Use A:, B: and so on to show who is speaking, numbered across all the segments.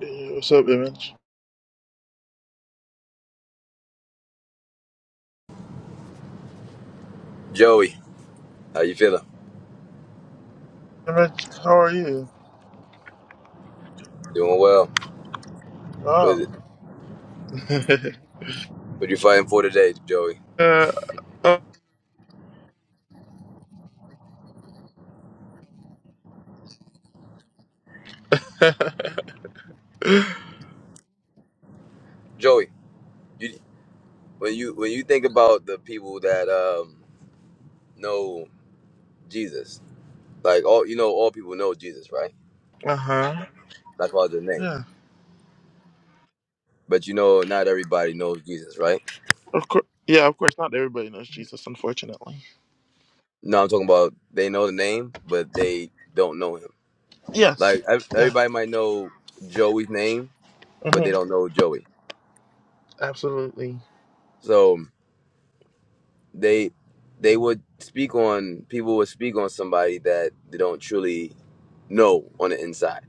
A: Hey, what's up, Image?
B: Joey, how you feeling?
A: Image, how are you?
B: Doing well. What is it?
A: Oh.
B: What you fighting for today, Joey?
A: uh, uh
B: Joey, you when you when you think about the people that um know Jesus, like all you know, all people know Jesus, right?
A: huh.
B: That's why the name.
A: Yeah.
B: But you know, not everybody knows Jesus, right?
A: Of course. Yeah, of course. Not everybody knows Jesus, unfortunately.
B: No, I'm talking about they know the name, but they don't know him.
A: Yes.
B: Like ev-
A: Yes.
B: everybody might know Joey's name, but they
A: hmm
B: don't know Joey.
A: Absolutely.
B: So. they they would speak on people would speak on somebody that they don't truly know on the inside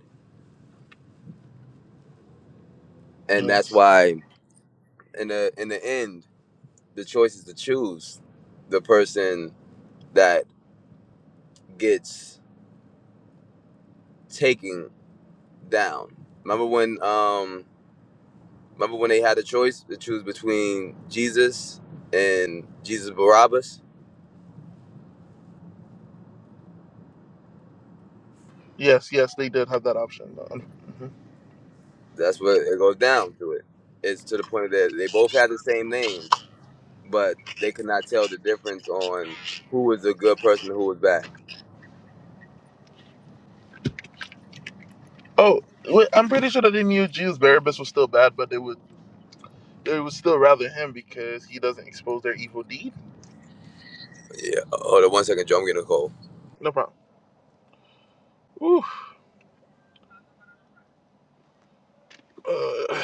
B: and that's
A: Yes.
B: why in the in the end the choice is to choose the person that gets taken down remember when um remember when they had a choice to choose between jesus and jesus barabbas
A: Yes. Yes. They did have that option. hmm
B: that's what it goes down to it it's to the point that they both had the same name but they could not tell the difference on who was a good person and who was bad.
A: Oh, wait, I'm pretty sure that they knew Jews. Barabbas was still bad, but they would they would still rather him because he doesn't expose their evil deed.
B: Hold on one second, Joe. I'm getting a call.
A: No problem. Ooh. Uh,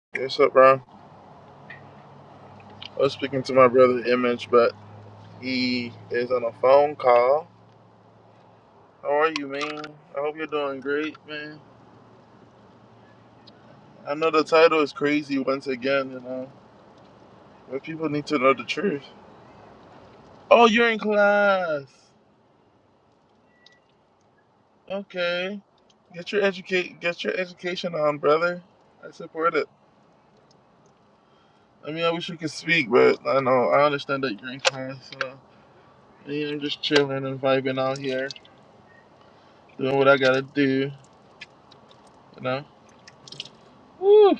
A: what's up, bro? I was speaking to my brother Image, but He is on a phone call. How are you, man? I hope you're doing great, man. I know the title is crazy once again, you know, but people need to know the truth. Oh, you're in class. Okay, get your educate, get your education on, brother. I support it. I mean, I wish we could speak, but I know I understand that you're in class. So, I mean, I'm just chilling and vibing out here, doing what I gotta do, you know. Woo.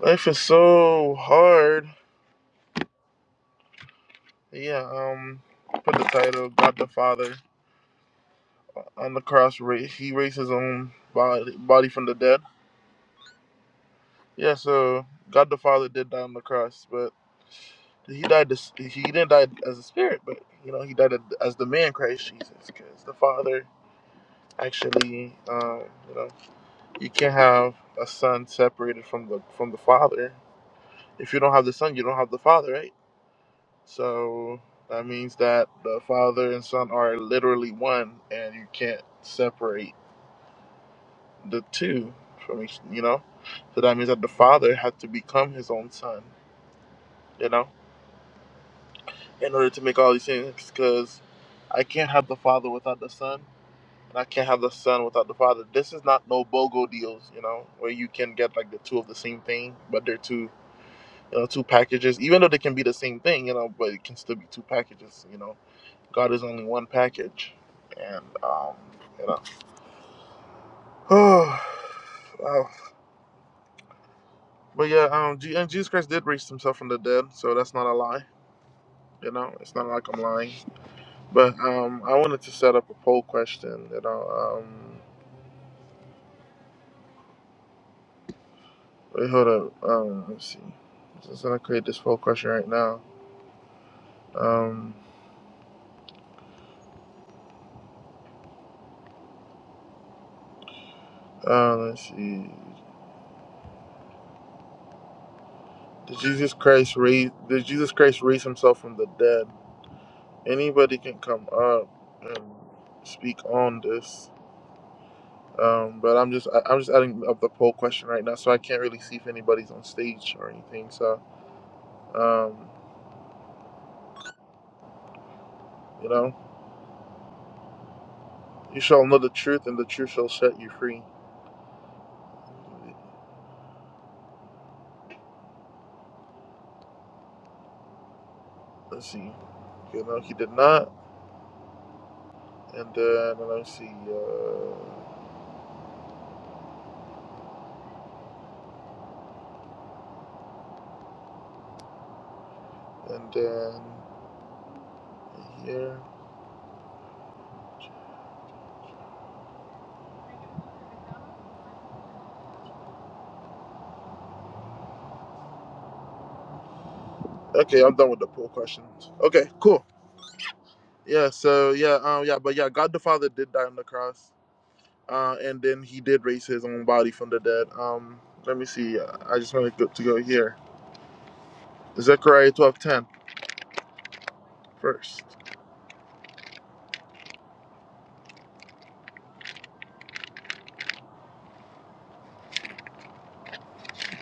A: Life is so hard. Yeah, um, put the title God the Father on the cross. Ra- he raised his own body, body from the dead. Yeah, so God the Father did die on the cross, but he died. As, he didn't die as a spirit, but you know he died as the man Christ Jesus, because the Father actually, um, you know, you can't have a son separated from the from the Father. If you don't have the son, you don't have the Father, right? So that means that the Father and Son are literally one, and you can't separate the two from each. You know, so that means that the Father had to become His own Son. You know, in order to make all these things, because I can't have the Father without the Son, and I can't have the Son without the Father. This is not no BOGO deals. You know, where you can get like the two of the same thing, but they're two. You know, two packages, even though they can be the same thing, you know, but it can still be two packages, you know God is only one package, and um, you know. wow. But yeah, um, G- and Jesus Christ did raise himself from the dead, so that's not a lie. You know, it's not like I'm lying. But um, I wanted to set up a poll question. You know, um, wait, hold up. Um, let's see. I'm just gonna create this poll question right now. Um, uh, let's see. Did Jesus Christ raise? Did Jesus Christ raise himself from the dead? Anybody can come up and speak on this. Um, but I'm just I, I'm just adding up the poll question right now, so I can't really see if anybody's on stage or anything. So um, you know, you shall know the truth, and the truth shall set you free. Let's see. You know, he did not, and then let me see. Uh, and then here. Okay, I'm done with the poll questions. Okay, cool. Yeah. So yeah, um, yeah, but yeah, God the Father did die on the cross, uh, and then He did raise His own body from the dead. Um, let me see. I just wanted to go to go here. Zechariah twelve ten first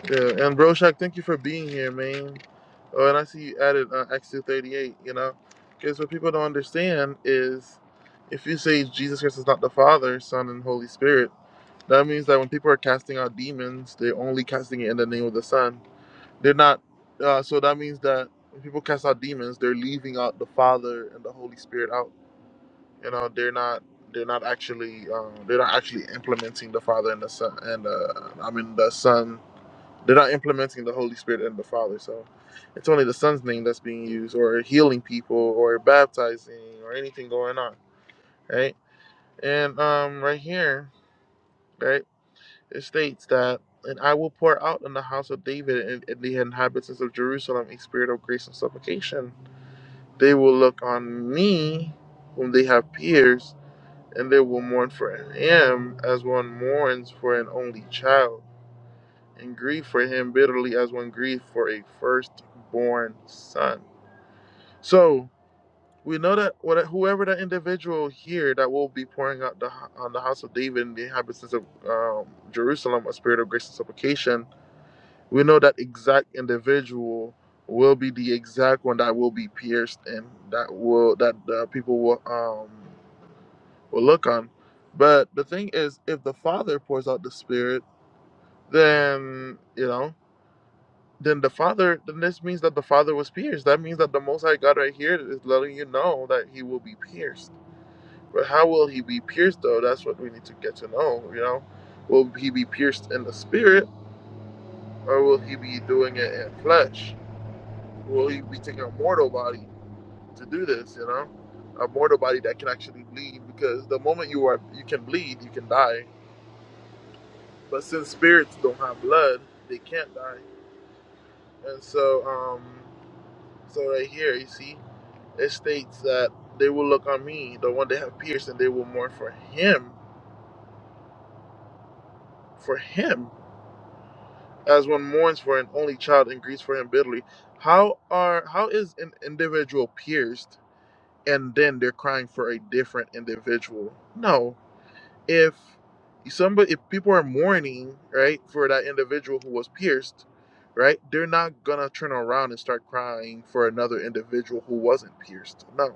A: Yeah, and Broshak, thank you for being here, man. Oh, and I see you added uh, Acts 2:38. You know, because what people don't understand is, if you say Jesus Christ is not the Father, Son, and Holy Spirit, that means that when people are casting out demons, they're only casting it in the name of the Son. They're not. Uh, so that means that when people cast out demons, they're leaving out the Father and the Holy Spirit out. You know, they're not they're not actually um, they're not actually implementing the Father and the Son and uh, I mean the Son. They're not implementing the Holy Spirit and the Father. So it's only the Son's name that's being used, or healing people, or baptizing, or anything going on, right? And um, right here, right, it states that. And I will pour out on the house of David and, and the inhabitants of Jerusalem a spirit of grace and supplication. They will look on me, whom they have pierced, and they will mourn for him as one mourns for an only child, and grieve for him bitterly as one grieves for a firstborn son. So we know that what- whoever that individual here that will be pouring out the, on the house of David and the inhabitants of um, Jerusalem a spirit of grace and supplication, we know that exact individual will be the exact one that will be pierced and that will that the people will um will look on. But the thing is, if the Father pours out the Spirit, then you know, then the Father, then this means that the Father was pierced. That means that the Most High God right here is letting you know that He will be pierced. But how will He be pierced though? That's what we need to get to know. You know, will He be pierced in the Spirit, or will He be doing it in flesh? Will He be taking a mortal body to do this? You know, a mortal body that can actually bleed. Because the moment you are, you can bleed, you can die But since spirits don't have blood, they can't die. And so, um, so right here, you see, it states that they will look on me, the one they have pierced, and they will mourn for him, for him, as one mourns for an only child and grieves for him bitterly. How are how is an individual pierced, and then they're crying for a different individual? No, if somebody if people are mourning right for that individual who was pierced right they're not gonna turn around and start crying for another individual who wasn't pierced no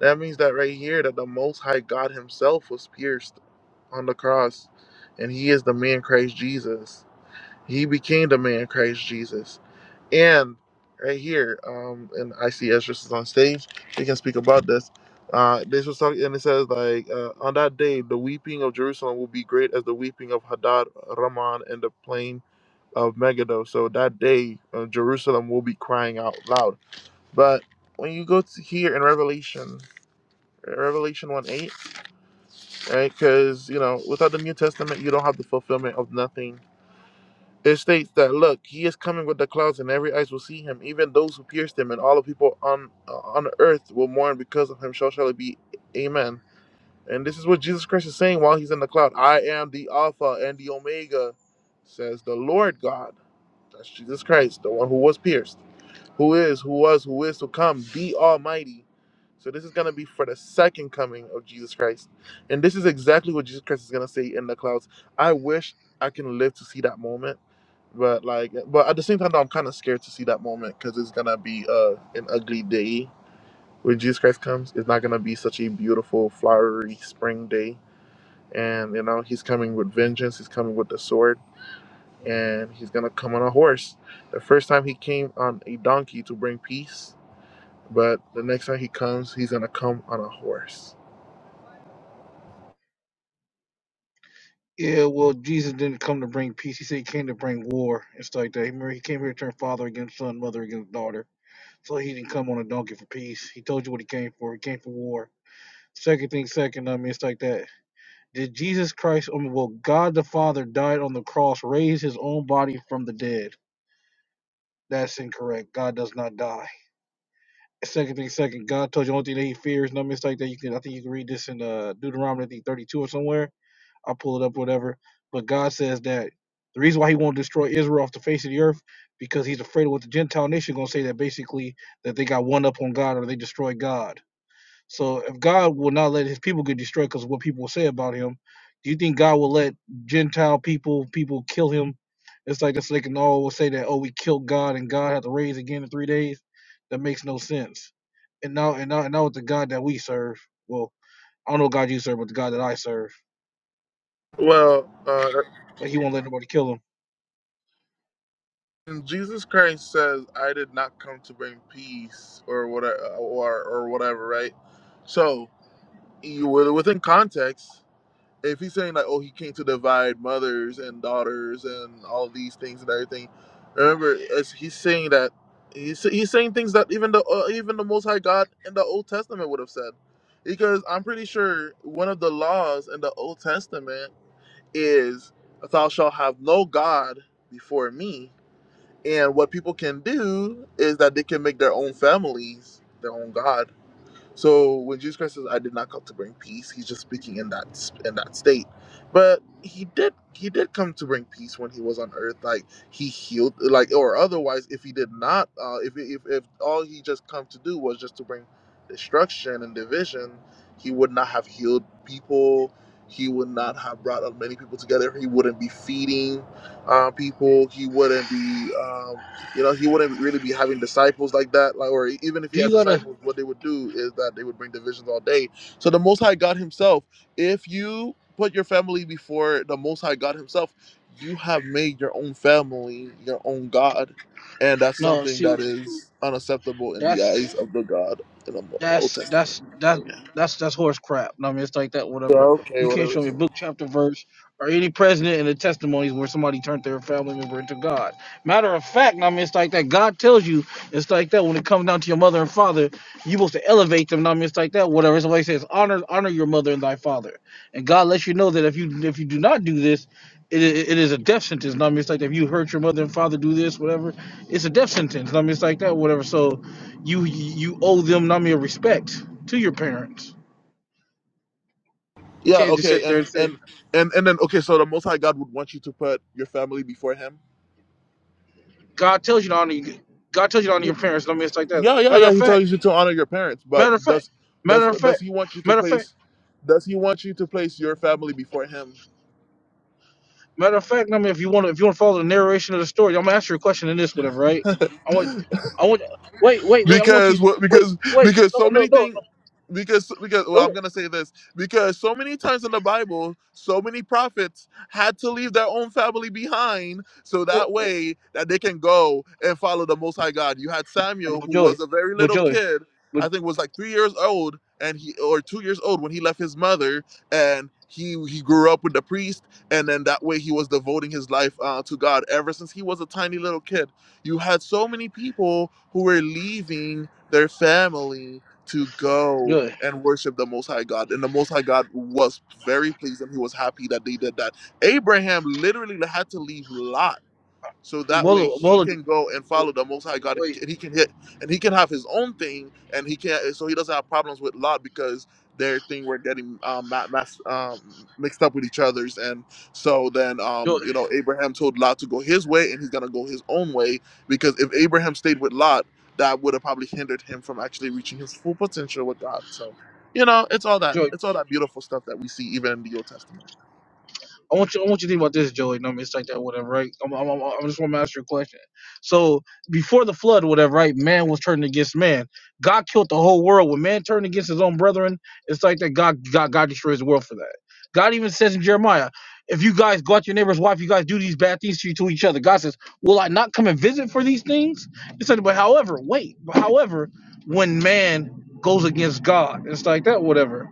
A: that means that right here that the most high god himself was pierced on the cross and he is the man christ jesus he became the man christ jesus and right here, um, and I see Ezra is on stage. He can speak about this. Uh, this was talking, and it says like, uh, on that day, the weeping of Jerusalem will be great as the weeping of Hadad, Raman, and the plain of Megiddo. So that day, uh, Jerusalem will be crying out loud. But when you go to here in Revelation, Revelation one eight, right? Because you know, without the New Testament, you don't have the fulfillment of nothing it states that, look, he is coming with the clouds, and every eyes will see him, even those who pierced him, and all the people on uh, on earth will mourn because of him. So shall it be. Amen. And this is what Jesus Christ is saying while he's in the cloud. I am the Alpha and the Omega, says the Lord God. That's Jesus Christ, the one who was pierced who is, who was, who is to come, the Almighty. So this is going to be for the second coming of Jesus Christ. And this is exactly what Jesus Christ is going to say in the clouds. I wish I can live to see that moment. But like, but at the same time, though, I'm kind of scared to see that moment because it's gonna be uh, an ugly day when Jesus Christ comes. It's not gonna be such a beautiful, flowery spring day. And you know, he's coming with vengeance. He's coming with the sword, and he's gonna come on a horse. The first time he came on a donkey to bring peace, but the next time he comes, he's going to come on a horse.
C: Yeah, well, Jesus didn't come to bring peace. He said he came to bring war and stuff like that. Remember, he came here to turn father against son, mother against daughter. So he didn't come on a donkey for peace. He told you what he came for. He came for war. Second thing, second, I mean, it's like that. Did Jesus Christ, I mean, well, God the Father died on the cross, raised his own body from the dead. That's incorrect. God does not die. Second thing, second, God told you the only thing that he fears, and I mean, it's like that. You can, I think you can read this in uh, Deuteronomy I think, 32 or somewhere I'll pull it up, whatever. But God says that the reason why He won't destroy Israel off the face of the earth because He's afraid of what the Gentile nation gonna say that basically that they got one up on God or they destroy God. So if God will not let His people get destroyed because of what people will say about Him, do you think God will let Gentile people people kill Him? It's like this. They can all say that oh we killed God and God had to raise again in three days. That makes no sense. And now and now and now with the God that we serve, well I don't know what God you serve, but the God that I serve,
A: Well, uh,
C: like He won't let nobody kill Him.
A: and Jesus Christ says, "I did not come to bring peace or whatever, or or whatever." Right? So, you, within context, if he's saying like, "Oh, he came to divide mothers and daughters and all these things and everything," remember, as he's saying that he's he's saying things that even the uh, even the Most High God in the Old Testament would have said, because I'm pretty sure one of the laws in the Old Testament is thou shalt have no god before me and what people can do is that they can make their own families their own god so when Jesus Christ says, "I did not come to bring peace," he's just speaking in that in that state. But he did he did come to bring peace when he was on earth. Like he healed, like or otherwise, if he did not, uh, if if if all he just come to do was just to bring destruction and division, he would not have healed people. He would not have brought as many people together. He wouldn't be feeding uh, people. He wouldn't be. um, you know, he wouldn't really be having disciples like that. Like, or even if he
C: Do you
A: has
C: gotta
A: disciples, what they would do is that they would bring divisions all day. So the Most High God Himself, if you put your family before the Most High God Himself, you have made your own family your own God, and that's
C: no?
A: something
C: See,
A: that is unacceptable in the
C: that's
A: eyes of the God in the, in the Old
C: That's
A: Testament.
C: that's that
A: Oh yeah.
C: that's that's horse crap. I mean, it's like that.
A: Yeah,
C: Whatever.
A: Okay.
C: You can't
A: Whatever.
C: show me a
A: It's
C: book, chapter, verse, or any president in the testimonies where somebody turned their family member into God. Matter of fact, I mean, it's like that. God tells you it's like that. When it comes down to your mother and father, you supposed to elevate them. I mean, it's like that. Whatever. Somebody says honor honor your mother and thy father, and God lets you know that if you if you do not do this. It, i- it is a death sentence. I mean, it's like that. if you hurt your mother and father, do this, whatever. It's a death sentence. I mean, it's like that, whatever. So, you you owe them not mere respect to your parents. You
A: yeah.
C: can't just sit
A: Okay.
C: there
A: And
C: and say
A: and and and then okay. So the Most High God would want you to put your family before Him.
C: God tells you to honor you. God tells you to honor your parents. No I mean it's like
A: Yeah,
C: that.
A: yeah,
C: Matter
A: yeah.
C: of
A: He
C: fact,
A: tells you to honor your parents, but
C: matter of fact,
A: does
C: matter
A: does
C: of fact,
A: does he want you to
C: matter of fact,
A: place does he want you to place your family before him?
C: matter of fact. no, I mean, if you want to, if you want to follow the narration of the story, I'm gonna ask you a question in this whatever, right? I want, I want, wait, wait, wait. I want
A: because
C: you,
A: what
C: wait,
A: because
C: wait.
A: because
C: No,
A: so
C: no,
A: many
C: no,
A: things
C: no.
A: because because well
C: no.
A: i'm gonna say this because so many times in the bible so many prophets had to leave their own family behind so
C: What,
A: that
C: what,
A: way that they can go and follow the most high god you had samuel
C: but
A: who
C: Joey,
A: was a very
C: but
A: little
C: Joey,
A: kid
C: but
A: i think was like three years old and he or two years old when he left his mother and he he grew up with the priest and then that way he was devoting his life uh, to god ever since he was a tiny little kid you had so many people who were leaving their family to go
C: Joey,
A: and worship the Most High God. And the Most High God was very pleased and he was happy that they did that. Abraham literally had to leave Lot so that way
C: Bola,
A: he
C: Bola,
A: can go and follow the Most High God,
C: wait,
A: and he can hit, and he can have his own thing, and he can't. So he doesn't have problems with Lot because their thing were getting um, ma- mass, um, mixed up with each other's, and so then
C: Joey.
A: um, you know Abraham told Lot to go his way, and he's gonna go his own way because if Abraham stayed with Lot, that would have probably hindered him from actually reaching his full potential with God. So, you know, it's all that
C: Joey.
A: it's all that beautiful stuff that we see even in the Old Testament.
C: I want you. I want you to think about this, Joey. No, I mean, it's like that, whatever, right? I'm. I'm. I'm I just want to ask you a question. So before the flood, whatever, right? Man was turned against man. God killed the whole world. When man turned against his own brethren, it's like that. God. God. God destroys the world for that. God even says in Jeremiah, if you guys go out your neighbor's wife, you guys do these bad things to, you, to each other. God says, will I not come and visit for these things? It's like, but however, wait, but however, when man goes against God, it's like that, whatever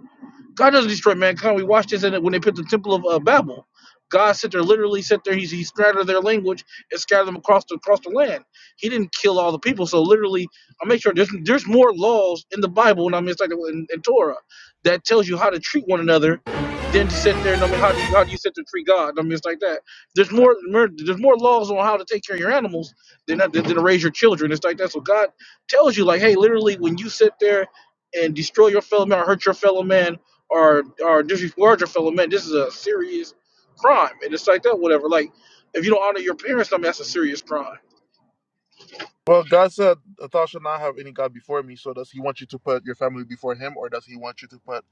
C: God doesn't destroy mankind. We watched this in it when they put the Temple of uh, Babel. God sat there, literally sat there. He, he scattered their language and scattered them across the across the land. He didn't kill all the people. So literally, I make sure there's there's more laws in the Bible, and I mean it's like in, in Torah, that tells you how to treat one another, than to sit there and I mean how do you how do you sit there and treat God? I mean it's like that. There's more more- there's more laws on how to take care of your animals than uh, than, than to raise your children. It's like that. So God tells you like, hey, literally when you sit there and destroy your fellow man or hurt your fellow man or or disregard your fellow man. This is a serious crime, and it's like that, whatever. Like if you don't honor your parents, I mean that's a serious crime.
A: Well, God said, "A Thou shalt not have any God before me. So, does He want you to put your family before Him, or does He want you to put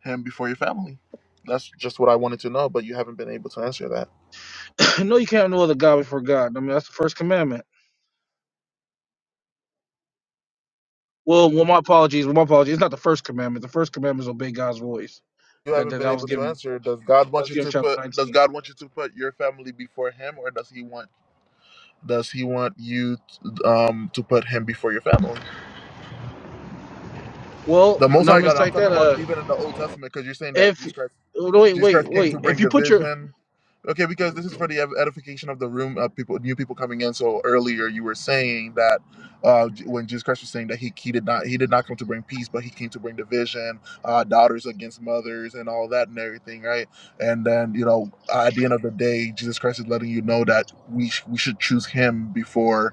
A: Him before your family? That's just what I wanted to know, but you haven't been able to answer that.
C: no, you can't have no other God before God. I mean that's the first commandment. Well, well, my apologies. Well, my apologies. It's not the first commandment. The first commandment is obey God's voice.
A: You
C: That
A: haven't
C: that,
A: been
C: that was
A: able to
C: given. That
A: answer. Does God want
C: was
A: you
C: given
A: to
C: chapter
A: put Does
C: nineteen.
A: God want you to put your family before Him, or does He want Does He want you um, to put Him before your family?
C: Well,
A: The Most
C: no, I
A: High
C: mean
A: God.
C: it's
A: I'm
C: like
A: talking
C: that.
A: about
C: Uh,
A: even in the Old Testament, because you're saying that
C: if
A: Jesus Christ.
C: oh, no, wait,
A: Jesus
C: wait,
A: Christ came to
C: wait. If
A: bring
C: you put your
A: division. Okay, because this is for the edification of the room of people, new people coming in. So earlier you were saying that uh, when Jesus Christ was saying that he, he did not he did not come to bring peace, but he came to bring division, uh, daughters against mothers, and all that and everything, right? And then you know at the end of the day, Jesus Christ is letting you know that we sh- we should choose him before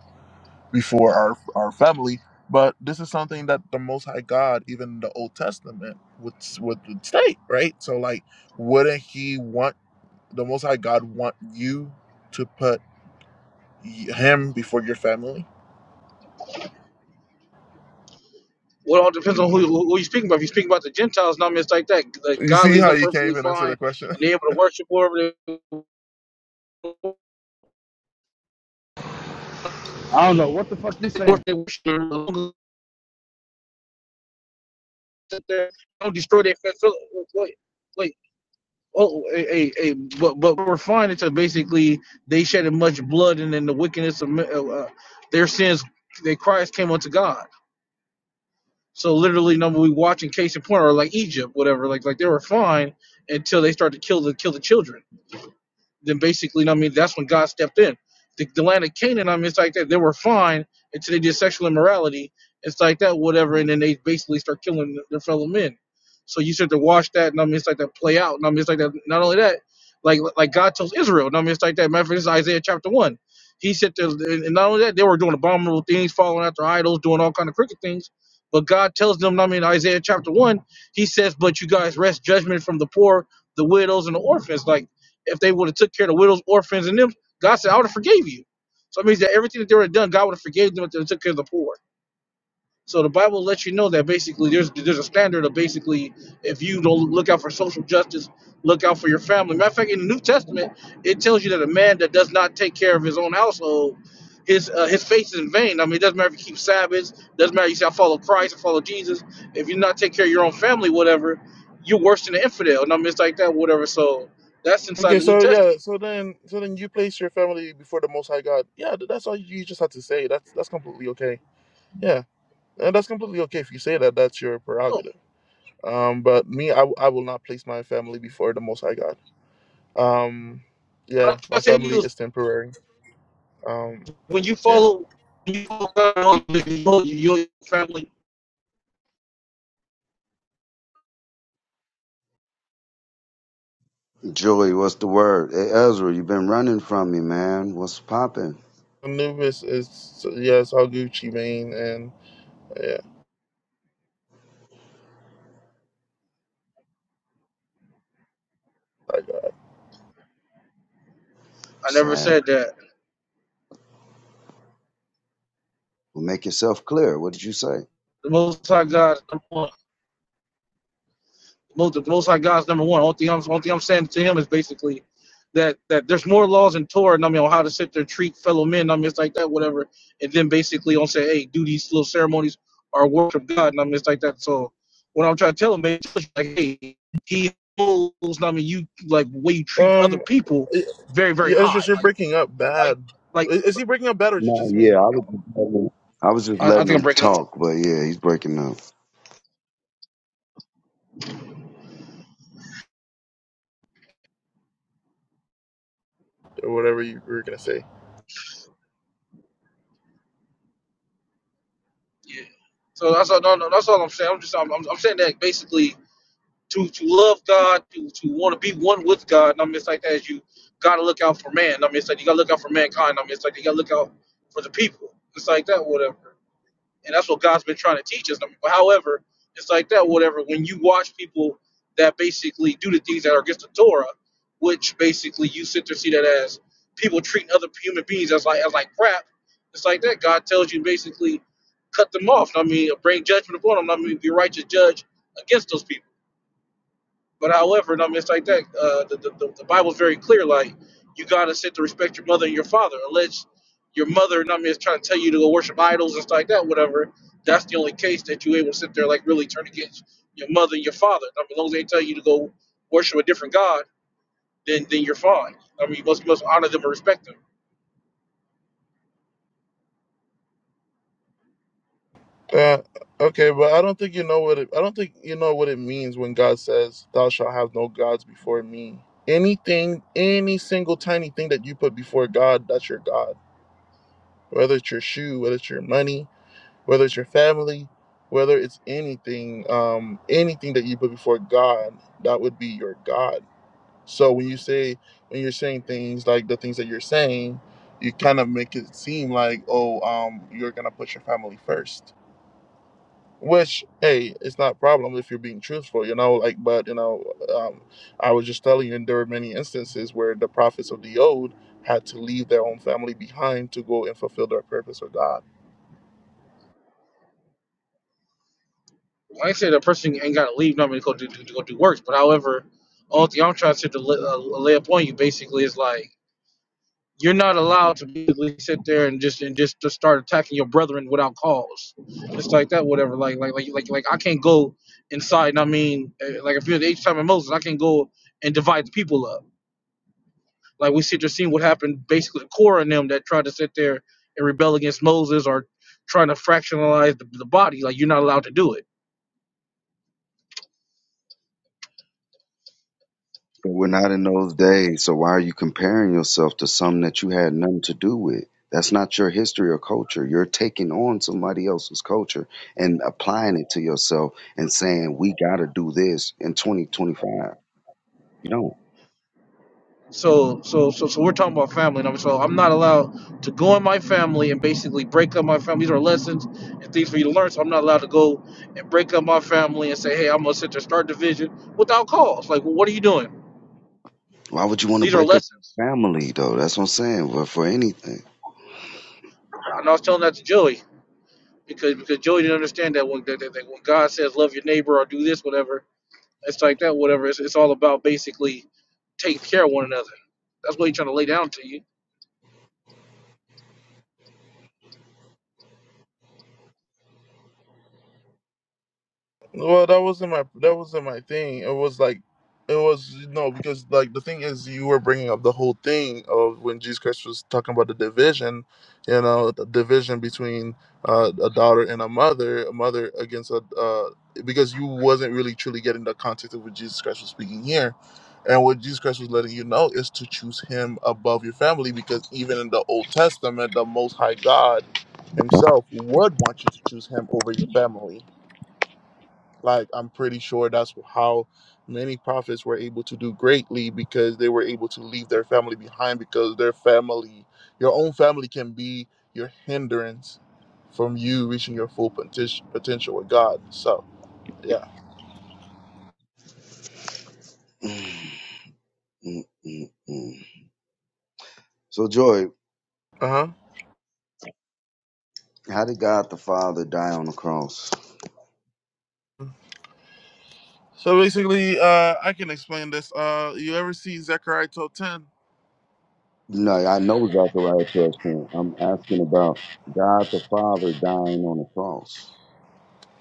A: before our our family. But this is something that the Most High God, even in the Old Testament, would would would state, right? So, like, wouldn't He want the Most High God want you to put y- Him before your family?
C: well, it all depends on who, who you're speaking about. If you're speaking about the Gentiles, no, I mean it's like that. Like
A: You
C: God
A: see
C: leaves
A: how
C: them
A: you can't
C: perfectly
A: even answer
C: fine,
A: the
C: and
A: question.
C: they're able to worship whoever they
D: I don't know what the fuck you saying.
C: do, not destroy their facility. Like, oh, a, a, but but we're finding to basically they shedded much blood, and then the wickedness of uh, uh, their sins, their cries came unto God. So literally, number we watching case in point, or like Egypt, whatever. Like like they were fine until they started to kill the kill the children. then basically, you know what I mean, that's when God stepped in. The, the land of Canaan, I mean, it's like that. They were fine until they did sexual immorality. It's like that, whatever. And then they basically start killing their fellow men. So you start to watch that, and I mean, it's like that play out. And I mean, it's like that. Not only that, like like God tells Israel, and I mean, it's like that. Matter of fact, this is Isaiah chapter one. He said, to, and not only that, they were doing abominable things, following after idols, doing all kind of crooked things. But God tells them, I mean, Isaiah chapter one, He says, "But you guys rest judgment from the poor, the widows, and the orphans." Like if they would have took care of the widows, orphans, and them, God said, I would have forgave you. So it means that everything that they would have done, God would have forgave them if they took care of the poor. So the Bible lets you know that basically there's there's a standard of basically if you don't look out for social justice, look out for your family. Matter of fact, in the New Testament, it tells you that a man that does not take care of his own household, his uh, his faith is in vain. I mean, it doesn't matter if you keep Sabbaths, doesn't matter if you say I follow Christ, I follow Jesus. If you not take care of your own family, whatever, you're worse than an infidel. And I mean, it's like that, whatever. So that's inside
A: Okay,
C: the New
A: so
C: Testament.
A: yeah, so then, so then you place your family before the Most High God. Yeah, th- that's all you just had to say. That's that's completely okay. Yeah, and that's completely okay if you say that. That's your
C: No,
A: prerogative. Um, but me, I, w- I will not place my family before the Most High God. Um, yeah,
C: I'm
A: my
C: not saying to
A: family
C: you is
A: is temporary. Um,
C: when you
A: yeah,
C: follow, when you follow God, you know your family.
E: Julie, what's the word? Hey, Ezra, you've been running from me, man. What's popping?
A: Anubis is yeah, it's all Gucci Mane, and yeah, like
C: I never
E: Sad.
C: said that.
E: Well, make yourself clear. What did you say?
C: The Most High God, number one. The Most, the Most High God is number one. Only thing, I'm, only thing I'm saying to him is basically that that there's more laws in Torah. and I mean, on how to sit there, treat fellow men. I mean, it's like that, whatever. And then basically, on say, hey, do these little ceremonies or worship God. And I mean, it's like that. So what I'm trying to tell him, man, it's like, hey, he holds. I mean, you like the way you
A: that.
C: treat other
A: um,
C: people,
A: y-
C: very, very
A: yeah, it's
C: high.
A: just you're
C: Like,
A: breaking up
C: like.
A: bad.
C: Like
A: I- Is he breaking up bad or is it
E: No,
A: just
E: yeah,
A: me
E: I was just letting him, I was just
C: I, I
E: letting
C: think I'm
E: him
C: breaking up.
E: talk, but yeah, he's breaking up.
A: or whatever you were gonna say?
C: Yeah. So that's all. No, no, that's all I'm saying. I'm just, I'm, I'm, saying that basically to to love God, to to want to be one with God. And I mean, it's like that. As you gotta look out for man. I mean, it's like you gotta look out for mankind. I mean, it's like you gotta look out for the people. It's like that. Whatever. and that's what God's been trying to teach us. I mean, however, it's like that. Whatever. When you watch people that basically do the things that are against the Torah, which basically you sit there and see that as people treating other human beings as like as like crap. It's like that. God tells you basically cut them off. I mean, bring judgment upon them. I mean, be righteous judge against those people. But however, no, it's like that. Uh, the, the, the the Bible's very clear. Like you gotta sit to respect your mother and your father, unless your mother, no, mean, is trying to tell you to go worship idols and stuff like that. Whatever. That's the only case that you able to sit there like really turn against your mother and your father. I mean, as long as they tell you to go worship a different god, then then you're fine. I mean, you must you must honor them and respect them.
A: Uh, okay, but I don't think you know what it. I don't think you know what it means when God says, "Thou shalt have no gods before me." Anything, any single tiny thing that you put before God, that's your God. Whether it's your shoe, whether it's your money, whether it's your family, whether it's anything, um, anything that you put before God, that would be your God. So when you say, when you're saying things like the things that you're saying, you kind of make it seem like, oh, um, you're gonna put your family first. Which, hey, it's not a problem if you're being truthful, you know. Like, but you know, um, I was just telling you, and there were many instances where the prophets of the old had to leave their own family behind to go and fulfill their purpose with God
C: I ain't saying that person ain't gotta leave. No, mean, to go do, do to go do works. But however, all thing I'm trying to sit to lay, uh, lay upon you basically is like you're not allowed to basically sit there and just and just to start attacking your brethren without cause, just like that, whatever. Like like like like like I can't go inside. and I mean, eh, like if you're the age time of Moses, I can go and divide the people up. Like we sit there seeing what happened, basically to Korah and them that tried to sit there and rebel against Moses or trying to fractionalize the, the body. Like you're not allowed to do it
E: But we're not in those days, so why are you comparing yourself to something that you had nothing to do with? That's not your history or culture. You're taking on somebody else's culture and applying it to yourself and saying, we got to do this in 2025. You don't.
C: So so so so we're talking about family and I'm so I'm not allowed to go in my family and basically break up my family. These are lessons and things for you to learn. So I'm not allowed to go and break up my family and say, hey, I'm gonna sit there start division without cause. Like, well, what are you doing?
E: Why would you want to
C: These are
E: break up
C: lessons.
E: your family though? That's what I'm saying. But for anything.
C: And I was telling that to Joey because because Joey didn't understand that when that, that, that when God says love your neighbor or do this whatever, it's like that whatever. It's, it's all about basically taking care of one another. That's what he's trying to lay down to you
A: Well, that wasn't my that wasn't my thing. It was like, it was no because like the thing is you were bringing up the whole thing of when Jesus Christ was talking about the division, you know, the division between uh, a daughter and a mother, a mother against a uh, because you wasn't really truly getting the context of what Jesus Christ was speaking here. And what Jesus Christ was letting you know is to choose Him above your family, because even in the Old Testament, the Most High God Himself would want you to choose Him over your family like i'm pretty sure that's how many prophets were able to do greatly because they were able to leave their family behind because their family your own family can be your hindrance from you reaching your full poten- potential with god so yeah
E: Mm, mm, mm, mm. So Joy,
A: uh-huh
E: how did God the Father die on the cross?
A: so basically uh i can explain this uh you ever see zechariah 10
E: No, I know Zechariah 12. ten. I'm asking about God the Father dying on the cross.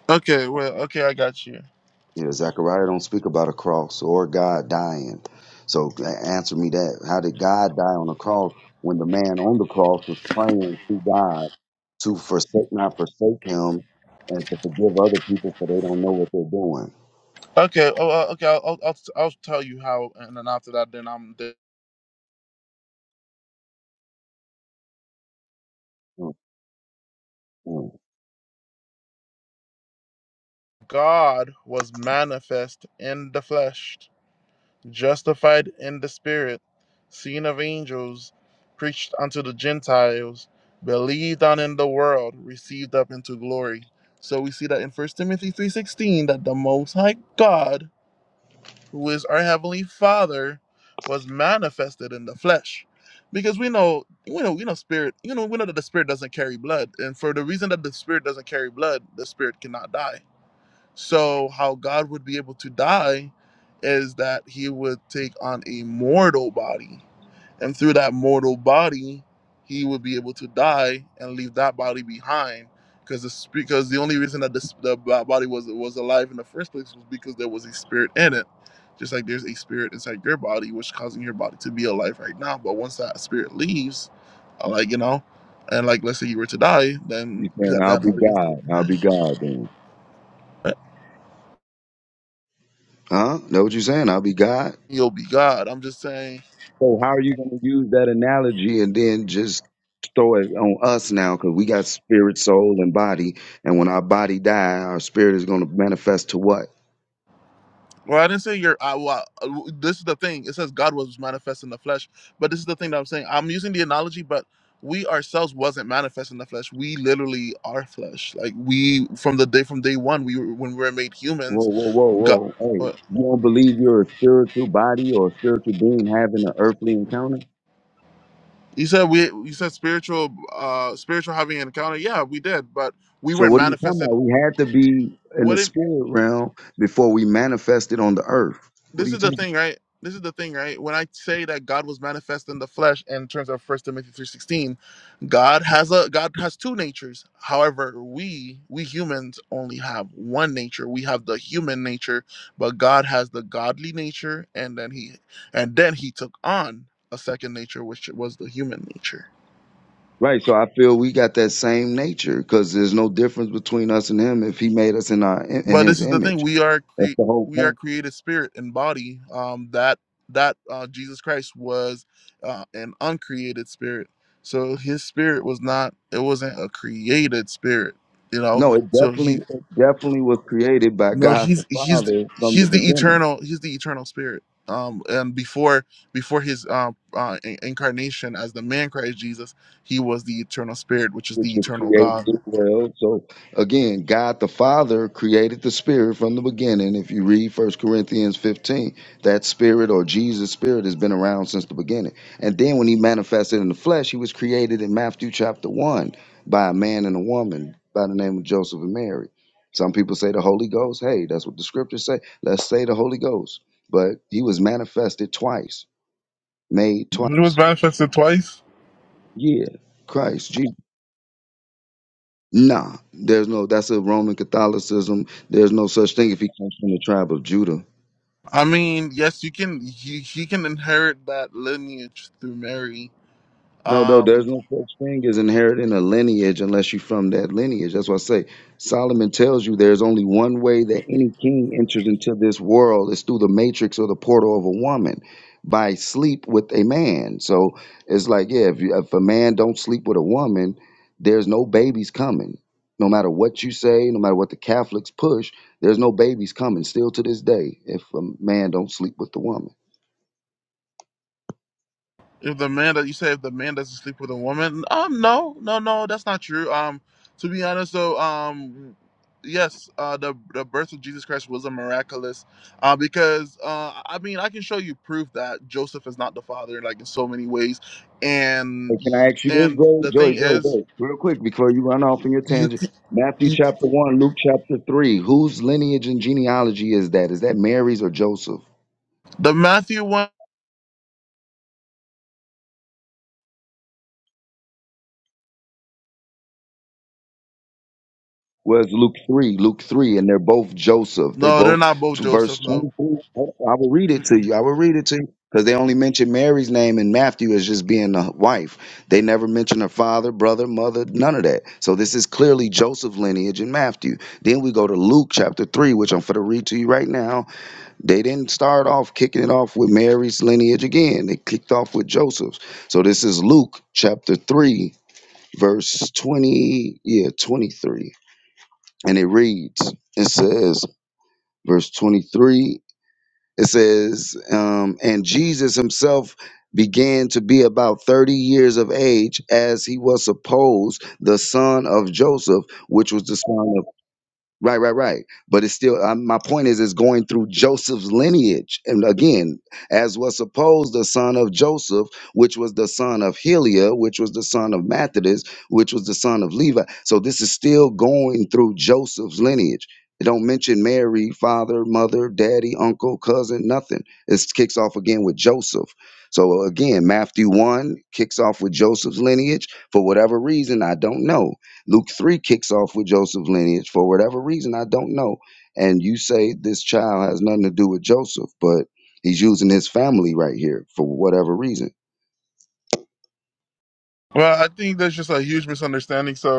A: okay well okay i got you
E: You know, Zechariah don't speak about a cross or God dying. So a- answer me that. How did God die on the cross when the man on the cross was praying to God to forsake not forsake him and to forgive other people so they don't know what they're doing?
A: okay oh, uh, okay I'll, I'll i'll I'll tell you how and then after that then i'm
E: Mm, mm.
A: God was manifest in the flesh, justified in the spirit, seen of angels, preached unto the Gentiles, believed on in the world, received up into glory. So we see that in First Timothy 3:16 that the most high God, who is our heavenly Father, was manifested in the flesh. Because we know, we know, we know spirit, you know, we know that the spirit doesn't carry blood. And for the reason that the spirit doesn't carry blood, the spirit cannot die so, how God would be able to die is that he would take on a mortal body. And through that mortal body, he would be able to die and leave that body behind. Because the, sp- because the only reason that this, the bo- body was, was alive in the first place was because there was a spirit in it. Just like there's a spirit inside your body, which causing your body to be alive right now. But once that spirit leaves, uh, like, you know, and like, let's say you were to die, then
E: You saying
A: that,
E: I'll
A: that
E: be
A: body is
E: God. I'll be
A: behind.
E: God then. Huh? Know what you saying? I'll be God.
A: you'll be God. I'm just saying.
E: So how are you going to use that analogy and then just throw it on us now? Because we got spirit, soul, and body, and when our body die, our spirit is going to manifest to what?
A: Well, I didn't say you're. I, well, I- this is the thing. It says God was manifest in the flesh, but this is the thing that I'm saying. I'm using the analogy, but we ourselves wasn't manifest in the flesh. We literally are flesh. Like we from the day from day one, we were when we were made
E: Whoa,
A: humans.
E: whoa, whoa,
A: God.
E: whoa! Hey,
A: What?
E: you don't believe you're a spiritual body or a spiritual being having an earthly encounter?
A: You said we. You said spiritual. uh Spiritual having an encounter. Yeah, we did, but we
E: So
A: weren't
E: what are you talking
A: manifested.
E: about? We had to be in the
A: What? if?
E: spirit realm before we manifested on the earth. What are
A: this
E: you
A: is the
E: talking? about?
A: thing, right? This is the thing, right? When I say that God was manifest in the flesh in terms of First Timothy 3:16, God has a God has two natures. However, we we humans only have one nature. We have the human nature, but God has the godly nature and then he and then he took on a second nature which was the human nature.
E: Right. So I feel we got that same nature because there's no difference between us and him if he made us in our in
A: But
E: his
A: this is the
E: image.
A: thing: we are
E: That's
A: cre-
E: the whole
A: we are
E: point.
A: created spirit and body. Um, that that uh, Jesus Christ was uh, an uncreated spirit, so his spirit was not. It wasn't a created spirit, you know.
E: No, it
A: So he
E: definitely it definitely was created by
A: no,
E: God the
A: he's he's
E: Father from the
A: he's the
E: beginning.
A: eternal he's the eternal spirit. Um, and before before his uh, uh, in- incarnation as the man Christ Jesus, he was the eternal spirit, which is
E: which
A: the
E: was
A: eternal God.
E: created as well. So again, God the Father created the Spirit from the beginning. If you read First Corinthians 15, that Spirit or Jesus' Spirit has been around since the beginning. And then when he manifested in the flesh, he was created in Matthew chapter 1 by a man and a woman by the name of Joseph and Mary. Some people say the Holy Ghost. Hey, that's what the scriptures say. Let's say the Holy Ghost. But he was manifested twice, made
A: He was
E: twice.
A: manifested twice.
E: Yeah. Christ, Jesus. Nah, there's no. That's a Roman Catholicism. There's no such thing if he comes from the tribe of Judah.
A: I mean, yes, you can. He he can inherit that lineage through Mary.
E: No, no,
A: Um,
E: there's no such thing as inheriting a lineage unless you're from that lineage. That's why I say Solomon tells you there's only one way that any king enters into this world is through the matrix or the portal of a woman by sleep with a man. So it's like, yeah, if, you, if a man don't sleep with a woman, there's no babies coming. No matter what you say, no matter what the Catholics push, there's no babies coming. Still to this day, if a man don't sleep with the woman.
A: If the man that you say if the man doesn't sleep with a woman, um, no, no, no, that's not true. Um, to be honest though, um, yes, uh, the the birth of Jesus Christ was a miraculous, uh, because uh, I mean, I can show you proof that Joseph is not the father, like in so many ways,
E: Hey,
A: and
E: can
A: you-
E: I ask you this,
A: and
E: Joey?
A: the thing
E: Joey, Joey,
A: is,
E: Joey, real quick before you run off in your
A: you,
E: tangent.
A: c-
E: Matthew
A: you
E: chapter one, Luke chapter three. Whose lineage and genealogy is that? Is that Mary's or Joseph?
A: the Matthew one,
E: Well, it's Luke three, Luke three, and they're both Joseph. They
A: no, they're
E: both
A: not both
E: to verse
A: Joseph, no.
E: twenty-three. I will read it to
A: Mm-mm.
E: you. I will read it to you because they only mention Mary's name in Matthew as just being the wife. They never mention her father, brother, mother, none of that. So this is clearly Joseph lineage in Matthew. Then we go to Luke chapter three, which I'm going to read to you right now They didn't start off kicking it off with Mary's lineage again. They kicked off with Joseph's. So this is Luke chapter 3, verse 20, yeah, 23. And it reads, it says, verse 23, it says, um, and Jesus himself began to be about 30 years of age as he was supposed the son of Joseph, which was the son Right, right, right. But it's still, um, my point is, it's going through Joseph's lineage. And again, as was supposed, the son of Joseph, which was the son of Heliah, which was the son of Methodist, which was the son of Levi. So this is still going through Joseph's lineage. It don't mention Mary, father, mother, daddy, uncle, cousin, nothing. It kicks off again with Joseph. So again, Matthew 1 kicks off with Joseph's lineage. For whatever reason, I don't know Luke 3 kicks off with Joseph's lineage for whatever reason, I don't know. And you say this child has nothing to do with Joseph, but he's using his family right here for whatever reason.
A: Well, I think there's just a huge misunderstanding. So.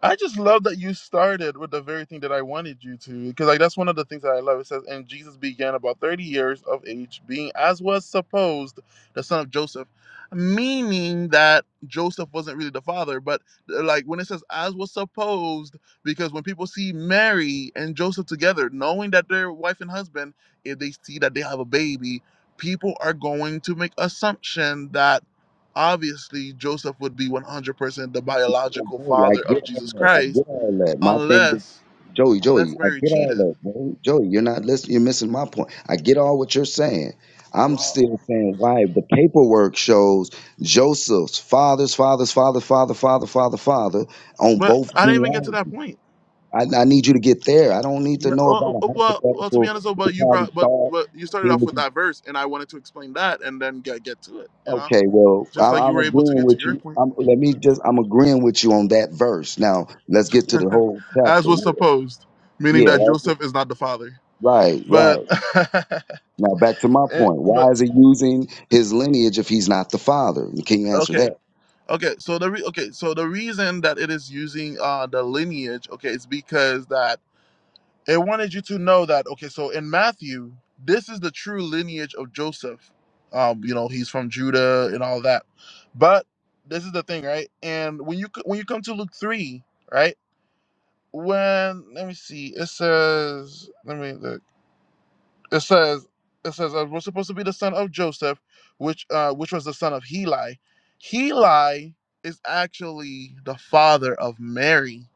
A: I just love that you started with the very thing that I wanted you to, because like that's one of the things that I love. It says, "And Jesus began about thirty years of age, being as was supposed the son of Joseph," meaning that Joseph wasn't really the father. But uh, like when it says "as was supposed," because when people see Mary and Joseph together, knowing that they're wife and husband, if they see that they have a baby, people are going to make assumption that. Obviously, Joseph would be 100% the biological
E: Joey, I
A: father
E: get
A: of
E: all
A: Jesus
E: that. I
A: Christ,
E: get all that. My thing with
A: unless
E: Joey, Joey,
A: unless
E: I
A: Mary
E: get all
A: cheated.
E: that, bro. Joey, you're not listening. You're missing my point. I get all what you're saying. I'm
A: Wow.
E: still saying why the paperwork shows Joseph's father's father's father, father, father, father, father on
A: But
E: both
A: I didn't even get to
E: genealogies.
A: that point.
E: I, I need you to get there. I don't need to
A: Yeah.
E: know about
A: Well,
E: a
A: well, well to be
E: hypothetical.
A: honest, though,
E: They
A: but you
E: probably
A: brought, but
E: thought
A: but you started
E: he
A: off with
E: was
A: that verse, and I wanted to explain that, and then get get to it. You know,
E: okay. Well,
A: just
E: I,
A: like you
E: I'm
A: were able to
E: agreeing
A: get to
E: with
A: your
E: you.
A: point,
E: I'm, let me just. I'm agreeing with you on that verse. Now let's get to the whole
A: as
E: chapter.
A: was
E: Yeah.
A: supposed, meaning
E: Yeah,
A: that
E: that's- it.
A: Joseph is not the father.
E: right,
A: But,
E: right. Now back to my
A: eh,
E: point.
A: but
E: Why is he using his lineage if he's not the father? Can you answer
A: okay.
E: that?
A: Okay, so the re- okay, so the reason that it is using uh the lineage, okay, is because that it wanted you to know that okay, so in Matthew, this is the true lineage of Joseph. Um, you know, he's from Judah and all that. But this is the thing, right? And when you c- when you come to Luke 3, right? When let me see. It says let me look it says it says uh, we're supposed to be the son of Joseph, which uh, which was the son of Heli. Heli is actually the father of Mary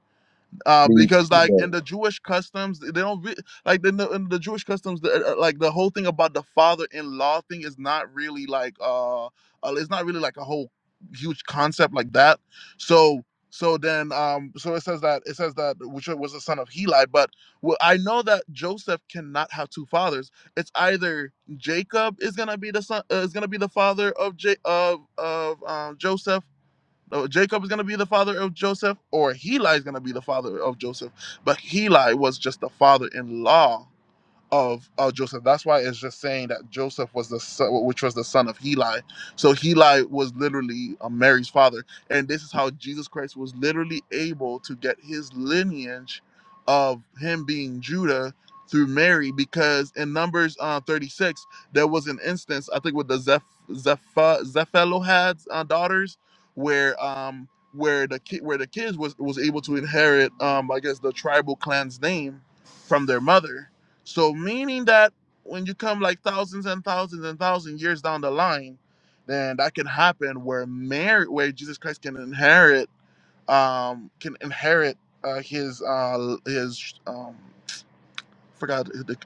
A: uh,
E: Can you?
A: because like in the Jewish customs, they don't re- like in the, in the Jewish customs, the, uh, like the whole thing about the father-in-law thing is not really like uh, uh, it's not really like a whole huge concept like that. So so then um so it says that it says that which was the son of Heli, but well, I know that Joseph cannot have two fathers. It's either Jacob is gonna be the son uh, is gonna be the father of J- of of um, Joseph Oh, Jacob is going to be the father of Joseph, or Heli is going to be the father of Joseph. But Heli was just the father in law of uh, Joseph. That's why it's just saying that Joseph was the son, which was the son of Heli. So Heli was literally uh, Mary's father, and this is how Jesus Christ was literally able to get his lineage of him being Judah through Mary, because in Numbers uh, 36 there was an instance I think with the Zeph Zeph Zephelohad's uh, daughters, where um where the kid where the kids was was able to inherit um I guess the tribal clan's name from their mother so meaning that when you come like thousands and thousands and thousands years down the line, then that can happen where Mary, where Jesus Christ can inherit, um, can inherit uh, his uh, his um, forgot the,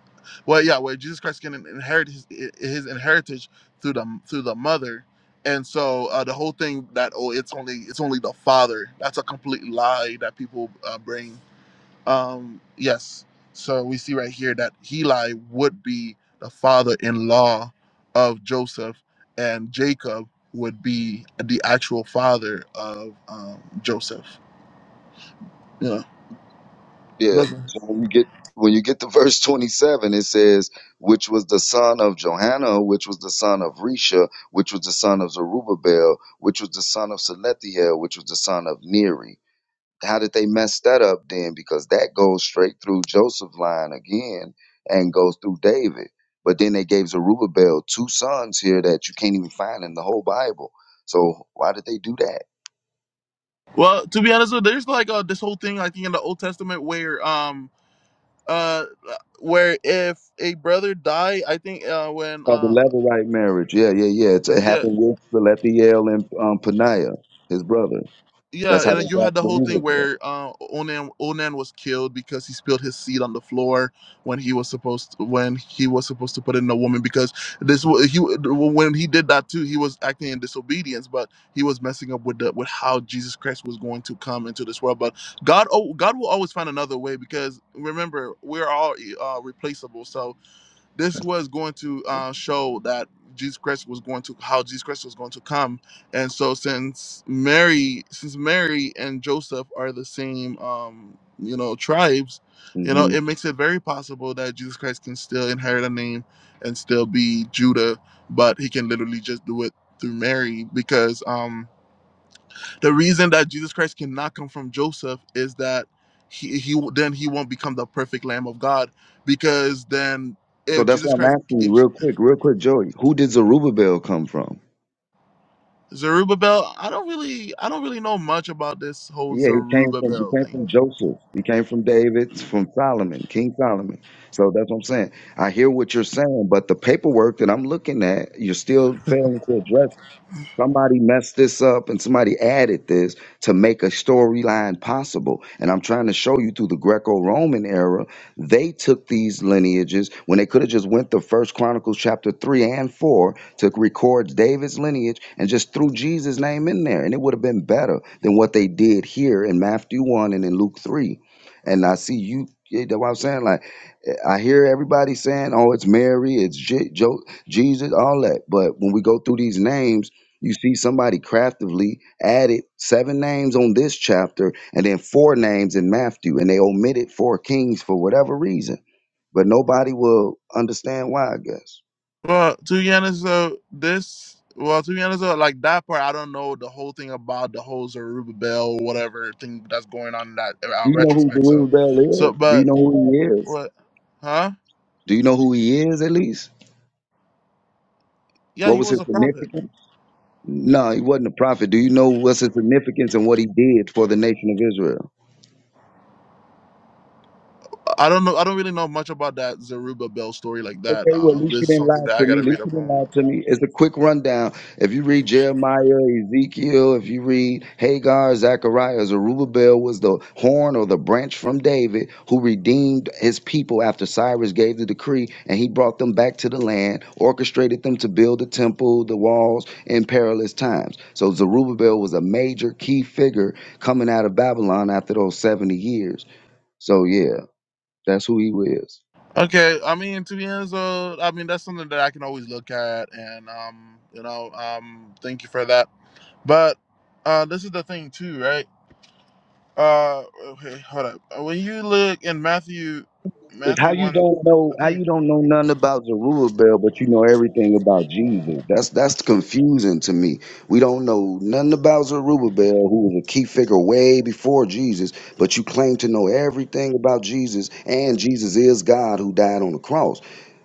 A: well yeah where Jesus Christ can inherit his his inheritance through the through the mother. And so uh, the whole thing that oh it's only it's only the father that's a complete lie that people uh, bring um, yes. So we see right here that Heli would be the father-in-law of Joseph, and Jacob would be the actual father of um, Joseph. Yeah, it
E: Yeah.
A: doesn't.
E: So when you get when you get to verse twenty seven, it says, "Which was the son of Johanna, which was the son of Risha, which was the son of Zerubbabel, which was the son of Selethiel, which was the son of Neri." how did they mess that up then? Because that goes straight through Joseph's line again and goes through David. But then they gave Zerubbabel two sons here that you can't even find in the whole Bible. So why did they do that?
A: Well, to be honest, there's like uh, this whole thing I think in the Old Testament where um uh where if a brother die, I think uh when
E: Oh, the
A: uh
E: Levirate marriage. Yeah, yeah, yeah. It's, it
A: yeah
E: happened with Salathiel and um, Paniah, his brother.
A: Yeah,
E: That's
A: and
E: how
A: uh,
E: they
A: you
E: got
A: had the whole thing
E: Zerubbabel.
A: where uh, Onan Onan was killed because he spilled his seed on the floor when he was supposed to, when he was supposed to put in a woman because this wa- he when he did that too he was acting in disobedience but he was messing up with the with how Jesus Christ was going to come into this world but God oh God will always find another way because remember we're all uh, replaceable So this was going to uh, show that Jesus Christ was going to how Jesus Christ was going to come, and so since Mary, since Mary and Joseph are the same, um, you know, tribes, you know,
E: hmm
A: it makes it very possible that Jesus Christ can still inherit a name and still be Judah, but he can literally just do it through Mary because um, the reason that Jesus Christ cannot come from Joseph is that he he then he won't become the perfect Lamb of God because then
E: So
A: if
E: that's
A: Jesus
E: why I'm
A: Christ
E: asking you
A: if
E: real quick, real quick, Joey. Who did Zerubbabel come from?
A: Zerubbabel I don't really I don't really know much about this whole
E: Yeah, he came from he
A: Zerubbabel
E: came
A: thing.
E: from Joseph. He came from David, from Solomon, King Solomon. So that's what I'm saying. I hear what you're saying, but the paperwork that I'm looking at, you're still failing to address Somebody messed this up and somebody added this to make a storyline possible. And I'm trying to show you through the Greco-Roman era, they took these lineages when they could have just went to First Chronicles chapter 3 and 4 to record David's lineage and just threw Jesus' name in there. And it would have been better than what they did here in Matthew 1 and in Luke 3. And I see you, you know what I'm saying? Like, I hear everybody saying, oh, it's Mary, it's J- jo- Jesus, all that. But when we go through these names, you see somebody craftively added seven names on this chapter and then four names in Matthew, and they omitted four kings for whatever reason. But nobody will understand why, I guess.
A: Well, to be honest though, this well to be honest though, like that part I don't know the whole thing about the whole Zerubbabel whatever thing that's going on in that uh,
E: Do you know who
A: retrospect. So,
E: Zerubbabel
A: so
E: is? Do you
A: but
E: know who he is?
A: what? Huh?
E: Do you know who he is at least?
A: Yeah,
E: What
A: he
E: was his
A: was a prophet.
E: significance? No, he wasn't a prophet. Do you know what's his significance and what he did for the nation of Israel?
A: I don't know. I don't really know much about that Zerubbabel Bell story like that.
E: Okay, well,
A: Uh,
E: at least you
A: this is
E: didn't lie
A: something that I
E: to me.
A: gotta
E: At least
A: read
E: you
A: up
E: didn't
A: on.
E: lie to me. It's a quick rundown. If you read Jeremiah, Ezekiel, if you read Hagar, Zechariah, Zerubbabel was the horn or the branch from David who redeemed his people after Cyrus gave the decree and he brought them back to the land, orchestrated them to build the temple, the walls in perilous times. So Zerubbabel was a major key figure coming out of Babylon after those 70 years. So, yeah, that's who he was.
A: Okay, I mean to be honest, uh, I mean that's something that I can always look at, and um, you know, um, thank you for that. But uh, this is the thing too, right? Uh, okay, hold up. Uh, When you look in Matthew,
E: It's how
A: Matthew
E: you
A: one,
E: don't know
A: I
E: how
A: think.
E: you don't know nothing about Zerubbabel, but you know everything about Jesus. That's that's confusing to me. We don't know nothing about Zerubbabel, who was a key figure way before Jesus, but you claim to know everything about Jesus, and Jesus is God who died on the cross.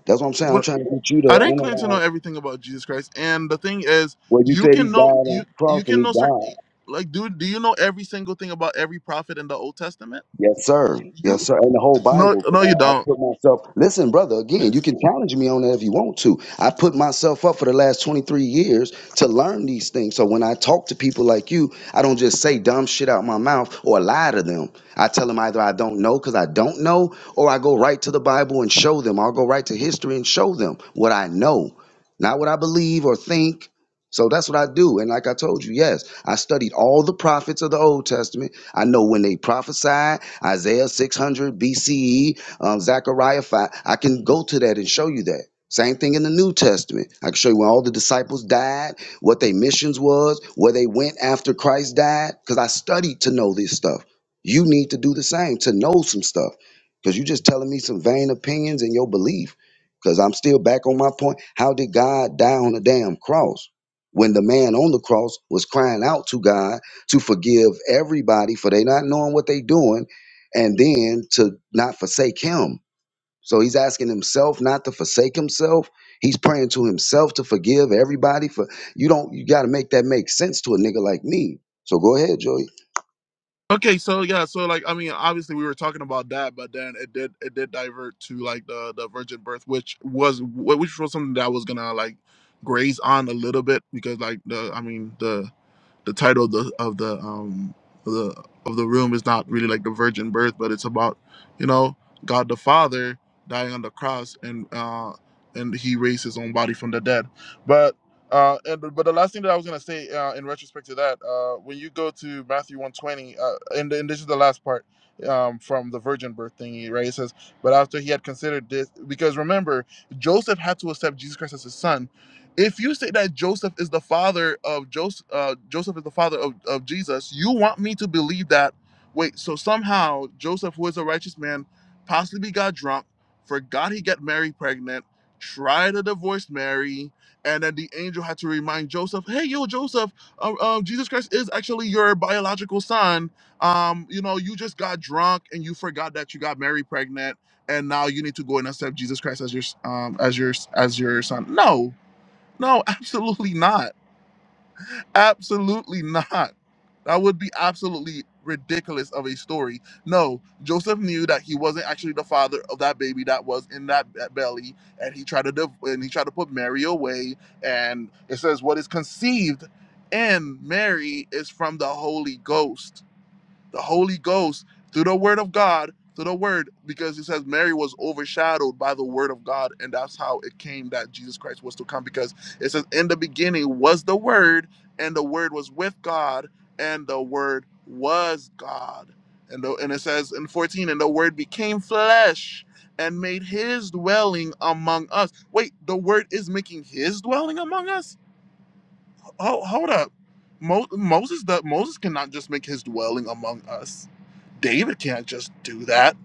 E: That's what I'm saying. I'm
A: But
E: trying to get you
A: I
E: to
A: didn't claim to know
E: analyze.
A: everything about Jesus Christ, and the thing is,
E: Well, you
A: you
E: said he
A: can know
E: died on
A: you
E: the cross
A: you
E: and
A: can
E: he
A: know certain.
E: died.
A: Like, dude, do you know every single thing about every prophet in the Old Testament?
E: Yes, sir. Yes,
A: You
E: sir. And the whole
A: no
E: Bible. 'cause
A: no you
E: I, I
A: don't.
E: put myself. Listen, brother. Again, you can challenge me on that if you want to. I put myself up for the last twenty three years to learn these things. So when I talk to people like you, I don't just say dumb shit out my mouth or lie to them. I tell them either I don't know because I don't know, or I go right to the Bible and show them. I'll go right to history and show them what I know, not what I believe or think. So that's what I do. And like I told you, yes, I studied all the prophets of the Old Testament. I know when they prophesied, Isaiah 600 BCE, um, Zechariah 5, I can go to that and show you that. Same thing in the New Testament. I can show you when all the disciples died, what their missions was, where they went after Christ died, because I studied to know this stuff. You need to do the same to know some stuff, because you're just telling me some vain opinions and your belief. Because I'm still back on my point. How did God die on a damn cross when the man on the cross was crying out to God? to forgive everybody for they not knowing what they doing and then to not forsake him so he's asking himself not to forsake himself he's praying to himself to forgive everybody for you don't you got to make that make sense to a nigga like me so go ahead joey
A: Okay, so yeah, so like I mean, obviously we were talking about that, but then it did it did divert to like the the virgin birth, which was wh- which was something that I was gonna like graze on a little bit because like the I mean the the title of the of the um of the of the room is not really like the virgin birth, but it's about you know God the Father dying on the cross and uh and he raised his own body from the dead. But uh and but the last thing that I was gonna say uh, in retrospect to that uh when you go to Matthew one twenty uh and and this is the last part um from the virgin birth thingy right it says but after he had considered this because remember Joseph had to accept Jesus Christ as his son if you say that Joseph is the father of Joseph, uh, Joseph is the father of, of Jesus, you want me to believe that? Wait, so somehow Joseph, who is a righteous man, possibly got drunk, forgot he got Mary pregnant, tried to divorce Mary, and then the angel had to remind Joseph, "Hey, yo, Joseph, uh, uh, Jesus Christ is actually your biological son. Um, you know, you just got drunk and you forgot that you got Mary pregnant." and now you need to go and accept Jesus Christ as your um as your as your son. No, no, absolutely not. Absolutely not. That would be absolutely ridiculous of a story. No, Joseph knew that he wasn't actually the father of that baby that was in that be- belly, and he tried to div- and he tried to put Mary away. And it says, "What is conceived in Mary is from the Holy Ghost." the Holy Ghost through the Word of God, through the Word, because it says Mary was overshadowed by the Word of God, and that's how it came that Jesus Christ was to come. Because it says, "In the beginning was the Word, and the Word was with God, and the Word was God." And the, and it says in fourteen, "And the Word became flesh." And made his dwelling among us. Wait, the word is making his dwelling among us? Oh, hold up. Mo- Moses, the, Moses cannot just make his dwelling among us David can't just do that.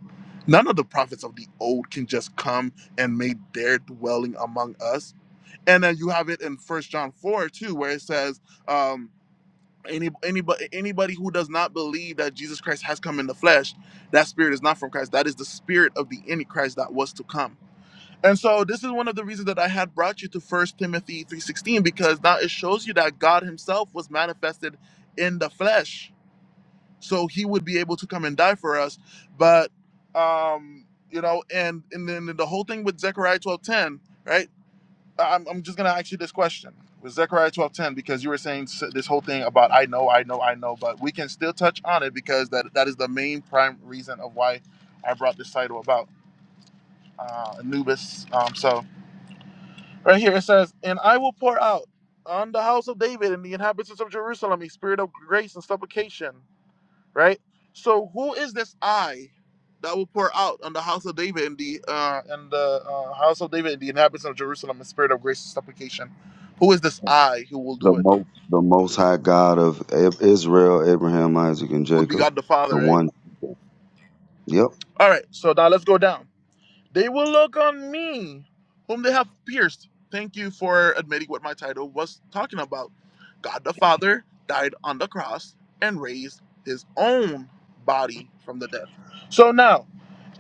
A: None of the prophets of the old can just come and make their dwelling among us. And then you have it in First John four too, where it says, um, any anybody anybody who does not believe that Jesus Christ has come in the flesh, that spirit is not from Christ. That is the spirit of the Antichrist that was to come. And so this is one of the reasons that I had brought you to First Timothy three sixteen because now it shows you that God Himself was manifested in the flesh so he would be able to come and die for us but um you know and and then the whole thing with zechariah twelve ten, right I'm, I'm just gonna ask you this question with zechariah twelve ten because you were saying s- this whole thing about i know i know i know but we can still touch on it because that that is the main prime reason of why i brought this title about uh, anubis um so right here it says and i will pour out on the house of david and the inhabitants of jerusalem a spirit of grace and supplication right? So who is this I that will pour out on the house of David and the uh, and the uh, house of David and the inhabitants of Jerusalem in spirit of grace and supplication? Who is this I who will
E: The
A: do it?
E: most, the most high God of I- Israel, Abraham, Isaac, and
A: Would be
E: Jacob.
A: God the Father,
E: The
A: right?
E: one. Yep.
A: All right. So now let's go down. They will look on me, whom they have pierced. Thank you for admitting what my title was talking about. God the Father died on the cross and raised his own body from the dead. So now,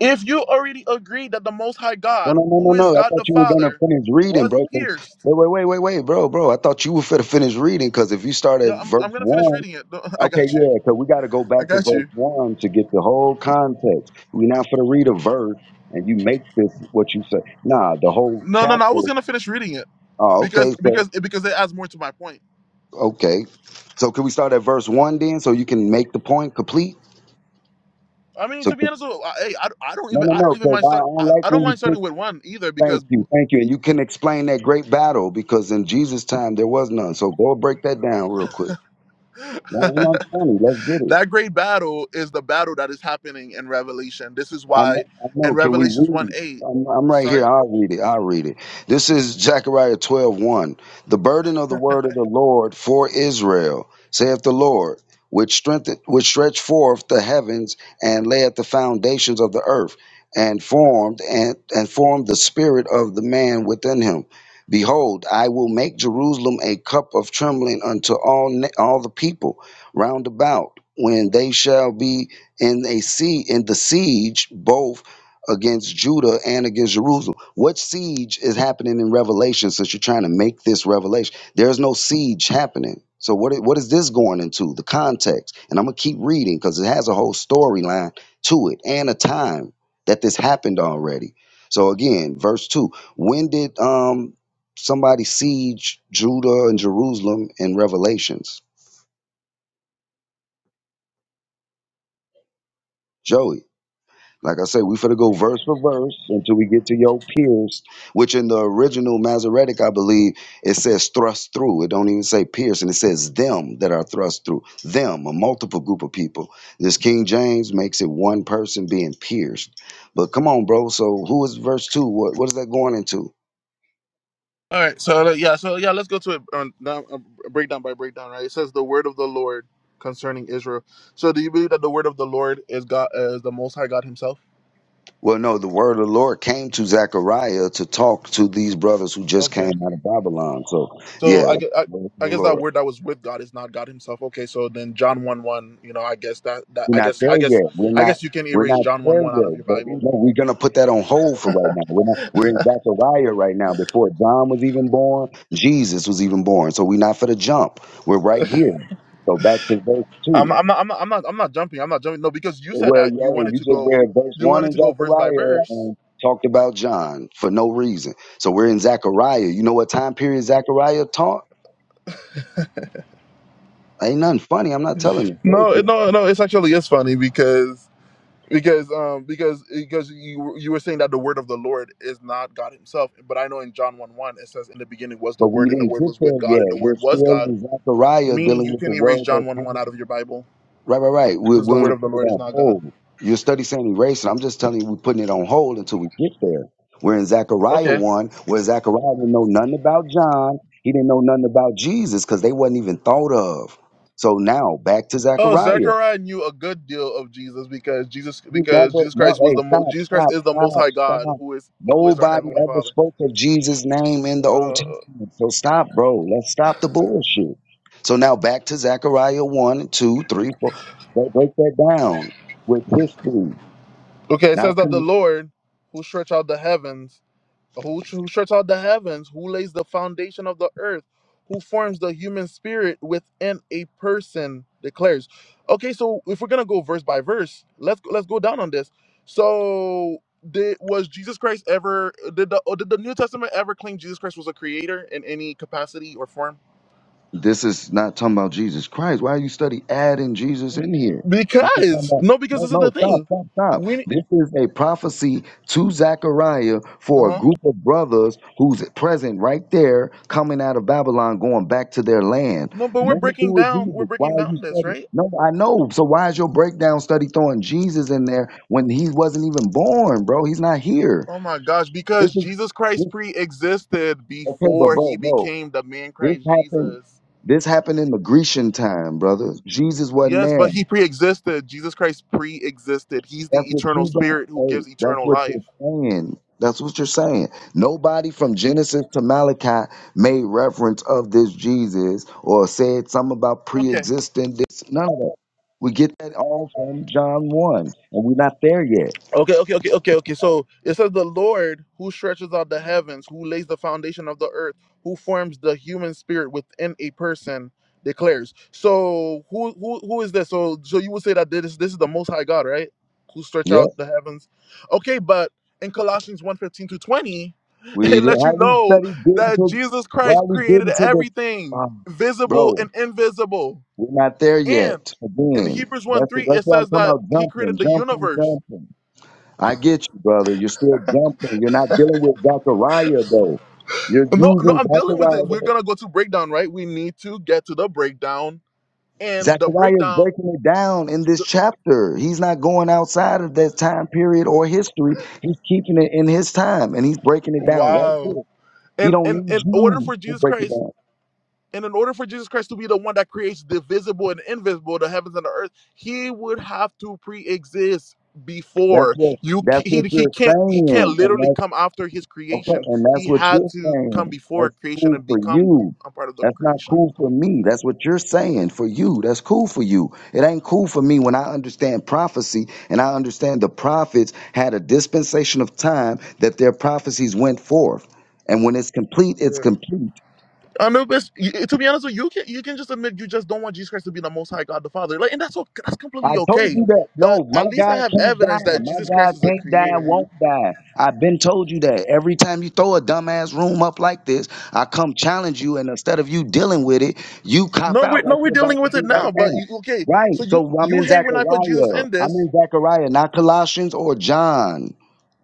A: if you already agree that the Most High
E: no
A: God,
E: no no
A: who
E: no no
A: is
E: i
A: God
E: thought
A: the
E: you were gonna
A: Father,
E: finish reading
A: was
E: bro 'cause-
A: pierced,
E: wait wait wait wait wait bro bro i thought you were finna finish reading because if you start
A: yeah,
E: at
A: I'm, I'm
E: verse
A: gonna finish
E: one
A: reading it. No, I
E: Okay,
A: got you.
E: yeah, because we got to go
A: I
E: back to
A: got
E: verse
A: you.
E: one to get the whole context. We're not for to read a verse and you make this what you say. Nah, the whole
A: No, no, no. I was
E: chapter.
A: gonna finish reading it
E: Oh,
A: because
E: okay, so
A: because because it adds more to my point
E: okay, so can we start at verse one then, so you can make the point complete?
A: I mean,
E: So
A: to be honest, with, I, hey, I, I don't
E: no,
A: even
E: no,
A: I don't
E: no,
A: even
E: because
A: mind
E: I
A: start
E: don't
A: I,
E: like
A: I don't
E: when you
A: mind
E: pick.
A: starting with one either
E: Thank
A: because
E: you, thank you, and you can explain that great battle because in Jesus' time there was none. So go break that down real quick. No, no, I'm
A: that
E: funny. Let's get it.
A: great battle is the battle that is happening in Revelation. This is
E: I know,
A: why
E: I
A: in
E: know. Can we
A: Revelations one
E: read? it?
A: eight.
E: I'm, I'm right here.
A: Sorry.
E: I'll read it. I'll read it. This is Zechariah 12 one. The burden of the word of the Lord for Israel, saith the Lord, which strengthen, which stretched forth the heavens and laid the foundations of the earth, and formed and, and formed the spirit of the man within him. Behold, I will make Jerusalem a cup of trembling unto all na- all the people round about, when they shall be in a sea in the siege both against Judah and against Jerusalem. What siege is happening in Revelation since you're trying to make this revelation? There's no siege happening. So what i- what is this going into? The context. And I'm going to keep reading cuz it has a whole storyline to it and a time that this happened already. So again, verse 2. When did um somebody siege Judah and Jerusalem in Revelations? Joey Like I said, we finna go verse for verse until we get to your pierced, which in the original Masoretic, I believe, it says thrust through. It don't even say pierced, and it says them that are thrust through. Them, a multiple group of people. This King James makes it one person being pierced. But come on, bro. So who is verse two? What what is that going into?
A: All right. So uh, yeah. So yeah. Let's go to it. Um, now, uh, breakdown by breakdown. Right. It says the word of the Lord concerning Israel. So do you believe that the word of the Lord is God? Uh, is the Most High God Himself?
E: Well, no, the word of the Lord came to Zechariah to talk to these brothers who just
A: Okay.
E: came out of Babylon. So
A: So
E: yeah,
A: I
E: the
A: guess, I,
E: word of
A: I guess
E: the Lord.
A: that word that was with God is not God Himself. Okay, so then John one one, you know, I guess that that
E: We're
A: I
E: not
A: guess I
E: there
A: guess
E: yet. We're
A: I
E: not.
A: guess you can
E: We're
A: erase
E: not
A: John one
E: there
A: one out of
E: yet.
A: your
E: But you
A: Bible.
E: know, we're gonna put that on hold for right now. We're not. We're in Zechariah right now. Before John was even born, Jesus was even born. So we're not for the jump. We're right here. So back to verse
A: I'm
E: two.
A: I'm not I'm not I'm not, I'm not jumping. I'm not jumping. No, because you said
E: Well,
A: that you
E: yeah,
A: wanted
E: you
A: to
E: just
A: go
E: read verse
A: you
E: one
A: wanted
E: in
A: to go verse by
E: Zechariah
A: verse.
E: and talked about John for no reason. So we're in Zechariah. You know what time period Zechariah taught? Ain't nothing funny. I'm not telling you.
A: No,
E: Take
A: it-
E: it.
A: no, no. It's actually it's funny because because um because because you you were saying that the word of the Lord is not God Himself, but I know in John one one it says in the beginning was the
E: But we
A: Word and the
E: didn't
A: Word
E: get
A: was with
E: there
A: God and the
E: yet. We're
A: Word was
E: still
A: God,
E: in Zechariah
A: meaning
E: dealing
A: you
E: with the
A: can erase
E: word that
A: John one
E: came
A: one out of your Bible.
E: Right, right, right. We're
A: since the
E: willing
A: word
E: to
A: of the
E: put it
A: Lord is
E: on
A: not God.
E: hold. Your study saying erase, and I'm just telling you we're putting it on hold until we get there. We're in Zechariah
A: Okay.
E: 1, where Zechariah didn't know nothing about John. He didn't know nothing about Jesus because they wasn't even thought of. So now back to
A: Oh,
E: Zechariah.
A: Zechariah knew a good deal of Jesus because Jesus
E: You
A: because
E: never,
A: Jesus
E: no,
A: Christ was
E: hey,
A: the mo-
E: stop,
A: Jesus Christ
E: stop,
A: is the Most
E: stop,
A: High God
E: stop.
A: who is who is our
E: Nobody
A: heavenly
E: ever
A: Father.
E: spoke of Jesus' name in the Old
A: Uh,
E: Testament. So stop, bro. Let's stop the bullshit. So now back to Zechariah one, 2, 3, 4. Break break that down with history,
A: okay, it
E: not
A: says that
E: some
A: the Lord who stretched out the heavens who, who shuts out the heavens, who lays the foundation of the earth, who forms the human spirit within a person declares. Okay, so if we're gonna go verse by verse, let's let's go down on this. So did was Jesus Christ ever did the or did the New Testament ever claim Jesus Christ was a creator in any capacity or form?
E: This is not talking about Jesus Christ. Why you study adding Jesus in here? This is talking
A: Because
E: about
A: no, because
E: no,
A: this is the
E: no, stop,
A: thing.
E: stop, stop.
A: We
E: This is a prophecy to Zechariah
A: uh
E: for a
A: huh.
E: group of brothers who's present right there, coming out of Babylon, going back to their land.
A: No, but we're
E: Nothing to
A: breaking
E: do with
A: down. We're
E: Jesus. Why
A: breaking
E: are you
A: down this,
E: studying?
A: right?
E: No, I know. So why is your breakdown study throwing Jesus in there when he wasn't even born, bro? He's not here.
A: Oh my gosh,
E: This
A: because
E: is
A: Jesus
E: this.
A: Christ pre existed
E: Okay, but
A: before he
E: bro, bro,
A: became the man
E: this
A: Christ
E: happened.
A: Jesus.
E: This happened in the Grecian time, brother. Jesus wasn't
A: Yes,
E: there.
A: but he pre existed. Jesus Christ pre existed. He's
E: That's
A: the
E: what
A: eternal
E: you don't.
A: spirit who
E: Hey,
A: gives
E: that's
A: eternal
E: what
A: life.
E: you're saying. That's what you're saying. Nobody from Genesis to Malachi made reference of this Jesus or said something about
A: Okay.
E: pre-existing. This none of that. We get that all from John one, and we're not there yet.
A: Okay, okay, okay, okay, okay. So it says the Lord who stretches out the heavens, who lays the foundation of the earth, who forms the human spirit within a person, declares. So who who who is this? So so you would say that this this is the most high God, right? Who stretch
E: Yep.
A: out the heavens. Okay, but in Colossians one fifteen to 20,
E: We
A: it
E: didn't-
A: lets you
E: how we
A: know
E: studied good
A: that
E: until
A: Jesus
E: why
A: Christ
E: we did
A: created
E: until the
A: everything,
E: um,
A: visible
E: bro.
A: and invisible.
E: We're not there
A: And
E: yet.
A: in
E: Again,
A: Hebrews 1
E: that's
A: 3,
E: that's
A: it
E: why I'm
A: says
E: talking
A: that
E: about
A: he created
E: jumping,
A: the
E: jumping,
A: universe
E: jumping. I get you, brother. You're still jumping. You're not dealing with Zechariah though. You're
A: No, no,
E: using
A: I'm dealing with it. We're
E: Zechariah.
A: gonna go to breakdown, right? We need to get to the breakdown, and the
E: Zechariah is
A: breakdown.
E: breaking it down in this
A: the-
E: chapter. He's not going outside of that time period or history. He's keeping it in his time, and he's breaking it down right
A: wow.
E: here. He
A: And
E: don't
A: and
E: need
A: in order
E: you
A: for
E: to
A: Jesus
E: break it
A: Christ,
E: down.
A: and in order for Jesus Christ to be the one that creates the visible and invisible, the heavens and the earth, he would have to pre-exist
E: That's
A: before
E: what
A: you.
E: that's
A: c- He
E: what
A: he
E: you're
A: can't he can't
E: saying,
A: literally
E: and
A: come after his
E: Okay,
A: creation.
E: and that's
A: He
E: what
A: had
E: you're
A: to come
E: saying.
A: before
E: That's
A: creation
E: cool
A: and
E: for
A: become
E: you.
A: a part of the
E: That's not
A: creation.
E: cool for me. That's what you're saying for you. That's cool for you. It ain't cool for me when I understand prophecy and I understand the prophets had a dispensation of time that their prophecies went forth. And when it's complete, it's complete.
A: I know, but to be honest with you, you can you can just admit you just don't want Jesus Christ to be the Most High God the Father, like, and that's okay. That's completely
E: I told
A: okay.
E: you that.
A: But
E: No, my
A: at least I
E: God
A: have
E: can't
A: evidence
E: die.
A: that
E: My
A: Jesus Christ
E: God
A: is a
E: can't die,
A: creator.
E: won't die. I've been told you that. Every time you throw a dumbass room up like this, I come challenge you, and instead of you dealing with it, you cop
A: No, we
E: out like
A: no, we're
E: you're about
A: dealing
E: to
A: with it
E: do
A: now.
E: right
A: But
E: now.
A: you, okay,
E: Right.
A: so you
E: So I'm
A: you
E: in
A: hate when I put Jesus
E: Zechariah.
A: in
E: I'm
A: this.
E: in Zechariah, not Colossians or John.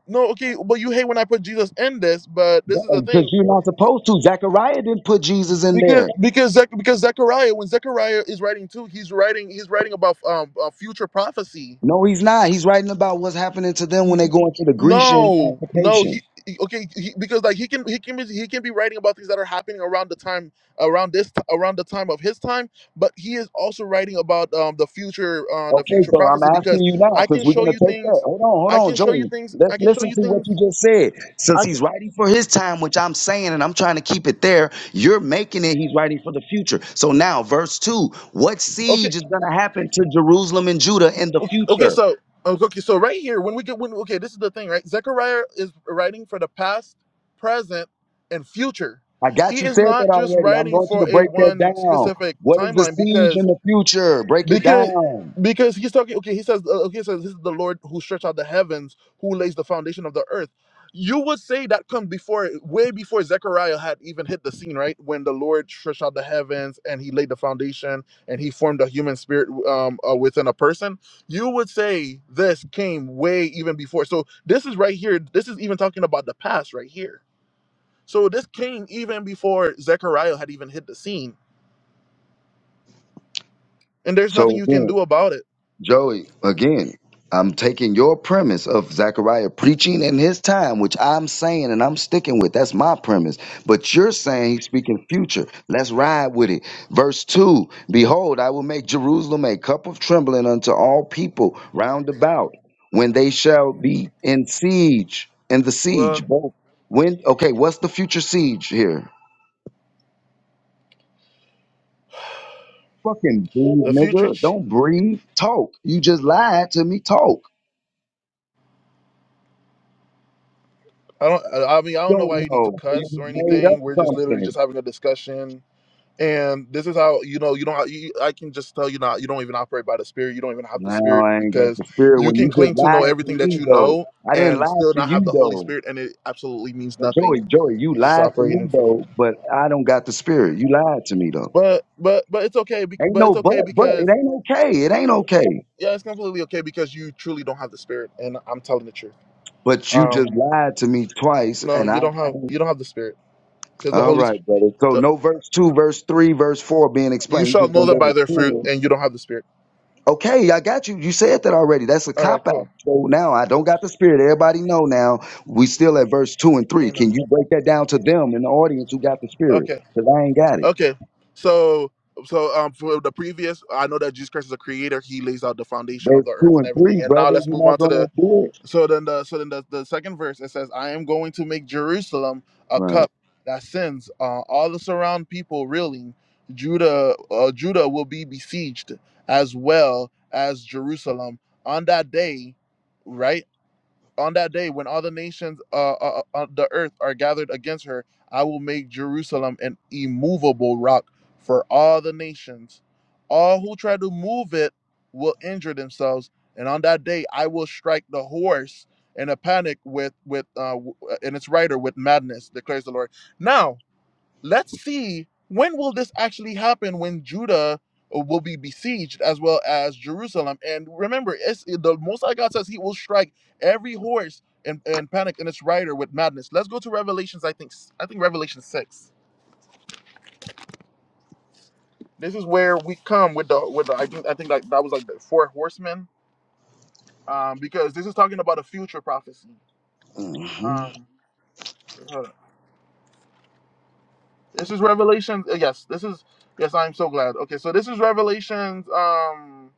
A: No, okay, but you hate when I put Jesus in this. But this is the
E: Because
A: thing,
E: you're not supposed to. Zechariah didn't put Jesus in
A: because
E: there.
A: because Zech, because Zechariah, when Zechariah is writing too, he's writing he's writing about um uh, future prophecy
E: No, he's not. He's writing about what's happening to them when
A: N-
E: they
A: n-
E: go into the Grecian
A: no no
E: occupation.
A: he, he- okay he, because like he can he can be he can be writing about things that are happening around the time around this around the time of his time but he is also writing about um the future uh the
E: Okay,
A: future
E: so I'm
A: prophecy
E: asking
A: because
E: you now,
A: i can
E: since we're
A: show
E: gonna
A: you
E: take that.
A: things
E: Hold on, hold
A: i
E: on,
A: can show you
E: Joey.
A: things i
E: Let's
A: can show
E: listen
A: you
E: to what
A: things
E: you just said. Since
A: i can
E: he's writing for his time, which I'm saying, and I'm trying to keep it there, you're making it he's writing for the future. So now, verse two, what
A: okay
E: siege is gonna happen to Jerusalem and Judah in the
A: okay okay
E: future?
A: so okay so right here when we get when okay this is the thing right zechariah is writing for the past present and future
E: I
A: he
E: got you
A: is
E: said that
A: not just
E: already. I'm
A: writing
E: going you
A: for
E: to
A: a
E: break that
A: one
E: down.
A: specific
E: What is the
A: timeline
E: siege
A: because
E: in the future? Break it
A: because
E: down.
A: because he's talking okay he says uh, okay he says this is the lord who stretched out the heavens who lays the foundation of the earth you would say that comes before way before zechariah had even hit the scene right when the lord stretched out the heavens and he laid the foundation and he formed a human spirit um, uh, within a person you would say this came way even before so this is right here this is even talking about the past right here so this came even before zechariah had even hit the scene and there's nothing
E: So
A: you can
E: then.
A: do about it
E: Joey, again, I'm taking your premise of Zechariah preaching in his time, which I'm saying and I'm sticking with. That's my premise. But you're saying he's speaking future. Let's ride with it. Verse 2 Behold, I will make Jerusalem a cup of trembling unto all people round about when they shall be in siege, in the
A: Well,
E: siege. Both when, okay, what's the future siege here? Fucking breathe,
A: the future.
E: nigga. Don't breathe. Talk. You just lied to me. Talk.
A: I don't. I I mean, I don't know why
E: don't
A: you need to
E: know. So you
A: cuss
E: just
A: or
E: made
A: anything.
E: up
A: We're just literally just
E: something.
A: having a discussion, and this is how you know you don't. You, I can just tell you not. You don't even operate by the spirit. You don't even have the
E: No,
A: spirit
E: I ain't got
A: because
E: the spirit.
A: you
E: When
A: can
E: you
A: claim
E: just
A: to know
E: lied to
A: everything that
E: me
A: you
E: though,
A: know
E: I didn't
A: and
E: lie
A: still
E: to
A: not have
E: you
A: the Holy
E: though.
A: Spirit, and it absolutely means
E: But Joey,
A: nothing.
E: Joey, you
A: It's just
E: lied to me
A: operating for.
E: though. But I don't got the spirit. You lied to me though.
A: But but but it's okay. bec-
E: Ain't
A: But it's
E: no but,
A: okay
E: but it
A: because
E: ain't okay. It ain't okay.
A: yeah, it's completely okay because you truly don't have the spirit, and I'm telling the truth.
E: But you just
A: Um,
E: lied to me twice,
A: no,
E: and
A: you
E: I.
A: don't have you don't have the spirit because the
E: All
A: Holy.
E: right,
A: Spirit.
E: brother. So no verse two, verse three, verse four being
A: You
E: explained. You
A: shall
E: just
A: know
E: gonna
A: them
E: go to
A: by their fruit,
E: ten
A: and you don't have the spirit.
E: Okay, I got you. You said that already. That's a
A: All right,
E: cop
A: cool.
E: out. So now I don't got the spirit. Everybody know now. We still at verse two and three.
A: Amen.
E: Can you break that down to them in the audience who got the spirit?
A: Okay,
E: Because I ain't got it.
A: okay. So, so um, for the previous, I know that Jesus Christ is a creator. He lays out the foundation of
E: Verse
A: the earth
E: two
A: and
E: and
A: everything.
E: three,
A: And now
E: brother.
A: let's move
E: You're not
A: on to
E: gonna
A: the. So then the so then the, the second verse it says, "I am going to make Jerusalem a
E: do it.
A: cup that sends uh, all the surround people reeling. Judah, uh, Judah will be besieged as well as Jerusalem on that day." Right on that day when all the nations uh, uh, uh, on the earth are gathered against her, I will make Jerusalem an immovable rock for all the nations. All who try to move it will injure themselves, and on that day I will strike the horse in a panic with with uh, and its rider with madness, declares the Lord. Now, let's see when will this actually happen when Judah uh, will be besieged as well as Jerusalem. And remember, it's, the Most High God says He will strike every horse and, and panic and its rider with madness. Let's go to Revelations. I think I think Revelation six. This is where we come with the with the, I think I think like that was like the four horsemen um, because this is talking about a future prophecy.
E: Right.
A: Um, hold on. this is Revelation. Yes, this is yes. I'm so glad. Okay, so this is Revelations. Um,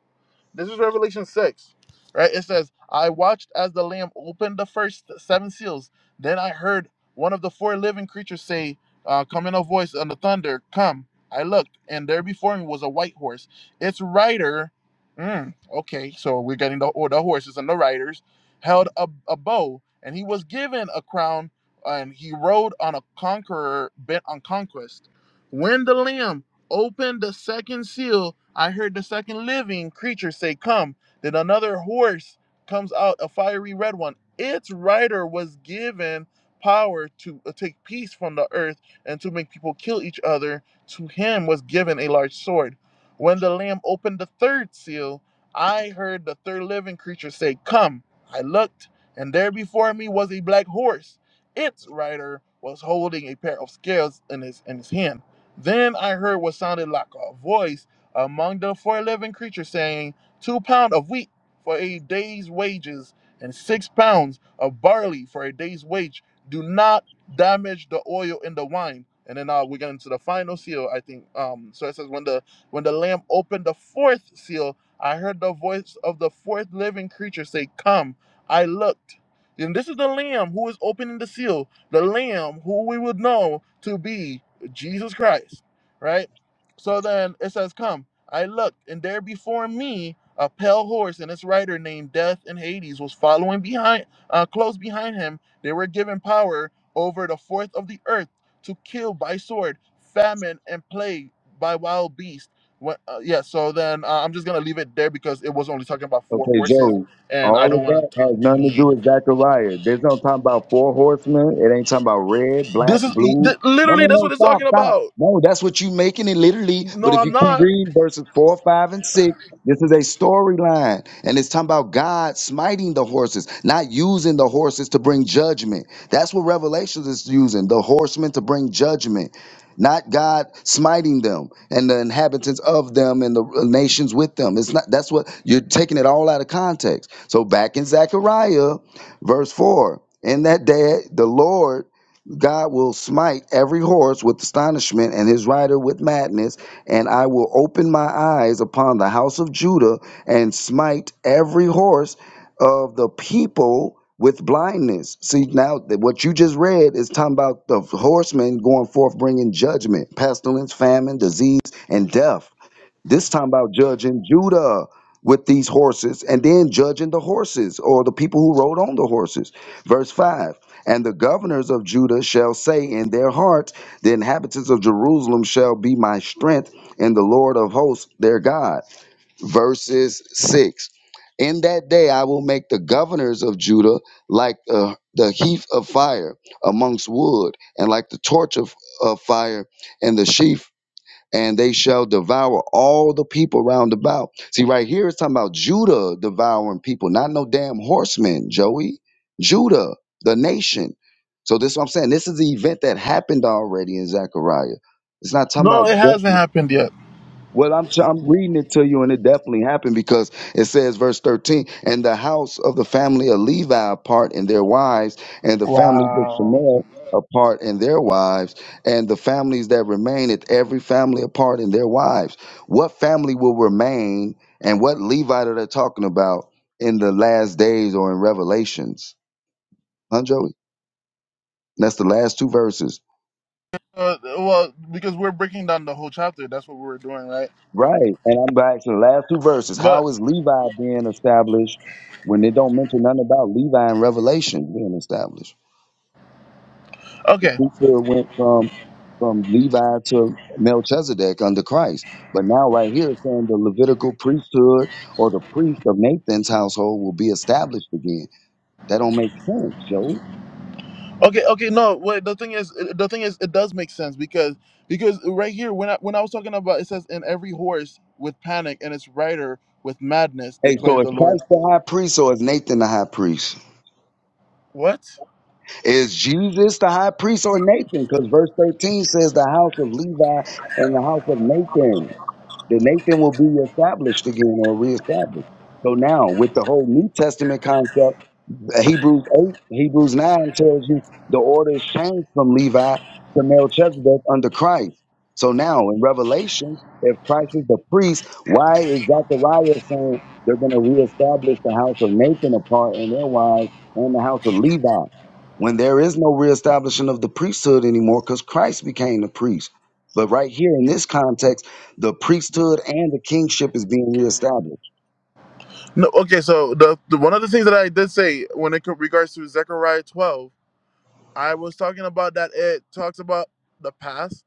A: This is Revelation 6, right? It says, I watched as the Lamb opened the first seven seals. Then I heard one of the four living creatures say, uh, Come in a voice on the thunder, come. I looked, and there before me was a white horse. Its rider, mm, okay, so we're getting the, or the horses and the riders, held a, a bow, and he was given a crown, and he rode on a conqueror bent on conquest. When the Lamb opened the second seal, I heard the second living creature say, Come. Then another horse comes out, a fiery red one. Its rider was given power to uh, take peace from the earth and to make people kill each other. To him was given a large sword. When the Lamb opened the third seal, I heard the third living creature say, Come. I looked, and there before me was a black horse. Its rider was holding a pair of scales in his in his hand. Then I heard what sounded like a voice among the four living creatures saying, Two pound of wheat for a day's wages, and six pounds of barley for a day's wage. Do not damage the oil in the wine. And then uh, we get into the final seal, I think. Um, so it says, when the when the lamb opened the fourth seal, I heard the voice of the fourth living creature say, "Come." I looked, and this is the lamb who is opening the seal, the lamb who we would know to be. Jesus Christ, right? So then it says, Come, I looked, and there before me a pale horse and its rider named Death and Hades was following behind, uh, close behind him. They were given power over the fourth of the earth to kill by sword, famine, and plague by wild beast. What, uh, yeah, so then uh, I'm just going to leave it there because it was only talking about four
E: Okay,
A: horses,
E: Joe.
A: and I
E: All
A: don't
E: of that
A: want to
E: has
A: um,
E: nothing to
A: deviate.
E: do with Zechariah. There's no talking about four horsemen. It ain't talking about red, black,
A: This is e,
E: blue.
A: th-
E: No, no,
A: literally that's
E: no.
A: what it's
E: Stop,
A: talking
E: stop.
A: about.
E: No, that's what you making it literally. But
A: No,
E: if
A: I'm
E: you keep
A: not.
E: reading verses four, five, and six, this is a storyline, and it's talking about God smiting the horses, not using the horses to bring judgment. That's what Revelations is using the horsemen to bring judgment not God smiting them and the inhabitants of them and the nations with them. It's not that's what you're taking it all out of context. So back in Zechariah, verse four, in that day the Lord God will smite every horse with astonishment and his rider with madness, and I will open my eyes upon the house of Judah and smite every horse of the people with blindness. See, now that what you just read is talking about the horsemen going forth bringing judgment, pestilence, famine, disease, and death. This time about judging Judah with these horses and then judging the horses or the people who rode on the horses. Verse 5 And the governors of Judah shall say in their hearts, The inhabitants of Jerusalem shall be my strength, and the Lord of hosts their God verses 6. In that day I will make the governors of Judah like the, the heath of fire amongst wood, and like the torch of, of fire and the sheaf, and they shall devour all the people round about. See, right here it's talking about Judah devouring people, not no damn horsemen, Joey. Judah, the nation. So this is what I'm saying. This is the event that happened already in Zechariah. It's not talking
A: No,
E: about
A: it
E: judgment.
A: hasn't happened yet.
E: Well, I'm I'm reading it to you, and it definitely happened because it says, verse 13, and the house of the family of Levi apart and their wives, and the families of
A: Wow.
E: Shemuel apart and their wives, and the families that remain at every family apart and their wives. What family will remain, and what Levite are they talking about in the last days or in Revelations? Huh, Joey? That's the last two verses.
A: Uh, well, because we're breaking down the whole chapter, that's what we were doing, right?
E: Right. And I'm back to the last two verses.
A: But
E: How is Levi being established when they don't mention nothing about Levi in Revelation being established? The
A: okay,
E: priesthood went from from Levi to Melchizedek under Christ. But now right here it's saying the Levitical priesthood or the priest of Nathan's household will be established again. That don't make sense, Joe.
A: okay, okay. No, wait. The thing is, the thing is, it does make sense because because right here, when I when I was talking about, it says, "In every horse with panic, and its rider with madness,"
E: Hey, so
A: declares the
E: is
A: Lord.
E: Christ the high priest or is Nathan the high priest?
A: What?
E: Is Jesus the high priest or Nathan? Because verse 13 says the house of Levi and the house of Nathan. The Nathan will be established again or reestablished. So now, with the whole New Testament concept, Hebrews 8, Hebrews 9 tells you the order is changed from Levi to Melchizedek under Christ. So now in Revelation, if Christ is the priest, why is Zechariah saying they're going to reestablish the house of Nathan apart and their wives and the house of Levi? When there is no reestablishing of the priesthood anymore because Christ became the priest. But right here in this context, the priesthood and the kingship is being reestablished.
A: No. Okay. So the, the one of the things that I did say when it co- regards to Zechariah twelve, I was talking about that it talks about the past.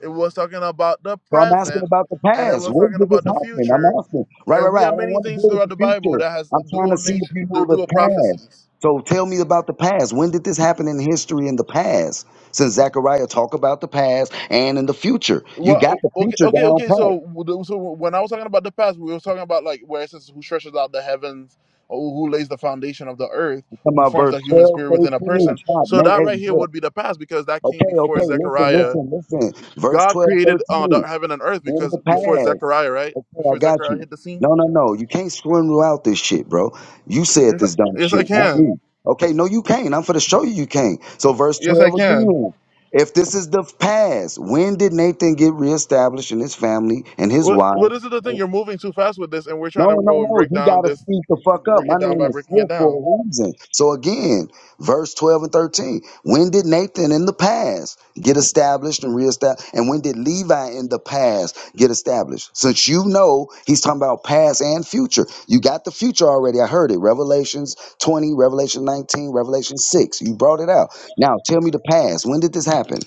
A: It was talking about the
E: So I'm asking
A: present,
E: about the
A: and it
E: past.
A: was
E: When
A: talking
E: did
A: about
E: this
A: the
E: happen? I'm
A: future
E: asking. Right,
A: and
E: right,
A: we
E: right.
A: have
E: I don't
A: many
E: want to
A: things
E: deal with
A: throughout
E: the
A: the Bible
E: future.
A: that has
E: I'm trying to
A: dual
E: see if
A: nature,
E: you
A: du-
E: know the
A: dual
E: past.
A: prophecies.
E: So tell me about the past. When did this happen in history in the past? Since Zechariah talk about the past and in the future. You
A: Well,
E: got the
A: okay,
E: future
A: okay,
E: down
A: okay.
E: pat.
A: So, so when I was talking about the past, we were talking about like where it says who stretches out the heavens, or who lays the foundation of the earth,
E: You Come
A: who
E: about
A: forms
E: verse
A: the human
E: 12,
A: spirit within a
E: 13.
A: person.
E: Stop.
A: So
E: Na-
A: that
E: hey,
A: right here
E: yeah.
A: would be the past because that came
E: Okay,
A: before
E: okay. Listen,
A: Zechariah.
E: listen, listen. Verse
A: God
E: 12,
A: created
E: 13.
A: uh, the heaven and earth
E: in
A: because
E: the
A: before
E: past.
A: Zechariah, right?
E: Okay, I
A: Before
E: got
A: Zechariah
E: you.
A: hit the scene.
E: No, no, no. You can't swindle out this shit, bro. You said
A: Yes, I
E: this dumb
A: yes, I
E: shit, not me.
A: can.
E: Okay, no, you can't. I'm for to show you you can't. So verse
A: Yes, I
E: 12
A: can.
E: again. If this is the past, when did Nathan get reestablished in his family and his
A: What
E: wife?
A: what is it the thing? You're moving too fast with this, and we're trying
E: No,
A: to
E: no,
A: go and
E: no.
A: break
E: You
A: down
E: gotta
A: this,
E: speak the fuck up.
A: break
E: My
A: it down
E: name
A: by
E: is
A: breaking it
E: Swift for
A: down.
E: a reason. So again, verse 12 and 13. When did Nathan in the past get established and reestablished? And when did Levi in the past get established? Since you know he's talking about past and future. You got the future already. I heard it. Revelations 20, Revelation 19, Revelation 6. You brought it out. Now tell me the past. When did this happen?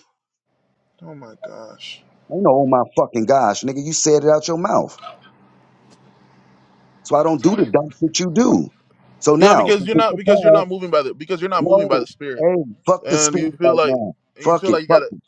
A: Oh my gosh.
E: I know, oh my fucking gosh, nigga, you said it out your mouth. So I don't do the dumb shit you do. So
A: Yeah,
E: now,
A: because
E: since
A: you're
E: it's
A: not
E: the
A: because you're not
E: past,
A: moving by the because you're not moving by the
E: no,
A: spirit,
E: hey, fuck the
A: and you
E: spirit
A: feel
E: right
A: like
E: now.
A: you
E: Fuck
A: feel
E: it,
A: like you got
E: fuck
A: to
E: it,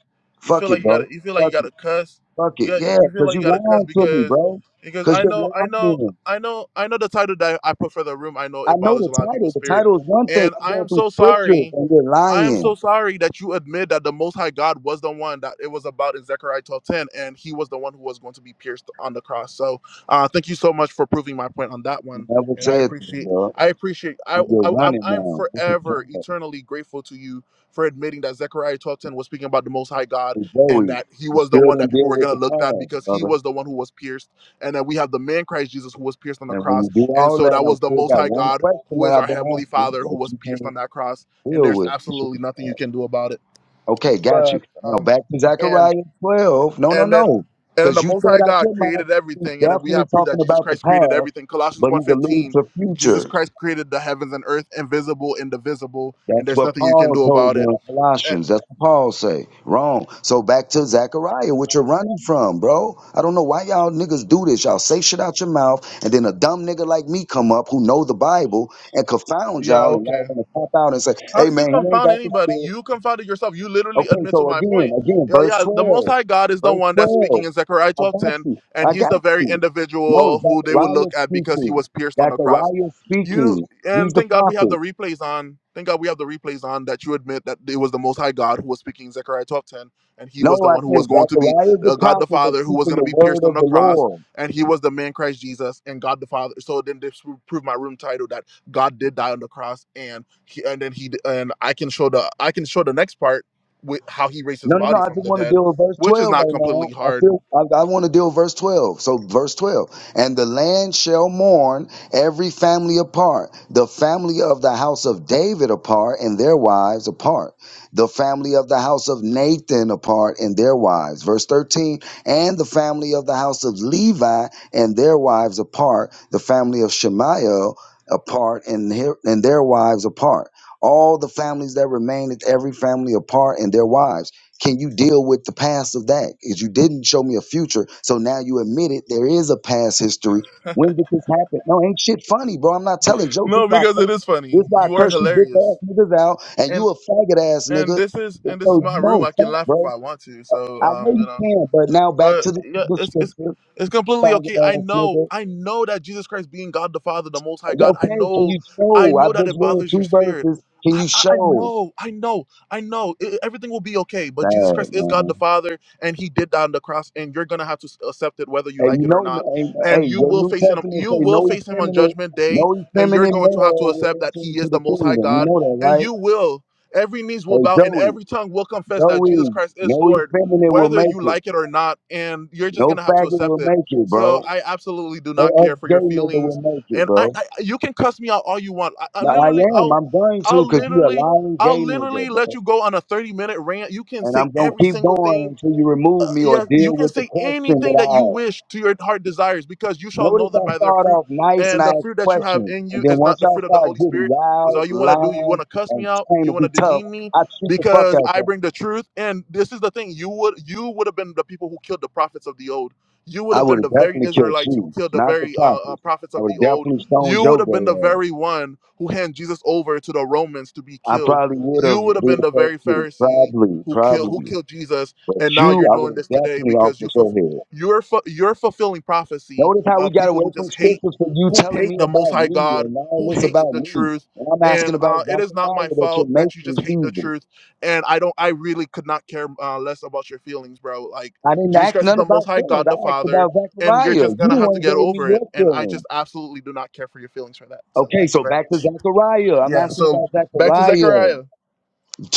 A: You feel
E: fuck it,
A: like you got to
E: bro.
A: you feel like you
E: Fuck
A: got to
E: it,
A: cuss.
E: fuck
A: You
E: it.
A: got,
E: Yeah,
A: you feel
E: because
A: like
E: you
A: you got to cuss
E: lying to me,
A: because
E: bro.
A: because
E: Because
A: I
E: you're
A: know I know
E: lying.
A: I know I know the title that I put for the room. I know
E: I
A: it
E: know
A: bothers a
E: the
A: lot of
E: title.
A: people's
E: The
A: spirit,
E: title is one thing.
A: and
E: I'm
A: I
E: going
A: am
E: through
A: so
E: scriptures
A: sorry.
E: and you're
A: I am
E: lying.
A: so sorry that you admit that the Most High God was the one that it was about in Zechariah 12:10, and He was the one who was going to be pierced on the cross. So, uh, thank you so much for proving my point on that
E: You
A: one,
E: never
A: and I
E: said that,
A: appreciate,
E: bro.
A: I appreciate, I,
E: And you're
A: I, I'm,
E: running
A: I'm
E: now. This is
A: forever
E: sad.
A: eternally grateful to you for admitting that Zechariah 12:10 was speaking about the Most High God
E: Hey,
A: and
E: Joey,
A: that he
E: you
A: was the
E: still
A: one that
E: didn't
A: people
E: deal
A: were
E: with
A: going to
E: the
A: look at
E: past,
A: because he
E: brother.
A: was the one who was pierced. And then we have the man Christ Jesus who was pierced on the
E: And when
A: cross.
E: you do
A: And
E: all
A: so
E: that,
A: that
E: I'm
A: was the
E: still
A: Most
E: got
A: High
E: one
A: God
E: question
A: who
E: that
A: is our
E: I've been
A: Heavenly
E: asking
A: Father who
E: that
A: was
E: you can't
A: pierced on that cross. And
E: Deal
A: there's
E: with
A: absolutely nothing you
E: it.
A: can do about it.
E: Okay, got you.
A: But,
E: Now
A: um,
E: back to
A: and,
E: Zechariah 12. No, no,
A: and then,
E: no.
A: and then the
E: Because you
A: Most High
E: said out
A: God
E: your mouth,
A: created
E: he's
A: everything, and then we
E: definitely
A: have proof that
E: talking
A: Jesus
E: about the
A: Christ created
E: past,
A: everything. Colossians
E: but
A: one
E: he's alluding
A: fifteen,
E: to
A: Jesus
E: future.
A: Christ created the heavens and earth, invisible, indivisible, and
E: That's
A: there's
E: what
A: nothing you can
E: Paul
A: do
E: told
A: about it
E: you in Colossians. That's what Paul say. Wrong. So back to Zechariah, what you're running from, bro. I don't know why y'all niggas do this. Y'all say shit out your mouth, and then a dumb nigga like me come up who know the Bible and confound
A: Yeah,
E: y'all, and
A: okay.
E: y'all want to pop out and say,
A: How
E: hey,
A: did you
E: man, he ain't
A: confound
E: got the
A: anybody?
E: spirit.
A: You confounded yourself. You literally
E: Okay,
A: admit to
E: so
A: my
E: again,
A: point.
E: again,
A: Yeah,
E: verse
A: yeah. The Most
E: 12.
A: High God is the
E: Verse
A: one that's speaking
E: 12.
A: in Zechariah
E: I
A: twelve
E: got
A: ten,
E: you.
A: and
E: I
A: He's the
E: got
A: very
E: you. No,
A: individual who they would
E: Zechariah
A: look at because He
E: speaking.
A: was pierced on the cross.
E: Zechariah
A: You
E: speaking. He's
A: and
E: the
A: thank God we have the
E: prophet.
A: replays on. Thank God we have the replays on that you admit that it was the Most High God who was speaking in Zechariah twelve ten, and He was
E: No,
A: the
E: I
A: one who was
E: said
A: going to be
E: Zechariah is the
A: uh, God the
E: prophet that's
A: Father who was
E: speaking
A: going to
E: the
A: be pierced
E: word
A: on
E: of
A: the
E: the
A: cross,
E: Lord.
A: and He was the man Christ Jesus and God the Father. So then this will prove my room title that God did die on the cross, and he, and then He and I can show the I can show the next part with how He raised His
E: No, no, no.
A: body
E: I
A: from
E: just
A: the
E: want to
A: dead,
E: deal with verse
A: which is
E: 12
A: not
E: right
A: completely
E: now. I
A: hard.
E: feel I, I want to deal with verse 12. So verse 12. And the land shall mourn every family apart, the family of the house of David apart and their wives apart, the family of the house of Nathan apart and their wives. Verse 13. And the family of the house of Levi and their wives apart, the family of Shemaiah apart and, her- and their wives apart all the families that remained, every family apart and their wives can you deal with the past of that? Because you didn't show me a future, so now you admit it. There is a past history. When did this happen? No, ain't shit funny, bro. I'm not telling jokes. This
A: No,
E: why I
A: because
E: curse,
A: it is funny.
E: this why I
A: You are
E: curse you bitch ass
A: hilarious.
E: niggas out, and
A: And.
E: you a faggot ass
A: and
E: nigga.
A: this is and this is
E: So
A: my room.
E: no,
A: I can
E: stop,
A: laugh if
E: bro.
A: I want to. So
E: I know
A: um, you
E: you
A: know.
E: can, but now back
A: But
E: to the,
A: yeah,
E: the
A: it's it's
E: scripture,
A: it's completely okay. I
E: faggot ass
A: know,
E: nigga.
A: I know that Jesus Christ being God the Father, the Most High God. I
E: Okay, can
A: know,
E: you
A: I
E: show? I
A: know that it
E: just read
A: bothers your
E: two
A: spirit.
E: verses. Can
A: I,
E: you
A: I, I
E: show?
A: know, I know, I know. I- everything will be okay. But
E: Sad
A: Jesus Christ is
E: man.
A: God the Father, and He did that on the cross, and you're gonna have to s- accept it whether you
E: Hey,
A: like
E: you
A: it or
E: know,
A: not.
E: hey,
A: And
E: hey,
A: you
E: your
A: will
E: New
A: face Him.
E: Testament
A: You
E: say
A: will
E: no
A: face Him on
E: effeminate,
A: Judgment Day,
E: no
A: and you're
E: effeminate
A: going to have
E: male
A: to
E: will
A: accept that
E: enter
A: He is
E: into the
A: the Most High
E: kingdom. You
A: God,
E: know that,
A: and
E: right?
A: you will. Every knees will
E: Hey,
A: bow, and
E: Joey,
A: every tongue will confess that Jesus
E: Joey,
A: Christ is
E: no
A: Lord
E: effeminate will
A: whether
E: make
A: you
E: it.
A: like it or not, and you're just
E: No
A: gonna have to
E: faggot
A: accept
E: will
A: it.
E: make it,
A: So
E: bro.
A: I absolutely do
E: No
A: not care for your
E: ex-gay nigga
A: feelings,
E: will make it,
A: and
E: bro.
A: I, I you can cuss me out all you want. I, I
E: Now, I
A: literally,
E: am.
A: I'll,
E: I'm going to
A: I'll
E: because you a
A: literally,
E: lying gay
A: I'll
E: nigga,
A: literally let
E: bro.
A: you go on a 30 minute rant. You can
E: And
A: say
E: I'm going to
A: every
E: keep
A: single thing
E: going until you remove me or
A: yeah, you
E: deal
A: can
E: with the
A: say
E: question
A: anything
E: that
A: that you
E: I ask.
A: wish to your heart desires, because you shall know
E: Notice
A: them
E: I
A: by their
E: start
A: fruit.
E: off nice and
A: And
E: I
A: the
E: ask
A: fruit that you have
E: questions.
A: in
E: And
A: you
E: then
A: is
E: once
A: not the
E: y'all
A: fruit of the
E: start
A: Holy
E: getting
A: Spirit, because
E: wild,
A: all you want to do, you want
E: lying,
A: to cuss me
E: and
A: out,
E: trying
A: you
E: to
A: want
E: be
A: to
E: tough,
A: demean me,
E: I treat the fuck
A: because
E: out
A: I
E: y'all.
A: bring the truth. And this is the thing: you would you would have been the people who killed the prophets of the old. You would
E: I
A: have
E: would
A: been
E: have
A: the very
E: definitely killed
A: Israelites who
E: you,
A: killed the
E: not the
A: very uh, uh,
E: prophets.
A: prophets
E: I
A: of
E: would
A: the
E: have
A: old.
E: definitely stoned
A: You would
E: your
A: have been the
E: gay ass.
A: very one who handed Jesus over to the Romans to be
E: I
A: killed.
E: probably would
A: You
E: have
A: would have
E: did
A: been the
E: that
A: very
E: too.
A: Pharisee
E: Probably,
A: who killed who
E: probably.
A: killed Jesus
E: But
A: and now
E: you,
A: you're
E: I would
A: doing
E: have
A: this today
E: definitely
A: because you
E: offered your
A: fulf-
E: head.
A: you're fu- you're fulfilling prophecy
E: Notice how we
A: of
E: got
A: people
E: away
A: who
E: from
A: just hate
E: scriptures for you
A: who
E: telling
A: hate
E: me
A: the most
E: about
A: high
E: me
A: god
E: and all
A: who
E: this
A: hates
E: about
A: the
E: me.
A: truth
E: And I'm asking
A: and
E: about
A: uh, it is not my
E: Zechariah that you're
A: fault that you just
E: making
A: hate the
E: Jesus.
A: truth and i don't i really could not care uh, less about your feelings bro like
E: I didn't
A: jesus
E: ask
A: christ is
E: none
A: the most
E: about
A: high
E: feelings.
A: god the
E: I asked
A: father
E: about
A: and you're
E: Zachariah.
A: just
E: You
A: gonna
E: the
A: have to
E: one
A: get
E: gave me
A: over it
E: your
A: and i just
E: feelings.
A: absolutely do not care for your feelings for that so
E: Okay,
A: thank you
E: so
A: very
E: back to
A: much
E: Zachariah. I'm
A: yeah
E: asking
A: so
E: about
A: back to
E: Zechariah
A: zechariah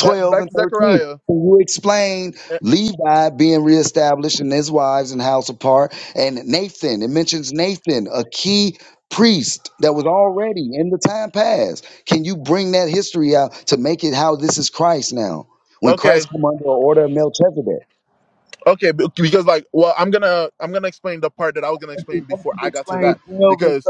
A: back, back
E: and
A: to
E: 13.
A: zechariah
E: Can you explain
A: Eh,
E: Levi being reestablished and his wives and house apart? And Nathan, it mentions Nathan, a key priest that was already in the time past. Can you bring that history out to make it how this is Christ now? When
A: okay
E: Christ come under the order of Melchizedek.
A: Okay, be- because like, well, I'm gonna I'm gonna explain the part that I was gonna
E: in
A: explain before I
E: Exodus
A: got to
E: 20,
A: that
E: 12 and
A: because,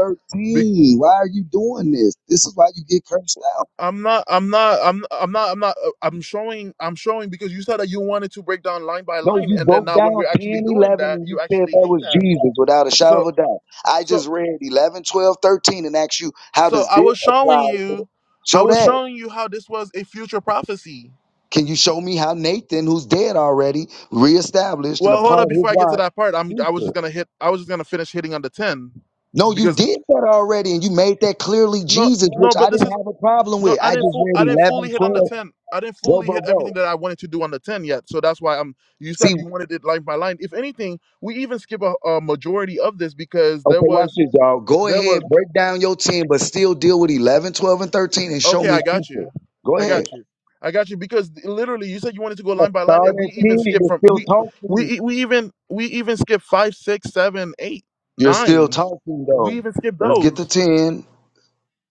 A: be,
E: Why are you doing this? This is why you get cursed out.
A: I'm not I'm not I'm I'm not I'm not uh, I'm showing I'm showing because you said that you wanted to break down line by
E: No,
A: line
E: you
A: and then
E: broke
A: now
E: down
A: when we're actually
E: 10,
A: doing
E: 11,
A: that
E: and you
A: you
E: said
A: actually
E: that
A: hate
E: was
A: that
E: Jesus without a shadow
A: so
E: of a doubt. I
A: so
E: just read 11, 12, 13, and asked you, how
A: so
E: does
A: I
E: this
A: was showing
E: apply to the
A: you I
E: Show
A: was
E: that.
A: showing you how this was a future prophecy.
E: Can you show me how Nathan, who's dead already, reestablished and a
A: Well, hold
E: part
A: up
E: of his
A: before I get to
E: wife,
A: that part I'm I was just
E: future?
A: gonna hit I was just gonna finish hitting on the ten
E: No, you
A: because
E: did that already, and you made that clearly
A: no
E: Jesus, which
A: no
E: I
A: but this is
E: didn't have a problem
A: No,
E: with.
A: I
E: I
A: didn't.
E: just
A: Full, I
E: read
A: didn't fully
E: eleven,
A: hit on the
E: twelve, 12.
A: ten. I didn't
E: Bro,
A: fully hit
E: bro,
A: everything
E: bro.
A: that I wanted to do on the ten yet. So that's why I'm. You said
E: See,
A: you wanted it line by line. If anything, we even skip a, a majority of this because there
E: Okay, watch
A: was
E: this, y'all. Go
A: there
E: ahead,
A: was.
E: break down your 10, but still deal with 11, 12, and 13 and show
A: Okay,
E: me
A: I got
E: future.
A: you.
E: Go
A: I
E: ahead.
A: got you. I got you because literally you said you wanted to go line by line,
E: Start
A: and we
E: at
A: even
E: 10,
A: skip
E: you're
A: from
E: still
A: we
E: talking.
A: we e- we even we even skip five, six, seven, eight,
E: You're still
A: nine.
E: talking,
A: We
E: though.
A: even skip
E: Let's get to
A: those.
E: 10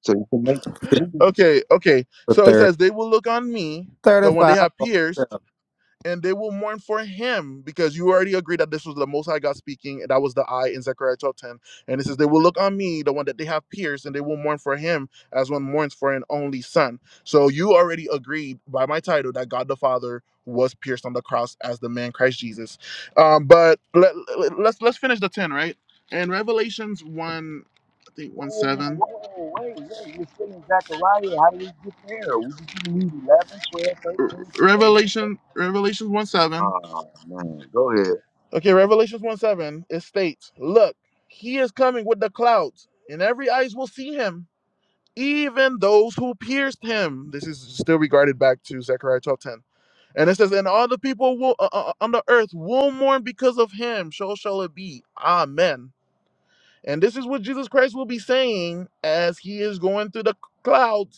E: so you can make
F: for
E: Jesus.
A: Okay, okay. So it
F: 30.
A: says they will look on me, the one they
F: 35.
A: have pierced and they will mourn for him because you already agreed that this was the Most High God speaking. and That was the I in Zechariah 12 10. And it says, They will look on me, the one that they have pierced, and they will mourn for him as one mourns for an only son. So you already agreed by my title that God the Father was pierced on the cross as the man Christ Jesus. Um, but let, let- let's let's finish the 10, right? And Revelations 1, I think 1
E: Whoa,
A: 7.
E: whoa, wait, wait. you are still in Zechariah. How do we get there? We just need 11, 12, 13, and next.
A: Revelation, Revelations 1 7
E: Oh, man. Go ahead.
A: Okay, Revelations 1 7, it states, Look, he is coming with the clouds, and every eyes will see him, even those who pierced him. This is still regarded back to Zechariah twelve ten, And it says, And all the people will, uh, uh, uh, on the earth will mourn because of him. So shall it be. Amen. And this is what Jesus Christ will be saying as he is going through the clouds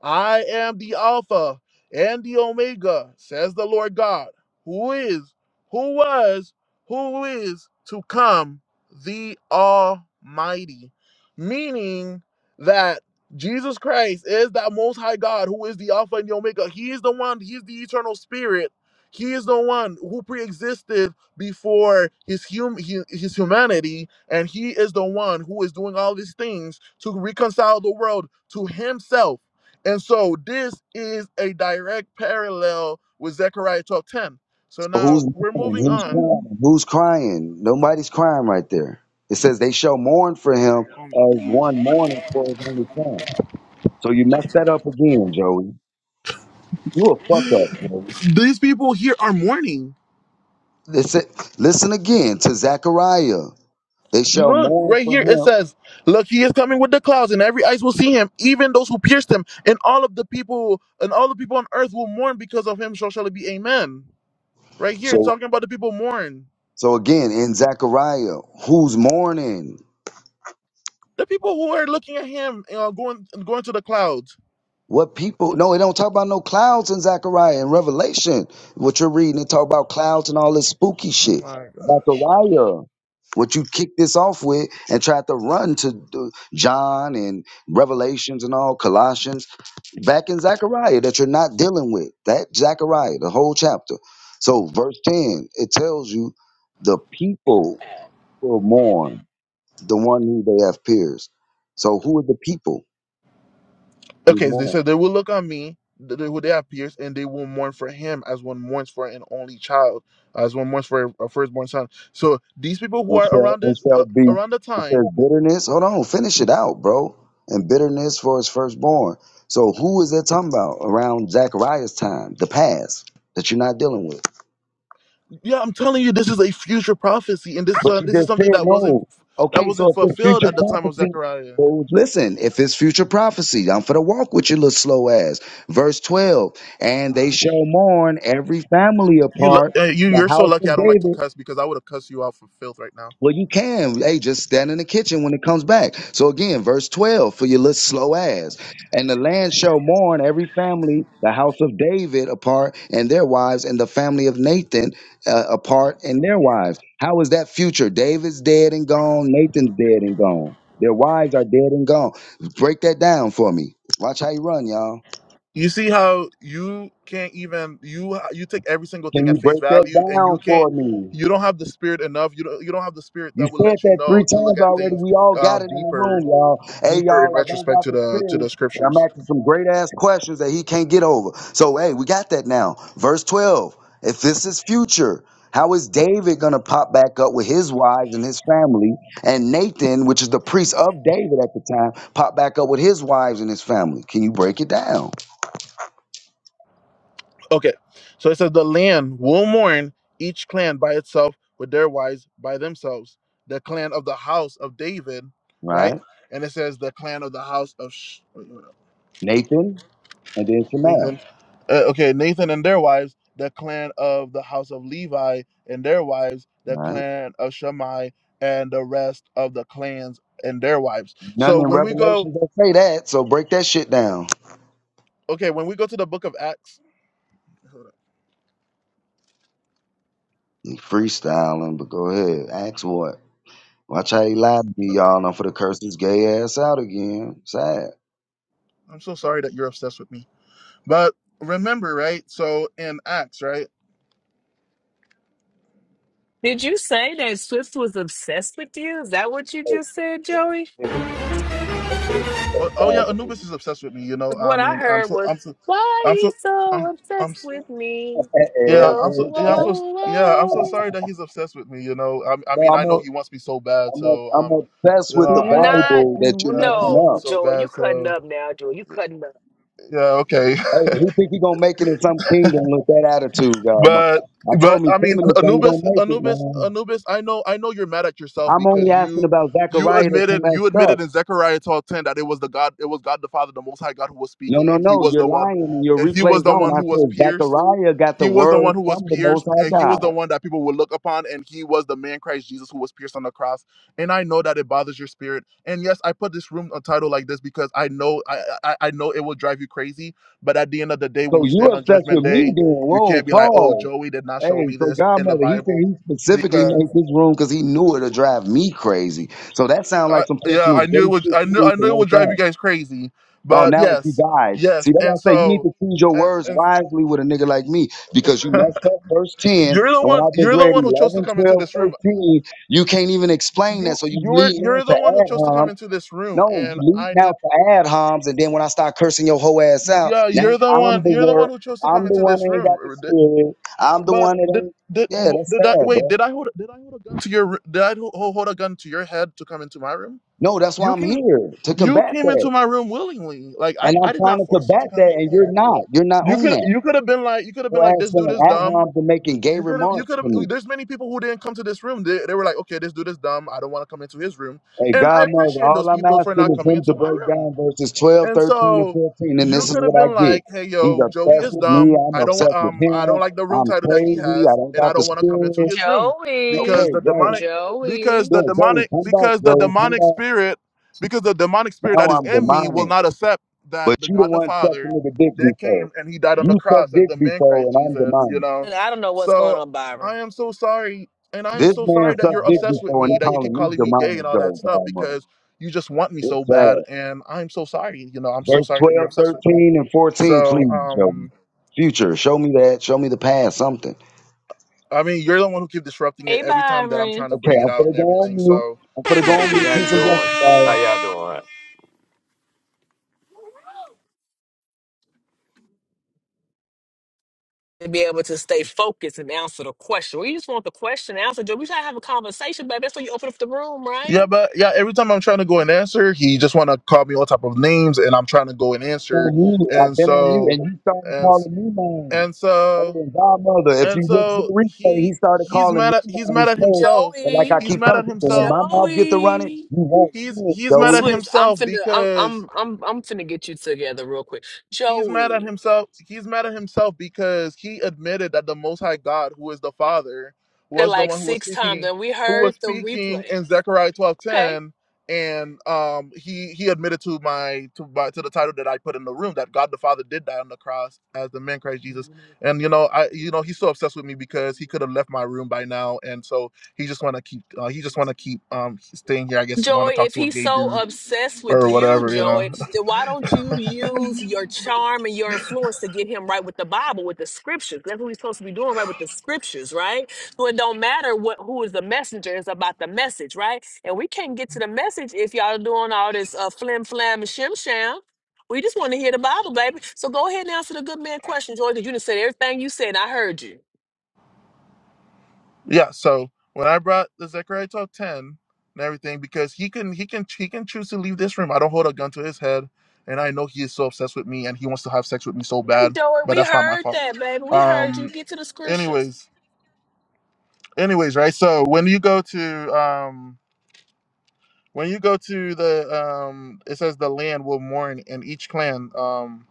A: I am the Alpha and the Omega, says the Lord God, who is, who was, who is to come, the Almighty. Meaning that Jesus Christ is that Most High God who is the Alpha and the Omega. He is the one, He is the eternal spirit. He is the one who preexisted before his, hum- hu- his humanity, and he is the one who is doing all these things to reconcile the world to himself and so this is a direct parallel with Zechariah 12 10. So
E: But
A: now
E: who's
A: we're
E: mourning?
A: moving
E: Who's
A: on.
E: crying? Who's crying? Nobody's crying right there. It says they shall mourn for him as one mourning for his only son. So you messed that up again, Joey. You a fuck up, Joey.
A: These people here are mourning.
E: Listen, listen again to Zechariah. They shall
A: Look,
E: mourn
A: right
E: for
A: here it
E: him.
A: says, Look, he is coming with the clouds, and every eyes will see him, even those who pierced him, and all of the people and all the people on earth will mourn because of him, so shall it be amen. Right here, it's
E: So
A: talking about the people mourn.
E: so again in Zechariah, who's mourning?
A: The people who are looking at him you know, going going to the clouds.
E: What people no, it don't talk about no clouds in Zechariah and Revelation. What you're reading, it talk about clouds and all this spooky shit. Zechariah. What you kicked this off with and tried to run to uh, John and Revelations and all Colossians back in Zechariah that you're not dealing with. That Zechariah, the whole chapter. So verse 10, it tells you the people will mourn, the one who they have pierced. So who are the people who
A: Okay, they
E: mourn?
A: said they will look on me, th- th- who they have pierced, and they will mourn for him as one mourns for an only child, as one mourns for a firstborn son. So these people who
E: and
A: are
E: shall
A: around
E: and
A: this, uh,
E: shall be
A: around the
E: it says
A: time,
E: bitterness. Hold on, finish it out, bro. And bitterness for his firstborn. So who is that talking about around Zachariah's time, the past that you're not dealing with?
A: yeah, I'm telling you, this is a future prophecy, and this
E: But
A: uh,
E: you
A: this is
E: just
A: something
E: said
A: that wasn't
E: no.
A: that
E: Okay, so
A: wasn't
E: if it's
A: fulfilled
E: future
A: at the time of
E: prophecy,
A: Zechariah.
E: well, listen, if it's future prophecy, I'm for the walk with your little slow ass. Verse 12, and they shall mourn every family
A: You lu-
E: apart,
A: uh, you
E: the
A: you're so
E: house
A: lucky. I
E: of
A: don't like to
E: David
A: cuss because I would have cussed you out for filth right now.
E: Well, you can. Hey, just stand in the kitchen when it comes back. So again, verse 12 for your little slow ass. And the land shall mourn every family, the house of David apart and their wives, and the family of Nathan uh, apart and their wives. How is that future? David's dead and gone. Nathan's dead and gone. Their wives are dead and gone. Break that down for me. Watch how you run, y'all.
A: You see how you can't even you you take every single thing
E: Can
A: at
E: you
A: face
E: break that
A: value, and you
E: down
A: can't.
E: for me?
A: You don't have the spirit enough. You don't. You don't have the spirit
E: You
A: that will
E: said
A: let you
E: that
A: know
E: three
A: to look
E: times
A: at
E: already.
A: things
E: We all
A: uh,
E: got it in the room,
A: deeper,
E: y'all. Hey,
A: deeper in
E: y'all, I don't
A: retrospect
E: got
A: to
E: the
A: the to
E: spirit.
A: the
E: but I'm
A: scriptures.
E: asking some great ass questions that he can't get over. So, hey, we got that now. Verse 12. If this is future, how is David going to pop back up with his wives and his family? And Nathan, which is the priest of David at the time, pop back up with his wives and his family. Can you break it down?
A: Okay, so it says the land will mourn each clan by itself with their wives by themselves. The clan of the house of David, right?
E: Right?
A: And it says the clan of the house of. Sh- wait, wait,
E: Nathan and then Shemel.
A: Nathan. Uh, okay, Nathan and their wives, the clan of the house of Levi, and their wives, the
E: Right?
A: clan of Shammai, and the rest of the clans and their wives.
E: None
A: So
E: in
A: when we go,
E: Revelations that say that. So break that shit down.
A: okay, when we go to the book of Acts, hold on.
E: Freestyling, but go ahead. Ask what? Watch how he lied to
A: No,
E: me, y'all. And I'm for the curse his gay ass out again. Sad.
A: I'm so sorry that you're obsessed with me, but remember, right? So in Acts, right?
G: Did you say that Swift was obsessed with you? Is that what you just said, Joey?
E: Hey,
A: Oh, oh yeah, Anubis is obsessed with me. You know,
G: 'Cause
A: I
G: What I
A: mean, I'm
G: heard
A: so,
G: was,
A: I'm so,
G: why are
A: I'm
G: you
A: so,
G: so
A: I'm. I'm
G: obsessed with me?
A: Yeah,
G: Whoa,
A: I'm so yeah, I'm so yeah, I'm so
G: whoa, whoa.
A: sorry that he's obsessed with me. You know, I, I
E: no,
A: mean,
E: I'm
A: I know
E: a,
A: he wants me so bad.
E: I'm a,
A: So,
E: I'm
A: um, you
E: obsessed with
A: know,
E: the
A: I know,
G: Not,
E: Bible that you're
A: yeah, I know he
E: messing
A: wants me
G: no,
E: up.
A: so
G: Joey, you
A: bad.
G: cutting
A: So,
G: up now, Joey. You cutting up.
A: yeah, okay,
E: Hey, who think he gonna make it in some kingdom with that attitude, God?
A: but
E: I
A: but
E: told me
A: I mean,
E: feminists ain't
A: Anubis,
E: gonna make it,
A: Anubis,
E: man.
A: Anubis, I know, I know you're mad at yourself
E: I'm only
A: because
E: asking
A: you
E: about
A: you
E: Zechariah that you
A: admitted
E: messed
A: you
E: up.
A: admitted in Zechariah 12:10 that it was the God, it was God the Father, the Most High God, who was
E: No,
A: speaking,
E: no,
A: and He
E: no.
A: was
E: You're
A: the one,
E: lying and your
A: and He was
E: replay's
A: the
E: on.
A: one
E: I
A: who was
E: said
A: pierced
E: Zechariah got the
A: He was the
E: word
A: one who was
E: from the Most
A: pierced,
E: High
A: and he was the
E: God.
A: one that people would look upon, and he was the man Christ Jesus who was pierced on the cross. And I know that it bothers your spirit. And yes, I put this room a title like this because I know I, I I know it will drive you crazy. But at the end of the day,
E: So
A: when you
E: you
A: stand on
E: obsessed
A: judgment
E: with me
A: day,
E: then.
A: you
E: Whoa,
A: can't be like, oh,
E: Paul.
A: Joey did not show
E: Hey,
A: me
E: so
A: this in the
E: Godmother, he said
A: Bible.
E: he specifically
A: Because
E: made this room because he knew it'll drive me crazy. So that sounds
A: I,
E: like some
A: yeah,
E: personal
A: I knew it
E: great
A: would
E: shit
A: I
E: you
A: knew
E: need
A: I
E: to
A: knew it
E: work
A: would drive you
E: out.
A: guys crazy.
E: Oh,
A: But
E: now it's you
A: yes,
E: guys. See,
A: yes.
E: that's why
A: And
E: I say you need
A: so
E: to choose your
A: and,
E: words
A: and
E: wisely with a nigga like me because you messed up verse 10.
A: you're the
E: And when
A: one
E: I just
A: you're the
E: read
A: one who chose to
E: 11,
A: come into
E: 12,
A: this room
E: 13, you can't even explain
A: you
E: that. So you
A: you're
E: lead on
A: you're
E: to
A: the one who
E: ad
A: chose to
E: hoc
A: come into this room
E: No,
A: and
E: you lead
A: i
E: now
A: did
E: to ad homs, and then when I start cursing your whole ass out,
A: yeah
E: now
A: you're the
E: I'm
A: one
E: the
A: you're the one
E: word.
A: who chose to come
E: I'm the
A: into
E: one
A: this
E: that ain't
A: room
E: got the
A: Or did-
E: spirit. I'm the
A: but
E: one that
A: did
E: ain't.
A: did,
E: Yeah, that's
A: did i
E: sad,
A: wait
E: bro.
A: did i hold did i hold a gun to your r- did i ho- hold a gun to your head to come into my room
E: No, that's why
A: you
E: I'm
A: came
E: here to
A: you
E: combat
A: came
E: that,
A: into my room willingly like i,
E: and I'm
A: I did
E: trying
A: not
E: to
A: force you to
E: combat
A: come
E: that,
A: in
E: and
A: here
E: you're not. You're not
A: you
E: on
A: could
E: that.
A: you could have been like you could have been
E: Your
A: like
E: ass
A: this dude
E: saying
A: is
E: ad
A: dumb
E: homs and making gay
A: you could have you
E: remarks
A: could have
E: to me.
A: there's many people who didn't come to this room they, they were like okay this dude is dumb i don't want to come into his room
E: Hey,
A: and i
E: Godmother,
A: appreciate
E: all
A: those
E: I'm
A: people for
E: asking
A: not
E: is
A: coming
E: him to
A: into my
E: break
A: room
E: down verses 12,
A: And
E: 13, and
A: so
E: 14, and
A: you
E: this is
A: could have
E: what I
A: been
E: get.
A: like, "Hey,
E: He's
A: yo, Joey
E: obsessed
A: is
E: with me.
A: dumb.
E: I'm
A: I don't want
E: obsessed with
A: um I
E: him.
A: don't like the room
E: I'm
A: title that he
E: crazy. I
A: has,
E: don't
A: and I
E: got the
A: don't want to come into
E: spirit.
A: his room
E: Okay,
A: because
G: Joey,
A: the
E: bro.
A: demonic because
G: Joey.
A: the
E: Yeah, Joey,
A: demonic
E: come back,
A: because the
E: Joey, come
A: demonic
E: back.
A: spirit because the demonic spirit
E: Now
A: that is
E: I'm
A: in me will
E: demanding.
A: not accept that
E: But
A: the
E: you the
A: God the
E: one sucked a
A: Father
E: nigga dick
A: did
E: before.
A: came and he died on the
E: You sucked
A: cross as
E: dick
A: the man
E: before
A: Christ
E: and I'm
A: Jesus, you
E: demanding.
A: know.
G: And I don't know what's going
A: So
G: on, Byron.
A: I am so sorry and I am
E: This
A: so
E: man
A: sorry that you're
E: sucked dick
A: obsessed with
E: before and
A: me,
E: he
A: that you keep
E: calling me
A: calling me gay
E: demanding,
A: and all that
E: Joe.
A: stuff
E: God,
A: because."
E: man.
A: you just want me
E: It's
A: so bad
E: sad.
A: and i'm so sorry you know i'm so
E: Verse
A: sorry that you're
E: 12,
A: obsessed with me
E: 13, and 14,
A: so
E: please, Joey.
A: um
E: Future, show me that. Show me the past, something.
A: i mean you're the one who keep disrupting it
G: Hey,
A: every time that i'm
G: Byron.
A: trying to
E: Okay,
A: bring it
E: I'm
A: out and
E: finna go on
A: everything
E: mute.
A: so
E: I'm finna go
A: yeah
H: Hey,
E: on
H: D,
E: mute.
H: how you
E: Peace and
H: doing?
E: blessings,
H: How
E: guys.
H: y'all doing?
G: to be able to stay focused and answer the question. We just want the question answered. Joe, we try to have a conversation, baby. That's why you open up the room, right?
A: yeah but yeah every time i'm trying to go and answer he just want to call me all type of names and i'm trying to go and
E: I'm
A: answer
E: on mute. I've
A: and
E: been on mute
A: so
E: and you started
A: and
E: calling me man.
A: and so
E: Oh, Godmother, if
A: and
E: you look to
A: so
E: the replay, he
A: he
E: started
A: he's
E: calling me
A: mad at he's mad
E: names
A: at
E: first.
A: himself
E: But like I
G: Joey,
A: he's
E: keep
A: mad
E: telling
A: at
E: people, when
A: himself
E: my mouth gets to running,
G: Joey,
E: you won't
A: he's
E: win,
A: he's mad
E: Joey.
A: at
G: Swift. I'm
A: himself
G: finna. I'm.
A: because.
G: I'm. I'm. I'm finna get you together real quick.
A: He's mad at
G: Joey,
A: himself. He's mad at himself because he admitted that the Most High God, who is the Father,
G: they're
A: was the
G: like
A: one who was
G: six times,
A: speaking,
G: and we
A: who
G: heard
A: was
G: the
A: speaking
G: replay.
A: in Zechariah twelve
G: Okay.
A: ten, and um, he he admitted to my to my, to the title that I put in the room that God the Father did die on the cross as the man Christ Jesus, and you know I you know he's so obsessed with me because he could have left my room by now, and so he just want to keep uh, he just want to keep um staying here. I guess want to
G: Joey,
A: talk
G: if
A: to a
G: he's
A: gay
G: so
A: dude
G: obsessed with
A: or
G: you,
A: whatever, you know.
G: Joey, then why don't you use your charm and your influence to get him right with the Bible, with the scriptures? That's what he's supposed to be doing, right? With the scriptures, right? So it don't matter what who is the messenger, it's about the message, right? And we can't get to the message if y'all doing all this uh, flim flam and shim sham. We just want to hear the Bible, baby. So go ahead and answer the good man question, Joey, because you done said everything you said, and I heard you.
A: Yeah, so when I brought the Zechariah twelve ten and everything, because he can he can he can choose to leave this room. I don't hold a gun to his head, and I know he is so obsessed with me and he wants to have sex with me so
G: Hey,
A: bad,
G: Joey,
A: but
G: we
A: that's not my
G: heard
A: fault.
G: that, baby. We heard you.
A: Um
G: Get to the scriptures.
A: anyways, anyways, right? So when you go to um when you go to the um it says the land will mourn and each clan um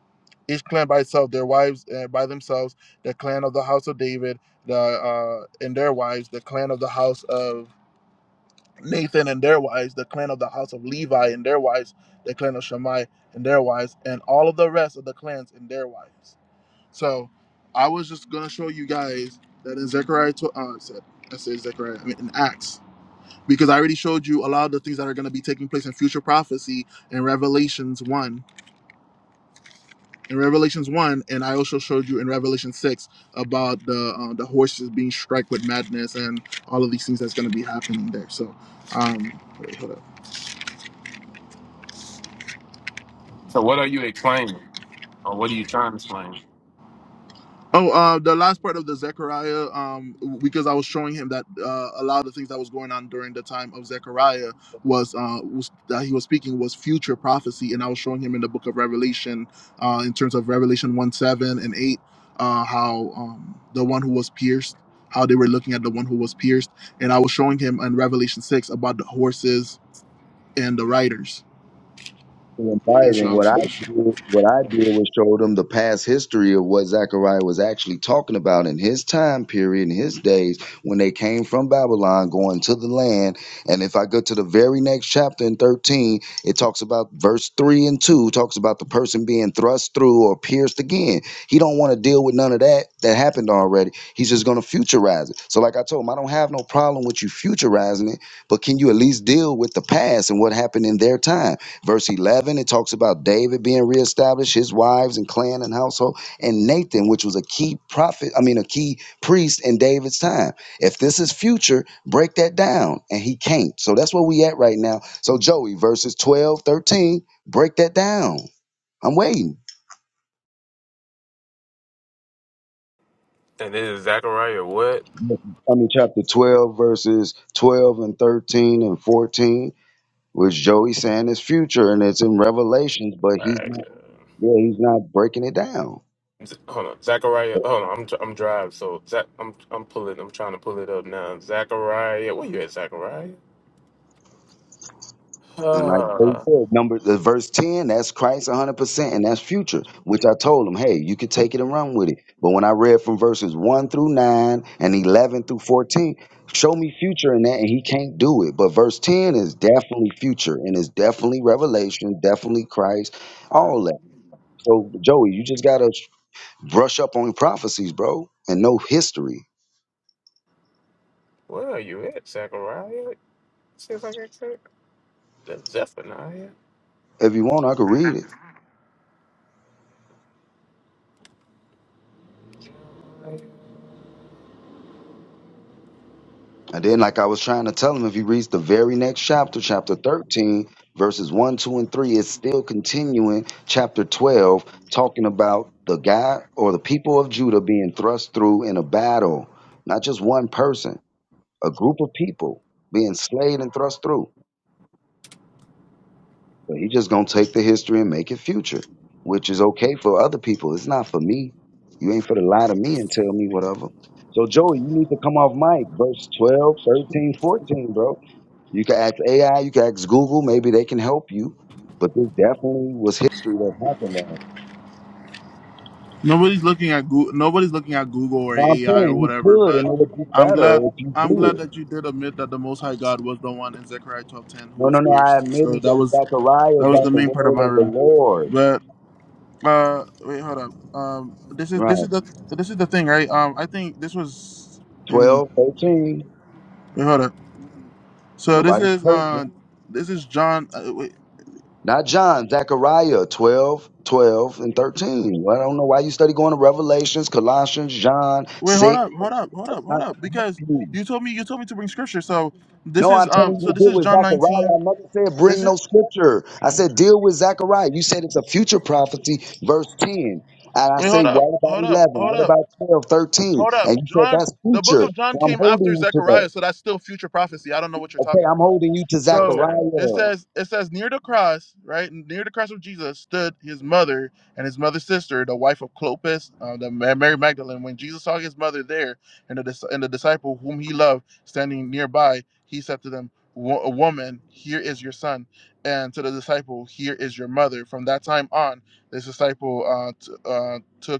A: each clan by itself, their wives uh, by themselves, the clan of the house of David, the uh, and their wives, the clan of the house of Nathan and their wives, the clan of the house of Levi and their wives, the clan of Shammai and their wives, and all of the rest of the clans and their wives. So I was just gonna show you guys that in Zechariah, uh, I said I said Zechariah, I mean in Acts, because I already showed you a lot of the things that are gonna be taking place in future prophecy in Revelations one, in Revelations one, and I also showed you in Revelation six about the uh, the horses being struck with madness and all of these things that's gonna be happening there. So um, wait, hold on.
H: So what are you explaining? Or what are you trying to explain?
A: Oh, uh, the last part of the Zechariah, um, because I was showing him that uh, a lot of the things that was going on during the time of Zechariah was, uh, was that he was speaking was future prophecy, and I was showing him in the book of Revelation, uh, in terms of Revelation one seven and eight, uh, how um, the one who was pierced, how they were looking at the one who was pierced, and I was showing him in Revelation six about the horses and the riders, and so
E: inviting.
A: I
E: What
A: was.
E: I did, what I did was show them the past history of what Zechariah was actually talking about in his time period, in his days when they came from Babylon, going to the land. And if I go to the very next chapter in thirteen, it talks about verse three and two talks about the person being thrust through or pierced again. He don't want to deal with none of that that happened already. He's just going to futurize it. So, like I told him, I don't have no problem with you futurizing it, but can you at least deal with the past and what happened in their time? Verse 11, it talks about David being reestablished, his wives and clan and household, and Nathan, which was a key prophet, I mean, a key priest in David's time. If this is future, break that down. And he can't. So that's where we at right now. So, Joey, verses 12, 13, break that down. I'm waiting.
H: And this is Zachariah. What?
E: I mean, chapter 12, verses 12 and 13 and 14, which Joey saying is future and it's in Revelations, but he's
H: Like,
E: not, yeah, he's not breaking it down.
H: Z- Hold on, Zachariah. Hold on, I'm dr- I'm driving, so Zach, I'm I'm pulling. I'm trying to pull it up now. Zachariah, where you at, Zachariah?
E: And like they
H: Uh,
E: said, number the verse 10, that's Christ 100%, and that's future, which I told him, hey, you could take it and run with it. But when I read from verses 1 through 9 and 11 through 14, show me future in that, and he can't do it. But verse 10 is definitely future, and it's definitely revelation, definitely Christ,
H: uh,
E: all that. So, Joey, you just got to brush up on prophecies, bro, and know history.
H: where are you at, Zachariah? Seems like I said that's Zephaniah.
E: If you want, I could read it. And then, like I was trying to tell him, if he reads the very next chapter, chapter 13, verses 1, 2, and 3, it's still continuing chapter 12, talking about the guy or the people of Judah being thrust through in a battle. Not just one person, a group of people being slain and thrust through. But he just going to take the history and make it future, which is okay for other people. It's not for me. You ain't for to lie to me and tell me whatever. So, Joey, you need to come off mic, verse 12, 13, 14, bro. You can ask AI, you can ask Google, maybe they can help you. But this definitely was history that happened on it.
A: Nobody's looking at Google, nobody's looking at Google or
E: No, I'm
A: AI or
E: saying you
A: whatever,
E: could, and
A: but
E: it would be
A: I'm
E: better
A: glad
E: if you
A: I'm glad
E: do it.
A: that you did admit that the most high God was the one in Zechariah 12:10 who
E: No,
A: was
E: no, no. I
A: pierced. So
E: admitted
A: that
E: that
A: was
E: Zechariah
A: that was the
E: got the
A: main part of
E: word
A: my
E: of the
A: room.
E: Lord.
A: But uh wait, hold up. Um this is this
E: Right.
A: is the this is the thing, right? Um I think this was in
E: 12, 13.
A: wait, hold up. So this
E: Nobody's
A: is
E: perfect.
A: uh this is John uh, wait
E: Not John, Zechariah 12, 12, and 13. Well, I don't know why you study going to Revelations, Colossians, John
A: wait hold
E: 6.
A: up, hold up, hold
E: That's
A: up, hold
E: not
A: up
E: going to help
A: because
E: you.
A: you told me you told me to bring scripture. So this
E: No,
A: is
E: I'm
A: um
E: telling you
A: so
E: to
A: this
E: deal
A: is
E: with
A: John
E: Zechariah.
A: 19
E: I never said bring no scripture. I said deal with Zechariah. You said it's a future prophecy, verse 10. And I
A: Wait,
E: say,
A: hold up,
E: what about
A: hold up,
E: 11?
A: hold
E: What
A: up,
E: about 12, 13?
A: hold up.
E: And you said
A: John,
E: that's
A: the book
E: future.
A: of John
E: So I'm
A: came
E: holding
A: after
E: you to that.
A: Zechariah, so that's still future prophecy. I don't know what you're
E: Okay,
A: talking
E: I'm
A: about.
E: holding you to
A: So
H: Okay.
A: it
E: Zechariah.
A: says, it says near the cross, right? Near the cross of Jesus stood his mother and his mother's sister, the wife of Clopas, uh, the Ma- Mary Magdalene. When Jesus saw his mother there and the dis- and the disciple whom he loved standing nearby, he said to them. "Wo- Woman, here is your son, and to the disciple, here is your mother. From that time on, this disciple uh, t- uh, took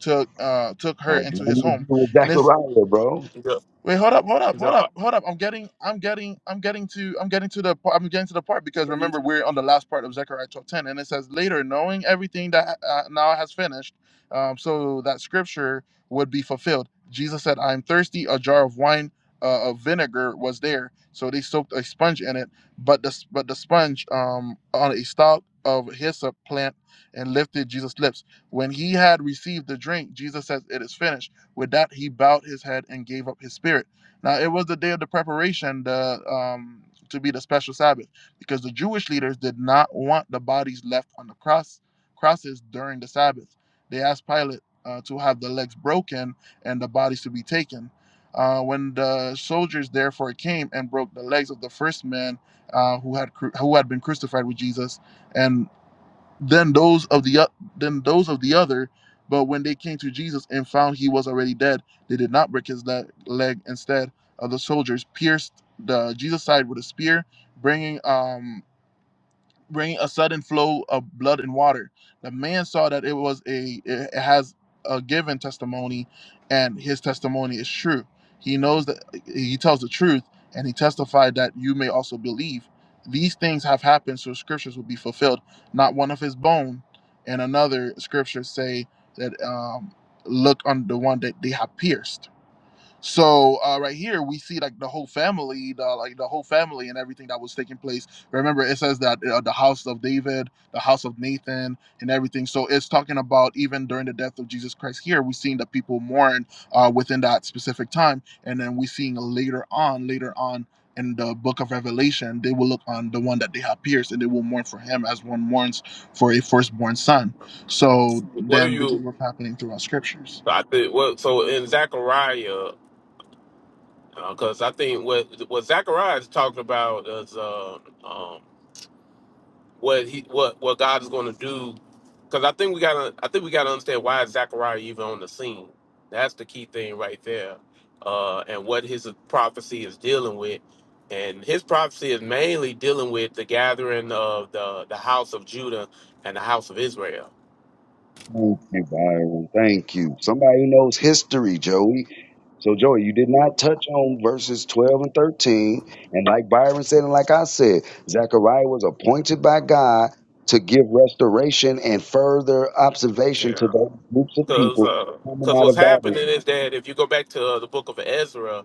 A: took uh, took her
E: Has
A: into his
E: nothing to do
A: home,
E: with
A: and this
E: Zechariah, bro.
H: Yo-
A: Wait, hold up, hold up, hold
H: yo,
A: up, hold up. I'm getting, I'm getting, I'm getting to, I'm getting to the, par- I'm getting to the part because remember we're on the last part of Zechariah 12:10, and it says later, knowing everything that uh, now has finished, um, so that scripture would be fulfilled. Jesus said, "I am thirsty." A jar of wine, uh, of vinegar was there, so they soaked a sponge in it, but the s- but the sponge um on a stalk of hyssop plant and lifted Jesus' lips. When he had received the drink, Jesus says, "It is finished." With that, he bowed his head and gave up his spirit. Now, it was the day of the preparation the, um, to be the special Sabbath because the Jewish leaders did not want the bodies left on the cross crosses during the Sabbath. They asked Pilate uh, to have the legs broken and the bodies to be taken. Uh, when the soldiers therefore came and broke the legs of the first man uh, who had who had been crucified with Jesus, and than those of the o- than those of the other. But when they came to Jesus and found he was already dead, they did not break his le- leg. Instead, of the soldiers pierced the Jesus side with a spear, bringing um bringing a sudden flow of blood and water. The man saw that it was a it has a given testimony, and his testimony is true. He knows that he tells the truth, and he testified that you may also believe. These things have happened, so scriptures will be fulfilled. Not one of his bone, and another scripture say that um, look on the one that they have pierced so uh, right here we see like the whole family, the, like the whole family and everything that was taking place. Remember, it says that uh, the house of David, the house of Nathan, and everything. So it's talking about even during the death of Jesus Christ. Here we're seeing that people mourn uh, within that specific time, and then we're seeing later on, later on in the book of Revelation, they will look on the one that they have pierced, and they will mourn for him as one mourns for a firstborn son. So
H: What are
A: then this is
H: you?
A: what's happening throughout scriptures.
H: I think. Well, so in Zechariah. because I think what what Zachariah is talking about is uh, um, what he what what God is going to do. Because I think we gotta I think we gotta understand why is Zachariah even on the scene. That's the key thing right there, uh, and what his prophecy is dealing with. And his prophecy is mainly dealing with the gathering of the the house of Judah and the house of Israel.
E: Thank you, Byron. Thank you. Somebody who knows history, Joey. So, Joey, you did not touch on verses 12 and 13. And like Byron said, and like I said, Zechariah was appointed by God to give restoration and further observation to
H: Yeah,
E: those groups of
H: because
E: people coming out of
H: what's happening is
E: Babylon.
H: that if you go back to uh, the book of Ezra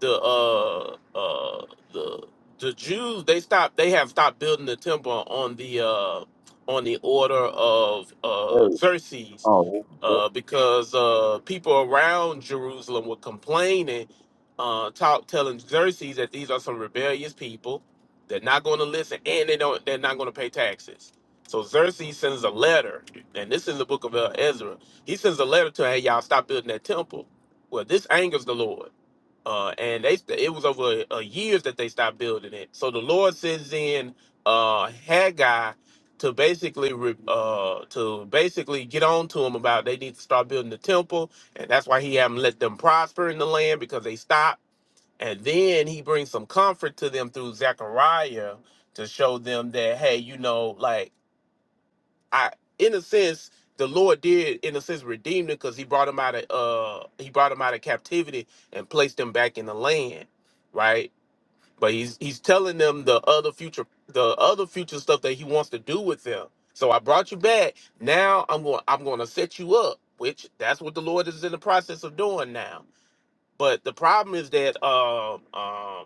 H: the uh uh the the Jews they stopped they have stopped building the temple on the uh on the order of uh
E: Very-
H: Xerxes
E: Oh,
H: uh because uh people around Jerusalem were complaining uh talk telling Xerxes that these are some rebellious people they're not going to listen and they don't they're not going to pay taxes so Xerxes sends a letter and this is the book of uh, Ezra he sends a letter to hey y'all stop building that temple well this angers the Lord uh, and they it was over uh, years that they stopped building it. So the Lord sends in uh, Haggai to basically re, uh, to basically get on to them about they need to start building the temple, and that's why he haven't let them prosper in the land because they stopped. And then he brings some comfort to them through Zechariah to show them that hey, you know, like I in a sense the Lord did in a sense redeem them because he brought them out of uh he brought them out of captivity and placed them back in the land, right? But he's he's telling them the other future the other future stuff that he wants to do with them. So I brought you back. Now I'm going I'm going to set you up, which that's what the Lord is in the process of doing now. But the problem is that um um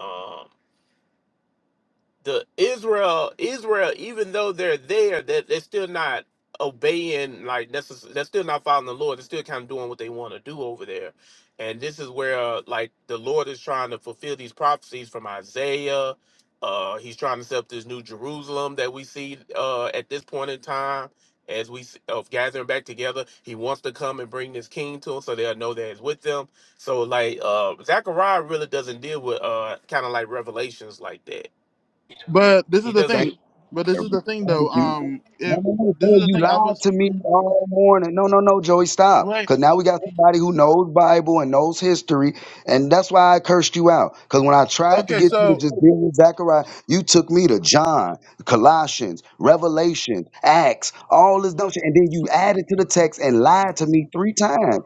H: um the Israel, Israel, even though they're there, that they're, they're still not obeying, like necess- they're still not following the Lord. They're still kind of doing what they want to do over there. And this is where, uh, like, the Lord is trying to fulfill these prophecies from Isaiah. Uh, he's trying to set up this new Jerusalem that we see uh, at this point in time as we s- of gathering back together. He wants to come and bring this king to them so they'll know that he's with them. So, like, uh, Zechariah really doesn't deal with uh, kind of like revelations like that
A: But this is
H: he
A: the
H: doesn't
A: thing.
H: get.
A: But this is the thing, though.
E: Thank you.
A: Um, if
E: No, no, no,
A: this
E: boy,
A: is the
E: you
A: thing, I
E: lied
A: was
E: to me all morning. No, no, no, Joey, stop.
A: right.
E: Because now we got somebody who knows Bible and knows history, and that's why I cursed you out. Because when I tried to
A: Okay,
E: get you to
A: so
E: just deal with Zechariah, you took me to John, Colossians, Revelation, Acts, all this dumb shit, and then you added to the text and lied to me three times.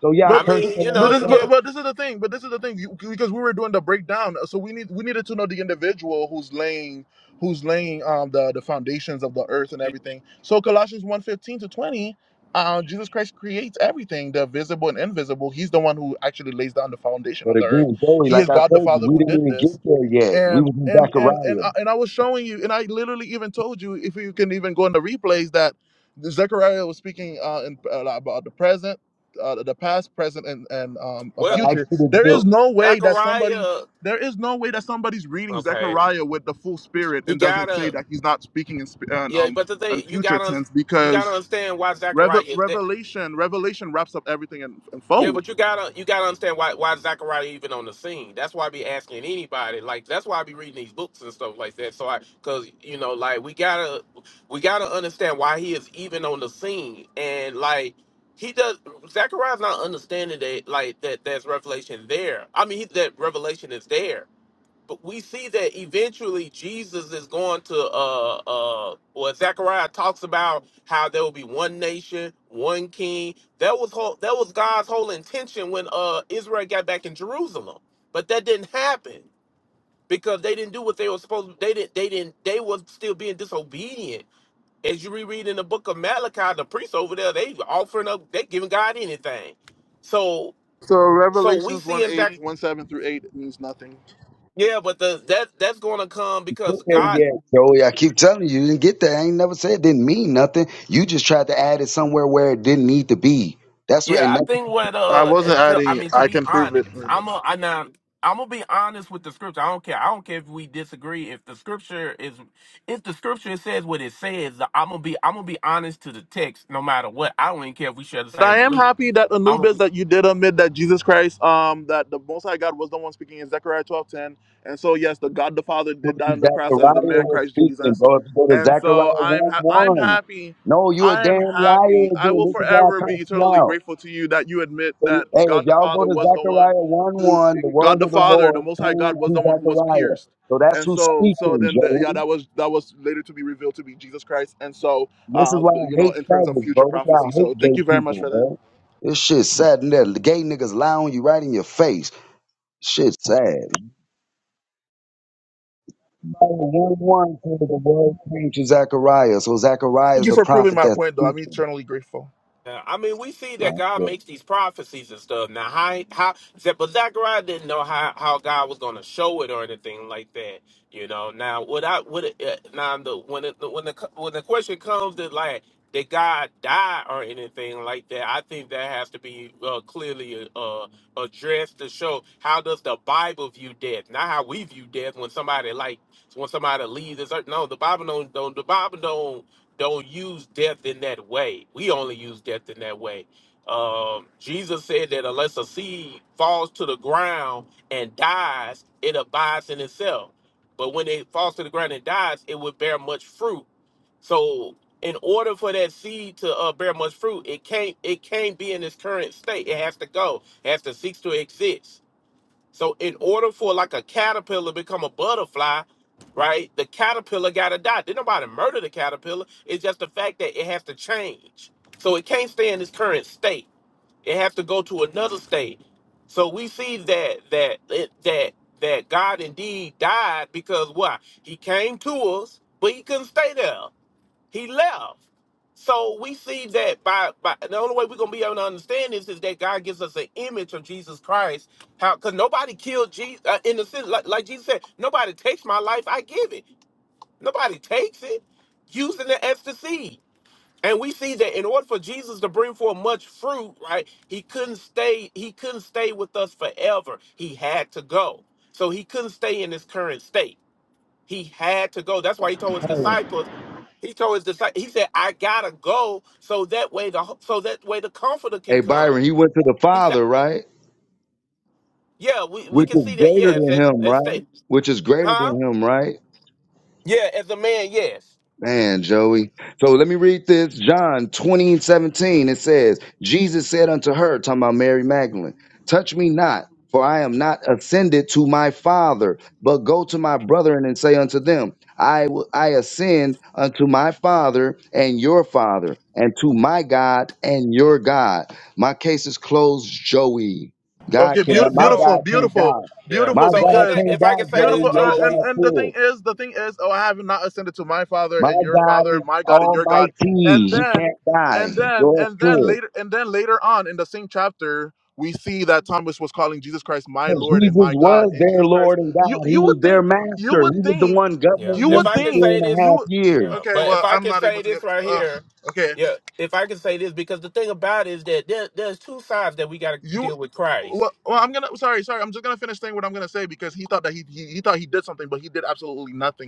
E: So yeah, I
H: I
A: but
E: cursed
H: mean, you
E: your
A: but
H: know,
E: ass
A: this
H: you
A: but,
E: out.
A: but
H: get
A: this is the thing. But this is the thing you, because we were doing the breakdown, so we need we needed to know the individual who's laying who's laying um the the foundations of the earth and everything. So Colossians one fifteen to twenty. Uh, Jesus Christ creates everything, the visible and invisible. He's the one who actually lays down the foundation
E: But
A: of the earth.
E: again, Joey,
A: He
E: like
A: is
E: I
A: God the
E: told you,
A: Father
E: we
A: who
E: didn't
A: did
E: even
A: this
E: get there yet. We
A: and
E: was in
A: and and and
E: Zechariah.
A: I, and I was showing you, and I literally even told you if you can even go in the replays that Zechariah was speaking uh, in, uh, about the present, uh, the past, present, and and um, a
H: well,
E: So I asked
A: future.
E: you to
A: There
E: deal.
A: is no way that somebody.
H: Zachariah.
A: There is no way that somebody's reading
H: Okay,
A: Zechariah with the full spirit
H: you
A: and doesn't say
H: gotta
A: that he's not speaking in, sp- in
H: yeah,
A: um
H: but the
A: in
H: thing you
A: future
H: gotta
A: tense
H: you gotta
A: because
H: understand why Zachariah
A: Revel-
H: is that.
A: Revelation Revelation wraps up everything in, in
H: Yeah,
A: fold.
H: but you gotta you gotta understand why why Zachariah even on the scene. That's why I be asking anybody. Like that's why I be reading these books and stuff like that. So I, cause you know, like we gotta we gotta understand why he is even on the scene. And like he does, Zachariah's not understanding that like that. There's revelation there. I mean, he, that revelation is there but we see that eventually Jesus is going to uh uh well Zechariah talks about how there will be one nation, one king. That was whole that was God's whole intention when uh Israel got back in Jerusalem. But that didn't happen because they didn't do what they were supposed to they didn't they didn't they were still being disobedient. As you reread in the book of Malachi, the priests over there, they offering up, they giving God anything. So
A: So
H: so we
A: Revelations
H: see
A: one
H: in
A: eight
H: Zach
A: one seven through eight means nothing.
H: yeah, but the that that's gonna come because God
E: yeah, Joey. I keep telling you, you didn't get that. I ain't never said it didn't mean nothing. You just tried to add it somewhere where it didn't need to be. That's what,
H: Yeah,
E: and
H: I
E: that's
H: think what
A: I
H: uh,
A: wasn't
H: to, I
A: adding it.
H: mean to
A: I
H: be
A: can prove it.
H: honest, I'm a I now I'm gonna be honest with the scripture. I don't care. I don't care if we disagree. If the scripture is, if the scripture says what it says, I'm gonna be I'm gonna be honest to the text, no matter what. I don't even care if we share the
A: But
H: same
A: I am
H: belief.
A: happy that
H: I'm gonna be.
A: Anubis that you did admit that Jesus Christ, um, that the Most High God was the one speaking in Zechariah twelve ten, and so yes, the God the Father did
E: what
A: die on the cross as the
E: Zachariah
A: man
E: was
A: Christ
E: speaking,
A: Jesus,
E: bro. If you go to
A: and
E: Zechariah
A: so I'm ha- I'm
E: 1 1.
A: happy,
E: No, you a
A: I
E: damn
A: am happy.
E: liar
A: I
E: again.
A: will
E: This is why I
A: forever be
E: curse you
A: eternally
E: out.
A: grateful to you that you admit
E: So,
A: that
E: hey, if
A: God the
E: y'all go
A: Father
E: to
A: was the one
E: Zechariah 1
A: who
E: 1, the
A: God
E: word
A: the
E: of the
A: Father, the
E: Lord
A: Most High
E: came
A: God was
E: to
A: the one who was
E: Zechariah.
A: pierced,
E: So that's
A: and
E: who's
A: so so
E: speaking,
A: then the, yeah,
E: Joey.
A: that was that was later to be revealed to be Jesus Christ, and so
E: This is
A: uh,
E: why I
A: you know,
E: hate
A: in terms of
E: faggots,
A: future
E: bro. This is why I
A: prophecy.
E: hate
A: So thank
E: gay
A: you very much
E: people,
A: for that.
E: bro. This shit sad and that The gay niggas lie on you right in your face. Shit sad. One one says the word came to Zechariah, so Zechariah
A: Thank
E: is
A: you
E: the
A: for proving
E: prophet
A: my
E: that's
A: point, though. I'm
E: speaking.
A: eternally grateful.
H: Yeah, I mean, we see that
E: Right?
H: God makes these prophecies and stuff. Now, how, how, but Zechariah didn't know how, how God was going to show it or anything like that. You know, now, what I, what, it, uh, now, the, when it, when the, when the question comes that, like, did God die or anything like that, I think that has to be uh, clearly uh, uh, addressed to show how does the Bible view death, not how we view death when somebody, like, when somebody leaves this earth. No, the Bible don't, don't the Bible don't don't use death in that way. We only use death in that way. Um, Jesus said that unless a seed falls to the ground and dies, it abides in itself. But when it falls to the ground and dies, it would bear much fruit. So, in order for that seed to uh, bear much fruit, it can't it can't be in its current state. It has to go. It has to cease to exist so in order for like a caterpillar to become a butterfly, right? The caterpillar got to die. Did nobody murder the caterpillar? It's just the fact that it has to change. So it can't stay in its current state. It has to go to another state. So we see that that it- that that God indeed died because why? He came to us, but he couldn't stay there. He left. So we see that by, by the only way we're gonna be able to understand this is that God gives us an image of Jesus Christ. How? Because nobody killed Jesus uh, in the sense like, like Jesus said, nobody takes my life, I give it. Nobody takes it, using it as the seed. And we see that in order for Jesus to bring forth much fruit, right? He couldn't stay. He couldn't stay with us forever. He had to go. So he couldn't stay in his current state. He had to go. That's why he told his
E: there.
H: disciples he told his disciples, he said, I gotta go so that way the so that way the comforter can
E: Hey
H: come.
E: Byron, he went to the
H: He said,
E: Father, right?
H: Yeah, we, we
E: Which
H: can
E: is
H: see that,
E: greater
H: yes.
E: than
H: And,
E: him,
H: and
E: right?
H: say,
E: Which is greater
H: huh?
E: than him, right?
H: Yeah, as a man, yes.
E: Man, Joey. So let me read this. John 20 and 17. It says, Jesus said unto her, talking about Mary Magdalene, Touch me not, for I am not ascended to my Father, but go to my brethren and say unto them, I w- I ascend unto my Father and your Father, and to my God and your God. My case is closed, Joey. God
A: Okay,
H: Yeah,
A: beautiful,
E: cannot, my
H: so
A: beautiful,
E: God can't
A: beautiful,
E: die.
H: yeah.
E: My
A: beautiful.
H: So
E: God
H: in that
A: Because
E: can't
H: if I
E: die,
H: can say this,
E: Joey.
A: beautiful, uh,
E: Your
A: and
H: Joey,
E: God
A: and the
E: could.
A: thing is, the thing is, oh, I have not ascended to my Father
E: My
A: and your
E: God
A: Father,
E: is
A: my God and your God,
E: almighty.
A: and
E: He
A: then,
E: can't die.
A: and then,
E: Yours
A: and then
E: could.
A: later, and then later on in the same chapter, we see that Thomas was calling Jesus Christ my
E: But
A: Lord and
E: Jesus
A: my God,
E: was
A: and
E: their
A: Jesus Christ.
E: Lord and
A: You
E: God. He
A: you
E: was
A: would
E: their
A: think, you
E: master.
A: would
E: He was the
A: think,
E: one
H: yeah.
E: governing
A: you
H: If
E: them
A: would
H: I
E: for
H: can
A: think,
E: three
H: say
E: and a
H: this,
A: you.
E: half
A: Would,
E: years.
H: yeah.
A: okay,
H: But if
A: well,
H: I
A: I'm
H: can
A: not
H: say
A: able to
H: this
A: get.
H: right
A: Uh,
H: here,
A: okay,
H: yeah, if I can say this, because the thing about it is that there, there's two sides that we gotta
A: you
H: deal with Christ.
A: well, well i'm gonna sorry sorry i'm just gonna finish saying what i'm gonna say because he thought that he, he he thought he did something but he did absolutely nothing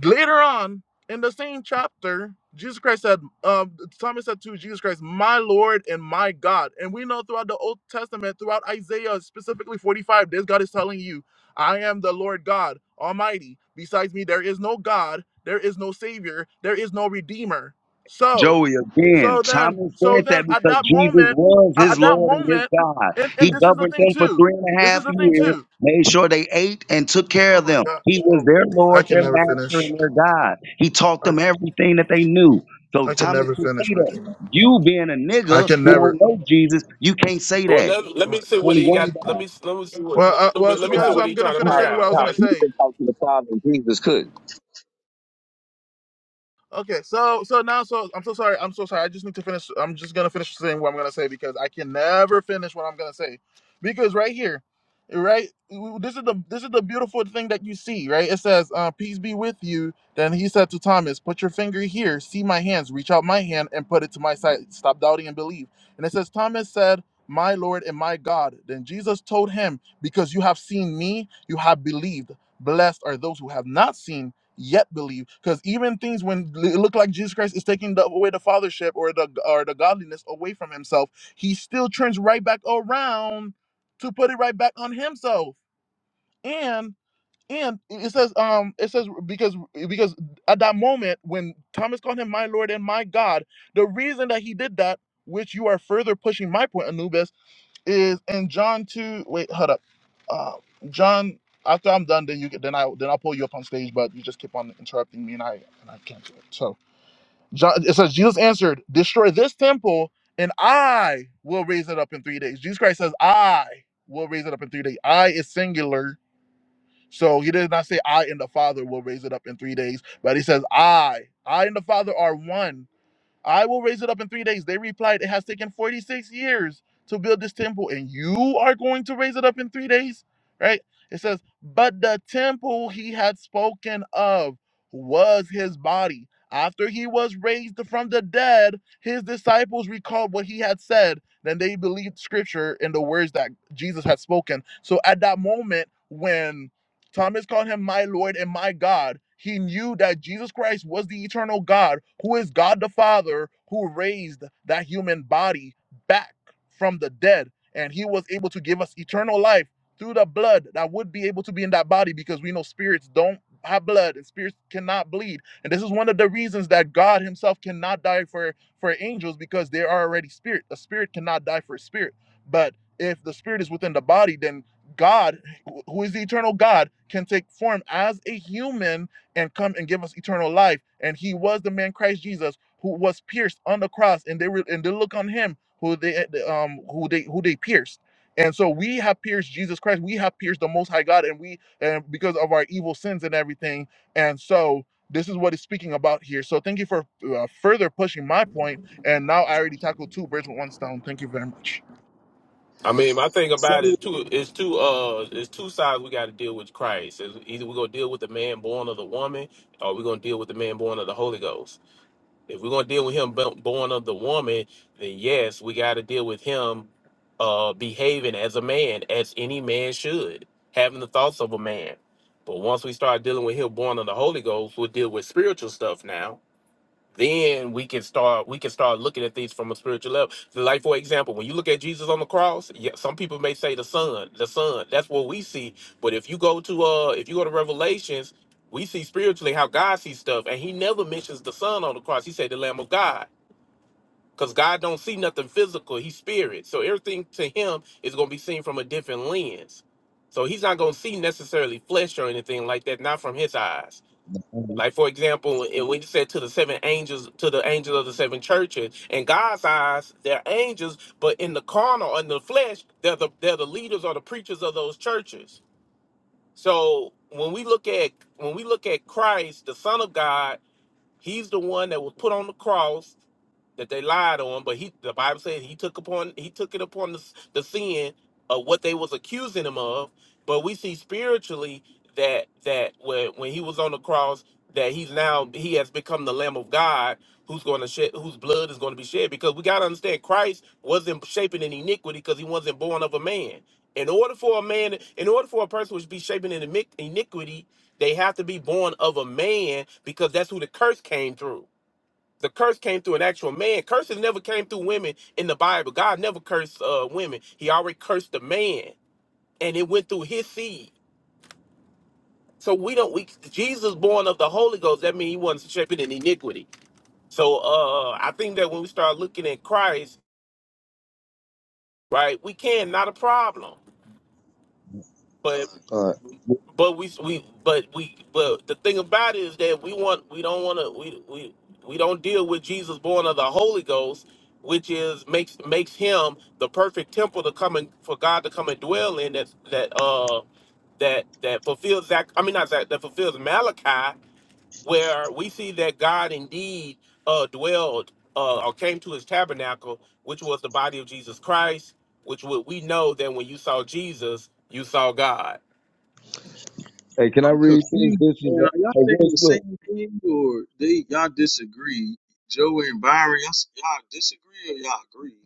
A: Later on in the same chapter, Jesus Christ said, um, Thomas said to Jesus Christ, My Lord and my God. And we know throughout the Old Testament, throughout Isaiah, specifically 45, this God is telling you, I am the Lord God Almighty. Besides me, there is no God, there is no Savior, there is no Redeemer. So,
E: Joey, again,
A: so then,
E: Thomas
A: so
E: said that
A: then at
E: because
A: that
E: Jesus
A: moment,
E: was
A: a-
E: his
A: at that
E: Lord and his
A: moment,
E: God.
A: and, and
E: He
A: this is the
E: governed
A: thing
E: them for
A: too.
E: three and a
A: This is
E: half
A: the thing
E: years,
A: too.
E: made sure they ate and took care
A: Oh
E: of
A: my
E: them. He
A: gosh.
E: was
A: Oh,
E: their
A: I
E: Lord,
A: can
E: their
A: never
E: master,
A: finish.
E: and their God. He taught them everything that they knew. So
A: I can
E: Thomas
A: never
E: can say
A: finish my
E: that.
A: thing.
E: You being a
A: I
E: nigga
A: can
E: who
A: never.
E: don't know Jesus, you can't say
H: Well,
E: that.
H: let, let
A: Oh
H: me
A: my
H: see what
E: Only
A: gosh.
H: he got.
E: one
H: Let me let me see what
A: Well,
H: he,
A: uh, well, to
H: let
A: be
H: me
I: understand
H: see
A: honest,
H: what
A: I'm
H: he
A: gonna
H: trying to
I: how
A: finish
I: how
H: bring
A: saying what I
H: out.
A: was
I: how
A: gonna
H: Like,
I: Peter
A: say.
I: can talk to the Father and Jesus couldn't.
A: Okay, so so now so I'm so sorry. I'm so sorry. I just need to finish. I'm just gonna finish saying what I'm gonna say because I can never finish what I'm gonna say. Because right here, right, this is the this is the beautiful thing that you see. Right, it says, uh, "Peace be with you." Then he said to Thomas, "Put your finger here. See my hands. Reach out my hand and put it to my side. Stop doubting and believe." And it says, Thomas said. My Lord and my God. Then Jesus told him, Because you have seen me, you have believed. Blessed are those who have not seen yet believe because even things when it looked like jesus christ is taking the, away the fathership or the or the godliness away from himself he still turns right back around to put it right back on himself and and it says um it says because because at that moment when thomas called him my lord and my god the reason that he did that which you are further pushing my point anubis is in John two. Wait, hold up. Uh, John, after I'm done, then you get then I then I'll pull you up on stage. But you just keep on interrupting me, and I and I can't do it. So John, it says Jesus answered, "Destroy this temple, and I will raise it up in three days." Jesus Christ says, "I will raise it up in three days." I is singular, so he did not say, "I and the Father will raise it up in three days," but he says, "I." I and the Father are one I will raise it up in three days. They replied, It has taken 46 years to build this temple, and you are going to raise it up in three days, right? It says, But the temple he had spoken of was his body. After he was raised from the dead, his disciples recalled what he had said. Then they believed scripture and the words that Jesus had spoken. So at that moment, when Thomas called him my Lord and my God. He knew that Jesus Christ was the eternal God, who is God the Father, who raised that human body back from the dead. And he was able to give us eternal life through the blood that would be able to be in that body because we know spirits don't have blood and spirits cannot bleed. And this is one of the reasons that God himself cannot die for, for angels because they are already spirit. A spirit cannot die for a spirit. But if the spirit is within the body, then God who is the eternal God, can take form as a human and come and give us eternal life. And he was the man Christ Jesus who was pierced on the cross, and they were and they look on him who they um who they who they pierced. And so we have pierced Jesus Christ. We have pierced the Most High God, and we and because of our evil sins and everything. And so this is what it's speaking about here. So thank you for uh, further pushing my point. And now I already tackled two birds with one stone. Thank you very much.
H: I mean, my thing
J: So
H: about it too is two It's two. uh it's two sides we got to deal with Christ. It's either we're gonna deal with the man born of the woman, or we're gonna deal with the man born of the Holy Ghost. If we're gonna deal with him bo- born of the woman, then yes, we got to deal with him uh behaving as a man, as any man should, having the thoughts of a man. But once we start dealing with him born of the Holy Ghost, we'll deal with spiritual stuff now then we can start we can start looking at things from a spiritual level So, like for example when you look at jesus on the cross yeah, some people may say the son the son that's what we see but if you go to uh if you go to revelations we see spiritually how god sees stuff and he never mentions the son on the cross he said the lamb of god because god don't see nothing physical he's spirit so everything to him is going to be seen from a different lens so he's not going to see necessarily flesh or anything like that not from his eyes
E: God.
H: like for example, it- when he said to the seven angels, to the angels of the seven churches, in God's eyes, they're angels, but in the carnal, in the flesh, they're the they're the leaders or the preachers of those churches. So when we look at when we look at Christ, the Son of God, He's the one that was put on the cross that they lied on, but he the Bible says he took upon he took it upon the, the sin of what they was accusing him of. But we see spiritually that that when when he was on the cross that he's now he has become the Lamb of God who's going to shed whose blood is going to be shed because we got to understand Christ wasn't shaping in iniquity because he wasn't born of a man. In order for a man, in order for a person to be shaping in iniqu- iniquity, they have to be born of a man because that's who the curse came through. The curse came through an actual man. Curses never came through women in the Bible. God never cursed uh, women. He already cursed the man, and it went through his seed. So we don't. We Jesus born of the Holy Ghost. That means he wasn't shaping in iniquity. So uh, I think that when we start looking at Christ, right, we can not a problem. But
E: All right.
H: But we we but we but the thing about it is that we want we don't want to we we we don't deal with Jesus born of the Holy Ghost, which is makes makes him the perfect temple to come and for God to come and dwell in that that uh that that fulfills that I mean not Zach that fulfills Malachi, where we see that God indeed uh dwelled uh or came to his tabernacle, which was the body of Jesus Christ, which would we know that when you saw Jesus, you saw God.
E: Hey, can I
J: I'm
E: read this?
J: confused,
E: This is
J: man.
E: a,
J: Are y'all
E: hey,
J: saying the
E: real
J: same thing, or they y'all disagree? Joey and Byron, y'all, s- y'all disagree or y'all agree?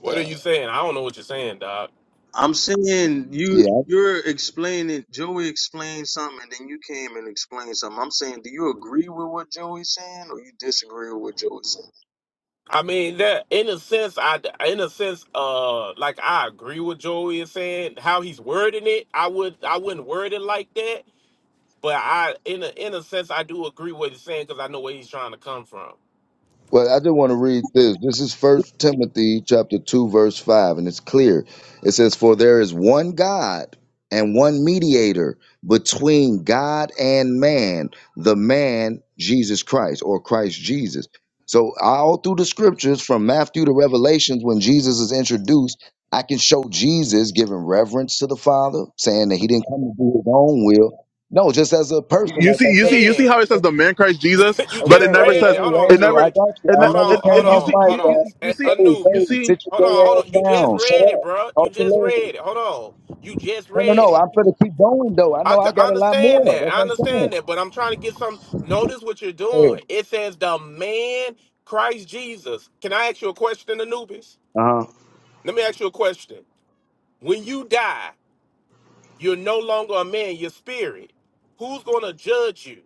H: What are you saying? I don't know what you're saying, dog.
J: I'm saying
E: quick.
J: you you're explaining. Joey explained something, and then you came and explained something. I'm saying, do you agree with what Joey's saying, or you disagree with what Joey's saying?
H: I mean that in a sense, I in a sense, uh, like I agree with Joey is saying how he's wording it. I would I wouldn't word it like that, but I in a in a sense I do agree what he's saying because I know where he's trying to come from.
E: Well, I do want to read this. This is First Timothy chapter two, verse five, and it's clear. It says, "For there is one God and one mediator between God and man, the man Jesus Christ, or Christ Jesus." So, all through the scriptures, from Matthew to Revelations, when Jesus is introduced, I can show Jesus giving reverence to the Father, saying that He didn't come to do His own will. No, just as a person,
A: You
E: like
A: see,
E: I
A: you
E: said.
A: see, you see
H: Man,
A: how it says the man Christ Jesus,
H: you
E: Okay,
A: but
E: hey,
A: it
H: just
A: never
H: read it.
A: says
E: hey,
H: Hold on,
A: it
E: hey,
A: never.
E: I
H: Joey.
E: got you.
A: And
E: I
A: that,
H: Hold
E: never
H: on,
A: and
H: hold
E: came
A: it, you
E: off
A: see,
H: on,
E: mic,
H: hold
A: you,
H: on.
E: man.
A: you you
H: A,
A: see,
E: Hey,
A: you
H: Anubis.
E: hey,
A: see.
E: sit your
H: Hold
E: gay
H: on, hold
E: ass
H: on. You just
E: down. Shut
H: read it,
E: up.
H: bro. You
E: Talk to
H: just
E: lady.
H: read it. Hold on. You just
E: No, no,
H: read
E: no.
H: it.
E: I'm gonna keep going though. I
H: I
E: know I
H: can
E: got a lot
H: understand
E: more.
H: that.
E: That's
H: I
E: what I'm saying.
H: understand that, but I'm trying to get some. Notice what you're doing.
E: Hey.
H: It says the man Christ Jesus. Can I ask you a question, Anubis?
E: Uh-huh.
H: Let me ask you a question. When you die, you're no longer a man. You're spirit. Who's going to judge you?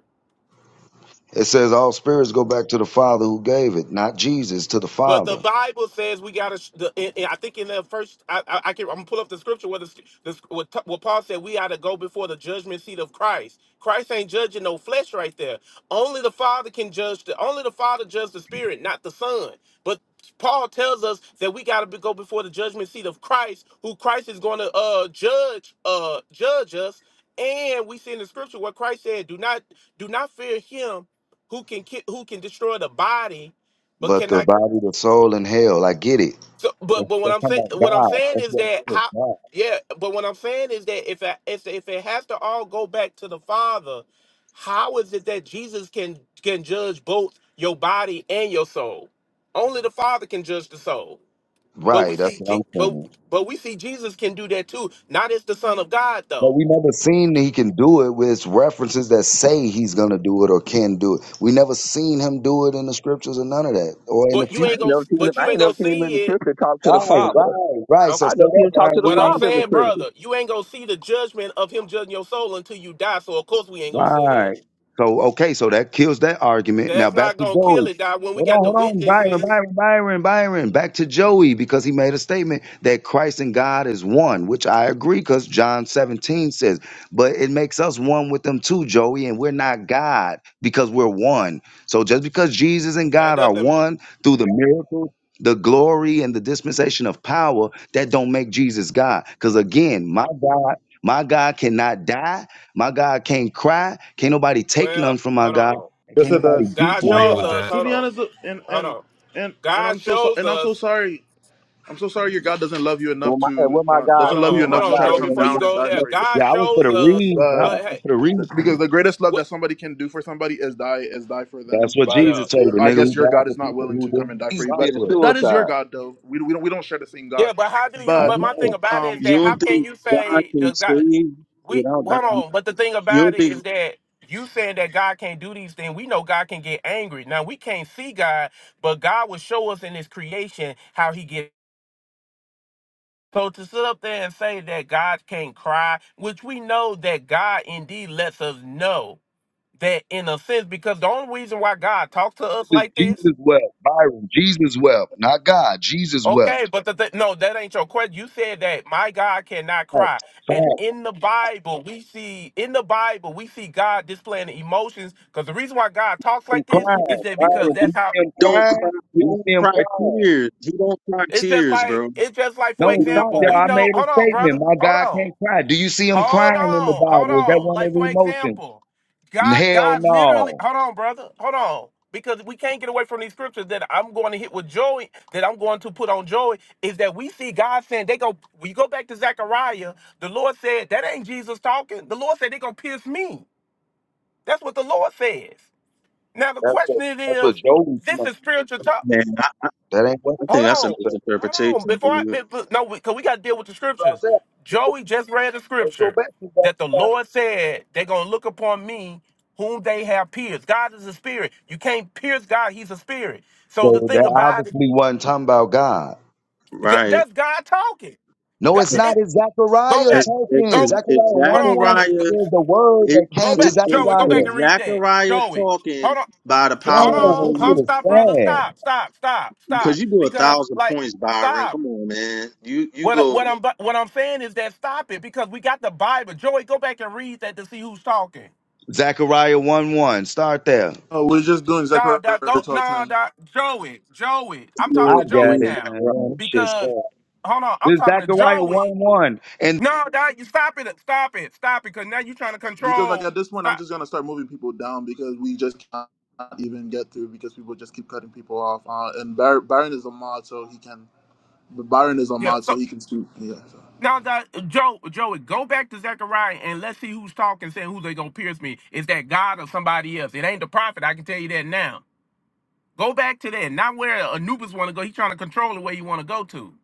E: It says all spirits go back to the Father who gave it, not Jesus to the
H: But the
E: Father,
H: Bible says we got to. I think in the first, I, I, I can. I'm gonna pull up the scripture where the, the what, t- what Paul said we ought to go before the judgment seat of Christ. Christ ain't judging no flesh right there. Only the Father can judge. The, only the Father judges the Spirit, not the Son. But Paul tells us that we got to go before the judgment seat of Christ, who Christ is going to uh judge uh judge us. And we see in the scripture what Christ said: Do not do not fear him who can ki- who can destroy the body but
E: but
H: cannot
E: the body, the soul, and hell. I get it.
H: so, but
E: That's,
H: but what
E: that's
H: I'm
E: talking
H: saying
E: about
H: what I'm
E: God.
H: saying
E: That's
H: is
E: what I'm
H: that
E: saying.
H: how
E: God.
H: yeah, but what I'm saying is that if I, if if it has to all go back to the Father, how is it that Jesus can can judge both your body and your soul? Only the Father can judge the soul. But we
E: Right. That's
H: see
E: what I'm
H: Je- but
E: saying.
H: but we see Jesus can do that too. Not as the Son of God
E: But
H: though.
E: we never seen he can do it with references that say he's gonna do it or can do it. We never seen him do it in the scriptures or none of that, or in the
H: But you
I: I
H: ain't
I: ain't
E: future.
H: gonna
I: never seen him.
H: but you
I: I
H: ain't
I: ain't
H: gonna
I: never seen him in the
H: see it.
I: scripture talk to the
E: Right,
I: Father.
E: right, right.
H: Um,
E: So
I: I
E: say
I: never seen
E: that,
I: him talk to
E: Byron.
I: the
E: We
H: What I'm
E: ain't
I: Father in the
H: saying,
E: seen it.
I: scripture.
H: brother, you ain't gonna see the judgment of him judging your soul until you die. So of course we ain't gonna see that.
E: Right. So okay, so that kills that argument. Now
H: That's
E: back
H: not
E: to
H: gonna kill
E: Joey.
H: it, Doc. When we
E: Hold
H: got
E: on,
H: the
E: hold on, Byron,
H: witnesses,
E: Byron, Byron, Byron. Back to Joey because he made a statement that Christ and God is one, which I agree because John 17 says, but it makes us one with them too, Joey, and we're not God because we're one. So just because Jesus and
H: that
E: God are
H: doesn't.
E: one through the miracle, the glory, and the dispensation of power, that don't make Jesus God. Because again, my God, my God cannot die my God can't cry. Can't nobody take none
H: Well,
E: from my
H: hold
E: God.
H: on.
E: And
A: Yes,
E: can't
A: it
E: nobody
A: does.
E: beat
H: God
E: my
K: agree
A: Well,
H: shows
K: with
E: God.
H: us.
K: that
A: to
H: Hold
A: be
H: on.
A: honest, and
H: Hold
A: and
H: on.
A: and and
H: God
A: I'm so so,
H: shows
A: and I'm so
H: us.
A: sorry. I'm so sorry your God doesn't love you
I: And
A: enough
I: when my, and
A: to
I: when my
A: uh,
I: God
H: Hold
A: doesn't love you
I: speaks,
H: on.
I: my
H: Hold
A: enough to
H: on,
A: try to
I: God
H: Joe.
I: ain't
A: come
I: gonna-
H: Before you
A: down and
H: go
A: die
H: there,
I: be-
A: for you.
H: God
E: Yeah, I was for the
H: shows us.
E: read.
A: But
E: I
H: Uh,
E: was
H: hey,
E: for the read.
A: because the greatest love
H: what?
A: that somebody can do for somebody is die is die for them.
E: That's what
A: But
H: Yeah,
E: Jesus told the
A: I
E: nigga
A: guess
E: who
A: your
E: died
A: God
E: for
A: is not
E: people
A: willing
E: who
A: to come and
E: didn't
A: die for
I: He's
A: you.
E: rock
A: But
I: committed
E: with
A: th-
E: him.
A: that is your
I: suicide.
A: God, though. We we don't we don't share the same God.
H: yeah. But how do you?
E: I
A: But
H: But my thing
E: know.
H: about it
A: um
H: is
J: You
H: that how
J: don't
H: can
J: think
H: you
J: God
H: say
J: can
H: does God?
J: save
H: We
J: without that?
H: hold on. But the thing
J: You
H: about
J: don't
H: it
J: think he
H: is that. You saying that God can't do these things, we know God can get angry. Now we can't see God, but God will show us in His creation how He gets. So to sit up there and say that God can't cry, which we know that God indeed lets us know that in a sense, because the only reason why God talks to us
E: Jesus,
H: like this,
E: Jesus wept. Byron, Jesus wept. Not God. Jesus
H: okay,
E: wept.
H: but the th- no, that ain't your question. You said that my God cannot
E: Fact,
H: cry, and
E: fact.
H: in the Bible we see in the Bible we see God displaying emotions. Because the reason why God talks
E: I'm
H: like this is
E: crying.
H: that because
E: Byron, do you
H: that's how
E: see him
J: don't
E: crying?
J: cry? He
E: Do you
J: don't
E: see him
J: cry
E: crying?
J: tears. He don't cry
H: it's just
J: tears,
H: like
J: bro.
H: it's just like for
J: He
E: No,
J: don't
E: stop,
H: example
J: cry
E: y'all.
H: we
E: I
H: know.
E: made a
H: Hold on, brother.
E: statement. My
H: Hold
E: God
H: on.
E: can't cry. Do you see him
H: Hold
E: crying in the
H: on, hold
E: Bible? Is that
H: on.
E: one
H: Like
E: of
H: for
E: the emotions?
H: example, God,
E: Hell
H: God literally.
E: no.
H: Hold on, brother. Hold on, because we can't get away from these scriptures that I'm going to hit with Joey. That I'm going to put on Joey is that we see God saying they go. We go back to Zechariah. The Lord said that ain't Jesus talking. The Lord said they gonna pierce me. That's what the Lord says. Now the
E: That's
H: question
E: what
H: it
E: that's what
H: is,
E: Joey's
H: this
E: saying.
H: is spiritual talk.
J: tears.
E: That ain't what
J: I
H: Hold
J: think
E: the
H: on,
J: that's a
E: scripture says.
H: hold on.
J: misinterpretation,
H: Before I
J: dude.
H: be- no, because we got to deal with the
E: So I
H: scriptures.
E: said,
H: Joey just read the
E: let's go
H: scripture
E: back to that.
H: that the Lord said they're gonna look upon me, whom they have pierced. God is a spirit. You can't pierce God. He's a spirit. So the
E: So
H: thing
E: that
H: about it,
E: obviously wasn't talking about God.
H: g-
J: Right.
H: that's God talking.
E: No,
H: Go,
E: it's not.
H: it,
E: It's
H: go
E: Zechariah
J: As,
H: back.
J: as,
E: talking.
H: Go.
J: as
E: Zechariah
H: Hold
E: 1
H: on,
E: 1
H: brother.
J: Zachariah,
H: Go
J: it,
E: says the word
J: it,
E: that
H: go
E: came to
H: back, Joey.
J: it's
H: Go back
E: Zechariah.
J: it's
H: and read that,
J: Zachariah
H: Joey.
J: talking
H: Hold on.
J: by the
H: J- Hold
J: power of the
E: Damn,
H: on,
E: this shit
J: Holy,
H: hold
E: is
H: stop, brother.
E: sad.
H: Stop, stop, stop,
J: because
H: stop.
J: you do a
H: Because
J: thousand
H: like,
J: points, Byron.
H: stop.
J: Come on, man. You you
H: What
J: go
H: what I'm what I'm saying is that stop it because we got the Bible. Joey, go back and read that to see who's talking.
E: Zechariah 1 1. Start there.
A: Oh, we're just doing exactly
H: Nah, nah, go
A: what talk
H: nah,
A: time
H: nah, Joey, Joey. I'm
E: I
H: talking
J: through
H: to Joey
E: got it,
H: now
E: man. Damn,
J: Zachariah,
E: this shit's
H: because
E: sad.
H: hold on, I'm
E: This is
H: talking to
E: Zechariah
H: Joey.
E: 1 1.
H: No, nah, you stop it, stop it, stop it, because now you're trying to
A: because, like,
H: control.
A: at this point, I'm
H: Stop.
A: just gonna start moving people down because we just can't even get through because people just keep cutting people off. Uh, and Bar- Byron is a mod, so he can. But Byron is a
H: Yeah.
A: mod, so
H: So
A: he can speak. Yeah. So.
H: now that Joe, Joey, go back to Zechariah and let's see who's talking, saying who they gonna pierce me. Is that God or somebody else? It ain't the prophet. I can tell you that now. Go back to that. Not where Anubis want to go. He's trying to control the way you want to go to.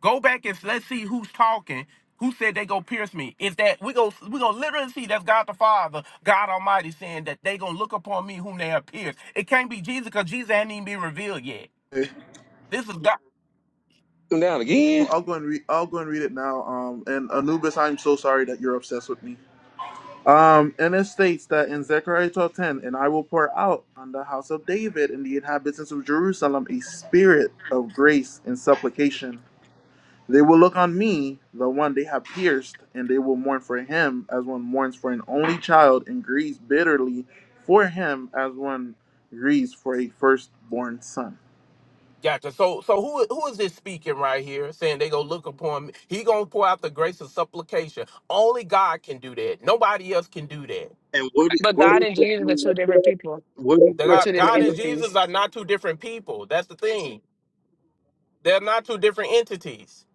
H: Go back and s- let's see who's talking. Who said they go pierce me? Is that we go we gonna literally see that's God the Father, God Almighty saying that they gonna look upon me whom they have pierced. It can't be Jesus because Jesus hadn't even been revealed yet.
A: Okay.
H: This is God.
I: Come down
A: So
I: again.
A: I'll go and read. I'll go and read it now. Um, and Anubis, I'm so sorry that you're obsessed with me. Um, and it states that in Zechariah 12:10, and I will pour out on the house of David and the inhabitants of Jerusalem a spirit of grace and supplication They will look on me, the one they have pierced, and they will mourn for him as one mourns for an only child and grieves bitterly for him as one grieves for a firstborn son.
H: Gotcha. So so who who is this speaking right here saying they gonna look upon me? He gonna pour out the grace of supplication. Only God can do that. Nobody else can do that.
J: and what is
G: But
J: what
G: God and
J: is
G: Jesus are
J: the
G: two different people.
J: what
H: The
G: or
H: God,
G: two different
H: God
J: is,
H: and
G: entities.
H: Jesus are not two different people. That's the thing. They're not two different entities.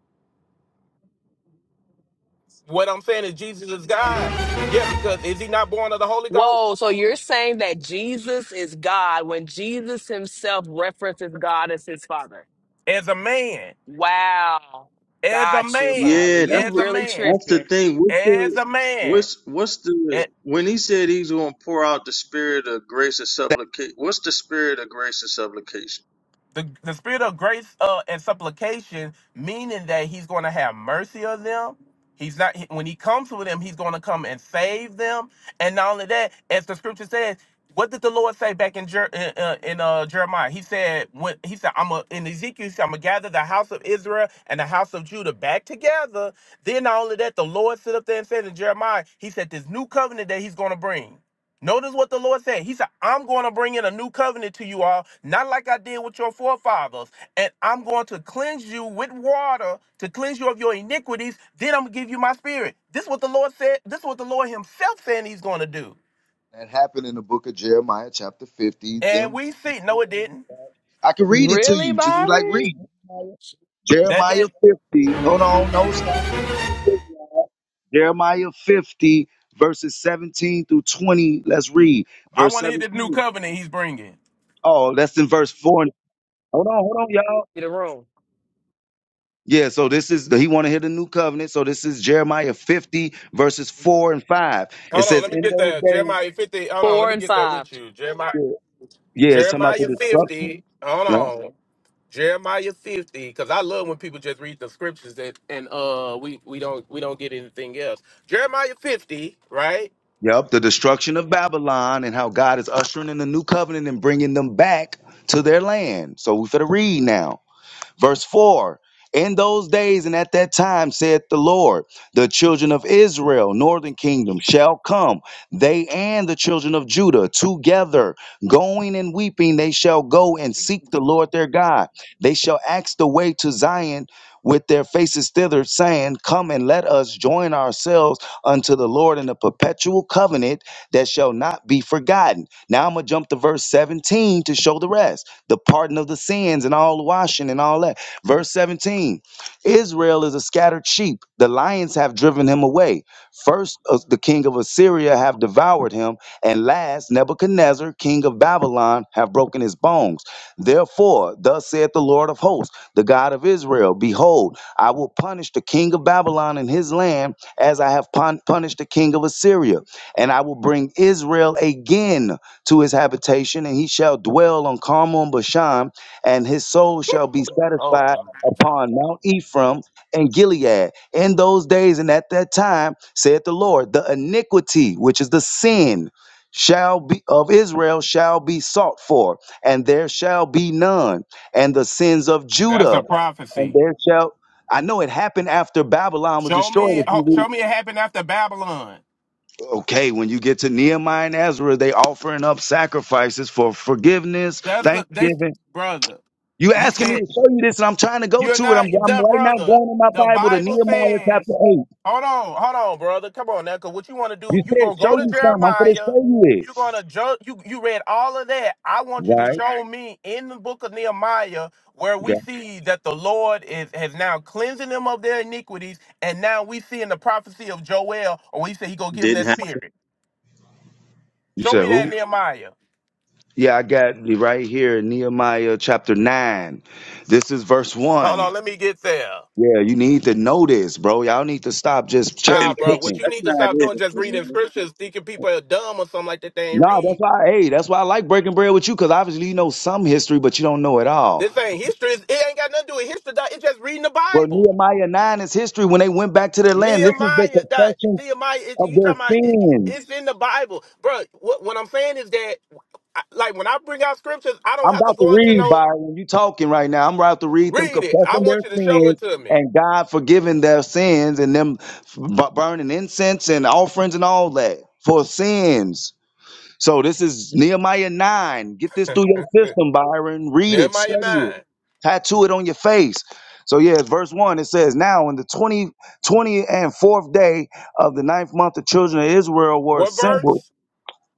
H: What I'm saying is Jesus is God. Yeah, because is he not born of the Holy
G: Whoa,
H: Ghost?
G: so you're saying that Jesus is God when Jesus himself references God as his father.
H: As a man.
G: Wow.
H: As a
G: Got you,
H: man.
G: Byron.
J: Yeah,
G: You
J: that's
H: As
J: the,
H: a
G: really
H: man.
J: that's the
G: tripping.
J: thing. What's
H: As
J: the
H: a man.
J: what's what's the when he said he's going to pour out the spirit of grace and supplication? What's the spirit of grace and supplication?
H: the, the spirit of grace uh, and supplication, meaning that he's going to have mercy on them. He's not he- when he comes with them, he's going to come and save them. And not only that, as the scripture says, what did the Lord say back in Jer- in, uh, in uh, Jeremiah? He said when he said I'm a, in Ezekiel, he said, I'm gonna gather the house of Israel and the house of Judah back together. Then not only that, the Lord stood up there and said in Jeremiah, he said this new covenant that he's going to bring. Notice what the Lord said. He said, I'm going to bring in a new covenant to you all, not like I did with your forefathers. And I'm going to cleanse you with water to cleanse you of your iniquities. Then I'm going to give you my spirit. This is what the Lord said. This is what the Lord himself said he's going to do.
E: That happened in the book of Jeremiah, chapter 50.
H: And
E: Them
H: we see, no, it didn't.
E: I can read it to
G: Really,
E: you. Just be like,
G: Byron?
E: read.
H: That
E: Jeremiah
H: didn't.
E: 50. Hold on, no stop. Jeremiah 50, verses 17 through 20. Let's read.
H: I
E: Verse
H: want to hear the new
E: 17.
H: covenant he's bringing.
E: Oh, that's in verse 4. Hold on, hold on, y'all.
G: Get a room.
E: Yeah, so this is he want to hit the new covenant. So this is Jeremiah 50, verses 4 and 5. It
H: Hold on,
E: says,
H: let me
E: In
H: get
E: those
H: that.
E: days,
H: Jeremiah 50. Hold on, let
G: Four
H: me
G: and
H: get that
G: five.
H: with you. Jeremiah,
E: yeah, it's talking about
H: Jeremiah
E: the
H: 50. Hold
E: destruction.
H: on. Jeremiah 50, because I love when people just read the scriptures that and uh we we don't we don't get anything else. Jeremiah 50, right?
E: Yep, the destruction of Babylon and how God is ushering in the new covenant and bringing them back to their land. So we finna read now. Verse 4 In those days and at that time, saith the Lord, the children of Israel, northern kingdom, shall come, they and the children of Judah together, going and weeping, they shall go and seek the Lord their God. They shall ask the way to Zion with their faces thither, saying, Come and let us join ourselves unto the Lord in a perpetual covenant that shall not be forgotten. Now I'm going to jump to verse 17 to show the rest the pardon of the sins and all washing and all that. Verse 17 Israel is a scattered sheep. The lions have driven him away. First, uh, the king of Assyria have devoured him. And last, Nebuchadnezzar, king of Babylon, have broken his bones. Therefore, thus saith the Lord of hosts, the God of Israel Behold, I will punish the king of Babylon and his land as I have pun- punished the king of Assyria. And I will bring Israel again to his habitation, and he shall dwell on Carmel Bashan, and his soul shall be
H: Oh,
E: satisfied
H: I'm done.
E: upon Mount Ephraim and Gilead. In those days and at that time, saith the Lord, the iniquity, which is the sin, shall be of Israel shall be sought for, and there shall be none, and the sins of
H: that's a
E: Judah, and
H: prophecy.
E: there shall I know it happened after Babylon was
H: Show
E: destroyed.
H: me,
E: If
H: oh,
E: you read.
H: show me it happened after Babylon.
E: Okay, when you get to Nehemiah and Ezra, they offering up sacrifices for forgiveness,
H: That's a, they
E: thanksgiving.
H: brother.
E: You
H: He
E: asking me
H: said
E: to show you this, and I'm trying to go
H: You're
E: to it. I'm,
H: not
E: I'm
H: the
E: right now
H: brother.
E: going in my
H: The
E: Bible to
H: Bible
E: Nehemiah chapter
H: says,
E: eight.
H: hold on, hold on, brother. Come on now, because what you want to do,
E: You
H: you
E: said
H: going to
E: show
H: go to
E: you something. I'm going to
H: Jeremiah.
E: show you it.
H: You're going to judge. You, you read all of that. I want you to
E: Right?
H: show me in the book of Nehemiah where we
E: Okay.
H: see that the Lord is has now cleansing them of their iniquities. And now we see in the prophecy of Joel, or we say he going to give them
J: Didn't
H: that
J: happen.
H: spirit.
E: You
H: Show
E: said
H: me that in
E: who?
H: Nehemiah.
E: Yeah, I got it right here in Nehemiah chapter nine. This is verse
H: Hold
E: one.
H: on, let me get there.
E: Yeah, you need to know this, bro. Y'all need to stop just
J: Yeah,
E: cherry
H: Nah,
J: but
H: bro,
J: that's
H: what
E: picking.
H: you
J: that's
H: need to
J: not
H: stop
J: it.
H: doing, just reading
J: Man.
H: scriptures, thinking people are dumb or something like that. They ain't
E: No, that's
H: read.
E: why. Hey, that's why I like breaking bread with you because obviously you know some history, but you don't know it all.
H: This ain't history. It's- It ain't got nothing to do with history. Doc. It's just reading the
E: Well,
H: Bible.
E: Nehemiah 9 is history when they went back to their land. This is the
H: Nehemiah, doc,
E: confessions
H: Nehemiah, it,
E: of
H: you
E: their
H: talking about? It, it- it's
E: sins.
H: in the Bible, bro. What, what I'm saying is that, I, like, when I bring out scriptures, I don't
E: I'm
H: have to
E: about to
H: go into
E: read,
H: no
E: Byron. You talking right now. I'm about to read them
H: read it. I
E: confessing their
H: want you to show it
E: sins
H: to me.
E: and God forgiving their sins and them b- burning incense and offerings and all that for sins. So this is Nehemiah 9. Get this through your system, Byron. Read it,
H: Nehemiah
E: study it,
H: nine,
E: tattoo it on your face. So yeah, verse 1, it says, Now in the 20, twentieth and fourth day of the ninth month, the children of Israel were
H: what
E: assembled.
H: verse?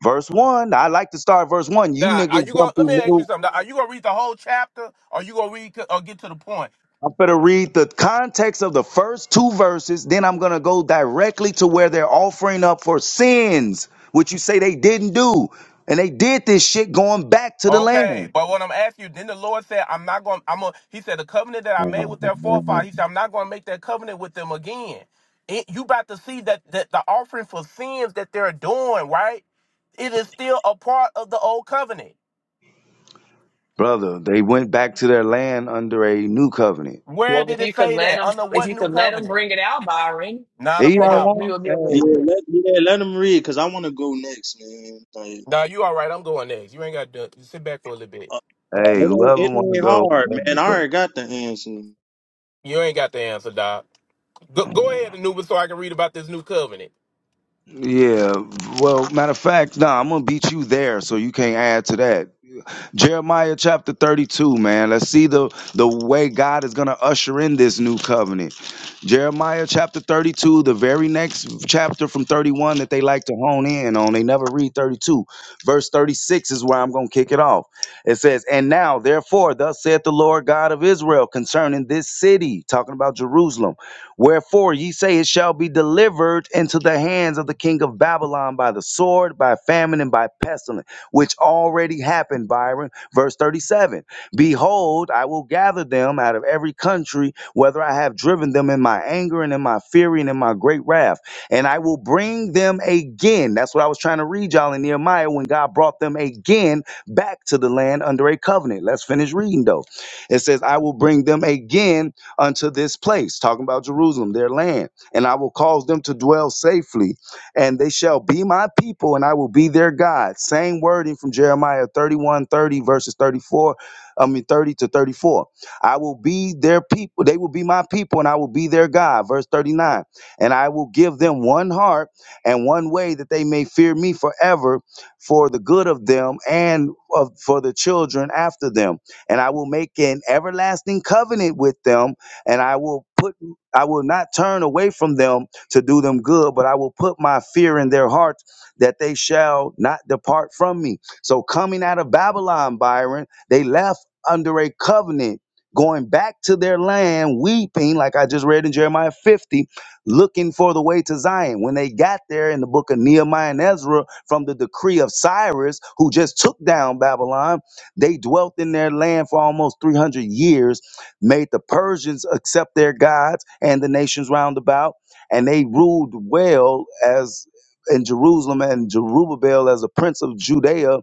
E: Verse 1, I like to start verse 1. You
H: Doc,
E: niggas
H: are you going?
E: jump
H: Let
E: through
H: me ask you
E: middle.
H: something. Doc. Are you going to read the whole chapter, or you going to read to- or get to the point?
E: I'm going to read the context of the first two verses. Then I'm going to go directly to where they're offering up for sins, which you say they didn't do. And they did this shit going back to the land.
H: Okay, but what I'm asking you, then the Lord said, I'm not going, I'm a, he said, the covenant that I made with their
E: Mhm.
H: forefathers, he said, I'm not going to make that covenant with them again. It, you about to see that, that the offering for sins that they're doing, right? It is still a part of the old covenant.
E: Brother, they went back to their land under a new covenant.
H: Where
G: Well, if
H: did it
G: you could
H: say
G: let
H: that?
G: him
H: Under
G: if
H: what
G: you
H: new
G: could let him
H: covenant?
G: bring it out, Byron,
H: Not a
E: He don't
G: it'll we
H: problem.
E: want.
G: will be able to
J: Yeah,
E: Hey,
G: hear. it.
J: let yeah let him read because I want to go next, man. Like
H: Now you all right. I'm going next. You ain't got to sit back for a little
J: uh,
H: bit.
E: hey,
J: it ain't
E: whoever want
J: it
E: to
J: ain't
E: go,
J: hard,
E: go,
J: man. I
E: bro.
J: already got the answer.
H: You ain't got the answer, Doc. Go, go ahead, Anubis, so I can read about this new covenant.
E: Yeah. Well, matter of fact, nah, I'm gonna beat you there, so you can't add to that. Jeremiah chapter 32, man. Let's see the, the way God is going to usher in this new covenant. Jeremiah chapter 32, the very next chapter from 31 that they like to hone in on. They never read 32. Verse 36 is where I'm going to kick it off. It says, And now, therefore, thus saith the Lord God of Israel concerning this city, talking about Jerusalem. Wherefore ye say it shall be delivered into the hands of the king of Babylon by the sword, by famine, and by pestilence which already happened, Byron. Verse 37 Behold, I will gather them out of every country, whether I have driven them in my anger and in my fury and in my great wrath, and I will bring them again. That's what I was trying to read y'all in Nehemiah when God brought them again back to the land under a covenant. Let's finish reading though. It says, I will bring them again unto this place, talking about Jerusalem, their land, and I will cause them to dwell safely and they shall be my people, and I will be their God. Same wording from Jeremiah 31, 30 verses 34, I mean 30 to 34. I will be their people, they will be my people, and I will be their God. Verse 39. And I will give them one heart and one way that they may fear me forever for the good of them and of, for the children after them. And I will make an everlasting covenant with them, and I will put I will not turn away from them to do them good, but I will put my fear in their hearts that they shall not depart from me. So, coming out of Babylon, Byron, they left under a covenant, going back to their land, weeping, like I just read in Jeremiah 50, looking for the way to Zion. When they got there in the book of Nehemiah and Ezra, from the decree of Cyrus, who just took down Babylon, they dwelt in their land for almost 300 years, made the Persians accept their gods and the nations round about and they ruled well as in Jerusalem and Jerubbaal as a prince of Judea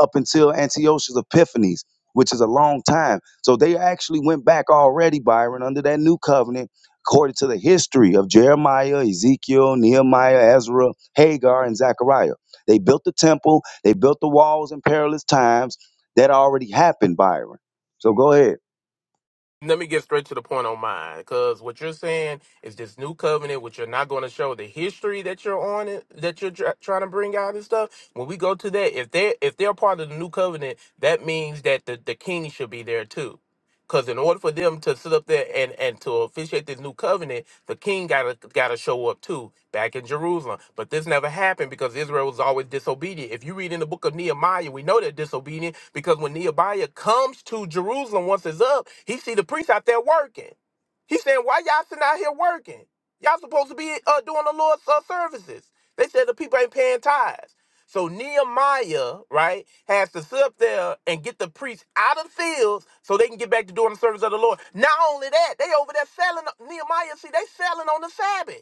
E: up until Antiochus Epiphanes, which is a long time. So they actually went back already, Byron, under that new covenant, according to the history of Jeremiah, Ezekiel, Nehemiah, Ezra, Hagar, and Zechariah. They built the temple, they built the walls in perilous times. That already happened, Byron. So go ahead.
H: let me get straight to the point on mine because what you're saying is this new covenant which you're not going to show the history that you're on it that you're tr- trying to bring out and stuff when we go to that if they if they're part of the new covenant that means that the, the king should be there too because in order for them to sit up there and, and to officiate this new covenant, the king gotta gotta show up too back in Jerusalem. But this never happened because Israel was always disobedient. If you read in the book of Nehemiah, we know they're disobedient because when Nehemiah comes to Jerusalem once it's up, he see the priests out there working. He saying, "Why y'all sitting out here working? Y'all supposed to be uh, doing the Lord's uh, services." They said the people ain't paying tithes. So Nehemiah, right, has to sit up there and get the priests out of the fields so they can get back to doing the service of the Lord. Not only that, they over there selling Nehemiah. See, they selling on the Sabbath.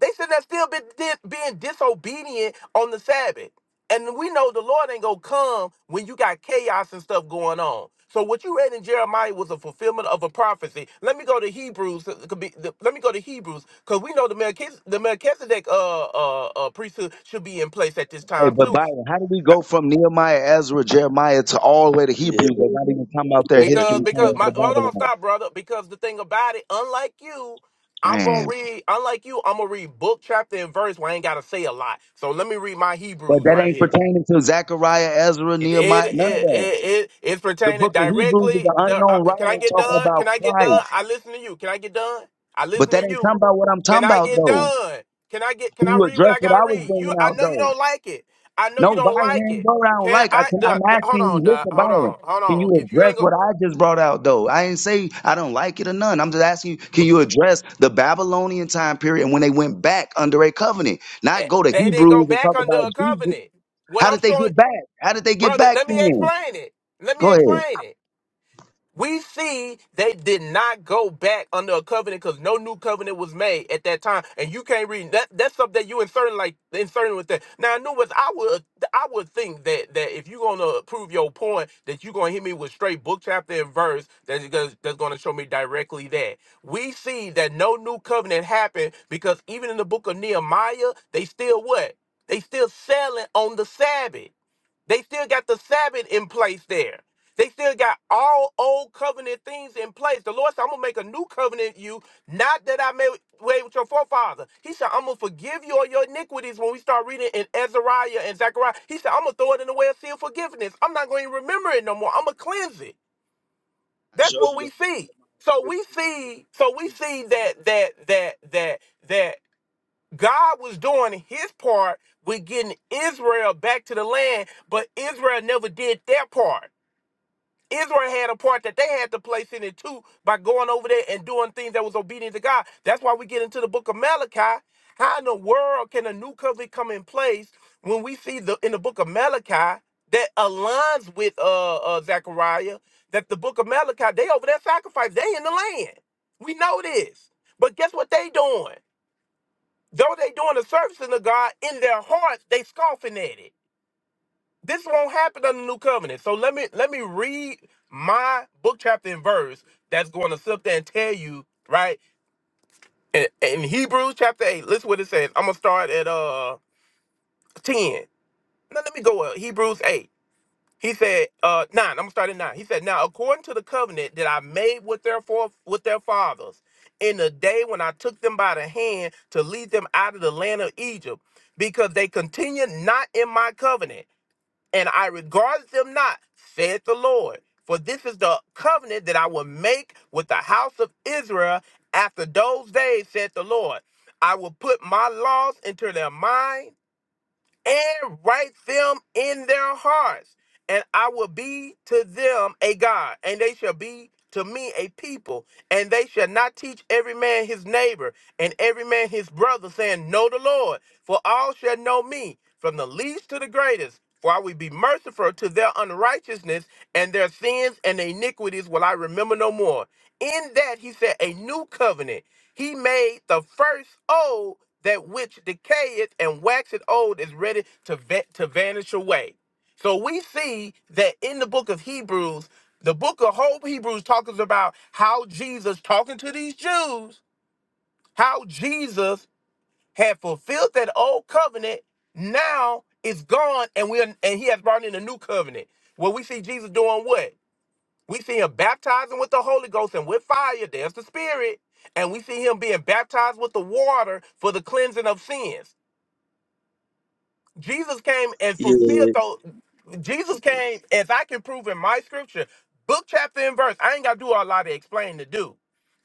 H: They shouldn't have still been di- being disobedient on the Sabbath. And we know the Lord ain't gonna come when you got chaos and stuff going on. So what you read in Jeremiah was a fulfillment of a prophecy. Let me go to Hebrews. it could be- the- Let me go to Hebrews because we know the Melchizedek, the Melchizedek uh, uh, uh, priesthood should be in place at this
E: Hey,
H: time
E: but
H: too.
E: Byron, how did we go from Nehemiah, Ezra, Jeremiah to all the way to
J: Yeah,
E: Hebrews? They're not even talking about their
H: Because
E: history
H: because
E: coming out
H: my
E: of
H: hold on
E: Babylon.
H: stop brother because the thing about it unlike you I'm gonna
E: Damn.
H: read unlike you I'm gonna read book chapter and verse where I ain't gotta say a lot. So let me read my
E: But
H: Hebrews
E: that
H: right
E: ain't
H: here.
E: pertaining to Zechariah, Ezra,
H: It it
E: Nehemiah, none of
H: it
E: that.
H: it it's
E: The
H: pertaining
E: book of Hebrews is an
H: directly. The, uh,
E: unknown
H: can
E: writer
H: I get
E: talking
H: done?
E: about
H: Can I get done?
E: Christ.
H: I listen to you. Can I get done? I
E: But
H: listen to
E: that ain't talking
H: you.
E: about what I'm
H: Can
E: talking
H: I
E: about,
H: get
E: though.
H: done? Can I get? Can
E: Can
H: I
E: you
H: read what
E: address
H: I
E: what
H: gotta
E: I was
H: read? You,
E: bringing
H: I
E: out,
H: know you
E: though?
H: don't like it. I know you
E: No,
H: don't
E: Byron,
H: like
E: it ain't
H: it.
E: go around
H: Can
E: like I
H: I?
E: can, I'm
H: The, the, hold
E: asking
H: on,
E: you.
H: Doc.
E: Listen,
H: Hold
E: Byron,
H: on, hold
E: can
H: on.
E: you
H: If you
E: address
H: ain't go,
E: what I just brought out though? I ain't say I don't like it or none. I'm just asking you, can
H: br-
E: you address the Babylonian time period and when they went back under a covenant? Not
H: eh,
E: go to
H: they didn't go
E: Hebrews and
H: back
E: talk
H: under
E: about
H: a
E: Jesus.
H: covenant. What
E: How
H: I'm
E: did they
H: showing,
E: get back? How did they get
H: brother.
E: back
H: Let me
E: then?
H: explain it. Let me
E: Go ahead.
H: explain it. we see they did not go back under a covenant because no new covenant was made at that time, and you can't read that. That's something that you inserting like inserting with that. Now, I knew was I would I would think that that if you're gonna prove your point, that you're gonna hit me with straight book chapter and verse that's gonna, that's gonna show me directly that we see that no new covenant happened because even in the book of Nehemiah, they still what they still selling on the Sabbath. They still got the Sabbath in place there. They still got all old covenant things in place. The Lord said, I'm gonna make a new covenant with you, not that I made way with your forefather. He said, I'm gonna forgive you all your iniquities when we start reading in Ezariah and Zechariah. He said, I'm gonna throw it in the way of seal forgiveness. I'm not gonna remember it no more. I'm gonna cleanse it.
E: I
H: That's
E: showed
H: what
E: you
H: we
E: that. in
H: see.
E: Jeremiah
H: So we
E: fifteen, verse
H: see, so we see
E: fifty.
H: that that that that that God was doing his part with getting Israel back to the land, but Israel never did their part. Israel had a part that they had to place in it too by going over there and doing things that was obedient to God. That's why we get into the book of Malachi. How in the world can a new covenant come in place when we see the in the book of Malachi that aligns with uh, uh Zechariah that the book of Malachi they over there sacrifice they in the land. We know this, but guess what they doing? Though they doing the servicing of God in their hearts, they scoffing at it. This won't happen under the new covenant. So let me let me read my book chapter and verse that's going to sit there and tell you right in, in Hebrews chapter eight. Listen what it says. I'm gonna start at uh ten. Now let me go up Hebrews eight. He said, uh, nine, I'm gonna start at nine. He said, Now according to the covenant that I made with their for- with their fathers, in the day when I took them by the hand to lead them out of the land of Egypt, because they continued not in my covenant, and I regarded them not, said the Lord. For this is the covenant that I will make with the house of Israel after those days, said the Lord. I will put my laws into their mind and write them in their hearts. And I will be to them a God, and they shall be to me a people. And they shall not teach every man his neighbor and every man his brother, saying, Know the Lord, for all shall know me, from the least to the greatest. For I will be merciful to their unrighteousness, and their sins and iniquities will I remember no more. In that he said, A new covenant he made the first old that which decayeth and waxeth old is ready to va- to vanish away. So we see that in the book of Hebrews, the book of whole Hebrews talks about how Jesus talking to these Jews, how Jesus had fulfilled that old covenant, now it's gone, and we are, and he has brought in a new covenant. Well, we see Jesus doing what? We see him baptizing with the Holy Ghost and with fire. There's the Spirit. And we see him being baptized with the water for the cleansing of sins. Jesus came and
J: yeah,
H: fulfilled those. Jesus came, as I can prove in my scripture, book, chapter, and verse. I ain't got to do a lot of explaining to do.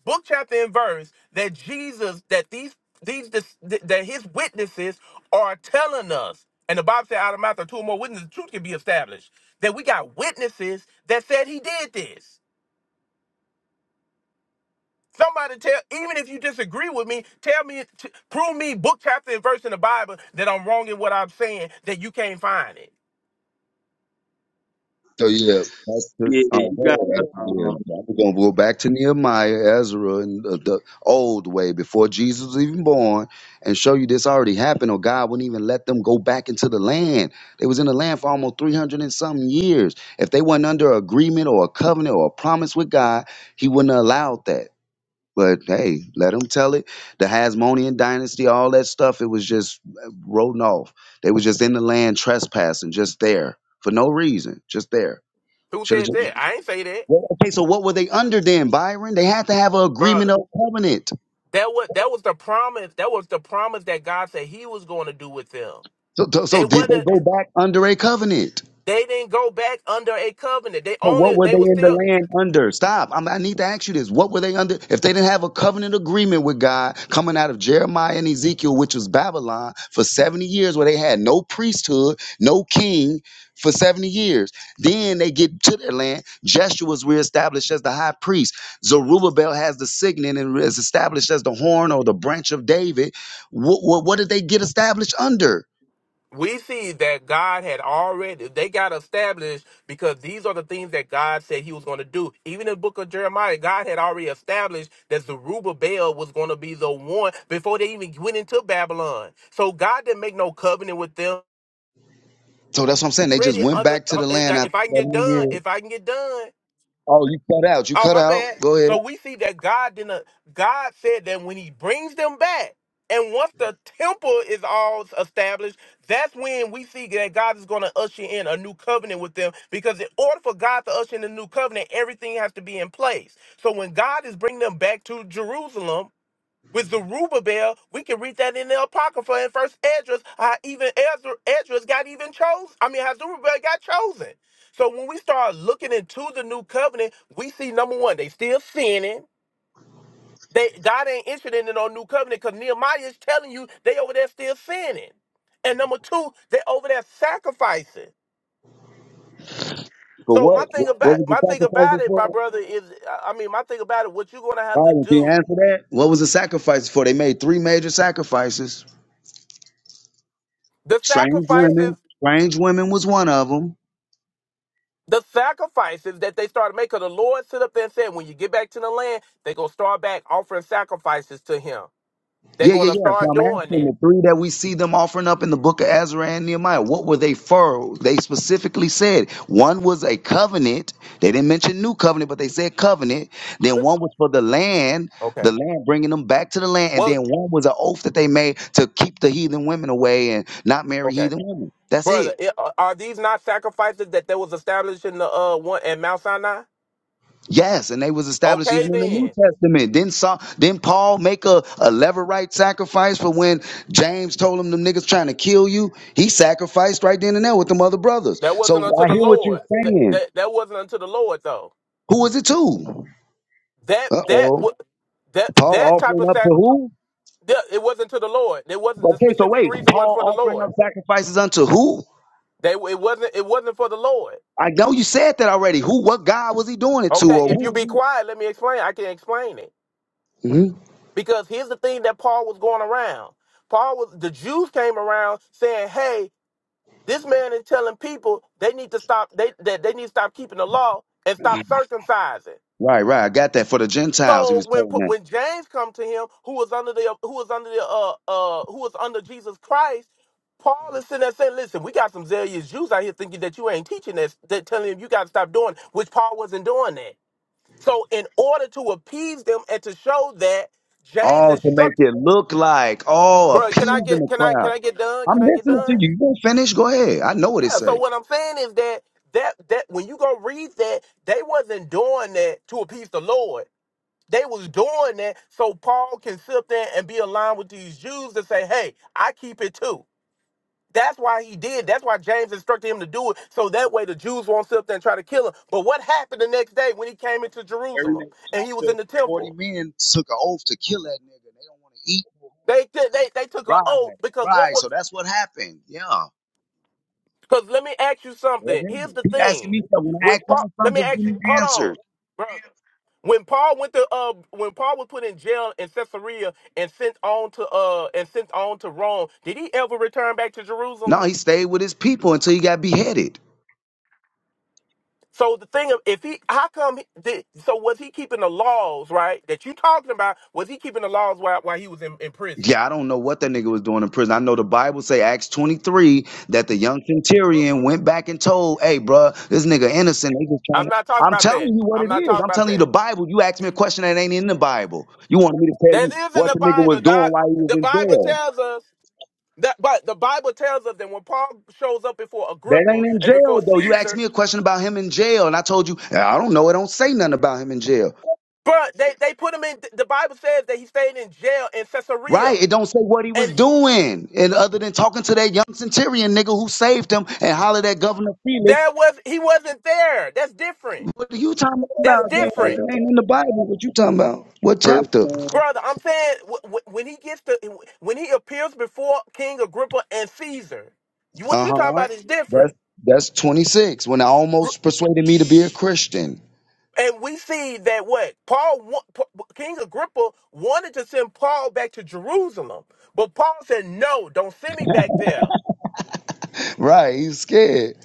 H: Book, chapter, and verse that Jesus, that these, these, dis- that his witnesses are telling us. And the Bible said, out of the mouth of two or more witnesses, the truth can be established. That we got witnesses that said he did this Somebody tell, even if you disagree with me, tell me, t- prove me book, chapter, and verse in the Bible that I'm wrong in what I'm saying, that you can't find it.
E: So yeah, back to,
J: yeah.
E: oh,
J: You
E: go
J: gotta
E: ahead,
J: um
E: yeah. I'm gonna go back to Nehemiah, Ezra, and the, the old way before Jesus was even born, and show you this already happened, or God wouldn't even let them go back into the land. They was in the land for almost three hundred and some years. If they weren't under agreement or a covenant or a promise with God, He wouldn't have allowed that. But hey, let them tell it. The Hasmonean dynasty, all that stuff, it was just rolling off. They was just in the land trespassing, just there for no reason, just there.
H: Who
E: Should have
H: said
E: just
H: that? I ain't say that,
E: well, okay. So what were they under then, Byron? They had to have an
H: brother.
E: agreement of covenant.
H: That was that was the promise. That was the promise that God said He was going to do with them.
E: So, so, so
H: They
E: did they
H: wasn't.
E: go back under a covenant?
H: They didn't go back under a covenant. They
E: But what
H: only.
E: were
H: They were
E: they in the
H: still.
E: land under? Stop. I'm, I need to ask you this. What were they under? If they didn't have a covenant agreement with God coming out of Jeremiah and Ezekiel, which was Babylon, for 70 years, where they had no priesthood, no king for 70 years, then they get to their land. Jeshua was reestablished as the high priest. Zerubbabel has the signet and is established as the horn or the branch of David. What, what, what did they get established under?
H: we see that God had already they got established because these are the things that God said he was going to do. Even in the book of Jeremiah, God had already established that Zerubbabel was going to be the one before they even went into Babylon. So God didn't make no covenant with them.
E: So that's what I'm saying. They just
H: Already
E: went
H: under
E: back to
H: uh,
E: the
H: if I
E: land after
H: if I can get
E: 70
H: done,
E: years.
H: if I can get done.
E: Oh, you cut out. You
H: Oh,
E: cut
H: my bad.
E: out. Go ahead.
H: So we see that God didn't. God said that when He brings them back, and once the temple is all established, that's when we see that God is going to usher in a new covenant with them. Because in order for God to usher in a new covenant, everything has to be in place. So when God is bringing them back to Jerusalem, with the Rubabel, we can read that in the Apocrypha in First Esdras. How even Ezra, Esdras got even chosen. I mean, how Zerubbabel got chosen. So when we start looking into the new covenant, we see number one, they still sinning. They God ain't interested in no new covenant because Nehemiah is telling you they over there still sinning. And number two, they over there sacrificing.
E: For
H: So my
E: what? What
H: thing about
E: was the
H: my thing
E: sacrifices
H: about it, my
E: for?
H: brother, is I I mean my thing about it, what you're gonna have to
E: Byron, can you
H: do.
E: answer that? What was the sacrifices for? They made three major sacrifices.
H: The
E: Strange
H: sacrifices
E: women. Strange women was one of them.
H: the sacrifices that they started making. The Lord stood up there and said, when you get back to the land, they're going to start back offering sacrifices to him. They're
E: Yeah,
H: going
E: yeah,
H: to
E: yeah. So
H: start
E: I'm
H: doing
E: asking
H: that.
E: the three that we see them offering up in the book of Ezra and Nehemiah. What were they for? They specifically said one was a covenant. They didn't mention new covenant, but they said covenant. Then one was for the land, the
H: Okay.
E: land bringing them back to the land. And
H: Well,
E: then one was an oath that they made to keep the heathen women away and not marry
H: okay.
E: heathen women. That's it.
H: Brother, i- are these not sacrifices that there was established in the uh one at Mount Sinai?
E: Yes, and they was established even
H: Okay,
E: in the New
H: then
E: Testament. Didn't Saul, didn't Paul make a, a levirate sacrifice for when James told him them niggas trying to kill you? He sacrificed right then and there with them other brothers.
H: that
E: So
H: wasn't unto
E: I
H: the
E: hear what you're
H: Lord. That
E: saying.
H: that, that wasn't unto the Lord though.
E: Who was it to?
H: That
E: Uh
H: that
E: oh.
H: wa- that that
E: Paul
H: type
E: offering
H: of
E: up to
H: sac
E: who?
H: that- it wasn't to the Lord. It wasn't the
E: Okay, so
H: specific
E: wait,
H: reason wasn't
E: Paul
H: for the
E: offering
H: Lord.
E: up sacrifices unto who?
H: They it wasn't it wasn't for the Lord.
E: I know you said that already. Who? What God was he doing it to?
H: Okay,
E: Or
H: if
E: who?
H: you be
E: Was
H: quiet, let me explain. I can explain it.
E: he? Mhm.
H: Because here's the thing that Paul was going around. Paul was the Jews came around saying, Hey, this man is telling people they need to stop they that they need to stop keeping the law and stop circumcising.
E: Right, right. I got that for the Gentiles. He
H: So
E: was
H: when
E: telling
H: when James come to him, who was under the who was under the uh uh who was under Jesus Christ, Paul is sitting there saying, "Listen, we got some zealous Jews out here thinking that you ain't teaching this, that telling them you got to stop doing," which Paul wasn't doing that. So in order to appease them and to show that James
E: Oh, to make
H: instruct,
E: it look like, oh,
H: bro, can I
E: appeasing
H: get
E: the
H: can I can
E: crowd.
H: I get done?
E: I'm
H: Can I get
E: listening
H: done?
E: to you. You gonna finish? Go ahead. I know what it
H: Yeah. So
E: says.
H: what I'm saying is that that that when you go read that, they wasn't doing that to appease the Lord. They was doing that so Paul can sit there and be aligned with these Jews and say, "Hey, I keep it too." That's why he did. That's why James instructed him to do it, so that way the Jews won't sit up there and try to kill him. But what happened the next day when he came into
E: Very
H: Jerusalem
E: next
H: and he was
E: chapter,
H: in the
E: 40
H: temple?
E: men took an oath to kill that nigga. They don't want to eat.
H: They t- they they took an oath
E: Right,
H: because what
E: right.
H: was
E: So that's what happened. Yeah.
H: because let me ask you
E: Go
H: something. Here's
E: ahead.
H: the
E: Keep asking
H: thing.
E: me stuff. When I
H: When
E: ask him
H: Paul, let me
E: something, just give
H: ask
E: me
H: you. Hold on,
E: answers.
H: bro. When Paul went to uh, when Paul was put in jail in Caesarea and sent on to uh, and sent on to Rome, did he ever return back to
E: No,
H: Jerusalem?
E: he stayed with his people until he got beheaded.
H: So the thing of if he, how come? He, did, so was he keeping the laws right that you talking about? Was he keeping the laws while while he was in, in prison?
E: Yeah, I don't know what that nigga was doing in prison. I know the Bible say Acts 23 that the young centurion went back and told, "Hey, bruh, this nigga innocent. They just
H: I'm
E: trying to
H: not talking
E: I'm
H: about
E: telling
H: that.
E: you what
H: I'm
E: it
H: not
E: is.
H: talking
E: I'm
H: about
E: telling you
H: that.
E: the Bible. You asked me a question that ain't in the Bible. You wanted me to tell you
H: That is in
E: what
H: the
E: the nigga was
H: Bible.
E: doing
H: God,
E: while he was
H: the
E: in
H: Bible
E: jail.
H: tells us. That, but the Bible tells us that when Paul shows up before
E: That
H: Agrippa
E: ain't in
H: and
E: jail
H: before
E: though. You asked
H: Caesar,
E: me a question about him in jail, and I told you "Hey, I don't know. It don't say nothing about him in jail,
H: but they, they put him in. The Bible says that he stayed in jail in Caesarea,
E: right? It don't say what he was
H: and
E: doing, and other than talking to that young centurion nigga who saved him and hollered at Governor Felix
H: that was he wasn't there. That's different.
E: What are you talking
H: That's
E: about then? Because
H: different,
E: it
J: uh,
E: ain't in the Bible. What you talking about? What
J: first
E: chapter?
J: time.
H: brother. I'm saying wh- wh- when he gets to when he appears before King Agrippa and Caesar, you, what
E: Uh
H: you talking
E: huh.
H: about is
E: That's
H: different.
E: that's 26. When I almost persuaded me to be a Christian.
H: And we see that what Paul, wa- Pa- King Agrippa, wanted to send Paul back to Jerusalem, but Paul said, "No, don't send me back there."
E: Right. He's scared.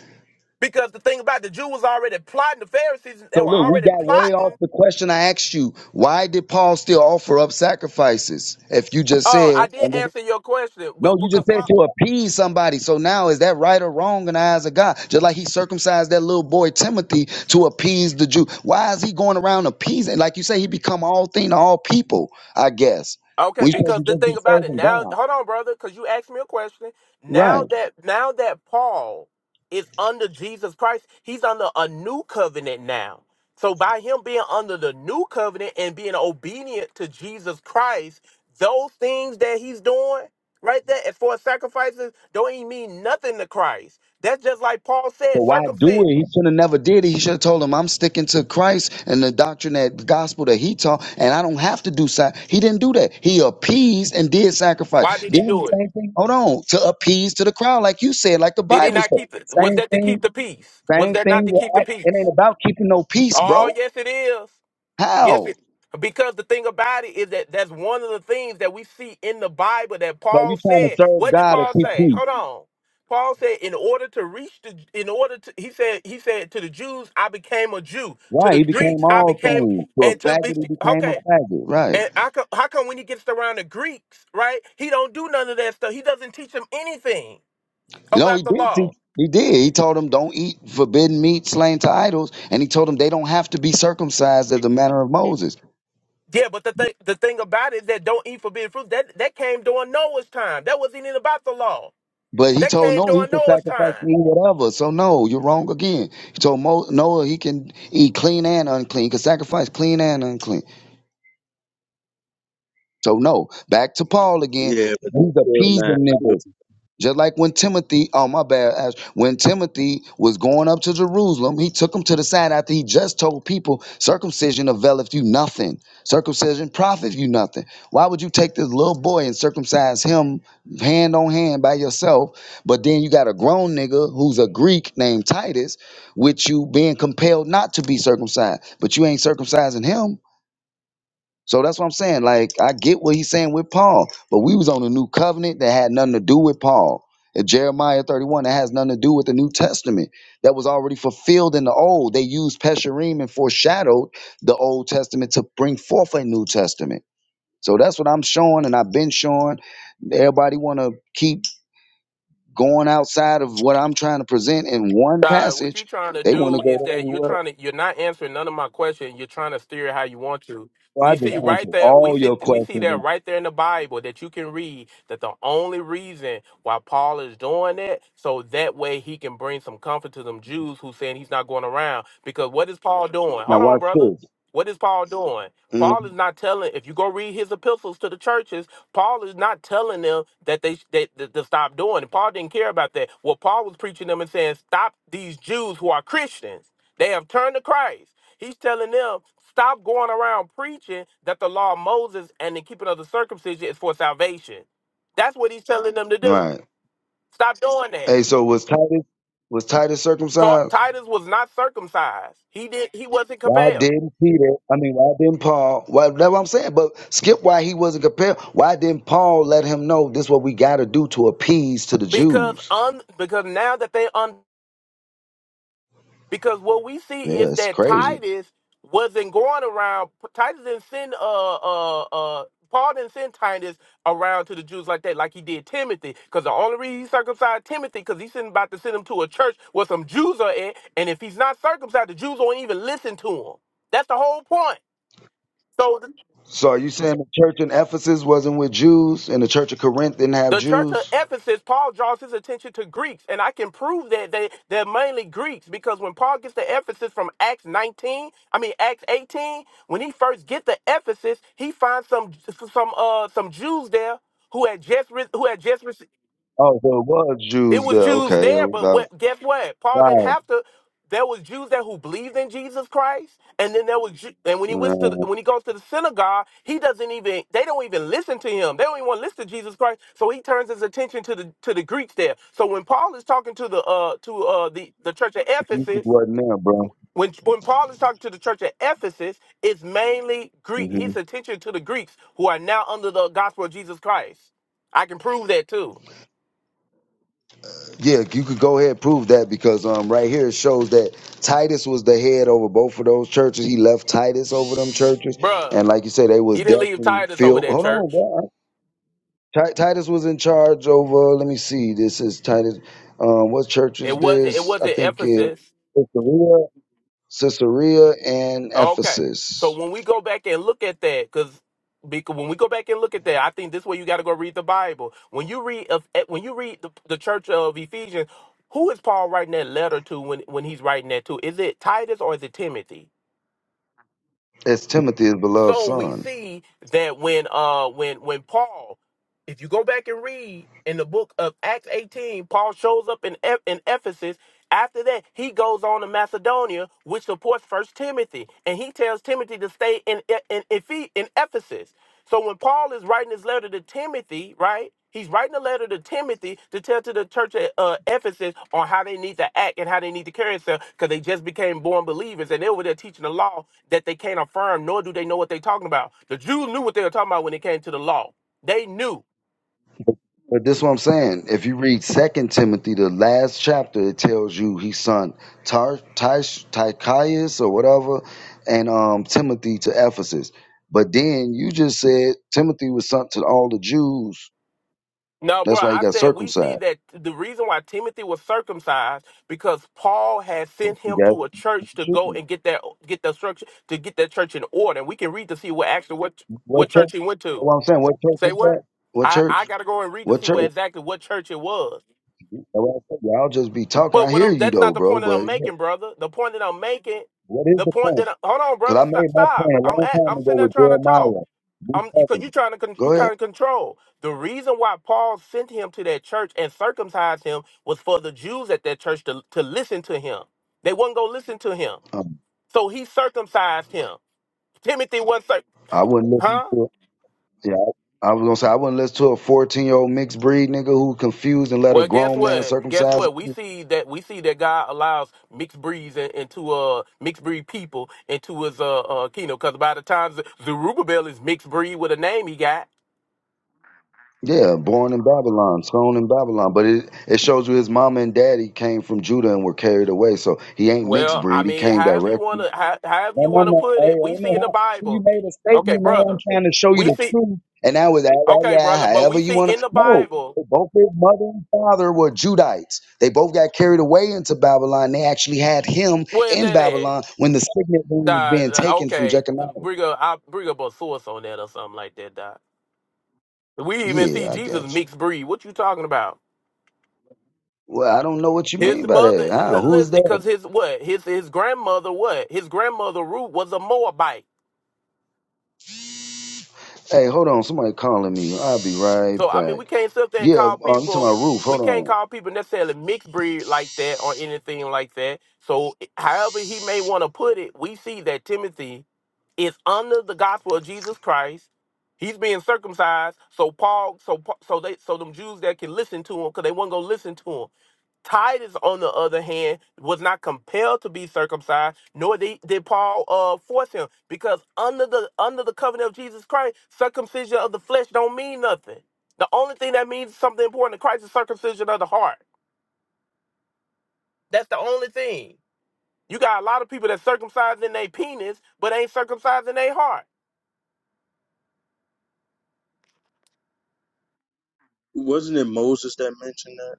H: Because the thing about the Jew was already plotting, the Pharisees they
E: So
H: were
E: look, we
H: already
E: got way off
H: plotting.
E: the question I asked you. Why did Paul still offer up sacrifices? If you just
H: Oh,
E: said
H: I did answer your question,
E: No,
H: but
E: you
H: because
E: just
H: Paul,
E: said to appease somebody. So now is that right or wrong in the eyes of God? Just like he circumcised that little boy Timothy to appease the Jew. Why is he going around appeasing? Like you say, he become all thing to all people, I guess.
H: Okay,
E: We should
H: because the
E: just be
H: thing about it
E: serving
H: now,
E: God.
H: hold on, brother, because you asked me a question.
E: Right.
H: Now that now that Paul is under Jesus Christ, he's under a new covenant now. So by him being under the new covenant and being obedient to Jesus Christ, those things that he's doing right there as far as sacrifices don't even mean nothing to Christ. That's just like Paul
E: So
H: said,
E: why do
H: circumcision.
E: it? He should have never did it. He should have told him, I'm sticking to Christ and the doctrine that the gospel that he taught, and I don't have to do sac. He didn't do that. He appeased and did sacrifice.
H: Why did he
E: Then the
H: do it?
E: same thing, hold on, to appease to the crowd, like you said, like the
H: Did he
E: Bible
H: not
E: said.
H: keep the was
E: Same
H: that to
E: thing,
H: keep the peace? Was
E: same
H: that not
E: thing
H: to
E: with
H: keep the
E: Acts. It
H: peace?
E: ain't about keeping no peace,
H: Oh
E: bro.
H: yes it is. Yes,
E: How?
H: it, because the thing about it is that that's one of the things that we see in the Bible that
E: So
H: Paul
E: you trying to
H: said.
E: serve
H: What did
E: God or
H: Paul
E: keep
H: say?
E: peace.
H: Hold on. Paul said, in order to reach the, in order to, he said, he said to the Jews, I became a Jew. To
E: Right.
H: the
E: He became
H: Greeks, I
E: all
H: became,
E: things. To a
H: and to be,
E: faggot, he became
H: okay.
E: a faggot. Right.
H: And I co- how come when he gets around the Greeks, right? He don't do none of that stuff. He doesn't teach them anything
E: No, he
H: about the
E: did. Teach,
H: law.
E: he did. He told them don't eat forbidden meat slain to idols, and he told them they don't have to be circumcised as the manner of Moses.
H: Yeah, but the thing, the thing about it is that don't eat forbidden fruit. That that came during Noah's time. That wasn't even about the law.
E: But he
H: They
E: told
H: came
E: Noah he
H: during
E: could
H: Noah's
E: sacrifice
H: time.
E: and eat whatever. So no, you're wrong again. He told Mo- Noah he can eat clean and unclean, he can sacrifice clean and unclean. So no, back to Paul again.
J: Yeah, but that's
E: He's
J: still not.
E: appeasing niggas. Just like when Timothy, oh my bad, Ash, when Timothy was going up to Jerusalem, he took him to the side after he just told people circumcision availeth you nothing, circumcision profit you nothing. Why would you take this little boy and circumcise him hand on hand by yourself? But then you got a grown nigga who's a Greek named Titus, with you being compelled not to be circumcised, but you ain't circumcising him. So that's what I'm saying. Like I get what he's saying with Paul, but we was on a new covenant that had nothing to do with Paul. In Jeremiah 31, that has nothing to do with the New Testament. That was already fulfilled in the old. They used Pesherim and foreshadowed the Old Testament to bring forth a New Testament. So that's what I'm showing and I've been showing. Everybody wanna keep going outside of what I'm trying to present in one
H: God, what you're
E: passage.
H: trying to
E: They want to
H: do
E: go
H: is
E: to
H: that you're
E: everywhere.
H: trying to you're not answering none of my question. You're trying to steer how you want to.
E: So I
H: We see
E: just
H: right
E: answered
H: there, we
E: all
H: see
E: your
H: we see that
E: questions.
H: right there in the Bible that you can read that the only reason why Paul is doing it, so that way he can bring some comfort to them Jews who saying he's not going around. Because what is Paul doing?
E: Now
H: Hold on,
E: watch
H: brother.
E: this.
H: What is Paul doing?
E: Mm.
H: Paul is not telling if you go read his epistles to the churches, Paul is not telling them that they that, that to stop doing it. Paul didn't care about that. What Paul was preaching them and saying, stop these Jews who are Christians. They have turned to Christ. He's telling them, stop going around preaching that the law of Moses and the keeping of the circumcision is for salvation. That's what he's telling them to do.
E: Right.
H: Stop doing that.
E: Hey, so was Titus was Titus
H: Ta-
E: circumcised?
H: Titus was not circumcised. He did. He wasn't
E: Why
H: compelled
E: didn't Peter? I mean, why didn't Paul? Well, that's what I'm saying. But skip why he wasn't compelled. Why didn't Paul let him know this? is what we got to do to appease to the
H: because
E: Jews?
H: un because now that they un Because what we see
E: Yeah,
H: is
E: it's
H: that
E: crazy.
H: Titus wasn't going around. Titus didn't send uh uh uh Paul didn't send Titus around to the Jews like that, like he did Timothy. Because the only reason he circumcised Timothy, because he's about to send him to a church where some Jews are at, and if he's not circumcised, the Jews won't even listen to him. That's the whole point. So
E: So are you saying the church in Ephesus wasn't with Jews, and the church of Corinth didn't have
H: The church of
E: Jews?
H: Ephesus, Paul draws his attention to Greeks, and I can prove that they, they're mainly Greeks because when Paul gets to Ephesus from Acts 19, I mean Acts 18, when he first gets to Ephesus, he finds some some uh some Jews there who had just re- who had just
E: Oh, so it was
H: it
E: Jews
H: was
E: there.
H: Jews
E: Okay, it
H: there,
E: was,
H: but
E: uh,
H: what, guess what? Paul didn't
E: right.
H: have to. There was Jews there who believed in Jesus Christ, and then there was, Ju- and when he went to, the,
E: Uh,
H: when he goes to the synagogue, he doesn't even, they don't even listen to him. They don't even want to listen to Jesus Christ. So he turns his attention to the to the Greeks there. So when Paul is talking to the uh to uh the the church at
E: Jesus
H: Ephesus,
E: wasn't there, bro.
H: when when Paul is talking to the church at Ephesus, it's mainly Greek.
E: Mm-hmm.
H: His attention to the Greeks who are now under the gospel of Jesus Christ. I can prove that too,
E: Yeah, you could go ahead and prove that because um, right here it shows that Titus was the head over both of those churches. He left Titus over them churches,
H: Bruh.
E: and like you say, they was
H: He didn't leave
E: definitely
H: Titus over
E: filled.
H: that
E: Hold on,
H: church.
E: bro. Ti- Titus was in charge over. Let me see. This is Titus. Um, what church
H: It
E: is
H: wasn't. It
E: this? I
H: wasn't
E: think it's
H: Ephesus.
E: Caesarea, Caesarea, and
H: Okay. So
E: Ephesus.
H: when we go back and look at that, because because when we go back and look at that, I think this way you got to go read the Bible. When you read of eh, when you read the, the church of Ephesians, who is Paul writing that letter to when when he's writing that to? Is it Titus or is it Timothy?
E: It's Timothy's beloved
H: So we
E: son.
H: see that when uh when when Paul If you go back and read in the book of Acts 18, Paul shows up in, Eph- in Ephesus. After that, he goes on to Macedonia, which supports First Timothy, and he tells Timothy to stay in E- in, Ephe- in Ephesus. So when Paul is writing his letter to Timothy, right? He's writing a letter to Timothy to tell to the church at uh, Ephesus on how they need to act and how they need to carry themselves because they just became born believers and they were there teaching the law that they can't affirm, nor do they know what they're talking about. The Jews knew what they were talking about when it came to the law. They knew.
E: But this is what I'm saying. If you read Second Timothy, the last chapter, it tells you his son Tar- Tish- Tychius or whatever, and um, Timothy to Ephesus. But then you just said Timothy was sent to all the Jews.
H: No, bro,
E: That's why he
H: I
E: got
H: said we see
E: circumcised.
H: that the reason why Timothy was circumcised because Paul had sent
E: He
H: him
E: got
H: to a church to go
E: Jews.
H: and get that get the structure to get that church in order. And we can read to see what actually what
E: What
H: what
E: church?
H: church he went to.
E: What I'm saying. What church
H: Say
E: is that?
H: what?
E: What
H: I I
E: church?
H: gotta go and read to
E: What
H: see
E: church?
H: what exactly what church it was.
E: That's what I'm saying. Y'all just be talking.
H: But
E: I
H: what
E: hear
H: I'm
E: you
H: that's not
E: though,
H: the
E: bro.
H: point that
E: But
H: I'm
E: yeah,
H: making, brother. The point that I'm making,
E: what is
H: the
E: the
H: point
E: point?
H: that I, hold on,
E: Because
H: brother,
E: I
H: stop,
E: made my
H: stop.
E: point a
H: I'm
E: long
H: at
E: time
H: I'm sitting
E: ago
H: there
E: with
H: trying to talk.
E: Jeremiah. Be
H: I'm because you
E: talking.
H: trying to con- you
E: Go
H: kind of
E: ahead.
H: control. The reason why Paul sent him to that church and circumcised him was for the Jews at that church to, to listen to him. They wasn't gonna listen to him, so he circumcised him. Timothy wasn't, cir-
E: I wouldn't listen
H: huh?
E: to it. Yeah, I, I was gonna say I wouldn't listen to a fourteen year old mixed breed nigga who confused and let a
H: Well, guess
E: grown man
H: what? Guess
E: circumcise.
H: what? We
E: Him.
H: see that we see that God allows mixed breeds in- into uh mixed breed people into his uh, uh kingdom. Because by the time Z- Zerubbabel is mixed breed with a name he got,
E: Yeah, born in Babylon, sown in Babylon. But it, it shows you his mama and daddy came from Judah and were carried away. So he ain't mixed
H: Well, I
E: breed. He
H: mean,
E: came
H: however
E: directly.
H: you wanna how, however
E: No,
H: you
E: no,
H: wanna
E: no.
H: put
E: Hey,
H: it, we
E: ain't
H: see in
E: no
H: the
E: how. You
H: Bible.
E: made a
H: Okay,
E: statement. Now I'm
H: brother.
E: trying to show you
H: We
E: the
H: see
E: truth. And that was that, that
H: okay, brother,
E: yeah,
H: but we
E: however you
H: see
E: want
H: in
E: to.
H: the
E: No.
H: Bible
E: They Both his mother and father were Judites. They both got carried away into Babylon. They actually had him
H: where's
E: in
H: that at?
E: Babylon when the signet ring was
H: Dot,
E: being
H: uh,
E: taken from
H: okay,
E: Jeconiah.
H: bring up I bring up a source on that or something like that. Dot. We even see
E: Yeah, I
H: Jesus
E: got you.
H: mixed breed. What you talking about?
E: Well, I don't know what you
H: His
E: mean by
H: mother,
E: that. Ah, who's
H: because
E: that?
H: his what? His his grandmother what? His grandmother Ruth was a Moabite.
E: Hey, hold on. Somebody calling me. I'll be right
H: So I mean, we
E: back.
H: can't sit there and
E: Yeah,
H: call
E: uh, you talking
H: people.
E: about Ruth.
H: We
E: Hold
H: can't
E: on.
H: call people necessarily mixed breed like that or anything like that. So, however he may want to put it, we see that Timothy is under the gospel of Jesus Christ. He's being circumcised. So Paul, so Pa- so they, so them Jews that can listen to him because they weren't gonna listen to him. Titus, on the other hand, was not compelled to be circumcised, nor did, did Paul uh, force him, because under the under the covenant of Jesus Christ, circumcision of the flesh don't mean nothing. The only thing that means something important to Christ is circumcision of the heart. That's the only thing. You got a lot of people that circumcised in their penis, but ain't circumcised in their heart.
J: Wasn't it Moses that mentioned that?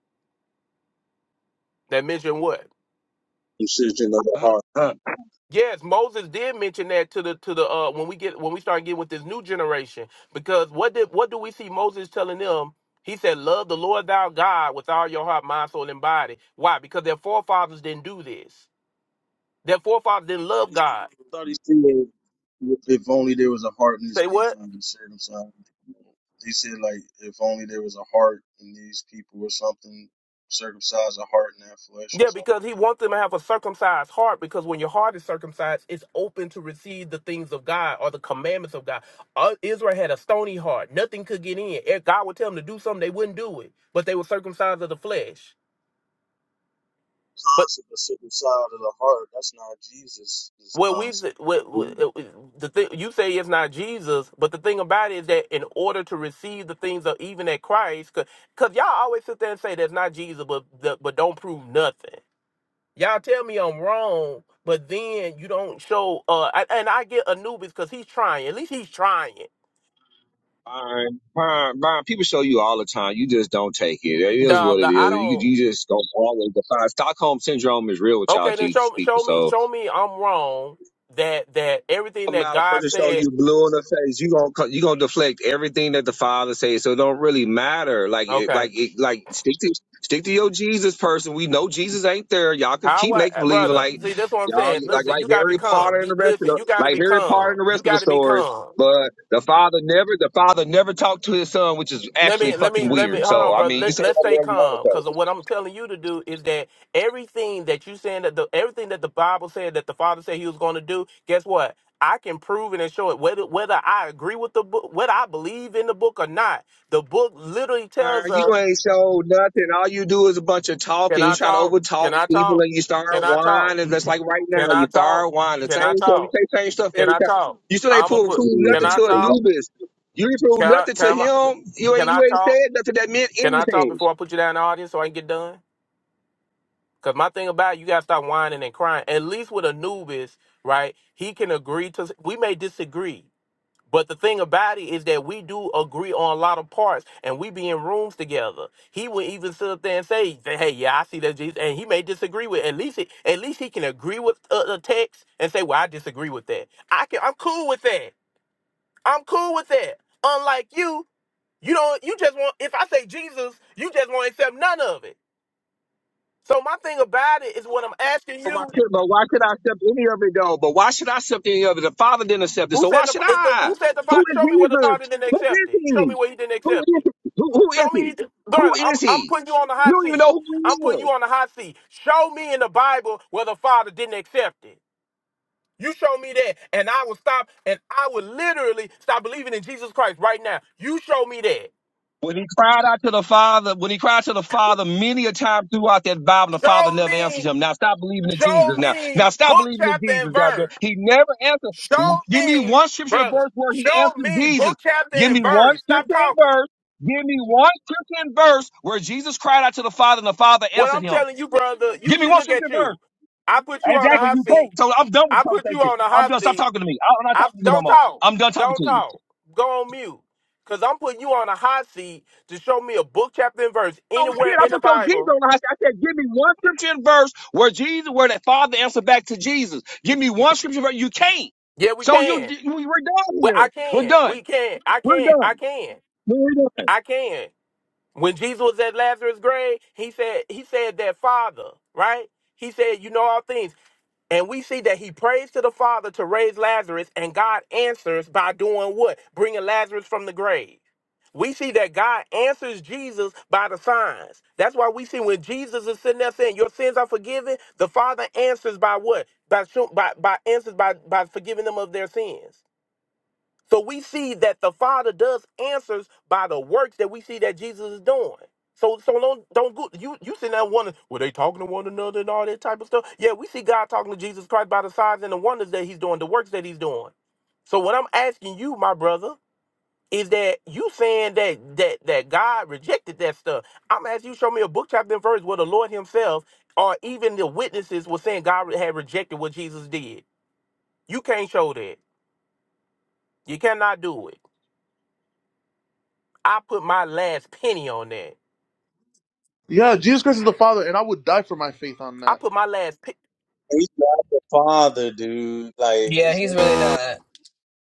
H: That mention what?
J: Incision of the
I: Uh,
J: heart.
I: uh.
H: Yes, Moses did mention that to the to the uh when we get when we start getting with this new generation. Because what did what do we see Moses telling them? He said, Love the Lord thou God with all your heart, mind, soul, and body. Why? Because their forefathers didn't do this. Their forefathers didn't love God.
J: I thought he said if only there was a heart in these
H: Say what?
J: people to circumcise. They said like if only there was a heart in these people or something, circumcise a heart in that flesh or
H: Yeah,
J: something
H: because
J: like
H: he
J: that.
H: wants them to have a circumcised heart because when your heart is circumcised, it's open to receive the things of God or the commandments of God. Uh, Israel had a stony heart. Nothing could get in. If God would tell them to do something, they wouldn't do it, but they were circumcised of the flesh. But
J: Concept of circumcised of the heart, that's not Jesus'
H: when we,
J: concept.
H: when,
J: Yeah.
H: when- the thing, you say it's not Jesus, but the thing about it is that in order to receive the things of even at Christ, because y'all always sit there and say that's not Jesus, but, but don't prove nothing. Y'all tell me I'm wrong, but then you don't show. Uh, I, and I get Anubis because he's trying. At least he's trying.
I: Byron, Byron, Byron, people show you all the time. You just don't take it. It is
H: The,
I: what it
H: the I
I: is. You,
H: don't.
I: you just don't always defy. Stockholm syndrome is real with y'all,
H: Okay, then
I: Jesus
H: show
I: people.
H: show me
I: so
H: show me I'm wrong. That that everything that
I: amount of
H: God
I: person show
H: said.
I: you blue in the face, you gonna co- you gonna deflect everything that the father says. So it don't really matter. Like it,
H: Okay,
I: like it, like stick to stick to your Jesus person. We know Jesus ain't there. Y'all can
H: how
I: keep make
H: I,
I: believe
H: brother?
I: like
H: See, that's what I'm
I: y'all
H: saying.
I: like
H: Listen,
I: like
H: you gotta be
I: Harry
H: calm.
I: Potter and
H: You,
I: the rest of
H: listen,
I: the
H: you gotta
I: like
H: be
I: Harry Potter
H: calm.
I: and the
H: You
I: rest of the
H: gotta be
I: stories.
H: calm.
I: But the father never the father never talked to his son, which is
H: Let
I: actually
H: me let me
I: fucking
H: let me
I: weird.
H: hold
I: So
H: on,
I: I
H: brother.
I: mean, you can
H: Let,
I: say
H: let's stay
I: whatever you want
H: calm
I: to say.
H: because what I'm telling you to do is that everything that you saying that the everything that the Bible said that the Father said He was going to do. Guess what? I can prove it and show it whether whether I agree with the book, whether I believe in the book or not. The book literally
I: Uh,
H: tells
I: you
H: us.
I: ain't showed nothing. All you do is a bunch of
H: Can
I: talking. You
H: I
I: try to
H: talk?
I: overtalk
H: Can I
I: people
H: talk?
I: and you start
H: Can I talk?
I: whining. That's like right now.
H: Can I
I: You
H: talk?
I: start whining.
H: Can I
I: Same stuff. You
H: talk?
I: say same stuff
H: Can
I: every
H: I
I: time.
H: talk?
I: You still ain't
H: I'm gonna
I: prove,
H: put.
I: prove
H: Can
I: nothing
H: I
I: to
H: talk?
I: Anubis. You ain't prove
H: Can I,
I: nothing to
H: can I,
I: him. You
H: can
I: ain't you
H: I
I: ain't
H: talk?
I: said nothing that meant
H: Can I talk
I: anything.
H: before I put you down in the audience so I can get done? Cause my thing about it, you gotta stop whining and crying. At least with Anubis, right? He can agree to. We may disagree, but the thing about it is that we do agree on a lot of parts, and we be in rooms together. He would even sit up there and say, "Hey, yeah, I see that Jesus," and he may disagree with. At least, it, at least he can agree with uh, the text and say, "Well, I disagree with that. I can. I'm cool with that. I'm cool with that." Unlike you, you don't. You just want. If I say Jesus, you just want to accept none of it. So my thing about it is what I'm asking
I: But why,
H: you.
I: should, but why should I accept any of it though? But why should I accept any of it? The Father didn't accept it,
H: Who
I: so
H: said
I: why
H: the
I: should
H: is the
I: I?
H: who said the
I: Who
H: fa-
I: is
H: show me where the
I: Jesus?
H: father didn't
I: Who
H: accept
I: is
H: it? Show me
I: he?
H: where he didn't
I: Who
H: accept
I: is
H: it.
I: he? Who, who is
H: Show me, he,
I: he?
H: did-
I: Who
H: brother. I'm
I: is
H: I'm
I: he?
H: putting you on the
I: You
H: hot
I: don't even
H: seat.
I: know who he
H: I'm putting
I: is.
H: you on the hot seat. Show me in the Bible where the father didn't accept it. You show me that, and I will stop, and I will literally stop believing in Jesus Christ right now. You show me that.
I: When he cried out to the Father, when he cried to the Father many a time throughout that Bible, the Father
H: Show
I: never answered
H: me,
I: him. Now stop believing in Jesus.
H: show
I: Now,
H: me
I: now stop
H: book
I: believing in
H: chapter and
I: Jesus. God.
H: verse.
I: He never answered.
H: Show
I: Give me
H: me,
I: one scripture and
H: brother.
I: verse where he
H: Show
I: answered
H: me
I: Jesus.
H: book chapter
I: Give me
H: and
I: one
H: verse. Stop
I: scripture
H: talking.
I: and verse. Give me one scripture and verse where Jesus cried out to the Father and the Father
H: What
I: answered
H: I'm
I: him.
H: telling you, brother, you
I: Give me
H: see,
I: one
H: look
I: scripture
H: at
I: and verse.
H: you. I put you on a
I: Exactly,
H: hot
I: you
H: seat.
I: can't. So I'm done with
H: I
I: the
H: put you
I: conversation.
H: on a
I: I'm
H: hot
I: done. Stop
H: seat.
I: talking to me. I- I'm not
H: I
I: talking to you no
H: don't
I: more.
H: talk.
I: I'm done talking
H: Don't
I: to you.
H: talk. Go on mute. Cause I'm putting you on a hot seat to show me a book, chapter, and verse
I: on kid.
H: anywhere
I: I
H: in the
I: put your Jesus
H: Bible.
I: on the hot seat. I said, give me one scripture and verse where Jesus, where that Father answered back to Jesus. Give me one scripture verse. You can't.
H: Yeah, we
I: So you,
H: can.
I: d- we- we're done
H: Well, I
I: here. We're
H: can.
I: done.
H: We can. I
I: We're
H: can. I
I: done.
H: can.
I: We're done.
H: I can. When Jesus was at Lazarus' grave, he said, he said that Father, right? He said, you know all things. And we see that he prays to the Father to raise Lazarus, and God answers by doing what? Bringing Lazarus from the grave. We see that God answers Jesus by the signs. That's why we see when Jesus is sitting there saying, Your sins are forgiven, the Father answers by what? By, show- by, by answers by, by forgiving them of their sins. So we see that the Father does answers by the works that we see that Jesus is doing. So so don't don't go you you sitting there wondering, were they talking to one another and all that type of stuff? Yeah, we see God talking to Jesus Christ by the signs and the wonders that he's doing, the works that he's doing. So what I'm asking you, my brother, is that you saying that that that God rejected that stuff. I'm asking you show me a book chapter and verse where the Lord Himself or even the witnesses were saying God had rejected what Jesus did. You can't show that. You cannot do it. I put my last penny on that.
A: Yeah, Jesus Christ is the Father, and I would die for my faith on
H: I
A: that.
H: put my last. Pe-
J: He's not the father, dude. Like
G: Yeah,
J: he's
G: he's really not.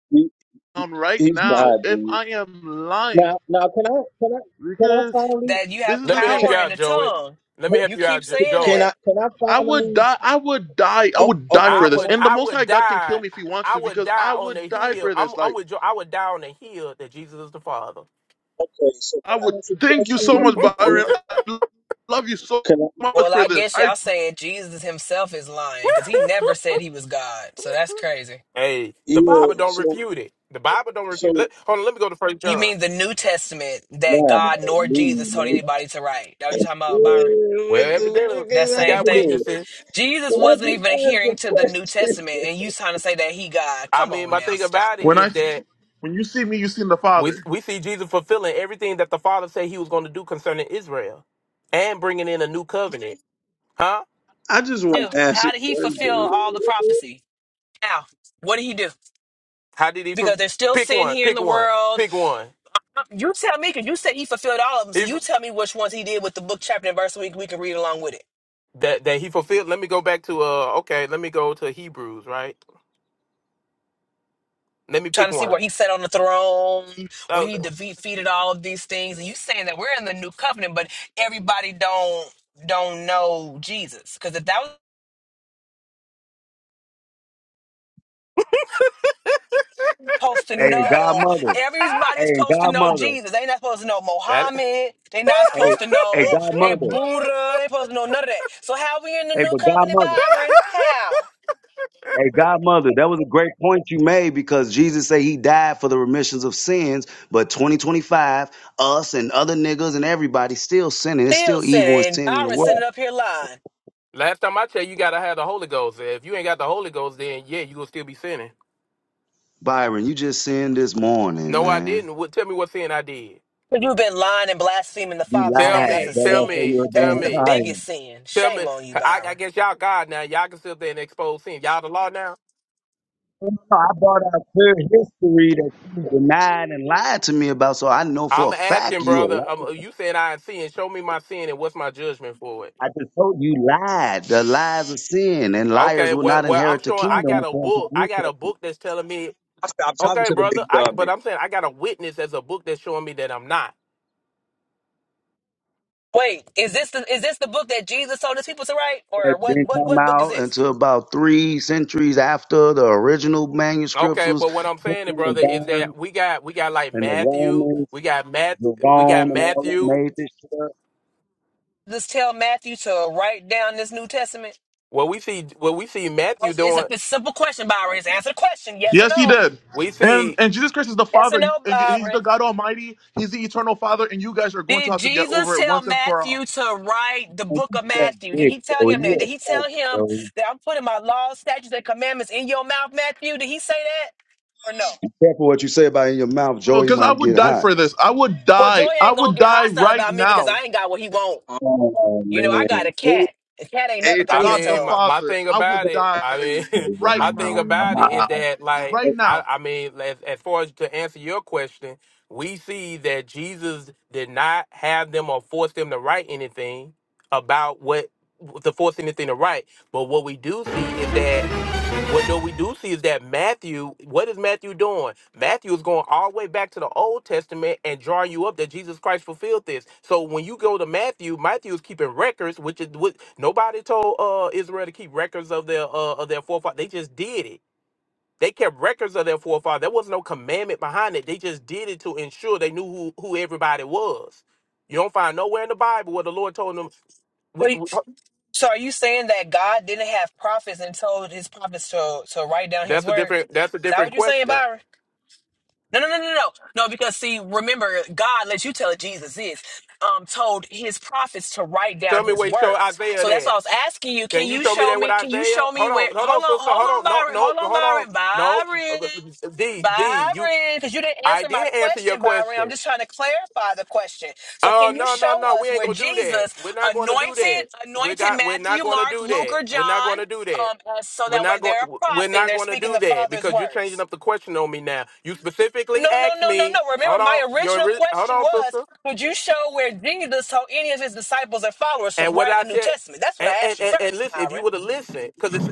J: he,
A: Um, right
J: he's
A: now,
J: not,
A: if
J: dude.
A: I am lying,
J: Now, now, can I, can I, can I
A: because
J: finally?
G: That you
A: this
G: have
A: is
H: Let
A: the
H: me help
A: thing,
H: you
G: power in
H: out,
G: the
H: Joey.
G: tongue.
H: Let me help
G: You
H: you
G: keep
H: out, jo-
G: saying
J: Can
H: Joey.
G: that.
J: I can I
A: I would
J: finally?
A: die. I would die. I
J: Oh,
A: would die
J: okay.
A: for
H: I
A: this.
J: Can I?
H: would,
A: And the
H: I
A: Most
H: would
A: High God can kill
H: die.
A: me if He wants
H: I
A: to,
H: would
A: because
H: die
A: I
H: on the
A: would die
H: hill.
A: for
H: I'm,
A: this. Like
H: I'm with Joe. I would die on the hill that Jesus is the Father.
J: Okay. So
A: I
J: can
A: would
J: I ask a
A: thank you so much,
J: question?
A: Byron. I love you so
J: Can I?
A: much
G: Well,
A: for
G: I
A: this.
G: guess
A: I
G: y'all saying Jesus himself is lying because he never said he was God. So that's crazy.
H: Hey, the Bible
J: Yeah.
H: don't
J: So
H: refute it. The Bible don't refute.
J: so.
H: Let, hold on, let me go to First
G: You
H: John.
G: mean the New Testament that
J: Wow.
G: God nor Jesus
J: dude,
G: told
J: man.
G: anybody to write? That what you talking
J: Yeah,
G: about, Byron?
H: Well,
J: What the
H: evidently
J: fuck
G: That
J: is
H: we
G: same
H: got
G: thing?
J: happening?
H: witnesses.
G: Jesus
J: Can I
G: wasn't
J: just
G: even
J: ask
G: adhering
J: a
G: to the New
J: question?
G: Testament, and you trying to say that he God?
H: I
G: Come
H: mean,
G: on
H: my
G: now,
H: thing
G: stop.
H: about it
A: when I
H: is that
A: when you see me, you seen the
H: we
A: Father.
H: we see Jesus fulfilling everything that the Father said He was going to do concerning Israel, and bringing in a new covenant. Huh?
J: I just
G: Do
J: want to ask a
G: how did he fulfill
J: question.
G: all the prophecy? How? What did he do?
H: How did he
G: Because
H: fu-
G: there's still
H: pick
G: sin
H: one?
G: here in
H: Pick
G: the
H: one.
G: world.
H: Pick one.
G: You tell me, because you said he fulfilled all of them. So
H: If
G: you tell me which ones he did with the book, chapter, and verse. So we, we can read along with it.
H: that that he fulfilled. Let me go back to uh. Okay, let me go to Hebrews. Right. Let me
G: trying
H: pick
G: to see where
H: one.
G: he sat on the throne, where
H: Oh.
G: he defeated all of these things. And you saying that we're in the new covenant, but everybody don't don't know Jesus. Because if that was supposed to
E: Hey,
G: know,
E: Godmother.
G: everybody's
E: Hey,
G: supposed to know
E: Godmother.
G: Jesus. They not supposed to know
H: that.
G: Mohammed. They not
E: Hey,
G: supposed to
E: hey,
G: know eh,
E: Godmother.
G: Buddha. They supposed to know none of that. So how we in the
E: Hey,
G: new
E: but
G: covenant,
E: Godmother.
G: Byron? How?
E: Hey, Godmother. That was a great point you made because Jesus said He died for the remissions of sins. But 2025, us and other niggas and everybody still sinning. It's
G: Still
E: still evil and
G: sinning.
E: sin in the
G: Byron sitting
E: world.
G: up here lying.
H: Last time I tell you, you gotta have the Holy Ghost. If you ain't got the Holy Ghost, then yeah, you gonna still be sinning.
E: Byron, you just sinned this morning,
H: No, I
E: man.
H: didn't. What? Tell me what sin I did.
G: 'Cause You've been lying and blaspheming the
E: You
G: Father's
H: Tell
G: name. That's
E: lied. That's
G: a
H: me, tell
E: why I
G: sin.
E: said
H: me,
E: you're a
G: That
H: tell
G: is the
E: damn
H: me,
E: liar.
G: biggest sin.
H: tell
G: Shame
H: me.
G: on you,
H: I, I
G: Byron.
H: guess y'all God now. Y'all can sit there and expose sin. Y'all the law
E: No, I brought out clear history that you denied and lied to me about, so I know for
H: I'm
E: a
H: asking,
E: fact you a
H: brother.
E: liar.
H: Um, uh, you said I had sin. Show me my sin, and what's my judgment for it?
E: I just told you lied. The lies of sin and liars
H: Okay.
E: will
H: Well,
E: not
H: well, I'm
E: inherit the
H: showing. I
E: kingdom
H: got a
E: according to the
H: book. I
E: New
H: got a book that's telling me.
I: I stopped talking
H: Okay,
I: to the
H: brother.
I: big
H: I
I: dumb
H: but I'm
I: man.
H: saying I got a witness as a book that's showing me that I'm not.
G: Wait, is this the is this the book that Jesus told his people to write, or
E: Testament.
G: what?
E: Didn't
G: What
E: come
G: what book is
E: out
G: this?
E: until about three centuries after the original manuscripts
H: Okay,
E: was
H: but what I'm
E: taken
H: saying,
E: and
H: brother, is
E: burned,
H: that we got we got like
E: and the
H: Matthew.
E: Romans,
H: We got Matt. We got
E: Jerome, and all them
H: Matthew.
E: made this shit up.
G: Just tell Matthew to write down this New Testament.
H: What we see. What we see
G: I
H: Matthew
G: was- It's a,
H: doing.
G: it's a simple question, Byron. Just answer the question, yes or
A: Yes, He
G: no.
A: did.
H: We
A: And
H: see
A: and Jesus Christ is the
G: Yes or no,
A: Father. And he's the
G: Byron.
A: God Almighty. He's the Eternal Father. And you guys are going to
G: Did
A: have to get over
G: Jesus
A: it
G: tell
A: once and for all.
G: Matthew to write the
E: And
G: book
E: you
G: of
E: said
G: Matthew? Did
E: big,
G: he tell
E: Joey.
G: him that?
E: You
G: Did he
E: a faggot,
G: tell him
E: Joey.
G: that I'm putting my laws, statutes, and commandments in your mouth, Matthew? Did he say that or no?
E: careful what you say about in your mouth.
A: Oh,
E: Joey
A: Because I
E: might
A: would
E: get
A: die
E: hot.
A: for this. I would
G: Well, Joy
A: die. I
G: ain't gonna
A: would
G: get
A: die
G: hostile
A: right
G: about me because
A: now.
G: I ain't got what he want.
J: Oh
G: You know, I got
J: man.
G: a
J: Hey,
G: cat. The cat ain't never
J: hey
G: got
H: I
J: hold on.
G: his
A: God the
H: mean, my,
G: tongue.
H: my
A: Father.
H: thing
A: I
H: about
A: would
H: it,
A: die
H: I mean,
A: right
H: my thing
A: now.
H: about it is
J: Wow.
H: that, like,
J: Hey,
A: Right
H: I,
A: now.
H: I mean, as, as far as to answer your question, we see that Jesus did not have them or force them to write anything about what to force anything to write. But what we do see is that what do we do see is that Matthew, what is Matthew doing? Matthew is going all the way back to the Old Testament and drawing you up that Jesus Christ fulfilled this. So when you go to Matthew, Matthew is keeping records, which is what nobody told uh, Israel to keep records of their uh, of their forefathers. They just did it. They kept records of their forefathers. There was no commandment behind it. They just did it to ensure they knew who, who everybody was. You don't find nowhere in the Bible where the Lord told them. We, we-
G: So are you saying that God didn't have prophets and told his prophets to to write down his
H: that's a
G: words?
H: different. That's a
G: Is that what
H: different
G: you're saying,
H: question.
G: Byron? No, no, no, no, no, no. Because see, remember, God let you tell it, Jesus is Um, told his prophets to write down
H: Tell me
G: his
H: where you show
G: words.
H: Isaiah
G: So that's
H: that.
G: why I was asking you. Can
H: Can you
G: you
H: show me
G: show
H: that with
G: me? Can you
H: Isaiah?
G: show me
H: Hold
G: where?
H: on, hold
G: Hold
H: on,
G: on,
H: sister.
G: hold
H: Hold
G: on,
H: on. No,
G: Byron.
H: no,
G: Hold on,
H: hold on.
G: Byron.
H: No,
G: Byron.
H: uh, D, D, you.
G: Byron, because you didn't
H: I
G: answer my
H: did answer your
G: question, Byron. I'm
H: question.
G: just trying to clarify the question. So,
H: Oh
G: can you
H: no, no,
G: show
H: no. We
G: us
H: ain't
G: where
H: gonna do that.
G: Jesus
H: We're not gonna do
G: anointed
H: that. We
G: anointed
H: got. We're not
G: Matthew,
H: gonna
G: Mark,
H: do
G: Luke,
H: that.
G: or
H: We're not
G: John,
H: gonna do that.
G: um, so
H: We're
G: that way
H: not going.
G: they're a
H: We're
G: prophet and
H: not
G: they're
H: going to
G: speaking
H: do
G: the
H: that
G: Father's
H: because you're
G: words?
H: changing up the question on me now. You specifically
G: No, no,
H: asked
G: no, no,
H: me.
G: no.
H: Hold
G: Remember, my
H: on, your
G: original
H: ori- hold
G: question
H: on,
G: was,
H: sister.
G: could you show where Jesus told any of his disciples or followers to
H: And what
G: write
H: I
G: a New
H: tell?
G: Testament? That's what
H: And
G: I asked
H: and,
G: you
H: and, and
G: first,
H: listen, if you
G: Byron.
H: would have listened, because it's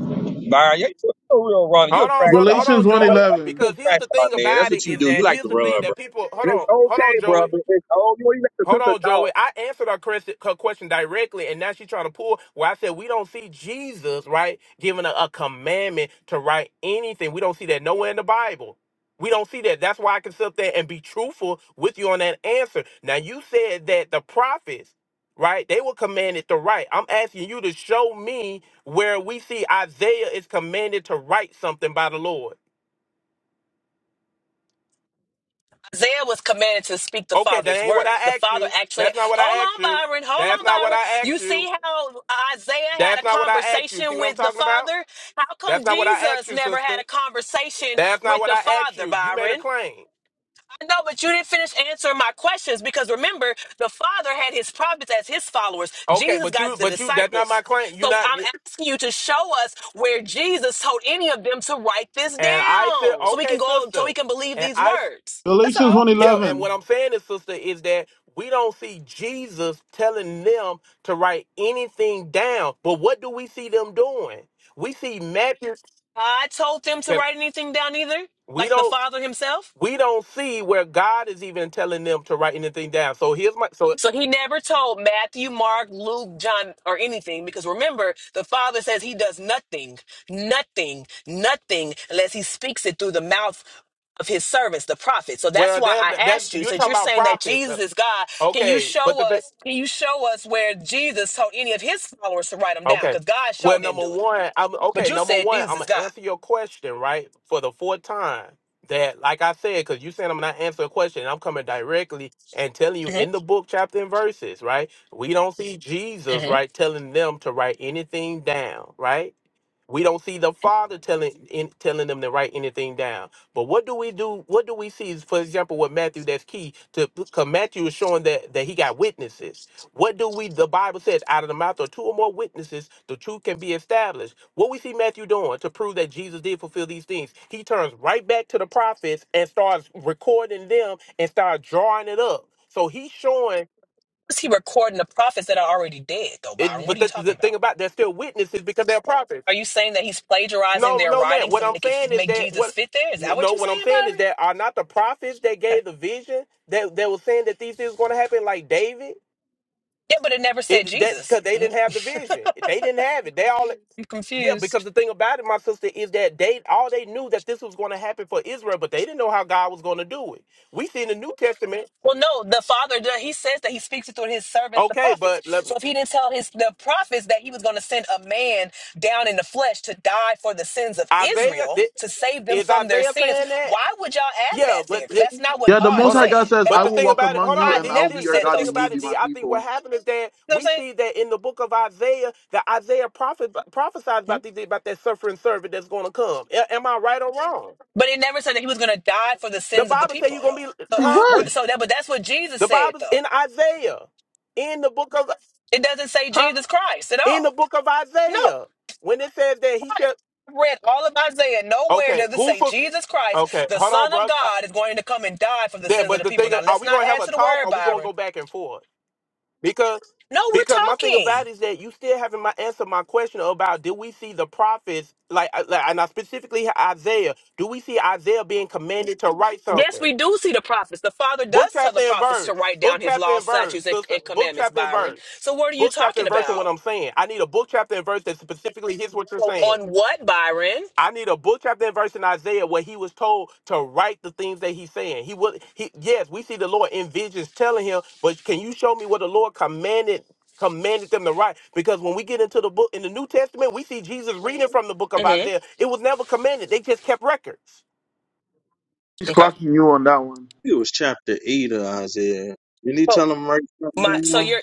I: Byron, you- you're a real runner. You're a
H: Hold on,
I: track
H: brother.
I: star.
H: Hold
A: Galatians
H: on,
A: one
H: Joey.
A: eleven.
I: You're
H: Because
I: a
H: here's
I: track
H: the
I: star,
H: thing
I: man. That's
H: about it
I: what you
H: is
I: do. You
H: that
I: like
H: here's
I: to
H: the
I: run,
H: thing
I: bro.
H: that people. Hold
I: And it's
H: on, hold on,
I: okay,
H: Joey.
I: brother. It's oh, you ain't got to
H: Hold
I: took us
H: on,
I: out.
H: Joey. I answered her question, her question directly, and now she's trying to pull where I said we don't see Jesus right giving a, a commandment to write anything. We don't see that nowhere in the Bible. We don't see that. That's why I can sit up there and be truthful with you on that answer. Now you said that the prophets, right? They were commanded to write. I'm asking you to show me where we see Isaiah is commanded to write something by the Lord.
G: Isaiah was commanded to speak the
H: Okay, that
G: Father's
H: ain't what
G: words. The
H: I asked
G: Father
H: you.
G: actually,
H: That's not what
G: hold
H: I asked
G: on,
H: you.
G: Byron, hold
H: That's
G: on,
H: not what
G: Byron.
H: I
G: You
H: asked you.
G: see how Isaiah had
H: That's
G: a
H: not what I asked you. See
G: conversation
H: what I'm
G: with the
H: talking about?
G: Father? How come
H: That's not what I asked
G: Jesus
H: you,
G: never
H: sister.
G: had a conversation
H: That's not
G: with
H: what
G: the
H: I asked
G: Father,
H: you. You made a
G: Byron?
H: claim.
G: No, but you didn't finish answering my questions because remember, the Father had his prophets as his followers.
H: Okay,
G: Jesus
H: but you,
G: got the
H: but you, that's not my
G: disciples.
H: claim. You
G: So
H: not,
G: I'm
H: you,
G: asking you to show us where Jesus told any of them to write this
H: and I said,
G: down so we
H: okay,
G: can go, so
H: sister,
G: we can believe
H: and
G: these
H: I, s-
G: words. That's
A: Galatians
G: all.
A: one
H: yeah, and what
A: eleven.
H: I'm saying is, sister, is that we don't see Jesus telling them to write anything down. But what do we see them doing? We see Matthew.
G: I told them to write anything down either,
H: We
G: like the
H: don't.
G: Father himself.
H: we don't see where God is even telling them to write anything down. So here's my so
G: So he never told Matthew, Mark, Luke, John, or anything because remember, the Father says he does nothing, nothing, nothing unless he speaks it through the mouth of his servants, the prophets. So that's
H: where
G: why I
H: that
G: asked
H: that
G: you,
H: you're
G: since
H: talking
G: you're
H: about
G: saying that
H: prophets, uh,
G: Jesus is God, can you
H: okay? But
G: show
H: the thing,
G: us, can you show us where Jesus told any of his followers to write them down?
H: okay.
G: Because God
H: Well,
G: showed didn't
H: number
G: do it.
H: one, I'm
G: But
H: okay.
G: you
H: Number
G: said
H: one,
G: Jesus
H: I'm
G: is
H: gonna
G: God.
H: answer your question right for the fourth time. That, like I said, because you saying I'm not answering a question, I'm coming directly and telling you
G: hmm
H: in the book, chapter and verses, right? We don't see Jesus,
G: hmm
H: right, telling them to write anything down, right? We don't see the father telling in, telling them to write anything down. But what do we do? What do we see? Is, for example, with Matthew, that's key to because Matthew is showing that that he got witnesses. What do we? The Bible says, out of the mouth of two or more witnesses, the truth can be established. What we see Matthew doing to prove that Jesus did fulfill these things, he turns right back to the prophets and starts recording them and starts drawing it up. So he's showing
G: Is he recording the prophets that are already dead, though,
H: it.
G: Byron? What
H: But
G: are you
H: the, the
G: talking about?
H: thing about they're still witnesses because they're prophets.
G: Are you saying that he's plagiarizing
H: No,
G: their
H: no, man.
G: writings to
H: What I'm
G: make it
H: saying is
G: make
H: that
G: Jesus
H: what
G: fit there? Is that what
H: no,
G: you're
H: what I'm
G: saying,
H: saying is
G: Byron?
H: that are not the prophets that
G: Okay.
H: gave the vision that that was saying that these things going to happen, like David.
G: Yeah, but it never said
H: It that
G: Jesus.
H: because they
G: Mm,
H: didn't have the vision, they didn't have it. They all
G: I'm
H: yeah. Because
G: confused.
H: the thing about it, my sister, is that they all they knew that this was going to happen for Israel, but they didn't know how God was going to do it. We see in the New Testament,
G: Well, no, the Father does- he says that he speaks it through his servants, the
H: okay,
G: prophets.
H: but let
G: So
H: me
G: if he didn't tell his the prophets that he was going to send a man down in the flesh to die for the sins of
H: Isaiah
G: Israel
H: did,
G: to save them
H: is
G: from their
H: Isaiah
G: sins,
H: saying that?
G: why would y'all add
H: Yeah,
G: that
H: but
G: there? Because that's not what
A: Yeah, the
G: God
A: Most
H: Hold
A: High
H: on.
A: God
G: said
A: says,
G: at
H: But
A: "I
H: the
A: will
G: all.
H: thing
A: walk
H: about it,
A: among
H: hold
A: you,
G: I
H: on,
A: and I
H: D,
A: will be
G: never
H: D.
A: your
H: But
G: said
H: the
A: God,
H: thing
G: those
A: and you
H: about
A: will be
H: it,
A: my
H: D,
G: things.
H: I think what
A: people."
H: happened is that
G: You know
H: we
G: what I'm
H: see that in the book of Isaiah, that Isaiah prophet, prophesies
G: saying?
H: about these about that suffering servant that's going to come. A- am I right or wrong?
G: But it never said that he was going to die for the
H: The
G: sins of the
H: Bible say
G: people,
H: you're going
G: though.
H: to be,
G: So,
A: See
H: huh?
A: what?
G: we're- so that, but that's what Jesus
H: The
G: said,
H: Bible's
G: though.
H: in Isaiah, in the book of,
G: It doesn't say
H: huh?
G: Jesus Christ at
H: In the
G: all.
H: book of
G: No,
H: Isaiah, when it says that he
G: right.
H: shall,
G: I Read all of Isaiah. Nowhere
H: okay,
G: does it
H: who
G: say
H: for,
G: Jesus Christ,
H: okay,
G: the
H: hold on,
G: Son of
H: bro. Uh,
G: God, is going to come and die for the
H: There,
G: sins of
H: but
G: the
H: the
G: people.
H: thing,
G: Now,
H: of- are
G: let's
H: we
G: not
H: going to have
G: add
H: a
G: to the
H: talk? Or
G: word,
H: are we going to
G: Byron.
H: go back and forth? Because
G: No, we're
H: because my thing about
G: talking.
H: it is that you still haven't my answer my question about did we see the prophets like, uh, like and I specifically Isaiah? Do we see Isaiah being commanded to write
G: Yes,
H: something?
G: we do see the prophets. The Father
H: Book
G: does tell
H: chapter
G: the
H: and
G: prophets to
H: verse.
G: write
H: Book
G: down his
H: chapter
G: laws,
H: and verse.
G: statutes, and,
H: Sister,
G: and
H: book
G: commandments,
H: chapter and
G: Byron.
H: verse.
G: So, what are you
H: Book chapter
G: talking
H: and verse on what
G: about?
H: I'm saying. I need a book chapter and verse that specifically hits what you're
G: So
H: saying.
G: On what, Byron?
H: I need a book chapter and verse in Isaiah where he was told to write the things that he's saying. He would he yes, we see the Lord in visions telling him, but can you show me what the Lord commanded commanded them to write? Because when we get into the book in the New Testament, we see Jesus reading from the book of
G: hmm
H: Isaiah. It was never commanded. They just kept records.
A: He's
G: Okay.
A: clocking you on that one.
J: It was chapter eight of Isaiah. Didn't he
G: So
J: tell him right
G: my
J: something
G: so
J: down?
G: you're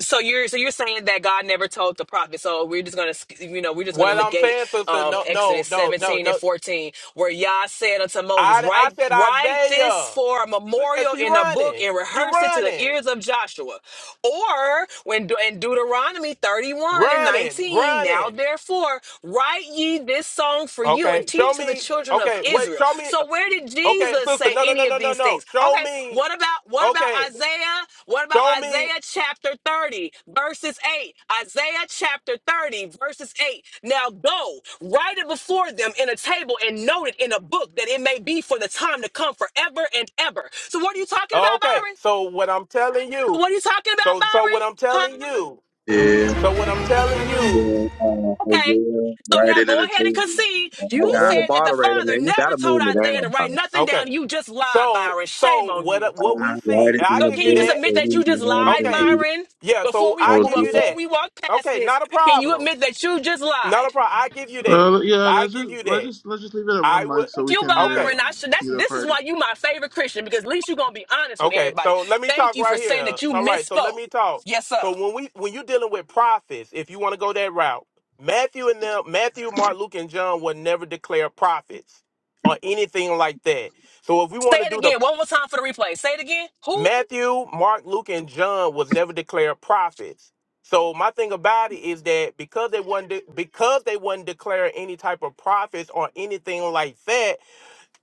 G: so you're so you're saying that God never told the prophet. So we're just gonna sk- you know we're just gonna
H: What I'm
G: negate
H: saying, sister,
G: um
H: no, no,
G: Exodus
H: no, no,
G: 17 and
H: no.
G: 14 where Yah said unto Moses,
H: I I
G: write
H: said
G: write this
H: Isaiah.
G: for a
H: Look at
G: memorial
H: she
G: in a book
H: running.
G: and
H: You
G: rehearse it to the
H: running.
G: ears of Joshua. Or when De- in Deuteronomy 31 and
H: Running.
G: 19, now
H: Running.
G: therefore write ye this song for you and
H: Okay. Show
G: teach to the
H: me.
G: children of
H: Okay. What
G: Israel.
H: show me
G: So where did
H: Okay,
G: Jesus say?
H: sister, no, no, no,
G: any
H: no,
G: of
H: no,
G: these
H: no.
G: things.
H: Show
G: Okay,
H: me.
G: what about what about
H: Okay,
G: Isaiah? What about
H: show me.
G: Isaiah chapter 30 verses 8? Isaiah chapter 30 verses 8. Now go, write it before them in a table and note it in a book that it may be for the time to come forever and ever. So what are you talking about,
H: Okay,
G: Byron?
H: so what I'm telling
G: So
H: you.
G: What are you talking about,
H: So, so what
G: Byron?
H: I'm telling
G: Huh?
H: you.
J: Yeah.
H: So what I'm telling
J: And
H: you.
J: then uh,
G: Okay.
J: Hosea,
G: So
J: write
G: now
J: it in
G: go
J: the
G: ahead and
J: table.
G: concede.
J: Uh, I
I: You're a
G: You
J: got
I: horrible
G: said that the
I: moderator,
G: father
I: man. You
G: never
I: gotta
G: told
I: move me down,
G: Isaiah to write
I: Byron.
G: nothing
H: Okay.
G: down. You just lied,
H: So,
G: Byron. Shame
H: so
G: on you.
H: what? What we
J: time. Write
H: see?
J: it
H: and I
J: in
G: So
J: the
H: give
G: can
H: you
G: you just
J: book.
H: that.
G: admit
J: So
G: that you
J: we
G: just lied,
J: can
H: Okay.
J: read it.
G: Myron?
H: Yeah.
G: Before
H: So
G: we
H: I give you
J: Hosea.
G: before
H: that.
G: we walk past
H: Okay.
G: this,
H: Not a
G: can you
H: problem.
G: admit that you just
H: Not a
G: lied?
H: problem. I give you that.
A: Uh, yeah,
H: I
A: let's
H: give
A: just
H: you
A: let's
H: that.
A: just let's just leave it at
H: I
A: one
H: would.
A: mic so
G: Thank
A: we
G: you,
A: can
H: okay.
A: hear
G: Byron. I
A: um,
G: should that's
A: either
G: this is
A: party.
G: why you my favorite Christian, because at least you're gonna be honest with
H: Okay,
G: everybody.
H: so let me
G: Thank
H: talk
G: you for
H: right
G: saying
H: here.
G: that you
H: So, all right, so let
G: misspoke.
H: me talk.
G: Yes, sir.
H: So when we when you're dealing with prophets, if you want to go that route, Matthew and them, Matthew, Mark, Luke, and John would never declare prophets or anything like that. So if we
G: Say
H: want to
G: it
H: do the
G: again. One more time for the replay. Say it again. Who?
H: Matthew, Mark, Luke, and John was never declared prophets. So my thing about it is that because they wasn't de- because they wasn't declaring any type of prophets or anything like that,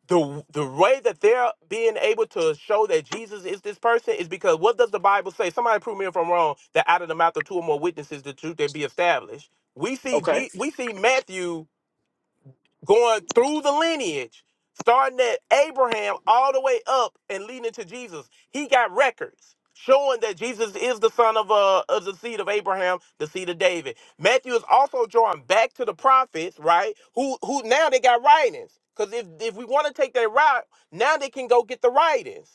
H: the the way that they're being able to show that Jesus is this person is because what does the Bible say? Somebody prove me if I'm wrong. That out of the mouth of two or more witnesses, the truth can be established. We see
G: Okay.
H: G, we see Matthew going through the lineage, starting at Abraham all the way up and leading to Jesus. He got records showing that Jesus is the son of uh of the seed of Abraham, the seed of David. Matthew is also drawing back to the prophets, right? Who who now they got writings. Because if, if we want to take that route, now they can go get the writings.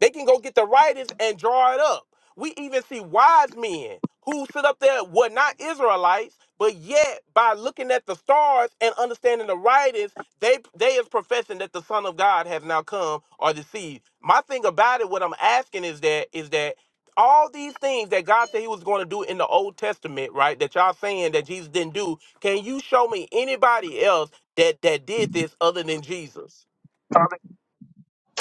H: They can go get the writings and draw it up. We even see wise men who sit up there were not Israelites, but yet by looking at the stars and understanding the writings, they they is professing that the Son of God has now come or deceived. My thing about it, what I'm asking is that is that all these things that God said He was going to do in the Old Testament, right? That y'all saying that Jesus didn't do. Can you show me anybody else that that did this other than Jesus?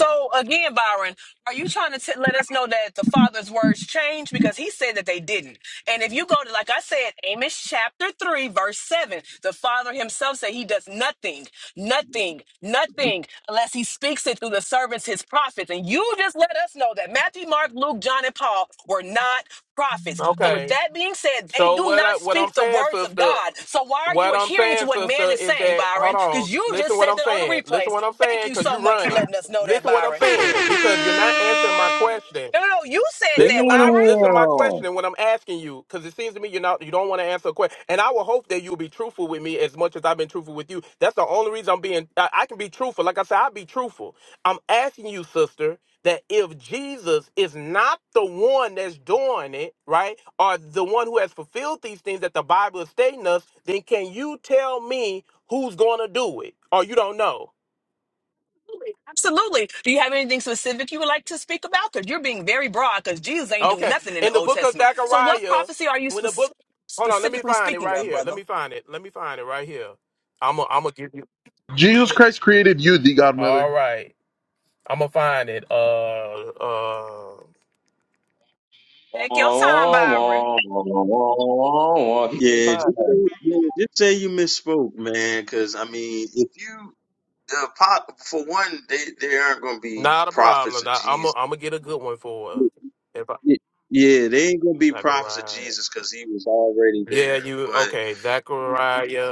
G: So again, Byron, are you trying to t- let us know that the Father's words changed because He said that they didn't? And if you go to, like I said, Amos chapter three, verse seven, the Father Himself said He does nothing. Nothing, nothing, unless he speaks it through the servants, his prophets. And you just let us know that Matthew, Mark, Luke, John, and Paul were not prophets. So, with
H: Okay,
G: that being said, they
H: So
G: do
H: what
G: not
H: I what I'm
G: speak the
H: saying,
G: words of
H: sister,
G: God. So, why are you
H: what I'm
G: adhering to
H: saying,
G: what man
H: sister,
G: is
H: is
G: saying,
H: that hold
G: Byron?
H: on,
G: Because you
H: listen
G: just
H: what
G: said
H: I'm
G: that on the
H: saying. Listen
G: replays.
H: what I'm
G: Thank
H: saying,
G: you
H: cause
G: so
H: you
G: much for
H: run it.
G: letting us know that,
H: Listen what I'm
G: Byron.
H: saying, because you're not answering my question.
G: No, no, no, you said
H: Listen
G: that,
H: when I'm
G: Byron.
H: listen my
I: Damn.
H: question and when I'm asking you, because it seems to me you're not you don't want to answer a question. And I will hope that you'll be truthful with me as much as I've been truthful with you. That's the only reason I'm being I, I can be truthful. Like I said, I'll be truthful. I'm asking you, sister, that if Jesus is not the one that's doing it, right, or the one who has fulfilled these things that the Bible is stating us, then can you tell me who's gonna do it? Or you don't know.
G: Absolutely. Do you have anything specific you would like to speak about? Because you're being very broad because Jesus ain't do
H: Okay.
G: nothing in the
H: In the
G: Old
H: book of
G: Testament. So what
H: Zechariah,
G: prophecy are you
H: when the
G: spec-
H: book hold on, let me
G: specifically
H: find it
G: speaking
H: right
G: of,
H: here. Let
G: brother?
H: me find it. Let me find it right here. I'm gonna I'm gonna give you
A: Jesus Christ created you, the
H: all
A: Godmother.
H: right. I'm gonna find it. Uh uh
I: Wah,
G: Take your time,
I: wah,
G: Byron.
I: wah, wah, wah, wah, wah. He can't
J: Yeah, just
I: find that.
J: say, yeah, just say you misspoke, man. Because I mean, if you the pop for one, they they aren't going to be
H: not a
J: prophets
H: problem.
J: of
H: I, I'm
J: Jesus.
H: gonna I'm gonna get a good one for her.
J: Y-
H: if I
J: Yeah, they ain't gonna be prophets of
H: Zechariah.
J: Jesus because he was already
H: Yeah,
J: there.
H: you
J: But
H: okay, Zechariah.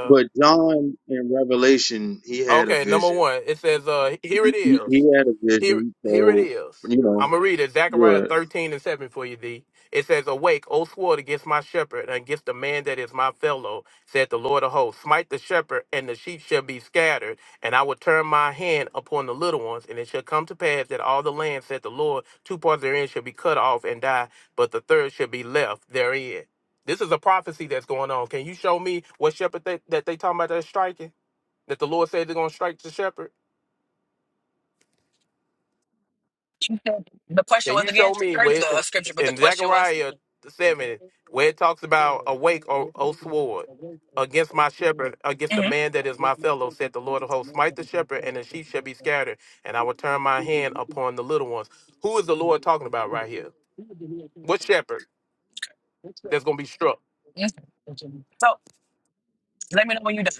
J: but John in Revelation, he had a
H: Okay, number
J: vision.
H: one. It says uh here
J: He,
H: it is.
J: he he had a
H: Here,
J: vision.
H: here it
J: So
H: is.
J: you know,
H: I'm going to read it. Zechariah
J: good.
H: 13 and 7 for you, D. It says, Awake, O sword, against my shepherd, and against the man that is my fellow, said the Lord of hosts. Smite the shepherd, and the sheep shall be scattered, and I will turn my hand upon the little ones. And it shall come to pass that all the land, said the Lord, two parts therein shall be cut off and die, but the third shall be left therein. This is a prophecy that's going on. Can you show me what shepherd they, that they talking about that's striking? That the Lord said they're going to strike the shepherd?
G: The question
H: Can
G: was
H: you
G: again,
H: show me
G: I heard
H: where it-
G: the scripture, but the
H: in
G: question was.
H: Zechariah seven where it talks about awake O, o sword against my shepherd, against
G: hmm
H: the man that is my fellow, said the Lord of hosts, smite the shepherd, and the sheep shall be scattered, and I will turn my hand upon the little ones. Who is the Lord talking about right here? What shepherd that's gonna be struck?
G: So let me know when you're done.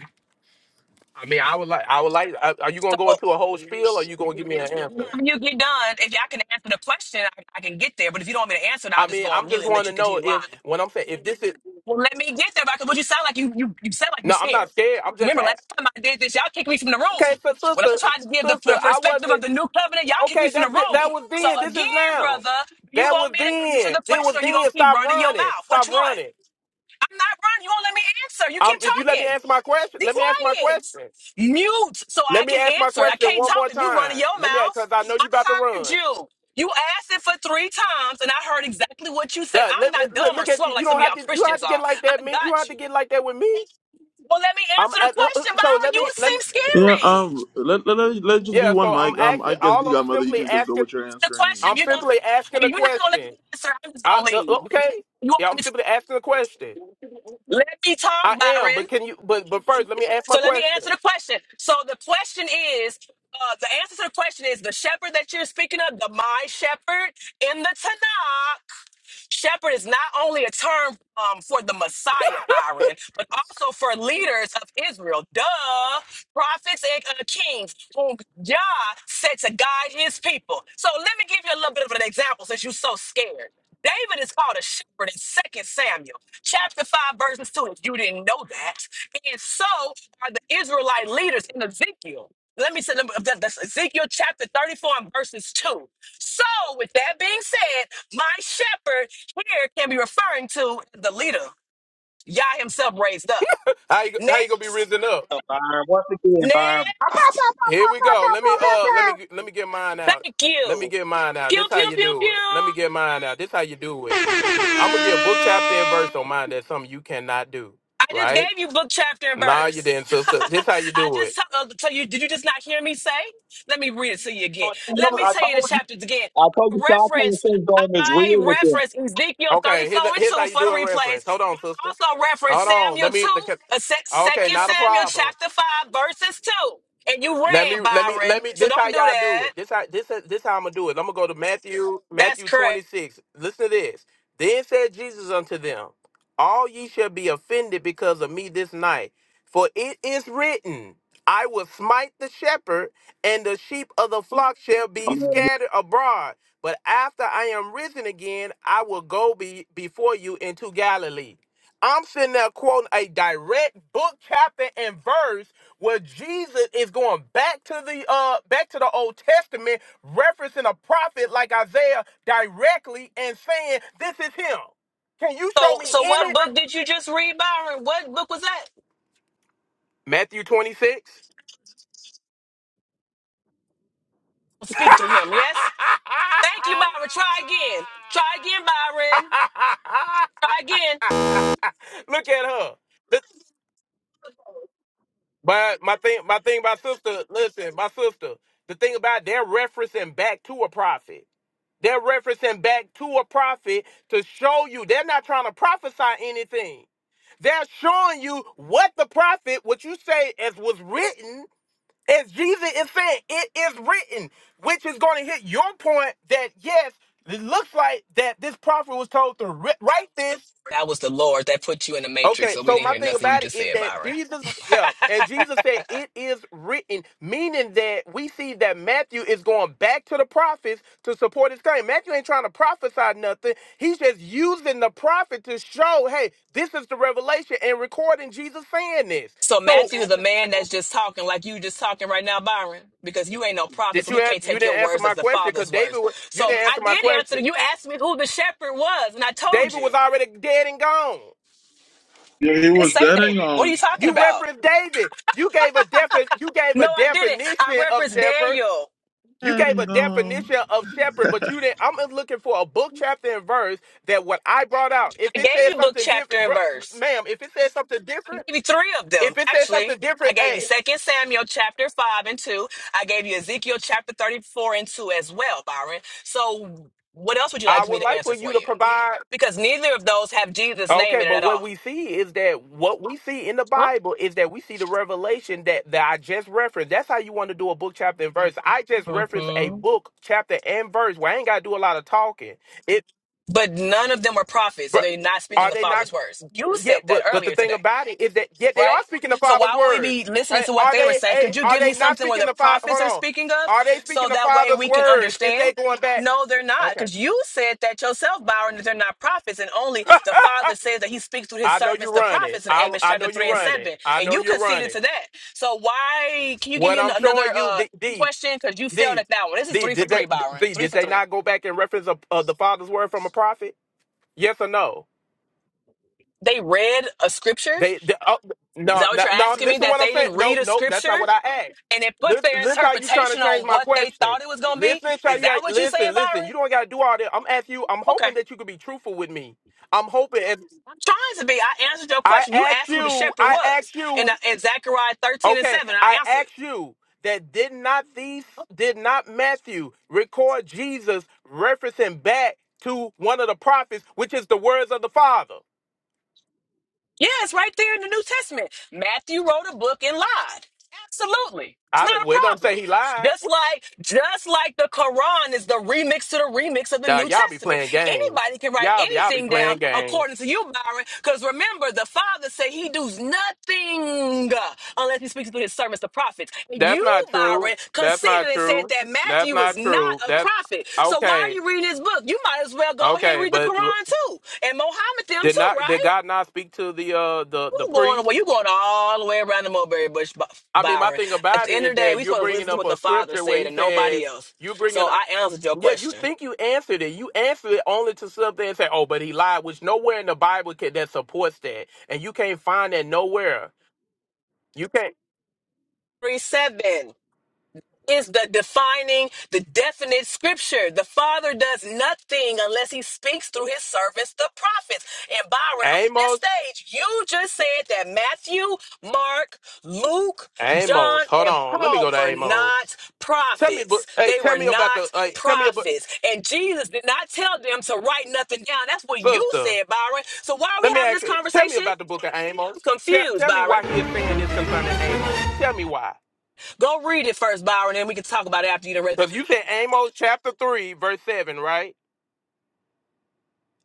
H: I mean, I would like, I would like. Are are you gonna go
G: So
H: into a whole spiel, or you gonna give me an answer?
G: when you get done, if y'all can answer the question, I, I can get there. But if you don't want me to answer it, I'll
H: I
G: just
H: mean,
G: go on
H: I'm
G: mute
H: just
G: and let
H: wanting
G: you
H: to know
G: continue
H: if
G: lying.
H: when I'm saying if this is
G: Well, let me get there, because what you sound like you you you sound like you
H: no, I'm not
G: scared.
H: scared. I'm
G: 'Cause
H: just
G: Remember
H: a-
G: last time I did this, y'all kicked me from the
H: okay.
G: room.
H: So
G: When I
H: sister,
G: tried to give the,
H: sister,
G: the
H: I
G: perspective
H: wasn't.
G: of the new covenant, y'all kicked me
H: Okay,
G: from the
H: that
G: room.
H: that was
G: So
H: then. This is
G: again,
H: now.
G: brother, you
H: That
G: want
H: was
G: me to answer
H: then.
G: the
H: It was
G: question, or you
H: then.
G: gonna keep
H: Stop
G: running your
H: running.
G: mouth? Which
H: Stop
G: one?
H: running.
G: I'm not running. You won't let me answer. You keep
H: Um, if you let me
G: talking.
H: answer my question,
G: Be
H: let me ask my
G: quiet.
H: question.
G: Mute so
H: Let
G: I
H: me
G: can
H: ask my
G: answer. I
H: question
G: can't
H: one
G: talk
H: more
G: if you running
H: time.
G: your
H: Let me,
G: mouth.
H: because I know
G: I
H: you about to
G: heard
H: run.
G: you. You asked it for three times, and I heard exactly what you said.
H: That-
G: I'm
H: let me-
G: not
H: look,
G: dumb or
H: look
G: slow
H: at you. You
G: like some
H: don't
G: of
H: have
G: y'all
H: to. You don't have
G: Christians
H: to
G: are.
H: get like that,
G: I
H: me. You don't
G: got
H: have to
G: you.
H: get like that with me.
G: Well, let me
H: I'm
G: answer the
H: at, uh, uh,
G: question,
H: so
G: Byron.
H: let
G: You
H: me let
G: seem
H: me.
A: Yeah.
G: scary.
A: Um. Let let let let's just be
H: Yeah.
A: one
H: So I'm
A: mic. Um.
H: asking.
A: I guess
H: All
A: the
H: I'm
A: Godmother, you
H: simply
A: can just go
H: asking.
A: with your
G: The
A: answering.
G: question
H: I'm
G: you're gonna
H: simply
G: well,
H: asking a
G: you're not gonna let me
H: question.
G: answer. I'm just
H: I,
G: gonna
H: no,
G: leave.
H: okay.
G: You won't
H: Yeah.
G: let
H: I'm
G: me
H: simply
G: talk.
H: asking a question.
G: Let me
H: I
G: talk,
H: am,
G: Byron.
H: but can you? But but first, let me ask my
G: So let me
H: question.
G: answer the question. So the question is, uh, the answer to the question is the shepherd that you're speaking of, the my shepherd in the Tanakh Shepherd is not only a term um, for the Messiah, Byron, but also for leaders of Israel. Duh, prophets and uh, kings whom Yah said to guide his people. So let me give you a little bit of an example since you're so scared. David is called a shepherd in Second Samuel, chapter 5, verses 2, if you didn't know that. And so are the Israelite leaders in Ezekiel. Let me say, let me- that- that's Ezekiel chapter 34 and verses 2. So, with that being said, my shepherd here can be referring to the leader Yah himself raised up.
H: How you how you gonna be
G: Next,
H: risen up?
I: So, Byron, once again, Byron. Pow, pow, pow,
G: next.
I: pow,
H: Here
I: pow,
H: we
I: pow,
H: go.
I: pow,
H: Let me
I: pow, pow,
H: uh let
I: pow.
H: me let me get mine out.
G: Thank
H: Let me
G: you.
H: get mine out.
G: Pew
H: This how
G: pew
H: you
G: pew pew.
H: do it. Let me get mine out. This how you do it. I'm gonna get book chapter and
G: I
H: verse on mine. That's something you cannot do,
G: just gave
H: right?
G: you book chapter and
H: Nah, you
G: verse.
H: didn't, sister. This how you
G: I
H: do it.
G: just told uh, tell you. Did you just not hear me say? Let me read it to you again.
I: Oh, you
G: Let
I: know,
G: me
I: I
G: tell you the
I: told you.
G: chapters again.
I: I told
G: I
I: you Stockholm
G: reference.
I: syndrome is
G: I
I: real with them.
G: reference Ezekiel thirty
H: Okay,
G: four
H: here's
G: and
H: here's how
G: two
H: you
G: for the
H: do it.
G: replays.
H: Reference. Hold on, sister.
G: also reference
H: Hold on.
G: Samuel
H: Let
G: 2,
H: me.
G: uh, sec-
H: Okay,
G: 2
H: not a
G: Samuel
H: problem.
G: chapter 5, verses 2. And you
H: Let me
G: ran,
H: let me let
G: Byron.
H: me
G: So
H: this how
G: don't do
H: y'all do
G: that.
H: it. This how this is- this how I'm gonna do it. I'm gonna go to Matthew
G: That's
H: Matthew
G: correct.
H: 26. Listen to this. Then said Jesus unto them, All ye shall be offended because of me this night. For it is written, I will smite the shepherd, and the sheep of the flock shall be
I: I'm out of here.
H: scattered abroad. But after I am risen again, I will go be before you into Galilee. I'm sitting there quoting a direct book, chapter, and verse where Jesus is going back to the uh back to the Old Testament, referencing a prophet like Isaiah directly and saying, This is him. Can you show
G: So
H: me
G: so
H: in
G: what
H: it?
G: book did you just read, Byron? What book was that?
H: Matthew 26.
G: Speak through him, yes? Thank you, Byron. Try again. Try again, Byron. Try again.
H: Look at her. But my thing, my thing, my sister. Listen, my sister. The thing about it, they're referencing back to a prophet. They're referencing back to a prophet to show you they're not trying to prophesy anything. They're showing you what the prophet, what you say as was written, as Jesus is saying, it is written, which is going to hit your point that yes, it looks like that this prophet was told to ri- write this.
G: That was the Lord that put you in the
H: Okay
G: matrix, so we didn't hear
H: thing
G: nothing you
H: about it
G: just
H: is
G: said,
H: that
G: Byron.
H: Jesus, yeah, and Jesus said it is written, meaning that we see that Matthew is going back to the prophets to support his claim. Matthew ain't trying to prophesy nothing. He's just using the prophet to show, hey, this is the revelation and recording Jesus saying this.
G: So
H: So
G: Matthew is a man that's just talking like you just talking right now, Byron, because you ain't no prophet,
H: did
G: so
H: you
G: we
H: an-
G: can't
H: you
G: take your
H: didn't answer
G: words as
H: my
G: the
H: question because
G: Father's
H: David
G: words.
H: wa- you
G: So
H: didn't
G: I
H: answer my
G: did answer.
H: question.
G: You asked me who the shepherd was, and I told
H: David
G: you.
H: was already dead and gone.
A: Yeah, he
G: I didn't
A: was
G: say
A: dead and
G: David. What are
A: gone.
G: you talking
H: You
G: about?
H: referenced David. You gave a defi- you gave
G: No,
H: a
G: I didn't. I
H: definition of
G: referenced
H: shepherd.
G: Daniel.
H: You
A: Dead
H: gave
A: and
H: a
A: gone.
H: definition of shepherd, but you didn't. I'm looking for a book, chapter, and verse that what I brought out. If
G: I
H: it
G: gave
H: says
G: you book,
H: something
G: chapter,
H: different,
G: and
H: bro,
G: verse.
H: ma'am, if it says something
G: I
H: different,
G: gave you three of them,
H: if it says
G: actually.
H: something
G: I
H: different,
G: gave you
H: hey,
G: Second Samuel chapter 5 and 2. I gave you Ezekiel chapter 34 and 2 as well, Byron. So what else would you
H: I
G: like me
H: would
G: to
H: like for
G: answer
H: you
G: for
H: to
G: you?
H: provide.
G: Because neither of those have Jesus' name
H: Okay,
G: in it
H: but
G: at
H: what
G: all.
H: we see is that what we see in the
G: Huh?
H: Bible is that we see the revelation that, that I just referenced. That's how you want to do a book, chapter, and verse. I just referenced a
G: hmm
H: book, chapter, and verse where I ain't got to do a lot of talking. It,
G: But none of them were prophets, so
H: bro,
G: they're not speaking
H: are
G: the
H: they not?
G: Father's words. You
H: Yeah,
G: said that
H: but but the
G: earlier
H: thing
G: today.
H: about it is that yeah, they are
G: right?
H: speaking the
G: So why
H: Father's
G: would
H: words.
G: we be listening
H: Hey,
G: to what
H: are
G: they were
H: they?
G: saying?
H: Hey,
G: Could you
H: are
G: give me
H: they not
G: something where
H: speaking
G: the
H: the Father?
G: prophets
H: Hold
G: are
H: on.
G: speaking of
H: Are they
G: so
H: speaking the
G: that way
H: Father's
G: we can
H: words if
G: understand?
H: they going back?
G: No, they're not,
H: Okay.
G: because you said that yourself, Byron, that they're not prophets, and only the Father says that He speaks through His
H: I know
G: servants,
H: you
G: the
H: running.
G: prophets, in
H: I
G: Amos
H: I know
G: chapter
H: you
G: three and
H: running.
G: seven,
H: I
G: and
H: know
G: you
H: you're
G: conceded
H: running.
G: to that. So why? Can you give
H: What
G: me an-
H: I'm
G: another
H: showing you,
G: uh,
H: D D
G: question? Because you failed
H: D
G: at that one. This is
H: D
G: three for
H: did they
G: three, Byron.
H: D,
G: Three
H: did
G: for
H: they
G: three.
H: not go back and reference of, of the Father's word from a prophet? Yes or no?
G: They read a scripture.
H: They, they oh,
G: Is that
H: no,
G: what
H: no,
G: you're
H: no,
G: asking me?
H: listen
G: That
H: what I'm
G: they
H: saying.
G: didn't
H: No,
G: read a
H: no, that's not
G: scripture?
H: what I asked.
G: and it put their
H: Listen, listen how you trying to
G: interpretation on
H: change my
G: what they
H: question.
G: thought it was going to be.
H: Listen, try
G: Is
H: you
G: that what you saying,
H: listen, listen.
G: Byron?
H: You don't gotta do all that. I'm asking you, I'm
G: Okay.
H: hoping that you could be truthful with me. I'm hoping if
G: I'm trying to be. I answered your
H: I
G: question. You
H: ask
G: asked who the
H: you,
G: shepherd
H: I
G: was.
H: ask
G: And
H: you,
G: in Zechariah 13 and
H: okay,
G: 7, I
H: I
G: answered.
H: ask you that did not these did not Matthew record Jesus referencing back to one of the prophets, which is the words of the Father.
G: Yeah, it's right there in the New Testament. Matthew wrote a book and lied. Absolutely. It's
H: I
G: not
H: don't well, it
G: a
H: does not
G: problem.
H: say he lied.
G: Just like just like the Quran is the remix to the remix of the
H: Now
G: New
H: y'all be
G: Testament.
H: playing games.
G: Anybody can write
H: Y'all be y'all be
G: anything down
H: playing
G: according to
H: games.
G: you, Byron. Because remember, the Father said he does nothing uh, unless he speaks to his servants, the prophets.
H: That's
G: you,
H: not true.
G: Byron,
H: That's
G: conceded
H: not
G: and said
H: true.
G: that
H: That's
G: Matthew is
H: not
G: not
H: true.
G: a
H: That
G: prophet. So why are
H: okay.
G: you reading this book? You might as well go ahead and
H: Okay,
G: read the
H: but l-
G: Quran too. And Mohammed them
H: did
G: too,
H: not did
G: right?
H: God not speak to the uh the the
G: You going
H: priest?
G: away? you going all the way around the mulberry bush, By-
H: I mean, my
G: Byron.
H: thing
G: At
H: about
G: the
H: it
G: end of
H: is
G: the day,
H: that
G: we
H: you're
G: supposed to
H: bringing
G: listen to
H: up
G: what
H: a
G: the father
H: scripture where
G: said
H: he
G: and
H: says
G: nobody else.
H: you
G: So
H: bringing up
G: I answered your
H: yeah, you
G: question.
H: think you answered it. You answered it only to something and say, "Oh, but he lied," which nowhere in the Bible can, that supports that, and you can't find that nowhere. You can't
G: Three seven. is the defining, the definite scripture. The Father does nothing unless He speaks through His servants, the prophets. And Byron, on this
H: Amos.
G: stage, you just said that Matthew, Mark, Luke, John,
H: Amos, hold
G: and
H: on. Let me
G: Paul
H: go to
G: were
H: Amos.
G: not
H: Tell me, but
G: prophets.
H: hey,
G: They
H: tell
G: were
H: me about the.
G: not
H: Hey, tell me about
G: prophets. And Jesus did not tell them to write nothing down. That's what you
H: sister.
G: said, Byron. So why are we
H: Let me
G: having
H: ask
G: this
H: you. Tell me
G: conversation?
H: about the
G: I'm
H: book of Amos. Tell,
G: confused,
H: tell me
G: Byron.
H: why he is saying this concerning Amos. Tell me why.
G: Go read it first, Byron, and we can talk about it after you done read.
H: Because you said Amos chapter three verse seven, right?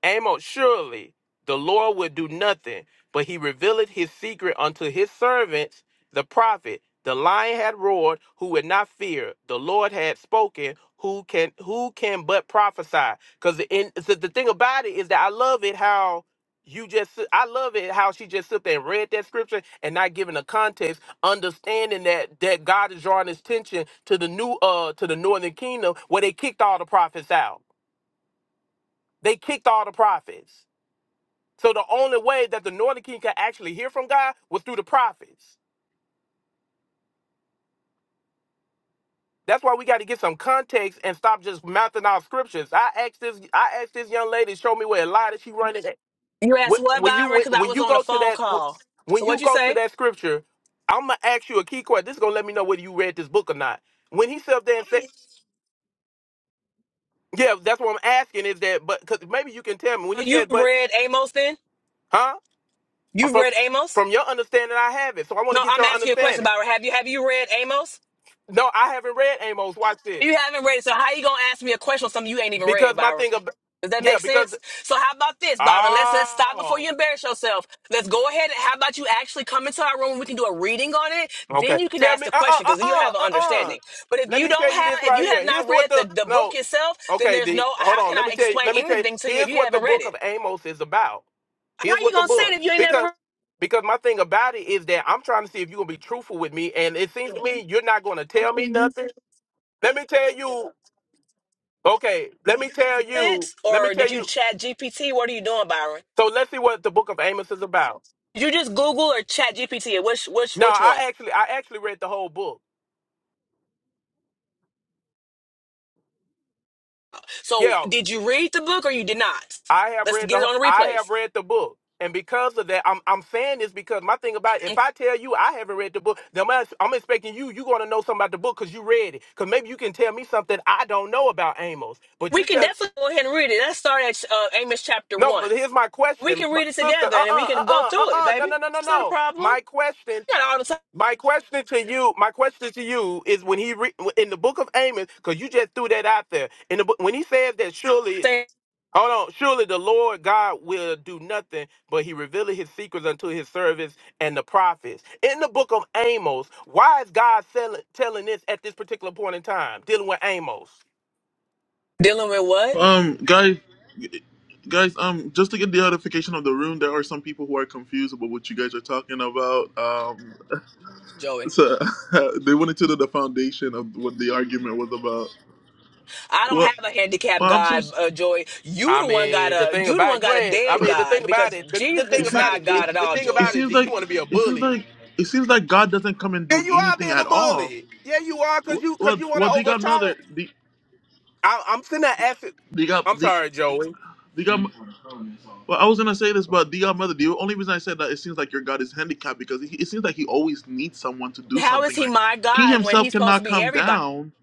H: Amos, surely the Lord would do nothing, but he revealed his secret unto his servants, the prophet. The lion had roared, who would not fear? The Lord had spoken, who can who can but prophesy? Because in so the thing about it is that I love it how you just I love it how she just sit there and read that scripture and not giving a context, understanding that that God is drawing his attention to the new uh to the northern kingdom where they kicked all the prophets out. They kicked all the prophets. So the only way that the northern king could actually hear from God was through the prophets. That's why we got to get some context and stop just mouthing out scriptures. I asked this, I asked this young lady, show me where Elijah she running. At.
G: You asked
H: When,
G: what,
H: when you
G: Byron?
H: when,
G: Because I
H: when
G: was
H: you
G: on a
H: go to
G: phone
H: that
G: call. So
H: when you
G: what'd you
H: go to
G: say?
H: that scripture, I'm gonna ask you a key question. This is gonna let me know whether you read this book or not. When he said there and said, yeah, that's what I'm asking is that, but because maybe you can tell me when
G: Oh,
H: he
G: You
H: said, but
G: read Amos then?
H: huh?
G: You've
H: From
G: read Amos?
H: from your understanding, I have it. So I want
G: No,
H: to get
G: I'm
H: your
G: asking you a question,
H: understanding.
G: Byron. Have you have you read Amos?
H: No, I haven't read Amos. Watch this.
G: You haven't read it, so how you gonna ask me a question on something you ain't even read,
H: Because my
G: Byron?
H: thing about
G: Does that make
H: yeah, because
G: sense? So how about this, Byron? Let's let's stop before
H: oh
G: you embarrass yourself. Let's go ahead and how about you actually come into our room and we can do a reading on it? Then
H: okay.
G: you can
H: Tell
G: ask
H: me
G: the
H: uh uh
G: question
H: uh
G: because then you'll
H: uh
G: have an
H: uh uh.
G: understanding. But if
H: Let
G: you
H: me
G: don't
H: tell you
G: have
H: this
G: if
H: right
G: you have
H: here.
G: not
H: Here's what
G: read
H: the
G: the, the book
H: no
G: itself, then
H: okay
G: there's
H: D
G: no
H: hold
G: how
H: on.
G: can
H: Let
G: I
H: me tell you.
G: explain
H: Let me tell you.
G: anything to you if
H: Here's
G: you
H: what the
G: haven't read
H: book
G: it?
H: of Amos is about.
G: How
H: Here's
G: you
H: what the
G: gonna say
H: book
G: it if you ain't never
H: because
G: read
H: because my thing about it is that I'm trying to see if you're gonna be truthful with me, and it seems to me you're not gonna tell Let me tell you. Okay. Let me tell you.
G: it?
H: Let me
G: Or did
H: tell
G: you
H: you.
G: chat GPT? What are you doing, Byron?
H: So let's see what the book of Amos is about.
G: Did you just Google or chat GPT? it? Which which
H: No,
G: which
H: I
G: one?
H: actually I actually read the whole book.
G: So
H: Yeah,
G: did you read the book or you did not?
H: I have
G: Let's
H: read
G: get it
H: the
G: on the
H: I have
G: replays.
H: read the book. And because of that, I'm I'm saying this because my thing about it,
G: And
H: if I tell you I haven't read the book, then I'm, I'm expecting you you going to know something about the book because you read it. Because maybe you can tell me something I don't know about Amos. But
G: We
H: you
G: can
H: tell
G: definitely go ahead and read it. Let's start at uh, Amos chapter
H: no.
G: one.
H: but Here's my
G: We
H: question,
G: can
H: my
G: read it
H: sister.
G: together
H: Uh
G: and we
H: uh uh
G: can go
H: uh uh.
G: through it,
H: uh. No
G: baby.
H: no no no
G: It's not a
H: no.
G: problem.
H: My question.
G: You got all the time
H: My question to you, my question to you is when he re- in the book of Amos, because you just threw that out there in the book when he says that surely
G: saying,
H: Hold on. Surely the Lord God will do nothing, but he revealed his secrets unto his servants and the prophets. In the book of Amos, why is God sell- telling this at this particular point in time, dealing with Amos?
G: dealing with what?
A: Um, guys, guys, um, just to get the edification of the room, there are some people who are confused about what you guys are talking about. Um,
G: Joey,
A: so they wanted to know the foundation of what the argument was about.
G: I don't
A: Well,
G: have a handicapped
A: well I'm so.
G: God,
A: s-
G: uh, Joy. You
H: I
G: the one got
H: mean, the
G: a
H: thing
G: you the one
H: about you
G: got a
H: ain't. I
G: dead
H: mean, the thing
G: God
H: about
G: because
H: it. The, the
G: Jesus
A: It
H: thing
G: is
A: seems.
H: about
G: not
H: it. D,
G: God at
H: The
G: all,
H: thing
G: Joy.
A: It
H: about it.
A: seems
H: D, you
A: like.
H: want to be a
A: It seems
H: bully.
A: like. It seems like God doesn't come and
H: Yeah,
A: do
H: you are
A: anything
H: being a
A: at all.
H: bully. Yeah, you are, cause
A: Well,
H: you, cause
A: well,
H: you want to
A: well the Godmother,
H: overtalk.
A: the
H: I- I'm sitting there asking.
A: the God,
H: I'm
A: the.
H: sorry, Joey.
A: the God. Well, I was gonna say this, but DR Mother, the only reason I said that it seems like your God is handicapped because he, it seems like he always needs someone to do
G: How is
A: something.
G: he
A: Like
G: my
A: he
G: God when
A: himself
G: he's supposed to
A: cannot
G: be
A: come
G: everybody?
A: down,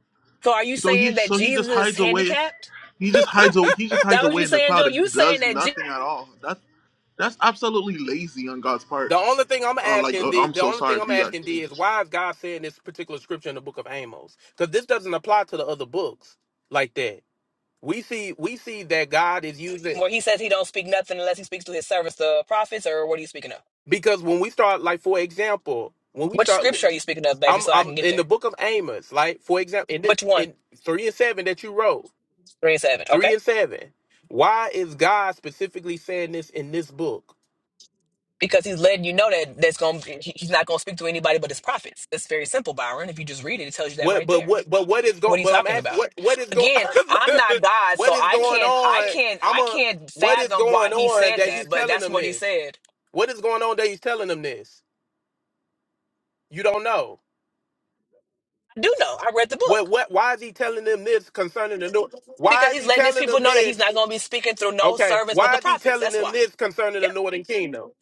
G: So are you
A: so he
G: saying that
A: so he
G: Jesus
A: just
G: is
A: hides away.
G: handicapped?
A: He just hides. a- He just
G: That
A: hides
G: what
A: away
G: you
A: in the
G: saying, Joe?
A: cloud
G: You
A: and
G: saying
A: does
G: that Jesus,
A: nothing at all. That's that's absolutely lazy on God's part.
H: The only thing I'm
A: Uh, like
H: asking
A: uh,
H: the
A: I'm
H: the
A: so
H: only
A: sorry
H: thing
A: if
H: I'm
A: you guys.
H: asking D is why is God saying this particular scripture in the book of Amos? Because this doesn't apply to the other books like that. We see we see that God is using
G: where he says he don't speak nothing unless he speaks to his servants, the prophets, or what are you speaking of?
H: because when we start like for example when we
G: Which
H: start
G: scripture are you speaking of, baby?
H: I'm
G: So I
H: I'm
G: can get
H: in the
G: there.
H: book of Amos like for example in the,
G: Which one?
H: in three and seven that you wrote
G: Three and seven.
H: three
G: Okay.
H: and seven why is God specifically saying this in this book?
G: Because he's letting you know that that's going to he's not going to speak to anybody but his prophets. It's very simple, Byron. If you just read it, it tells you that
H: What
G: right
H: but
G: there.
H: what but what is
G: What
H: going?
G: are you
H: But I'm
G: talking
H: asking
G: about?
H: what what is going?
G: Again, I'm not God,
H: what
G: so
H: is
G: I can't I can't I can't
H: what
G: fathom why he said
H: is
G: that, but
H: telling
G: that's
H: them
G: what he
H: this?
G: said.
H: What is going on that he's telling them this? You don't know.
G: I do know. I read the
H: What
G: book
H: what why is he telling them this concerning the
G: because he's letting his people know that he's not going to be speaking through no
H: Okay.
G: servants but the
H: Why is he
G: prophets.
H: telling
G: That's
H: them
G: why.
H: this concerning the
G: Yep.
H: northern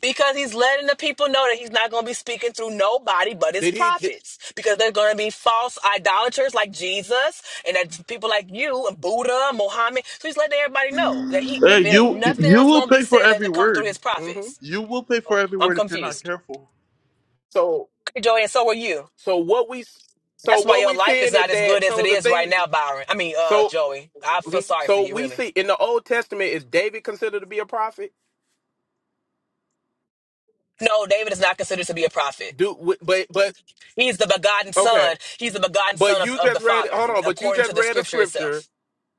G: Because he's letting the people know that he's not going to be speaking through nobody but his
H: did he did,
G: prophets. Because they're going to be false idolaters like Jesus and that people like you and Buddha, Muhammad. So he's letting everybody know that he,
A: Hey,
G: if it ain't
A: you
G: nothing
A: you
G: else
A: will
G: going to be
A: pay for
G: said, let
A: every
G: it come through
A: word.
G: his
H: hmm
G: prophets.
A: You will pay for every
G: I'm
A: word if you're not
G: confused.
A: careful.
H: so
G: Okay, Joey, and so are you.
H: so what we so
G: That's why
H: what
G: your
H: we
G: life is
H: seeing is
G: not as good
H: that
G: as it
H: so the
G: is right
H: thing
G: now, Byron. I mean, uh,
H: so
G: Joey. I feel
H: mm-hmm.
G: sorry for
H: so
G: you,
H: we
G: really.
H: see in the Old Testament is David considered to be a prophet?
G: No, David is not considered to be a prophet.
H: Do w- but but
G: He's the begotten
H: okay.
G: son. He's the begotten
H: But
G: son of,
H: you
G: of the
H: just read
G: Father,
H: hold on, but you
G: according
H: just
G: to the
H: read a
G: scripture
H: scripture
G: itself.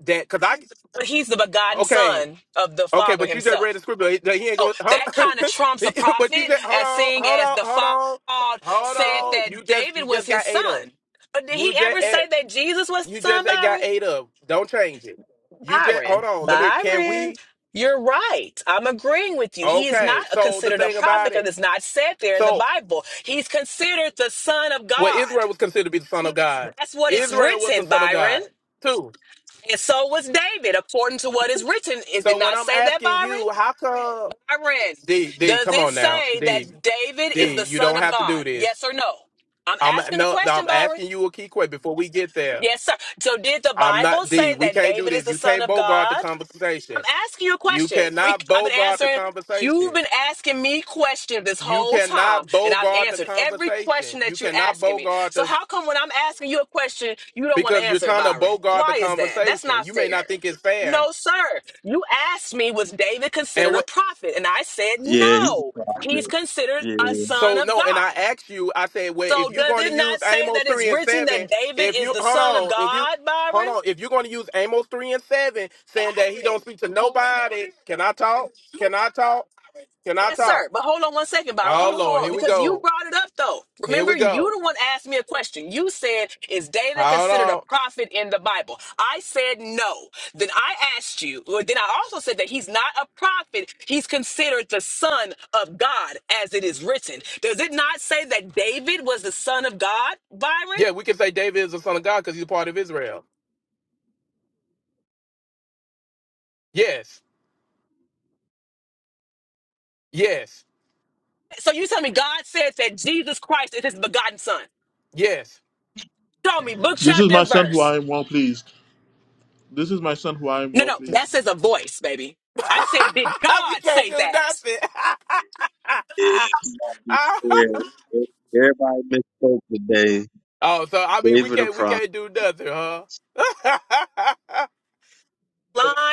H: that cuz I
G: But he's the begotten
H: okay,
G: son of the
H: Okay,
G: Father
H: but you just read the
G: himself.
H: script. He, he ain't
G: Oh,
H: going. Hold
G: that
H: on.
G: kind of trumps a
H: He- but you
G: prophet
H: just hold
G: as
H: on,
G: seeing
H: hold
G: as
H: on,
G: the
H: hold
G: Father
H: on, hold
G: said
H: on. You
G: that
H: just
G: David
H: you
G: was
H: just
G: his
H: got eight up.
G: son. But did he
H: You just
G: ever
H: at-
G: say that Jesus was
H: you
G: son,
H: just got
G: Byron?
H: eight up. Don't change it. You just hold
G: Byron,
H: on. Let me. Can
G: Byron,
H: we?
G: you're right. I'm agreeing with you. He is not
H: Okay.
G: a,
H: So the
G: considered a
H: thing
G: prophet
H: about
G: because
H: it.
G: it's not said there in the
H: So
G: Bible. He's considered the son of
H: well,
G: God.
H: Israel was considered to be the son of God.
G: That's what it's
H: Israel was the
G: written,
H: son of
G: Byron.
H: God too.
G: And so was David, according to what is written. Is it
H: So when
G: not
H: I'm
G: say that,
H: asking
G: Byron?
H: you, how come
G: Byron,
H: D D?
G: does
H: Come
G: it
H: on now,
G: say
H: D
G: that David is
H: D.
G: the
H: You
G: son
H: don't
G: of
H: have to do
G: God?
H: this.
G: Yes or no? I'm
H: I'm
G: asking a
H: no, no.
G: question,
H: I'm
G: Byron.
H: asking you a key question before we get there.
G: Yes, sir. So did the
H: I'm
G: Bible
H: not D.
G: say
H: We
G: that
H: can't do
G: David is
H: this.
G: the
H: You
G: son
H: can't
G: of
H: bogart the
G: God? I'm
H: conversation.
G: asking you a
H: You
G: question. We,
H: cannot
G: I've been
H: bogart the
G: answering.
H: conversation.
G: You've been asking me questions this
H: You
G: whole time,
H: cannot
G: and I've
H: bogart the
G: answered every
H: conversation.
G: question
H: You
G: that you
H: cannot
G: asking me.
H: bogart
G: So
H: the
G: how come when I'm asking you a question, you don't want to
H: because you're
G: answer it,
H: trying to
G: Byron?
H: bogart the
G: Why is that? That's
H: conversation.
G: not
H: You may not
G: fair.
H: think it's fair.
G: No, sir. You asked me, was David
H: And
G: considered a
H: what?
G: prophet? And I said,
J: Yeah, he's
G: no,
J: a prophet.
G: he's considered a son
H: So
G: of
H: no. And I
G: God.
H: asked you. I said, well,
G: So
H: if you're
G: does
H: going to
G: it not
H: use
G: say
H: Amos
G: that it's
H: three and
G: written
H: seven,
G: that David
H: if
G: is
H: you
G: the
H: hold
G: son of
H: on, if you
G: God,
H: hold
G: Byron?
H: on, if you're going to use Amos three and seven, saying that he don't speak to nobody, can I talk? Can I talk? Can I
G: Yes,
H: talk?
G: sir. But hold on one second, Byron.
H: Oh
G: Hold on,
H: Lord,
G: hold on.
H: here we
G: Because you
H: go.
G: brought it up though.
H: Here
G: Remember,
H: we
G: you
H: go.
G: the one asked me a question. You said, is David
H: Hold
G: considered a
H: on.
G: prophet in the Bible? I said no. Then I asked you, or then I also said that he's not a prophet. He's considered the son of God, as it is written. Does it not say that David was the son of God, Byron?
H: Yeah, we can say David is the son of God because he's a part of Israel. Yes. Yes.
G: So you tell me God said that Jesus Christ is his begotten son.
H: Yes.
G: Show me book,
A: This is
G: chapter,
A: my
G: and
A: son who
G: verse.
A: I am well pleased. This is my son who I am
G: No,
A: well
G: no,
A: pleased.
G: that says a voice, baby. I said, did
H: we
G: God
H: can't
G: say
H: do
G: that?
H: nothing.
J: Yeah, yeah. yeah. Everybody misspoke today.
H: oh, so I mean we
J: David a
H: can't we
J: prophet.
H: can't do nothing, huh?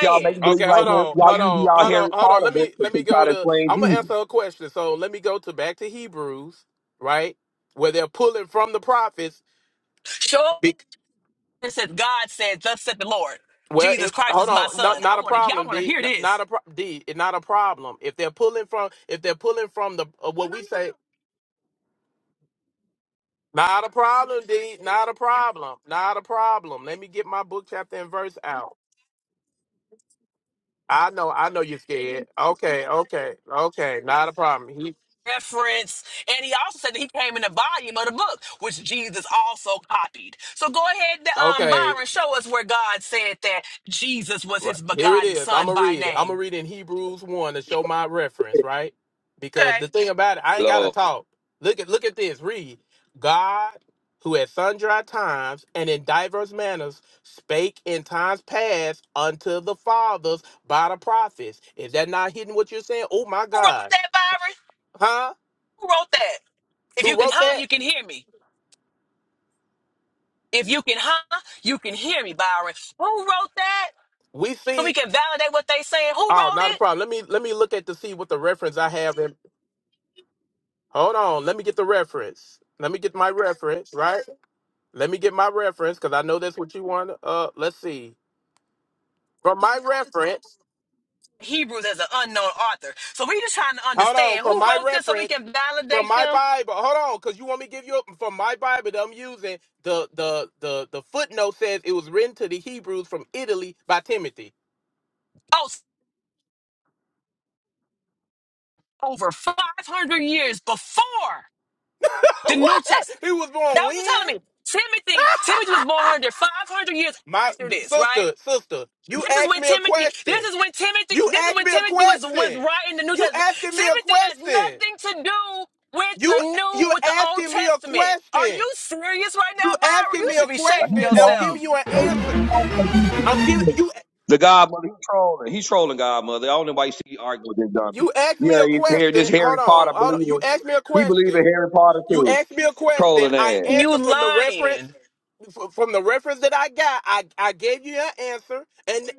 I: Y'all make believe
H: okay,
I: like
H: hold
I: Harry-
H: on, hold
I: y'all use
H: on,
I: y'all
H: hold on,
I: Harry
H: hold on.
I: Potter
H: Let
I: books
H: me
I: to,
H: let me
I: to try
H: go
I: to
H: to
I: explain
H: I'm gonna
I: Jesus.
H: answer a question. So let me go to back to Hebrews, right? Where they're pulling from the prophets
G: Sure. It says God said, thus said the Lord.
H: Well,
G: Jesus
H: if
G: Christ is
H: hold
G: my
H: on,
G: son.
H: not
G: I
H: not a
G: want to I
H: problem,
G: want to
H: D.
G: hear
H: N-
G: this.
H: Not a pro- D. It's not a problem. If they're pulling from, if they're pulling from the uh, what say, not a problem, D. Not a problem. Not a problem. Let me get my book chapter and verse out. I know, I know you're scared. Okay, okay, okay. Not a problem. He
G: Reference. And he also said that he came in the volume of the book, which Jesus also copied. So go ahead, um,
H: okay.
G: Byron, show us where God said that Jesus was
H: Right.
G: his
H: Here it
G: begotten
H: is. I'm
G: son
H: gonna
G: by
H: read it. I'm gonna
G: name.
H: read in Hebrews one to show my reference, right? Because
G: Okay.
H: the thing about it, I ain't gotta
I: Lord.
H: talk. Look at look at this. Read. God, who at sundry times and in diverse manners spake in times past unto the fathers by the prophets. Is that not hitting what you're saying? Oh my
G: Who wrote
H: God.
G: that, Byron?
H: Huh?
G: Who wrote that? If you
H: Who
G: can
H: wrote
G: huh,
H: that?
G: you can hear me. If you can, huh? You can hear me, Byron. Who wrote that?
H: We
G: So we
H: see.
G: can validate what they saying. Who
H: Oh,
G: wrote
H: not a
G: it?
H: problem. Let me let me look at to see what the reference I have in. Hold on. Let me get the reference. Let me get my reference, right? Let me get my reference because I know that's what you want. Uh, let's see. From my reference,
G: Hebrews as an unknown author. So we just trying to
H: hold on.
G: understand who
H: From my
G: wrote this so we
H: reference,
G: can
H: from
G: validate
H: my
G: them.
H: Bible, hold on, because you want me to give you a- from my Bible that I'm using. The the the the footnote says it was written to the Hebrews from Italy by Timothy.
G: Oh, s- over 500 years before the New
H: what?
G: Testament.
H: He was
G: That
H: born
G: what you're
H: when?
G: telling me. Timothy, Timothy was born 500 years
H: My
G: after this, right?
H: sister, sister, you
G: This is
H: asked
G: when
H: me a
G: Timothy. This
H: question.
G: is when Timothy.
H: You
G: This is
H: asked
G: when
H: me a
G: Timothy was was
H: question.
G: writing the New
H: You
G: Testament.
H: asking me a
G: Timothy has
H: question.
G: nothing to do with the
H: You
G: new
H: you
G: with the Old
H: asking me a
G: Testament. Are
H: question.
G: you serious right
H: You
G: now, Byron?
H: asking
G: You
H: me a
G: should be
I: Uh,
G: shaming
I: He's
H: question and I'm giving
I: trolling.
G: yourself.
H: you an
I: Hey, He's
H: answer.
I: trolling. He's
H: I'm giving
I: trolling.
H: you
I: The godmother, he's trolling. He's trolling godmother. I don't know why you see you argue with this dummy.
H: you asked me a
I: Yeah, he's here, this
H: question. Hold
I: Harry
H: on,
I: Potter
H: hold on. You
I: believer.
H: asked me a
I: He believe in
H: question.
I: Harry Potter
H: You
I: too.
H: asked me a question.
I: trolling
H: I
I: ass.
G: You
H: answered from the reference
G: lying.
H: f- from the reference that I got. I I gave you an answer. And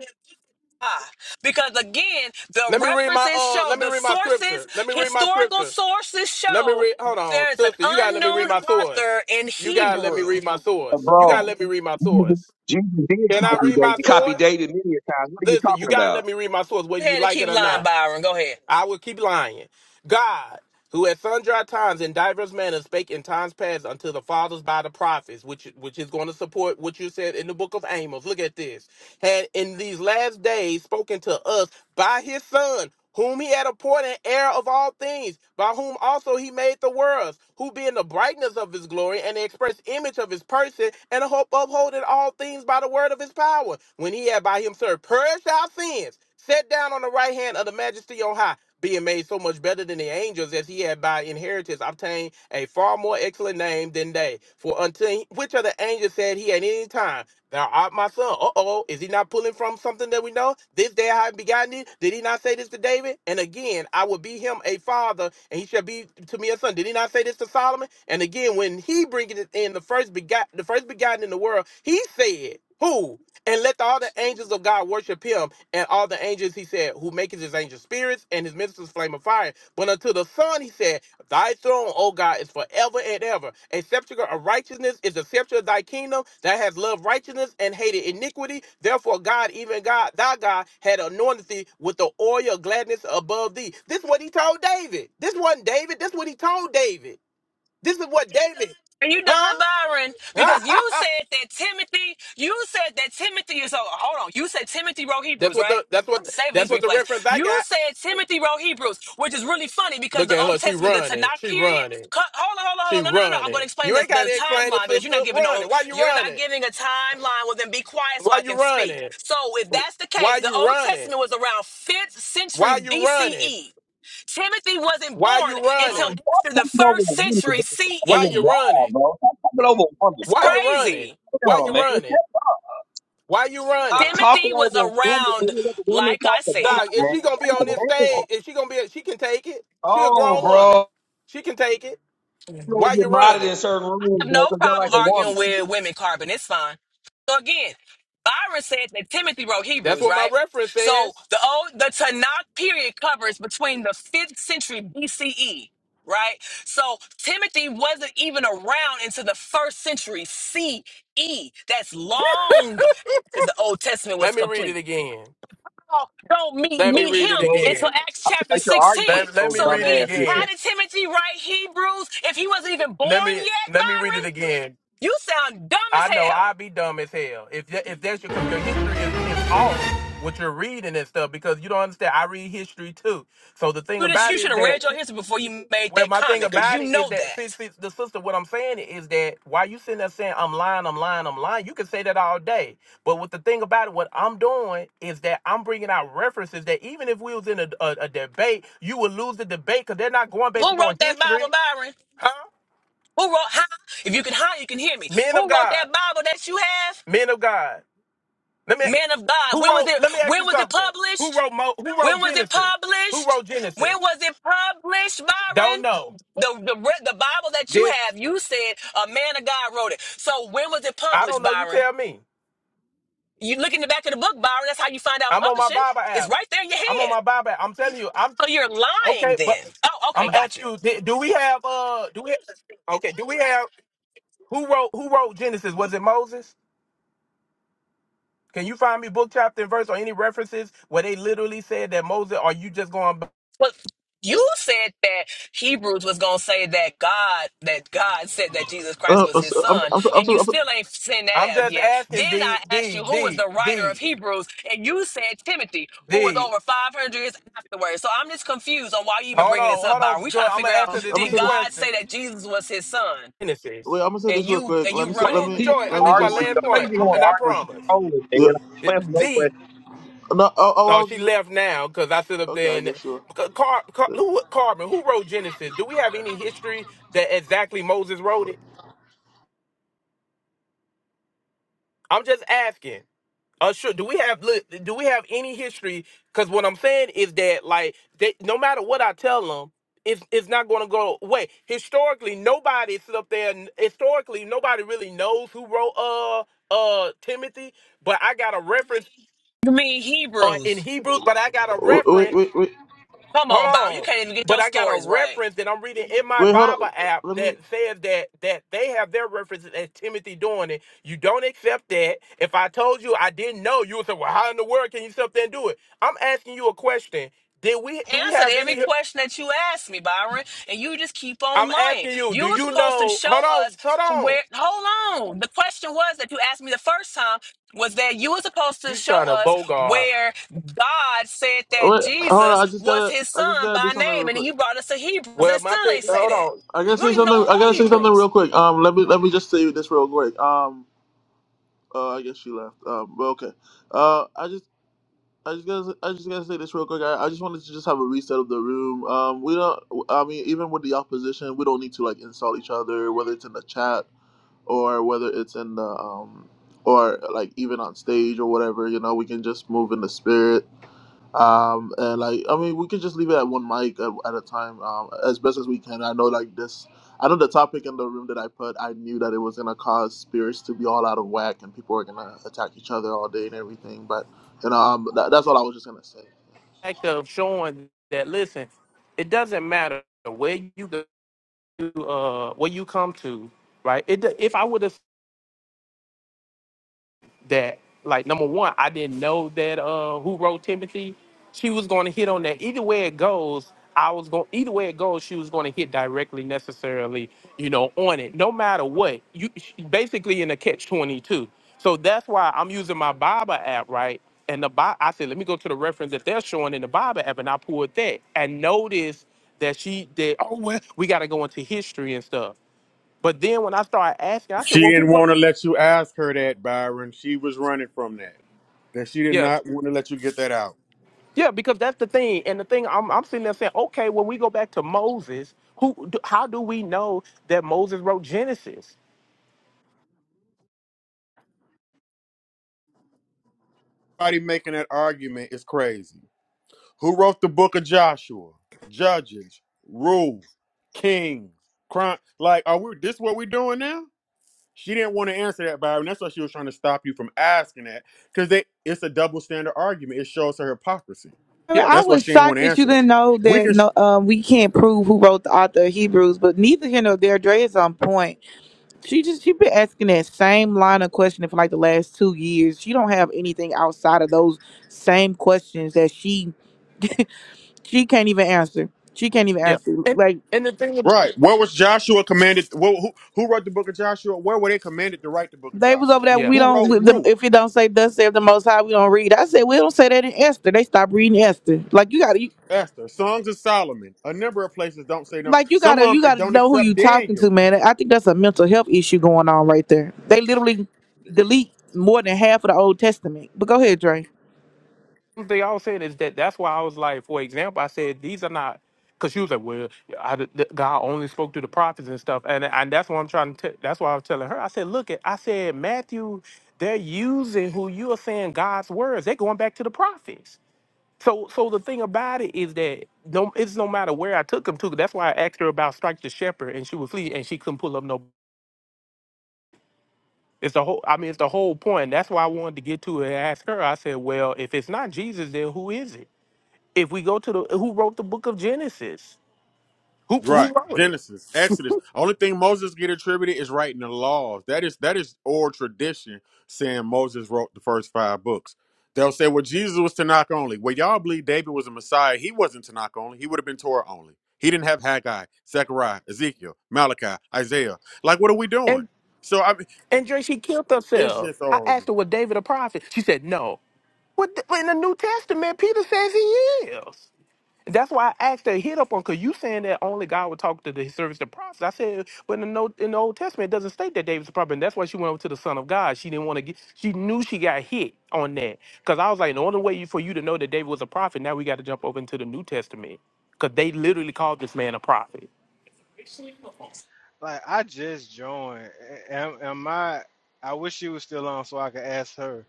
G: Ah, because again, the
H: let me read my
G: references
H: uh
G: show
H: let me
G: the
H: read my
G: sources,
H: scripture. Let me read my
G: historical
H: scripture.
G: sources
H: Let me
G: show
H: read hold on.
G: there's an
H: Sister, you gotta let me read
G: unknown
H: my source.
G: author in
H: You gotta
G: Hebrew.
H: read my source. You gotta
I: bro,
H: let me read my
I: Jesus,
H: source.
I: Jesus did
H: Can
I: copy
H: I read
I: David.
H: my
I: Copy
H: source?
I: David many a times. What are you
H: Listen, you
I: talking
H: gotta let
I: about?
H: me read my source, whether
G: Go
H: you
G: ahead and
H: like
G: keep
H: it or not.
G: lying, Byron. Go ahead.
H: I will keep lying. God, who at sundry times in diverse manners spake in times past unto the fathers by the prophets, which which is going to support what you said in the book of Amos. Look at this. Had in these last days spoken to us by his son. Whom he had appointed heir of all things, by whom also he made the worlds, who being the brightness of his glory and the express image of his person, and the hope upholding all things by the word of his power, when he had by himself purged our sins, sat down on the right hand of the majesty on high being made so much better than the angels as he had by inheritance obtained a far more excellent name than they. For unto he- which of the angels said he at any time, Thou art my son. Uh oh, is he not pulling from something that we know? This day I have begotten thee. Did he not say this to David? And again, I will be him a father, and he shall be to me a son. Did he not say this to Solomon? And again, when he bringeth it in the first begot, the first begotten in the world, he said, Who? And let all the angels of God worship him and all the angels, he said, who maketh his angels spirits and his ministers flame of fire. But unto the Son, he said, Thy throne, O God, is forever and ever. A scepter of righteousness is the scepter of thy kingdom that has loved righteousness and hated iniquity. Therefore, God, even God, thy God, had anointed thee with the oil of gladness above thee. This is what he told David. This wasn't David. This is what he told David. This is what David,
G: Are you done,
H: huh?
G: Byron? Because you said that Timothy, you said that Timothy is, oh, hold on. You said Timothy wrote
H: that's
G: Hebrews,
H: what
G: right?
H: the that's
G: I'm
H: what
G: saving
H: that's
G: these
H: the
G: replays.
H: reference.
G: You said Timothy wrote Hebrews, which is really funny because
H: Look
G: the
H: at
G: Old
H: her. She
G: Testament, the
H: running.
G: Tanakh
H: She
G: period.
H: running.
G: Cut, hold on, hold on, hold
H: She
G: on. No, no, no, no. I'm going
H: running.
G: to explain
H: You
G: the,
H: ain't
G: the
H: gotta explain it,
G: timeline because you're
H: sister.
G: not giving
H: Running.
G: no,
H: Why you
G: you're not
H: running?
G: giving a timeline. Well, then be quiet so
H: Why
G: I
H: you
G: can speak.
H: running?
G: So if that's the
H: Why
G: case, the
H: you
G: Old
H: running?
G: Testament was around 5th century
H: Why you running?
G: BCE. Timothy wasn't
H: Why
G: born
H: you
I: Bro,
G: until
H: running?
I: Stop
G: after the
I: talking over
G: first
I: the woman.
G: century
I: Stop a
H: Why
I: little
H: you
G: CE.
I: blah,
H: running?
I: bro. Stop talking over a woman,
G: It's
H: Why
I: bro.
H: you running?
G: crazy.
I: Come
H: Why
I: on,
H: you
I: man. Shut
H: running?
I: up.
H: Why you running?
I: Stop talking
G: Timothy was
I: over a woman, bro.
G: around,
I: You let the woman
G: like I
I: talk to
H: Dog,
G: said.
I: God,
H: if she
I: man.
H: gonna be
I: That's a
H: on this
I: damn.
H: stage, if she gonna be, she can take it. She a
I: Oh,
H: grown woman.
I: bro.
H: She can take it.
I: You
H: Why
I: don't get
H: you
I: modded in
H: running?
I: certain
G: I
I: rooms,
G: have
I: bro,
G: no
I: because you're
G: problem
I: like a woman.
G: arguing with women, Carbon. It's fine. So again, Byron said that Timothy wrote
H: That's
G: Hebrews,
H: what my
G: right?
H: reference
G: So
H: says.
G: the old the Tanakh period covers between the fifth century BCE, right? So Timothy wasn't even around until the first century CE. That's long after the Old Testament was
H: Let me read
G: complete.
H: it again.
G: Paul don't meet
H: Let me
G: meet
H: read it
I: So
G: him
H: again.
G: until Acts
I: I feel
G: chapter
I: like you're arguing with
G: 16.
H: Let, let
I: those
H: me
G: So
H: read it
G: again,
I: dumbass
H: again.
I: niggas.
G: how did Timothy write Hebrews if he wasn't even born
H: Let me
G: yet,
H: let me read it
G: Byron?
H: again.
G: You sound dumb as
H: I know
G: hell.
H: I'd be dumb as hell if that, if that's your because your history is is off what you're reading and stuff because you don't understand. I read history too. So the thing
G: You just-
H: about
G: you
H: it
G: should
H: is
G: have
H: that
G: read your history before you made
H: well,
G: that
H: my thing
G: comment, because
H: about
G: you
H: it is
G: know
H: that since,
G: that.
H: since the sister, what I'm saying is that why you sitting there saying I'm lying, I'm lying, I'm lying. You can say that all day, but what the thing about it, what I'm doing is that I'm bringing out references that even if we was in a a, a debate, you would lose the debate because they're not going
G: Who
H: based upon
G: wrote that Bible,
H: history,
G: Byron?
H: huh?
G: Who wrote how? If you can how you can hear me.
H: Men of
G: Who wrote
H: God,
G: that Bible that you have?
H: men of God. let me
G: Man of God.
H: Who
G: When was
H: wrote?
G: it
H: Let me ask
G: when
H: you
G: was it
H: something. Who
G: published?
H: wrote? Mo, who
G: When
H: wrote
G: was it
H: Genesis? Who
G: published?
H: wrote
G: When
H: Genesis?
G: was it published, Byron?
H: Don't know.
G: The, the re- the Bible that you
H: Did
G: have, you said a man of God wrote it. So when was it
H: I
G: published,
H: don't know? You
G: Byron?
H: tell me.
G: You look in the back of the book, Byron. That's how you find out
H: I'm on my
G: publishing.
H: Bible
G: It's
H: app.
G: right there in your
H: I'm on
G: hand.
H: my Bible. App. I'm telling you. I'm
G: So you're lying
H: okay, but
G: then. Oh,
H: I'm
G: okay, gotcha.
H: asking you. Did, do we have? Uh, do we? Okay. Do we have? Who wrote? Who wrote Genesis? Was it Moses? Can you find me book chapter and verse or any references where they literally said that Moses? Are you just going? by-
G: But you said that Hebrews was gonna say that God that God said that Jesus Christ
A: Uh,
G: was his
A: so, I'm,
G: son,
A: I'm, so, I'm,
G: and you
A: so, I'm, so,
G: still ain't sent that
H: I'm
G: out
H: just
G: yet.
H: asking.
G: Then
H: D
G: I asked
H: D
G: you who was
H: D
G: the writer of
H: D
G: Hebrews, and you said Timothy, who was
H: D.
G: over 500 years afterwards. So I'm just confused on why you even
H: Hold
G: bringing this
H: on,
G: up,
H: hold
G: Byron.
H: on,
G: We
H: Joy.
G: trying to
H: I'm
G: figure
H: gonna
G: out
A: I'm
H: answer this
A: gonna
G: did
H: key
A: say this.
G: God
H: question.
G: say that Jesus was his son,
A: Wait,
H: Genesis.
A: I'm gonna say
G: and
A: this real
G: you
A: quick.
G: and
A: Let
G: you
A: me say. Let
H: Hold
G: running?
H: on,
A: me.
I: He just
H: Joy,
A: Let
H: and this
A: me
H: is my
I: argue
A: just.
I: with
H: last
I: you. I
H: point,
I: just
H: I'm,
I: want
H: and
I: to
H: I promise.
I: argue with
A: Yeah.
I: you. Holy man.
H: D.
A: No. Oh, oh
H: No,
A: I was
H: she
A: just.
H: left now because I sit up
A: Okay.
H: there
A: I
H: and
A: guess sure.
H: Car, Car- who Carmen, who wrote Genesis? Do we have any history that exactly Moses wrote it? I'm just asking. Uh, sure. Do we have look, do we have any history? Because what I'm saying is that like they, no matter what I tell them, it's it's not going to go away. Historically, nobody sit up there. and- Historically, nobody really knows who wrote uh uh Timothy. But I got a reference
G: You mean
H: on in
G: Hebrews?
H: Hebrews, but I got a
A: Wait.
H: reference.
A: Wait. Wait.
G: Come on, Byron. You
H: Hold
G: can't even get
H: But
G: your
H: I got a
G: stories right.
H: reference that I'm reading in my
A: Wait. Hold up.
H: Bible app
A: Let
H: that
A: me.
H: says that that they have their references as Timothy doing it. You don't accept that. If I told you I didn't know, you would say, "Well, how in the world can you sit up there and do it?" I'm asking you a question. Did we do we
G: answered
H: have any?
G: every question that you asked me, Byron, and you just keep on
H: I'm
G: lying.
H: asking you. Do
G: You were
H: you
G: supposed to
H: know?
G: show
H: Hold on.
G: us
H: Hold on.
G: where. Hold on. The question was that you asked me the first time was that you were supposed to
H: You
G: show
H: trying to
G: us
H: bogart?
G: where God said that
A: Wait. Hold on.
G: Jesus
A: I just
G: was
A: gotta.
G: His
A: I just
G: Son
A: gotta do
G: by
A: something
G: name,
A: real
G: and then
A: quick.
G: you brought us to Hebrews, and it
H: Well, my
G: still
H: thing
G: ain't say that.
A: I gotta
G: We don't
A: say
G: even know
A: something. I
G: all
A: gotta say something
G: Hebrews.
A: real quick. Um. Let me. Let me just say this real quick. Um. Uh. I guess she left. Um. But okay. Uh. I just. I just gotta, I just gotta say this real quick. I, I just wanted to just have a reset of the room. Um, we don't. I mean, even with the opposition, we don't need to like insult each other, whether it's in the chat or whether it's in the um or like even on stage or whatever you know we can just move in the spirit um and like i mean we can just leave it at one mic at, at a time um as best as we can i know like this i know the topic in the room that i put i knew that it was going to cause spirits to be all out of whack and people were going to attack each other all day and everything but you know um, that, that's all i was just going to say
H: act of showing that listen, it doesn't matter where you go. uh what you come to, right? It if I would have that like number one, I didn't know that uh who wrote Timothy, she was going to hit on that. Either way it goes, I was going either way it goes, she was going to hit directly necessarily, you know, on it. No matter what, you she- basically in a catch twenty two. So that's why I'm using my Bible app, right? And the Bi- I said, let me go to the reference that they're showing in the Bible app, and I pulled that and noticed that she did. Oh well, we got to go into history and stuff. But then when I started asking, I said,
L: She
H: well,
L: didn't
H: who wrote?
L: want to let you ask her that, Byron. She was running from that. That she did
H: Yeah.
L: not want to let you get that out.
H: Yeah, because that's the thing. And the thing I'm, I'm sitting there saying, okay, when we go back to Moses, who, do, how do we know that Moses wrote Genesis?
L: Everybody making that argument is crazy. Who wrote the book of Joshua? Judges, Rules, Kings, Crime. Like, are we this what we're doing now? She didn't want to answer that, Byron. That's why she was trying to stop you from asking that. Because they it's a double standard argument. It shows her hypocrisy.
H: Yeah.
M: I
L: That's why
M: was
L: she didn't want
M: shocked
L: to
M: that you
L: answer that.
M: didn't know
L: We
M: that
L: can
M: no, um, we can't prove who wrote the author of Hebrews, but neither here nor there. Dre is on point. She just she been asking that same line of questioning for like the last two years. She don't have anything outside of those same questions that she she can't even answer. She can't even
H: Yeah.
M: answer.
H: And,
M: Like
H: and the thing, is-
L: Right. Where was Joshua commanded? Who, who who wrote the book of Joshua? Where were they commanded to write the book of
M: they was over
L: Joshua?
M: there.
H: yeah.
M: We
L: Who
M: don't.
L: wrote
M: With them,
L: Ruth,
M: if it don't say thus saith the Most High, we don't read. I said we don't say that in Esther. They stopped reading Esther. Like you got to.
L: Esther, Songs of Solomon? A number of places don't say no.
M: like you
L: Some
M: gotta
L: of
M: you
L: them
M: gotta
L: don't
M: know who
L: accept
M: you talking
L: Daniel.
M: to, man. I think that's a mental health issue going on right there. They literally delete more than half of the Old Testament. But go ahead, Dre.
H: The thing I was saying is that that's why I was like, for example, I said, these are not, because she was like, well, I, d- th- God only spoke to the prophets and stuff. And, and that's what I'm trying to, t- that's why I was telling her. I said, look, at, I said, Matthew, they're using who you are saying God's words. They're going back to the prophets. So, so the thing about it is that no, it's no matter where I took him to. That's why I asked her about strike the shepherd, and she was flee, and she couldn't pull up no. It's the whole. I mean, it's the whole point. That's why I wanted to get to it and ask her. I said, well, if it's not Jesus, then who is it? If we go to the who wrote the book of Genesis, who
L: Right.
H: who wrote it?
L: Genesis, Exodus. Only thing Moses get attributed is writing the laws. That is that is oral tradition saying Moses wrote the first five books. They'll say, well, Jesus was Tanakh only. Well, y'all believe David was a Messiah. He wasn't Tanakh only. He would have been Torah only. He didn't have Haggai, Zechariah, Ezekiel, Malachi, Isaiah. Like, what are we doing?
H: And
L: So I mean,
H: and Dre, she killed
L: it's
H: herself.
L: just
H: I
L: horrible.
H: asked her, was David a prophet? She said, no. What the, in the New Testament, Peter says he is. That's why I asked that hit up on because you saying that only God would talk to the service the prophets. I said, but in the Old, in the Old Testament, it doesn't state that David's a prophet. And that's why she went over to the Son of God. She didn't want to get. She knew she got hit on that because I was like, the only way you- for you to know that David was a prophet, now we got to jump over into the New Testament because they literally called this man a prophet.
N: Like I just joined. Am, am I? I wish she was still on so I could ask her.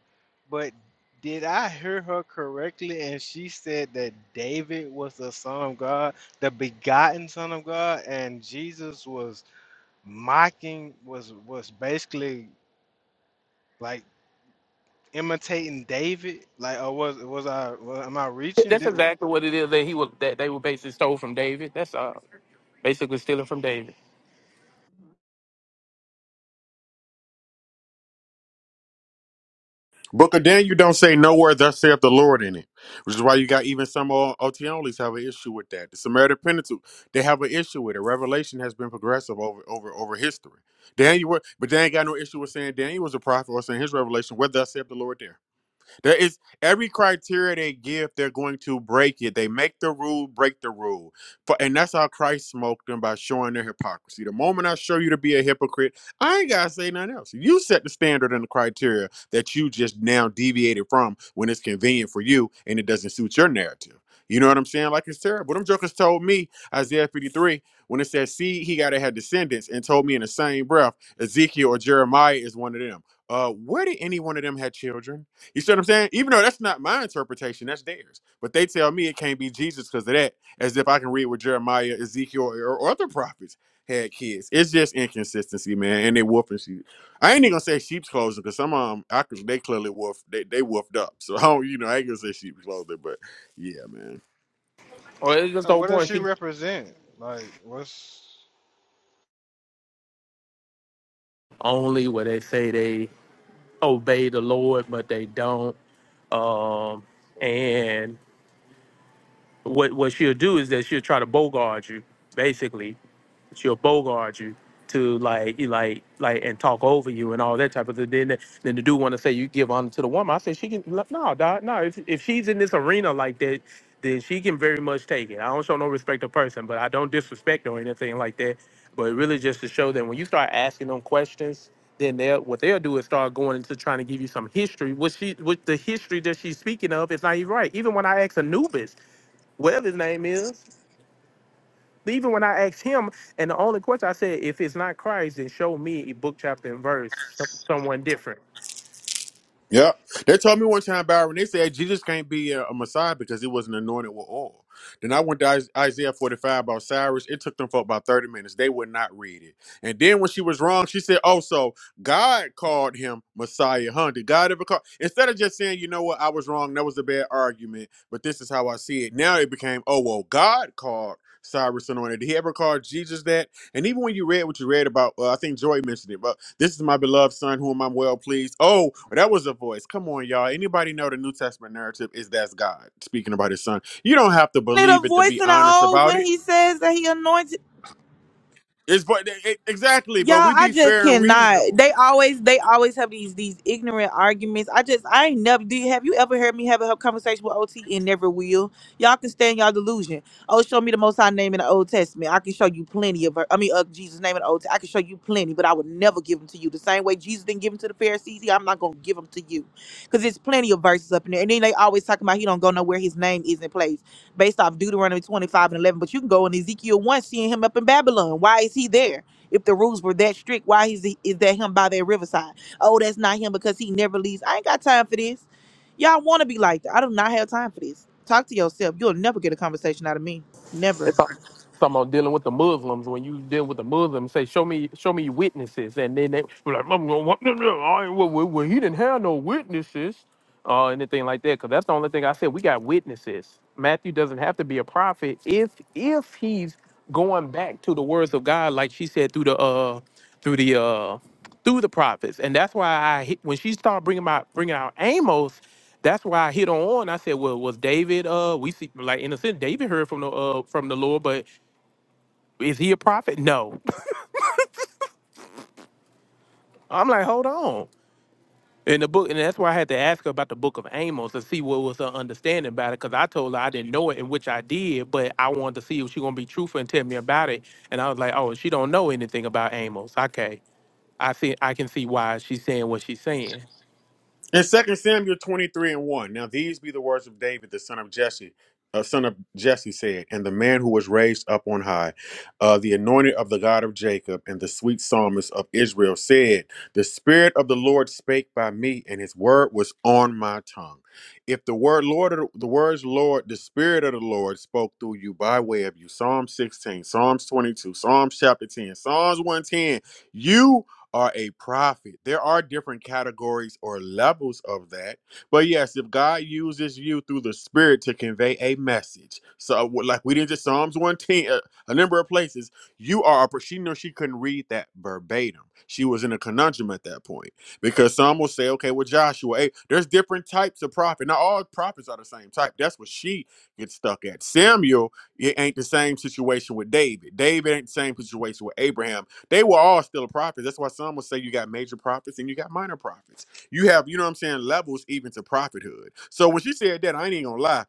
N: But did I hear her correctly? And she said that David was the son of God, the begotten son of God, and Jesus was mocking, was was basically like imitating David. Like, or was was I? Was, am I reaching?
H: That's
N: Did,
H: exactly what it is that he was that they were basically stole from David. That's uh basically stealing from David.
L: Book of Daniel don't say nowhere thus saith the Lord in it, which is why you got even some O- OTNLs have an issue with that. The Samaritan Pentateuch they have an issue with it. Revelation has been progressive over over over history. Daniel, wa- but they ain't got no issue with saying Daniel was a prophet or saying his revelation. Where thus saith the Lord there? There is every criteria they give, they're going to break it. They make the rule, break the rule. For and that's how Christ smoked them by showing their hypocrisy. The moment I show you to be a hypocrite, I ain't gotta say nothing else. You set the standard and the criteria that you just now deviated from when it's convenient for you and it doesn't suit your narrative. You know what I'm saying? Like it's terrible. Them jokers told me, Isaiah 53, when it says, see, he gotta have descendants, and told me in the same breath, Ezekiel or Jeremiah is one of them. Uh, where did any one of them have children? You see what I'm saying? Even though that's not my interpretation, that's theirs. But they tell me it can't be Jesus because of that, as if I can read what Jeremiah, Ezekiel, or, or other prophets had kids. It's just inconsistency, man. And they wolfing sheep. I ain't even gonna say sheep's clothing because some um I they clearly wolf they they wolfed up. So I don't, you know, I ain't gonna say sheep's clothing, but yeah, man.
H: Or it's just
N: so
H: the whole
N: what does
H: point.
N: she
H: She,
N: represent? Like, what's?
H: only where they say they obey the Lord, but they don't um, and what what she'll do is that she'll try to bogart you, basically, she'll bogart you to like you like like and talk over you and all that type of thing. Then then the dude want to say you give honor to the woman. I said she can no dog no if if she's in this arena like that. Then she can very much take it. I don't show no respect to person, but I don't disrespect or anything like that. But really, just to show them when you start asking them questions, then they'll what they'll do is start going into trying to give you some history. What she, what the history that she's speaking of is not even right. Even when I ask Anubis, whatever his name is, even when I asked him, and the only question I said, if it's not Christ, then show me a book, chapter, and verse, someone different.
L: Yeah, they told me one time, Byron. They said Jesus can't be a, a Messiah because he wasn't anointed with oil. Then I went to Is- Isaiah forty-five about Cyrus. It took them for about thirty minutes. They would not read it. And then when she was wrong, she said, "Oh, so God called him Messiah, huh? Did God ever call?" Instead of just saying, "You know what? I was wrong. That was a bad argument, but this is how I see it." Now it became, "Oh well, God called." Cyrus anointed. Did he ever call Jesus that? And even when you read what you read about, uh, I think Joy mentioned it, but this is my beloved son, whom I'm well pleased. Oh, that was a voice. Come on, y'all. Anybody know the New Testament narrative is that's God speaking about his son. You don't have to
M: Need a
L: believe it to
M: voice
L: be
M: in the
L: honest
M: old
L: about
M: when
L: it.
M: he says that he anoints.
L: It's but it, exactly,
M: Y'all,
L: but we
M: I
L: be
M: just
L: fair and
M: cannot.
L: reasonable.
M: They always, they always have these these ignorant arguments. I just, I ain't never. Do you have you ever heard me have a conversation with OT and never will? Y'all can stand y'all delusion. Oh, show me the Most High name in the Old Testament. I can show you plenty of. ver- I mean, of Jesus' name in the Old. Testament. I can show you plenty, but I would never give them to you. The same way Jesus didn't give them to the Pharisees, I'm not gonna give them to you, because there's plenty of verses up in there. And then they always talking about he don't go nowhere. His name isn't placed based off Deuteronomy 25 and 11. But you can go in Ezekiel one, seeing him up in Babylon. Why is he there? If the rules were that strict, why is he, is that him by that riverside? Oh, that's not him because he never leaves. I ain't got time for this. Y'all want to be like that? I do not have time for this. Talk to yourself. You'll never get a conversation out of me. Never.
H: It's like someone dealing with the Muslims. When you deal with the Muslims, say, show me, show me your witnesses, and then they were like, "Mm, no, what- no, no, I- well, well, well, he didn't have no witnesses, or anything like that. Because that's the only thing I said. We got witnesses. Matthew doesn't have to be a prophet if if he's going back to the words of God, like she said through the uh through the uh through the prophets, and that's why I hit, when she started bringing out bringing out Amos, that's why I hit on. I said, well, was David? Uh, we see like in a sense, David heard from the uh from the Lord, but is he a prophet? No. I'm like, hold on. In the book, and that's why I had to ask her about the book of Amos to see what was her understanding about it, because I told her I didn't know it, and which I did, but I wanted to see if she gonna be truthful and tell me about it. And I was like, oh, she don't know anything about Amos. Okay, I see. I can see why she's saying what she's saying.
L: In Second Samuel 23 and 1, now these be the words of David, the son of Jesse, uh, son of Jesse said, and the man who was raised up on high, uh, the anointed of the God of Jacob, and the sweet psalmist of Israel said, The Spirit of the Lord spake by me, and his word was on my tongue. If the word Lord, the words Lord, the Spirit of the Lord spoke through you by way of you, Psalm 16, Psalms 22, Psalms chapter 10, Psalms 110, you are a prophet. There are different categories or levels of that. But yes, if God uses you through the Spirit to convey a message, so like we did just Psalms 110, uh, a number of places, you are, a, she knew she couldn't read that verbatim. She was in a conundrum at that point because some will say, okay, well, Joshua, hey, there's different types of prophet. Now, all prophets are the same type. That's what she gets stuck at. Samuel, it ain't the same situation with David. David ain't the same situation with Abraham they were all still a prophet. That's why some will say you got major prophets and you got minor prophets. You have, you know what I'm saying, levels even to prophethood. So when she said that, I ain't even gonna lie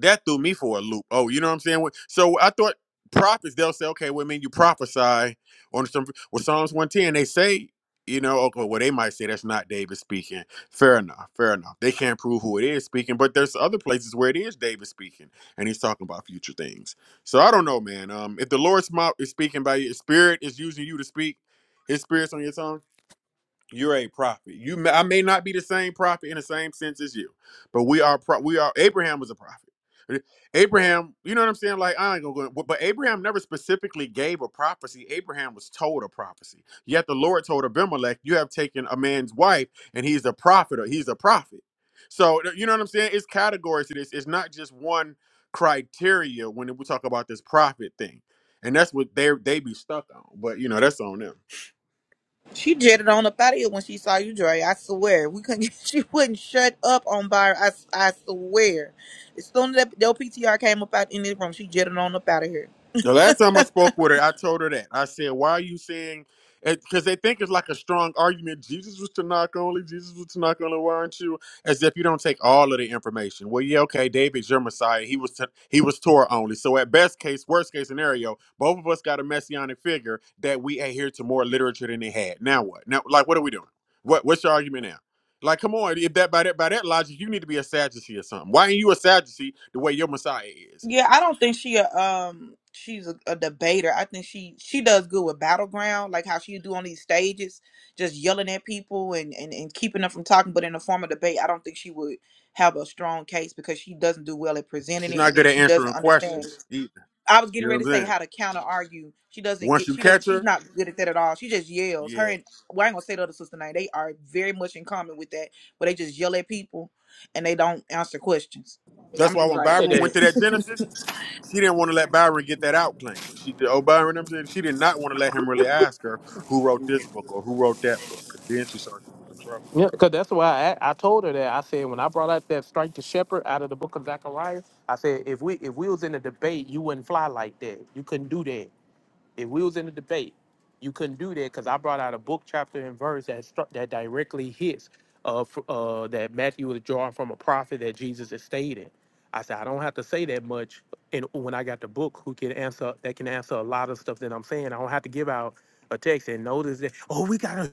L: that threw me for a loop. Oh, you know what I'm saying? So I thought prophets they'll say, okay, well, I mean, you prophesy on some well Psalms 110. They say, you know, okay, well, they might say that's not David speaking. Fair enough, fair enough. They can't prove who it is speaking, but there's other places where it is David speaking, and he's talking about future things. So I don't know, man. Um, if the Lord's mouth is speaking by your spirit is using you to speak, His spirit's on your tongue you're a prophet. You, may, I may not be the same prophet in the same sense as you, but we are. Pro, we are. Abraham was a prophet. Abraham, you know what I'm saying? Like I ain't gonna go, but Abraham never specifically gave a prophecy. Abraham was told a prophecy. Yet the Lord told Abimelech, "You have taken a man's wife, and he's a prophet. Or he's a prophet." So you know what I'm saying? It's categories to this. It's not just one criteria when we talk about this prophet thing, and that's what they they be stuck on. But you know that's on them.
M: She jetted on up out of here when she saw you, Dre. I swear. We couldn't get, she wouldn't shut up on by her. I, I swear. As soon as that the PTR came up out in this room, she jetted on up out of here.
L: The last time I spoke with her, I told her that. I said, Why are you saying because they think it's like a strong argument. Jesus was to knock only, Jesus was to knock only, why aren't you? As if you don't take all of the information. Well, yeah, okay, David's your Messiah. He was to, he was Torah only. So at best case, worst case scenario, both of us got a messianic figure that we adhere to more literature than they had. Now what? Now like what are we doing? What what's your argument now? Like, come on, if that by that by that logic, you need to be a Sadducee or something. Why ain't you a Sadducee the way your Messiah is?
M: Yeah, I don't think she a um she's a, a debater. I think she she does good with battleground, like how she do on these stages, just yelling at people and and, and keeping them from talking. But in the form of debate, I don't think she would have a strong case because she doesn't do well at presenting
L: She's
M: it,
L: not
M: and
L: good
M: then
L: at
M: she
L: answering
M: doesn't understand.
L: questions either.
M: I was
L: You
M: getting
L: know what
M: ready
L: I'm
M: to say
L: saying?
M: how to counter argue. She doesn't
L: Once
M: get.
L: you
M: She doesn't.
L: catch
M: She's
L: her,
M: not good at that at all. She just yells. Her
L: yeah.
M: and well, I ain't gonna say the other sister name. They are very much in common with that, where they just yell at people and they don't answer questions.
L: That's
M: I'm
L: why
M: just
L: when
M: like.
L: Byron went to that Genesis, she didn't want to let Byron get that out claim. She did, oh Byron, I'm saying she did not want to let him really ask her who wrote this book or who wrote that book. Because then she saw she was in trouble.
H: Yeah, because that's why I, I told her that. I said when I brought up that strike the shepherd out of the book of Zechariah, I said if we if we was in a debate, you wouldn't fly like that. You couldn't do that. If we was in a debate, you couldn't do that because I brought out a book chapter and verse that struck that directly hits uh, f- uh that Matthew was drawing from a prophet that Jesus is stating. I said I don't have to say that much, and when I got the book, who can answer that can answer a lot of stuff that I'm saying. I don't have to give out a text and notice that. Oh, we got a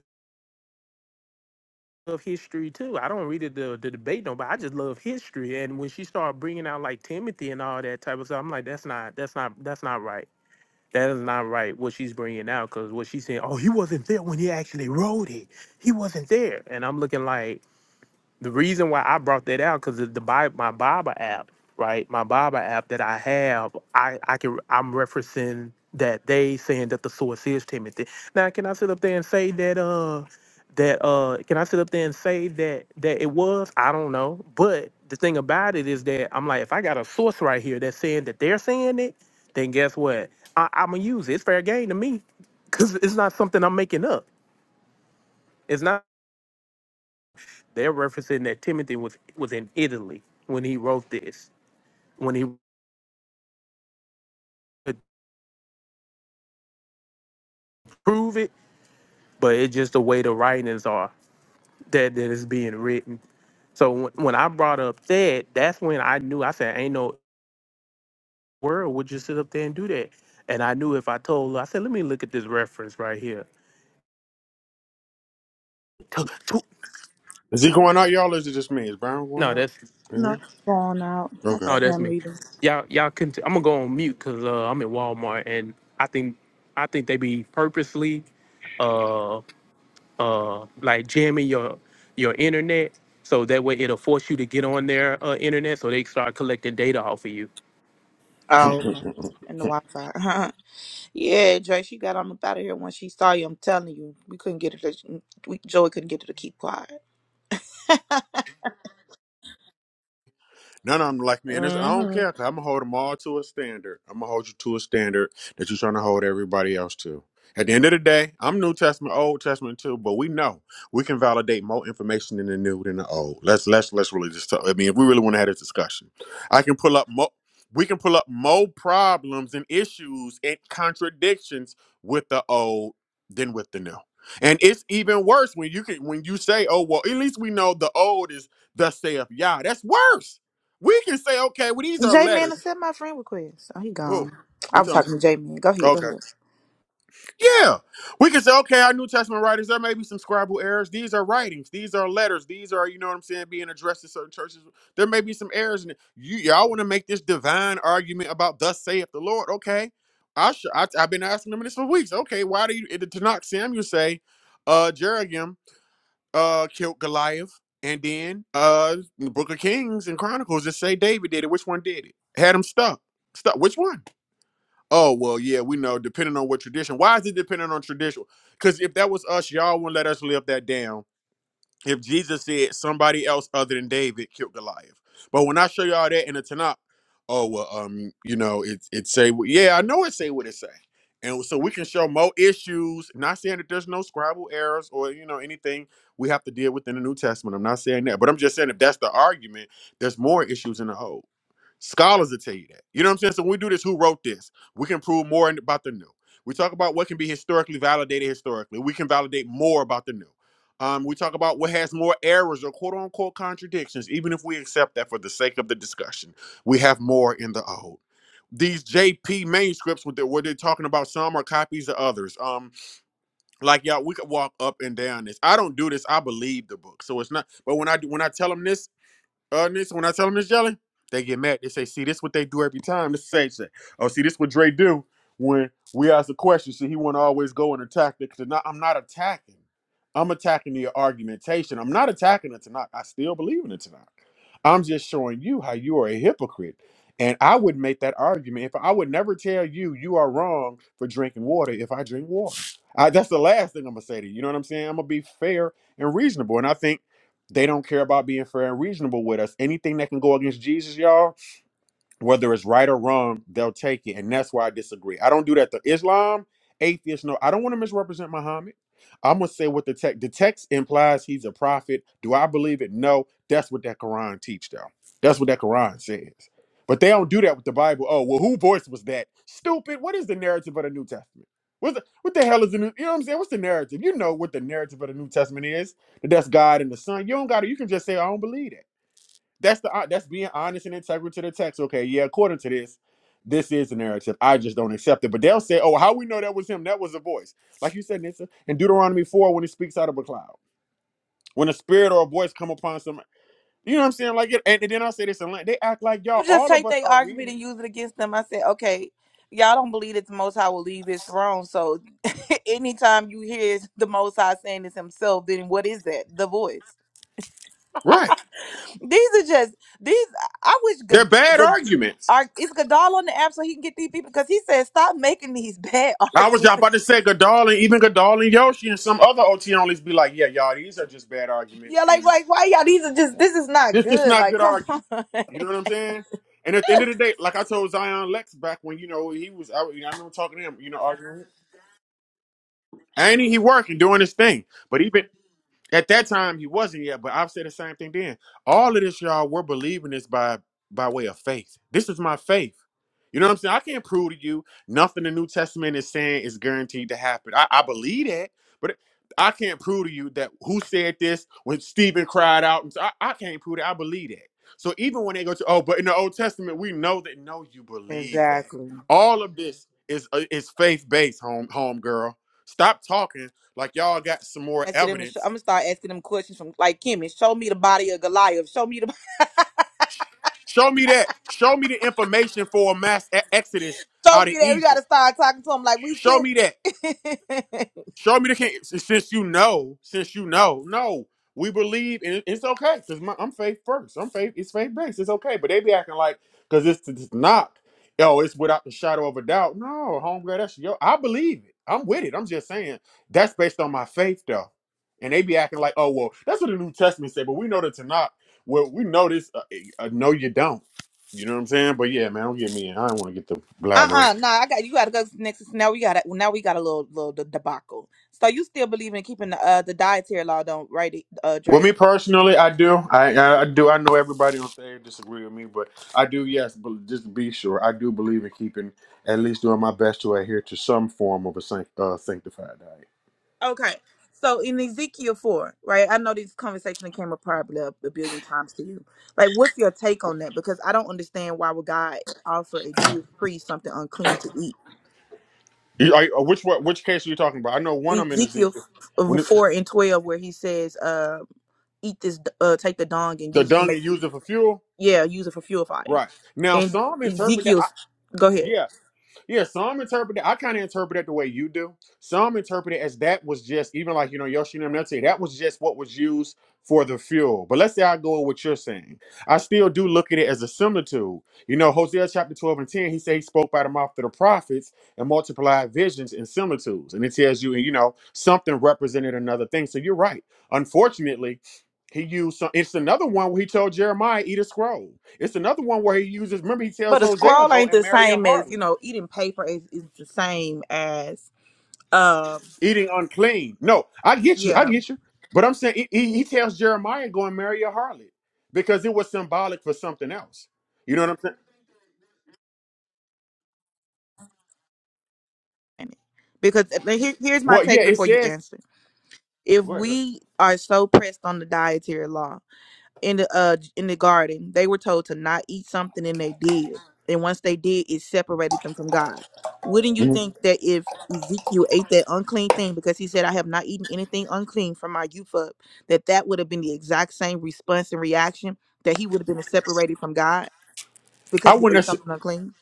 H: love history too. I don't read it to, to debate nobody. I just love history. And when she started bringing out like Timothy and all that type of stuff, I'm like, that's not, that's not, that's not right. That is not right what she's bringing out because what she's saying, oh, he wasn't there when he actually wrote it. He wasn't there. And I'm looking like, the reason why I brought that out because the Bible, my Bible app, right? My Bible app that I have, I I can I'm referencing that they saying that the source is Timothy. Now, can I sit up there and say that uh that uh can I sit up there and say that that it was? I don't know, but the thing about it is that I'm like, if I got a source right here that's saying that they're saying it, then guess what? I, I'm gonna use it. It's fair game to me because it's not something I'm making up. It's not. They're referencing that Timothy was was in Italy when he wrote this. When he could prove it, but it's just the way the writings are that that is being written. So when, when I brought up that, that's when I knew. I said, "Ain't no world would just sit up there and do that." And I knew if I told, her, I said, "Let me look at this reference right here." Tu- tu-
L: Is he going out, y'all, or is it just me? Is Byron going
H: No,
L: out?
H: that's
M: No, it's going out. I
L: Yeah.
H: no,
M: can't hear
H: that's me.
M: me
H: Y'all, y'all, cont- I'm gonna go on mute because uh, I'm at Walmart and I think I think they be purposely. uh, uh like jamming your your internet so that way it'll force you to get on their uh, internet so they can start collecting data off of you
M: Oh, okay.
L: Okay.
M: And the Wi Fi. yeah, Dre, she got on up out of here when she saw you. I'm telling you, we couldn't get her to, we, Joey couldn't get her to keep quiet.
L: None of them like me, and it's, I
M: mm
L: don't
M: hmm
L: care. i I'm gonna hold them all to a standard. I'm gonna hold you to a standard that you're trying to hold everybody else to. At the end of the day, I'm New Testament, Old Testament too, but we know we can validate more information in the New than the Old. Let's let's let's really just. Talk, I mean, if we really want to have this discussion, I can pull up more. We can pull up more problems and issues and contradictions with the Old than with the New. And it's even worse when you can when you say, "Oh well, at least we know the Old is thus saith Yah." That's worse we can say, okay, well, these are
M: J
L: letters.
M: Man said my friend request. Oh, he
L: Who?
M: gone. I
L: We
M: was
L: talking
M: talking to J Man. Go
L: about?
M: ahead, go
L: Okay.
M: ahead.
L: Yeah. We can say, okay, our New Testament writers, there may be some scribal errors. These are writings. These are letters. These are, you know what I'm saying, being addressed to certain churches. There may be some errors in it. You, y'all want to make this divine argument about thus saith the Lord. Okay. I sh- I, I've been asking them this for weeks. Okay, why do you, in the Tanakh, Samuel say, uh, Jeragim? uh killed Goliath, and then uh in the Book of Kings and Chronicles just say David did it. Which one did it? Had him stuck. Stuck. Which one? Oh well, yeah, we know. Depending on what tradition. Why is it dependent on tradition? Because if that was us, y'all wouldn't let us live that down if Jesus said somebody else other than David killed Goliath. But when I show y'all that in the Tanakh, oh well, um, you know, it it say what- yeah, I know it say what it say. And so we can show more issues. Not saying that there's no scribal errors or you know anything we have to deal with in the New Testament. I'm not saying that, but I'm just saying if that's the argument, there's more issues in the Old. Scholars will tell you that. You know what I'm saying? So when we do this, who wrote this? We can prove more in- about the new. We talk about what can be historically validated historically. We can validate more about the new. Um, we talk about what has more errors or quote unquote contradictions, even if we accept that for the sake of the discussion. We have more in the old. These JP manuscripts, With they where they're talking about, some are copies of others. Um, like y'all, we could walk up and down this. I don't do this. I believe the book, so it's not. But when I do, when I tell them this, uh, Nisa, when I tell them it's jelly, they get mad. They say, "See, this what they do every time." This is the same shit. Oh, see, this what Dre do when we ask a question. See, he want to always go and attack the Tanakh. I'm not attacking. I'm attacking the argumentation. I'm not attacking the Tanakh. I still believe in the Tanakh. I'm just showing you how you are a hypocrite. And I would make that argument if I would never tell you you are wrong for drinking water if I drink water. I, that's the last thing I'm gonna say to you. You know what I'm saying? I'm gonna be fair and reasonable. And I think they don't care about being fair and reasonable with us. Anything that can go against Jesus, y'all, whether it's right or wrong, they'll take it. And that's why I disagree. I don't do that to Islam, atheists. No, I don't want to misrepresent Muhammad. I'm gonna say what the text the text implies he's a prophet. Do I believe it? No. That's what that Quran teach though. That's what that Quran says. But they don't do that with the Bible. Oh, well, who voice was that? Stupid. What is the narrative of the New Testament? What the, what the hell is the new? You know what I'm saying? What's the narrative? You know what the narrative of the New Testament is? That that's God and the Son. You don't got to. You can just say I don't believe that. That's the uh, that's being honest and integral to the text. Okay, yeah, according to this, this is the narrative. I just don't accept it. But they'll say, "Oh, how we know that was him? That was a voice." Like you said, Nissa, in Deuteronomy four, when he speaks out of a cloud, when a spirit or a voice come upon some, you know what I'm saying? Like it, and, and then I say this, and like, they act like y'all.
M: You just
L: All of
M: take
L: us
M: their
L: are reading.
M: argument
L: it.
M: and use it against them. I said, okay, y'all don't believe that the Most High will leave his throne. So anytime you hear the Most High saying this himself, then what is that? The voice.
L: Right,
M: These are just these. I wish
L: they're
M: good
L: bad
M: good.
L: arguments.
M: Are, is Godal on the app so he can get these people? Because he said, "Stop making these bad
L: I was
M: arguments."
L: just about to say Godal and even Godal and Yoshi and some other OT onlys be like, yeah, y'all, these are just bad arguments.
M: Yeah, like,
L: And
M: like, why y'all? These are just. This is not
L: This just
M: good.
L: not
M: Like,
L: good
M: come
L: argument.
M: on.
L: You know what I'm saying? And at the end of the day, like I told Zion Lex back when you know he was, I, you I remember talking to him, you know, arguing. Ain't he working, doing his thing? But even at that time, he wasn't yet. But I've said the same thing then. All of this, y'all, we're believing this by by way of faith. This is my faith. You know what I'm saying? I can't prove to you nothing the New Testament is saying is guaranteed to happen. I, I believe that, but I can't prove to you that who said this when Stephen cried out. And so I, I can't prove that. I believe that. So even when they go to oh, but in the Old Testament we know that no, you believe that.
M: Exactly.
L: All of this is uh, is faith based, home home girl. Stop talking like y'all got some more
M: asking them to. Show, I'm
L: evidence.
M: gonna start asking them questions from like Kimmy. Show me the body of Goliath. Show me the.
L: Show me that. Show me the information for a mass e- exodus
M: Show
L: out of
M: me that. We gotta
L: Egypt.
M: start talking to him like we
L: Show
M: can.
L: me that. Show me the king. Since you know, since you know, no, we believe, and it- it's okay because I'm faith first. I'm faith. It's faith based. It's okay. But they be acting like because it's, it's not. Yo, it's without the shadow of a doubt. No, homegirl, that's yo. I believe it. I'm with it. I'm just saying that's based on my faith though. And they be acting like, oh well, that's what the New Testament said. But we know that to not. Well, we know this. Uh, eh, uh, no, you don't. You know what I'm saying? But yeah, man, don't get me in. I don't want to get the
M: uh
L: blabbering.
M: uh nah I got you gotta go next now we got a, now we got a little little de- debacle. So you still believe in keeping the uh the dietary law don't right uh
L: Well, me
M: Dre?
L: personally, I do. I, I do. I know everybody on stage disagree with me, but I do. Yes, but just to be sure, I do believe in keeping at least doing my best to adhere to some form of a sanct, uh, sanctified diet.
M: Okay. So in Ezekiel 4, right? I know this conversation that came up probably a, a billion times to you. Like, what's your take on that? Because I don't understand why would God offer a Jewish priest something unclean to eat.
L: You- are- uh, which what? Which case are you talking about? I know one of them in
M: Ezekiel
L: Ezekiel when
M: f-
L: it's
M: 4 and 12, where he says, uh, eat this, uh, take the dung and
L: the
M: use it to
L: dung
M: make,
L: and used it for fuel.
M: yeah, use it for fuel fire.
L: Right now,
M: And
L: some interpret that. I,
M: Ezekiel's, go ahead.
L: yeah, Yeah, some interpret it. I kind of interpret it the way you do. Some interpret it as that was just even like you know Yoshino Mete. That was just what was used for the fuel. But let's say I go with what you're saying. I still do look at it as a similitude. You know, Hosea chapter 12 and 10, he said he spoke by the mouth of the prophets and multiplied visions and similitudes. And it tells you, you know, something represented another thing. So you're right. Unfortunately, he used some, it's another one where he told Jeremiah, eat a scroll. It's another one where he uses, remember, he tells
M: But a
L: Hosea,
M: scroll
L: go
M: ain't
L: and
M: the
L: marry a
M: same as,
L: harlot.
M: you know, eating paper is, is the same as, um,
L: eating unclean. No, I get you.
M: yeah.
L: I get you. But I'm saying he, he he tells Jeremiah go and marry a harlot because it was symbolic for something else. You know what I'm saying?
M: Because if- here, here's my
L: Well, yeah,
M: take
L: it
M: before you
L: says.
M: answer. If
L: Wait, wait.
M: we are so pressed on the dietary law in the uh in the garden, they were told to not eat something and they did. And once they did, it separated them from God. Wouldn't you
L: Mhm.
M: think that if Ezekiel ate that unclean thing because he said, "I have not eaten anything unclean from my youth up," that that would have been the exact same response and reaction that he would have been separated from God?
L: I
M: because he ate
L: wouldn't.
M: something unclean?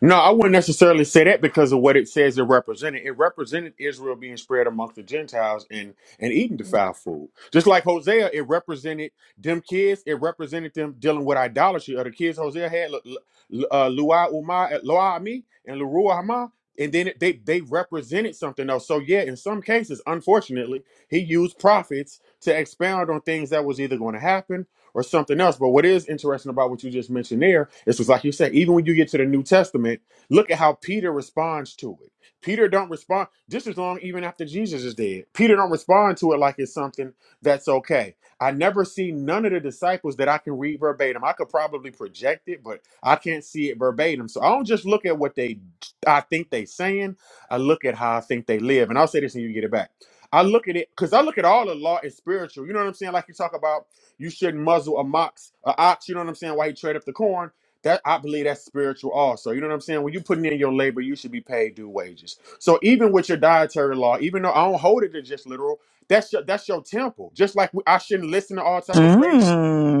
L: No, I wouldn't necessarily say that because of what it says it represented. It represented Israel being spread amongst the Gentiles and and eating defiled food. Just like Hosea, it represented them kids. It represented them dealing with idolatry. Other kids Hosea had, Lu- Lu- uh, Luai Umar, Loami, and Lurua Hama. And then it- they they represented something else. So yeah, in some cases, unfortunately, he used prophets to expound on things that was either going to happen or something else. But what is interesting about what you just mentioned there is was like you said, even when you get to the New Testament, look at how Peter responds to it. Peter don't respond just as long even after Jesus is dead. Peter don't respond to it like it's something that's okay. I never see none of the disciples that I can read verbatim. I could probably project it, but I can't see it verbatim. So I don't just look at what they I think they saying. I look at how I think they live. And I'll say this and you get it back. I look at it because I look at all the law as spiritual. You know what I'm saying? Like you talk about you shouldn't muzzle a mox, a ox. You know what I'm saying? Why he trade up the corn? That I believe that's spiritual also. You know what I'm saying? When you putting in your labor, you should be paid due wages. So even with your dietary law, even though I don't hold it to just literal, that's your that's your temple. Just like we- I shouldn't listen to all type of crazy.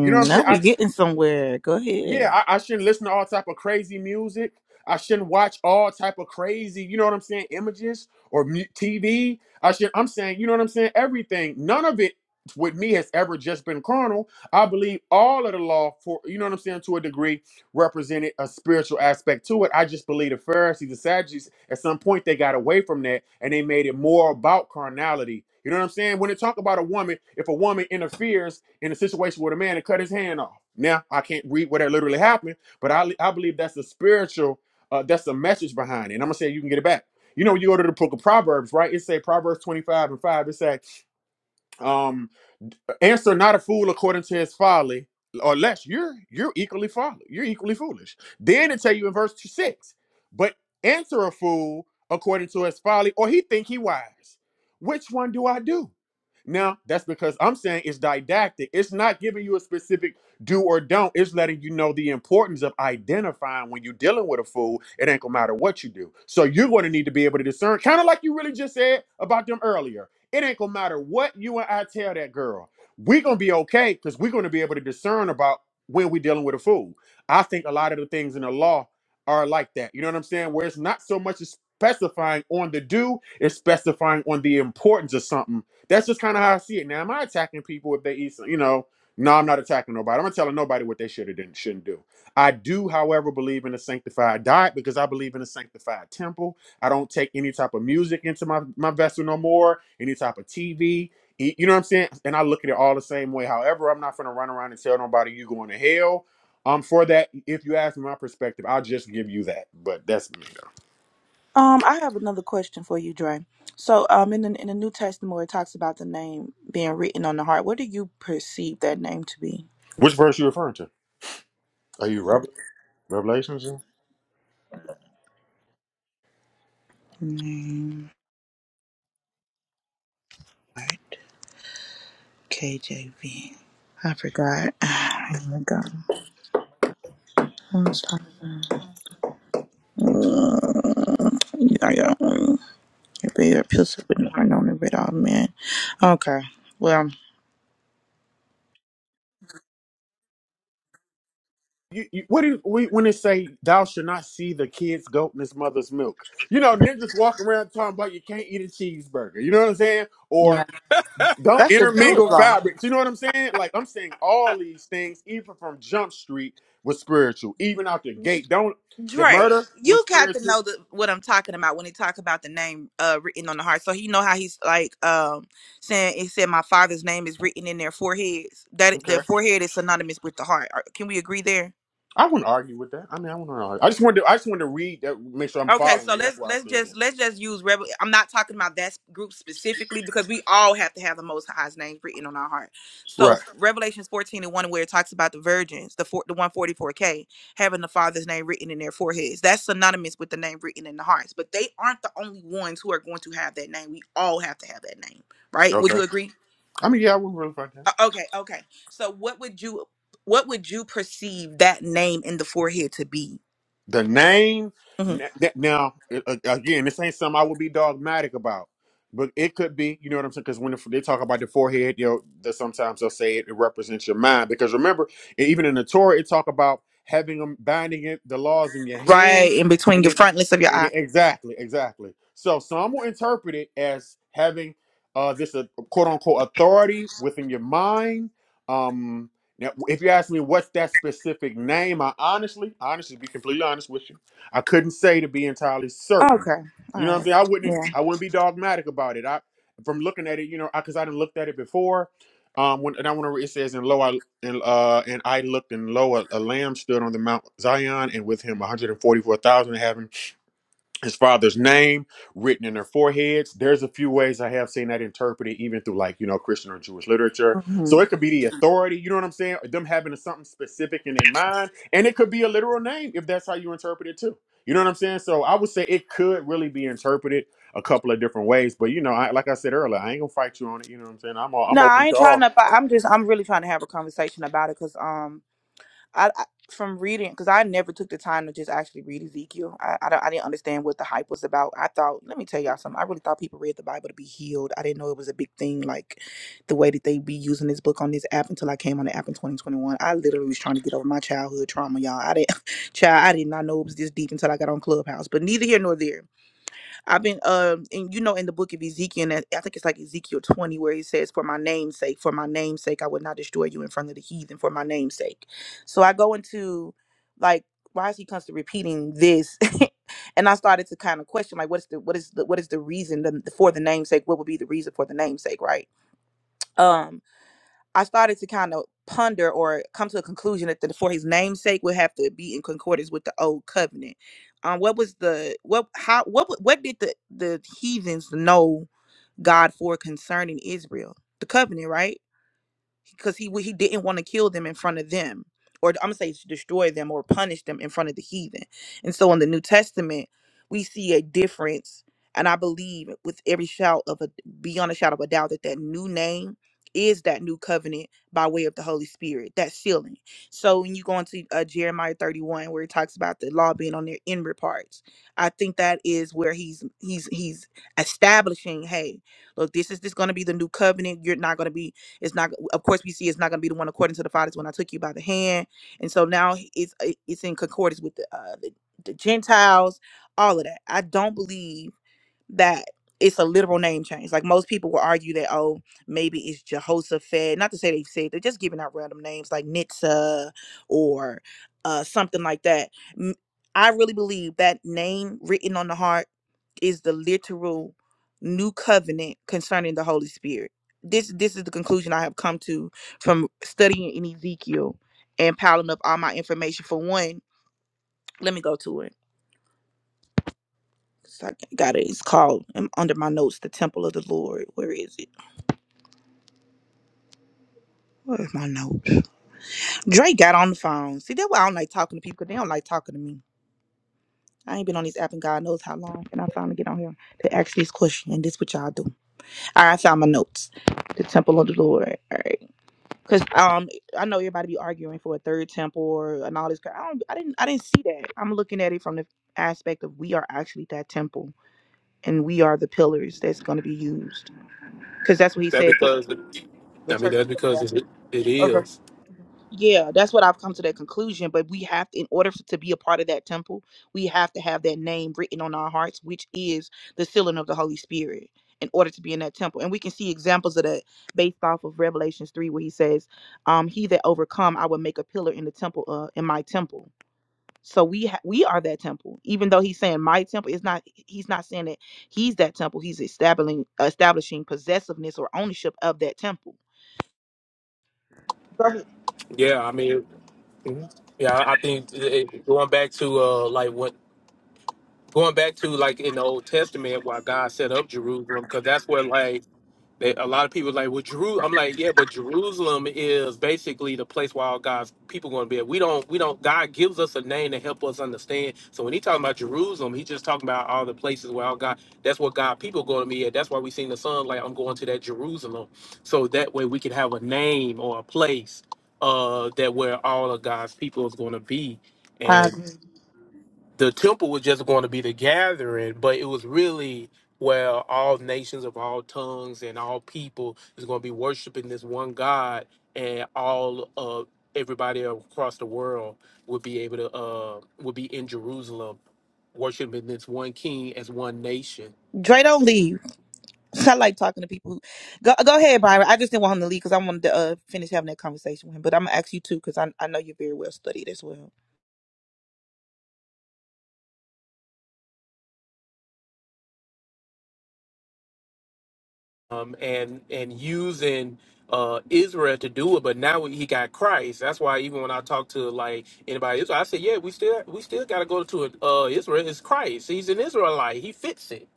L: You know what I'm
M: now
L: saying?
M: we getting somewhere. Go
L: yeah
M: ahead.
L: I, I shouldn't listen to all type of crazy music i shouldn't watch all type of crazy you know what i'm saying images or mu- tv i should i'm saying you know what i'm saying everything none of it with me has ever just been carnal i believe all of the law for you know what i'm saying to a degree represented a spiritual aspect to it. I just believe the Pharisees, the Sadducees, at some point they got away from that and they made it more about carnality. You know what I'm saying? When they talk about a woman, if a woman interferes in a situation with a man and cut his hand off, now I can't read what that literally happened, but I, I believe that's the spiritual, uh, that's the message behind it. And I'm gonna say you can get it back. You know, you go to the book of Proverbs, right? It say Proverbs 25 and 5. It say um, answer not a fool according to his folly, or less you're you're equally folly. You're equally foolish. Then it tell you in verse six, but answer a fool according to his folly, or he think he wise. Which one do I do? Now that's because I'm saying it's didactic. It's not giving you a specific do or don't. It's letting you know the importance of identifying when you're dealing with a fool. It ain't gonna matter what you do. So you're going to need to be able to discern, kind of like you really just said about them earlier it ain't gonna matter what you and I tell that girl. We're gonna be okay because we're gonna be able to discern about when we're dealing with a fool. I think a lot of the things in the law are like that. You know what I'm saying? Where it's not so much as specifying on the do, it's specifying on the importance of something. That's just kind of how I see it. Now, am I attacking people if they eat some, you know? No, I'm not attacking nobody. I'm not telling nobody what they should have done, shouldn't do. I do, however, believe in a sanctified diet because I believe in a sanctified temple. I don't take any type of music into my, my vessel no more, any type of TV. You know what I'm saying? And I look at it all the same way. However, I'm not going to run around and tell nobody you going to hell. Um, for that, if you ask me my perspective, I'll just give you that. But that's me. though.
M: Um, I have another question for you, Dre. So, um, in the in the New Testament, where it talks about the name being written on the heart, what do you perceive that name to be?
L: Which verse you referring to? Are you Rev- Revelations?
M: Name right, KJV. I forgot. Here we go. Let's talk about- Uh, yeah, yeah. mm. It be with pistol heart on it, but all men. Okay. Well,
L: You, you, what do we when it say thou shall not see the kid's goat in his mother's milk? You know, niggas walking around talking about you can't eat a cheeseburger. You know what I'm saying?
M: Yeah,
L: Don't
M: that's the Jewish
L: intermingle
M: law.
L: fabrics. You know what I'm saying? Like I'm saying all these things, even from Jump Street, was spiritual. Even out the gate, don't the
M: Dre,
L: murder was
M: you got to
L: spiritual.
M: know the, what I'm talking about when he talk about the name uh, written on the heart. So he know how he's like um, saying it said my father's name is written in their foreheads. That
L: Okay,
M: their forehead is synonymous with the heart. Are- Can we agree there?
L: I wouldn't argue with that. I mean, I wouldn't argue. I just wanted to, I just wanted to read that, make sure I'm
M: Okay,
L: following
M: so
L: you.
M: let's
L: That's why I
M: let's
L: said
M: just
L: that.
M: let's just use rebel. I'm not talking about that group specifically because we all have to have the Most High's name written on our heart. So
L: Right.
M: Revelations 14 and one, where it talks about the virgins, the four, the 144k having the Father's name written in their foreheads, that's synonymous with the name written in the hearts. But they aren't the only ones who are going to have that name. We all have to have that name, right? Would
L: Okay.
M: you agree?
L: I mean, yeah, I wouldn't really fight that.
M: Uh, okay, okay. So what would you what would you perceive that name in the forehead to be?
L: The name
M: Mhm.
L: n- that- now a- again, this ain't something I would be dogmatic about, but it could be. You know what I'm saying? Because when they talk about the forehead, you know, they sometimes they'll say it, it represents your mind. Because remember, e- even in the Torah, it talk about having them binding it, the laws in your hand,
M: Right in between
L: and
M: your
L: it
M: frontlets of your
L: and
M: eye.
L: it, exactly, exactly. So some will interpret it as having uh this uh, quote unquote authority within your mind. Um, now, if you ask me what's that specific name, I honestly, honestly, to be completely honest with you, I couldn't say to be entirely certain.
M: Okay.
L: You know
M: All
L: what I'm
M: right.
L: saying? I wouldn't,
M: Yeah.
L: I wouldn't be dogmatic about it. I, from looking at it, you know, because I, didn't looked at it before. Um, when and I want to, it says, and lo, I and uh, and I looked, and lo, a, a lamb stood on the Mount Zion, and with him 144,000 having his father's name written in their foreheads. There's a few ways I have seen that interpreted, even through like, you know, Christian or Jewish literature. So
M: hmm
L: it could be the authority, you know what I'm saying? them having something specific in their mind. And it could be a literal name if that's how you interpret it too. You know what I'm saying? So I would say it could really be interpreted a couple of different ways. But you know, I, like I said earlier, I ain't gonna fight you on it. You know what I'm saying? I'm all, I'm
M: No,
L: open
M: I
L: to
M: ain't trying
L: all.
M: to. Fight. I'm just. I'm really trying to have a conversation about it because um, I, I from reading because I never took the time to just actually read Ezekiel. I I, don't, I didn't understand what the hype was about. I thought, let me tell y'all something. I really thought people read the Bible to be healed. I didn't know it was a big thing like the way that they be using this book on this app until I came on the app in 2021. I literally was trying to get over my childhood trauma, y'all. I didn't, child. I did not know it was this deep until I got on Clubhouse. But neither here nor there I've been um and you know in the book of Ezekiel, and I think it's like Ezekiel 20, where he says, For my name's sake, for my name's sake, I would not destroy you in front of the heathen for my name's sake. So I go into like why is he constantly repeating this? and I started to kind of question like what is the what is the what is the reason the, for the namesake? What would be the reason for the namesake, right? Um I started to kind of ponder or come to a conclusion that the, for his namesake would have to be in concordance with the old covenant. Um, what was the what how what what did the the heathens know God for concerning Israel? The covenant, right? because he he didn't want to kill them in front of them or i'm gonna say destroy them or punish them in front of the heathen and so in the new testament we see a difference and i believe with every shout of a beyond a shout of a doubt that that new name is that new covenant by way of the holy spirit that sealing so when you go into uh, jeremiah 31 where it talks about the law being on their inward parts i think that is where he's he's he's establishing hey look this is this going to be the new covenant you're not going to be it's not, of course, we see it's not going to be the one according to the fathers when I took you by the hand. And so now it's it's in concordance with the uh, the, the Gentiles, all of that. I don't believe that it's a literal name change. Like most people will argue that, oh, maybe it's Jehoshaphat. Not to say they've said they're just giving out random names like Nitzah or uh, something like that. M- I really believe that name written on the heart is the literal new covenant concerning the Holy Spirit. This this is the conclusion I have come to from studying in Ezekiel and piling up all my information. For one, let me go to it. 'Cause I got it. It's called um, under my notes, the Temple of the Lord. Where is it? Where's my notes? Drake got on the phone. See, that's why I don't like talking to people. 'cause They don't like talking to me. I ain't been on this app in God knows how long, and I finally get on here to ask these questions. And this what y'all do. All right, I found my notes. The Temple of the Lord. All right, because um, I know everybody be arguing for a third temple or and all this. crap. I don't. I didn't. I didn't see that. I'm looking at it from the aspect of we are actually that temple, and we are the pillars that's going to be used. Because that's what he
H: That
M: said. to
H: because
M: The
H: I mean that's because
M: church.
H: it, it
M: Okay.
H: is.
M: Yeah, that's what I've come to that conclusion. But we have in order f- to be a part of that temple, we have to have that name written on our hearts, which is the sealing of the Holy Spirit, in order to be in that temple. And we can see examples of that based off of Revelations 3, where he says, um, He that overcome, I will make a pillar in the temple, uh, in my temple. So we ha- we are that temple, even though he's saying my temple is not. He's not saying that he's that temple. He's establishing establishing possessiveness or ownership of that temple. Go ahead.
H: Yeah, I mean, yeah, I think it, going back to uh like what going back to like in the Old Testament why God set up Jerusalem because that's where like They, a lot of people like, well, Jeru. I'm like, yeah, but Jerusalem is basically the place where all God's people going to be. At. We don't, we don't. God gives us a name to help us understand. So when he talking about Jerusalem, he's just talking about all the places where all God. That's what God people going to be at. That's why we seen the son like, I'm going to that Jerusalem. So that way we can have a name or a place uh that where all of God's people is going to be,
M: I
H: and
M: agree.
H: the temple was just going to be the gathering, but it was really where all nations of all tongues and all people is going to be worshiping this one God, and all of everybody across the world would be able to uh would be in Jerusalem worshiping this one King as one nation.
M: Dre, don't leave. I like talking to people. Who, go go ahead, Byron. I just didn't want him to leave because I wanted to uh, finish having that conversation with him. But I'm gonna ask you too because I I know you're very well studied as well.
H: um, and and using uh, Israel to do it. But now he got Christ. That's why even when I talk to like anybody, Israel, I say, yeah, we still we still got to go to uh, Israel. It's Christ. He's an Israelite. He fits it.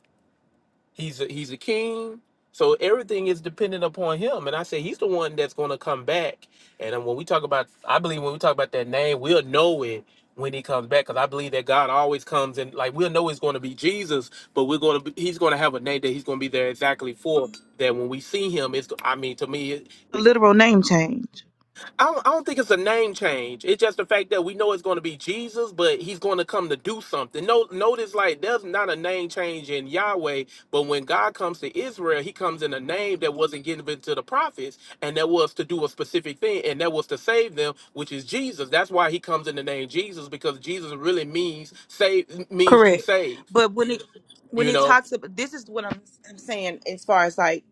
H: He's a, he's a king. So everything is dependent upon him. And I say he's the one that's going to come back. And then when we talk about, I believe when we talk about that name, we'll know it when he comes back because I believe that God always comes and like we'll know it's going to be Jesus, but we're going to be, he's going to have a name that he's going to be there exactly for. That when we see him, it's I mean to me,
M: a
H: it,
M: literal name change.
H: I don't, I don't think it's a name change. It's just the fact that we know it's going to be Jesus, but he's going to come to do something. No, notice like there's not a name change in Yahweh, but when God comes to Israel, he comes in a name that wasn't given to the prophets, and that was to do a specific thing, and that was to save them, which is Jesus. That's why he comes in the name Jesus because Jesus really means save means to
M: Correct.
H: save.
M: But when it when
H: You
M: it
H: know?
M: talks about this is what I'm I'm saying as far as like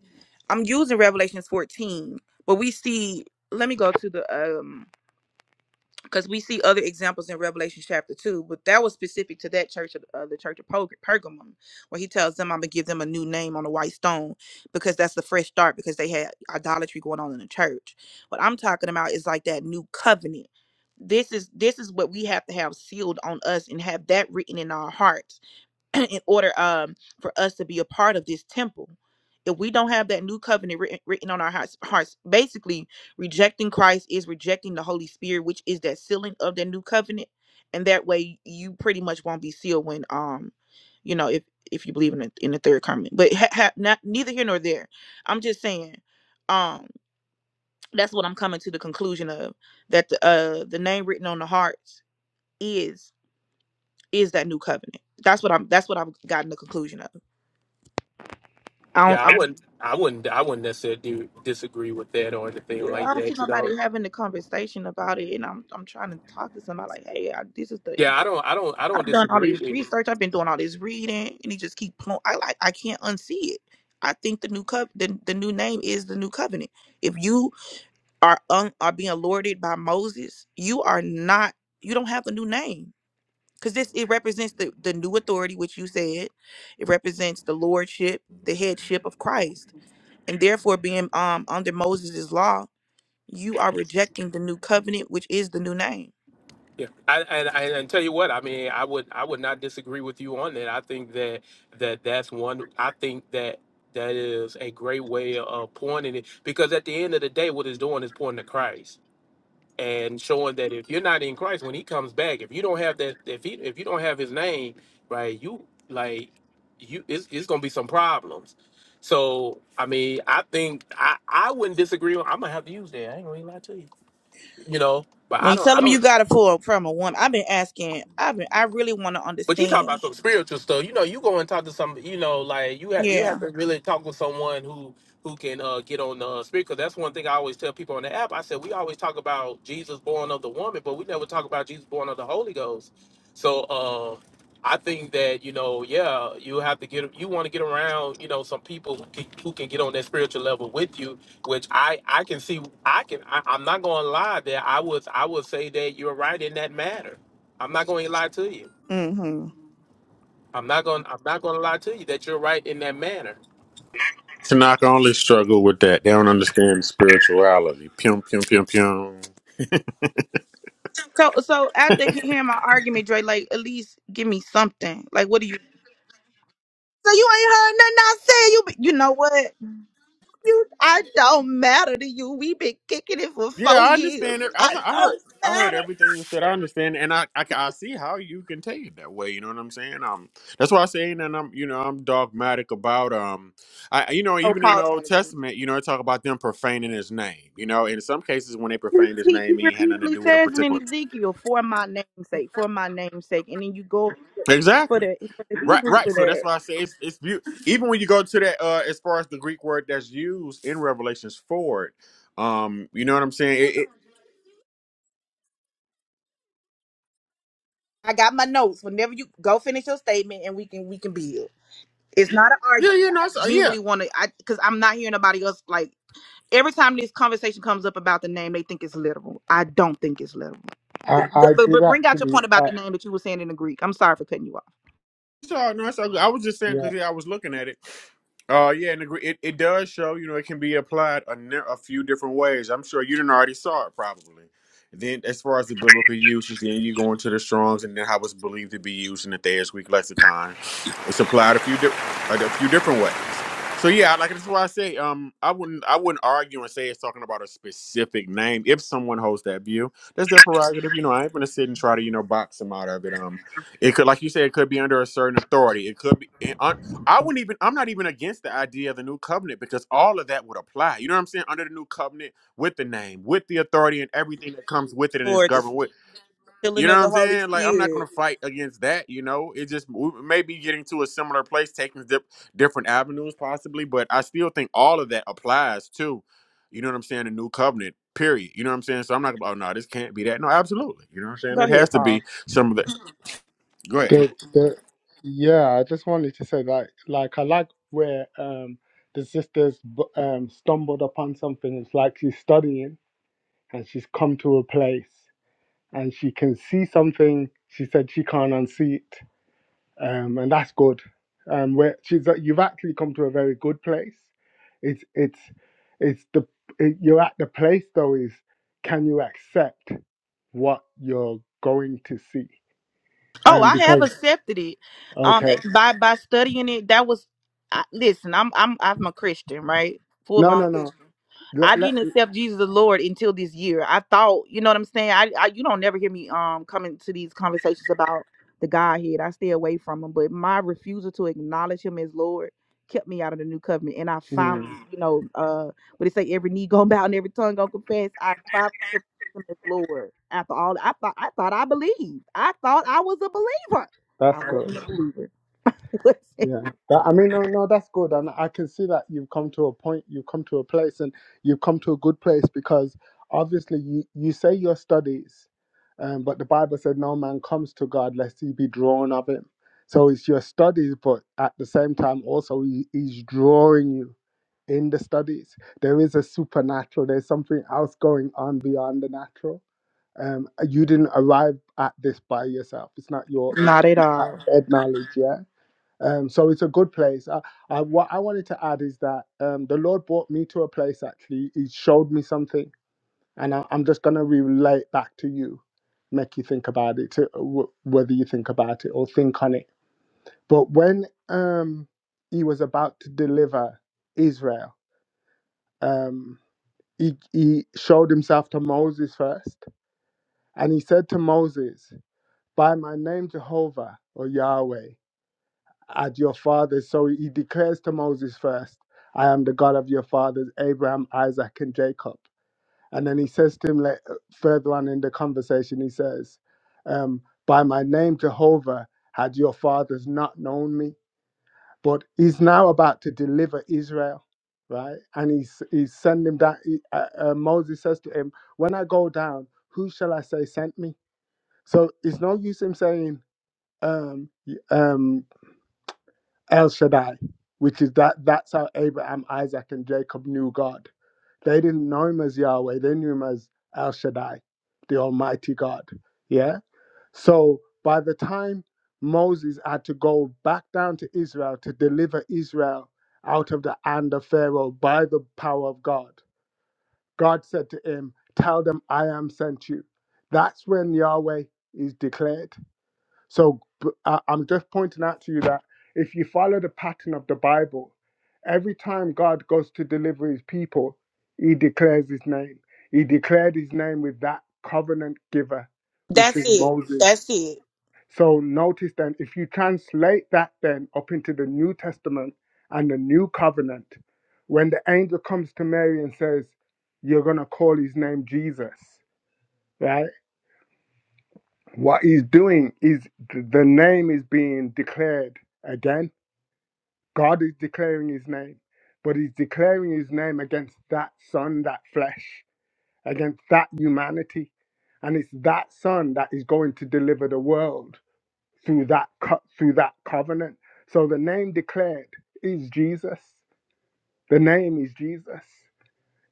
M: I'm using Revelations 14, but we see let me go to the um because we see other examples in Revelation chapter 2, but that was specific to that church, of uh, the church of Perg- Pergamum, where he tells them, I'm going to give them a new name on a white stone because that's the fresh start because they had idolatry going on in the church. What I'm talking about is like that new covenant. This is this is what we have to have sealed on us and have that written in our hearts in order um for us to be a part of this temple if we don't have that new covenant written, written on our hearts, hearts basically rejecting christ is rejecting the holy spirit which is that sealing of the new covenant and that way you pretty much won't be sealed when um you know if if you believe in the, in the third coming but ha, ha, not neither here nor there i'm just saying um that's what i'm coming to the conclusion of that the uh the name written on the hearts is is that new covenant that's what i'm that's what i've gotten the conclusion of I don't,
H: Yeah,
M: I
H: I
M: don't,
H: wouldn't, I wouldn't, I wouldn't necessarily do, disagree with that or anything
M: yeah,
H: like
M: I don't see
H: that. You know?
M: nobody having the conversation about it, and I'm I'm trying to talk to somebody like, hey, I, this is the
H: Yeah, I don't, I don't, I don't
M: I've done all
H: disagree with.
M: this
H: it.
M: research, I've been doing all this reading, and he just keep pl- I like I can't unsee it. I think the new cov the, the new name is the new covenant. If you are un, are being lorded by Moses, you are not you don't have the new name because this it represents the the new authority which you said, it represents the lordship, the headship of Christ, and therefore being um under Moses' law you are rejecting the new covenant, which is the new name.
H: Yeah, I, and I, and tell you what, I mean, I would I would not disagree with you on that. I think that that that's one. I think that that is a great way of pointing it because at the end of the day, what it's doing is pointing to Christ and showing that if you're not in Christ when He comes back, if you don't have that, if he if you don't have His name, right, you like you it's, it's gonna be some problems. So I mean, I think I I wouldn't disagree. I'm gonna have to use that. I ain't gonna even lie to you, you know. But
M: When
H: I
M: you tell
H: don't I
M: them you
H: don't.
M: got it for from a woman, I've been asking. I've been. I really want to
H: But you talking about
M: understand.
H: some spiritual stuff. You know, you go and talk to some. You know, like you have you
M: Yeah.
H: have to really talk with someone who who can uh, get on the uh, spirit. Because that's one thing I always tell people on the app. I said we always talk about Jesus born of the woman, but we never talk about Jesus born of the Holy Ghost. So uh, I think that you know, yeah, you have to get you want to get around. You know, some people who can, who can get on that spiritual level with you. Which I I can see. I can. I, I'm not going to lie. That I was I would say that you're right in that matter. I'm not going to lie to you.
M: mm hmm
H: I'm not going. I'm not going to lie to you that you're right in that manner.
L: Tanaka only struggle with that. They don't understand spirituality. Pium, pium, pium, pium.
M: So so after he- hearing my argument, Dre, like at least give me something. Like what do you So you ain't heard nothing I said. You, be, you know what? You, I don't matter to you. we been kicking it for
L: Yeah,
M: four
L: I
M: years.
L: understand it. I,
M: I
L: I heard
M: don't
L: I heard
M: matter.
L: everything you said. I understand, and I, I ca- I see how you can take it that way. You know what I'm saying? Um, that's why I'm saying, and I'm you know I'm dogmatic about um, I you know
M: Oh,
L: even in the
M: Paul
L: Old
M: trying to get
L: Testament, you know, it talk about them profaning His name. You know, in some cases when they
M: in.
L: profaned His
M: he,
L: name,
M: he
L: he had nothing to
M: repeatedly
L: do with a
M: says and then
L: particular.
M: Ezekiel for my name's sake, for my name's sake. And then you go for
L: Exactly.
M: the for the
L: Right,
M: Hebrew
L: right.
M: for
L: So that's
M: that.
L: why I say it's it's beautiful. Even when you go to that, uh, as far as the Greek word that's used in Revelations four, um, you know what I'm saying? It, it,
M: I got my notes. Whenever you go finish your statement and we can we can build. It's not an
L: yeah,
M: argument.
L: yeah, no,
M: I
L: it's- uh, yeah.
M: genuinely want to I because I'm not hearing nobody else like every time this conversation comes up about the name, they think it's literal. I don't think it's literal.
O: I,
M: But,
O: I
M: but,
O: did
M: but bring out your
O: actually,
M: point about
O: uh,
M: the name that you were saying in the Greek. I'm sorry for cutting you off.
L: So no, it's all good. I was just saying
O: yeah.
L: because yeah, I was looking at it. Uh, yeah, and agree- it, it does show. You know, it can be applied a, ne- a few different ways. I'm sure you didn't already saw it probably. Then, as far as the biblical uses, then you go into the Strong's and then how it's believed to be used in the Thayer's Greek lexicon. It's applied a few di- a, a few different ways. So yeah, like that's why I say um I wouldn't I wouldn't argue and say it's talking about a specific name if someone holds that view. That's their prerogative. You know, I ain't gonna sit and try to you know box them out of it. Um, it could, like you said, it could be under a certain authority. It could be. It, I, I wouldn't even. I'm not even against the idea of the new covenant because all of that would apply. You know what I'm saying? Under the new covenant, with the name, with the authority, and everything that comes with it, and is
M: Lord, the
L: governed with. You
M: filling
L: know
M: of
L: what
M: the
L: I'm
M: Holy
L: saying? Like I'm not going
M: Spirit.
L: to fight against that. You know, it just we may be getting to a similar place, taking dip, different avenues possibly, but I still think all of that applies to. You know what I'm saying? The new covenant. Period. You know what I'm saying? So I'm not. gonna Oh no, this can't be that. No, absolutely. You know what I'm saying?
M: Go
L: It has
M: ahead,
L: to
M: Paul.
L: be some of the. Go ahead.
O: The, the, yeah, I just wanted to say like, like I like where um the sisters bu- um stumbled upon something. It's like she's studying and she's come to a place and she can see something. She said she can't unsee it, um, and that's good. Um, where she's uh, you've actually come to a very good place. It's it's it's the it, you're at the place though is can you accept what you're going to see?
M: Oh,
O: Um,
M: I have
O: because
M: accepted it. Um, eh,
O: okay,
M: by by studying it, that was. I, listen, I'm I'm I'm a Christian, right? Full
O: no,
M: blown
O: no, no.
M: Christian. I
O: Let, let,
M: didn't accept Jesus the Lord until this year. I thought, you know what I'm saying. I, I you don't never hear me um coming to these conversations about the Godhead. I stay away from him, but my refusal to acknowledge him as Lord kept me out of the new covenant. And I finally,
O: mm,
M: you know, uh, what they say, every knee gonna bow and every tongue gonna confess. I finally him as Lord. After all, I thought I thought I believed. I thought I was a believer.
O: that's
M: I
O: good.
M: wasn't a believer.
O: Yeah, that, I mean, no, no, that's good, and I can see that you've come to a point, you've come to a place, and you've come to a good place because obviously you you say your studies, um, but the Bible said no man comes to God lest he be drawn of him. So it's your studies, but at the same time also he, he's drawing you in the studies. There is a supernatural. There's something else going on beyond the natural Um, you didn't arrive at this by yourself. It's not your
M: Not at
O: it's not
M: all.
O: head knowledge, yeah. Um, so it's a good place. I, I, what I wanted to add is that um, the Lord brought me to a place. Actually, He showed me something, and I, I'm just gonna relate back to you, make you think about it, to, w- whether you think about it or think on it. But when um, He was about to deliver Israel, um, he, he showed Himself to Moses first, and He said to Moses, by my name Jehovah or Yahweh at your fathers. So he declares to Moses first, I am the God of your fathers, Abraham, Isaac, and Jacob. And then he says to him later, further on in the conversation, he says, um, By my name Jehovah had your fathers not known me. But he's now about to deliver Israel, right? And he's, he's sending that. he- uh, uh, Moses says to him, When I go down, who shall I say sent me? So it's no use him saying, um, um, El Shaddai, which is that that's how Abraham, Isaac, and Jacob knew God. They didn't know him as Yahweh, they knew him as El Shaddai, the Almighty God. Yeah. So by the time Moses had to go back down to Israel to deliver Israel out of the hand of Pharaoh by the power of God, God said to him, Tell them I am sent you. That's when Yahweh is declared. So b- I, am just pointing out to you that if you follow the pattern of the Bible, every time God goes to deliver his people, he declares his name. He declared his name with that covenant giver, which
M: That's
O: is
M: it.
O: Moses.
M: That's it.
O: So notice then, if you translate that then up into the New Testament and the New Covenant, when the angel comes to Mary and says, You're going to call his name Jesus, right? What he's doing is th- the name is being declared again. God is declaring his name, but he's declaring his name against that son, that flesh, against that humanity. And it's that son that is going to deliver the world through that co- through that covenant. So the name declared is Jesus. The name is Jesus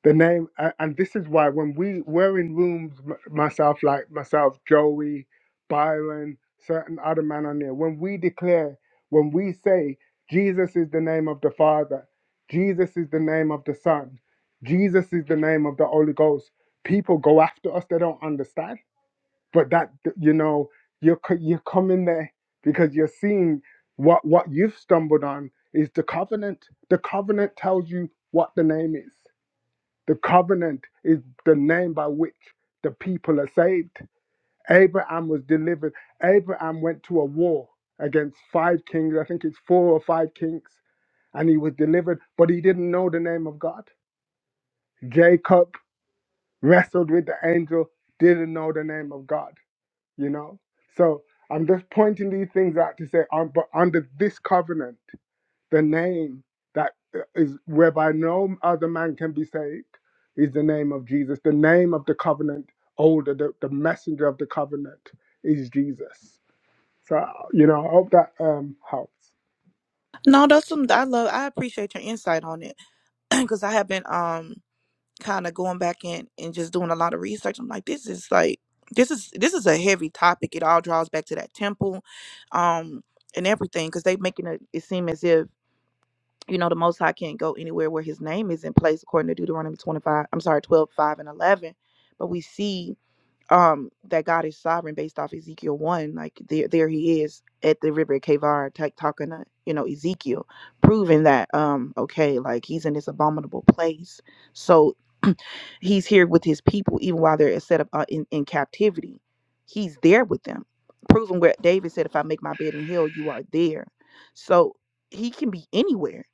O: the name a- and this is why when we were in rooms m- myself like myself joey byron certain other man on there when we declare when we say jesus is the name of the father jesus is the name of the son jesus is the name of the holy ghost people go after us they don't understand but that you know you're co- you're coming there because you're seeing what what you've stumbled on is the covenant the covenant tells you what the name is the covenant is the name by which the people are saved. Abraham was delivered. Abraham went to a war against five kings, I think it's four or five kings, and he was delivered, but he didn't know the name of God. Jacob wrestled with the angel, didn't know the name of God, you know? So I'm just pointing these things out to say, um, but under this covenant, the name that uh, is whereby no other man can be saved is the name of Jesus. The name of the covenant older, the, the messenger of the covenant is Jesus. So, you know, I hope that um, helps.
M: No, that's some I love. I appreciate your insight on it because I have been um kind of going back in and just doing a lot of research. I'm like, this is like this is this is a heavy topic. It all draws back to that temple, um, and everything because they making it, it seem as if you know the most high can't go anywhere where his name is in place according to deuteronomy 25 i'm sorry 12 5 and 11 but we see um that God is sovereign based off Ezekiel one. Like there there he is at the river Kavar ta- talking to, you know, Ezekiel, proving that um okay, like he's in this abominable place. So he's here with his people even while they're set up uh, in, in captivity. He's there with them, proving where David said, if I make my bed in hell, you are there. So he can be anywhere.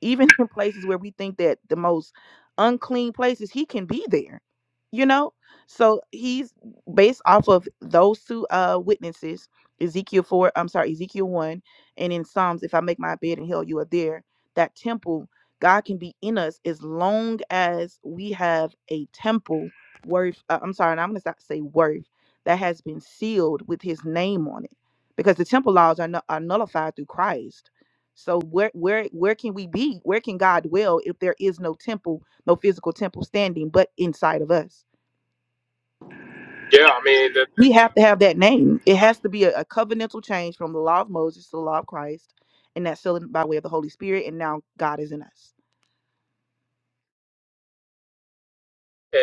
M: Even in places where we think that the most unclean places, he can be there. You know? So he's based off of those two uh witnesses, Ezekiel four, I'm sorry, Ezekiel one, and in Psalms, if I make my bed in hell, you are there. That temple, God can be in us as long as we have a temple worth. Uh, I'm sorry, and I'm gonna stop say worth that has been sealed with His name on it, because the temple laws are, nu- are nullified through Christ. So where where where can we be? Where can God dwell if there is no temple, no physical temple standing, but inside of us?
H: Yeah, I mean, the,
M: we have to have that name. It has to be a, a covenantal change from the law of Moses to the law of Christ, and that's still by way of the Holy Spirit. And now God is in us.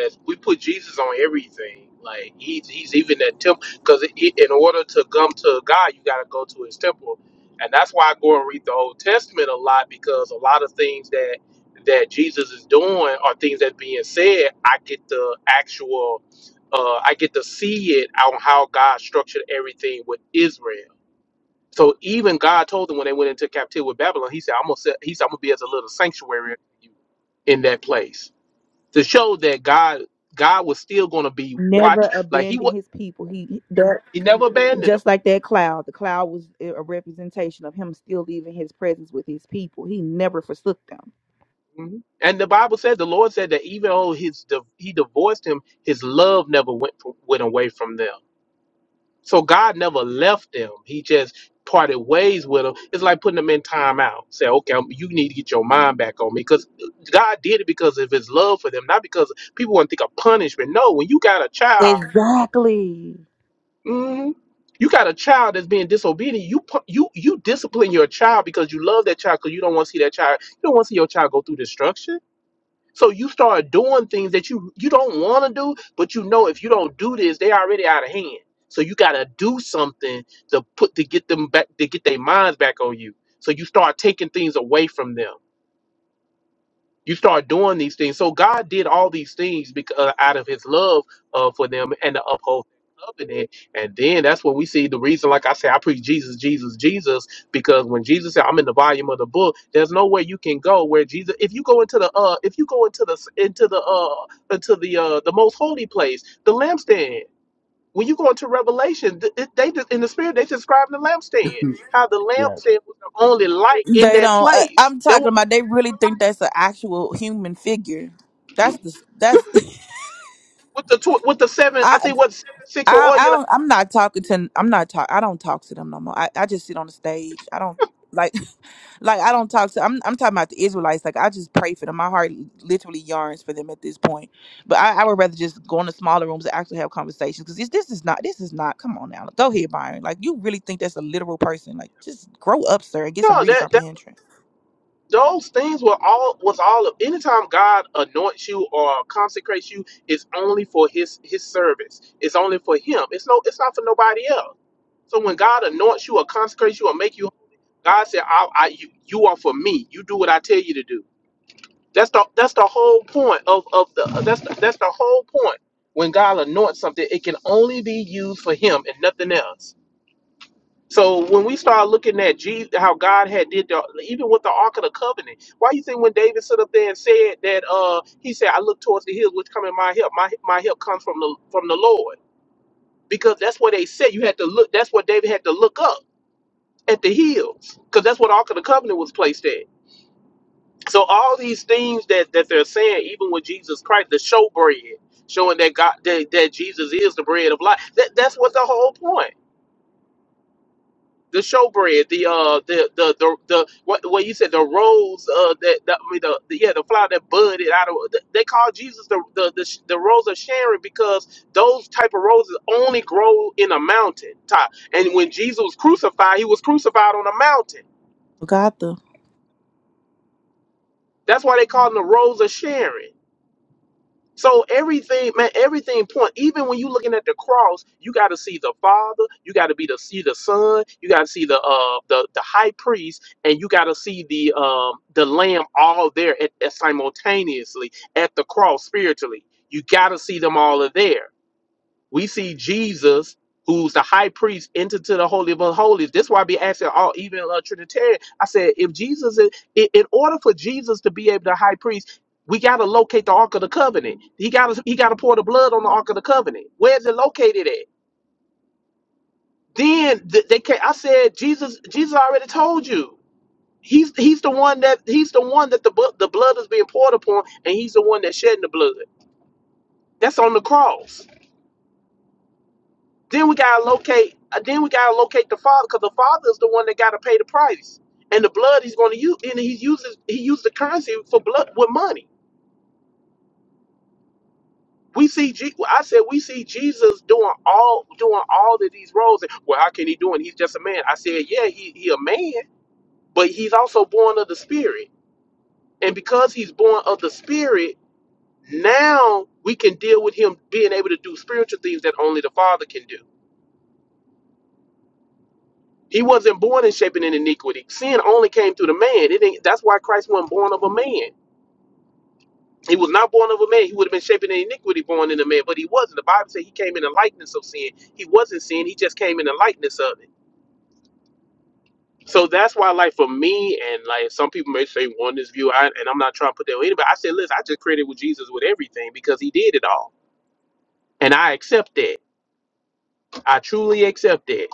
H: as we put Jesus on everything. Like he's he's even that temple because in order to come to God, you got to go to His temple, and that's why I go and read the Old Testament a lot because a lot of things that that Jesus is doing are things that being said. I get the actual, uh, I get to see it on how God structured everything with Israel. So even God told them when they went into captivity with Babylon, He said, "I'm gonna set, He said I'm gonna be as a little sanctuary unto you in that place to show that God God was still gonna be
M: Never
H: watched. Like He
M: abandon
H: was,
M: His people. He that.
H: He never abandoned them.
M: just like that cloud the cloud was a a representation of him still leaving his presence with his people he never forsook them
H: Mhm. And the Bible said the Lord said that even though His di- He divorced him, His love never went from, went away from them. So God never left them. He just parted ways with them. It's like putting them in timeout. Say, okay, um, you need to get your mind back on me because God did it because of His love for them, not because people want to think of punishment. No, when you got a child,
M: exactly
H: mhm, you got a child that's being disobedient. You pu- you you discipline your child because you love that child because you don't want to see that child. You don't want to see your child go through destruction so you start doing things that you you don't want to do, but you know if you don't do this, they already out of hand. So you gotta do something to put to get them back to get their minds back on you. So you start taking things away from them you start doing these things. So God did all these things because uh, out of His love uh, for them and to uphold that covenant. And then that's when we see the reason. Like I said, I preach Jesus, Jesus, Jesus, because when Jesus said, "I'm in the volume of the book," there's nowhere you can go where Jesus. If you go into the uh, if you go into the into the uh into the uh the most holy place, the lampstand. When you go into Revelation, th- th- they just, in the spirit they describe the lampstand, how the
O: Yeah,
H: lampstand was the only light in
M: They
H: that
M: don't. Uh,
H: place.
M: I'm talking about. They really think that's an actual human figure. That's the. That's.
H: with the tw- with the seven, I
M: I.
H: think what seven six or
M: I,
H: all
M: I
H: you like.
M: don't, I'm not talking to. I'm not talk. I don't talk to them no more. I, I just sit on the stage. I don't like, like I don't talk to. I'm I'm talking about the Israelites. Like I just pray for them. My heart literally yearns for them at this point. But I, I would rather just go in the smaller rooms and actually have conversations because this this is not this is not. Come on now, go ahead, Byron. Like you really think that's a literal person? Like just grow up, sir, and get some
H: No,
M: reading
H: that that
M: comprehension.
H: those things were all was all of. Anytime God anoints you or consecrates you, it's only for His His service. It's only for Him. It's no. It's not for nobody else. So when God anoints you or consecrates you or make you, God said, "I, I you, you are for me. You do what I tell you to do." That's the that's the whole point of of the uh, that's the, that's the whole point. When God anoints something, it can only be used for Him and nothing else. So when we start looking at Jesus, how God had did the, even with the Ark of the Covenant, why you think when David stood up there and said that uh, he said, "I look towards the hills, which come in my help. My my help comes from the from the Lord," because that's what they said. You had to look. That's what David had to look up at the hills, because that's what Ark of the Covenant was placed at. So all these things that that they're saying, even with Jesus Christ, the showbread, showing that God that, that Jesus is the bread of life. That that's what the whole point. the showbread, the uh, the the the, the what what you said, the rose uh, that, that I mean, the, the yeah, the flower that budded out of. They call Jesus the the the, sh- the rose of Sharon because those type of roses only grow in a mountain top. And when Jesus was crucified, he was crucified on a mountain.
M: Got the.
H: That's why they call him the rose of Sharon. So everything, man, everything point. Even when you looking at the cross, you got to see the Father, you got to be to see the Son, you got to see the uh the the High Priest, and you got to see the um the Lamb all there at, at simultaneously at the cross spiritually. You got to see them all are there we see Jesus, who's the high priest, entered to the holy of holies. That's why I be asking all, even a Trinitarian. I said, if Jesus, is, in, in order for Jesus to be able to high priest, we got to locate the ark of the covenant. He got to he got to pour the blood on the ark of the covenant. Where's it located at? Then th- they can I said, Jesus, Jesus already told you. He's he's the one that he's the one that the bu- the blood is being poured upon, and he's the one that's shedding the blood. That's on the cross. Then we gotta locate. uh, Then we gotta locate the father, because the father is the one that gotta pay the price, and the blood he's gonna use, and he uses he used the currency for blood with money. We see, Je- well, I said, we see Jesus doing all doing all of these roles. And, Well, how can he do it? He's just a man. I said, yeah, he he a man, but he's also born of the Spirit, and because he's born of the Spirit, now we can deal with him being able to do spiritual things that only the Father can do. He wasn't born in shaping in iniquity. Sin only came through the man. It ain't, that's why Christ wasn't born of a man. He was not born of a man. He would have been shaping in iniquity born in a man, but he wasn't. The Bible says he came in the likeness of sin. He wasn't sin. He just came in the likeness of it. So that's why, like for me, and like some people may say one this view, I, and I'm not trying to put that on anybody. I said, listen, I just credited with Jesus with everything because he did it all, and I accept that. I truly accept that.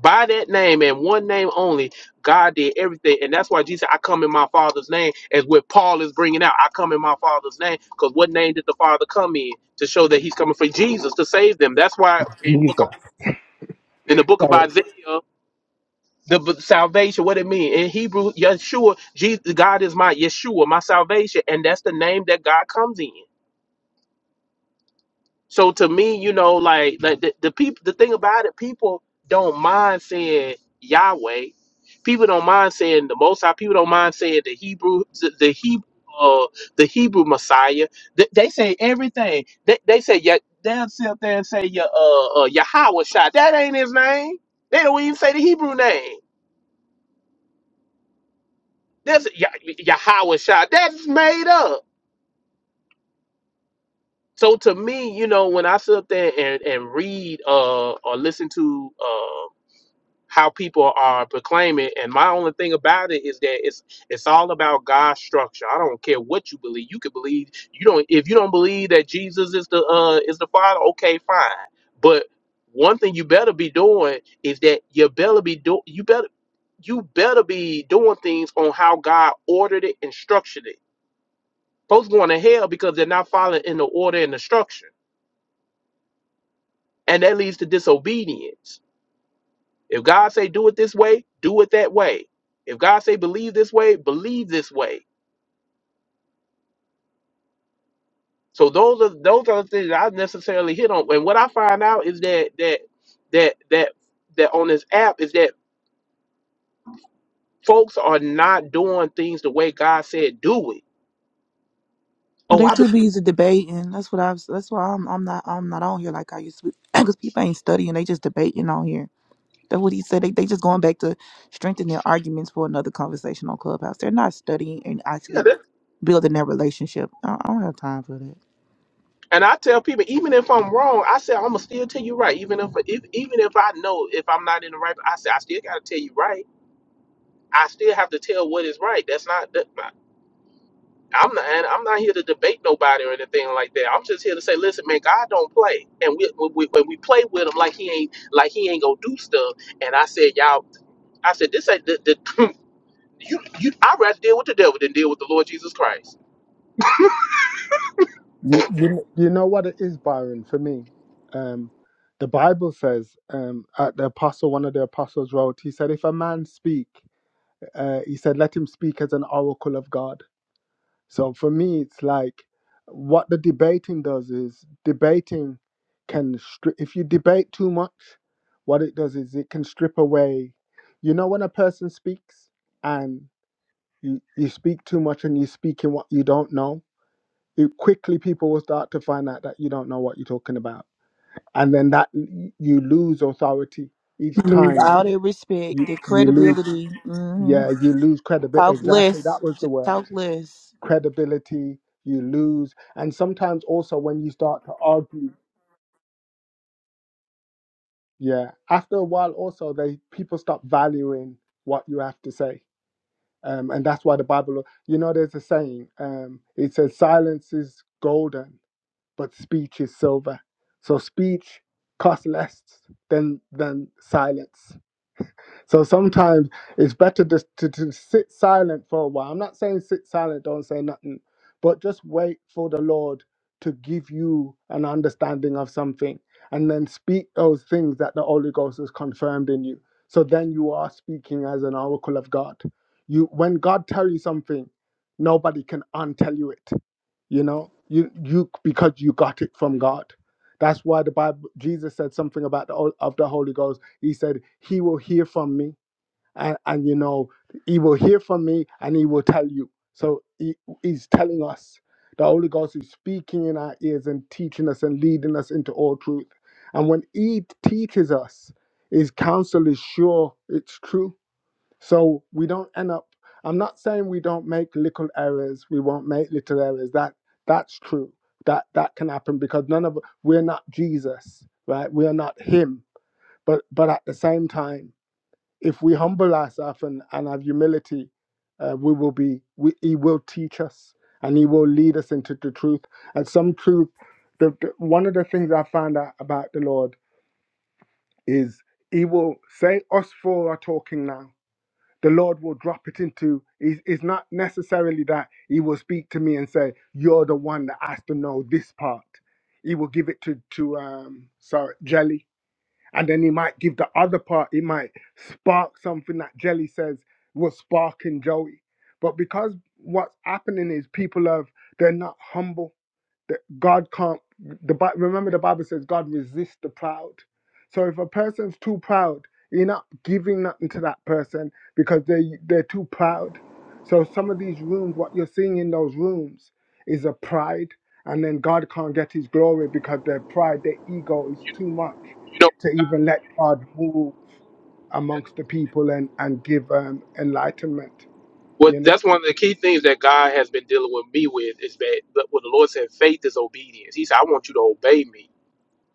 H: By that name and one name only, God did everything. And that's why Jesus said, I come in my Father's name, as what Paul is bringing out. I come in my Father's name because what name did the Father come in? To show that he's coming for Jesus to save them. That's why in, book of,
O: Jesus.
H: in the book of
O: Sorry.
H: Isaiah, the b- salvation, what it mean? In Hebrew, Yeshua, Jesus, God is my Yeshua, my salvation. And that's the name that God comes in. So to me, you know, like like the, the people, the thing about it, people don't mind saying Yahweh. People don't mind saying the Most High. People don't mind saying the Hebrew, the, the Hebrew, uh, the Hebrew Messiah. They, they say everything. They, they say yeah. They'll sit up there and say your uh, uh Yahweh shot. That ain't his name. They don't even say the Hebrew name. That's Yah- Yahweh shot. That's made up. So to me, you know, when I sit up there and, and read uh or listen to uh, how people are proclaiming. And my only thing about it is that it's it's all about God's structure. I don't care what you believe. You could believe you don't if you don't believe that Jesus is the uh is the Father. Okay, fine. But one thing you better be doing is that you better be do you better you better be doing things on how God ordered it and structured it. Folks going to hell because they're not following in the order and the structure, and that leads to disobedience If God say do it this way, do it that way. If God say believe this way, believe this way. So those are those are the things that I necessarily hit on. And what I find out is that that that that that on this app is that folks are not doing things the way God said do it.
M: Well,
H: Oh,
M: they
H: I believe
M: too busy debating. That's what I've. That's why I'm. I'm not. I'm not on here like I used to. be. Because people ain't studying. They just debating on here. That's what he said. They they just going back to strengthen their arguments for another conversation on Clubhouse. They're not studying and
H: yeah,
M: actually
H: that,
M: building their relationship. I, I don't have time for that.
H: and I tell people even if I'm wrong, I say I'm gonna still tell you right. Even if, if even if I know if I'm not in the right, I say I still gotta tell you right. I still have to tell what is right. That's not that. I'm not. and I'm not here to debate nobody or anything like that. I'm just here to say, listen, man, God don't play, and we, we, we when we play with him like he ain't like he ain't gonna do stuff. And I said, y'all, I said this ain't the, the you you. I rather deal with the devil than deal with the Lord Jesus Christ.
O: You, you, you know what it is, Byron, for me? Um, the Bible says um, at the apostle, one of the apostles wrote, he said, if a man speak, uh, he said, let him speak as an oracle of God. So for me, it's like what the debating does is debating can strip. If you debate too much, what it does is it can strip away. You know when a person speaks and you, you speak too much and you speak in what you don't know, it quickly people will start to find out that you don't know what you're talking about, and then that y- you lose authority each
M: Lose
O: time.
M: all their respect,
O: You
M: their
O: you lose
M: credibility. hmm
O: yeah you lose credibility.
M: Talk
O: Exactly
M: less.
O: that was
M: Just
O: the word
M: talk less.
O: credibility, you lose. And sometimes also when you start to argue, yeah, after a while also they people stop valuing what you have to say. Um, and that's why the Bible, you know, there's a saying, um, it says, silence is golden, but speech is silver. So speech costs less than than silence. So sometimes it's better just to, to sit silent for a while. I'm not saying sit silent, don't say nothing, but just wait for the Lord to give you an understanding of something and then speak those things that the Holy Ghost has confirmed in you. So then you are speaking as an oracle of God. You when God tells you something, nobody can untell you it, you know? You you because you got it from God. That's why the Bible Jesus said something about the hol- of the Holy Ghost. He said, He will hear from me and, and you know he will hear from me and he will tell you so he, he's telling us the holy ghost is speaking in our ears and teaching us and leading us into all truth and when he teaches us his counsel is sure it's true so we don't end up i'm not saying we don't make little errors we won't make little errors that that's true that that can happen because none of we're not jesus right we are not him but but at the same time if we humble ourselves and, and have humility, uh, we will be, we, He will teach us and He will lead us into the truth. And some truth, the, the, one of the things I found out about the Lord is He will say, Us four are talking now. The Lord will drop it into, it's it's not necessarily that He will speak to me and say, You're the one that has to know this part. He will give it to, to um, sorry, Jelly and then he might give the other part. He might spark something that Jelly says was sparking Joey, but because what's happening is people have they're not humble that God can't. The Bi- remember the Bible says God resists the proud. So if a person's too proud, you're not giving nothing to that person because they they're too proud. So some of these rooms, what you're seeing in those rooms, is a pride, and then God can't get His glory because their pride, their ego is too much
H: You know,
O: to even let God move amongst the people and and give um, enlightenment. You
H: what
O: know.
H: that's one of the key things that God has been dealing with me with is that the- what the Lord said, faith is obedience. He said, I want you to obey me.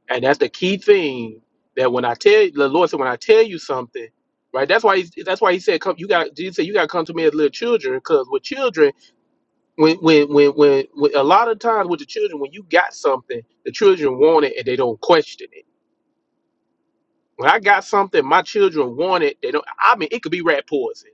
H: And that's the key thing that when I tell the Lord said, when I tell you something, right? That's why he, that's why he said, come, you got Jesus said, you got to come to me as little children, because with children, when, when when when when a lot of times with the children, when you got something, the children want it and they don't question it. When I got something, my children want it. They don't. I mean, it could be rat poison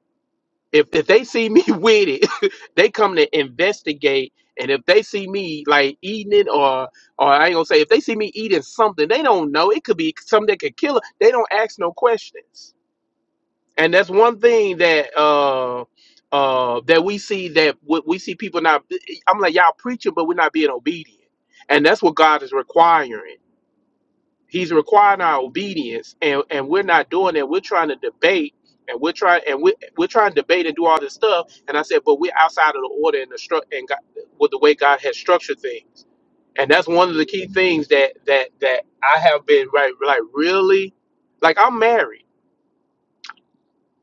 H: if if they see me with it, they come to investigate. And if they see me like eating it, or or I ain't gonna say if they see me eating something, they don't know. It could be something that could kill. Her. They don't ask no questions. And that's one thing that uh uh that we see that we, we see people not. I'm like y'all preaching, but we're not being obedient. And that's what God is requiring. He's requiring our obedience, and, and we're not doing that. We're trying to debate, and we're trying and we we're, we're trying to debate and do all this stuff. And I said, but we're outside of the order and the stru- and God, with the way God has structured things. And that's one of the key things that that that I have been right like really like I'm married.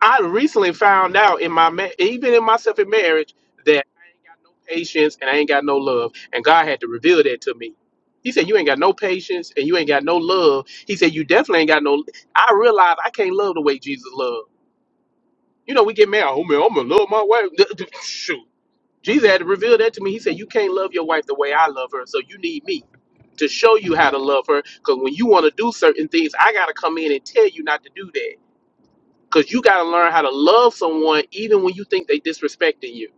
H: I recently found out in my ma- even in myself in marriage that I ain't got no patience and I ain't got no love, and God had to reveal that to me. He said, "You ain't got no patience and you ain't got no love." He said, "You definitely ain't got no." I realized I can't love the way Jesus loved. You know, we get mad. Oh man, I'm gonna love my wife. Shoot, Jesus had to reveal that to me. He said, "You can't love your wife the way I love her, so you need me." To show you how to love her, because when you want to do certain things, I gotta come in and tell you not to do that because you got to learn how to love someone even when you think they disrespecting you.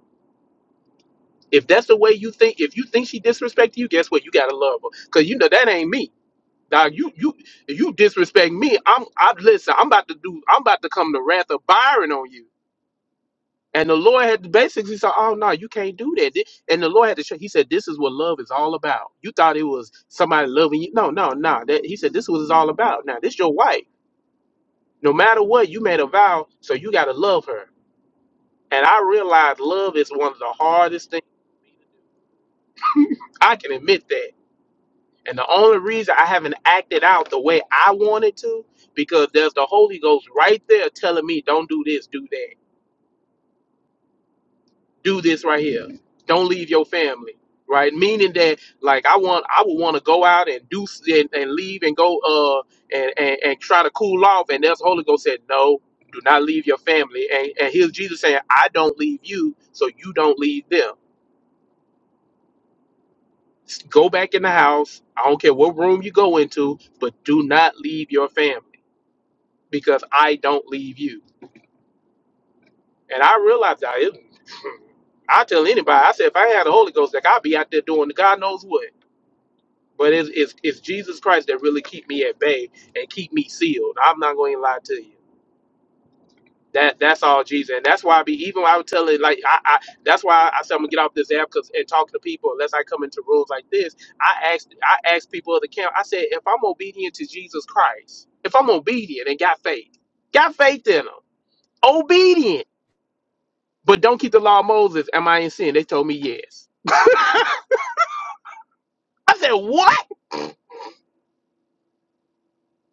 H: If that's the way you think, if you think she disrespecting you, guess what? You got to love her. Because you know that ain't me. Dog, you you if you disrespect me, I'm I listen, I'm about to do I'm about to come to wrath of Byron on you. And the Lord had to basically say, Oh no, you can't do that. Thi- And the Lord had to show he said, This is what love is all about. You thought it was somebody loving you. No, no, no. That he said this was all about. Now this your wife. No matter what, you made a vow, so you gotta love her. And I realize love is one of the hardest things. I can admit that. And the only reason I haven't acted out the way I wanted to, because there's the Holy Ghost right there telling me, don't do this, do that. Do this right here. Don't leave your family. Right? Meaning that like I want I would want to go out and do s- and, and leave and go uh and, and, and try to cool off. And there's the Holy Ghost said, No, do not leave your family. And and here's Jesus saying, I don't leave you, so you don't leave them. Go back in the house. I don't care what room you go into, but do not leave your family because I don't leave you. And I realized that. It, I tell anybody, I said, if I had the Holy Ghost, like I'd be out there doing God knows what. But it's, it's, it's Jesus Christ that really keep me at bay and keep me sealed. I'm not going to lie to you. That that's all Jesus, and that's why I be even when I would tell it like I, I that's why I said I'm gonna get off this app because and talk to people unless I come into rooms like this. I asked I asked people of the camp. I said if I'm obedient to Jesus Christ, if I'm obedient and got faith, got faith in him, obedient, but don't keep the law of Moses. Am I in sin? They told me yes. I said what?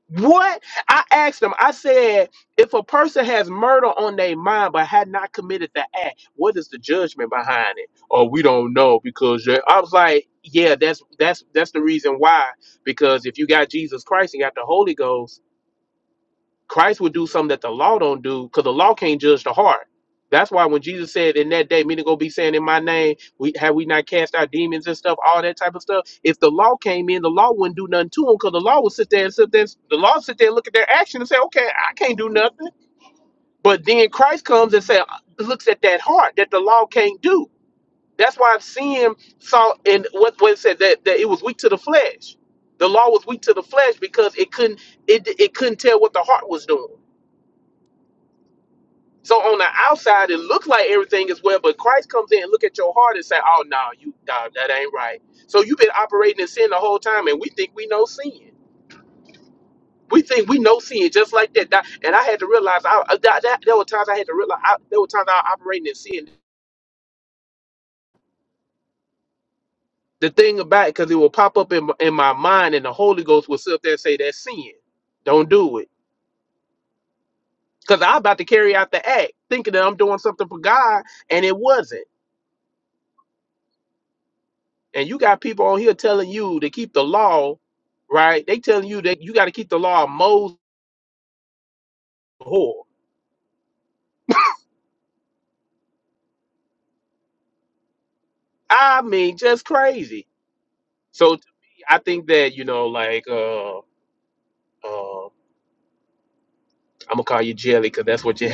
H: What? I asked them, I said, if a person has murder on their mind but had not committed the act, what is the judgment behind it? Oh, we don't know because they- I was like, yeah, that's that's that's the reason why. Because if you got Jesus Christ and got the Holy Ghost. Christ would do something that the law don't do because the law can't judge the heart. That's why when Jesus said in that day, many gonna be saying in my name, we have we not cast out demons and stuff, all that type of stuff. If the law came in, the law wouldn't do nothing to them because the law would sit there and sit there, the law would sit there and look at their action and say, okay, I can't do nothing. But then Christ comes and say, uh, looks at that heart that the law can't do. That's why sin saw and what what it said that, that it was weak to the flesh. The law was weak to the flesh because it couldn't it it couldn't tell what the heart was doing. So on the outside, it looks like everything is well, but Christ comes in and look at your heart and say, "Oh no, you nah, that ain't right." So you've been operating in sin the whole time, and we think we know sin. We think we know sin just like that. That- And I had to realize, I, uh, that, that- there were times I had to realize, I, there were times I was operating in sin. The thing about it, because it will pop up in, my- in my mind, and the Holy Ghost will sit up there and say, "That's sin. Don't do it." Because I'm about to carry out the act, thinking that I'm doing something for God, and it wasn't. And you got people on here telling you to keep the law, right? They telling you that you got to keep the law of Moses. Whore. I mean, just crazy. So to me, I think that you know, like, uh, uh, I'm gonna call you Jelly because that's what you.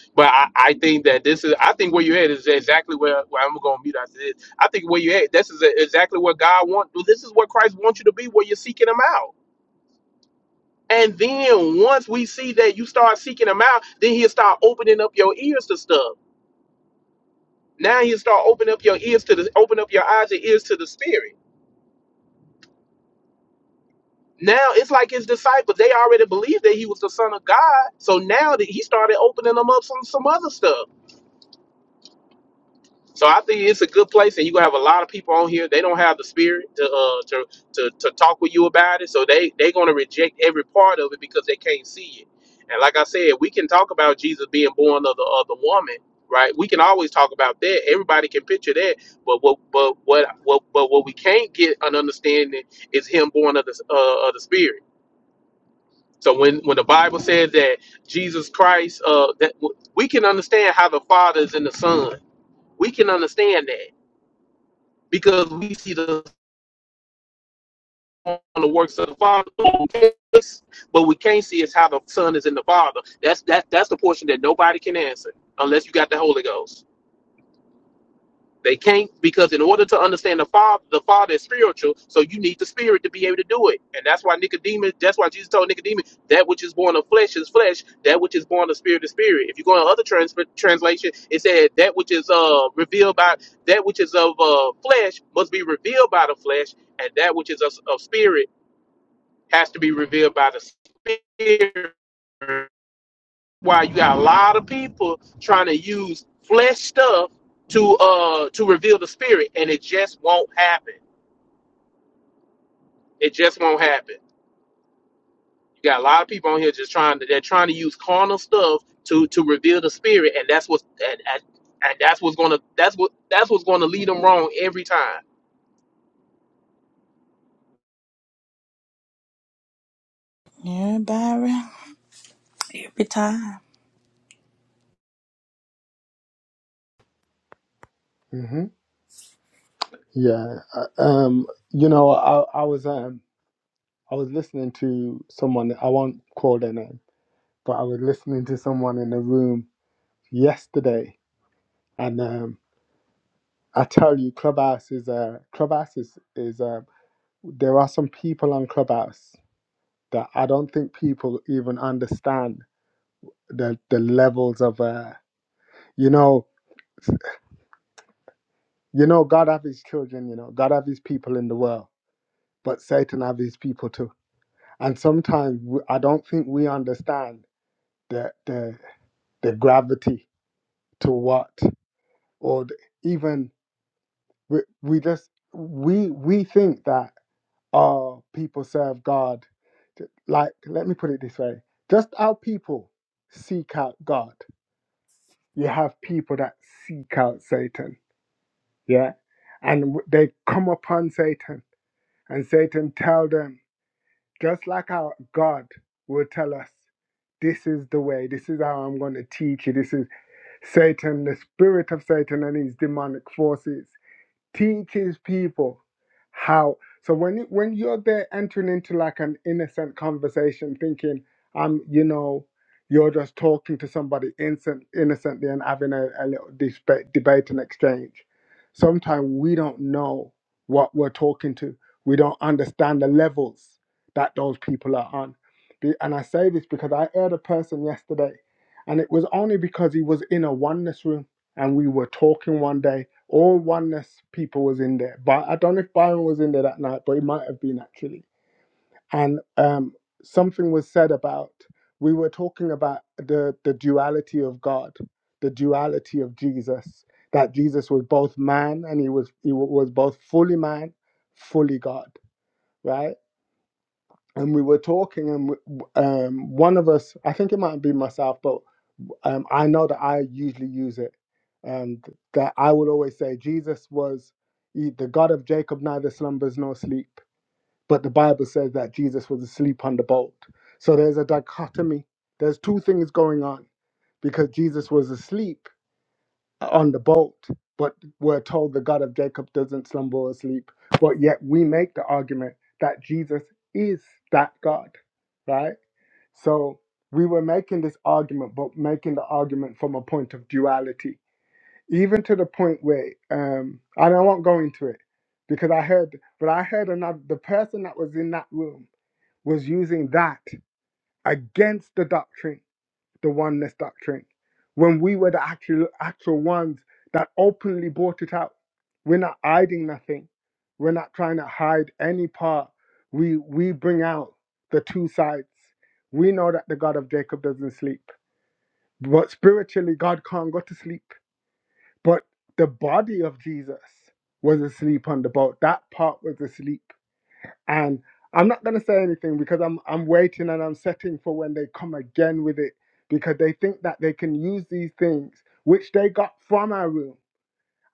H: but I, I think that this is. I think where you're at is exactly where, where I'm gonna mute after this. I think where you're at. This is exactly what God wants. This is what Christ wants you to be. Where you're seeking Him out. And then once we see that you start seeking him out, then he'll start opening up your ears to stuff. Now you start open up your ears to the open up your eyes and ears to the spirit. Now it's like his disciples, they already believed that he was the son of God. So now that he started opening them up some some other stuff. So I think it's a good place, and you gonna have a lot of people on here. They don't have the spirit to uh, to, to to talk with you about it, so they they gonna reject every part of it because they can't see it. And like I said, we can talk about Jesus being born of the of the woman, right? We can always talk about that. Everybody can picture that, but what but what what but what we can't get an understanding is him born of the uh, of the spirit. So when when the Bible says that Jesus Christ, uh, that we can understand how the Father is in the Son. We can understand that because we see the Son on the works of the Father, but we can't see is how the Son is in the Father. That's that that's the portion that nobody can answer unless you got the Holy Ghost. They can't because in order to understand the Father, the Father is spiritual, so you need the Spirit to be able to do it. And that's why Nicodemus, that's why Jesus told Nicodemus, that which is born of flesh is flesh, that which is born of spirit is spirit. If you go to other trans- translation, it said that which is uh revealed by that which is of uh flesh must be revealed by the flesh, and that which is of, of spirit has to be revealed by the spirit why you got a lot of people trying to use flesh stuff to uh to reveal the spirit and it just won't happen it just won't happen you got a lot of people on here just trying to they're trying to use carnal stuff to to reveal the spirit and that's what and, and, and that's what's gonna that's what that's what's gonna lead them wrong every time
M: Yeah, Byron. Every time.
O: hmm Yeah. uh, Um. You know, I I was um I was listening to someone, I won't call their name, but I was listening to someone in a room yesterday. And um, I tell you, Clubhouse is, uh, Clubhouse is, is uh, there are some people on Clubhouse that I don't think people even understand the, the levels of, uh, you know, you know, God have his children, you know, God have his people in the world, but Satan have his people too. And sometimes we- I don't think we understand the, the, the gravity to what or th- even we, we just we we think that our people serve God. Th- Like, let me put it this way: just our people seek out God. You have people that seek out Satan, yeah, and w- they come upon Satan, and Satan tell them just like our God will tell us. This is the way. This is how I'm going to teach you. This is Satan, the spirit of Satan, and his demonic forces teach his people how so when you- when you're there entering into like an innocent conversation thinking i'm you know you're just talking to somebody innocent, innocently and having a, a little debate, debate and exchange sometimes we don't know what we're talking to we don't understand the levels that those people are on The- and i say this because i heard a person yesterday and it was only because he was in a oneness room and we were talking one day all oneness people was in there. But I don't know if Byron was in there that night, but he might have been actually. And um, something was said about we were talking about the the duality of God, the duality of Jesus. That Jesus was both man and he was he wa- was both fully man, fully God, right? and we were talking, and w- um, one of us, I think it might be myself, but um, I know that I usually use it, and that I would always say Jesus was he- the God of Jacob, neither slumbers nor sleep. But the Bible says that Jesus was asleep on the boat. So there's a dichotomy. There's two things going on because Jesus was asleep on the boat, but we're told the God of Jacob doesn't slumber or sleep. But yet we make the argument that Jesus is that God, right? So we were making this argument, but making the argument from a point of duality, even to the point where, um, and I won't go into it because I heard, but I heard another, the person that was in that room was using that against the doctrine the oneness doctrine when we were the actual actual ones that openly brought it out. We're not hiding nothing. We're not trying to hide any part. We we bring out the two sides. We know that the God of Jacob doesn't sleep. But spiritually God can't go to sleep. But the body of Jesus was asleep on the boat. That part was asleep and I'm not gonna say anything because I'm I'm waiting and I'm setting for when they come again with it because they think that they can use these things which they got from our room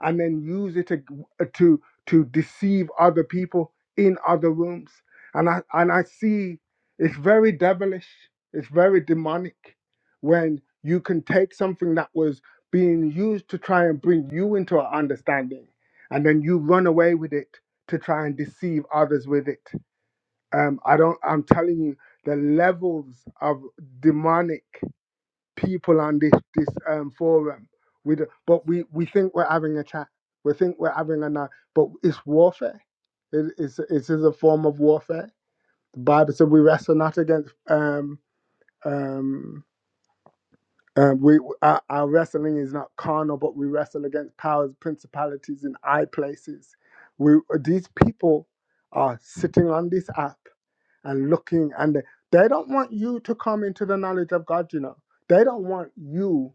O: and then use it to uh, to to deceive other people in other rooms and I and I see it's very devilish it's very demonic when you can take something that was being used to try and bring you into an understanding and then you run away with it to try and deceive others with it um, I don't. I'm telling you, the levels of demonic people on this this um, forum. We do, but we we think we're having a chat. We think we're having a night, but it's warfare. It is it is a form of warfare. The Bible said we wrestle not against um um. Um, we our, our wrestling is not carnal, but we wrestle against powers, principalities, and high places. We these people are sitting on this app and looking and they they don't want you to come into the knowledge of God, you know. They don't want you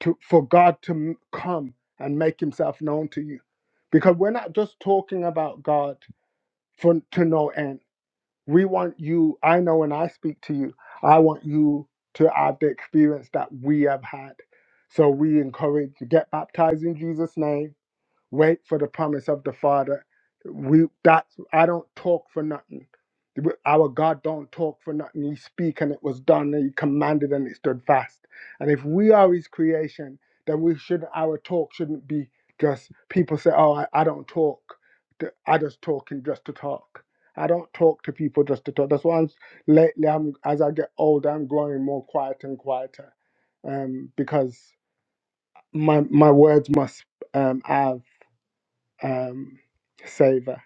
O: to for God to m- come and make himself known to you. Because we're not just talking about God for to no end. We want you, I know when I speak to you, I want you to have the experience that we have had. So we encourage you get baptized in Jesus' name Wait for the promise of the Father. We that's I don't talk for nothing. Our God don't talk for nothing. He speak and it was done. And he commanded and it stood fast. And if we are His creation, then we should our talk shouldn't be just people say, "Oh, I, I don't talk. Th- I just talking just to talk." I don't talk to people just to talk. That's why I'm, lately, I'm as I get older, I'm growing more quiet and quieter, um, because my my words must um, have um, savor.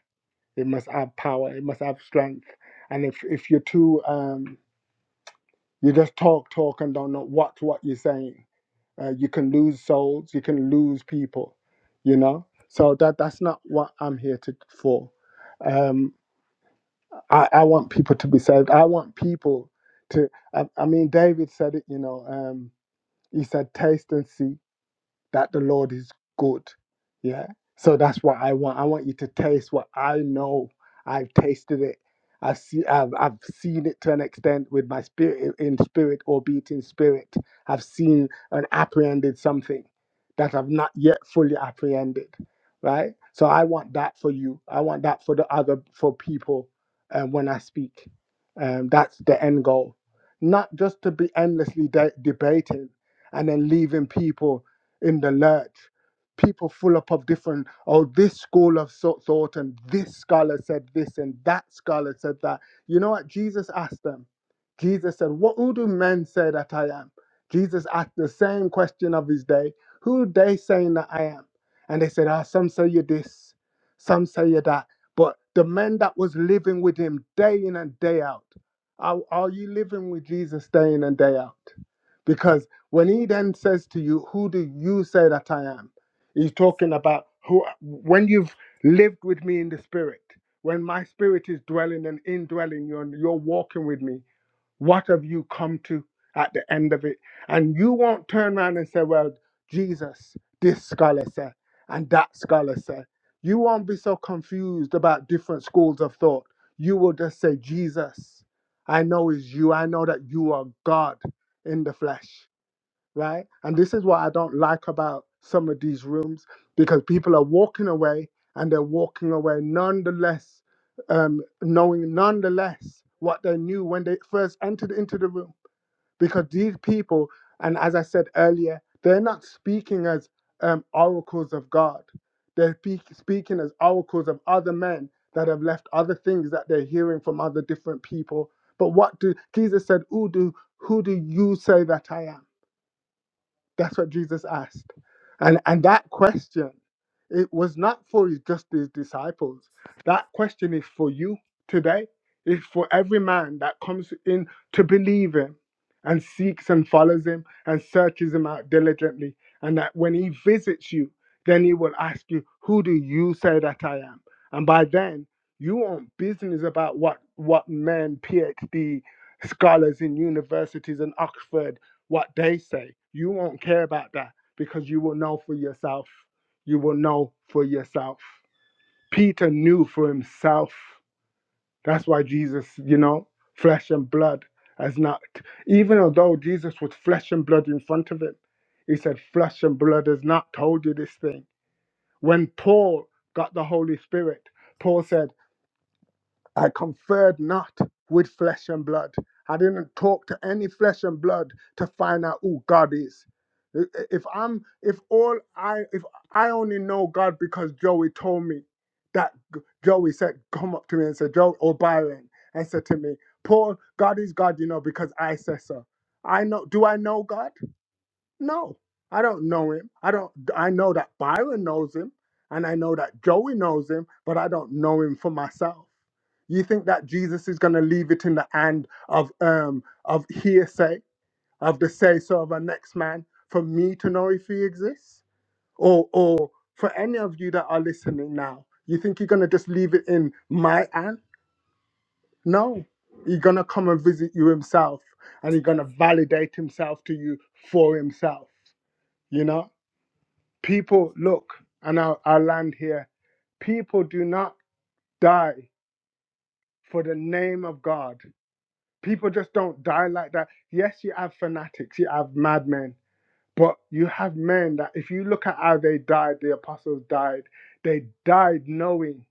O: It must have power. It must have strength. And if if you're too um, you just talk talk and don't know what what you're saying, uh, you can lose souls. You can lose people. You know. So that that's not what I'm here to for. Um, I I want people to be saved. I want people to. I, I mean, David said it. You know. Um, he said, "Taste and see." that the Lord is good. Yeah. So that's what I want. I want you to taste what I know. I've tasted it. I've seen I've, I've seen it to an extent with my spirit in spirit or be it in spirit. I've seen and apprehended something that I've not yet fully apprehended. Right? So I want that for you. I want that for the other for people um, when I speak. Um, that's the end goal. Not just to be endlessly de- debating and then leaving people in the lurch. People full up of different, oh, this school of so- thought and this scholar said this and that scholar said that. You know what? Jesus asked them. Jesus said, What who do men say that I am? Jesus asked the same question of his day. Who are they saying that I am? And they said, Ah, some say you this, some say you that. But the men that was living with him day in and day out, are, are you living with Jesus day in and day out? Because when he then says to you, Who do you say that I am? He's talking about who, when you've lived with me in the spirit, when my spirit is dwelling and indwelling you and you're walking with me, what have you come to at the end of it? And you won't turn around and say, Well, Jesus, this scholar said, and that scholar said. You won't be so confused about different schools of thought. You will just say, Jesus, I know is you. I know that you are God in the flesh right? And this is what I don't like about some of these rooms because people are walking away and they're walking away nonetheless, um, knowing nonetheless what they knew when they first entered into the room. Because these people, and as I said earlier, they're not speaking as um, oracles of God, they're pe- speaking as oracles of other men that have left other things that they're hearing from other different people. But what do Jesus said, who do, who do you say that I am? That's what Jesus asked. And and that question, it was not for his- just his disciples. That question is for you today. It's for every man that comes in to believe him and seeks and follows him and searches him out diligently. And that when he visits you, then he will ask you, Who do you say that I am? And by then, you want business about what what men, PhD scholars in universities and Oxford what they say. You won't care about that because you will know for yourself. You will know for yourself. Peter knew for himself. That's why Jesus, you know, flesh and blood has not, even although Jesus was flesh and blood in front of him, he said, Flesh and blood has not told you this thing. When Paul got the Holy Spirit, Paul said, I conferred not with flesh and blood. I didn't talk to any flesh and blood to find out who God is. If I'm, if all I, if I only know God because Joey told me that Joey said, come up to me and said, Joe or Byron, and said to me, Paul, God is God, you know, because I said so. I know. Do I know God? No, I don't know him. I don't. I know that Byron knows him, and I know that Joey knows him, but I don't know him for myself. You think that Jesus is going to leave it in the hand of um of hearsay of the say so of a next man for me to know if he exists, or or for any of you that are listening now? You think you're going to just leave it in my hand? No, he's going to come and visit you himself, and he's going to validate himself to you for himself. You know People, look, and I'll, I'll land here. People do not die for the name of God. People just don't die like that. Yes, you have fanatics, you have madmen, but you have men that, if you look at how they died, the apostles died, they died knowing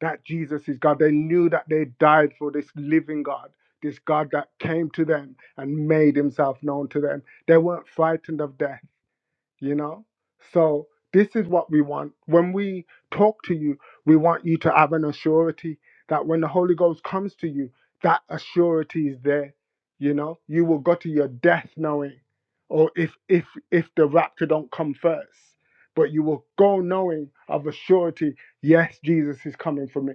O: that Jesus is God. They knew that they died for this living God, this God that came to them and made himself known to them. They weren't frightened of death you know so this is what we want when we talk to you we want you to have an assurity that when the holy ghost comes to you that assurity is there you know you will go to your death knowing or if if if the rapture don't come first but you will go knowing of a surety yes jesus is coming for me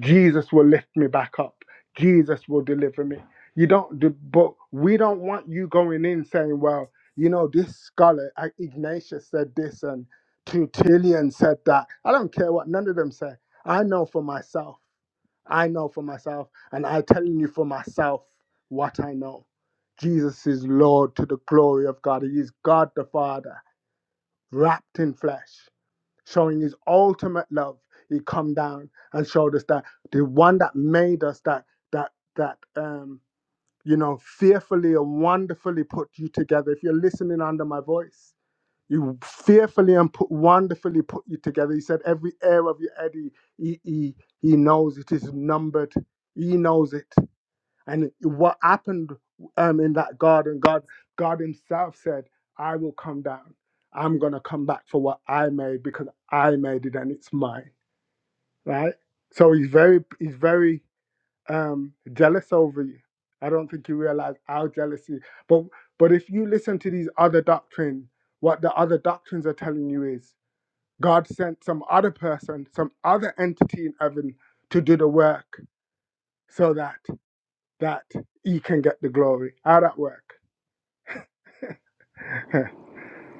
O: jesus will lift me back up jesus will deliver me you don't do, but we don't want you going in saying well you know, this scholar, I- Ignatius said this and Tertullian said that. I don't care what none of them say. I know for myself. I know for myself. And i telling you for myself what I know. Jesus is Lord to the glory of God. He is God the Father, wrapped in flesh, showing his ultimate love. He come down and showed us that the one that made us that that that um you know fearfully and wonderfully put you together. If you're listening under my voice, you fearfully and put, wonderfully put you together. He said, Every hair of your head, he, he, he, he knows it is numbered. He knows it. And what happened um, in that garden, God, God Himself said, I will come down. I'm going to come back for what I made because I made it and it's mine. Right? So He's very, He's very um, jealous over you. I don't think you realize our jealousy. But but if you listen to these other doctrine, what the other doctrines are telling you is God sent some other person, some other entity in heaven to do the work so that that he can get the glory. How that work?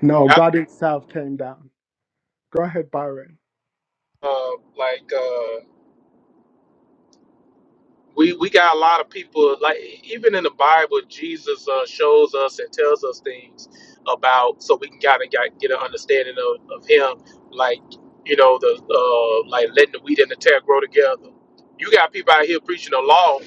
O: no,
H: I,
O: God Himself came down. Go ahead, Byron.
H: uh, like uh we we got a lot of people like even in the Bible, Jesus uh, shows us and tells us things about so we can kind of get, get an understanding of, of him. Like you know the uh, like letting the wheat and the tear grow together. You got people out here preaching the law,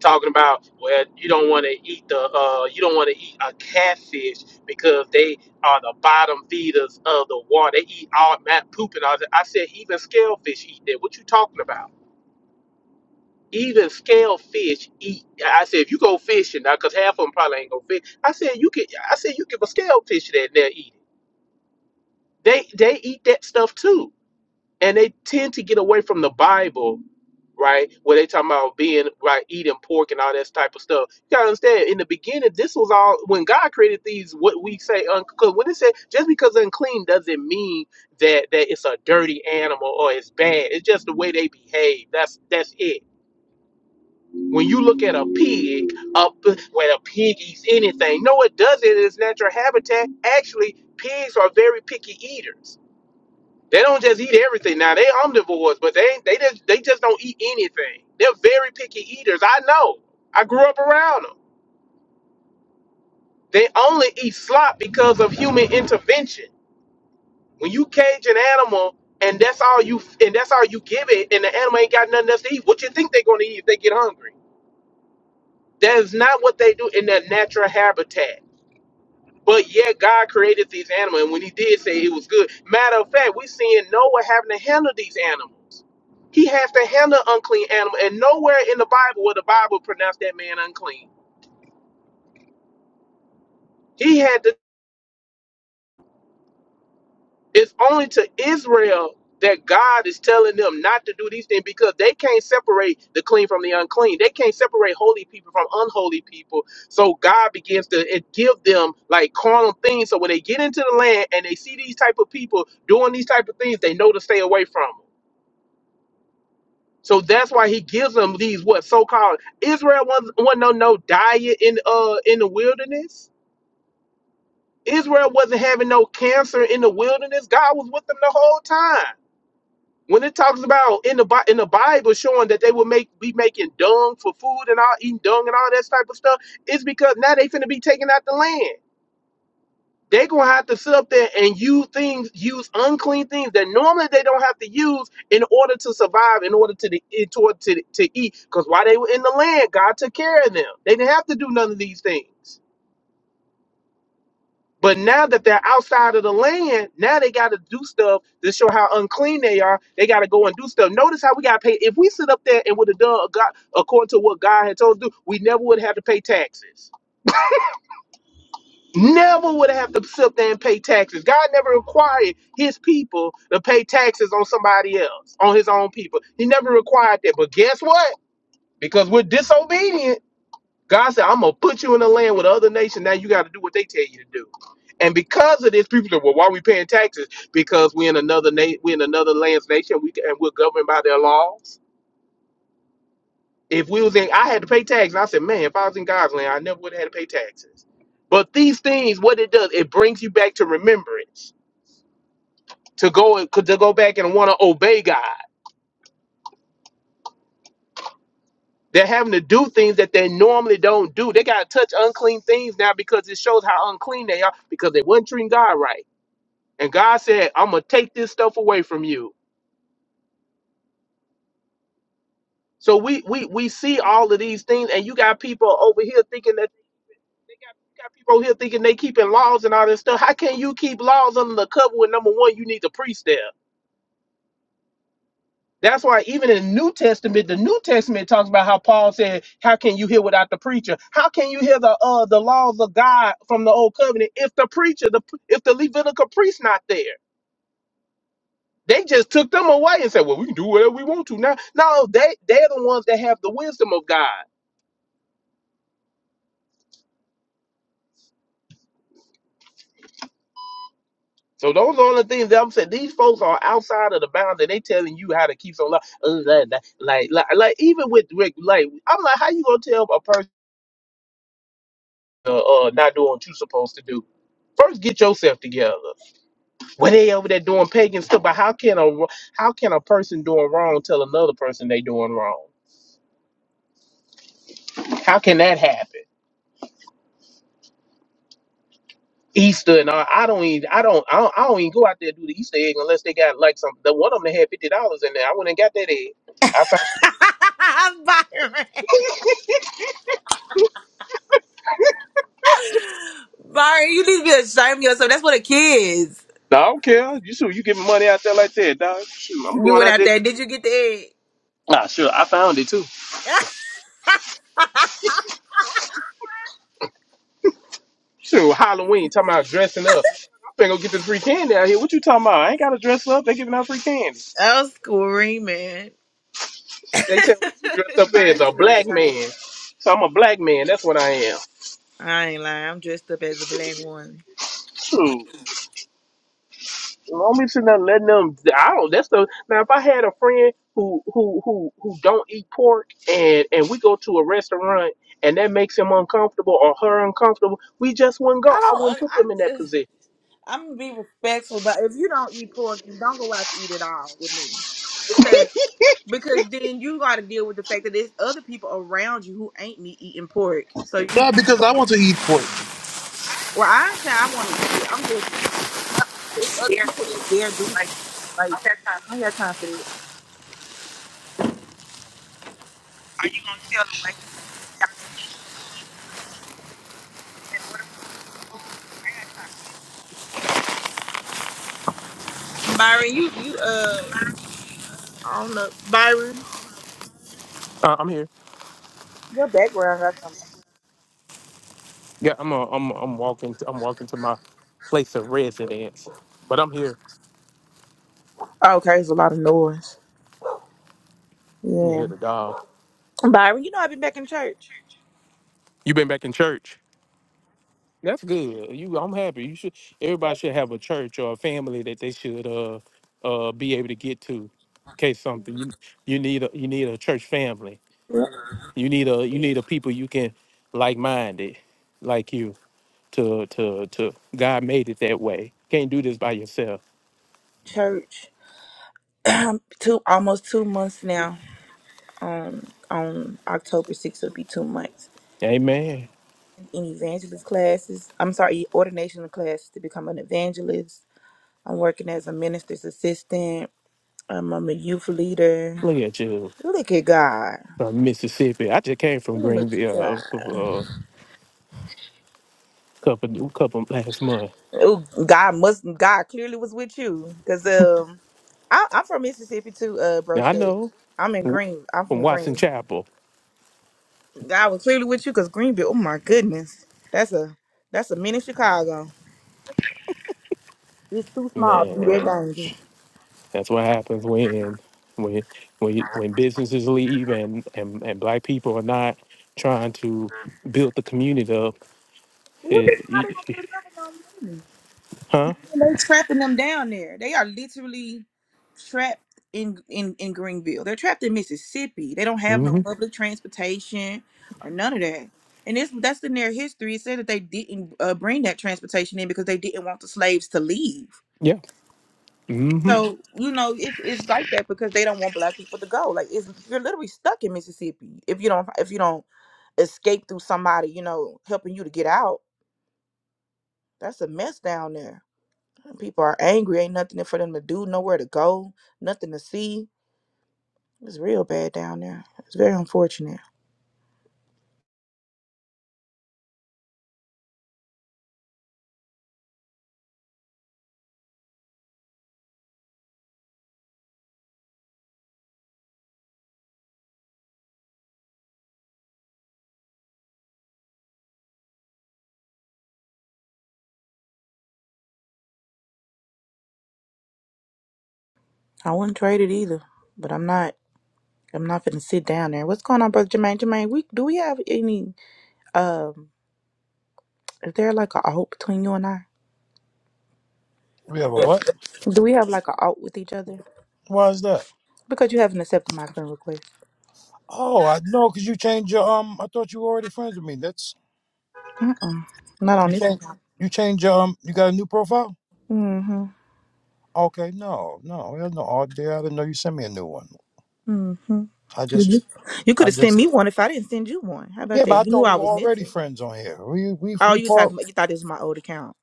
H: talking about well you don't want to eat the uh, you don't want to eat a catfish because they are the bottom feeders of the water. They eat all that poop and all that. I said even scalefish eat that. What you talking about? even scale fish eat. I said, if you go fishing now, because half of them probably ain't gonna fish. I said, you can. I said, you give a scale fish that they'll eat it. They they eat that stuff too, and they tend to get away from the Bible, right? Where they talking about being right, eating pork and all that type of stuff. You gotta understand. In the beginning, this was all when God created these. What we say unclean. When it said just because unclean doesn't mean that that it's a dirty animal or it's bad. It's just the way they behave. That's that's it when you look at a pig up when a pig eats anything no it doesn't in its natural habitat actually pigs are very picky eaters they don't just eat everything now they omnivores but they they just they just don't eat anything they're very picky eaters i know i grew up around them they only eat slop because of human intervention when you cage an animal and that's all you and that's all you give it and the animal ain't got nothing else to eat what you think they're going to eat if they get hungry that is not what they do in their natural habitat But yet God created these animals, and when He did say it was good, matter of fact, we seeing Noah having to handle these animals. He has to handle unclean animals, and nowhere in the Bible will the Bible pronounce that man unclean. He had to It's only to Israel that God is telling them not to do these things because they can't separate the clean from the unclean. They can't separate holy people from unholy people. So God begins to it give them like carnal things. So when they get into the land and they see these type of people doing these type of things, they know to stay away from them. So that's why he gives them these what so called Israel wasn't, wasn't no no diet in uh in the wilderness. Israel wasn't having no cancer in the wilderness. God was with them the whole time. When it talks about in the Bi- in the Bible showing that they will make be making dung for food and all eating dung and all that type of stuff, it's because now they finna be taking out the land. They gonna have to sit up there and use things, use unclean things that normally they don't have to use in order to survive, in order to the, in order to, to eat. Cause while they were in the land, God took care of them. They didn't have to do none of these things. But now that they're outside of the land, now they got to do stuff to show how unclean they are. They got to go and do stuff. Notice how we got to pay. If we sit up there and would have done a God, according to what God had told us to do, we never would have to pay taxes. Never would have to sit up there and pay taxes. God never required his people to pay taxes on somebody else, on his own people. He never required that. But guess what? Because we're disobedient. God said, I'm gonna put you in a land with other nation. Now you got to do what they tell you to do. And because of this, people say, "Well, why are we paying taxes? Because we're in another nation, we're in another land's nation. We and we're governed by their laws. If we was in, I had to pay taxes. I said, man, if I was in God's land, I never would have had to pay taxes. But these things, what it does, it brings you back to remembrance to go to go back and want to obey God. They're having to do things that they normally don't do. They got to touch unclean things now because it shows how unclean they are because they weren't treating God right. and God said, "I'm gonna take this stuff away from you." So we we we see all of these things, and you got people over here thinking that they got, you got people over here thinking they keeping laws and all this stuff. How can you keep laws under the cover when number one you need the priest there? That's why even in New Testament, the New Testament talks about how Paul said, "How can you hear without the preacher? How can you hear the uh the laws of God from the old covenant if the preacher, the if the Levitical priest not there?" They just took them away and said, "Well, we can do whatever we want to now." No, they they're the ones that have the wisdom of God. So those are the things that I'm saying. These folks are outside of the bounds, and they telling you how to keep some love. Like, like, like, even with Rick, like, I'm like, how you gonna tell a person uh, uh not doing what you're supposed to do? First, get yourself together. When they over there doing pagan stuff, but how can a how can a person doing wrong tell another person they doing wrong? How can that happen? Easter and all. I don't even I don't I don't, I don't even go out there to do the Easter egg unless they got like some the one of them that had fifty dollars in there. I went and got that egg. I found
M: Byron. Byron, you need to be ashamed of yourself. That's for the kids.
H: no, I don't care. You sure you giving money out there like that, dog? Shoot, I'm
M: You
H: going
M: went
H: out
M: out
H: there.
M: there. Did you get the
H: Nah, sure. I found it too.
M: egg? I
H: Sure, Halloween. Talking about dressing up. I'm finna go get this free candy out here. What you talking about? I ain't gotta dress up. They giving out free candy.
M: was screaming.
H: They tell me you dressed up
M: Man,
H: as a
M: it's
H: black
M: just shame.
H: man. So I'm a black man. That's what I am.
M: I ain't lying. I'm dressed up as a black woman.
H: Shoot. Don't be sitting there letting them. I don't. That's the now. If I had a friend who who who who don't eat pork, and and we go to a restaurant, and that makes him uncomfortable or her uncomfortable, we just wouldn't
M: I
H: go. I
M: don't. I.
H: wouldn't put them in that
M: I
H: position.
M: I'm gonna be respectful, but if you don't eat pork, then don't go out to eat it all with me. Because because then you got to deal with the fact that there's other people around you who ain't me eating pork. So you,
A: Yeah, because I want to eat pork.
M: well, I ain't saying I want to eat it. I'm just saying it's other people that's there doing it. Like I don't have time for that. Byron, you you uh, I don't know, Byron.
H: Uh, I'm here.
M: Your background got something.
H: Yeah, I'm. Uh, I'm. I'm walking. To, I'm walking to my place of residence. But I'm here.
M: Okay, it's a lot of noise.
H: I'm
M: Yeah.
H: here to dog.
M: Byron, you know I've been back in church.
H: You been back in church? That's good. You, I'm happy. You should. Everybody should have a church or a family that they should uh uh be able to get to. In case something you you need a you need a church family.
M: Yeah.
H: You need a you need a people you can like minded like you to to to. God made it that way. Can't do this by yourself.
M: Church. two almost two months now. Um on October sixth will be two months.
H: Amen.
M: In evangelist classes. I'm sorry, ordination class to become an evangelist. I'm working as a minister's assistant. Um, I'm a youth leader.
H: Look at you
M: Look at God.
H: from Mississippi. I just came from
M: Look at
H: Greenville uh, a
M: God.
H: couple uh, couple couple last month.
M: Oh, God must God clearly was with you. Cause um I, I'm from Mississippi too, uh bro
H: Now I
M: Shake.
H: know
M: I'm in
H: w-
M: Green. I'm
H: from
M: from
H: Watson
M: Green.
H: Chapel,
M: God was clearly with you because Greenville, oh my goodness. That's a that's a mini Chicago. It's too small to be that
H: man.
M: dangerous.
H: That's what happens when when when when businesses leave and and, and black people are not trying to build the community up.
M: What do
H: It,
M: how they gonna
H: it-
M: put it on them?
H: huh?
M: And they trapping them down there. They are literally trapped in, in in Greenville. They're trapped in Mississippi. They don't have no
H: hmm
M: public transportation or none of that. And it's that's in their history. It said that they didn't uh, bring that transportation in because they didn't want the slaves to leave.
H: Yeah. hmm
M: So you know it's it's like that because they don't want black people to go. Like it's you're literally stuck in Mississippi if you don't if you don't escape through somebody you know helping you to get out. That's a mess down there. People are angry. Ain't nothing for them to do. Nowhere to go. Nothing to see. It's real bad down there. It's very unfortunate. I wouldn't trade it either. But I'm not. I'm not gonna sit down there. What's going on, brother Jermaine? Jermaine, we do we have any um? Is there like a out between you and I?
P: We have a what?
M: Do we have like a out with each other?
P: Why is that?
M: Because you haven't accepted my friend request.
P: Oh, I know, cause you changed your um. I thought you were already friends with me. That's
M: Mm-mm. Not
P: you
M: on this
P: changed.
M: account.
P: You changed your um. You got a new profile?
M: Mm-hmm.
P: Okay, no, no, there's no art there. I didn't know you sent me a new one.
M: Mm-hmm.
P: I
M: You,
P: just,
M: you
P: I
M: could have sent
P: just.
M: me one if I didn't send you one. How about
P: Yeah,
M: that?
P: but I
M: You knew
P: thought we
M: I
P: were
M: was
P: already
M: Nitsa.
P: friends on here. We we
M: Oh,
P: we
M: you talking
P: part
M: about you thought this was my old account.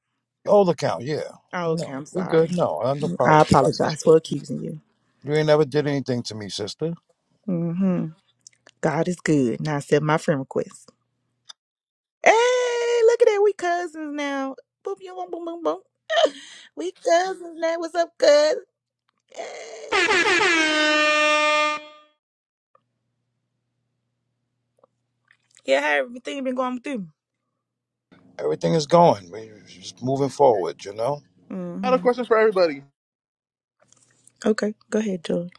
P: old account. Yeah.
M: Oh, okay,
P: No,
M: I'm
P: we good.
M: sorry.
P: No, I have no problem
M: I
P: with you, my
M: apologize
P: sister.
M: for accusing you.
P: You ain't never did anything to me, sister.
M: Mm-hmm. God is good. Now accept my friend request. Hey, look at that. We cousins now. Boop, boom, boom, boom, boom, boom. We cousins now. What's up, cuz? Hey. Yeah, how everything been going through?
P: Everything is going. We just moving forward, you know.
A: I had
M: Mm-hmm.
A: a question for everybody.
M: Okay, go ahead, Joy.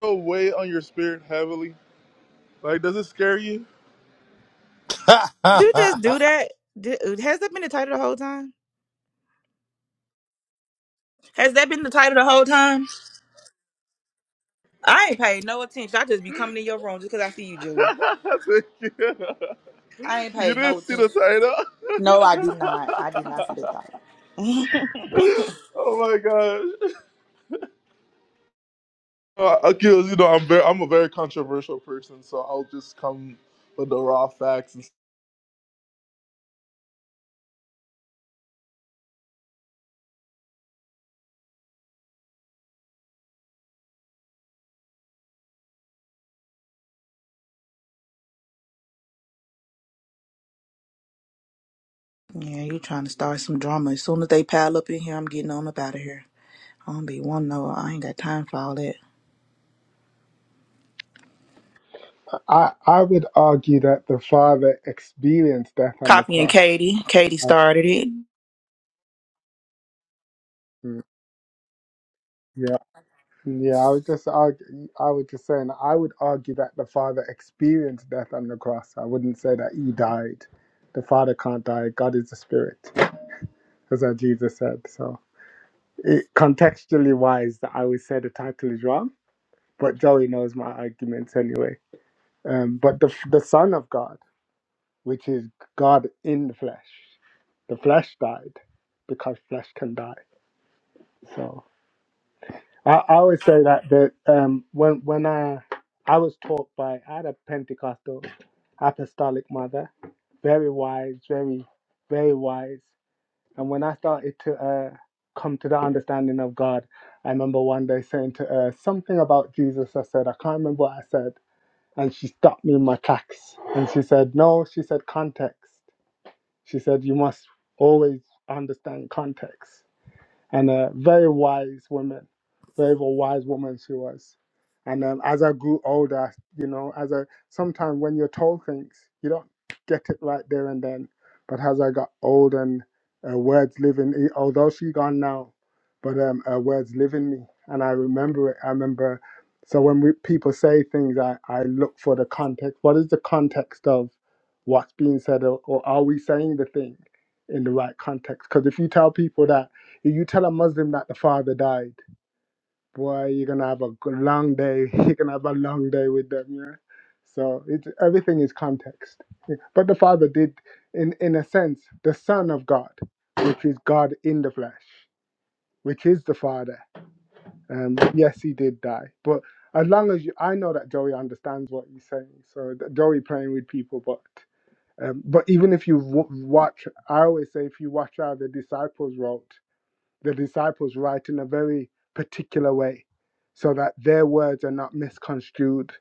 A: Go weigh on your spirit heavily. Like, does it scare you?
M: Did you just do that? Did, has that been the title the whole time? Has that been the title the whole time? I ain't paid no attention. I just be coming in your room just because I see you, Joey.
A: Thank you.
M: I ain't
A: You
M: paid no
A: didn't see
M: attention.
A: the title?
M: No, I did not. I did not see that title.
A: oh my gosh. Uh, Akil, you know, I'm very, I'm a very controversial person, so I'll just come with the raw facts. And
M: yeah, you trying to start some drama. As soon as they pile up in here, I'm getting on up out of here. I don't be one no. I ain't got time for all that.
O: I, I would argue that the Father experienced death on the
M: Copying
O: cross.
M: Katie. Katie
O: Oh,
M: started it.
O: mm, yeah. Yeah, I was just argue, I was just saying I would argue that the Father experienced death on the cross. I wouldn't say that he died. The Father can't die. God is the Spirit, as our Jesus said. So, it, contextually wise, that I would say the title is wrong, but Joey knows my arguments anyway. Um, but the the Son of God, which is God in the flesh, the flesh died because flesh can die. So. I, I always say that that um when when I I was taught by I had a Pentecostal apostolic mother, very wise, very very wise. And when I started to uh come to the understanding of God, I remember one day saying to her something about Jesus. I said I can't remember what I said, and she stopped me in my tracks. And she said, "No," she said, "context." She said, "You must always understand context." and a very wise woman, very wise woman she was. And um, as I grew older, you know, as I sometimes when you're told things, you don't get it right there and then. But as I got old and uh, words live in, e- although she gone now, but um, her words live in me, and I remember it. I remember. So when we, people say things, I, I look for the context. What is the context of what's being said, or, or are we saying the thing in the right context? Because if you tell people that if you tell a Muslim that the father died, boy, you're gonna have a g- long day. You're gonna have a long day with them, yeah. So it, everything is context. Yeah. But the father did, in in a sense, the son of God, which is God in the flesh, which is the father. Um, yes, he did die, but as long as you, I know that Joey understands what he's saying. So th- Joey playing with people, but. Um, but even if you w- watch, I always say if you watch how the disciples wrote, the disciples write in a very particular way so that their words are not misconstrued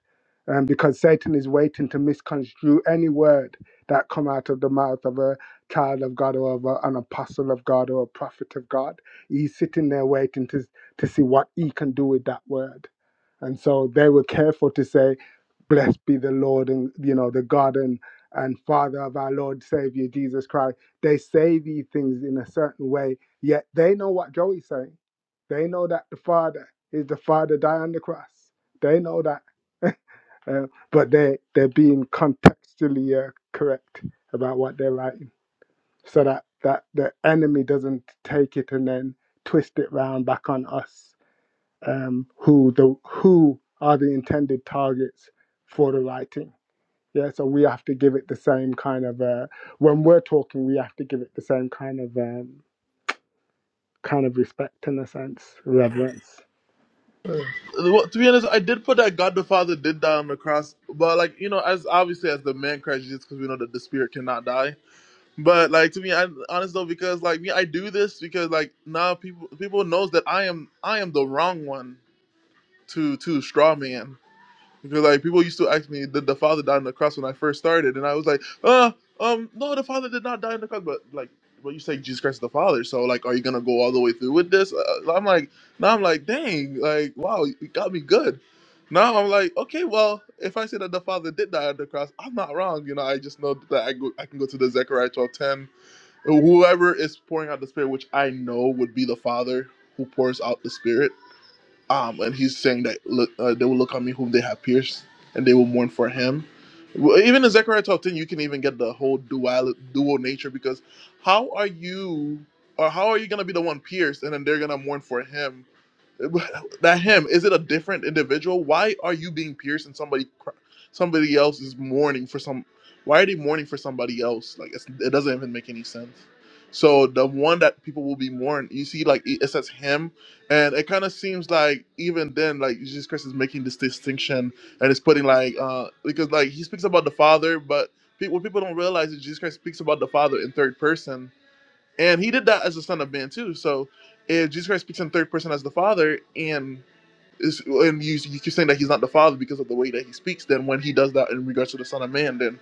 O: um, because satan is waiting to misconstrue any word that come out of the mouth of a child of god or of a, an apostle of god or a prophet of god he's sitting there waiting to, to see what he can do with that word and so they were careful to say Blessed be the Lord and you know the God and, and Father of our Lord Savior Jesus Christ. They say these things in a certain way, yet they know what Joey's saying. They know that the Father is the Father died on the cross. They know that, uh, but they they're being contextually uh, correct about what they're writing, so that that the enemy doesn't take it and then twist it round back on us, um, who the who are the intended targets for the writing yeah, so we have to give it the same kind of uh, when we're talking, we have to give it the same kind of um, kind of respect in a sense, reverence.
A: stuff. Well, to be honest, I did put that God the Father did die on the cross, but like you know, as obviously as the man Christ Jesus, because we know that the spirit cannot die. But like to me, I honest though, because like me, I do this because like now people people knows that I am I am the wrong one to to straw man. Because like people used to ask me, did the father die on the cross when I first started? And I was like, uh, um, no, the father did not die on the cross. But like, but you say Jesus Christ is the Father, so like, are you gonna go all the way through with this? Uh, I'm like, now I'm like, dang, like, wow, you got me good. Now I'm like, okay, well, if I say that the father did die on the cross, I'm not wrong. You know, I just know that I go, I can go to the Zechariah 12:10, whoever is pouring out the Spirit, which I know would be the Father who pours out the Spirit um, and he's saying that look, uh, they will look on me whom they have pierced, and they will mourn for him. Well, Even in Zechariah 12:10, you can even get the whole dual dual nature because how are you or how are you gonna be the one pierced and then they're gonna mourn for him? that him is it a different individual why are you being pierced and somebody cr- somebody else is mourning for some why are they mourning for somebody else like it's, it doesn't even make any sense so the one that people will be mourning you see like it it says him and it kind of seems like even then like jesus christ is making this distinction and it's putting like uh because like he speaks about the father but pe- what people don't realize is jesus christ speaks about the father in third person and he did that as the Son of Man too. So if Jesus Christ speaks in third person as the Father, and it's, and you you keep saying that he's not the father because of the way that he speaks. Then when he does that in regards to the Son of Man, then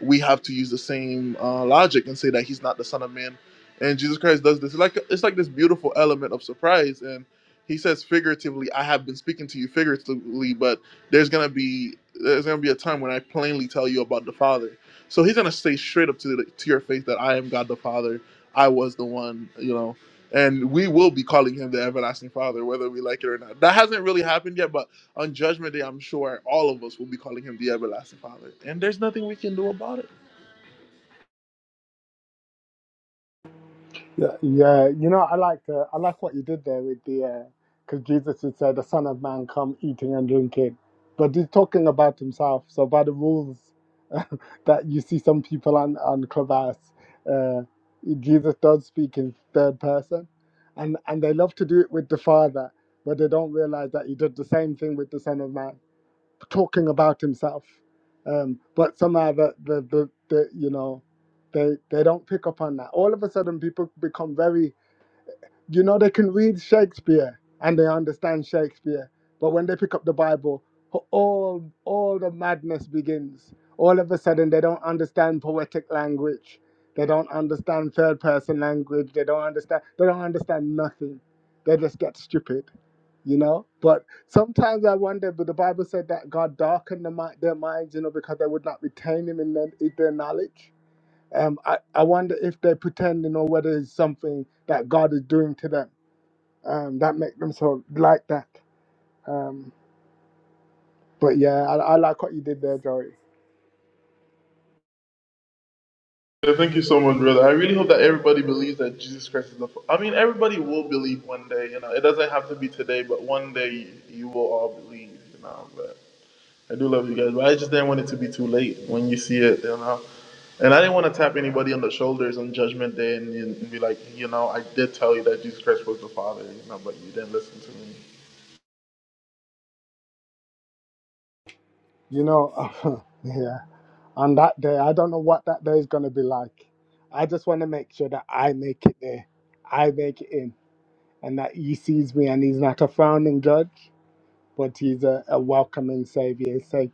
A: we have to use the same uh, logic and say that he's not the Son of Man. And Jesus Christ does this. It's like it's like this beautiful element of surprise. And he says figuratively, "I have been speaking to you figuratively, but there's gonna be there's gonna be a time when I plainly tell you about the Father." So he's gonna say straight up to the, to your face that I am God the Father. I was the one, you know and we will be calling him the everlasting father whether we like it or not that hasn't really happened yet but on judgment day i'm sure all of us will be calling him the everlasting father and there's nothing we can do about it
O: Yeah, yeah. You know, I like uh, I like what you did there with the because Jesus would say, "The Son of Man come eating and drinking," but he's talking about himself. So by the rules that you see some people on on Clubhouse, uh, Jesus does speak in third person, and and they love to do it with the Father, but they don't realize that he did the same thing with the Son of Man talking about himself. Um, but somehow the, the, the, the you know they they don't pick up on that. All of a sudden, people become very you know they can read Shakespeare and they understand Shakespeare, but when they pick up the Bible, ho- all all the madness begins. All of a sudden, they don't understand poetic language. They don't understand third person language. They don't understand. They don't understand nothing. They just get stupid you know but sometimes i wonder but the bible said that god darkened the, mi- their minds you know because they would not retain him in their, in their knowledge um, I, I wonder if they pretend you know whether it's something that god is doing to them um, that make them so like that um, but yeah I, I like what you did there joey
A: Yeah, thank you so much brother i really hope that everybody believes that jesus christ is the fa- i mean everybody will believe one day you know it doesn't have to be today but one day you will all believe you know But I do love you guys, but I just didn't want it to be too late when you see it, you know. And I didn't want to tap anybody on the shoulders on Judgment Day and, and be like, you know, I did tell you that Jesus Christ was the Father, you know, but you didn't listen to me.
O: you know yeah on that day i don't know what that day is going to be like i just want to make sure that i make it there i make it in and that he sees me and he's not a frowning judge but he's a, a welcoming savior. It's like,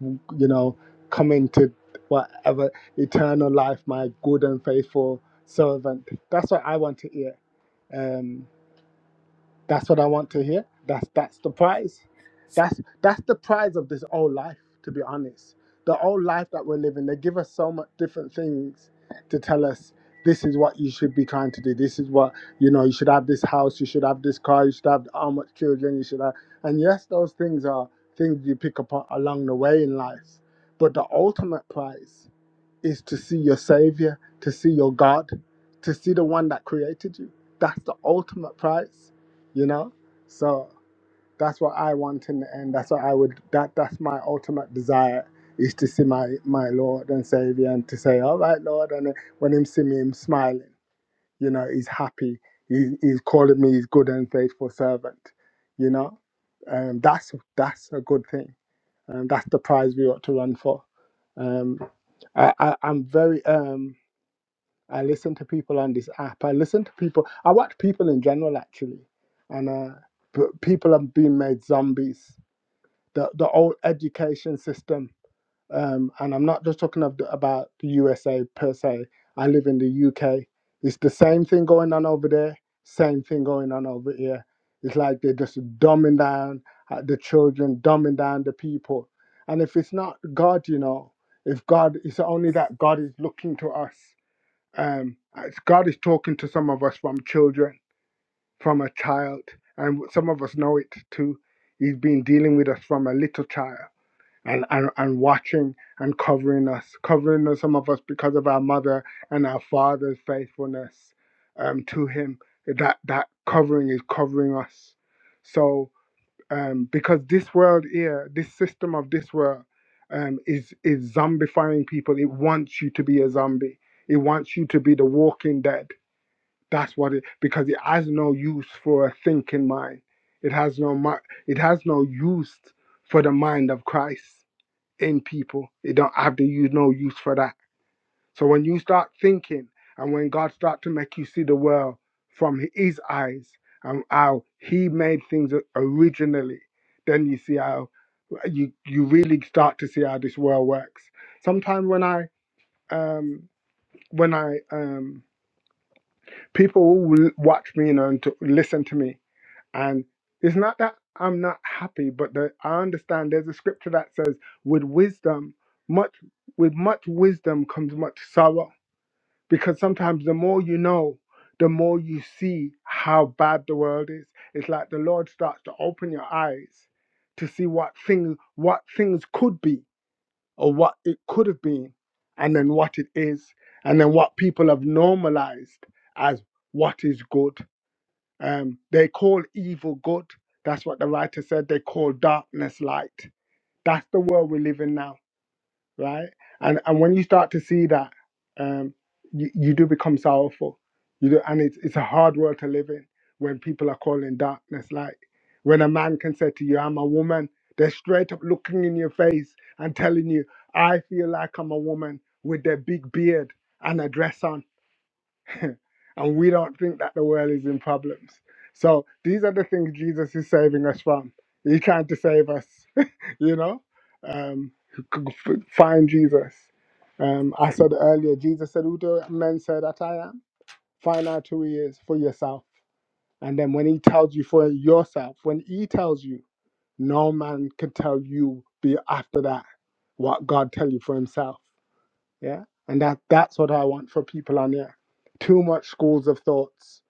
O: you know, come into whatever eternal life, my good and faithful servant. That's what I want to hear. Um. That's what I want to hear. That's that's the prize. That's that's the prize of this old life, to be honest. The old life that we're living, they give us so much different things to tell us this is what you should be trying to do. This is what you know, you should have this house, you should have this car, you should have how much children, you should have and yes, those things are things you pick up on- along the way in life. But the ultimate prize is to see your Savior, to see your God, to see the one that created you. That's the ultimate prize, you know? So that's what I want in the end. That's what I would that that's my ultimate desire is to see my my Lord and Savior and to say, All right, Lord, and then when him see me him smiling, you know, he's happy. He, he's calling me his good and faithful servant, you know? Um, that's that's a good thing and that's the prize we ought to run for. Um, I, I, I'm very. Um, I listen to people on this app. I listen to people. I watch people in general actually, and uh, p- people have been made zombies. The the old education system um, and I'm not just talking of the, about the USA per se. I live in the UK. It's the same thing going on over there, same thing going on over here. It's like they're just dumbing down uh, the children, dumbing down the people. And if it's not God, you know, if God, it's only that God is looking to us. Um, it's God is talking to some of us from children, from a child, and some of us know it too. He's been dealing with us from a little child and, and, and watching and covering us, covering us, some of us because of our mother and our father's faithfulness um, to him. That that covering is covering us. So um, because this world here, this system of this world um, is is zombifying people. It wants you to be a zombie. It wants you to be the walking dead. That's what it because it has no use for a thinking mind. It has no mi- it has no use for the mind of Christ in people. It don't have the you no use for that. So when you start thinking and when God start to make you see the world from his eyes and how he made things originally, then you see how you you really start to see how this world works. Sometimes when I um when I um people who watch me you know, and to listen to me and it's not that I'm not happy, but the, I understand there's a scripture that says, with wisdom, much with much wisdom comes much sorrow. Because sometimes the more you know, the more you see how bad the world is. It's like the Lord starts to open your eyes to see what things what things could be or what it could have been, and then what it is, and then what people have normalized as what is good um, they call evil good. That's what the writer said. They call darkness light. That's the world we live in now, right? And and when you start to see that, um, you, you do become sorrowful. You do, and it's it's a hard world to live in when people are calling darkness light. When a man can say to you, "I'm a woman," they're straight up looking in your face and telling you, "I feel like I'm a woman," with their big beard and a dress on and we don't think that the world is in problems. So these are the things Jesus is saving us from. He trying to save us, you know. Um, f- find Jesus. Um, I said earlier, Jesus said, "Who do men say that I am?" Find out who He is for yourself, and then when He tells you for yourself, when He tells you, no man can tell you be after that what God tell you for Himself. Yeah. And that that's what I want for people on here. Too much schools of thoughts,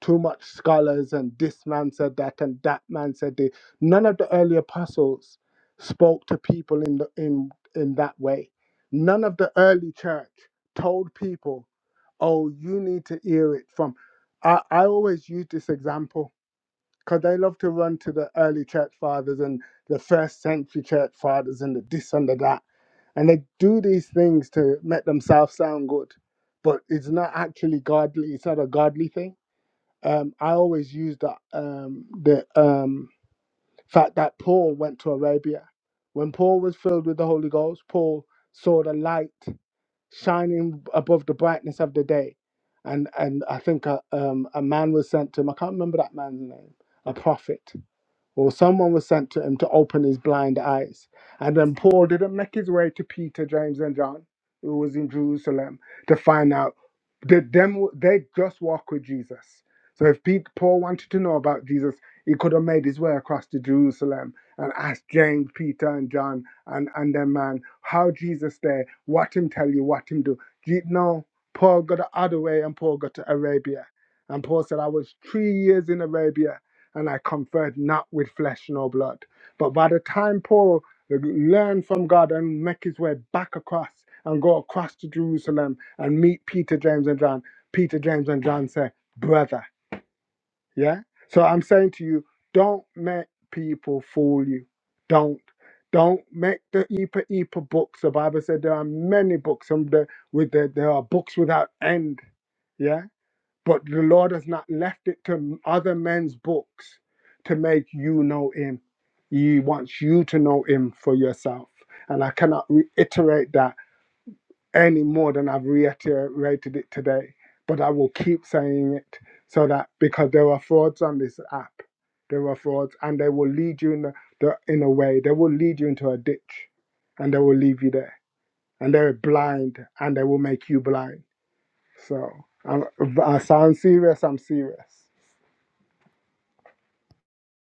O: too much scholars, and this man said that and that man said this. None of the early apostles spoke to people in the in in that way. None of the early church told people, oh, you need to hear it from I, I always use this example because they love to run to the early church fathers and the first century church fathers and the this and the that. And they do these things to make themselves sound good, but it's not actually godly. It's not a godly thing. Um, I always use that um, the um, fact that Paul went to Arabia. When Paul was filled with the Holy Ghost, Paul saw the light shining above the brightness of the day, and and I think a, um, a man was sent to him. I can't remember that man's name. A prophet or someone was sent to him to open his blind eyes. And then Paul didn't make his way to Peter, James, and John, who was in Jerusalem, to find out. Did them they just walk with Jesus? So if Pete, Paul wanted to know about Jesus, he could have made his way across to Jerusalem and asked James, Peter, and John, and and their man how Jesus there, what him tell you, what him do. Je- No, Paul got the other way, and Paul got to Arabia, and Paul said, "I was three years in Arabia." and I conferred not with flesh nor blood. But by the time Paul learned from God and make his way back across and go across to Jerusalem and meet Peter, James, and John, Peter, James, and John say, Brother, yeah? So I'm saying to you, don't make people fool you. Don't. Don't make the Epa Epa books. The Bible said there are many books. Some the, with the, there are books without end. Yeah. But the Lord has not left it to other men's books to make you know Him. He wants you to know Him for yourself. And I cannot reiterate that any more than I've reiterated it today. But I will keep saying it so that because there are frauds on this app, there are frauds, and they will lead you in, the, the, in a way, they will lead you into a ditch and they will leave you there. And they're blind and they will make you blind. So I'm, I sound serious, I'm serious.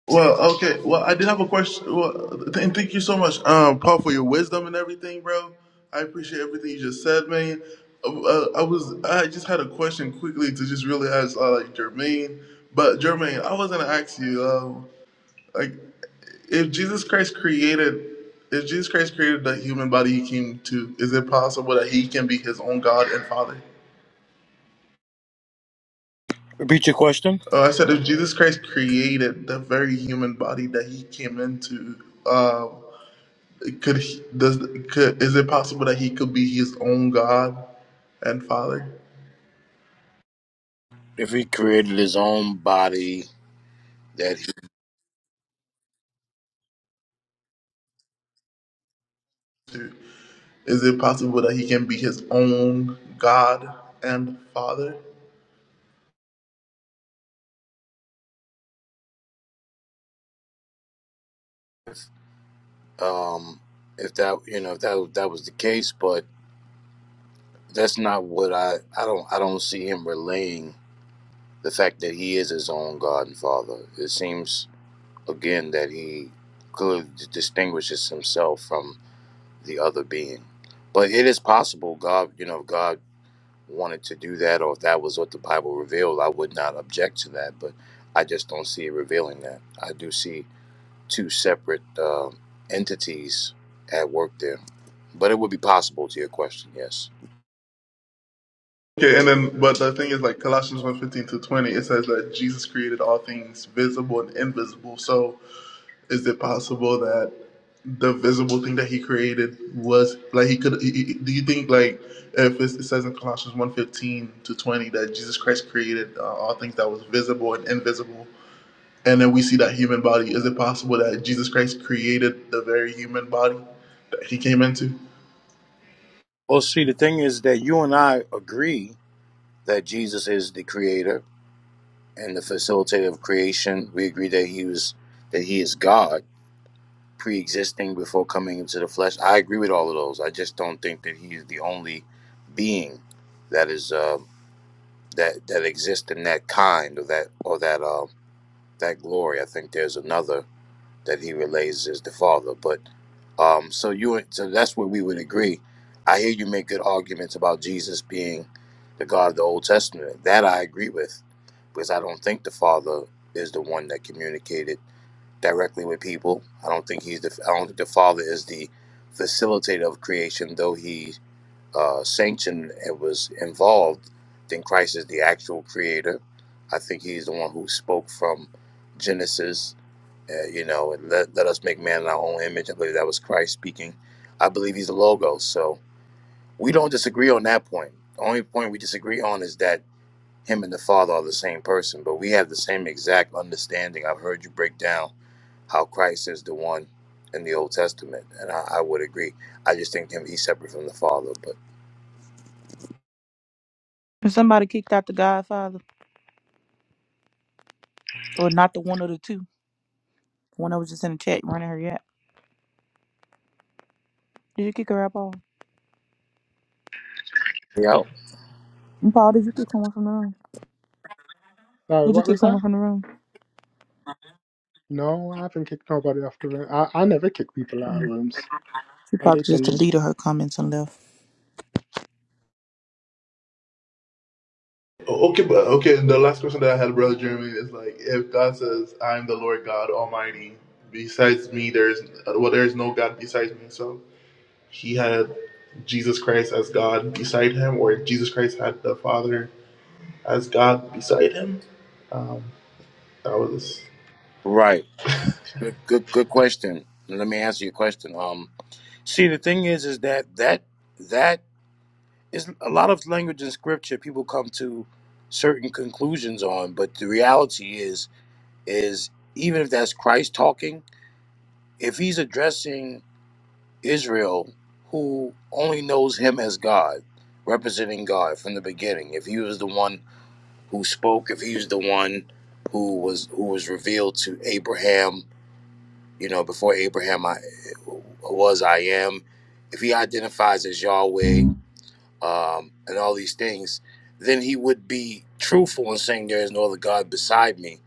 A: Well, okay. Well, I did have a question. Well, th- and thank you so much, um, Paul, for your wisdom and everything, bro. I appreciate everything you just said, man. Uh, uh, I was, I just had a question quickly to just really ask, uh, like Jermaine. But Jermaine, I was gonna ask you. Like, if Jesus Christ created, if Jesus Christ created the human body he came to, is it possible that he can be his own God and Father? Oh, I said, if Jesus Christ created the very human body that he came into, uh, could he, does could, is it possible that he could be his own God and Father? Is it possible that he can be his own God and Father?
P: um, if that you know if that that was the case, but that's not what I I don't I don't see him relaying the fact that he is his own God and Father. It seems again that he clearly distinguishes himself from the other being, but it is possible God you know if God wanted to do that or if that was what the Bible revealed, I would not object to that, but I just don't see it revealing that. I do see. two separate um entities at work there. But it would be possible to your question, yes.
A: Okay, and then, but the thing is, like Colossians one fifteen to twenty, it says that Jesus created all things visible and invisible. So, is it possible that the visible thing that He created was like He could? He, he- do you think like if it's, it says in Colossians one fifteen to twenty that Jesus Christ created uh, all things that was visible and invisible, and then we see that human body, is it possible that Jesus Christ created the very human body that He came into?
P: Well, see, the thing is that you and I agree that Jesus is the creator and the facilitator of creation. We agree that he was that he is God, pre-existing before coming into the flesh. I agree with all of those. I just don't think that he is the only being that is uh, that that exists in that kind or that or that uh, that glory. I think there's another. that he relays as the father. But um, so you so that's where we would agree. I hear you make good arguments about Jesus being the God of the Old Testament. That I agree with, because I don't think the Father is the one that communicated directly with people. I don't think he's the I don't think the Father is the facilitator of creation, though he uh, sanctioned and was involved. Then Christ is the actual creator. I think he's the one who spoke from Genesis uh, you know, and let, let us make man in our own image. I believe that was Christ speaking. I believe he's the Logos. So we don't disagree on that point. The only point we disagree on is that him and the Father are the same person, but we have the same exact understanding. I've heard you break down how Christ is the one in the Old Testament, and I, I would agree. I just think him he's separate from the Father. But
M: And somebody kicked out the Godfather, or not the one of the two. One that was just in the chat running her yap. Did you kick her up all?
P: yeah,
M: Paul, did you kick someone from the room?
O: Sorry,
M: Did you
O: what
M: kick
O: was that?
M: someone from the room?
O: No, I haven't kicked nobody off the room. I, I never kick people out of rooms.
M: She
O: I
M: probably
O: leave
M: just
O: them in.
M: deleted her comments and left.
A: Okay, but okay. And the last question that I had, brother Jeremy, is like, if God says, "I am the Lord God Almighty," besides me, there is well, there is no God besides me. So he had Jesus Christ as God beside him, or Jesus Christ had the Father as God beside him. Um, that was.
P: right. Good, good, good question. Let me answer your question. Um, see, the thing is, is that that that it's a lot of language in scripture people come to certain conclusions on but the reality is is even if that's christ talking if he's addressing israel who only knows him as god representing god from the beginning if he was the one who spoke if he was the one who was who was revealed to abraham you know before abraham i was i am if he identifies as yahweh um, and all these things, then he would be truthful in saying there is no other God beside me.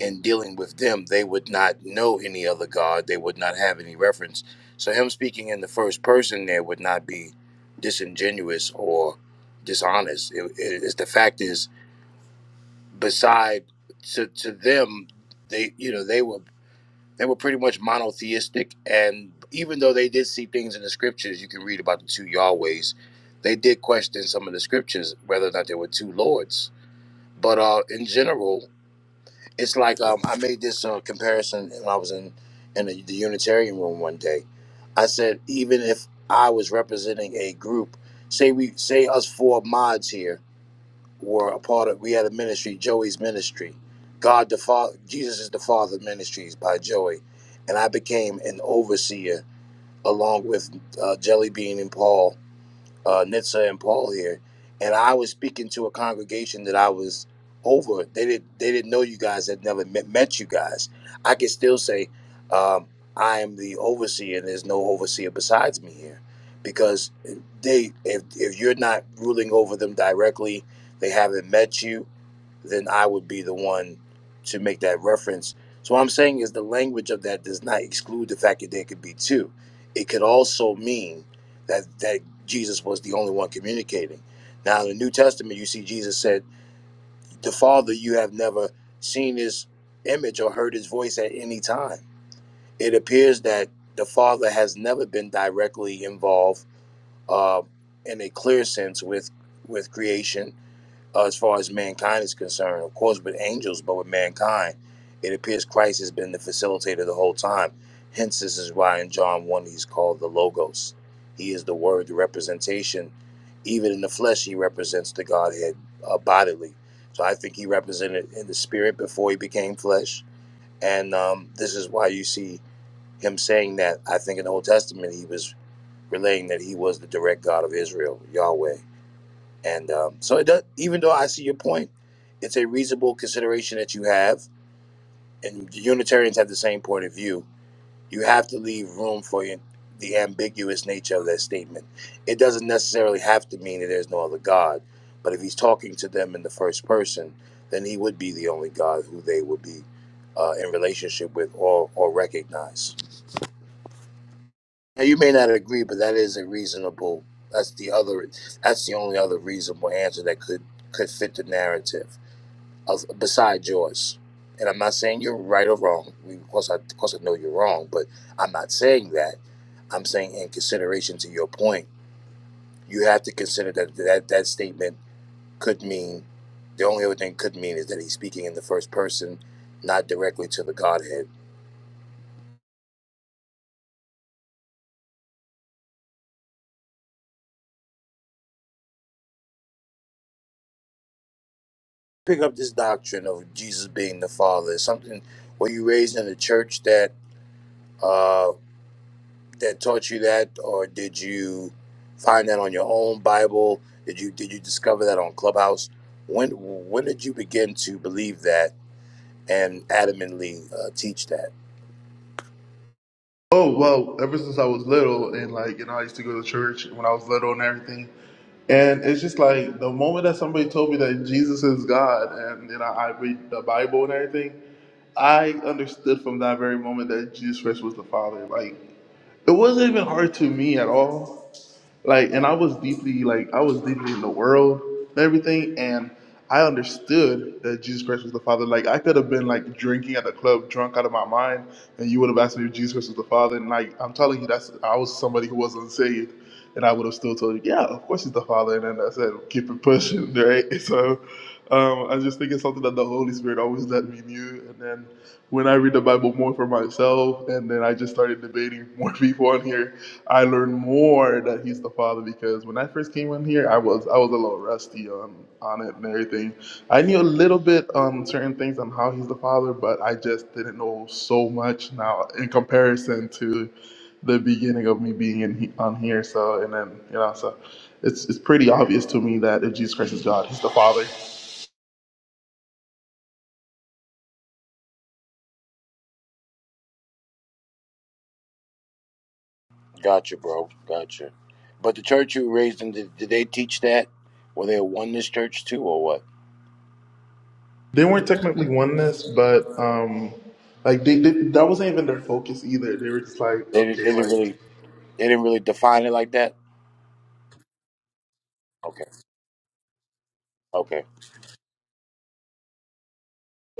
P: In dealing with them, they would not know any other God. They would not have any reference. So him speaking in the first person there would not be disingenuous or dishonest. It, it, it's the fact is, beside to, to them, they you know they were they were pretty much monotheistic, and even though they did see things in the scriptures, you can read about the two Yahwehs. They did question some of the scriptures whether or not there were two lords. But uh, in general, it's like um, I made this uh, comparison when I was in in the, the Unitarian room one day. I said even if I was representing a group, say we say us four mods here were a part of. We had a ministry, Joey's ministry, God the Father, Jesus is the Father Ministries by Joey, and I became an overseer along with uh, Jelly Bean and Paul uh, Nitsa and Paul here, and I was speaking to a congregation that I was over. They did they didn't know you guys. Had never met, met you guys. I can still say um, I am the overseer. and There's no overseer besides me here, because they if if you're not ruling over them directly, they haven't met you then I would be the one to make that reference. So what I'm saying is the language of that does not exclude the fact that there could be two. It could also mean that that Jesus was the only one communicating. Now in the New Testament, you see Jesus said, "The Father you have never seen His image or heard His voice at any time." It appears that the Father has never been directly involved uh, in a clear sense with with creation uh, as far as mankind is concerned, of course, with angels, but with mankind, it appears Christ has been the facilitator the whole time. Hence, this is why in John 1 he's called the Logos. He is the word, the representation. Even in the flesh, he represents the Godhead uh, bodily. So I think he represented in the spirit before he became flesh. And um, this is why you see him saying that. I think in the Old Testament, he was relaying that he was the direct God of Israel, Yahweh. And um, so, it does, even though I see your point, it's a reasonable consideration that you have, and the Unitarians have the same point of view. You have to leave room for your, the ambiguous nature of that statement. It doesn't necessarily have to mean that there's no other God, but if he's talking to them in the first person, then he would be the only God who they would be uh, in relationship with or, or recognize. Now, you may not agree, but that is a reasonable. That's the other. That's the only other reasonable answer that could could fit the narrative. of- beside yours. And I'm not saying you're right or wrong. We- Of course, I, of course, I know you're wrong, but I'm not saying that. I'm saying in consideration to your point, you have to consider that that, that statement could mean the only other thing could mean is that he's speaking in the first person, not directly to the Godhead. Pick up this doctrine of Jesus being the Father. It's something were you raised in a church that? uh, that taught you that, or did you find that on your own Bible? Did you did you discover that on Clubhouse? When when did you begin to believe that and adamantly uh, teach that?
A: Oh well, ever since I was little, and like you know, I used to go to church when I was little and everything. And it's just like the moment that somebody told me that Jesus is God, and you know, I read the Bible and everything. I understood from that very moment that Jesus Christ was the Father. Like, it wasn't even hard to me at all like and i was deeply like i was deeply in the world and everything and i understood that jesus christ was the father like i could have been like drinking at the club drunk out of my mind and you would have asked me if jesus christ was the father and like i'm telling you that's i was somebody who wasn't saved and i would have still told you yeah of course he's the father and then i said keep it pushing right so um, i just think it's something that the holy spirit always let me knew and then when i read the bible more for myself and then i just started debating more people on here I learned more that he's the father because when I first came in here, I was I was a little rusty on on it and everything. I knew a little bit um certain things on how he's the father, but I just didn't know so much now in comparison to the beginning of me being in he, on here. So and then you know so it's it's pretty obvious to me that if Jesus Christ is God, he's the father.
P: Gotcha, bro. Gotcha. But the church you raised in, did, did they teach that? Were they a oneness church too, or what?
A: They weren't technically oneness, but um like they, they that wasn't even their focus either. They were just like
P: They didn't.
A: okay
P: They didn't
A: like.
P: really. They didn't really define it like that. Okay. Okay.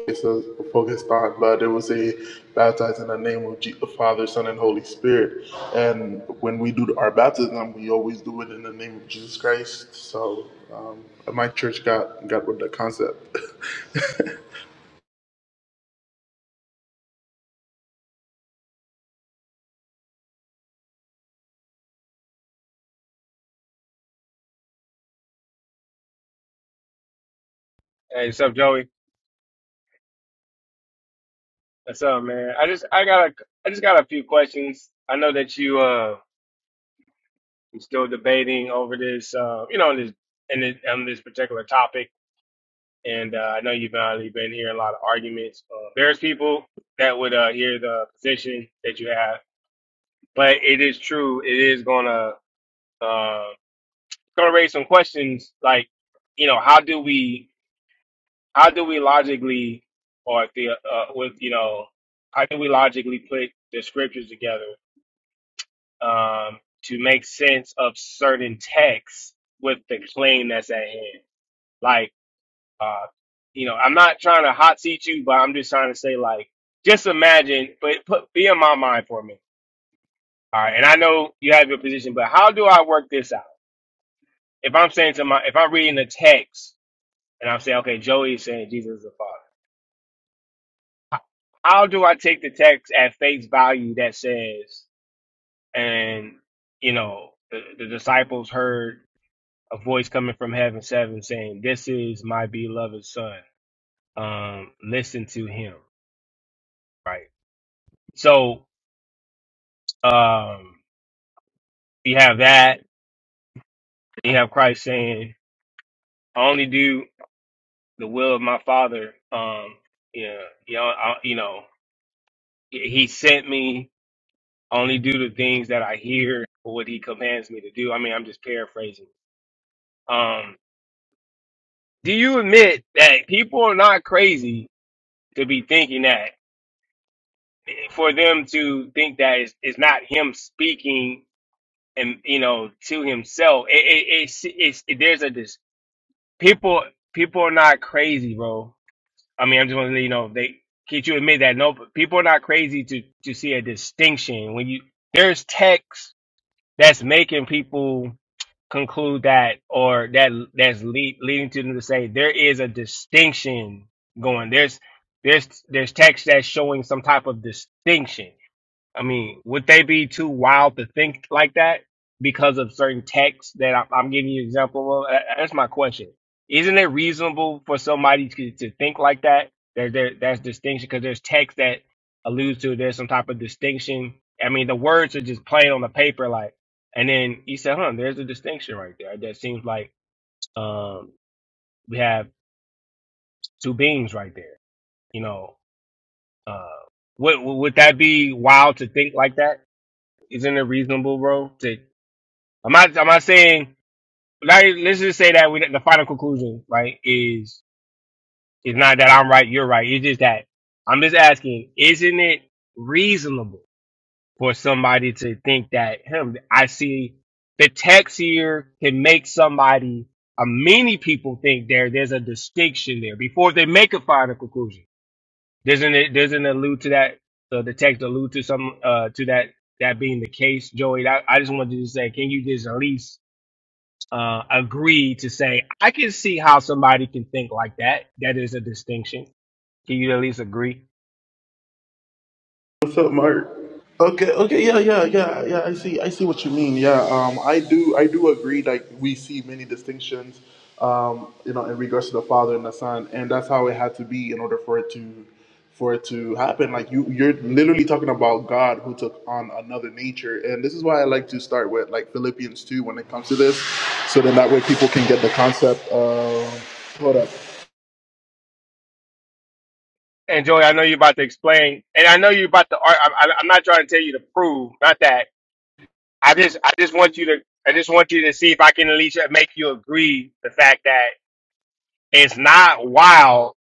A: Jesus focused on, but it was a baptized in the name of Je- the Father, Son, and Holy Spirit. And when we do our baptism, we always do it in the name of Jesus Christ. So um, my church got got with the concept.
Q: Hey, what's up, Joey? What's up, man? I just I got a I just got a few questions. I know that you uh you're still debating over this uh you know this and this, on this particular topic, and uh, I know you've already been hearing a lot of arguments. Uh, there's people that would uh hear the position that you have, but it is true. It is gonna uh gonna raise some questions like you know how do we how do we logically or the uh with you know how do we logically put the scriptures together um, to make sense of certain texts with the claim that's at hand. Like, uh, you know, I'm not trying to hot seat you, but I'm just trying to say, like, just imagine, but put, be in my mind for a minute. All right. And I know you have your position, but how do I work this out? If I'm saying to my, if I'm reading the text and I'm saying, okay, Joey is saying Jesus is the Father, how, how do I take the text at face value that says, and, you know, the, the disciples heard a voice coming from heaven seven saying, This is my beloved son. Um, listen to him. Right. So um you have that, you have Christ saying, I only do the will of my father. Um, yeah, you know, I, you know, he sent me I only do the things that I hear or what he commands me to do. I mean, I'm just paraphrasing. Um, do you admit that people are not crazy to be thinking that? for them to think that it's, it's not him speaking and you know to himself it, it, it's, it's there's a dis people people are not crazy bro i mean i'm just want to let you know they can't you admit that no but people are not crazy to to see a distinction when you there's text that's making people conclude that or that that's lead, leading to them to say there is a distinction going there's there's there's text that's showing some type of distinction I mean, would they be too wild to think like that because of certain texts that I'm, I'm giving you example of? Uh, That's my question. Isn't it reasonable for somebody to, to think like that? There, there, that's distinction because there's text that alludes to there's some type of distinction. I mean, the words are just plain on the paper, like, and then you said, huh, there's a distinction right there. That seems like um, we have two beings right there. You know, uh, would, would that be wild to think like that? isn't it reasonable, bro? I'm not. I'm not saying. Like, let's just say that we, the final conclusion, right, is is not that I'm right, you're right. It's just that I'm just asking. Isn't it reasonable for somebody to think that him? I see the text here can make somebody. Uh, many people think there. There's a distinction there before they make a final conclusion. Doesn't it? Doesn't it allude to that? Uh, the text allude to some uh to that that being the case, Joey. I, I just wanted to say, can you just at least uh, agree to say, I can see how somebody can think like that. That is a distinction. Can you at least agree?
A: What's up, Mark? Okay, okay, yeah, yeah, yeah, yeah. I see, I see what you mean. Yeah, um, I do, I do agree. Like we see many distinctions, um, you know, in regards to the Father and the Son, and that's how it had to be in order for it to, for it to happen. Like you, you're literally talking about God who took on another nature, and this is why I like to start with like Philippians two when it comes to this, so then that way people can get the concept. Um, hold up.
Q: And Joey, I know you're about to explain, and I know you're about to. ar- I, I, I'm not trying to tell you to prove, not that. I just, I just want you to, I just want you to see if I can at least make you agree the fact that it's not wild,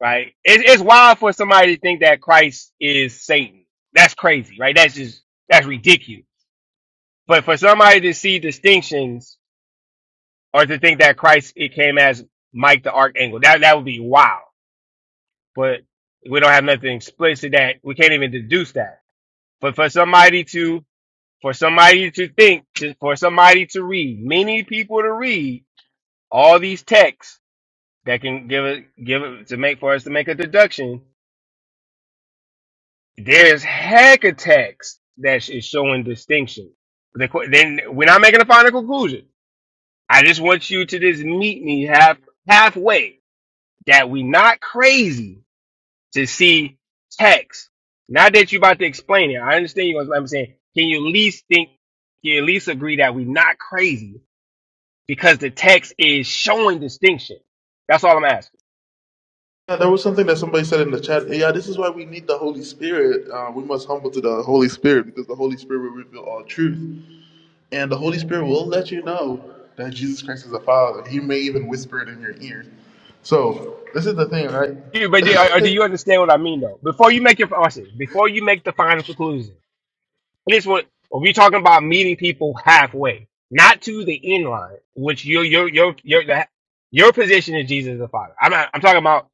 Q: right? It's, it's wild for somebody to think that Christ is Satan. That's crazy, right? That's just, that's ridiculous. But for somebody to see distinctions or to think that Christ it came as Mike the Archangel. That that would be wow. But we don't have nothing explicit that we can't even deduce that. But for somebody to for somebody to think, to, for somebody to read, many people to read all these texts that can give it give it to make for us to make a deduction. There's heck of text that is showing distinction. The, then we're not making a final conclusion. I just want you to just meet me half halfway that we not crazy to see text. Now that you're about to explain it, I understand you. I'm saying, can you at least think? Can you at least agree that we not crazy because the text is showing distinction? That's all I'm asking.
A: Yeah, there was something that somebody said in the chat. Yeah, this is why we need the Holy Spirit. Uh, we must humble to the Holy Spirit because the Holy Spirit will reveal all truth. And the Holy Spirit will let you know that Jesus Christ is the Father. He may even whisper it in your ear. So, this is the thing,
Q: Yeah, but do,
A: right?
Q: or, do you understand what I mean though? Before you make your process, before you make the final conclusion, and this what we're talking about meeting people halfway, not to the end line, which your your your your your, your position is Jesus is the Father. I'm not, I'm talking about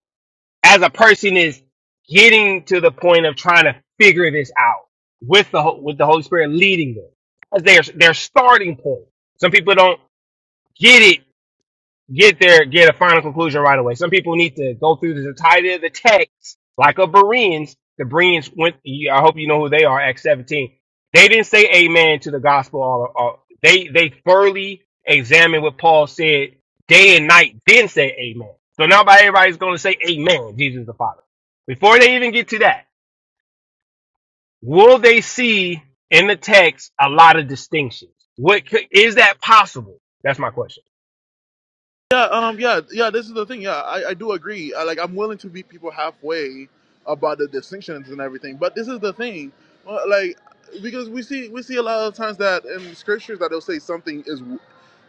Q: as a person is getting to the point of trying to figure this out with the Ho- with the Holy Spirit leading them. As their their starting point. Some people don't get it get there, get a final conclusion right away. Some people need to go through the entirety of the text, like a Bereans. The Bereans went. I hope you know who they are. Acts seventeen. They didn't say amen to the gospel. All, all they they thoroughly examined what Paul said day and night. Then say amen. So now, by everybody's going to say amen. Jesus is the Father. Before they even get to that, will they see in the text a lot of distinctions? What could, is that possible? That's my question.
A: Yeah, um, yeah, yeah. This is the thing. Yeah, I, I do agree. I, like, I'm willing to meet people halfway about the distinctions and everything. But this is the thing, well, like, because we see we see a lot of times that in scriptures that they'll say something is w-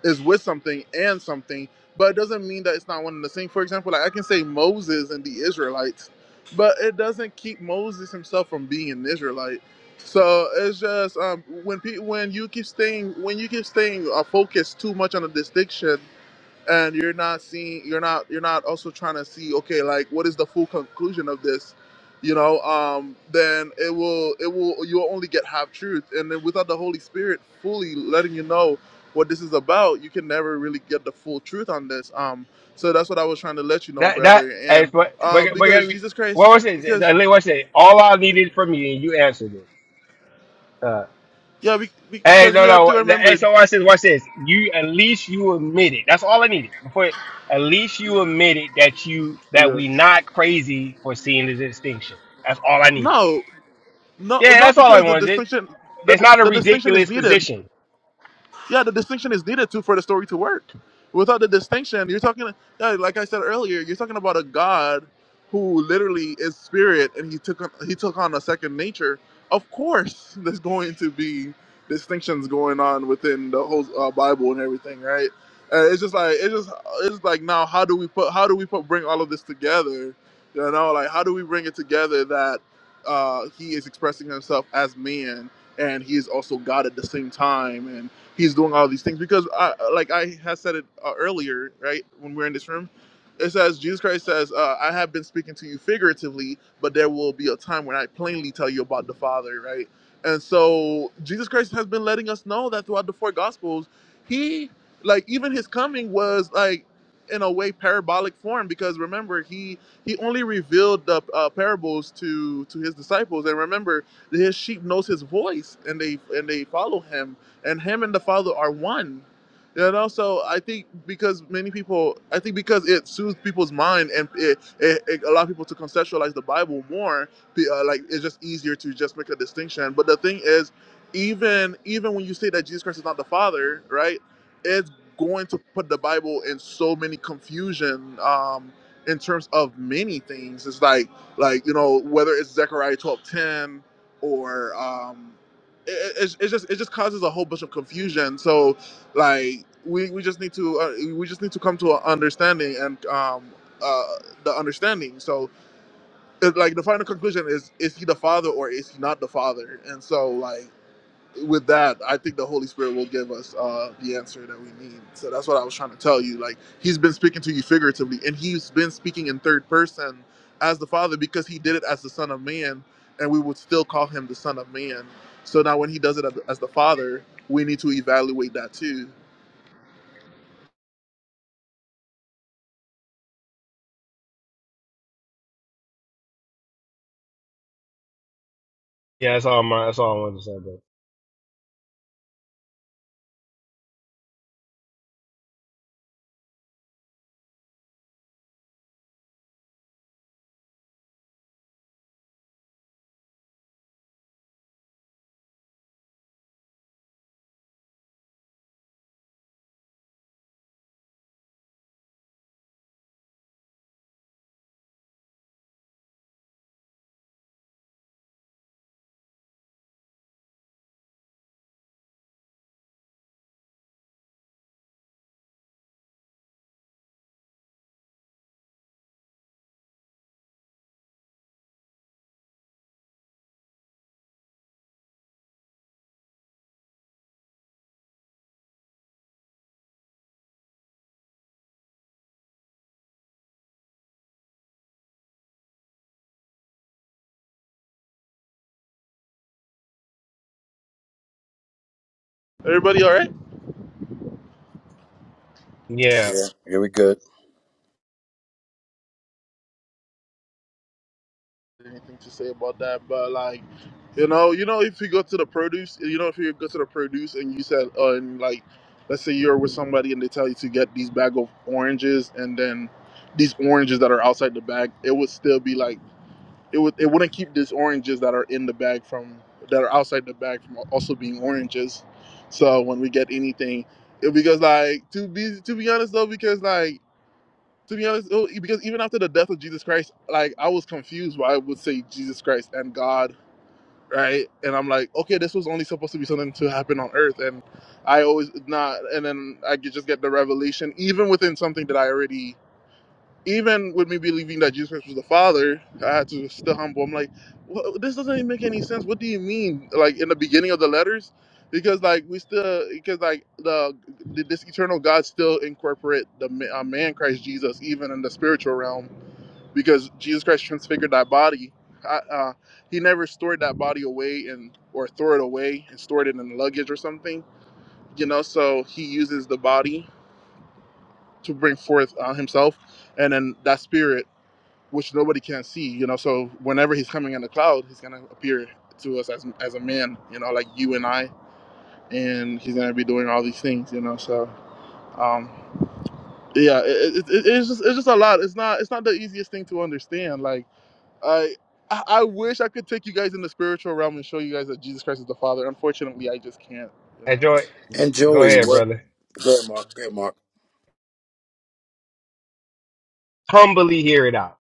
A: is with something and something, but it doesn't mean that it's not one and the same. For example, like I can say Moses and the Israelites, but it doesn't keep Moses himself from being an Israelite. So it's just um, when pe- when you keep staying when you keep staying uh, focused too much on a distinction and you're not seeing you're not you're not also trying to see okay like what is the full conclusion of this you know um then it will it will you'll only get half truth and then without the holy spirit fully letting you know what this is about you can never really get the full truth on this um so that's what i was trying to let you know
Q: That that
A: brother
Q: as
A: and
Q: but
A: um
Q: but but
A: because jesus
Q: what
A: christ
Q: was it?
A: because
Q: What was it? All I needed from you, and you answered it. Uh,
A: yeah we, we,
Q: hey,
A: because
Q: no,
A: we have to
Q: no. the- Hey,
A: remember
Q: so watch this. Watch this. You at least you admitted. That's all I needed. Before at least you admitted that you that
A: yeah
Q: we not crazy for seeing the distinction. That's all I needed.
A: no no
Q: Yeah,
A: not
Q: that's all I
A: because the
Q: wanted.
A: distinction
Q: It's
A: the,
Q: not a
A: the distinction is
Q: ridiculous
A: needed
Q: position.
A: Yeah, the distinction is needed to for the story to work. Without the distinction, you're talking yeah, like I said earlier, you're talking about a God who literally is spirit and he took on, he took on a second nature. Of course, there's going to be distinctions going on within the whole uh, Bible and everything, right? Uh, it's just like it's just it's just like now how do we put how do we put bring all of this together? You know, like how do we bring it together that uh, he is expressing himself as man and he is also God at the same time he's doing all these things because I, like i had said it uh, earlier right when we are in this room it says jesus christ says uh, i have been speaking to you figuratively but there will be a time when i plainly tell you about the father right and so jesus christ has been letting us know that throughout the four gospels he like even his coming was like in a way parabolic form because remember he he only revealed the uh, parables to to his disciples and remember his sheep knows his voice and they and they follow him and him and the Father are one. And also, I think because many people, I think because it soothes people's mind and it, it, it allows people to conceptualize the Bible more, uh, like it's just easier to just make a distinction. But the thing is, even even when you say that Jesus Christ is not the Father, right? It's going to put the Bible in so many confusion um, in terms of many things. It's like like you know whether it's Zechariah twelve ten or um, it, it, just it just causes a whole bunch of confusion. So like we, we just need to uh, we just need to come to an understanding and um uh the understanding. So it, like the final conclusion is is he the father or is he not the father? And so like with that, I think the Holy Spirit will give us uh, the answer that we need. So that's what I was trying to tell you. Like He's been speaking to you figuratively, and He's been speaking in third person as the Father because He did it as the Son of Man, and we would still call Him the Son of Man. So now, when He does it as as the Father, we need to evaluate that too.
Q: Yeah, that's all. My that's all I wanted to say. Bro.
A: Everybody, all right?
Q: Yeah,
P: Yeah. Yeah. We good.
A: anything to say about that, but like, you know, you know, if you go to the produce, you know, if you go to the produce and you said, uh, and like, let's say you're with somebody and they tell you to get these bag of oranges and then these oranges that are outside the bag, it would still be like it would it wouldn't keep these oranges that are in the bag from that are outside the bag from also being oranges. So when we get anything, it because like to be to be honest though, because like to be honest, oh, because even after the death of Jesus Christ, like I was confused why I would say Jesus Christ and God, right? And I'm like, okay, this was only supposed to be something to happen on earth, and I always not, and then I could just get the revelation, even within something that I already even with me believing that Jesus Christ was the Father, I had to still humble. I'm like, well, this doesn't even make any sense. What do you mean? Like in the beginning of the letters, because like we still because like the, the this eternal God still incorporate the ma- uh, man Christ Jesus even in the spiritual realm because Jesus Christ transfigured that body. I, uh, he never stored that body away and or throw it away and stored it in luggage or something, you know. So he uses the body to bring forth uh, himself, and then that spirit which nobody can see, you know. So whenever he's coming in the cloud, he's gonna appear to us as as a man, you know, like you and I, and he's gonna be doing all these things, you know. So, um, yeah, it, it, it's just it's just a lot. It's not it's not the easiest thing to understand. Like I. I wish I could take you guys in the spiritual realm and show you guys that Jesus Christ is the Father. Unfortunately, I just can't. You know.
Q: enjoy.
P: And
Q: Go
P: Joey,
Q: ahead,
P: what?
Q: brother.
P: Go ahead, Mark. Go ahead, Mark.
Q: Humbly hear it out,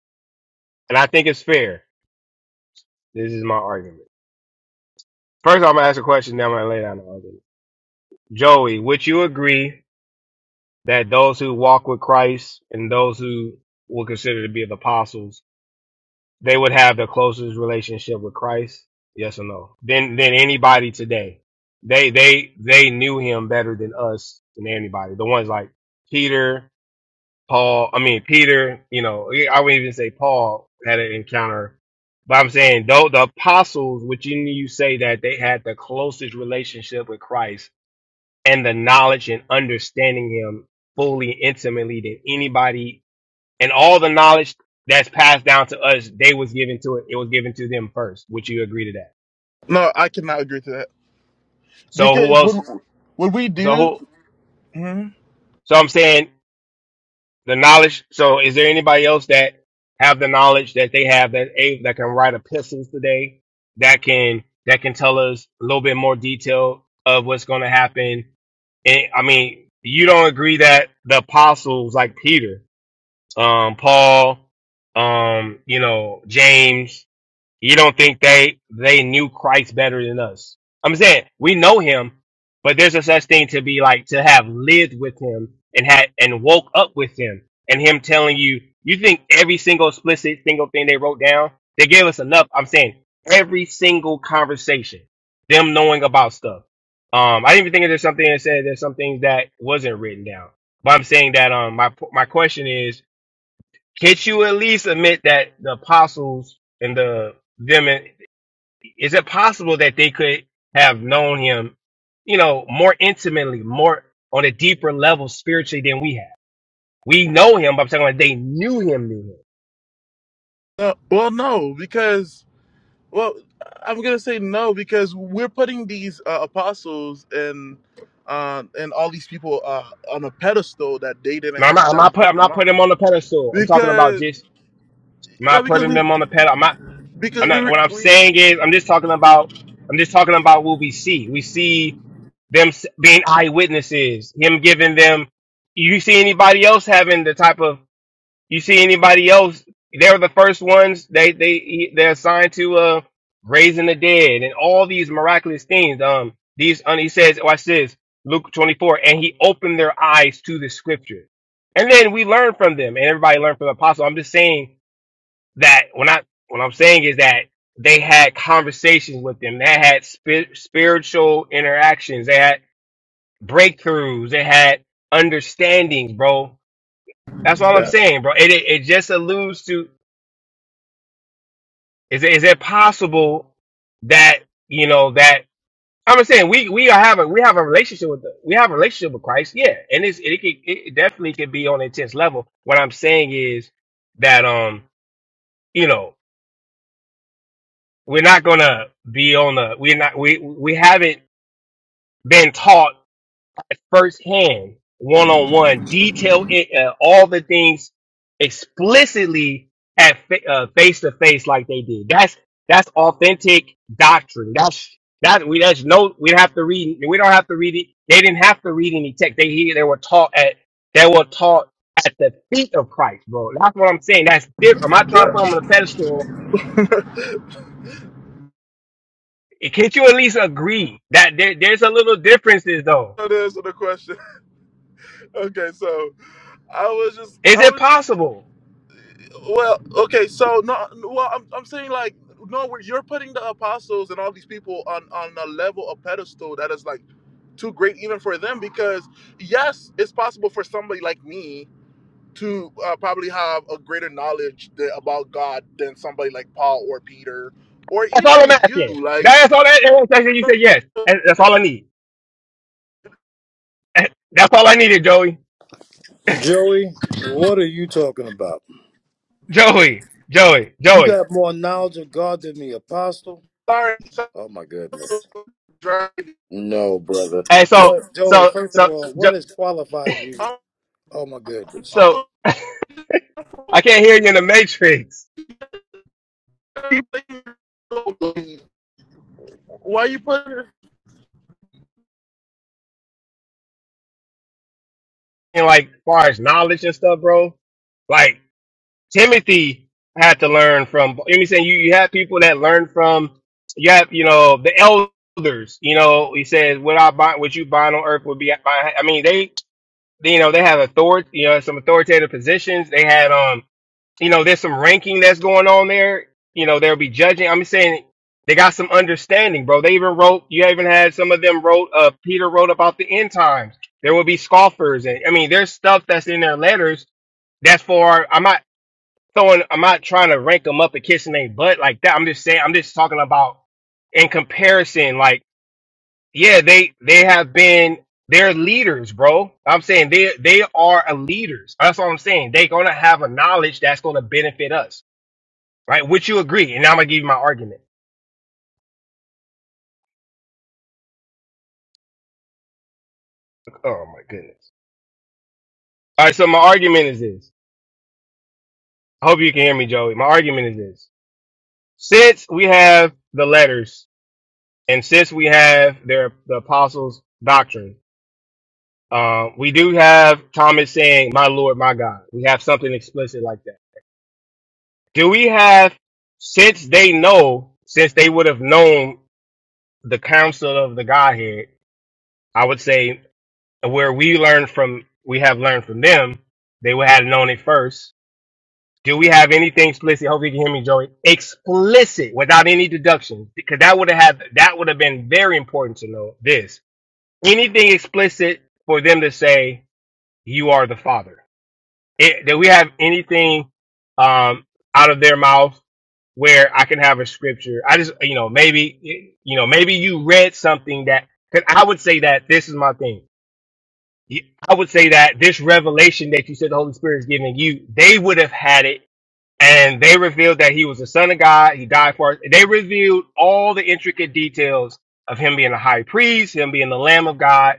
Q: and I think it's fair. This is my argument. First, I'm gonna ask a question. Then I'm gonna lay down the argument. Joey, would you agree that those who walk with Christ and those who were considered to be the apostles, they would have the closest relationship with Christ? Yes or no? Then, than than anybody today, they they they knew him better than us than anybody. The ones like Peter, Paul. I mean Peter. You know, I wouldn't even say Paul had an encounter. But I'm saying though the apostles, which you you say that they had the closest relationship with Christ and the knowledge and understanding him fully intimately than anybody and all the knowledge that's passed down to us they was given to it it was given to them first would you agree to that
A: No, I cannot agree to that
Q: so who
A: because what
Q: else
A: what we
Q: so
A: do.
Q: who
A: mhm.
Q: so i'm saying the knowledge so is there anybody else that have the knowledge that they have that a that can write epistles today that can that can tell us a little bit more detail of what's going to happen and i mean you don't agree that the apostles like peter um, Paul, um, you know, James. You don't think they they knew Christ better than us? I'm saying we know him, but there's a such thing to be like to have lived with him and had and woke up with him and him telling you. You think every single explicit single thing they wrote down? They gave us enough. I'm saying every single conversation, them knowing about stuff. Um, I didn't even think there's something that said there's something that wasn't written down. But I'm saying that um, my my question is can't you at least admit that the apostles and the them is it possible that they could have known him, you know, more intimately, more on a deeper level spiritually than we have? We know him, but I'm talking about they knew him, knew him.
A: No, well, no, because Well, I'm gonna say no because we're putting these uh, apostles and uh, and all these people uh, on a pedestal that they didn't
Q: Now, I'm
A: ask
Q: not, I'm
A: that we
Q: not, put,
A: put
Q: I'm
A: them
Q: not
A: on
Q: putting him on the pedestal. I'm talking about
A: because
Q: just I'm
A: yeah
Q: not
A: because
Q: putting
A: we
Q: them on the pedestal. I'm
A: because
Q: not.
A: we
Q: What I'm
A: we
Q: saying is, I'm just talking about. I'm just talking about what we see. We see them s- being eyewitnesses. Him giving them. You see anybody else having the type of? You see anybody else? They were the first ones. They they he- they're assigned to uh raising the dead and all these miraculous things. Um, these and he says, watch this, Luke 24, and he opened their eyes to the scripture. And then we learn from them, and everybody learned from the apostle. I'm just saying that when I what I'm saying is that they had conversations with them. They had spi- spiritual interactions. They had breakthroughs. They had understandings, bro. That's all I'm
A: yeah
Q: saying, bro. It it, it just alludes to is it, is it possible that you know that I'm saying we we are having we have a relationship with the, we have a relationship with Christ, yeah, and it's it can it definitely can be on an intense level. What I'm saying is that um you know we're not gonna be on the we're not we we haven't been taught at firsthand one on one detail it, uh, all the things explicitly at face to face like they did. That's that's authentic doctrine. That's that we that's no we have to read we don't have to read it. They didn't have to read any text. They here they were taught at they were taught at the feet of Christ, bro. That's what I'm saying. That's different. I'm not trying to
A: yeah.
Q: put them on a pedestal Can't you at least agree that there, there's a little differences though?
A: so there's the question. Okay, so I was just
Q: Is
A: I was.
Q: it possible?
A: Well, okay, so no, well, I'm, I'm saying like no, where you're putting the apostles and all these people on on a level of pedestal that is like too great even for them because yes, it's possible for somebody like me to uh, probably have a greater knowledge th- about God than somebody like Paul or Peter or
Q: That's all I'm
A: even you.
Q: asking.
A: Like,
Q: That's all that that one question you said yes. And That's all I need. And That's all I needed, Joey.
P: Joey, what are you talking about?
Q: Joey. Joey.
P: You
Q: Joey.
P: got more knowledge of God than me, Apostle.
A: sorry, so-
P: Oh my goodness.
A: driving.
P: No, brother.
Q: And so
P: What, Joey?
Q: so
P: First of
Q: so
P: all, what
Q: jo-
P: has qualified you?
A: I'm,
P: Oh my goodness,
Q: so
A: I'm-
Q: I can't hear you in the matrix.
A: why you putting?
Q: And like far as knowledge and stuff, bro. like. Timothy had to learn from. You know what I'm saying you you have people that learn from. You have you know the elders. You know he says what I bind, what you bind on earth would be. I mean they, they you know they have authority. You know some authoritative positions. They had um you know there's some ranking that's going on there. You know they'll be judging. I'm saying they got some understanding, bro. They even wrote. You even had some of them wrote. Uh, Peter wrote about the end times. There will be scoffers, and I mean there's stuff that's in their letters that's for. I'm not throwing. I'm not trying to rank them up and kissing their butt like that. I'm just saying. I'm just talking about in comparison. Like, yeah, they they have been they're leaders, bro. I'm saying they they are a leaders. That's all I'm saying. They're gonna have a knowledge that's gonna benefit us, right? Would you agree? And now I'm gonna give you my argument. Oh my goodness. All right. So my argument is this. I hope you can hear me, Joey. My argument is this. Since we have the letters and since we have their the apostles' doctrine Uh, we do have Thomas saying, "My Lord, my God." We have something explicit like that. Do we have, since they know, since they would have known the counsel of the Godhead? I would say where we learn from, we have learned from them. They would have known it first. Do we have anything explicit? Hope you can hear me, Joey. Explicit, without any deduction, because that would have had, that would have been very important to know. This anything explicit for them to say, "You are the Father." it, that we have anything um, out of their mouth where I can have a scripture. I just, you know, maybe, you know, maybe you read something that, cause I would say that this is my thing. I would say that this revelation that you said the Holy Spirit is giving you, they would have had it and they revealed that he was the son of God. He died for us. They revealed all the intricate details of him being a high priest, him being the lamb of God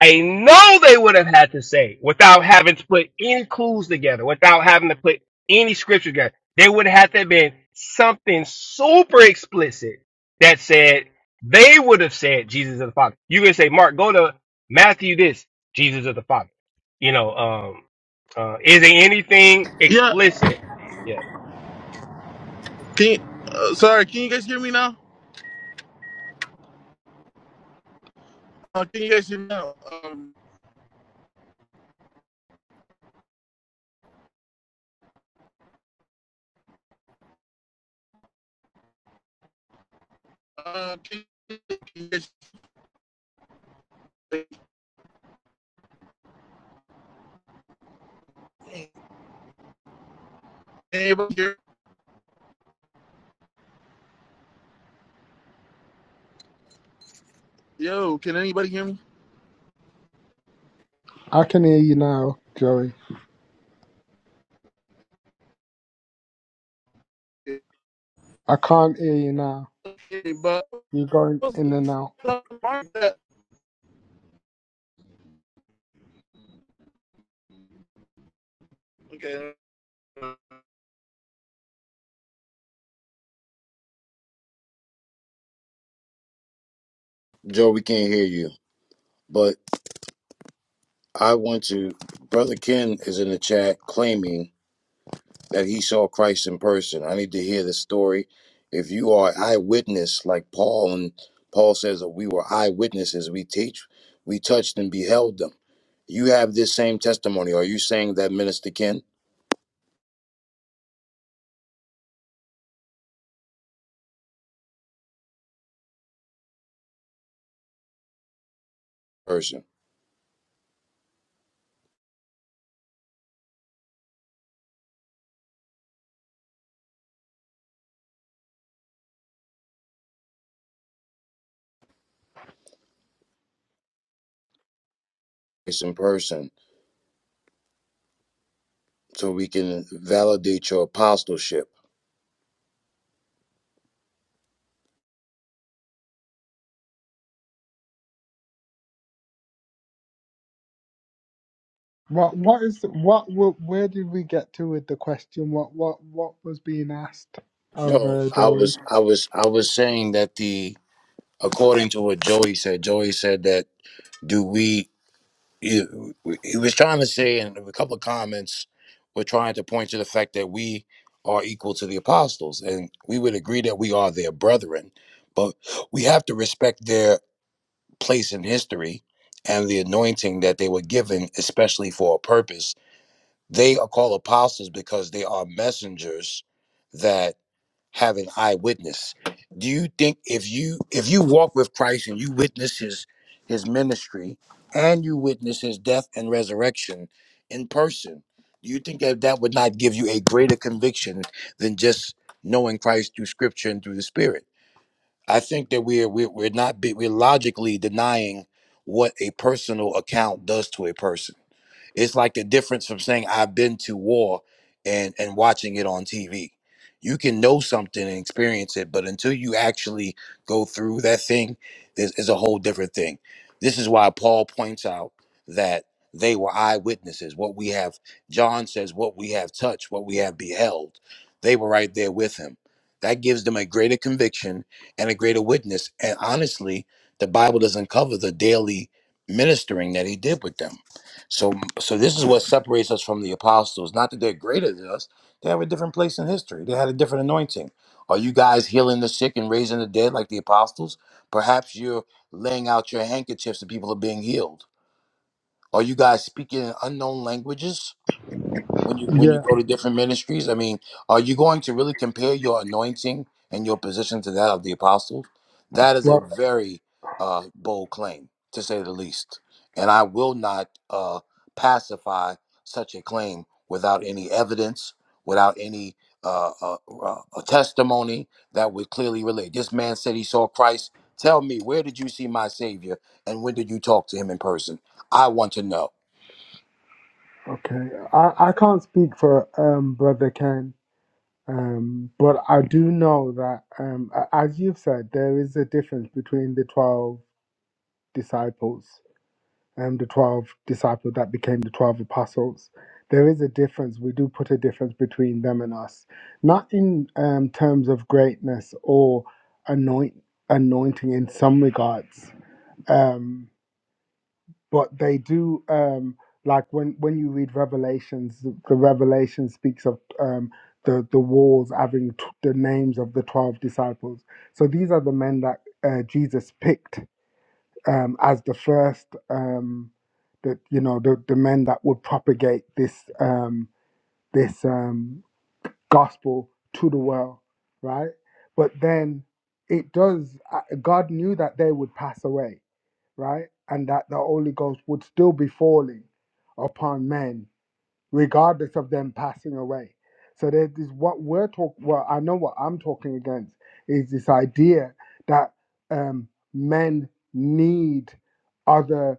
Q: I know they would have had to say without having to put any clues together, without having to put any scripture together. They would have had to have been something super explicit that said they would have said Jesus is the Father. You can say, Mark, go to Matthew this, Jesus is the Father. You know, um, uh, is there anything
A: Yeah,
Q: explicit? Yeah.
A: Can uh, sorry, can you guys hear me now? Uh, can you guys hear me now? Um, uh, can, can you guys can anybody hear? Yo, can anybody hear me?
O: I can hear you now, Joey. I can't hear you now.
A: Okay, but
O: You're going
A: what's
O: in and out.
A: the mark that? Okay.
P: Joey, we can't hear you. But I want to. Brother Ken is in the chat claiming that he saw Christ in person. I need to hear the story. If you are eyewitness, like Paul, and Paul says that we were eyewitnesses, we teach, we touched and beheld them. You have this same testimony. Are you saying that, Minister Ken? Person, Christ in person. so we can validate your apostleship.
O: What? What is? What? wa- Where did we get to with the question? What? What? What was being asked of
P: No,
O: uh,
P: I
O: Joey?
P: was I was I was saying that the according to what Joey said, Joey said that do we he he was trying to say in a couple of comments we're trying to point to the fact that we are equal to the apostles and we would agree that we are their brethren, but we have to respect their place in history and the anointing that they were given especially for a purpose They are called apostles because they are messengers that have an eyewitness. Do you think if you if you walk with Christ and you witness his his ministry and you witness his death and resurrection in person, do you think that that would not give you a greater conviction than just knowing Christ through Scripture and through the Spirit? I think that we're we're, we're not be, we're logically denying what a personal account does to a person it's like the difference from saying I've been to war and and watching it on TV. You can know something and experience it, but until you actually go through that thing, this is a whole different thing. This is why Paul points out that they were eyewitnesses. What we have, John says, what we have touched, what we have beheld, they were right there with him. That gives them a greater conviction and a greater witness. And honestly, the Bible doesn't cover the daily ministering that he did with them so, so this is what separates us from the apostles. Not that they're greater than us; they have a different place in history. They had a different anointing. Are you guys healing the sick and raising the dead like the apostles? Perhaps you're laying out your handkerchiefs and people are being healed. Are you guys speaking in unknown languages? when you when you
O: Yeah.
P: go to different ministries? I mean, are you going to really compare your anointing and your position to that of the apostles? That is a
O: Well.
P: very uh, bold claim, to say the least. And I will not uh, pacify such a claim without any evidence, without any uh, uh, uh, a testimony that would clearly relate. This man said he saw Christ. Tell me, where did you see my Savior, and when did you talk to him in person? I want to know.
O: Okay. I, I can't speak for um brother Ken. Um, but I do know that um, a- as you've said, there is a difference between the twelve disciples um, the 12 disciples that became the 12 apostles. There is a difference. We do put a difference between them and us, not in um, terms of greatness or anoint, anointing in some regards, um, but they do. Um, like when, when you read Revelations, the, the Revelation speaks of um, the the walls having t- the names of the twelve disciples. So these are the men that uh, Jesus picked um, as the first, um, the, you know, the, the men that would propagate this um, this um, gospel to the world, right? But then it does. uh, God knew that they would pass away, right, and that the Holy Ghost would still be falling upon men regardless of them passing away. So there is what we're talking. Well, I know what I'm talking against is this idea that um, men need other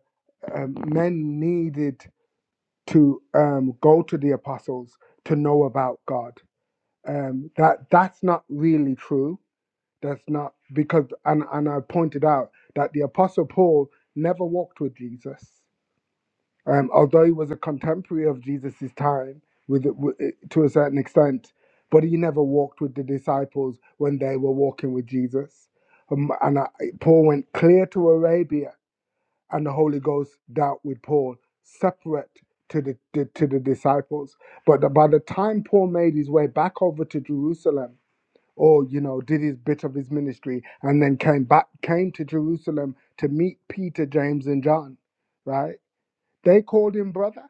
O: um, men needed to um, go to the apostles to know about God. Um, that that's not really true. That's not because and and I pointed out that the apostle Paul never walked with Jesus um, although he was a contemporary of Jesus' time with, with to a certain extent, but he never walked with the disciples when they were walking with Jesus. Um, and I, Paul went clear to Arabia, and the Holy Ghost dealt with Paul separate to the, the to the disciples. But by the time Paul made his way back over to Jerusalem, or you know, did his bit of his ministry, and then came back came to Jerusalem to meet Peter, James, and John, right? They called him brother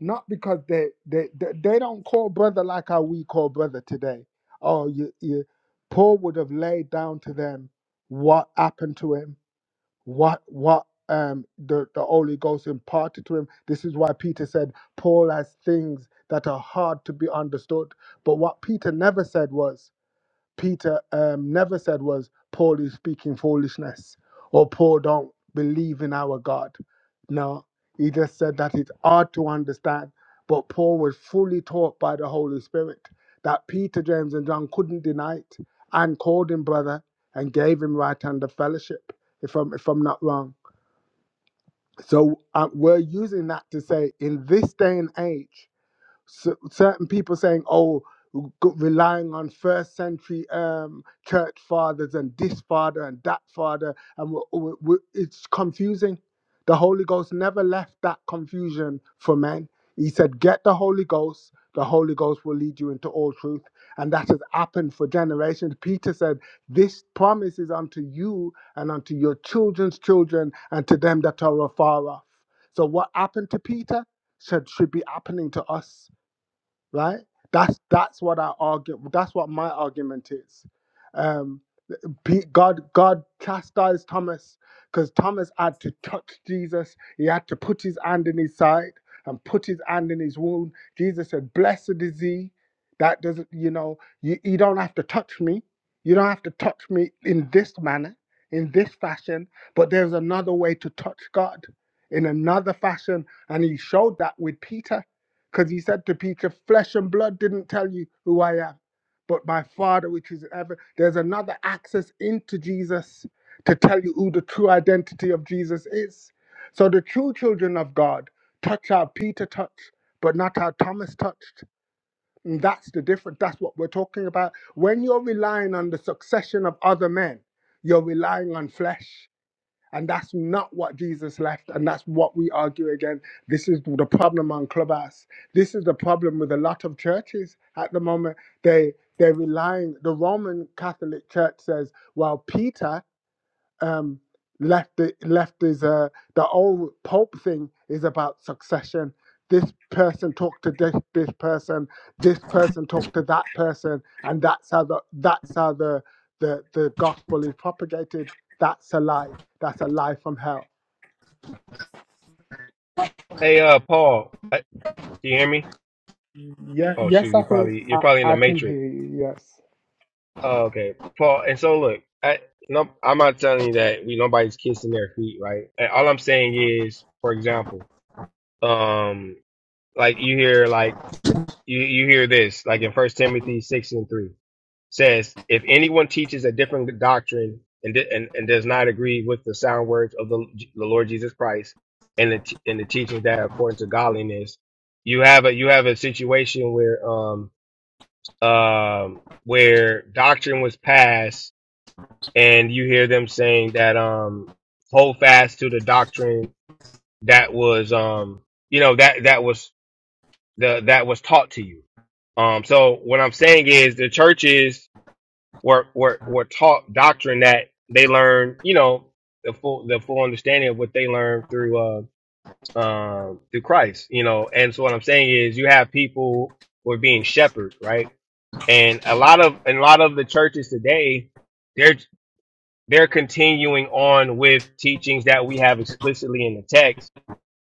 O: not because they they they, they don't call brother like how we call brother today. Oh, you, you, Paul would have laid down to them what happened to him, what what um the the Holy Ghost imparted to him. This is why Peter said Paul has things that are hard to be understood. But what Peter never said was Peter um, never said was Paul is speaking foolishness or Paul don't believe in our God. No, he just said that it's hard to understand. But Paul was fully taught by the Holy Spirit that Peter, James, and John couldn't deny it and called him brother and gave him right hand of fellowship, if I'm, if I'm not wrong. So uh, we're using that to say in this day and age, s- certain people saying, "Oh, g- relying on first century um, church fathers and this father and that father," and we we we it's confusing. The Holy Ghost never left that confusion for men. He said, "Get the Holy Ghost." The Holy Ghost will lead you into all truth, and that has happened for generations. Peter said, "This promise is unto you and unto your children's children, and to them that are afar off." So, what happened to Peter should should be happening to us right? That's that's what our argue. That's what my argument is. Um, Pe- God God chastised Thomas because Thomas had to touch Jesus. He had to put his hand in his side and put his hand in his wound. Jesus said, "Blessed is he that doesn't, you know, you, you don't have to touch me. You don't have to touch me in this manner, in this fashion. But there's another way to touch God, in another fashion." And he showed that with Peter, because he said to Peter, "Flesh and blood didn't tell you who I am." but my Father which is in heaven. There's another access into Jesus to tell you who the true identity of Jesus is. So the true children of God touch how Peter touched, but not how Thomas touched. And that's the difference. That's what we're talking about. When you're relying on the succession of other men, you're relying on flesh. And that's not what Jesus left. And that's what we argue again. This is the problem on Clubhouse. This is the problem with a lot of churches at the moment. They they're relying the Roman Catholic Church says, well, Peter um, left i- left is uh, the old pope thing is about succession. This person talked to this this person. This person talked to that person, and that's how the that's how the the, the gospel is propagated. That's a lie. That's a lie from hell.
Q: Hey, uh, Paul, uh, do you hear me?
O: Yeah.
Q: Oh shoot,
O: Yes,
Q: you
O: I can.
Q: probably you're
O: I,
Q: probably in the
O: I can
Q: matrix.
O: hear you. Yes.
Q: Oh, okay, Paul. And so look, I no, I'm not telling you that we nobody's kissing their feet, right? And all I'm saying is, for example, um, like you hear like you you hear this like in First Timothy six and three says, if anyone teaches a different doctrine and di- and, and does not agree with the sound words of the, the Lord Jesus Christ and the t- and the teachings that are according to godliness, you have a you have a situation where um um where doctrine was passed and you hear them saying that um hold fast to the doctrine that was um you know that that was the that was taught to you um so what i'm saying is the churches were were were taught doctrine that they learned you know the full the full understanding of what they learned through uh um through christ you know and so what i'm saying is you have people who are being shepherded right and a lot of and a lot of the churches today they're they're continuing on with teachings that we have explicitly in the text.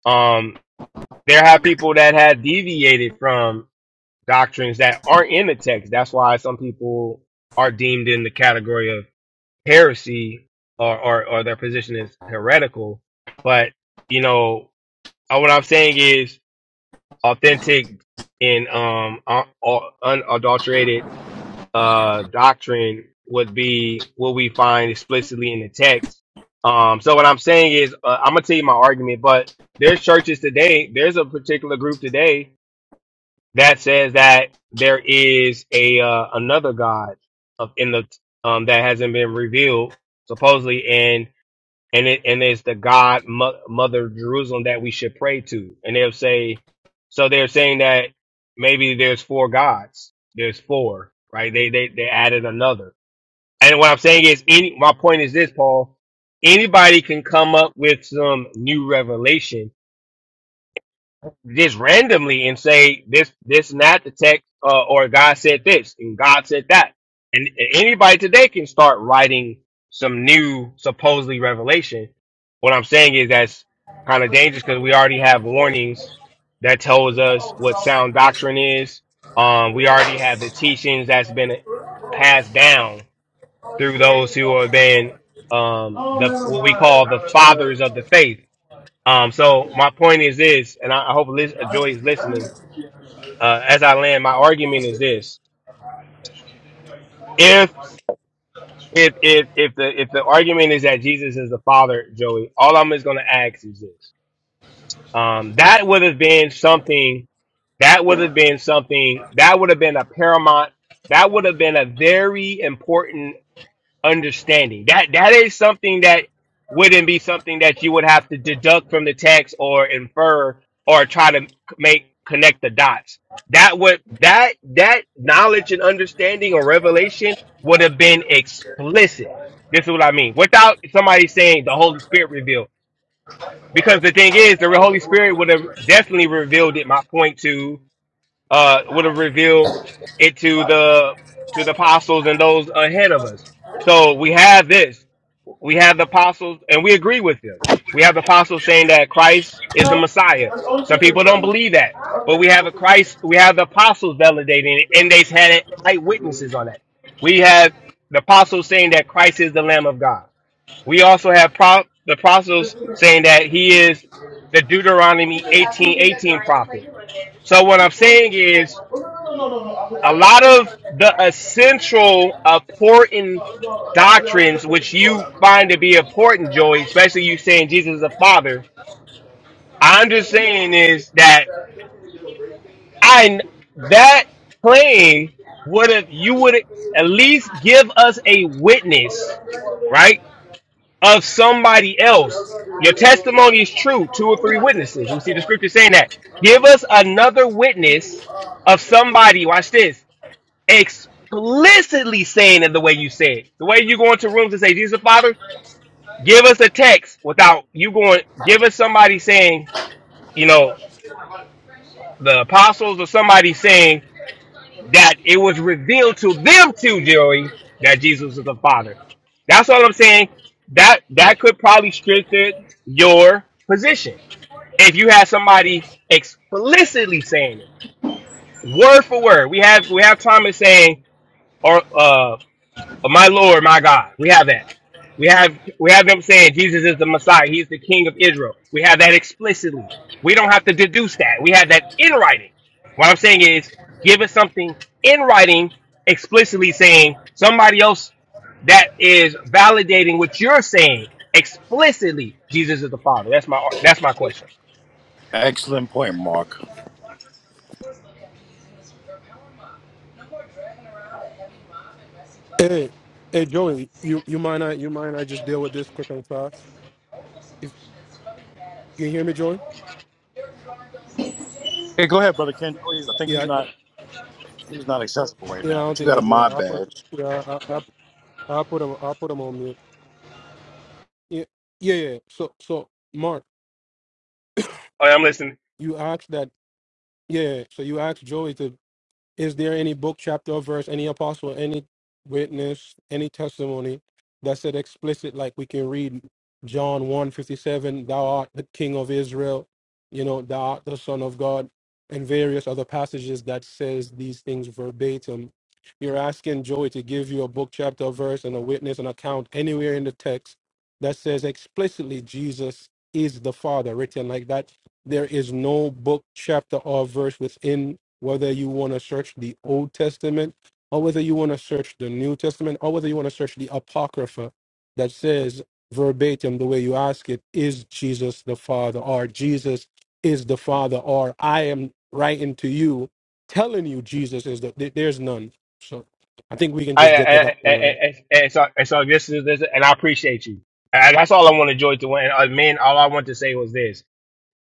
Q: Um, there have people that have deviated from doctrines that aren't in the text. That's why some people are deemed in the category of heresy or, or, or their position is heretical. But, you know, uh, what I'm saying is authentic and um, uh, uh, unadulterated uh, doctrine would be what we find explicitly in the text. Um, so what I'm saying is, uh, I'm gonna tell you my argument, but there's churches today, there's a particular group today that says that there is a, uh, another God of, in the, um, that hasn't been revealed supposedly. and and it and it's the God mo- Mother Jerusalem that we should pray to. And they'll say, so they're saying that maybe there's four gods. There's four, right? They they they added another. And what I'm saying is, any my point is this, Paul. Anybody can come up with some new revelation just randomly and say this this not the text uh, or God said this and God said that and and anybody today can start writing some new supposedly revelation. What I'm saying is that's kind of dangerous because we already have warnings that tells us what sound doctrine is. Um, we already have the teachings that's been passed down through those who have been um,
A: Oh,
Q: the
A: never
Q: what we
A: mind.
Q: call the
A: I messed it
Q: fathers of
A: up.
Q: the faith um, so
A: Okay.
Q: my point is this, and I, I hope Liz, uh,
A: I
Q: Joy is
A: didn't see-
Q: listening. Uh, as I land, my argument is this: if
A: I
Q: if if if the if the argument is that Jesus is the Father, Joey, all I'm is going to ask is this: um, that would have been something. That would have been something. That would have been a paramount. That would have been a very important understanding. That that is something that wouldn't be something that you would have to deduct from the text or infer or try to make connect the dots. That would that that knowledge and understanding or revelation would have been
A: didn't see
Q: explicit. This
A: you.
Q: is what I mean. Without somebody saying the Holy Spirit revealed.
A: No,
Q: Because the thing is, the Holy Spirit would have definitely revealed it. My point to uh, would have revealed it to the to the apostles and those ahead of us. So we have this. We have the apostles, and we agree with them. We have the apostles saying that Christ is the Messiah.
A: that's only two
Q: Some
A: forty
Q: people don't
A: seven. Okay.
Q: believe that, but we have a Christ. We have the apostles validating it,
A: Because I
Q: and they've
A: put it in
Q: had eyewitnesses on that. We have the apostles saying that Christ is the Lamb of God. We also have pro- the apostles saying that He is the Deuteronomy eighteen
A: the
Q: eighteen
A: dryer for
Q: prophet.
A: you and then I
Q: So what
A: can't
Q: I'm
A: fold
Q: saying
A: it. I
Q: is
A: want No, no, no, no, no, no, I'm, I,
Q: a
A: can
Q: lot
A: put it
Q: of
A: on the
Q: the
A: dryer for you and hang it
Q: essential
A: up. no,
Q: important
A: no, no, yeah, I wouldn't
Q: doctrines
A: expect you to
Q: which
A: do all
Q: you
A: for me.
Q: find to be
A: No. So
Q: important,
A: what
Q: Joey,
A: I do
Q: especially
A: want to
Q: you
A: do
Q: saying
A: is I
Q: Jesus is the Father, I understand is that I that claim would have you would at least give us a witness, right, of somebody else. Your testimony is true, two or three witnesses. We see the scripture saying that. Give us another witness of somebody. Watch this explicitly saying it the way you said. it. The way you go into rooms and say, Jesus Father, give us a text without you going, give us somebody saying, you know, the apostles or somebody saying that it was revealed to them too, Joey, that Jesus is the Father. That's all I'm saying. That that could probably strengthen your position if you had somebody explicitly saying it, word for word. We have we have Thomas saying, or uh But my Lord, my God, we have that. We have we have them saying Jesus is the Messiah. He's the King of Israel. We have that explicitly. We don't have to deduce that. We have that in writing. What I'm saying is, give us something in writing, explicitly saying somebody else that is validating what you're saying explicitly. Jesus is the Father. That's my that's my question.
P: Excellent point, Mark.
R: Hey, hey, Joey, you you mind I you mind I just deal with this quick and fast? If you hear me, Joey?
P: Hey, go ahead, brother Ken. He's, I think he's
R: Yeah, I,
P: not he's not accessible right
R: yeah,
P: now,
R: I don't
P: but you
R: think
P: got a
R: it's right.
P: mod
R: I put
P: badge.
R: yeah, I, I I put him I put him on mute. Yeah, yeah, yeah. So so Mark,
Q: All right, I'm listening.
R: you asked that. Yeah, so you asked Joey to Is there any book, chapter, or verse, any apostle, any witness, any testimony that said explicit, like we can read John one fifty-seven, thou art the king of Israel, you know, thou art the son of God, and various other passages that says these things verbatim. You're asking Joey to give you a book, chapter, or verse, and a witness, an account anywhere in the text that says explicitly Jesus is the Father, written like that. There is no book, chapter, or verse within whether you want to search the Old Testament or whether you want to search the New Testament or whether you want to search the Apocrypha that says verbatim the way you ask it, is Jesus the Father or Jesus is the Father or I am writing to you telling you Jesus is the, there- there's none. So I think we can
Q: I,
R: just get
Q: I, I,
R: that out there.
Q: I, I, I- so, and so this is this, and I appreciate you. And that's all I want to join to win. Uh, man, all I want to say was this.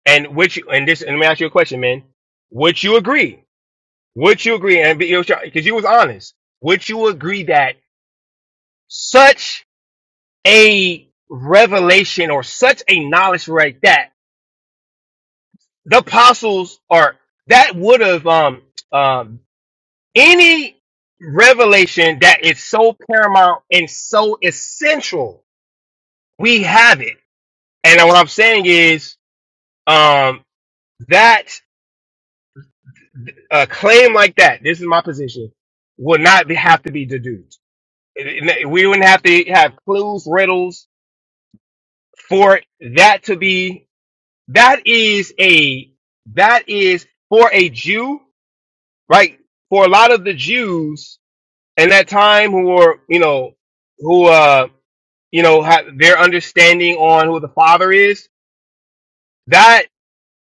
Q: And which and this and let me ask you a question, man. Would you agree? Would you agree? And because you was honest, would you agree that such a revelation or such a knowledge right that the apostles are that would have um um any revelation that is so paramount and so essential, we have it. And what I'm saying is um that a claim like that, this is my position, Will not be, have to be deduced. It- it- We wouldn't have to have clues, riddles for that to be, that is a, that is for a Jew, right? For a lot of the Jews in that time who were, you know, who, uh, you know, ha their understanding on who the father is, That.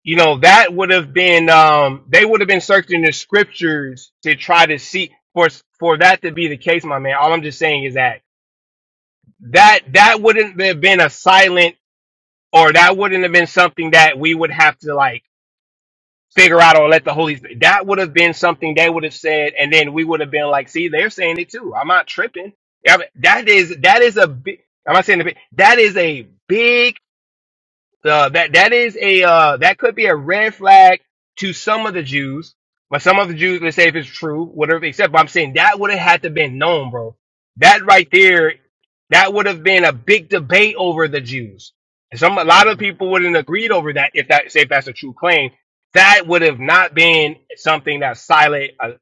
Q: you know that would have been um they would have been searching the scriptures to try to see for for that to be the case my man all i'm just saying is that that that wouldn't have been a silent or that wouldn't have been something that we would have to like figure out or let the holy Spirit- that would have been something they would have said and then we would have been like see they're saying it too i'm not tripping I mean, that is that is a big i'm not saying a big that is a big Uh, that that is a uh, that could be a red flag to some of the Jews, but some of the Jews, let's say if it's true, whatever. Except but I'm saying that would have had to been known, bro. That right there, that would have been a big debate over the Jews. Some a lot of people wouldn't agreed over that if that say if that's a true claim. That would have not been something that's silent, a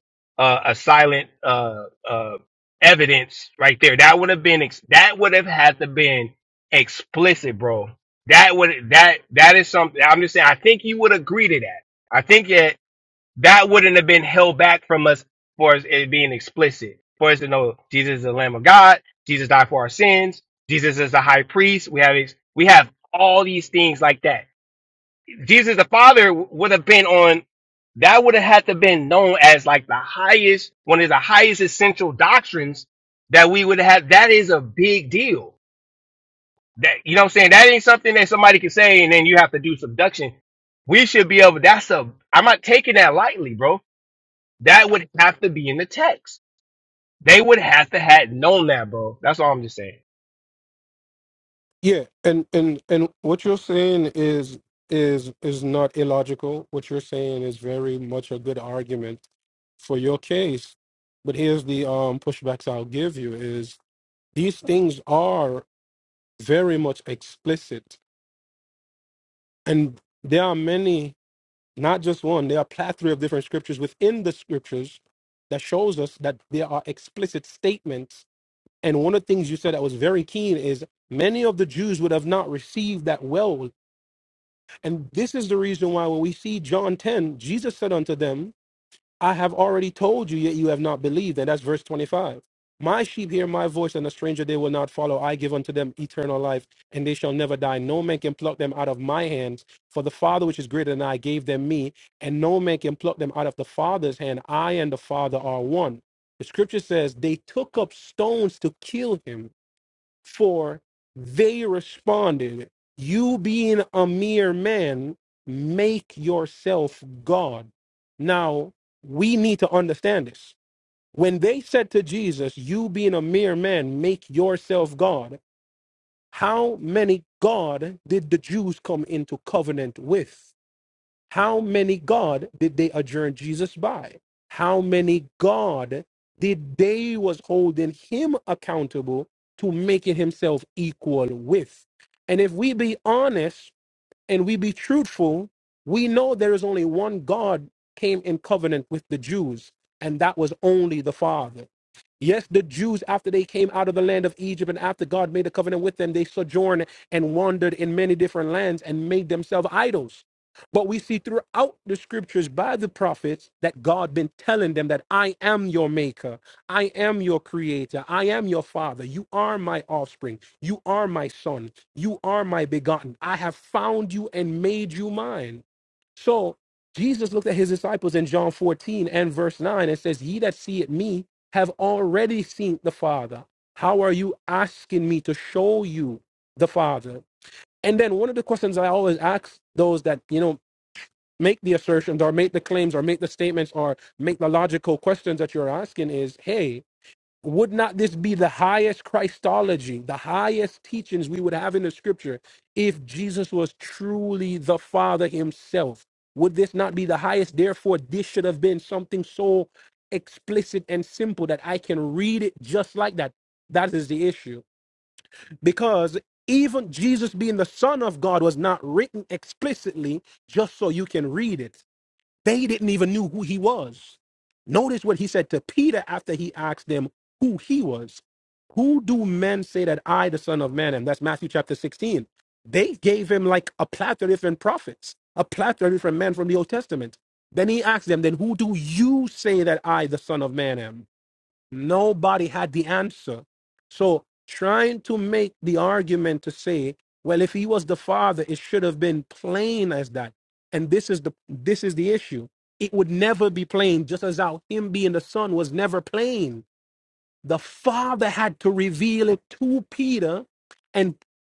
Q: a, a silent uh, uh, evidence right there. That would have been ex- that would have had to been explicit, bro that would that that is something. I'm just saying. I think you would agree to that. I think that that wouldn't have been held back from us for us it being explicit. For us to know Jesus is the Lamb of God. Jesus died for our sins. Jesus is the High Priest. We have ex- we have all these things like that. Jesus the Father would have been on. That would have had to been known as like the highest one of the highest essential doctrines that we would have. That is a big deal that you know what I'm saying? That ain't something that somebody can say and then you have to do subduction. We should be able that's a I'm not taking that lightly, bro. That would have to be in the text. They would have to have known that, bro. That's all I'm just saying.
R: Yeah, and and and what you're saying is is is not illogical. What you're saying is very much a good argument for your case. But here's the um pushbacks I'll give you is these things are very much explicit and there are many, not just one, there are plethora of different scriptures within the scriptures that shows us that there are explicit statements. And one of the things you said that was very keen is many of the Jews would have not received that well And this is the reason why when we see John 10, Jesus said unto them, I have already told you, yet you have not believed. And that's verse 25. My sheep hear my voice, and a stranger they will not follow. I give unto them eternal life, and they shall never die. No man can pluck them out of my hands. For the Father, which is greater than I, gave them me, and no man can pluck them out of the Father's hand. I and the Father are one. The scripture says they took up stones to kill him. For they responded, You being a mere man, make yourself God. Now, we need to understand this. When they said to Jesus, You being a mere man, make yourself God, how many God did the Jews come into covenant with? How many God did they adjourn Jesus by? How many God did they was holding him accountable to making himself equal with? And if we be honest, and we be truthful, we know there is only one God came in covenant with the Jews, and that was only the Father. Yes, the Jews, after they came out of the land of Egypt and after God made a covenant with them, they sojourned and wandered in many different lands and made themselves idols. But we see throughout the scriptures by the prophets that God been telling them that I am your maker, I am your creator, I am your father, you are my offspring, you are my son. You are my begotten. I have found you and made you mine. So Jesus looked at his disciples in John 14 and verse 9 and says, Ye that see it me have already seen the Father. How are you asking me to show you the Father? And then one of the questions I always ask those that, you know, make the assertions or make the claims or make the statements or make the logical questions that you're asking is, hey, would not this be the highest Christology, the highest teachings we would have in the scripture if Jesus was truly the Father himself? Would this not be the highest? Therefore, this should have been something so explicit and simple that I can read it just like that. That is the issue. Because even Jesus being the Son of God was not written explicitly just so you can read it. They didn't even knew who he was. Notice what he said to Peter after he asked them who he was. Who do men say that I, the Son of Man, am? That's Matthew chapter 16. They gave him like a plethora of different prophets, a plethora of different men from the Old Testament. Then he asked them, then who do you say that I, the Son of Man, am? Nobody had the answer. So trying to make the argument to say, well, if he was the father, it should have been plain as that. And this is the this is the issue. It would never be plain, just as how him being the son was never plain. The father had to reveal it to Peter, and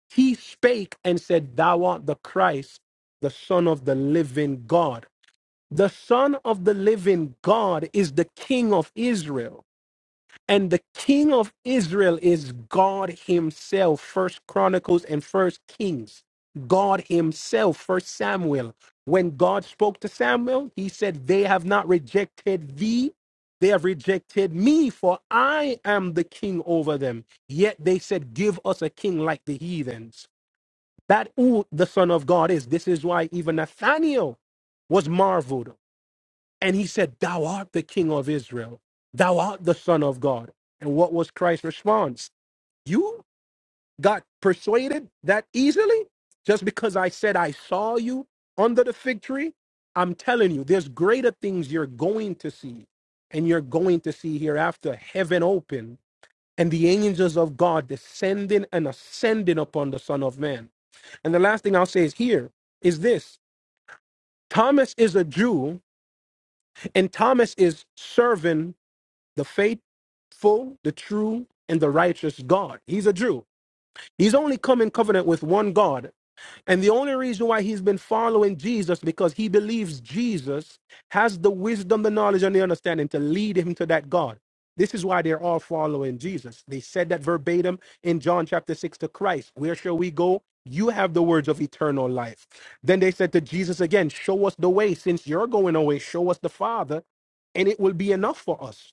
R: he spake and said, Thou art the Christ, the Son of the living God. The Son of the living God is the King of Israel and the king of israel is god himself first chronicles and first kings god himself first samuel when god spoke to samuel he said they have not rejected thee they have rejected me for i am the king over them yet they said give us a king like the heathens that who the son of god is this is why even Nathaniel was marveled and he said, Thou art the king of Israel. Thou art the son of God. And what was Christ's response? You got persuaded that easily? Just because I said I saw you under the fig tree? I'm telling you, there's greater things you're going to see. And you're going to see hereafter heaven open and the angels of God descending and ascending upon the Son of Man. And the last thing I'll say is here is this Thomas is a Jew, and Thomas is serving the faithful, the true, and the righteous God. He's a Jew. He's only come in covenant with one God. And the only reason why he's been following Jesus because he believes Jesus has the wisdom, the knowledge, and the understanding to lead him to that God. This is why they're all following Jesus. They said that verbatim in John chapter 6 to Christ. Where shall we go? You have the words of eternal life. Then they said to Jesus again, Show us the way. Since you're going away, show us the Father, and it will be enough for us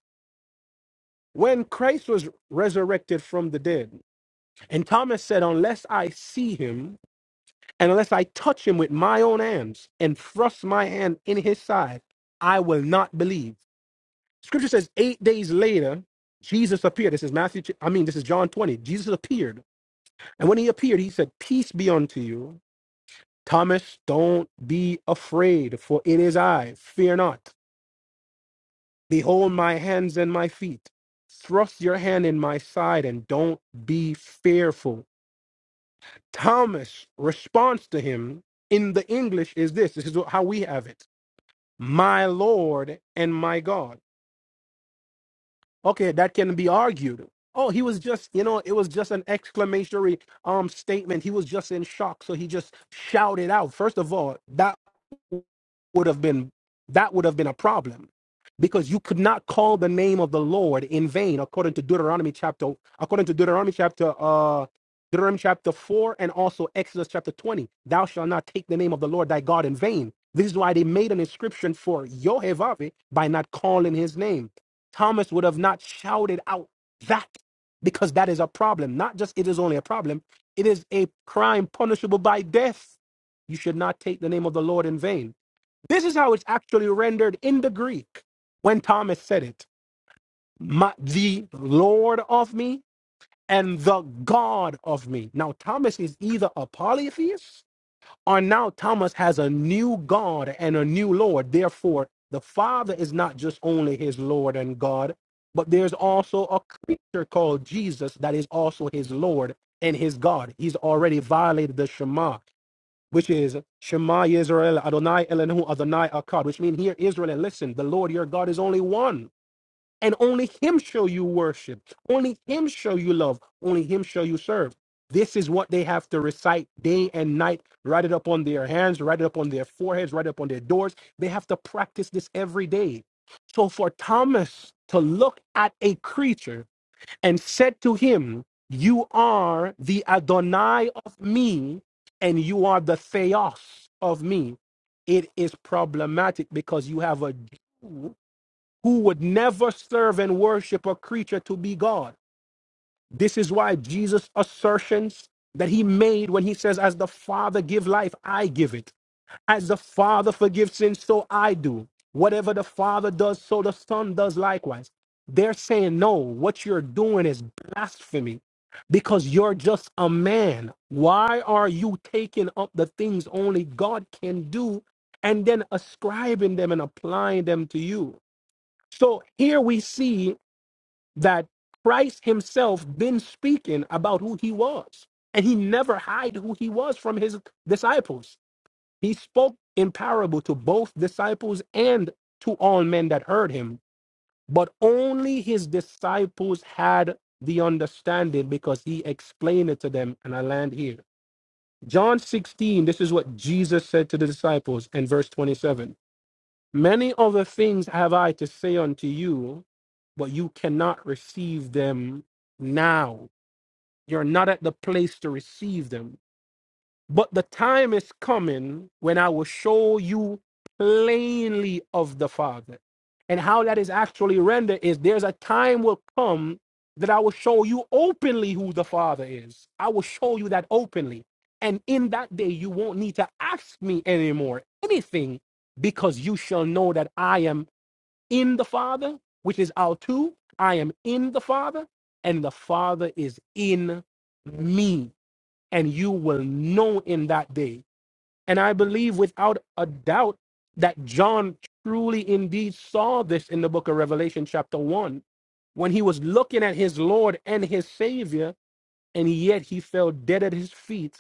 R: when Christ was resurrected from the dead, and Thomas said, Unless I see him, and unless I touch him with my own hands and thrust my hand in his side, I will not believe. Scripture says, eight days later, Jesus appeared. This is Matthew, I mean, this is John 20. Jesus appeared. And when he appeared, he said, Peace be unto you. Thomas, don't be afraid, for it is I. Fear not. Behold my hands and my feet. Thrust your hand in my side and don't be fearful. Thomas' response to him in the English is this this is how we have it My Lord and my God. Okay, that can be argued. Oh, he was just, you know, it was just an exclamatory um statement. He was just in shock, so he just shouted out. First of all, that would have been that would have been a problem because you could not call the name of the Lord in vain according to Deuteronomy chapter according to Deuteronomy chapter uh Deuteronomy chapter 4 and also Exodus chapter 20 thou shalt not take the name of the Lord thy God in vain this is why they made an inscription for Yohevave by not calling his name Thomas would have not shouted out that because that is a problem not just it is only a problem it is a crime punishable by death you should not take the name of the Lord in vain this is how it's actually rendered in the Greek when Thomas said it "My- the Lord of me and the God of me. Now, Thomas is either a polytheist or now Thomas has a new God and a new Lord. Therefore, the Father is not just only his Lord and God, but there's also a creature called Jesus that is also his Lord and his God. He's already violated the Shema which is Shema Israel Adonai Elenu Adonai Akkad, which means here Israel, and listen, the Lord your God is only one, and only Him shall you worship, only Him shall you love, only Him shall you serve. This is what they have to recite day and night. Write it up on their hands, write it up on their foreheads, write it up on their doors. They have to practice this every day. So for Thomas to look at a creature and said to him, You are the Adonai of me, and you are the Theos of me. It is problematic because you have a Jew who would never serve and worship a creature to be God. This is why Jesus' assertions that he made when he says, As the Father give life, I give it as the Father forgives sins, so I do. Whatever the Father does, so the Son does likewise. They're saying, no, what you're doing is blasphemy because you're just a man. Why are you taking up the things only God can do and then ascribing them and applying them to you? So here we see that Christ himself been speaking about who he was and he never hid who he was from his disciples he spoke in parable to both disciples and to all men that heard him, but only his disciples had the understanding because he explained it to them. And I land here. John 16, this is what Jesus said to the disciples in verse 27 Many other things have I to say unto you, but you cannot receive them now. You're not at the place to receive them but the time is coming when I will show you plainly of the Father. And how that is actually rendered is there's a time will come that I will show you openly who the Father is. I will show you that openly. And in that day, you won't need to ask me anymore anything because you shall know that I am in the Father, which is our two. I am in the Father, and the Father is in me and you will know in that day. And I believe without a doubt that John truly indeed saw this in the book of Revelation, chapter 1, when he was looking at his Lord and his Savior, and yet he fell dead at his feet.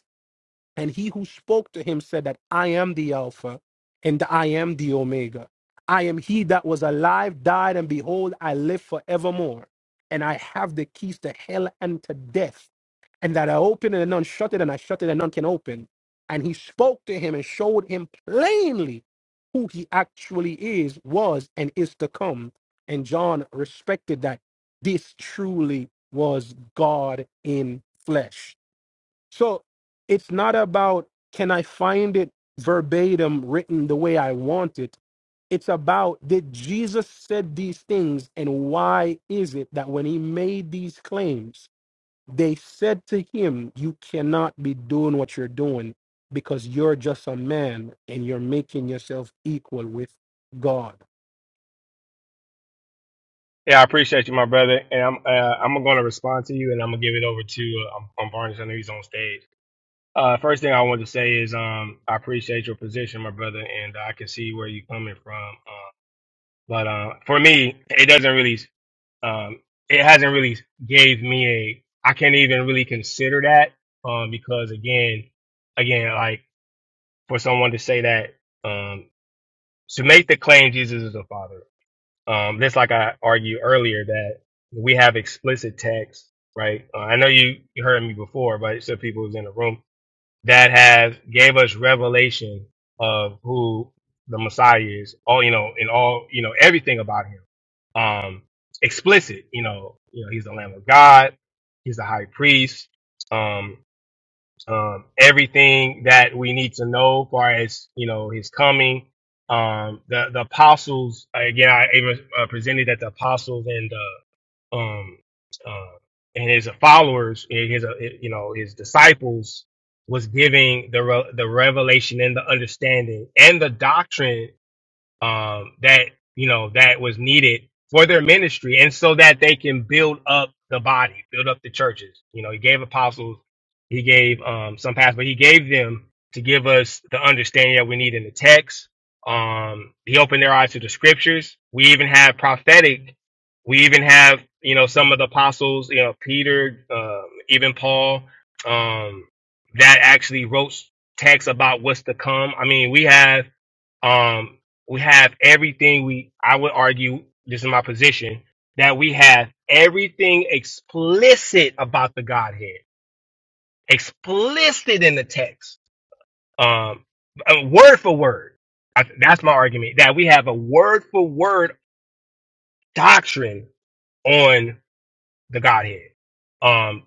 R: And he who spoke to him said that I am the Alpha and I am the Omega. I am he that was alive, died, and behold, I live forevermore. And I have the keys to hell and to death and that I opened and none shut it, and I shut it and none can open. And he spoke to him and showed him plainly who he actually is, was, and is to come. And John respected that this truly was God in flesh. So it's not about can I find it verbatim written the way I want it. It's about did Jesus said these things and why is it that when he made these claims they said to him, You cannot be doing what you're doing because you're just a man and you're making yourself equal with God.
Q: Yeah, I appreciate you, my brother, and I'm uh, I'm gonna respond to you, and I'm gonna give it over to uh, um, um, Barnes. I know he's on stage. Uh, first thing I want to say is um I appreciate your position, my brother, and I can see where you're coming from. Uh, but uh, for me, it doesn't really. um, it hasn't really gave me a I can't even really consider that um, because again, again, like for someone to say that um, to make the claim Jesus is a father, um, just like I argued earlier that we have explicit text, right? Uh, I know you, you heard me before, but so people who's in the room that has gave us revelation of who the Messiah is. All you know, in all you know, everything about him. Um, explicit. You know, you know, he's the Lamb of God. He's the High Priest. Um, um, everything that we need to know, as far as you know, his coming. Um, the the apostles again. I even uh, presented that the apostles and um uh and his followers his uh, you know his disciples was giving the re- the revelation and the understanding and the doctrine um, that you know that was needed for their ministry, and so that they can build up the body, build up the churches. You know, he gave apostles, he gave um, some pastors, but he gave them to give us the understanding that we need in the text. Um, he opened their eyes to the scriptures. We even have prophetic. We even have you know some of the apostles, you know Peter, um, even Paul, um, that actually wrote texts about what's to come. I mean, we have. um we have everything we I would argue, this is my position, that we have everything explicit about the Godhead. Explicit in the text. Um uh, word for word. I, that's my argument. That we have a word for word doctrine on the Godhead. Um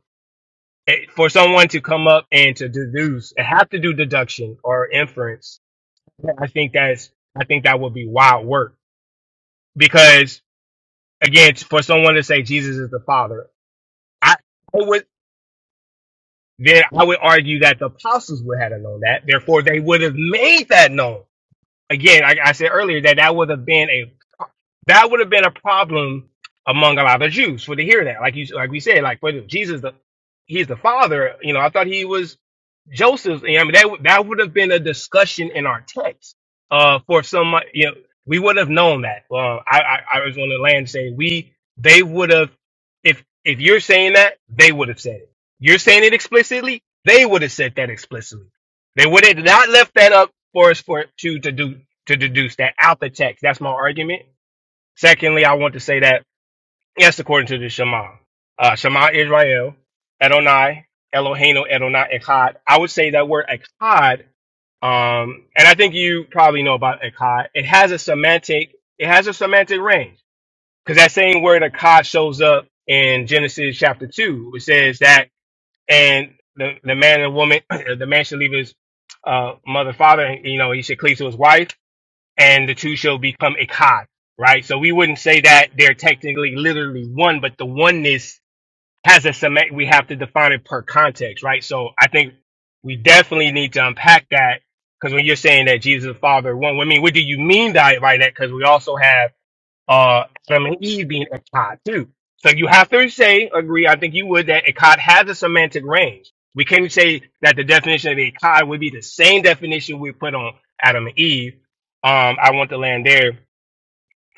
Q: it- for someone to come up and to deduce and have to do deduction or inference, I think that's I think that would be wild work because again for someone to say Jesus is the Father, I, I would then I would argue that the apostles would have known that. Therefore, they would have made that known again, I, I said earlier that that would have been a that would have been a problem among a lot of Jews for to hear that. Like you, like we said, like for Jesus, the, he's the father. You know, I thought he was Joseph. I mean, that would- that would have been a discussion in our text. Uh, for some, you know, we would have known that. Well, I, I, I was on the land saying we, they would have, if if you're saying that, they would have said it. You're saying it explicitly. They would have said that explicitly. They would have not left that up for us for to to do to deduce that out the text. That's my argument. Secondly, I want to say that yes, according to the Shema, uh, Shema Israel, Adonai, Eloheinu, Adonai Echad. I would say that word Echad, um, and I think you probably know about Echad. It has a semantic, it has a semantic range because that same word Echad shows up in Genesis chapter two. It says that, and the the man and woman, the man should leave his uh, mother, father, and you know he should cleave to his wife and the two shall become ikhad, right? So we wouldn't say that they're technically literally one, but the oneness has a semantic, we have to define it per context, right? So I think we definitely need to unpack that because when you're saying that Jesus the Father one, I mean, what do you mean by, by that? Because we also have uh, Adam and Eve being Akkad too. So you have to say, agree, I think you would, that Akkad has a semantic range. We can't say that the definition of Akkad would be the same definition we put on Adam and Eve. Um, I want to land there.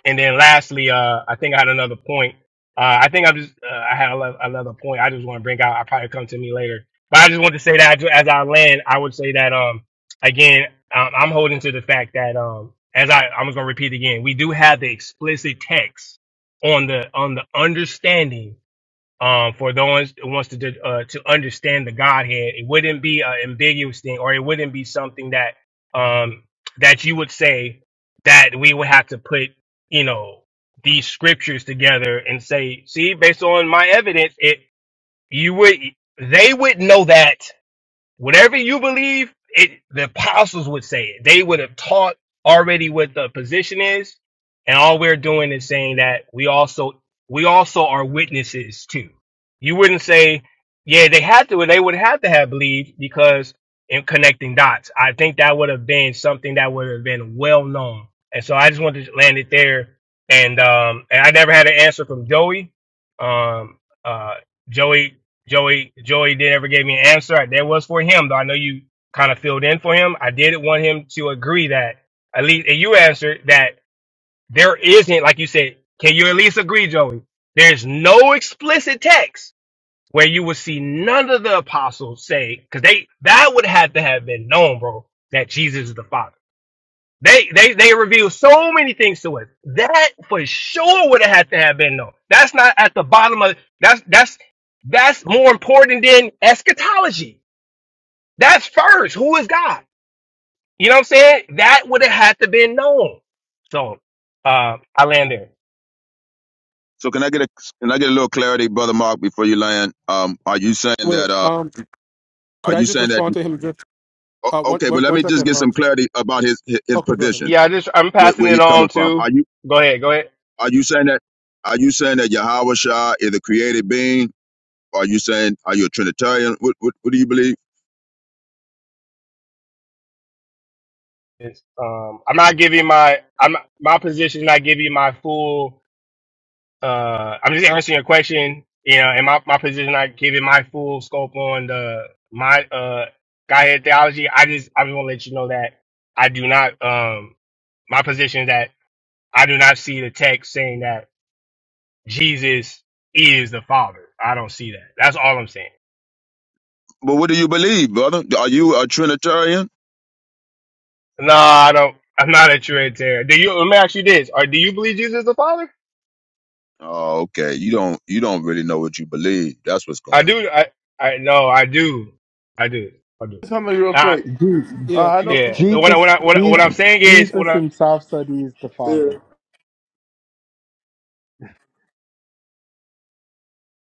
Q: And then lastly, uh, I think I had another point. Uh, I think I just uh, I had a, lo- another point. I just want to bring out. I probably come to me later, but I just want to say that ju- as I land, I would say that um again, um, I'm holding to the fact that um as I I'm just gonna repeat again, we do have the explicit text on the on the understanding um, for those who wants to uh, to understand the Godhead. It wouldn't be an ambiguous thing, or it wouldn't be something that um, that you would say that we would have to put, you know, these scriptures together and say, see, based on my evidence, it you would they would know that Whatever you believe, it the apostles would say it. They would have taught already what the position is, and all we're doing is saying that we also we also are witnesses too. You wouldn't say, yeah, they had to, they would have to have believed because in connecting dots. I think that would have been something that would have been well known. And so I just wanted to land it there. And um and I never had an answer from Joey. Um uh Joey Joey Joey did ever gave me an answer. That was for him, though. I know you kind of filled in for him. I did want him to agree that at least and you answered that there isn't, like you said, can you at least agree, Joey? There's no explicit text where you will see none of the apostles say, because they that would have to have been known, bro, that Jesus is the Father. They they they revealed so many things to us. That for sure would have had to have been known. That's not at the bottom of that's that's that's more important than eschatology. That's first. Who is God? You know what I'm saying? That would have had to been known. So uh I land there.
S: So can I get a can I get a little clarity, brother Mark, before you land? Um, are you saying
R: Wait,
S: that? Uh,
R: um,
S: are
R: could I
S: you
R: just
S: saying that?
R: respond to him just
S: o-
R: uh one
S: Okay,
R: one
S: but let
R: one
S: me just
R: second?
S: get
R: Um
S: some clarity about his his, his
R: okay, go ahead.
S: position,
Q: Yeah, I just I'm
S: where,
Q: passing
S: where
Q: it
S: he's
Q: on
S: coming from.
Q: to
S: Are you
Q: go ahead, go ahead.
S: are you saying that? Are you saying that Yahweh Shah is a created being? Are you saying are you a Trinitarian? What what, what do you believe?
Q: It's, um I'm not giving my I'm my position is not giving my full uh, I'm just answering your question. You know, in my, my position, I give it my full scope on the my uh Godhead theology. I just I just want to let you know that I do not um my position is that I do not see the text saying that Jesus is the Father. I don't see that. That's all I'm saying.
S: But what do you believe, brother? Are you a Trinitarian?
Q: No, I don't. I'm not a Trinitarian. Do you? Let me ask you this: Or do you believe Jesus is the Father?
S: Oh, okay. You don't you don't really know what you believe. That's what's going
Q: I
S: on.
Q: do. I I no. I do. I do. I do.
A: Something real
Q: Uh,
A: quick.
O: Jesus,
A: Uh,
R: Yeah,
A: I
R: may,
A: know.
Q: yeah. What I, what
O: Jesus,
Q: I, what I, what
O: Jesus,
Q: I'm saying is what
O: Jesus
Q: I
O: himself said he is the
A: Yeah.
O: Father.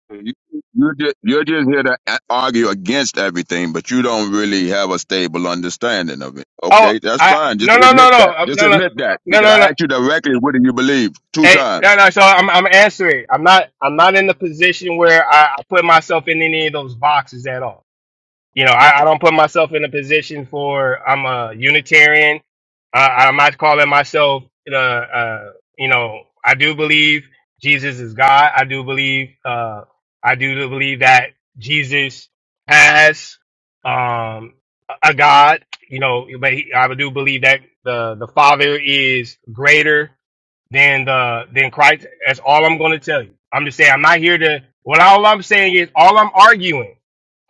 S: You you just you're just here to a- argue against everything, but you don't really have a stable understanding of it.
Q: Oh,
S: Okay, that's
Q: I
S: fine. Just
Q: no no no
S: admit
Q: no
S: that.
Q: uh,
S: Just
Q: no no
S: admit that
Q: no
S: because
Q: no
S: I
Q: no.
S: asked you directly, what do you believe? Two
Q: Hey, no
S: times.
Q: no. So I'm I'm answering. I'm not I'm not in the position where I, I put myself in any of those boxes at all you know, I, I don't put myself in a position for I'm a Unitarian. I, I'm not calling myself, uh, uh, you know, I do believe Jesus is God. I do believe, uh, I do believe that Jesus has um, a God. You know, but he, I do believe that the the Father is greater than the than Christ. That's all I'm going to tell you. I'm just saying I'm not here to. Well, all I'm saying is all I'm arguing.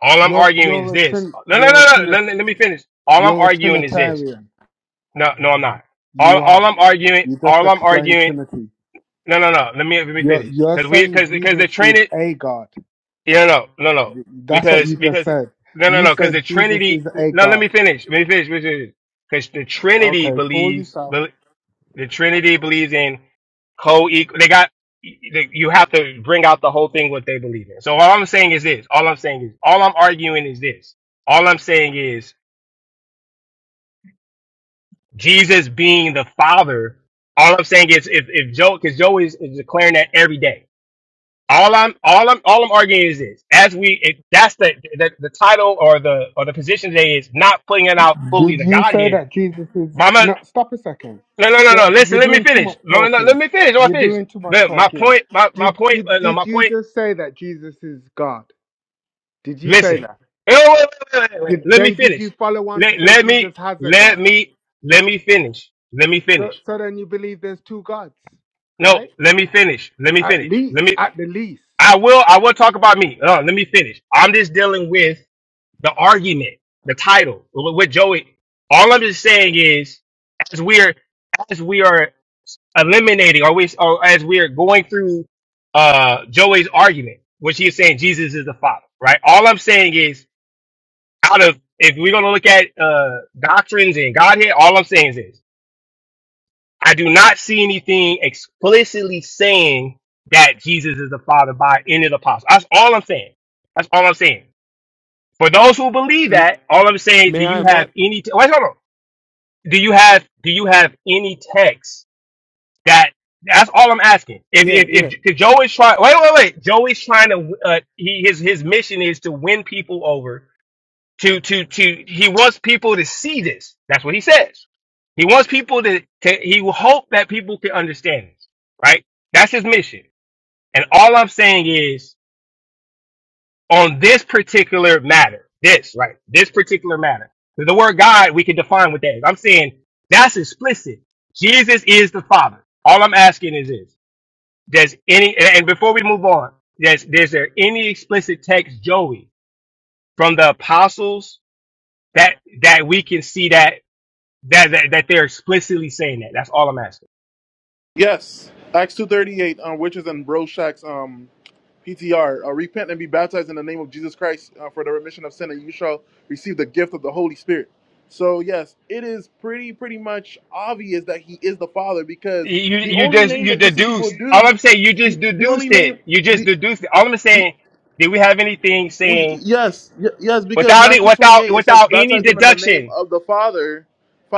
Q: All I'm
O: You're
Q: arguing is
O: you're a
Q: this.
O: trin,
Q: No, no, no,
O: you're a
Q: no.
O: trin,
Q: Let, let- me finish. All I'm
O: you're a
Q: arguing is this.
O: Trinitarian.
Q: No, no, I'm not. All,
O: You
Q: all
O: are.
Q: I'm arguing,
O: You just
Q: all I'm
O: explained
Q: arguing.
O: Trinity.
Q: No, no, no. Let me let me
O: You're
Q: finish.
O: you're
Q: Because we,
O: saying
Q: because because
O: Jesus
Q: the
O: is
Q: Trinity.
O: a God.
Q: Yeah, no, no, no.
O: That's what
Q: Because
O: you just
Q: because
O: said.
Q: no, no,
O: You
Q: no. Because the
O: said Jesus is
Q: Trinity.
O: a
Q: No, let
O: God.
Q: me finish. Let me finish. Because the Trinity
O: Okay, fool
Q: believes,
O: yourself.
Q: bel- the Trinity believes in co-equal. They got. they- You have to bring out the whole thing what they believe in. So all I'm saying is this. All I'm saying is all I'm arguing is this. All I'm saying is Jesus being the Father. All I'm saying is if, if Joe, because Joe is, is declaring that every day. All I'm all I'm all I'm arguing is this: as we, if that's the, the the title or the or the position today is not putting it out fully
O: Did
Q: the
O: you say
Q: Godhead.
O: that Jesus is?
Q: Mama,
O: No, stop a second.
Q: no, no, no, no.
O: Look,
Q: Listen,
O: You're
Q: let me
O: doing too much
Q: finish. No, no, let
O: talking.
Q: me finish. I want
O: You're
Q: to finish.
O: doing too much
Q: Look, my
O: talking.
Q: point, my my
O: Did
Q: point,
O: did
Q: uh, no,
O: did
Q: my
O: you
Q: point.
O: just say that Jesus is God? Did you say
Q: Listen,
O: that?
Q: No, wait, wait, wait, wait, wait.
O: Did,
Q: Let me
O: then did you
Q: finish.
O: follow on to
Q: Let
O: say
Q: let me
O: Jesus has a
Q: let
O: God?
Q: me let me finish. Let me
O: So
Q: finish.
O: so then you believe there's two gods,
Q: No,
O: right?
Q: let me finish. Let me
O: At
Q: finish. Let
O: least,
Q: me
O: at the least.
Q: I will I will talk about me. Uh, let me finish. I'm just dealing with the argument, the title, with with Joey. All I'm just saying is, as we're as we are eliminating, or we or as we're going through uh Joey's argument, which he is saying Jesus is the Father, right? All I'm saying is, out of if we're gonna look at uh doctrines and Godhead, all I'm saying is this. I do not see anything explicitly saying that Jesus is the Father by any of the apostles. That's all I'm saying. That's all I'm saying. For those who believe
R: m-
Q: that, all I'm saying, do
R: may I
Q: you have
R: Mark?
Q: any? Te- Wait, hold on. Do you have do you have any text that? That's all I'm asking. If
R: Yeah,
Q: if
R: yeah,
Q: if, if Joe is trying, wait, wait, wait. Joe is trying to. Uh, he his his mission is to win people over to to to he wants people to see this. That's what he says. He wants people to, to he will hope that people can understand this, right? That's his mission. And all I'm saying is on this particular matter, this, right? This particular matter. The word God, we can define what that is. I'm saying that's explicit. Jesus is the Father. All I'm asking is this. Does any, and and before we move on, does, is there any explicit text, Joey, from the apostles that, that we can see that That that, that they're explicitly saying that. That's all I'm asking.
A: Yes, Acts two thirty eight on witches and bro shacks. Um, PTR, uh, repent and be baptized in the name of Jesus Christ uh, for the remission of sin, and you shall receive the gift of the Holy Spirit. So yes, it is pretty pretty much obvious that he is the Father because
Q: You
A: the
Q: you
A: only
Q: just
A: name
Q: you
A: that you see people
Q: deduced. All
A: do,
Q: I'm saying, you just
A: the the only
Q: deduced it.
A: name
Q: You just
A: the
Q: deduced it. All I'm
A: the
Q: saying, did we have anything
A: we,
Q: saying
A: yes, y- yes, because
Q: without it
A: Matthew
Q: without
A: 28, it says,
Q: without any
A: baptize them in the name
Q: deduction?
A: of the Father,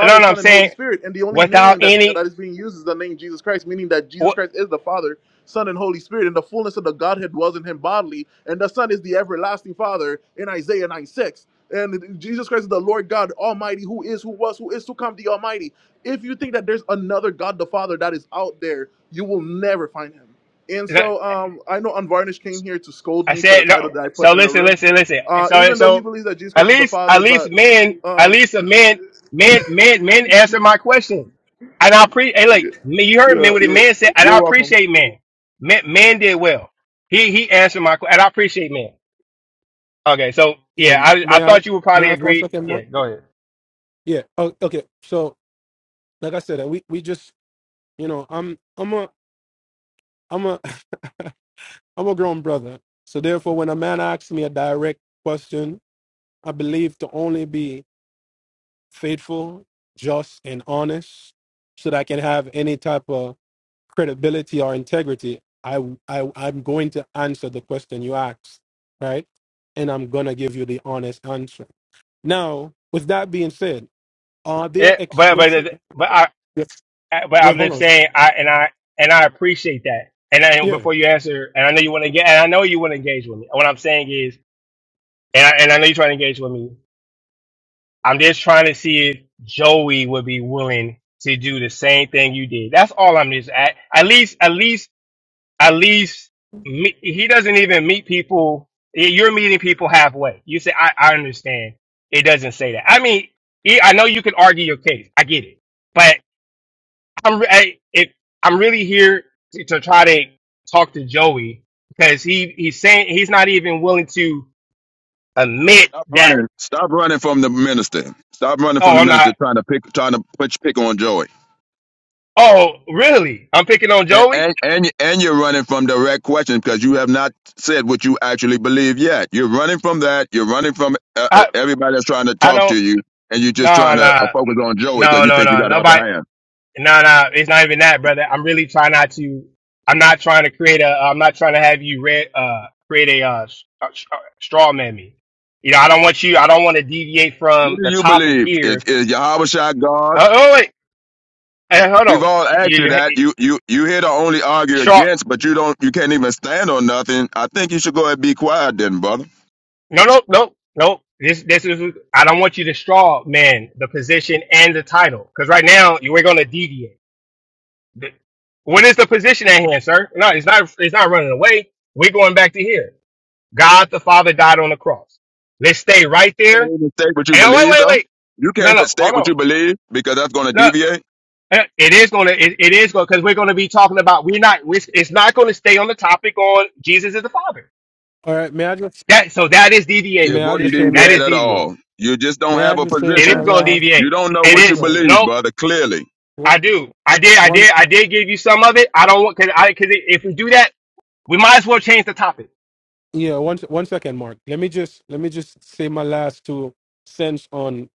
Q: No, no, I'm
A: Son, and Holy
Q: saying
A: Spirit. And the only
Q: without
A: name that,
Q: any.
A: that is being used is the name Jesus Christ, meaning that Jesus
Q: What?
A: Christ is the Father, Son, and Holy Spirit, and the fullness of the Godhead dwells in him bodily. And the Son is the everlasting Father in Isaiah 9 6. And Jesus Christ is the Lord God Almighty, who is, who was, who is to come, the Almighty. If you think that there's another God the Father that is out there, you will never find him. And so um, I know Unvarnished came here to scold
Q: I
A: me for the
Q: said
A: title
Q: no.
A: that I
Q: So
A: put in the
Q: listen,
A: room,
Q: listen, listen. And
A: uh,
Q: so,
A: even though he
Q: so
A: believes that Jesus
Q: at
A: Christ is the
Q: least, at
A: Father.
Q: least
A: But
Q: men, at
A: um,
Q: least a men, men, men, men answer my question. And I appreciate. Hey, like you heard men
A: yeah,
Q: what the man
A: you're,
Q: said, and
A: you're
Q: I
A: welcome.
Q: appreciate men. Men, men did well. He he answered my question, and I appreciate men. Okay, so
R: yeah.
Q: yeah, I I
R: May I
Q: thought you would
R: may
Q: probably
R: I for a
Q: agree.
R: second, Mark?
Q: Yeah, go ahead.
R: Yeah. Oh, okay. So like I said, uh, we we just you know, I'm I'm a I'm a I'm a grown brother. So therefore when a man asks me a direct question I believe to only be faithful, just, and honest so that I can have any type of credibility or integrity. I, I, I'm going to answer the question you asked, right? And I'm going to give you the honest answer. Now, with that being said, are there
Q: Yeah, but
R: explicit?
Q: but but I
R: Yes.
Q: I- but
R: Wait,
Q: I'm
R: hold
Q: just
R: on.
Q: saying I and I and I appreciate that. And I,
R: Yeah.
Q: before you answer, and I know you want to get, and I know you want to engage with me. What I'm saying is, and I, and I know you're trying to engage with me. I'm just trying to see if Joey would be willing to do the same thing you did. That's all I'm just at. At least, at least, at least, me, he doesn't even meet people. You're meeting people halfway. You say, I, I understand. It doesn't say that. I mean, he- I know you can argue your case. I get it, but I'm, re- I, if I'm really here to, to try to talk to Joey because he, he's saying he's not even willing to admit
S: Stop
Q: that.
S: running. Stop running from the minister. Stop running
Q: Oh,
S: from the
Q: I'm not.
S: minister trying to pick trying to put pick on Joey.
Q: Oh, really? I'm picking on
S: And
Q: Joey?
S: and and and you're running from direct questions because you have not said what you actually believe yet. You're running from that. You're running from uh, uh,
Q: I
S: everybody that's trying to
Q: I
S: talk to
Q: don't
S: you, and you're just
Q: no
S: trying to uh,
Q: no
S: focus on Joey because
Q: no
S: you
Q: no
S: think you
Q: no
S: got the upper
Q: nobody
S: hand.
Q: no no it's not even that brother. I'm really trying not to I'm not trying to create a I'm not trying to have you read uh create a uh s- a s- uh, straw man me. You know, I don't want you I don't want to deviate
S: What
Q: from
S: do
Q: the
S: you
Q: topic
S: believe? Is,
Q: here.
S: is Yahweh Shai God?
Q: Uh, oh wait, hey, hold
S: We've
Q: on.
S: all asked
Q: You
S: you
Q: you
S: that.
Q: ha-
S: You you you here to only argue
Q: straw
S: against, but you don't. You can't even stand on nothing. I think you should go ahead and be quiet, then, brother.
Q: no no no no this this is I don't want you to straw man the position and the title cuz right now you are going to deviate. Th- What is the position at hand, sir? No, it's not. It's not running away. We're going back to here. God the Father died on the cross. Let's stay right
S: You
Q: there.
S: can't even state what you
Q: And oh, wait,
S: believe,
Q: wait,
S: though.
Q: wait.
S: You
Q: No,
S: can't but
Q: no, hold
S: state what
Q: on.
S: you believe because that's going to
Q: No,
S: deviate.
Q: eh, it is going to. It, it is going because we're going to be talking about. We're not. we it's not going to stay on the topic on Jesus is the Father.
R: All right. May I just
Q: That so that is
R: may
S: It
Q: deviating.
R: I
S: wouldn't
R: just say
Q: That
R: my
S: deviate
Q: is
S: at all.
Q: deviating.
S: You just don't
R: may I
S: have a
R: just say
Q: It is
R: my
S: position.
Q: going to
R: last?
S: You
Q: deviate.
S: don't know
Q: It
R: I'm
S: what you
Q: is.
R: sorry.
S: believe,
Q: Nope.
S: brother. Clearly.
Q: I do. I did. I
R: One
Q: did. I did give you some of it. I don't want because I because if we do that, we might as well change the topic.
R: Yeah, one se- one second, Mark. Let me just let me just say my last two cents on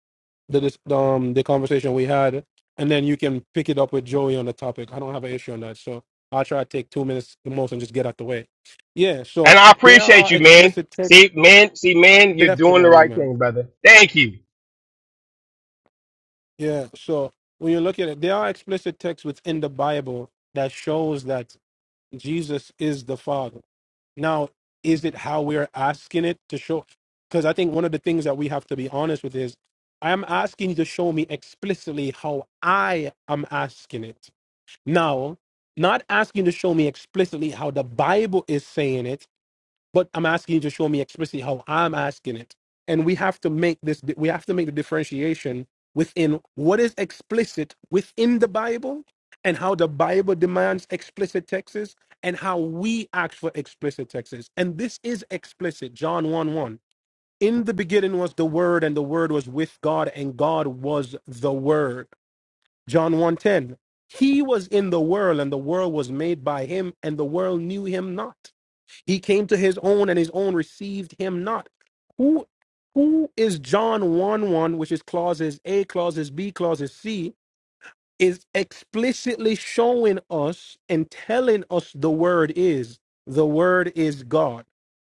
R: the dis- um the conversation we had, and then you can pick it up with Joey on the topic. I don't have an issue on that, so I'll try to take two minutes the most and just get out the way. Yeah, so
Q: And I
R: there
Q: appreciate
R: are
Q: you, man.
R: explicit texts,
Q: See, man, see, man, you're doing the
R: definitely,
Q: right
R: man.
Q: thing, brother. Thank you.
R: Yeah, so when you look at it, there are explicit texts within the Bible that shows that Jesus is the Father. Now, is it how we're asking it to show? Because I think one of the things that we have to be honest with is I am asking you to show me explicitly how I am asking it. Now, not asking you to show me explicitly how the Bible is saying it, but I'm asking you to show me explicitly how I'm asking it. And we have to make this, we have to make the differentiation within what is explicit within the Bible and how the Bible demands explicit texts and how we act for explicit texts. And this is explicit, John 1 1. In the beginning was the Word, and the Word was with God, and God was the Word. John 1 ten. He was in the world, and the world was made by him, and the world knew him not. He came to his own, and his own received him not. Who who is John 1 1, which is clauses A, clauses B, clauses C? is explicitly showing us and telling us the word is the word is god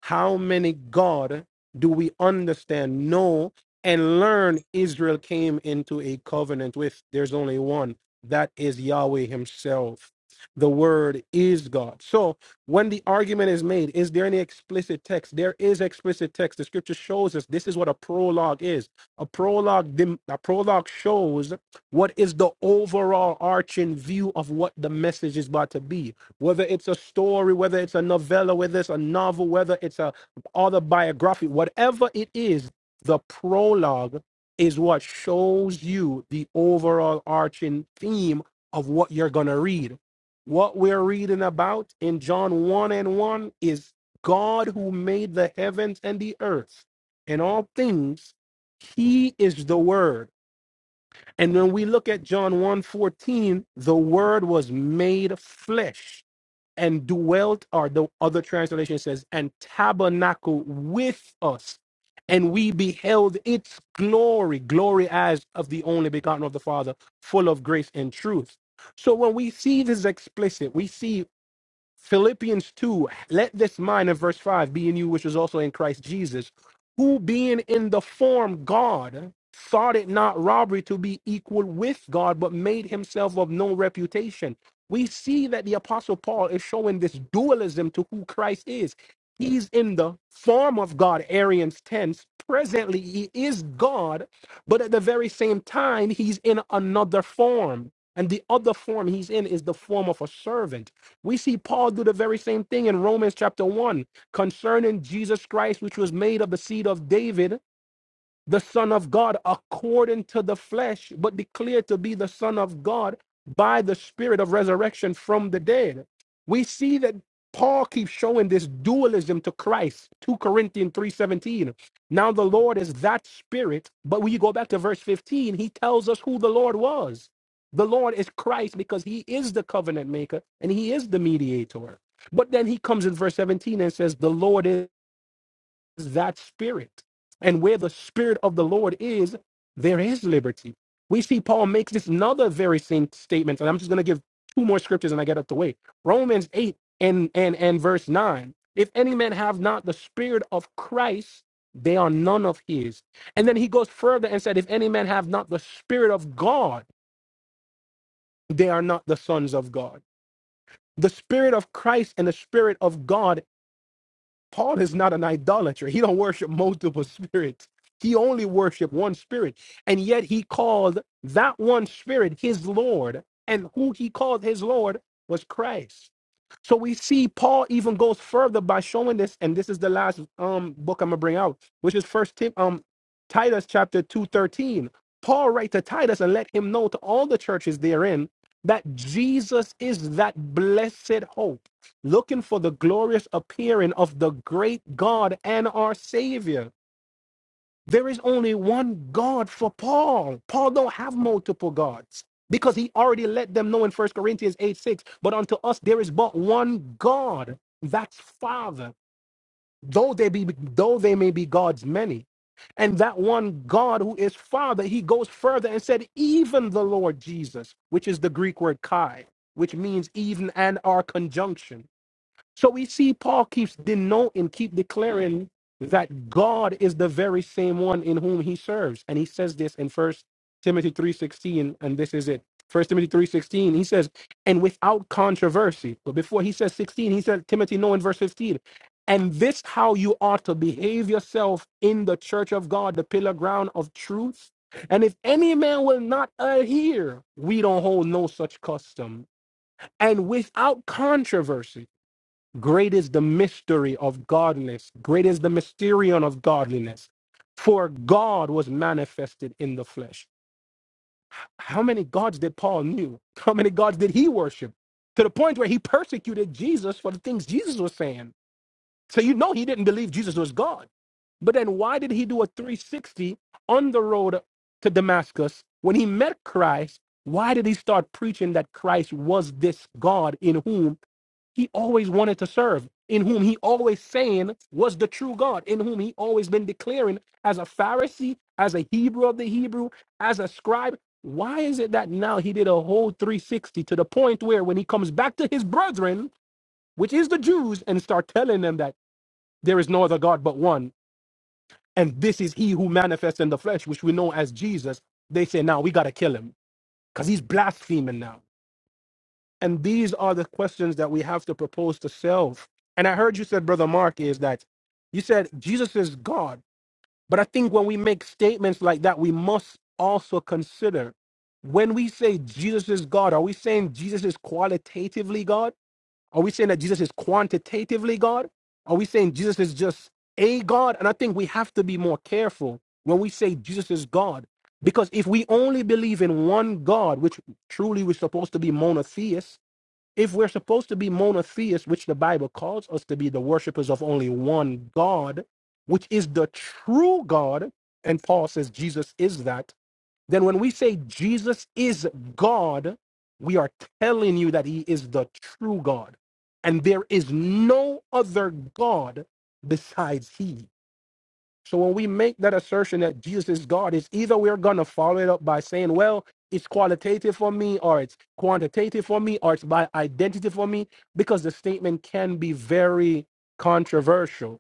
R: how many god do we understand know and learn israel came into a covenant with there's only one that is yahweh himself the word is god so when the argument is made is there any explicit text there is explicit text the scripture shows us this is what a prologue is a prologue dem- a prologue shows what is the overall arching view of what the message is about to be? Whether it's a story, whether it's a novella, whether it's a novel, whether it's a autobiography, whatever it is, the prologue is what shows you the overall arching theme of what you're going to read. What we're reading about in John 1 and 1 is God who made the heavens and the earth and all things. He is the Word. And when we look at John one fourteen, the word was made flesh and dwelt, or the other translation says, and tabernacle with us. And we beheld its glory, glory as of the only begotten of the Father, full of grace and truth. So when we see this explicit, we see Philippians 2, let this mind of verse 5 be in you, which is also in Christ Jesus, who being in the form God, thought it not robbery to be equal with God, but made himself of no reputation. We see that the Apostle Paul is showing this dualism to who Christ is. He's in the form of God, Arian's tense. Presently, he is God, but at the very same time, he's in another form. And the other form he's in is the form of a servant. We see Paul do the very same thing in Romans chapter 1 concerning Jesus Christ, which was made of the seed of David the Son of God according to the flesh, but declared to be the Son of God by the Spirit of resurrection from the dead. We see that Paul keeps showing this dualism to Christ, 2 Corinthians 3:17. Now the Lord is that spirit, but when you go back to verse 15, he tells us who the Lord was. The Lord is Christ because he is the covenant maker and he is the mediator. But then he comes in verse 17 and says, The Lord is that spirit. And where the spirit of the Lord is, there is liberty. We see Paul makes this another very same statement, and I'm just going to give two more scriptures and I get up the way. Romans 8 and, and, and verse 9. If any man have not the spirit of Christ, they are none of his. And then he goes further and said, If any man have not the spirit of God, they are not the sons of God. The spirit of Christ and the spirit of God Paul is not an idolater. He don't worship multiple spirits. He only worshiped one spirit. And yet he called that one spirit his Lord. And who he called his Lord was Christ. So we see Paul even goes further by showing this, and this is the last um book I'm gonna bring out, which is first Tim um Titus chapter 2 13. Paul write to Titus and let him know to all the churches therein that Jesus is that blessed hope looking for the glorious appearing of the great God and our Savior. There is only one God for Paul. Paul don't have multiple gods because he already let them know in First Corinthians 8 6. But unto us there is but one God, that's Father, though they be though they may be gods many. And that one God who is Father, he goes further and said, even the Lord Jesus, which is the Greek word Kai, which means even and our conjunction. So we see Paul keeps denoting, keep declaring that God is the very same one in whom he serves. And he says this in First Timothy 3.16, and this is it. First Timothy 3.16, he says, and without controversy. But before he says 16, he said, Timothy, no, in verse 15. And this how you ought to behave yourself in the church of God, the pillar ground of truth. And if any man will not adhere, we don't hold no such custom. And without controversy. Great is the mystery of godliness. Great is the mysterion of godliness. For God was manifested in the flesh. How many gods did Paul knew? How many gods did he worship? To the point where he persecuted Jesus for the things Jesus was saying. So you know he didn't believe Jesus was God. But then why did he do a 360 on the road to Damascus when he met Christ? Why did he start preaching that Christ was this God in whom? he always wanted to serve, in whom he always saying was the true God, in whom he always been declaring as a Pharisee, as a Hebrew of the Hebrew, as a scribe. Why is it that now he did a whole 360 to the point where when he comes back to his brethren, which is the Jews, and start telling them that there is no other God but one, and this is he who manifests in the flesh, which we know as Jesus, they say, now we got to kill him because he's blaspheming now and these are the questions that we have to propose to self. And I heard you said, Brother Mark, is that you said Jesus is God. But I think when we make statements like that, we must also consider when we say Jesus is God, are we saying Jesus is qualitatively God? Are we saying that Jesus is quantitatively God? Are we saying Jesus is just a God? And I think we have to be more careful when we say Jesus is God. Because if we only believe in one God, which truly we're supposed to be monotheists, if we're supposed to be monotheists, which the Bible calls us to be, the worshipers of only one God, which is the true God, and Paul says Jesus is that, then when we say Jesus is God, we are telling you that he is the true God. And there is no other God besides he. So when we make that assertion that Jesus is God, it's either we're gonna follow it up by saying, well, it's qualitative for me, or it's quantitative for me, or it's by identity for me, because the statement can be very controversial.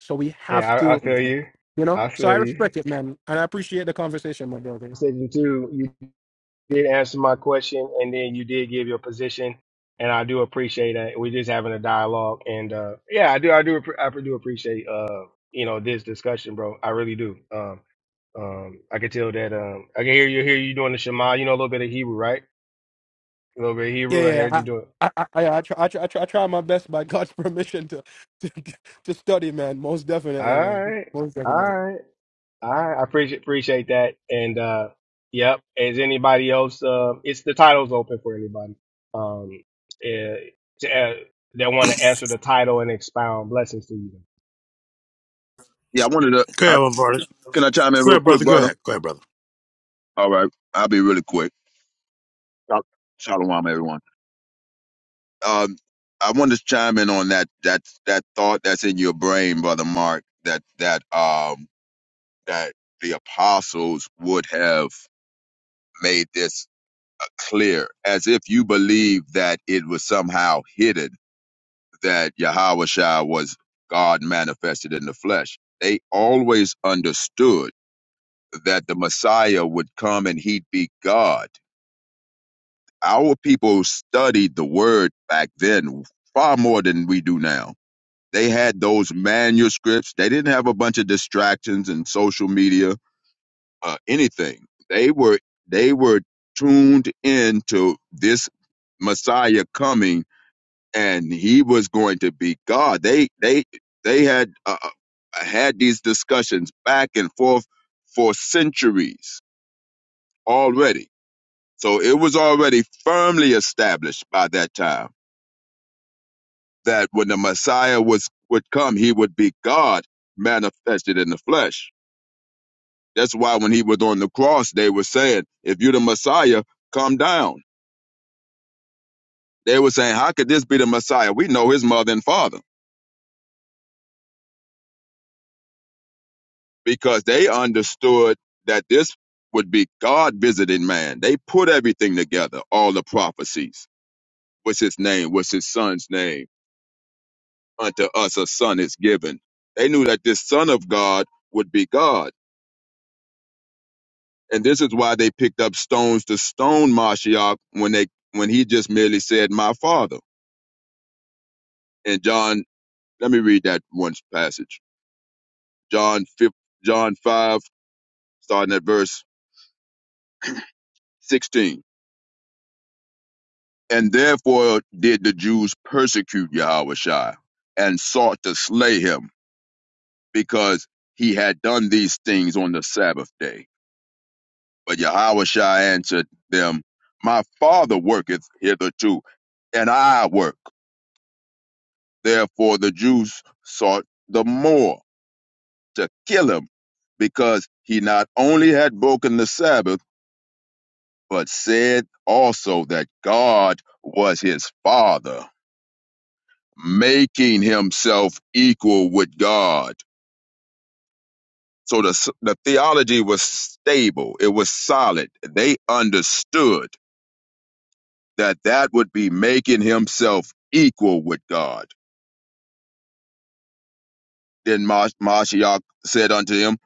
R: So we
Q: Yeah,
R: have
Q: I,
R: to,
Q: I feel you.
R: you know.
Q: I
R: So I
Q: feel you.
R: respect it, man, and I appreciate the conversation, my brother.
Q: Section two, you did answer my question, and then you did give your position, and I do appreciate that. We're just having a dialogue, and uh, yeah, I do, I do, appre- I do appreciate uh, you know, this discussion, bro. I really do. Um, um, I can tell that. Um, I can hear you, hear you doing the Shema. You know a little bit of Hebrew, right? A little bit of
R: Yeah,
Q: Hebrew. I heard
R: yeah.
Q: you doing.
R: I, I, I, I, I, try, I, try, I try I try my best by God's permission to, to to study, man. Most
Q: All
R: definitely, man.
Q: right,
R: Most
Q: all
R: definitely.
Q: right. All right, I appreciate appreciate that. And uh yep, as anybody else, uh, it's the title's open for anybody. Um, eh, to, uh, that want to answer the title and expound blessings to you.
S: Yeah, I wanted to.
P: Go
S: I,
P: ahead, my brother.
S: can I chime in
P: Go
S: real
P: ahead,
S: quick,
P: brother. Go
S: brother?
P: ahead. Go ahead, brother.
S: All right, I'll be really quick. Shalom, everyone. Um, I want to chime in on that that that thought that's in your brain, brother Mark. That that um that the apostles would have made this uh, clear, as if you believe that it was somehow hidden that Yahweh was God manifested in the flesh. They always understood that the Messiah would come and he'd be God. Our people studied the word back then far more than we do now They had those manuscripts. They didn't have a bunch of distractions and social media, uh, anything. They were they were tuned into this Messiah coming, and he was going to be God. They they they had uh, uh, had these discussions back and forth for centuries already. So it was already firmly established by that time that when the Messiah was would come, he would be God manifested in the flesh That's why when he was on the cross, they were saying, If you're the Messiah, come down. They were saying, How could this be the Messiah? We know his mother and father because they understood that this would be God visiting man. They put everything together, all the prophecies. What's his name? What's his son's name? Unto us a son is given. They knew that this son of God would be God. And this is why they picked up stones to stone Mashiach when they when he just merely said, My father in John Let me read that one passage. John 5, John 5, starting at verse 16. And therefore did the Jews persecute Yahushua and sought to slay him because he had done these things on the Sabbath day. But Yahushua answered them, My Father worketh hitherto, and I work. Therefore the Jews sought the more to kill him because he not only had broken the Sabbath, but said also that God was his father, making himself equal with God. So the, the theology was stable, it was solid. They understood that that would be making himself equal with God. Then Mas- Mashiach said unto him,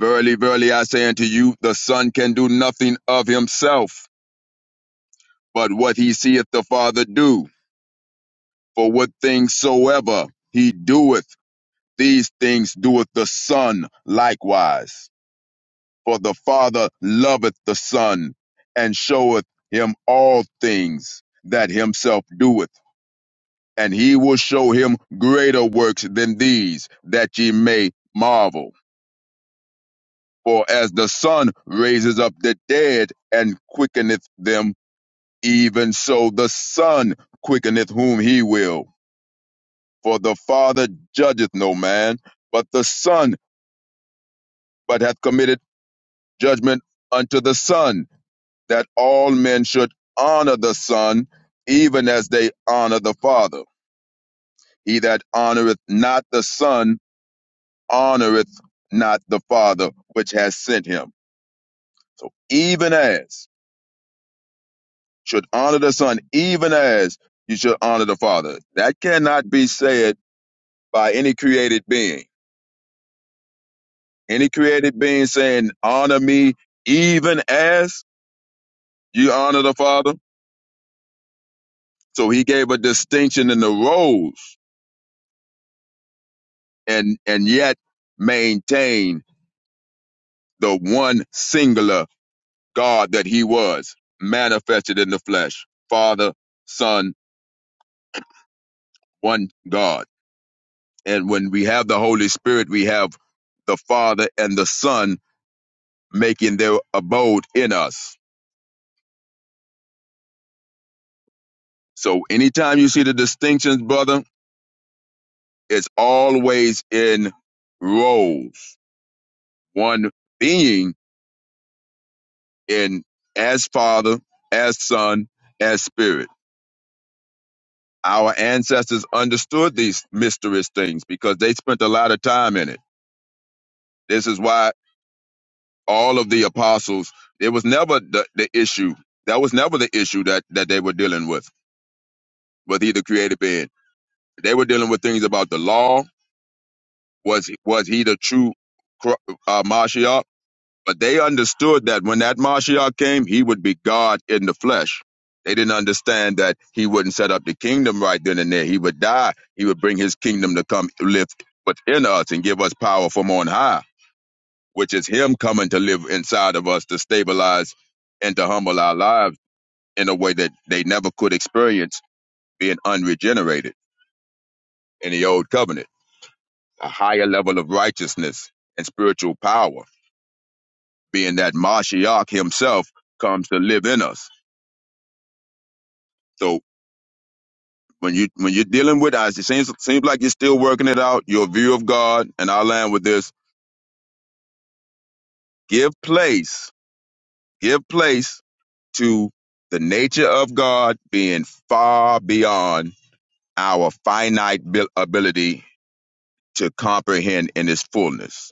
S: Verily, verily, I say unto you, the Son can do nothing of himself, but what he seeth the Father do. For what things soever he doeth, These things doeth the Son likewise. For the Father loveth the Son, and showeth him all things that himself doeth. And he will show him greater works than these, that ye may marvel. For as the Son raises up the dead and quickeneth them, even so the Son quickeneth whom he will. For the Father judgeth no man, but the Son, but hath committed judgment unto the Son, that all men should honor the Son, even as they honor the Father. He that honoreth not the Son honoreth not the Father which has sent him. So even as should honor the Son, even as you should honor the Father. That cannot be said by any created being. Any created being saying, honor me even as you honor the Father. So he gave a distinction in the roles and and yet maintain the one singular God that he was manifested in the flesh father son one god and when we have the holy spirit we have the father and the son making their abode in us so anytime you see the distinctions brother it's always in roles one being in as father as son as spirit Our ancestors understood these mysterious things because they spent a lot of time in it. This is why all of the apostles, it was never the, the issue. That was never the issue that, that they were dealing with, with either created being. They were dealing with things about the law. Was was he the true Cro- uh, Mashiach? But they understood that when that Mashiach came, he would be God in the flesh. They didn't understand that he wouldn't set up the kingdom right then and there. He would die. He would bring his kingdom to come live within us and give us power from on high, which is him coming to live inside of us to stabilize and to humble our lives in a way that they never could experience being unregenerated in the old covenant. A higher level of righteousness and spiritual power, being that Mashiach himself comes to live in us So when you when you're dealing with us, it seems seems like you're still working it out. Your view of God, and I'll land with this: give place, give place to the nature of God being far beyond our finite abil- ability to comprehend in its fullness,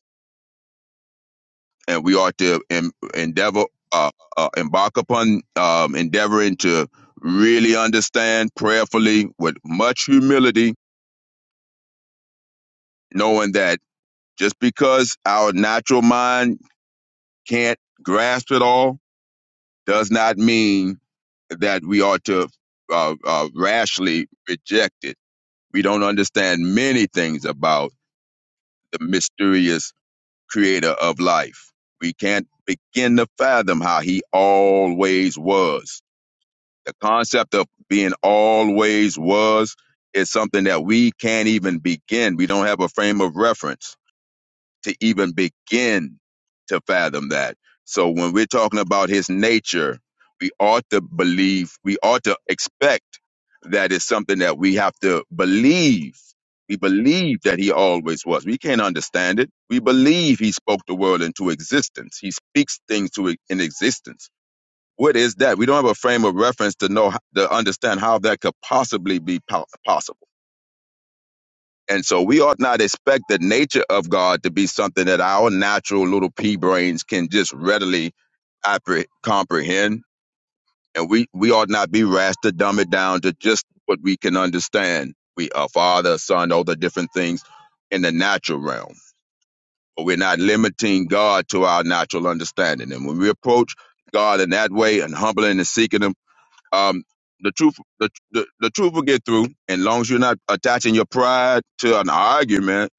S: and we ought to em- endeavor uh, uh, embark upon um, endeavoring to really understand prayerfully with much humility, knowing that just because our natural mind can't grasp it all does not mean that we ought to uh, uh, rashly reject it. We don't understand many things about the mysterious creator of life. We can't begin to fathom how he always was. The concept of being always was is something that we can't even begin. We don't have a frame of reference to even begin to fathom that. So when we're talking about his nature, we ought to believe, we ought to expect that it's something that we have to believe. We believe that he always was. We can't understand it. We believe he spoke the world into existence. He speaks things to in existence. What is that? We don't have a frame of reference to know to understand how that could possibly be po- possible. And so we ought not expect the nature of God to be something that our natural little pea brains can just readily appre- comprehend. And we, we ought not be rash to dumb it down to just what we can understand. We are father, son, all the different things in the natural realm. But we're not limiting God to our natural understanding. And when we approach God in that way and humbling and seeking Him, um, the truth, the, the, the truth will get through, and long as you're not attaching your pride to an argument,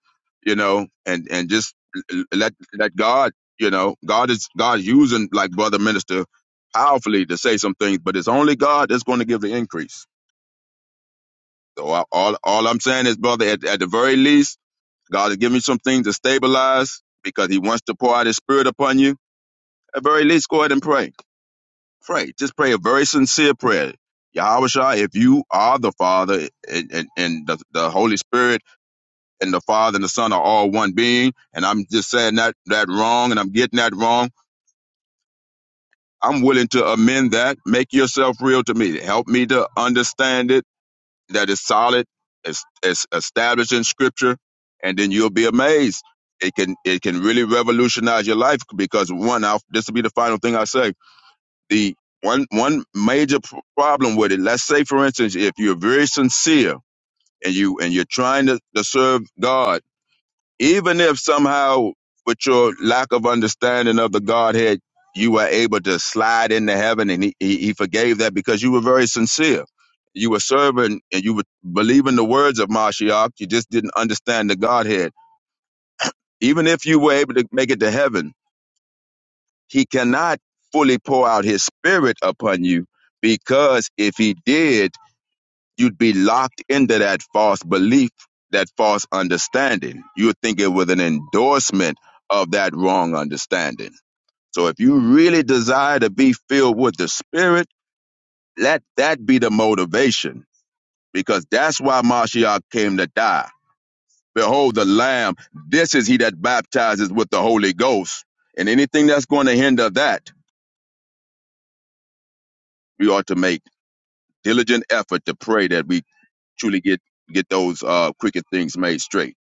S: you know, and and just l- let let God, you know, God is God using like brother minister powerfully to say some things, but it's only God that's going to give the increase. So I, all all I'm saying is, brother, at, at the very least, God is giving you some things to stabilize because He wants to pour out His Spirit upon you. At very least, go ahead and pray pray. Just pray a very sincere prayer. Yahweh Shai, if you are the Father and, and, and the, the Holy Spirit and the Father and the Son are all one being, and I'm just saying that, that wrong and I'm getting that wrong, I'm willing to amend that. Make yourself real to me. Help me to understand it, that it's solid, it's, it's established in Scripture, and then you'll be amazed. It can it can really revolutionize your life because one, I'll, this will be the final thing I say the one one major p- problem with it let's say for instance if you're very sincere and you and you're trying to, to serve god even if somehow with your lack of understanding of the godhead you were able to slide into heaven and he, he, he forgave that because you were very sincere you were serving and you were believing the words of Mashiach. You just didn't understand the Godhead. Even if you were able to make it to heaven, he cannot fully pour out his spirit upon you because if he did, you'd be locked into that false belief, that false understanding. You would think it was an endorsement of that wrong understanding. So if you really desire to be filled with the spirit, let that be the motivation because that's why Mashiach came to die. Behold the Lamb. This is he that baptizes with the Holy Ghost. And anything that's going to hinder that, we ought to make diligent effort to pray that we truly get get those uh crooked things made straight.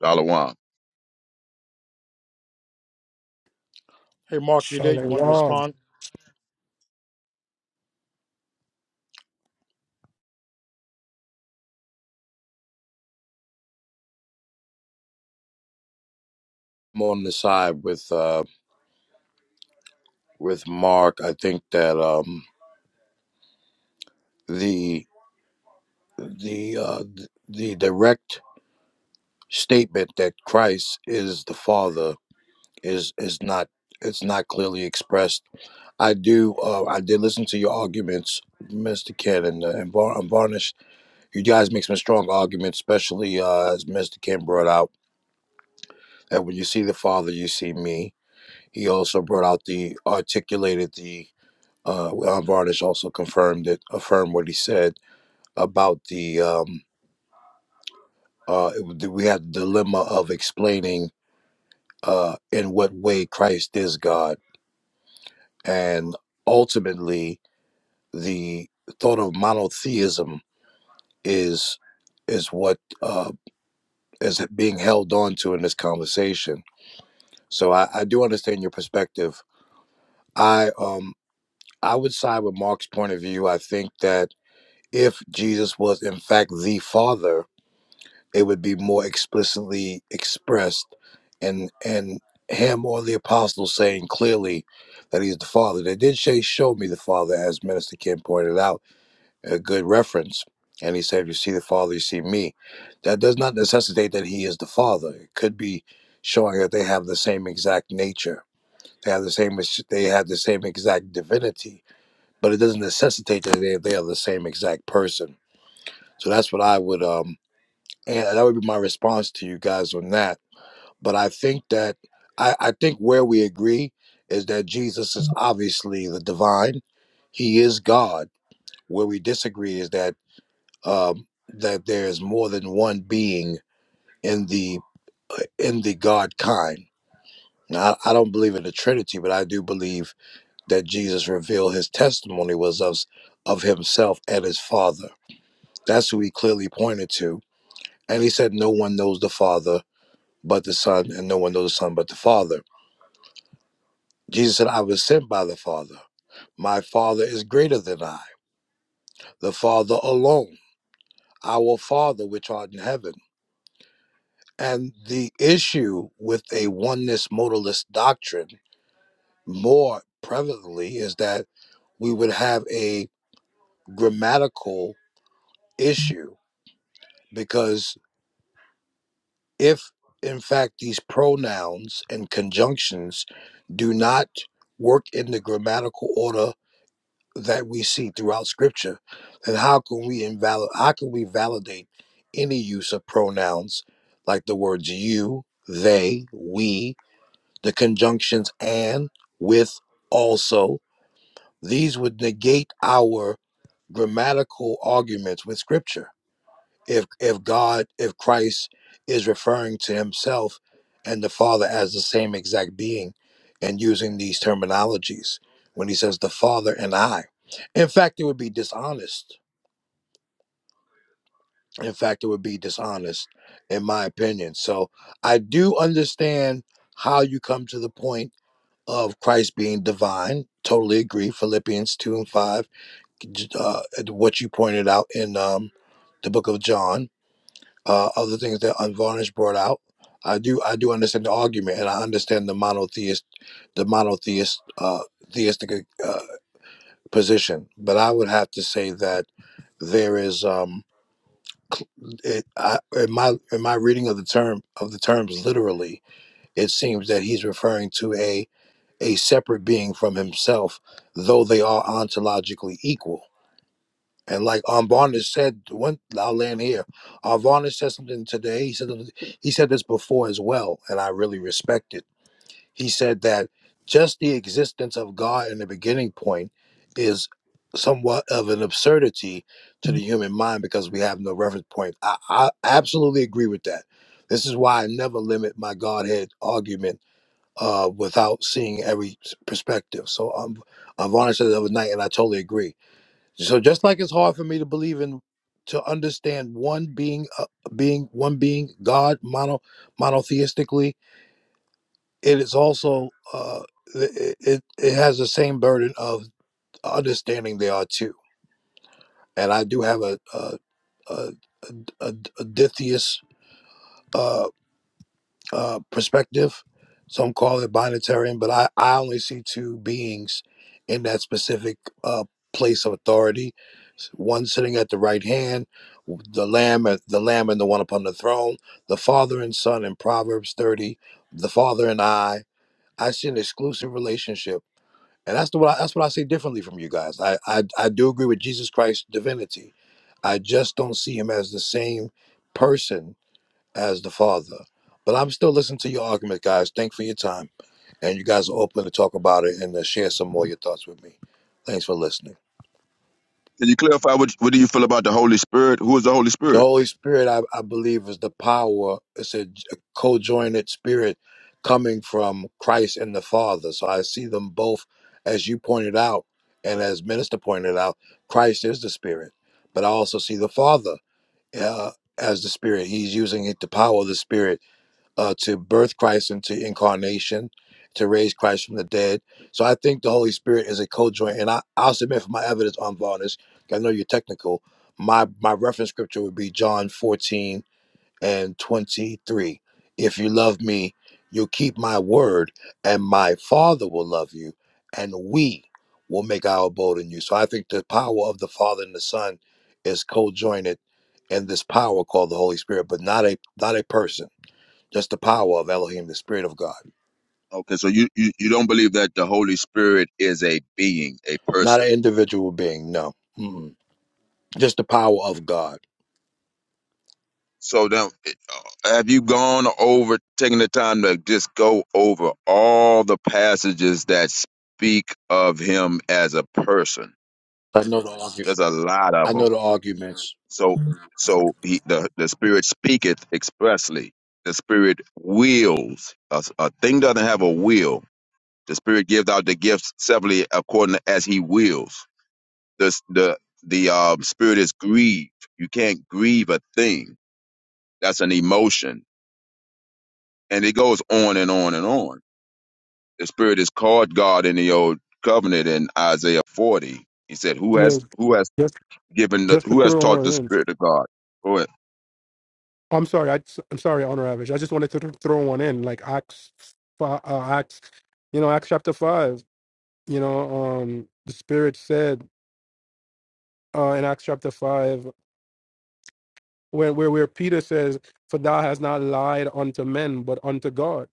S: Dollar Can
P: Hey, Mark, you there? You wanted to
R: Shalom.
P: respond? I'm on the side with uh with Mark. I think that um the the uh th- the direct statement that Christ is the Father is is not it's not clearly expressed. I do uh I did listen to your arguments, Mr. Ken and, uh, and Var- and Varnish, you guys make some strong arguments, especially uh, as Mr. Kim brought out that when you see the Father, you see me. He also brought out the articulated the uh, well, Varnish also confirmed it, affirmed what he said about the um, uh, we had the dilemma of explaining uh, in what way Christ is God, and ultimately the thought of monotheism is is what uh, is being held on to in this conversation So I, I do understand your perspective. I um I would side with Mark's point of view. I think that if Jesus was in fact the Father, it would be more explicitly expressed and and him or the apostles saying clearly that he's the Father. They did say show me the Father as Minister Kim pointed out, a good reference. And he said, if you see the Father, you see me. That does not necessitate that he is the Father. It could be showing that they have the same exact nature they have the same. They have the same exact divinity, but it doesn't necessitate that they they are the same exact person. So that's what I would um, and that would be my response to you guys on that. But I think that I, I think where we agree is that Jesus is obviously the divine. He is God. Where we disagree is that um, that there is more than one being in the uh, in the God kind. Now, I, I don't believe in the Trinity, but I do believe that Jesus revealed his testimony was of, of himself and his Father. That's who he clearly pointed to. And he said, No one knows the Father but the Son, and no one knows the Son but the Father. Jesus said, I was sent by the Father. My Father is greater than I, the Father alone, our Father which art in heaven. And the issue with a oneness modalist doctrine more prevalently is that we would have a grammatical issue because. if in fact these pronouns and conjunctions do not work in the grammatical order that we see throughout scripture then how can we invalid how can we validate any use of pronouns like the words you they we the conjunctions and with also these would negate our grammatical arguments with scripture if if God, if Christ is referring to himself and the Father as the same exact being and using these terminologies when he says the Father and I. In fact, it would be dishonest. In fact, it would be dishonest, in my opinion. So I do understand how you come to the point of Christ being divine. Totally agree. Philippians 2 and 5, uh, what you pointed out in um, the book of John uh, other things that Unvarnished brought out. I do I do understand the argument, and I understand the monotheist the monotheist uh, theistic uh, position. But I would have to say that there is um, it, I, in my in my reading of the term of the terms literally, it seems that he's referring to a a separate being from himself, though they are ontologically equal And like um, Barnes said, when I'll land here, uh, Barnes said something today. He said he said this before as well, and I really respect it. He said that just the existence of God in the beginning point is somewhat of an absurdity to the human mind because we have no reference point. I, I absolutely agree with that. This is why I never limit my Godhead argument uh, without seeing every perspective. So um, Varner said the other night, and I totally agree so just like it's hard for me to believe in to understand one being uh, being one being God mono monotheistically, it is also uh, it, it it has the same burden of understanding there are two. And I do have a a a, a, a dithyus uh, uh, perspective. Some call it binatarian, but I, I only see two beings in that specific uh, place of authority. One sitting at the right hand, the lamb, uh, the lamb, and the one upon the throne. The father and son in Proverbs thirty. The father and I. I see an exclusive relationship, and that's the what I, that's what I see differently from you guys. I, I I do agree with Jesus Christ's divinity. I just don't see him as the same person as the father. But I'm still listening to your argument, guys. Thanks for your time. And you guys are open to talk about it and to share some more of your thoughts with me. Thanks for listening.
S: you clarify what what do you feel about the Holy Spirit? Who is the Holy
P: The
S: Spirit?
P: Holy Spirit, I, I believe, is the power, it's a, co joined spirit coming from Christ and the Father. So I see them both, as you pointed out, and as Minister pointed out, Christ is the Spirit. But I also see the Father uh, as the Spirit. He's using it, the power of the Spirit uh, to birth Christ into incarnation, to raise Christ from the dead. So I think the Holy Spirit is a co-joint, and I, I'll submit for my evidence on Varnus. I know you're technical. My my reference scripture would be John 14 and 23. If you love me, you'll keep my word, and my Father will love you, and we will make our abode in you. So I think the power of the Father and the Son is co-jointed in this power called the Holy Spirit, but not a not a person. Just the power of Elohim, the Spirit of God.
S: Okay, so you, you you don't believe that the Holy Spirit is a being, a
P: Not an
S: person.
P: individual being, no. Mm-mm. Just the power of God.
S: So now, it- uh, have you gone over taking the time to just go over all the passages that speak of him as a person?
P: I know the argu-
S: There's a lot of
P: I
S: them.
P: know the arguments.
S: So so he the, the spirit speaketh expressly. The spirit wills. A, a thing doesn't have a will. The spirit gives out the gifts severally according to as he wills. The s- the the um, spirit is grieved. You can't grieve a thing. That's an emotion, and it goes on and on and on. The spirit is called God in the old covenant in Isaiah forty. He said, "Who
R: Yeah,
S: has who has
R: just
S: given the,
R: just to
S: who has
R: throw
S: taught
R: one
S: the
R: in.
S: spirit of God?" Go ahead.
R: I'm sorry. I, am sorry, Honor I just wanted to th- throw one in, like Acts, fi- uh, Acts, you know, Acts chapter five. You know, um, the Spirit said uh, in Acts chapter five, where, where where Peter says, "For thou hast not lied unto men, but unto God."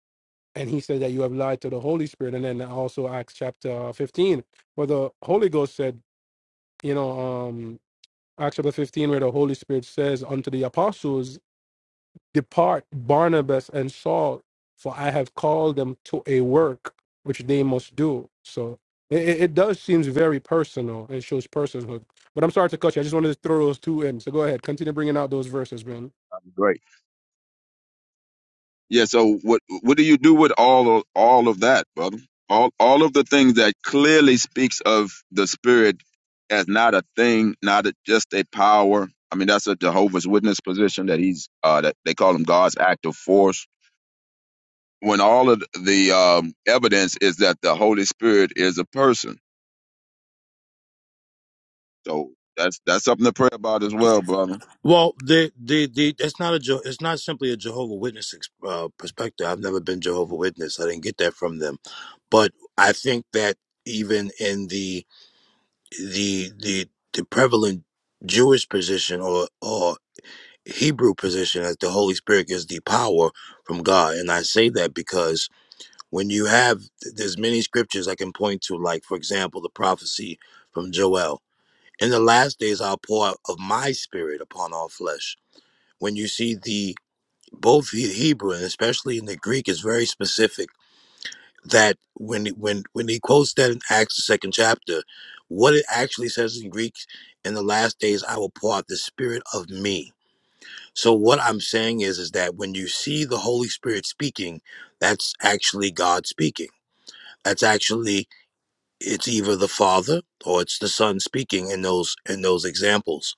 R: And he said that you have lied to the Holy Spirit. And then also Acts chapter 15, where the Holy Ghost said, you know, um, Acts chapter 15, where the Holy Spirit says unto the apostles, Depart Barnabas and Saul, for I have called them to a work which they must do. So it, it it does seems very personal. It shows personhood. But I'm sorry to cut you. I just wanted to throw those two in. So go ahead. Continue bringing out those verses, man.
S: Great. Yeah. So what what do you do with all of all of that, brother? All all of the things that clearly speaks of the spirit as not a thing, not a, just a power. I mean, that's a Jehovah's Witness position that he's uh, that they call him God's active force. When all of the um, evidence is that the Holy Spirit is a person, so that's that's something to pray about as well, brother.
P: Well, the, the, the, it's not a, Je- it's not simply a Jehovah Witness ex- uh, perspective. I've never been Jehovah Witness. I didn't get that from them, but I think that even in the, the, the, the prevalent Jewish position or, or Hebrew position, as the Holy Spirit is the power from God, and I say that because when you have there's many scriptures I can point to, like for example, the prophecy from Joel. In the last days, I'll pour out of my spirit upon all flesh. When you see the both the Hebrew and especially in the Greek is very specific that when when when he quotes that in Acts the second chapter, what it actually says in Greek, in the last days I will pour out the spirit of me. So what I'm saying is is that when you see the Holy Spirit speaking, that's actually God speaking. That's actually it's either the father or it's the son speaking in those in those examples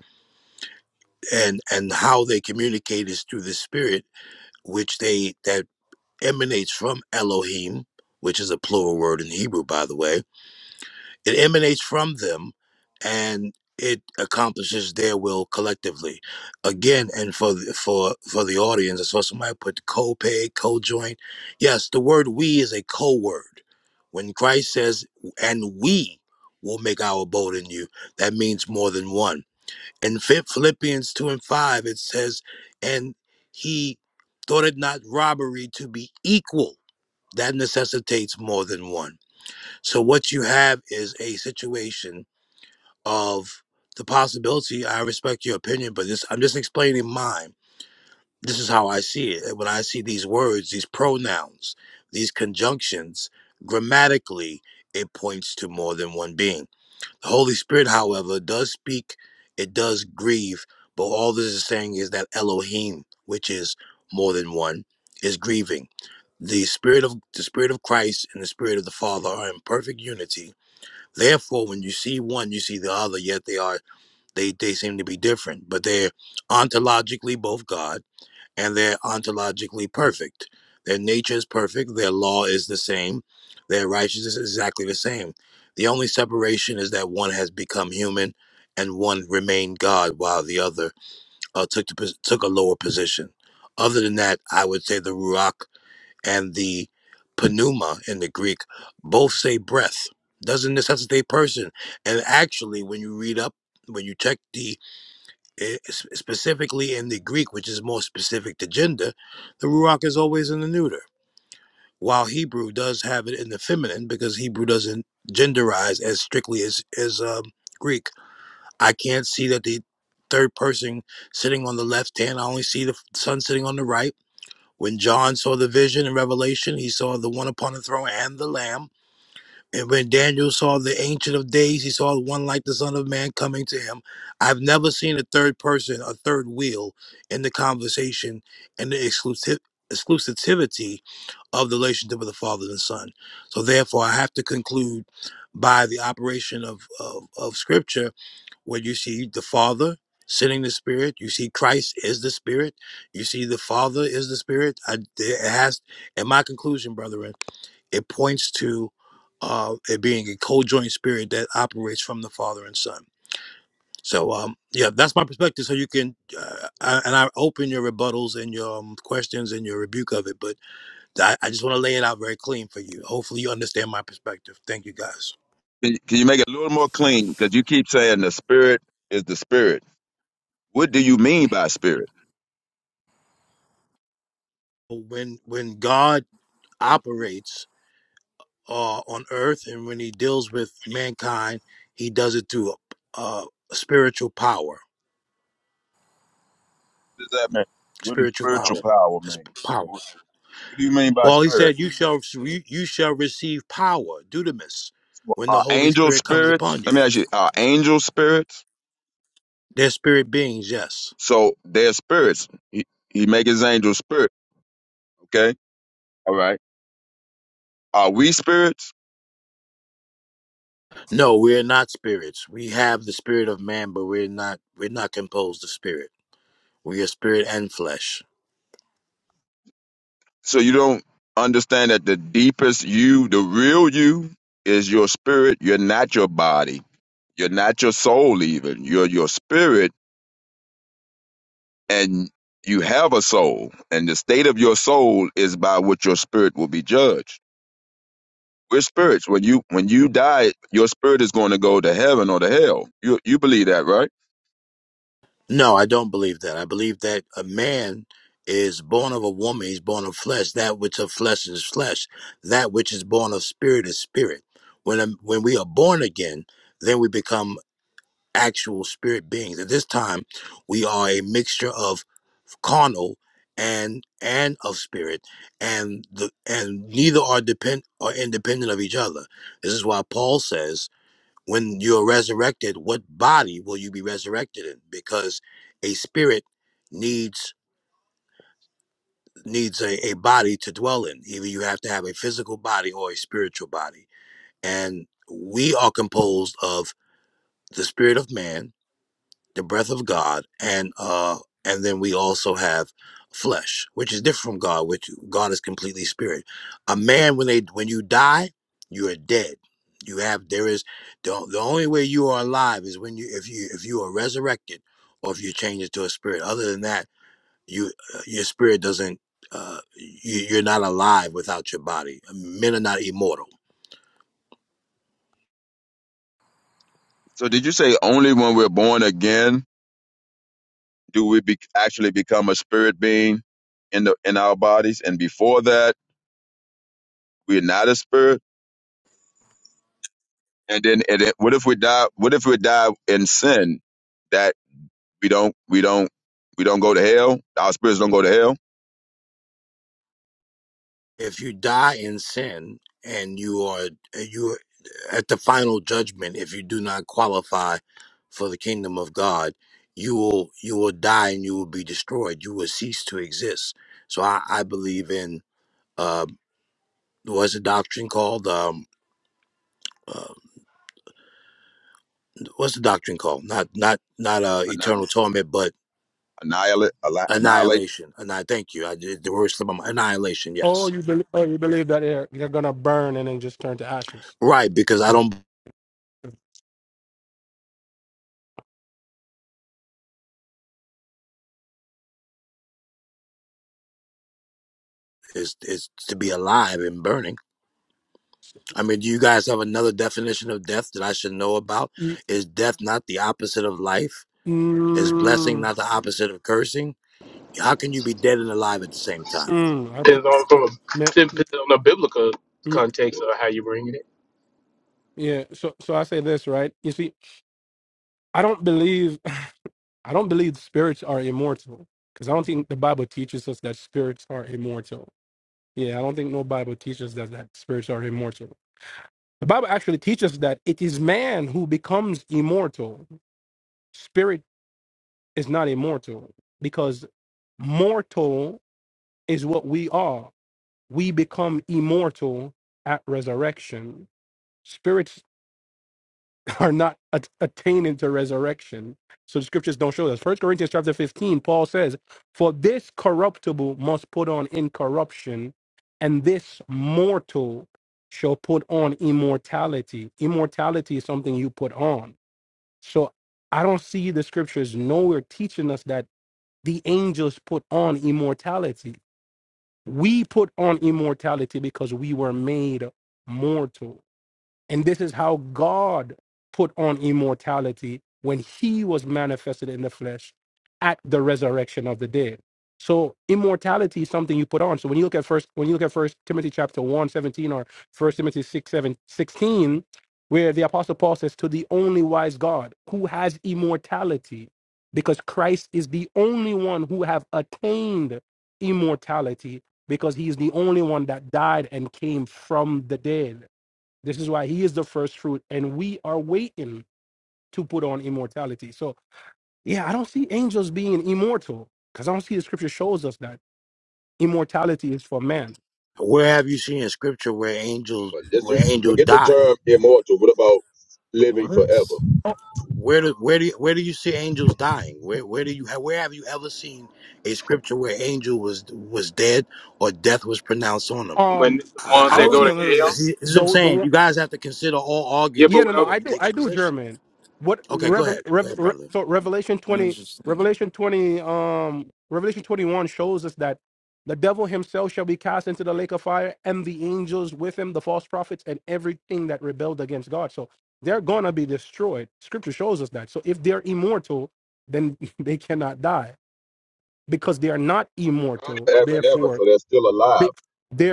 P: and and how they communicate is through the spirit which they that emanates from elohim which is a plural word in hebrew by the way it emanates from them and it accomplishes their will collectively again and for the, for for the audience i saw somebody put co-pay co-joint yes the word we is a co-word when christ says and we will make our abode in you that means more than one in Phil- philippians 2 and 5 it says and he thought it not robbery to be equal that necessitates more than one so what you have is a situation of the possibility. I respect your opinion, but this I'm just explaining mine. This is how I see it. And When I see these words, these pronouns, these conjunctions, grammatically, it points to more than one being. The Holy Spirit, however, does speak. It does grieve, but all this is saying is that Elohim, which is more than one, is grieving. The spirit of the spirit of Christ and the spirit of the Father are in perfect unity Therefore, when you see one, you see the other, yet they are they, they seem to be different, but they're ontologically both God and they're ontologically perfect. Their nature is perfect, their law is the same, their righteousness is exactly the same. The only separation is that one has become human and one remained God while the other uh, took the, took a lower position. Other than that, I would say the Ruach and the pneuma in the Greek both say breath. Doesn't necessitate person. And actually, when you read up, when you check the eh, s- specifically in the Greek, which is more specific to gender, the ruach is always in the neuter. While Hebrew does have it in the feminine because Hebrew doesn't genderize as strictly as as um, Greek. I can't see that the third person sitting on the left hand. I only see the f- son sitting on the right when John saw the vision in Revelation, he saw the one upon the throne and the Lamb. And when Daniel saw the Ancient of Days, he saw one like the Son of Man coming to him. I've never seen a third person, a third wheel in the conversation and the exclusiv- exclusivity of the relationship of the Father and Son. So therefore, I have to conclude by the operation of, of, of Scripture where you see the Father sending the Spirit. You see Christ is the Spirit. You see the Father is the Spirit. I, it has, in my conclusion, brethren, it points to uh, it being a co-joint spirit that operates from the Father and Son. So, um, yeah, that's my perspective. So you can, uh, I, and I open your rebuttals and your um, questions and your rebuke of it, but I, I just want to lay it out very clean for you. Hopefully, you understand my perspective. Thank you, guys.
S: Can you, can you make it a little more clean? Because you keep saying the Spirit is the Spirit. What do you mean by Spirit?
P: So When when God operates uh, on earth, and when he deals with mankind, he does it through uh, spiritual power.
S: What does that mean? What does
P: Spiritual
S: spiritual
P: power.
S: power
P: Just
S: mean?
P: power.
S: What, what do you mean by
P: Well, he
S: spirit?
P: said, "You shall you, you shall receive power, dudamis, when the
S: Are
P: Holy
S: angel
P: Spirit comes
S: spirits?
P: upon
S: Let
P: you."
S: me ask you. Are angel spirits?
P: They're spirit beings, yes.
S: So they're spirits. He, he make his angel spirit. Okay. All right. Are we spirits?
P: No, we are not spirits. We have the spirit of man, but we're not we're not composed of spirit. We are spirit and flesh.
S: So you don't understand that the deepest you, the real you, is your spirit. You're not your body. You're not your soul even. You're your spirit and you have a soul. And the state of your soul is by what your spirit will be judged. We're spirits. When you when you die, your spirit is going to go to heaven or to hell. You you believe that, right?
P: No, I don't believe that. I believe that a man is born of a woman, he's born of flesh. That which of flesh is flesh. That which is born of spirit is spirit. When a, when we are born again, then we become actual spirit beings. At this time, we are a mixture of carnal and and of spirit and the and neither are depend are independent of each other. This is why Paul says when you're resurrected, what body will you be resurrected in? Because a spirit needs needs a, a body to dwell in. Either you have to have a physical body or a spiritual body. And we are composed of the spirit of man the breath of God, and uh, and then we also have flesh, which is different from God, which God is completely spirit. A man, when they when you die, you are dead. You have there is the, the only way you are alive is when you if you if you are resurrected or if you change into a spirit. Other than that, you uh, your spirit doesn't. Uh, you, you're not alive without your body. Men are not immortal.
S: So did you say only when we're born again do we be, actually become a spirit being in the in our bodies, and before that we're not a spirit? And then and it, what if we die? What if we die in sin that we don't we don't we don't go to hell? Our spirits don't go to hell.
P: if you die in sin and you are you at the final judgment if you do not qualify for the kingdom of god you will you will die and you will be destroyed you will cease to exist so i i believe in uh what's the doctrine called um uh, what's the doctrine called not not not uh
S: Anni-
P: eternal torment but
S: Annihilate, alli- annihilate.
P: annihilation and i thank you i did the word slipped my mind. annihilation
R: Oh,
P: yes
R: you believe? Oh, you believe that they're they're gonna burn and then just turn to ashes?
P: right because i
R: Like,
P: don't it's, it's to be alive and burning I mean, do you guys have another definition of death that I should know about?
R: e-
P: Is death not the opposite of life? Is blessing
R: mm,
P: not the opposite of cursing? How can you be dead and alive at the same time?
R: mm,
H: Depends on from a,
R: I, me-
H: depends on the biblical
R: me-
H: context of how you bring it.
R: yeah. So, so I say this, right? You see, I don't believe. I don't believe spirits are immortal because I don't think the Bible teaches us that spirits are immortal. Yeah, I don't think no Bible teaches us that spirits are immortal. The Bible actually teaches that it is man who becomes immortal. Spirit is not immortal because mortal is what we are. We become immortal at resurrection. Spirits are not at- attaining to resurrection. So the scriptures don't show us. First Corinthians chapter 15, Paul says, For this corruptible must put on incorruption, and this mortal shall put on immortality. Immortality is something you put on. So I don't see the scriptures nowhere teaching us that the angels put on immortality. We put on immortality because we were made mortal. And this is how God put on immortality when he was manifested in the flesh at the resurrection of the dead. So immortality is something you put on. So when you look at first when you look at first Timothy chapter one 17 or first Timothy 6, 7 16, where the apostle Paul says, To the only wise God who has immortality, because Christ is the only one who have attained immortality, because he is the only one that died and came from the dead. This is why he is the first fruit, and we are waiting to put on immortality. So, yeah, I don't see angels being immortal because I don't see the scripture shows us that immortality is for man.
P: Where have you seen in scripture where angels
S: But just you-
P: where angels
S: forget the
P: die?
S: term immortal. What about living
T: What?
S: forever?
R: Oh,
P: Where do where do you, where do you see angels dying? Where where do you where have you ever seen a scripture where angel was was dead or death was pronounced on them?
H: When
R: Um,
H: the
P: I,
H: ones
P: I
T: I
H: that
P: don't
T: was
H: go to
P: under,
T: gonna.
P: I
H: hell,
P: see. This is what I'm
R: the
P: saying.
R: the
P: You guys have to consider all
H: yeah, but
R: Yeah,
P: arguments
R: no,
H: what?
R: no,
H: I'm
P: before
R: I
P: you
R: do,
P: take a
R: I do
P: position.
R: German. What
P: Okay, go
R: Revel,
P: ahead. Go
R: Rev,
P: ahead,
R: Re,
P: brother.
R: so Revelation twenty,
T: Interesting.
R: Revelation twenty, um, Revelation twenty one shows us that the devil himself shall be cast into the lake of fire, and the angels with him, the false prophets, and everything that rebelled against God. So they're gonna be destroyed. Scripture shows us that. So if they're immortal, then they cannot die because they are not immortal.
S: forever and ever,
R: Therefore,
S: so they're still
R: they,
S: alive,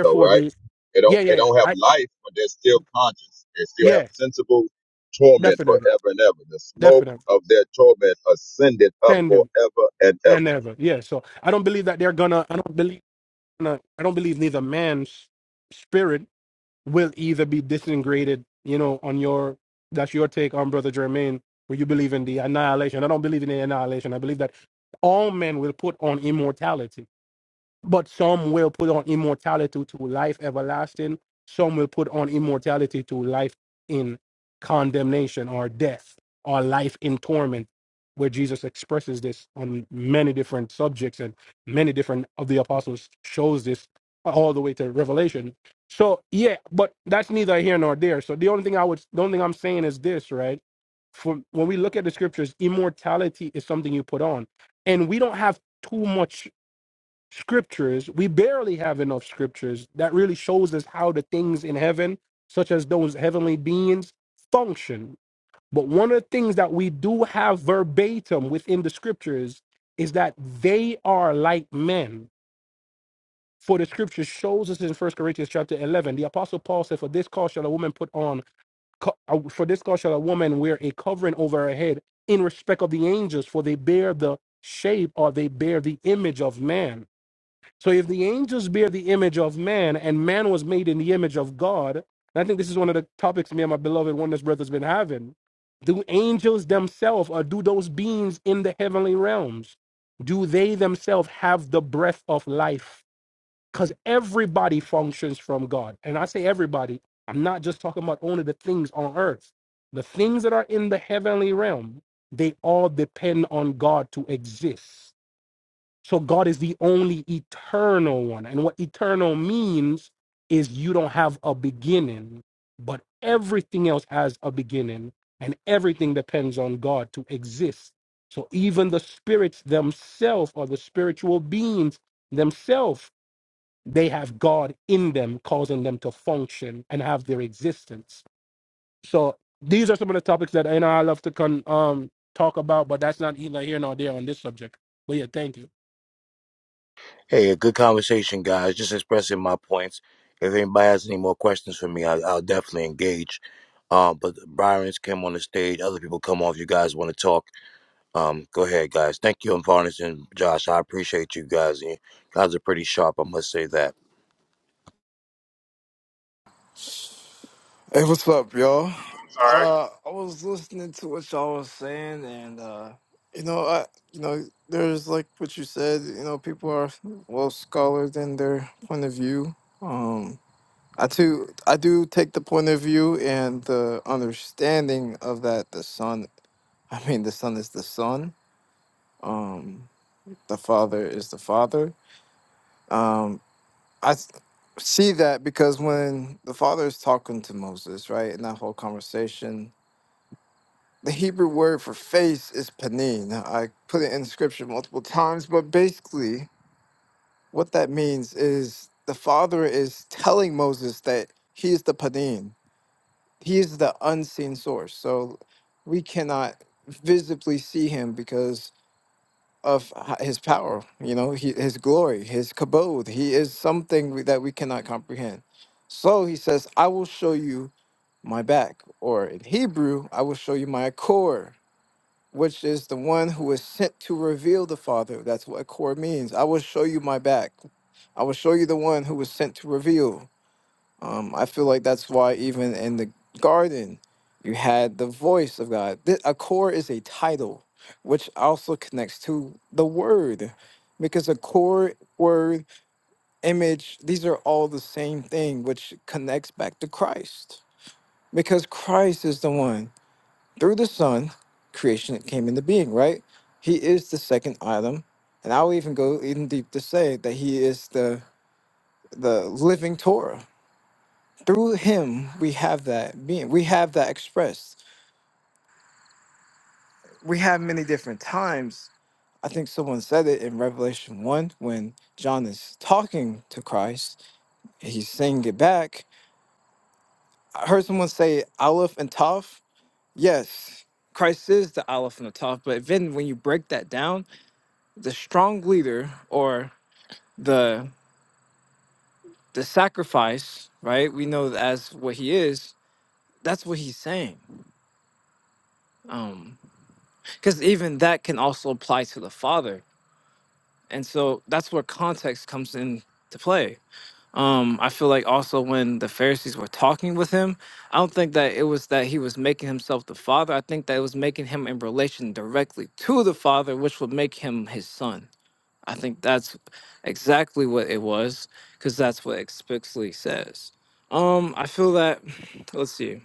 S: though, right?
R: they,
S: They don't
R: yeah, yeah,
S: they
R: yeah,
S: don't have
R: I,
S: life, but they're still conscious. They still have
R: yeah,
S: sensible torment
R: definitely,
S: forever and ever. The smoke
R: definitely,
S: of their torment ascended up
R: send them.
S: forever and
R: and
S: ever.
R: ever. Yeah. So I don't believe that they're gonna. I don't believe. gonna- I don't believe neither man's spirit will either be disintegrated. You know, on your that's your take on brother Jermaine, where you believe in the annihilation. I don't believe in the annihilation. I believe that all men will put on immortality but some will put on immortality to life everlasting. Some will put on immortality to life in condemnation or death or life in torment, where Jesus expresses this on many different subjects and many different of the apostles shows this all the way to Revelation. So yeah, but that's neither here nor there. So the only thing I would, the only thing I'm saying is this, right? For when we look at the scriptures, immortality is something you put on, and we don't have too much scriptures we barely have enough scriptures that really shows us how the things in heaven such as those heavenly beings function but one of the things that we do have verbatim within the scriptures is that they are like men for the scripture shows us in First corinthians chapter 11 the apostle paul said for this cause shall a woman put on co- uh, for this cause shall a woman wear a covering over her head in respect of the angels for they bear the shape or they bear the image of man so if the angels bear the image of man and man was made in the image of God, and I think this is one of the topics me and my beloved oneness brother's been having. Do angels themselves or do those beings in the heavenly realms, do they themselves have the breath of life? Because everybody functions from God. And I say everybody, I'm not just talking about only the things on earth. The things that are in the heavenly realm, they all depend on God to exist. So God is the only eternal one. And what eternal means is you don't have a beginning, but everything else has a beginning, and everything depends on God to exist. So even the spirits themselves or the spiritual beings themselves, they have God in them, causing them to function and have their existence. So these are some of the topics that I know I love to con- um, talk about, but that's not either here nor there on this subject. But yeah, thank
P: Hey, a good conversation, guys. Just expressing my points. If anybody has any more questions for me, I, I'll definitely engage. Um, but Byron's came on the stage. Other people come off. You guys want to talk? Um, go ahead, guys. Thank you, and Varnish and Josh. I appreciate you guys. You guys are pretty sharp. I must say that.
T: Hey, what's up, y'all?
H: sorry.
T: Uh, I was listening to what y'all was saying, and uh, you know, I, you know, there's like what you said. You know, people are well scholars in their point of view. Um, I too, I do take the point of view and the understanding of that. The son, I mean, the son is the son. Um, the father is the father. Um. I s- see that because when the father is talking to Moses, right, in that whole conversation, the Hebrew word for face is panin. I put it in scripture multiple times, but basically, what that means is the father is telling Moses that he is the panin, he is the unseen source. So we cannot visibly see him because of h- his power, you know, he, his glory, his kabod. He is something we- that we cannot comprehend. So he says, I will show you my back, or in Hebrew, I will show you my akor, which is the one who is sent to reveal the Father. That's what akor means. I will show you my back. I will show you the one who was sent to reveal. Um, I feel like that's why even in the garden, you had the voice of God. Th- A core is a title, which also connects to the word, because a core, word, image, these are all the same thing, which connects back to Christ. Because Christ is the one through the Son, creation came into being, right? He is the second item. And I'll even go even deep to say that he is the the living Torah through him, we have that being. We have that expressed. We have many different times. I think someone said it in Revelation 1 when John is talking to Christ. He's saying it back. I heard someone say Aleph and Toph. Yes, Christ is the Aleph and the Toph. But then when you break that down, the strong leader or the the sacrifice, right? We know that as what he is. That's what he's saying. Um, because even that can also apply to the Father and so that's where context comes into play. Um, I feel like also when the Pharisees were talking with him, I don't think that it was that he was making himself the father. I think that it was making him in relation directly to the father, which would make him his son. I think that's exactly what it was, because that's what explicitly says. Um, I feel that let's see,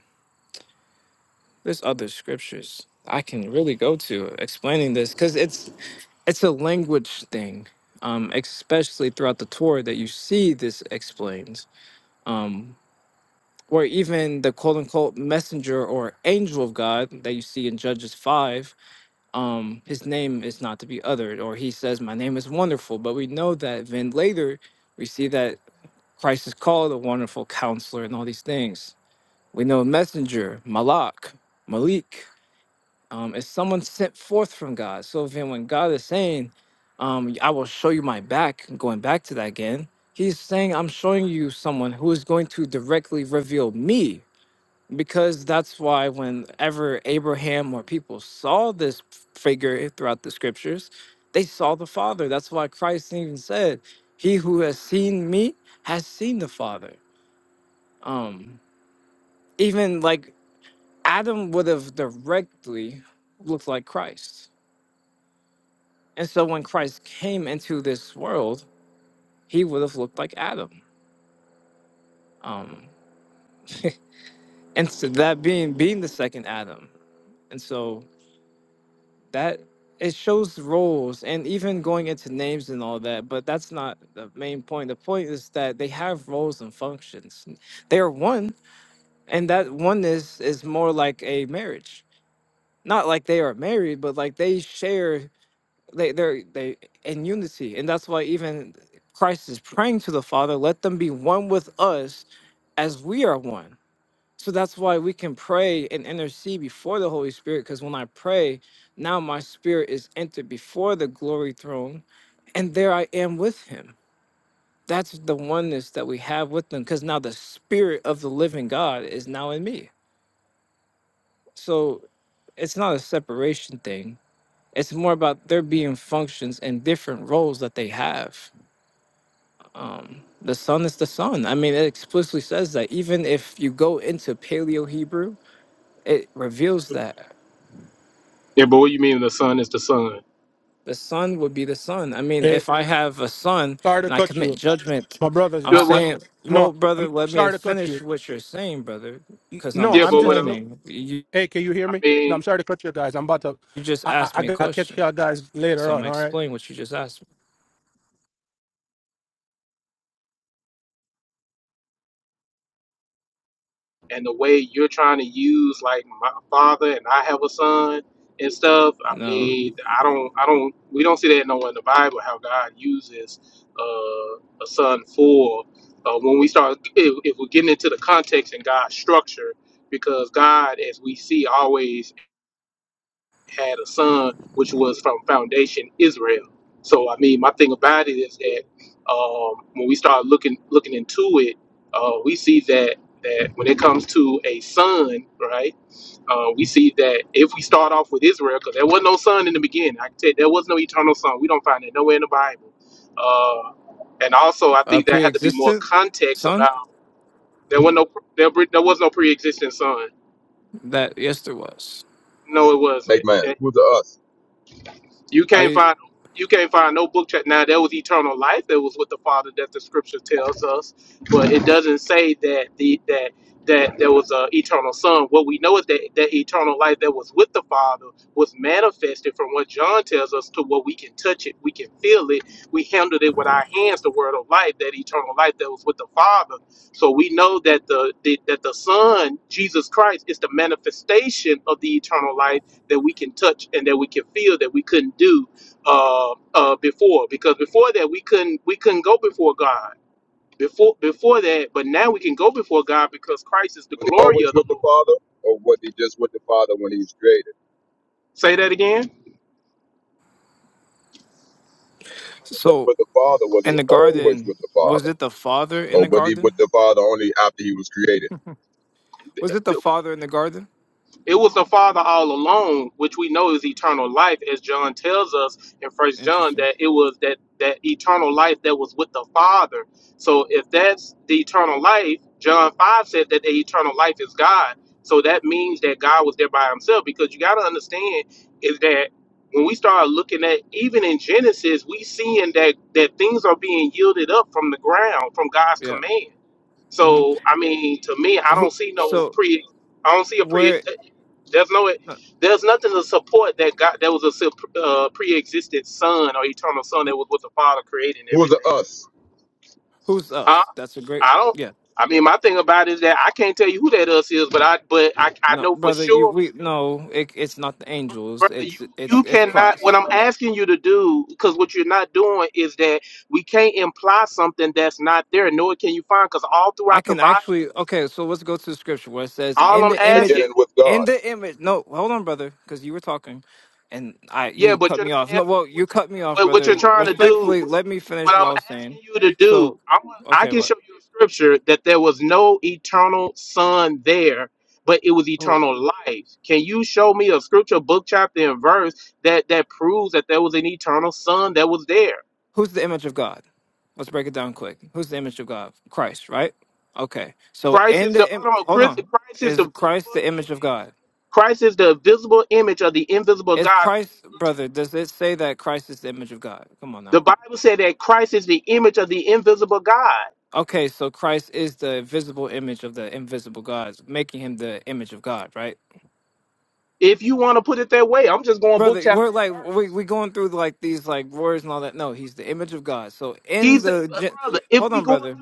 T: there's other scriptures I can really go to explaining this, because it's it's a language thing, um, especially throughout the Torah that you see this explains, um, or even the quote unquote messenger or angel of God that you see in Judges 5. Um, his name is not to be uttered, or he says, My name is wonderful. But we know that then later we see that Christ is called a wonderful counselor and all these things. We know messenger, Malak, Malik, um, is someone sent forth from God. So then when God is saying, um, I will show you my back, going back to that again, he's saying, I'm showing you someone who is going to directly reveal me. Because that's why whenever Abraham or people saw this figure throughout the scriptures, they saw the Father. That's why Christ even said, He who has seen me has seen the Father. Um, even like Adam would have directly looked like Christ And so when Christ came into this world, he would have looked like Adam. Um, and so that being being the second Adam. And so that it shows roles and even going into names and all that, but that's not the main point. The point is that they have roles and functions. They are one, and that oneness is more like a marriage. Not like they are married, but like they share they they're they in unity and that's why even christ is praying to the father let them be one with us as we are one so that's why we can pray and intercede before the holy spirit because when i pray now my spirit is entered before the glory throne and there i am with him that's the oneness that we have with them because now the spirit of the living god is now in me so it's not a separation thing it's more about there being functions and different roles that they have um the sun is the sun i mean it explicitly says that even if you go into paleo hebrew it reveals that
H: Yeah, but what you mean the son is the son?
T: the sun would be the sun i mean
R: you.
T: if i have a son
R: Sorry to
T: and i
R: cut
T: commit
R: you,
T: judgment
R: my brothers.
T: i'm
H: Yeah,
R: I, I
H: what?
T: saying
R: no,
T: well brother
R: I'm
T: let me
R: sorry to cut you.
T: finish what you're saying brother because i'm
R: No,
H: Yeah,
R: I'm
H: but what?
R: just no.
T: explaining you,
R: Hey, can you hear
H: I
R: me? No,
H: mean,
R: I'm sorry to cut you guys. I'm about to.
T: you just
R: I I,
T: asked
R: I
T: me a
R: gotta catch
T: question
R: y'all guys
T: so
R: later
T: i'm
R: on. All right.
T: explaining what you just asked
H: and the way you're trying to use like my father and I have a son and stuff.
T: me
H: I
T: no
H: mean, I don't, I don't, we don't see that nowhere in the Bible how God uses uh, a son for. Uh, when we start, if, if we're getting into the context and God's structure, because God, as we see, always had a son, which was from Foundation Israel. So I mean, my thing about it is that um, when we start looking looking into it, uh, we see that that when it comes to a son, right? Uh, we see that if we start off with Israel, because there was no son in the beginning. I can tell you, there was no eternal son. We don't find it nowhere in the Bible. Uh, and also, I
T: a
H: think there had to be more
T: pre-existent
H: context
T: son
H: about there was no there, there was no pre-existing son.
T: that yes there was
H: No,
S: Us.
H: it
S: Make
H: wasn't.
S: man, who's the us?
H: You can't
T: i
H: find you can't find no book chapter. Now that was eternal life. That was what the Father that the Scripture tells us, but it doesn't say that the that that there was a eternal Son. What we know is that that eternal life that was with the Father was manifested from what John tells us to what we can touch it, we can feel it, we handled it with our hands. The Word of life, that eternal life that was with the Father. So we know that the, the that the Son Jesus Christ is the manifestation of the eternal life that we can touch and that we can feel that we couldn't do uh, uh, before. Because before that, we couldn't we couldn't go before God before before that, but now we can go before God because Christ is the
S: Was he
H: glory
S: always
H: of the
S: with the
H: Lord.
S: Father, or was he just with the Father when he was created?
H: Say that again.
S: If he
T: so
S: was With the Father, was
T: In
S: he
T: the
S: always
T: garden,
S: with the
T: was
S: Father,
T: it the father in the
S: or was he with
T: garden?
S: the Father only after he was created?
T: Was it the father in the garden?
H: It was the Father all along, which we know is eternal life, as John tells us in First John
T: Interesting.
H: that it was that that eternal life that was with the Father. So if that's the eternal life, John five said that the eternal life is God. So that means that God was there by Himself, because you got to understand is that when we start looking at even in Genesis, we seeing that that things are being yielded up from the ground from God's
T: Yeah.
H: command.
T: hmm
H: So I mean, to me, I
T: Who?
H: don't see no
T: So
H: pre. I don't see a pre.
T: where?
H: There's no.
T: uh,
H: There's nothing to support that God. There was a sup- uh, pre-existent Son or eternal Son that was with the Father creating
S: Who's the
H: everything.
S: us?
T: Who's
H: Huh?
T: us? That's a great.
H: I don't.
T: Yeah.
H: I mean, my thing about it is that I can't tell you who that us is, but I. But I. I
T: No,
H: know for
T: brother. You
H: sure,
T: we no. It, it's not the angels.
H: brother.
T: It's
H: You.
T: it's
H: You
T: it's
H: cannot. What
T: Christ.
H: I'm asking you to do, because what you're not doing is that we can't imply something that's not there, nor can you find, because all
T: I
H: throughout the
T: can
H: Bible.
T: actually. Okay. So let's go to the scripture where it says,
H: All
T: "In
H: I'm
T: the image,
H: asking
S: Beginning with
T: in
S: God.
T: the image." No, hold on, brother, because you were talking, and I
H: Yeah,
T: you
H: but
T: cut
H: you're
T: me off.
H: not
T: No,
H: answering
T: well, you
H: what you
T: cut me off,
H: what, what you're
T: brother.
H: trying to
T: Respectfully,
H: do.
T: let me
H: What
T: finish what
H: I'm
T: I was saying.
H: asking you to do,
T: So,
H: I want I
T: okay,
H: can
T: what?
H: show you a scripture that there was no eternal sun there, but it was
T: Who-
H: eternal life. Can you show me a scripture, book, chapter, and verse that that proves that there was an eternal sun that was there?
T: Who's the image of God? Let's break it down quick. Who's the image of God? Christ, right? Okay. So
H: Christ
T: in
H: is the
T: the im-
H: hold on,
T: hold
H: Christ,
T: on,
H: Christ is the
T: is Christ
H: visible
T: the image of
H: image.
T: God?
H: Christ is the visible image of the invisible
T: Is
H: God.
T: Christ, brother? Does it say that Christ is the image of God? Come on now.
H: The Bible said that Christ is the image of the invisible God.
T: Okay, so Christ is the visible image of the invisible God, making him the image of God, right?
H: If you want to put it that way, I'm just going book
T: Brother,
H: chapter
T: we're
H: and
T: like we
H: verse.
T: we going through like these like words and all that. No, he's the image of God. So in
H: He's the
T: the
H: uh,
T: gen-
H: brother. If
T: hold
H: we
T: on,
H: going to
T: brother.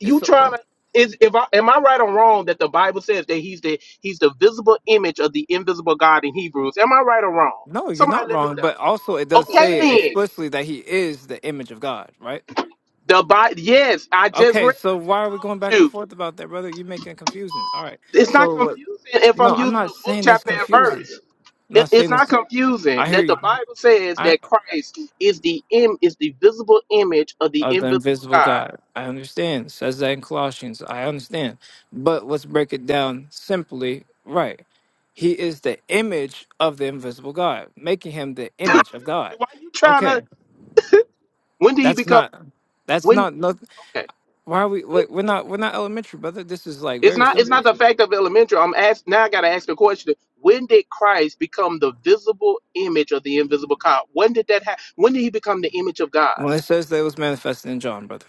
H: you
T: So.
H: trying to is if I am I right or wrong that the Bible says that he's the he's the visible image of the invisible God in Hebrews. Am I right or wrong?
T: No, you're
H: Somebody
T: not
H: let me
T: wrong,
H: know.
T: but also it does
H: Okay
T: say
H: then.
T: explicitly that he is the image of God, right?
H: The Bible yes, I just
T: Okay,
H: read
T: so
H: I
T: why
H: just
T: are we going back
H: told
T: and
H: you.
T: forth about that, brother? You're making it confusing. All right.
H: It's not
T: So what
H: confusing if I'm
T: no, I'm
H: using
T: not
H: a book
T: saying it's
H: chapter and
T: confusing.
H: verse.
T: I'm
H: It-
T: not
H: It's
T: saying this.
H: not confusing
T: I hear
H: that the
T: you.
H: Bible says
T: I
H: that Christ is the Im- is the visible image of the
T: of the
H: invisible
T: invisible
H: God.
T: God. I understand. Says that in Colossians. I understand. But let's break it down simply right. He is the image of the invisible God, making him the image of God.
H: Why you trying to?
T: Okay.
H: When did he
T: That's
H: become?
T: not that's
H: When?
T: not no,
H: Okay.
T: Why are we?
H: When,
T: Wait, we're not. We're not elementary, brother. This is like
H: it's
T: very
H: not. It's not
T: simple.
H: the fact of elementary. I'm asked now. I gotta ask the question. When did Christ become the visible image of the invisible God? When did that happen? When did he become the image of God?
T: Well, it says that it was manifested in John, brother,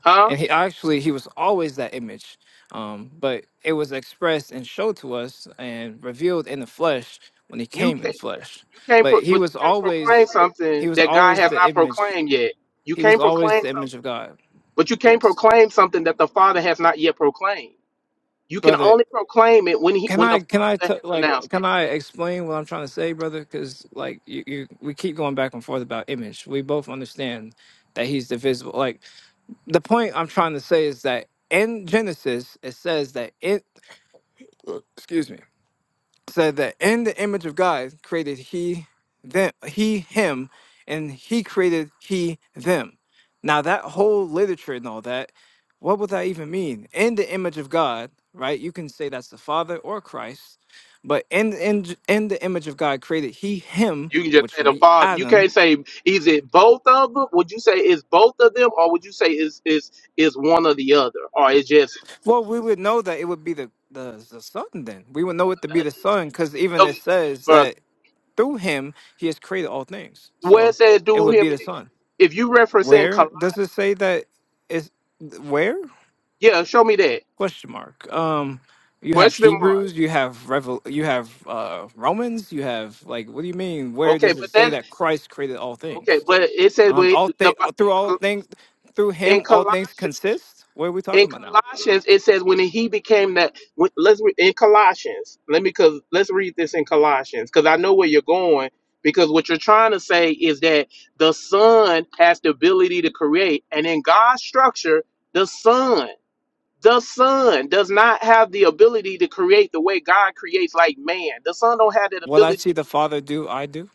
H: Huh?
T: and he actually he was always that image, um, but it was expressed and showed to us and revealed in the flesh when he
H: You
T: came in the
H: can't.
T: flesh.
H: You can't.
T: But
H: Pro,
T: he
H: but you
T: was
H: can't proclaim
T: always, he
H: something
T: was
H: that God
T: always
H: has
T: the
H: not
T: image.
H: proclaimed yet. You
T: He was
H: can't
T: always
H: proclaim
T: the
H: something.
T: image of God.
H: But you can't
T: Yes,
H: proclaim something that the Father has not yet proclaimed. You can
T: brother.
H: only proclaim it when he
T: Can
H: when the
T: I can I
H: Father
T: t-
H: has
T: like
H: announced it.
T: can I explain what I'm trying to say, brother? Because like you, you, we keep going back and forth about image. We both understand that he's divisible. Like the point I'm trying to say is that in Genesis it says that it excuse me said that in the image of God created he them he him and he created he them. Now that whole literature and all that, what would that even mean? In the image of God, right? You can say that's the Father or Christ, but in in in the image of God created he him,
H: You can just
T: which
H: say
T: would
H: the
T: be
H: father. You
T: Adam.
H: can't say is it both of them? Would you say it's both of them, or would you say is is is one or the other, or it's just
T: Well, we would know that it would be the the, the son then. We would know it to be the son because
H: uh,
T: even it
H: okay,
T: says
H: bro?
T: that through him he has created all things.
H: Where it
T: So
H: says
T: it
H: do
T: would
H: him,
T: be the son.
H: if you referencing
T: Where
H: Col-
T: does it say that is where?
H: yeah, show me that
T: Question mark. Um you have
H: question mark.
T: Hebrews, you have Revel you have uh Romans, you have like what do you mean? Where
H: Okay,
T: does it
H: but
T: say
H: that
T: that Christ created all
H: okay,
T: things?
H: but it says
T: Um
H: but
T: all
H: the
T: things through
H: in
T: all
H: Col-
T: things through
H: in
T: him all things
H: Colossians.
T: consist? What are we
H: in
T: talking about now?
H: Colossians, it says when he became that. When, let's re, in Colossians. Let me cause let's read this in Colossians because I know where you're going. Because what you're trying to say is that the Son has the ability to create, and in God's structure, the Son, the Son does not have the ability to create the way God creates, like man. The Son don't have that
T: What I
H: ability
T: see the Father do, I do.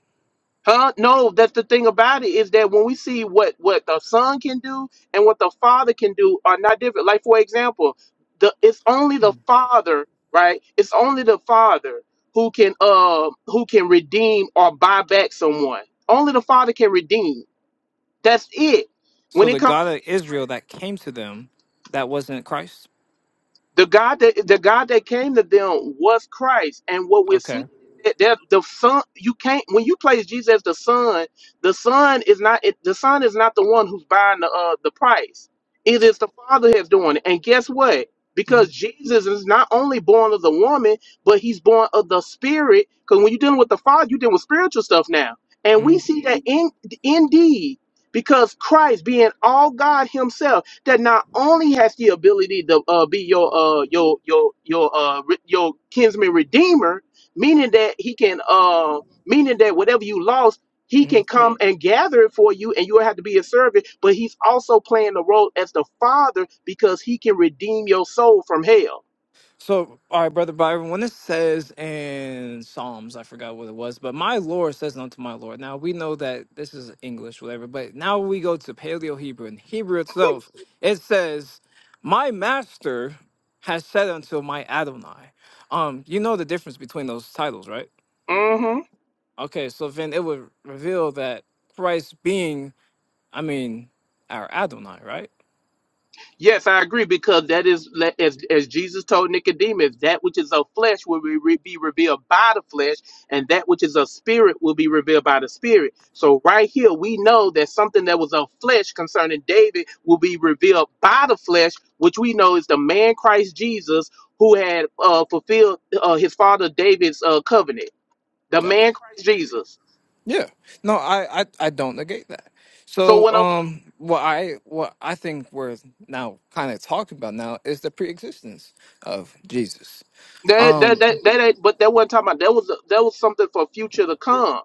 H: Huh? No, that's the thing about it is that when we see what what the son can do and what the father can do are not different. Like for example, the it's only the
T: Mm.
H: father, right? It's only the father who can uh who can redeem or buy back someone. Only the father can redeem. That's it.
T: So
H: When it
T: the
H: comes
T: God of
H: to Israel.
T: Israel that came to them, that wasn't Christ.
H: The God that the God that came to them was Christ, and what we're seeing
T: Okay.
H: is that that the Son you can't when you place Jesus as the Son, the Son is not it- the Son is not the one who's buying the uh, the price. It is the Father that's doing it, and guess what?
T: hmm
H: Because Jesus is not only born of the woman, but he's born of the Spirit. Because when you're dealing with the Father, you're dealing with spiritual stuff now, and we
T: hmm
H: see that in indeed because Christ being all God Himself that not only has the ability to uh, be your uh your your your uh re- your kinsman redeemer, meaning that he can uh meaning that whatever you lost, he can come and gather it for you, and you will have to be a servant. But he's also playing the role as the father because he can redeem your soul from hell.
T: So, all right, brother Byron, when it says in Psalms, I forgot what it was, but my Lord says unto my Lord. Now we know that this is English, whatever, but now we go to Paleo Hebrew. In Hebrew itself, it says, "My Master has said unto my Adonai." Um, you know the difference between those titles, right? Okay, so then it would reveal that Christ being, I mean, our Adonai, right?
H: Yes, I agree because that is as as Jesus told Nicodemus, that which is of flesh will be, re- be revealed by the flesh, and that which is of spirit will be revealed by the spirit. So right here, we know that something that was of flesh concerning David will be revealed by the flesh, which we know is the man Christ Jesus who had uh, fulfilled uh, his father David's uh, covenant. The
T: Okay.
H: man Christ Jesus.
T: Yeah. No, I, I, I don't negate that.
H: So
T: So
H: when I'm
T: um what I what I think we're now kind of talking about now is the pre existence of Jesus.
H: that that that
T: Um
H: that ain't, but that wasn't talking about that was that was something for future to come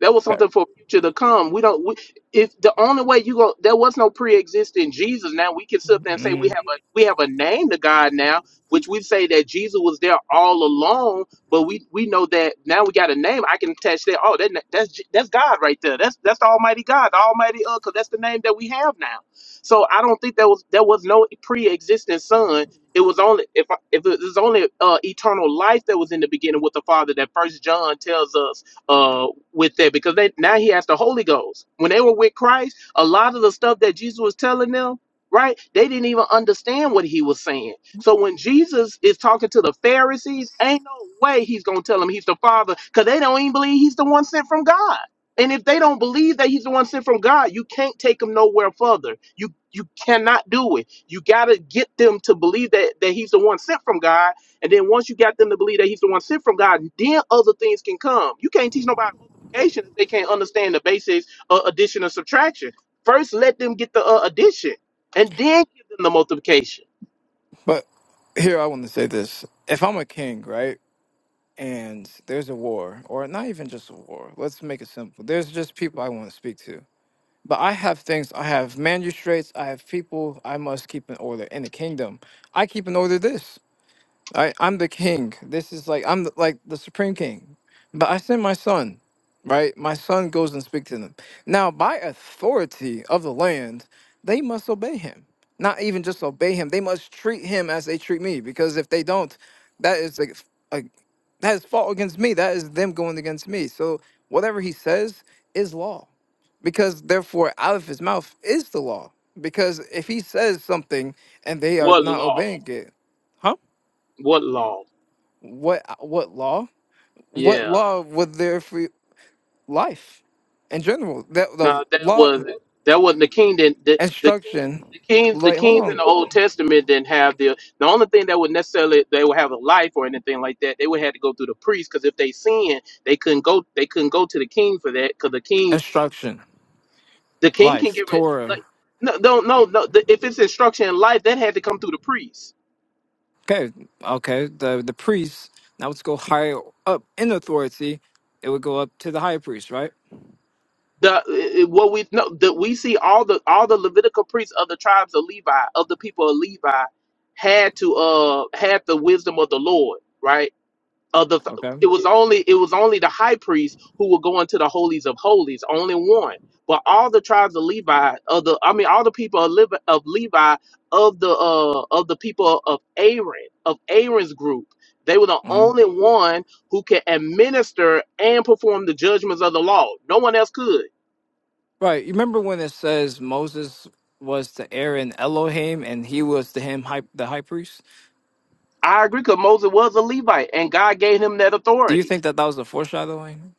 H: That was
T: right.
H: something for future to come. We don't. We, if the only way you go, there was no pre-existing Jesus. Now we can sit up there and say we
T: mm,
H: have a we have a name to God now, which we say that Jesus was there all along. But we we know that now we got a name. I can attach that. Oh, that that's Je- that's God right there. That's that's the Almighty God, the Almighty uh, 'cause that's the name that we have now. So I don't think there was there was no pre-existing Son. It was only if I- if it was only uh, eternal life that was in the beginning with the Father. That First John tells us. uh, with that because they now he has the Holy Ghost. When they were with Christ, a lot of the stuff that Jesus was telling them, right? They didn't even understand what he was saying. So when Jesus is talking to the Pharisees, ain't no way he's gonna tell them he's the Father because they don't even believe he's the one sent from God. And if they don't believe that he's the one sent from God, you can't take them nowhere further. You you cannot do it. You gotta get them to believe that that he's the one sent from God and then once you got them to believe that he's the one sent from God, then other things can come. You can't teach nobody multiplication if they can't understand the basics of addition and subtraction. First, let them get the uh, addition, and then give them the multiplication.
T: but here I want to say this. If I'm a king, right, and there's a war, or not even just a war, let's make it simple. There's just people I want to speak to. But I have things, I have magistrates, I have people I must keep in order in the kingdom. I keep in order this. I I'm the king. This is like I'm the, like the supreme king. But I send my son, right? My son goes and speaks to them. Now, by authority of the land, they must obey him. Not even just obey him; they must treat him as they treat me. Because if they don't, that is like a, that is fault against me. That is them going against me. So whatever he says is law, because therefore out of his mouth is the law. Because if he says something and they are
H: What
T: not
H: law?
T: obeying it, huh?
H: What law?
T: what uh, what law what
H: Yeah.
T: law would there for life in general that the
H: No, that
T: law
H: was that was not the king didn't the, the king.
T: instruction
H: The kings, the
T: like hold
H: kings in
T: on
H: the Old Testament didn't have the the only thing that would necessarily they would have a life or anything like that. They would have to go through the priest because if they sinned, they couldn't go they couldn't go to the king for that because the king
T: instruction
H: The king can
T: life
H: give it
T: torah
H: like no, no, no, no. The, if it's instruction in life, that had to come through the priest.
T: okay okay the the priests. now let's go higher up in authority it would go up to the high priest right
H: The it- it- what we know that we see all the all the Levitical priests of the tribes of Levi of the people of Levi had to uh had the wisdom of the Lord, right? of the
T: okay
H: it was only it was only the high priest who would go into the holies of holies only one but all the tribes of levi of the i mean all the people of levi of, levi, of the uh of the people of aaron of aaron's group they were the
T: Mm-hmm.
H: only one who could administer and perform the judgments of the law no one else could
T: Right. You remember when it says Moses was to Aaron Elohim and he was to him high, the high priest?
H: i agree because moses was a levite and god gave him that
T: Do you
H: authority
T: think that that was a foreshadowing?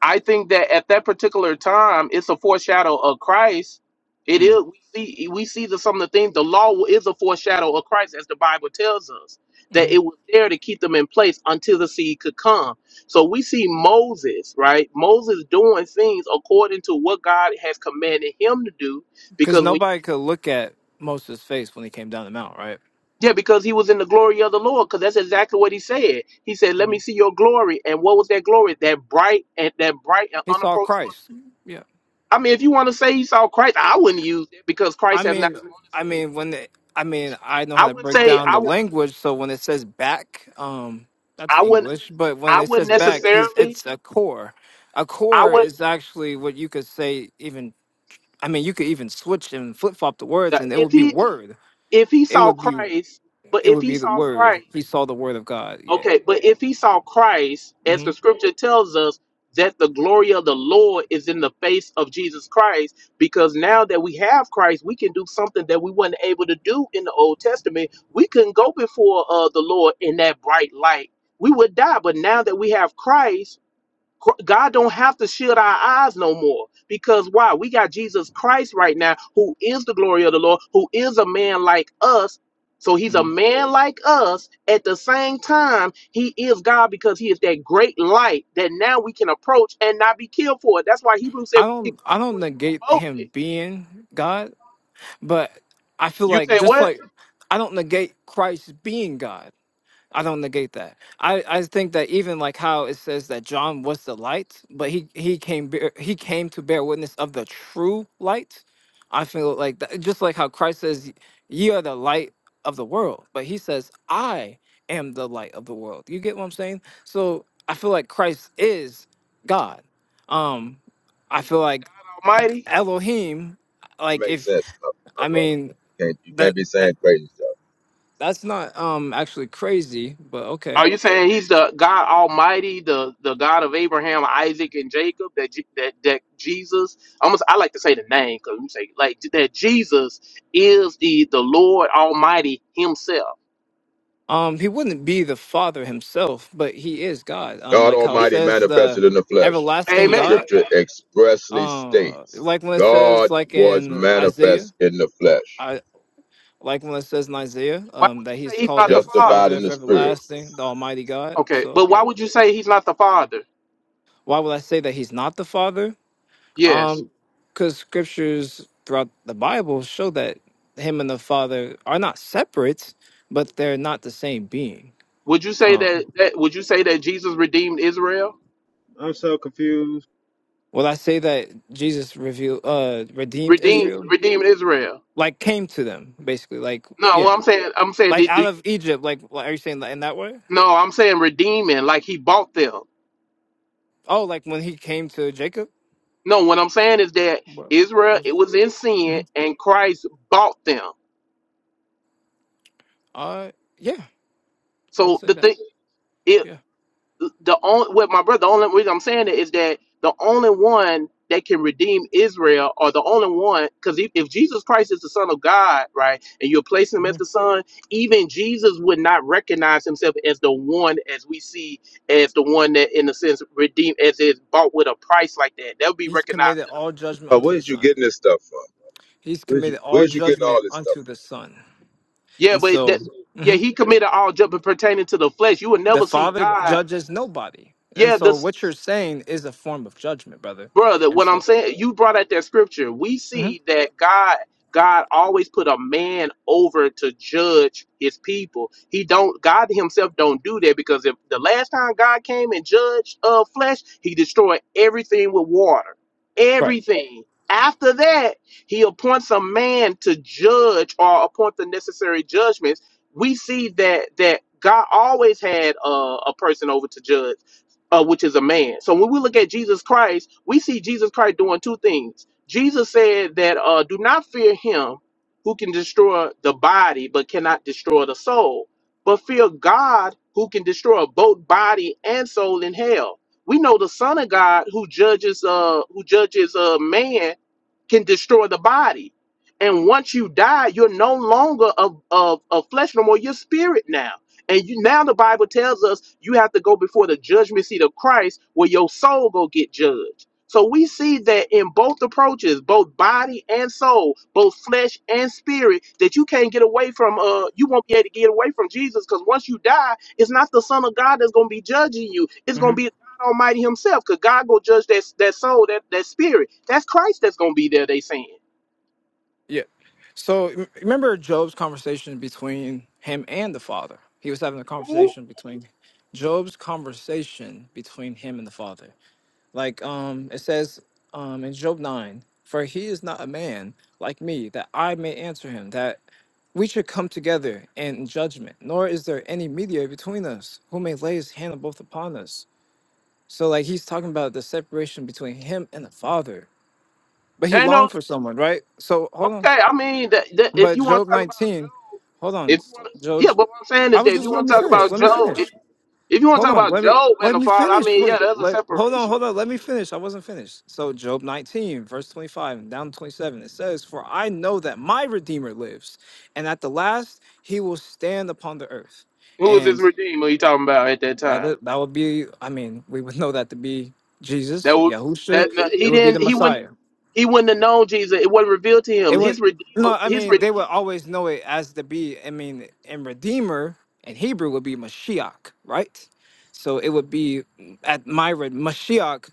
H: I think that at that particular time, it's a foreshadow of Christ. It
T: Mm.
H: is we see we see the, some of the things. The law is a foreshadow of Christ, as the Bible tells us that it was there to keep them in place until the seed could come. So we see Moses, right? Moses doing things according to what God has commanded him to do,
T: Because
H: because when
T: nobody could look at Moses' face when he came down the mount, right?
H: yeah, because he was in the glory of the Lord, because that's exactly what he said. He said, "Let
T: hmm
H: me see your glory." And what was that glory? That bright and that bright and
T: He saw
H: unapproachable
T: Christ. Yeah.
H: I mean, if you want to say he saw Christ, I wouldn't use it because
T: I
H: Christ has not
T: mean,
H: come on
T: I
H: the scene.
T: mean when the, I mean I know how
H: I
T: to
H: wouldn't
T: break
H: say
T: down
H: I
T: the
H: would.
T: language, so when it says back, um, that's
H: I wouldn't.
T: English, but when
H: I
T: it
H: wouldn't
T: says back, he's
H: necessarily.
T: it's a core. A
H: I
T: core
H: would.
T: is actually what you could say even I mean, you could even switch and flip flop the words, and it
H: If
T: would be
H: he
T: word.
H: if he
T: It
H: saw
T: would be
H: Christ, but
T: it
H: if
T: would
H: he
T: be the
H: saw
T: word.
H: Christ.
T: He saw the word of God. Yeah.
H: Okay, but if he saw Christ, as
T: hmm
H: the scripture tells us, that the glory of the Lord is in the face of Jesus Christ, because now that we have Christ, we can do something that we weren't able to do in the Old Testament. We couldn't go before uh, the Lord in that bright light. We would die, but now that we have Christ, God don't have to shield our eyes no more because why? We got Jesus Christ right now, who is the glory of the Lord, who is a man like us. So he's a
T: hmm
H: man like us. At the same time, he is God because he is that great light that now we can approach and not be killed for it. That's why Hebrews said
T: I
H: we can
T: don't
H: come
T: I don't
H: before his
T: negate
H: throne boldly.
T: him being God, but I feel
H: You
T: like
H: say
T: just
H: what?
T: like I don't negate Christ being God. I don't negate that. I, I think that even like how it says that John was the light, but he he came bear, he came to bear witness of the true light. I feel like that, just like how Christ says, "Ye are the light of the world," but he says, "I am the light of the world." You get what I'm saying? So I feel like Christ is God. Um, I feel like
H: Almighty.
T: Elohim.
S: It
T: Like
S: makes
T: if
S: sense, my, my
T: I
S: brother.
T: mean
S: Can't, you can't
T: that
S: be
T: that
S: saying crazy stuff.
T: that's not um actually crazy, but okay
H: Are you saying he's the God Almighty, the the God of Abraham, Isaac, and Jacob? That Je- that that Jesus, almost I like to say the name because you say like that Jesus is the the Lord Almighty Himself.
T: Um, he wouldn't be the Father himself, but he is God. Um,
S: God
T: like how it
H: It-
S: Almighty
T: says
S: manifested
T: the
S: in the flesh, as
T: everlasting
S: the
H: amen.
T: God.
S: scripture expressly
T: Uh,
S: states.
T: like when it says
S: God
T: like
S: was
T: in Isaiah,
S: manifest in the flesh,
T: I like when it says in Isaiah,
H: Why
T: um,
H: would
T: that
H: you say
T: he's
H: He's
T: called
H: not
T: the
H: the Father?
S: justified
T: Father
S: in
T: of
S: the spirit.
T: everlasting, the Almighty God.
H: Okay,
T: So
H: but why
T: yeah,
H: would you say He's not the Father?
T: why would I say that he's not the Father?
H: Yes.
T: Um, because scriptures throughout the Bible show that him and the Father are not separate, but they're not the same being.
H: Would you say
T: Um,
H: that, that Would you say that Jesus redeemed Israel?
U: I'm so confused.
T: Will I say that Jesus revealed, uh, redeemed
H: Redeemed
T: Israel?
H: redeemed Israel.
T: Like came to them, basically. Like
H: No, well,
T: yeah,
H: I'm saying I'm saying
T: like
H: did, do
T: out
H: you,
T: of Egypt. Like what- are you saying that in that way?
H: no, I'm saying redeeming like He bought them.
T: Oh, like when he came to Jacob.
H: No, what I'm saying is that
T: Well, I
H: Israel
T: was.
H: it was in
T: hmm
H: sin and Christ bought them.
T: Uh, yeah, I would
H: So
T: say
H: the
T: that.
H: thing it
T: Yeah.
H: the only with my brother, the only reason I'm saying it is that the only one that can redeem Israel or the only one because if, if Jesus Christ is the Son of God, right, and you're placing him
T: hmm
H: as the Son, even Jesus would not recognize himself as the one as we see as the one that in a sense redeemed as is bought with a price like that. That would be
T: He's
H: recognized
T: committed all judgment
S: Uh,
T: unto the
S: where's you
T: Son.
S: getting this stuff from?
T: He's
S: Where's you
T: committed all
S: where's you getting
T: judgment
S: all this stuff?
T: unto the Son,
H: Yeah,
T: and
H: but that,
T: so
H: yeah,
T: mhm,
H: he committed all judgment pertaining to the flesh. You would
T: the
H: never see
T: Father
H: God.
T: judges nobody. And
H: Yeah,
T: so
H: this
T: what you're saying is a form of judgment, brother.
H: brother
T: And
H: what i'm
T: so
H: saying you brought out that scripture we
T: Mhm.
H: see that god god always put a man over to judge his people he don't god himself don't do that because if the last time god came and judged uh flesh he destroyed everything with water
T: right.
H: everything after that he appoints a man to judge or appoint the necessary judgments we see that that god always had uh, a person over to judge uh, which is a man. So when we look at Jesus Christ, we see Jesus Christ doing two things. Jesus said that uh, do not fear him who can destroy the body but cannot destroy the soul, but fear God who can destroy both body and soul in hell. We know the Son of God who judges uh who judges uh, man can destroy the body. And once you die, you're no longer of, of, of flesh no more, you're spirit now. And you now the Bible tells us you have to go before the judgment seat of Christ where your soul go get judged. So we see that in both approaches, both body and soul, both flesh and spirit, that you can't get away from uh you won't be able to get away from Jesus because once you die, it's not the Son of God that's gonna be judging you. It's gonna be God Almighty Himself, because God gonna judge that that soul, that that spirit. That's Christ that's gonna be there, they saying.
T: Yeah. So m- remember Job's conversation between him and the father. He was having a
H: Mhm.
T: conversation between Job's conversation between him and the father. Like um it says um in Job 9, for he is not a man like me that I may answer him that we should come together in judgment, nor is there any mediator between us who may lay his hand both upon us. So like he's talking about the separation between him and the father. But he
H: Ain't no
T: longed for someone, right? So hold on.
H: Okay, I mean, that, that, if
T: But
H: you want
T: Job
H: to talk about
T: 19,
H: Job,
T: hold on,
H: if you want,
T: Job.
H: yeah, but what I'm saying
T: I
H: is
T: was
H: that if you
T: just let
H: want to
T: me
H: talk
T: finish.
H: about
T: Let me
H: Job, if,
T: finish.
H: if you want
T: Hold
H: to talk
T: on.
H: about
T: Let me
H: Job and
T: let
H: the
T: me
H: Father, I
T: finish.
H: mean,
T: Wait.
H: yeah, there's a
T: Let hold on.
H: separation.
T: Hold on. Let me finish. I wasn't finished. So Job 19, verse 25 and down to 27, it says, "For I know that my Redeemer lives, and at the last he will stand upon the earth."
H: Who was his
T: And
H: redeemer? You talking about at that
T: that
H: time?
T: that would be. I mean, we would know that to be Jesus,
H: That was
T: Yahusha.
H: that no,
T: It
H: he
T: would be the
H: didn't he wouldn't
T: Messiah.
H: he wouldn't have known Jesus. It wasn't revealed to
T: It
H: him.
T: was
H: His redeemer,
T: no, I
H: his
T: mean
H: redeemer.
T: they would always know it as the be. I mean, and Redeemer in Hebrew would be Mashiach, right? So it would be at Myra Mashiach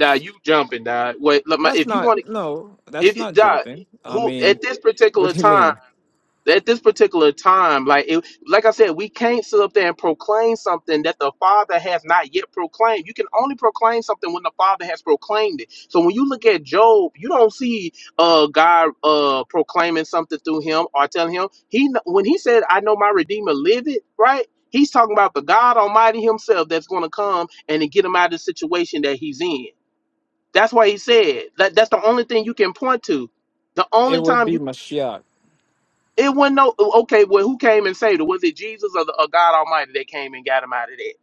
H: Nah, you jumping, die. Wait, look, my,
T: That's
H: if you
T: not
H: want to,
T: no, that's
H: if you
T: not
H: die,
T: jumping. I
H: who
T: mean,
H: at this
T: what
H: particular
T: do you
H: time.
T: mean?
H: at this particular time, like it, like I said, we can't sit up there and proclaim something that the Father has not yet proclaimed. You can only proclaim something when the Father has proclaimed it. So when you look at Job, you don't see uh God uh proclaiming something through him or telling him he kn- when he said, "I know my Redeemer liveth," right? He's talking about the God Almighty Himself that's going to come and to get him out of the situation that he's in. That's why he said that. That's the only thing you can point to. The
T: It
H: only
T: would
H: time
T: be Mashiach.
H: it wasn't no okay. Well, who came and saved her? Was it Jesus or, the, or God Almighty that came and got him out of that?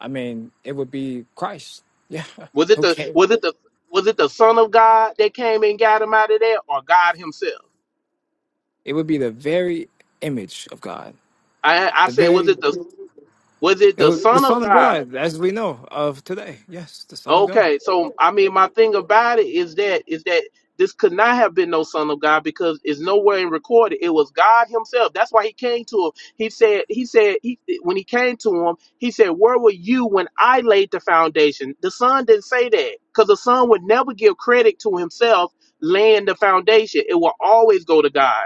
T: I mean, it would be Christ. Yeah.
H: Was it the
T: Okay.
H: was it the was it the Son of God that came and got him out of there, or God Himself?
T: It would be the very image of God.
H: I I
T: The
H: said, was
T: very
H: it the was it
T: it
H: the
T: would, the
H: Son of
T: Son of
H: God?
T: God, as we know of today. Yes, the Son of God.
H: Okay, so I mean, my thing about it is that is that this could not have been no son of God because it's nowhere in recorded. It was God Himself. That's why He came to him. He said, He said, he, when He came to him, He said, "Where were you when I laid the foundation?" The Son didn't say that because the Son would never give credit to Himself laying the foundation. It will always go to God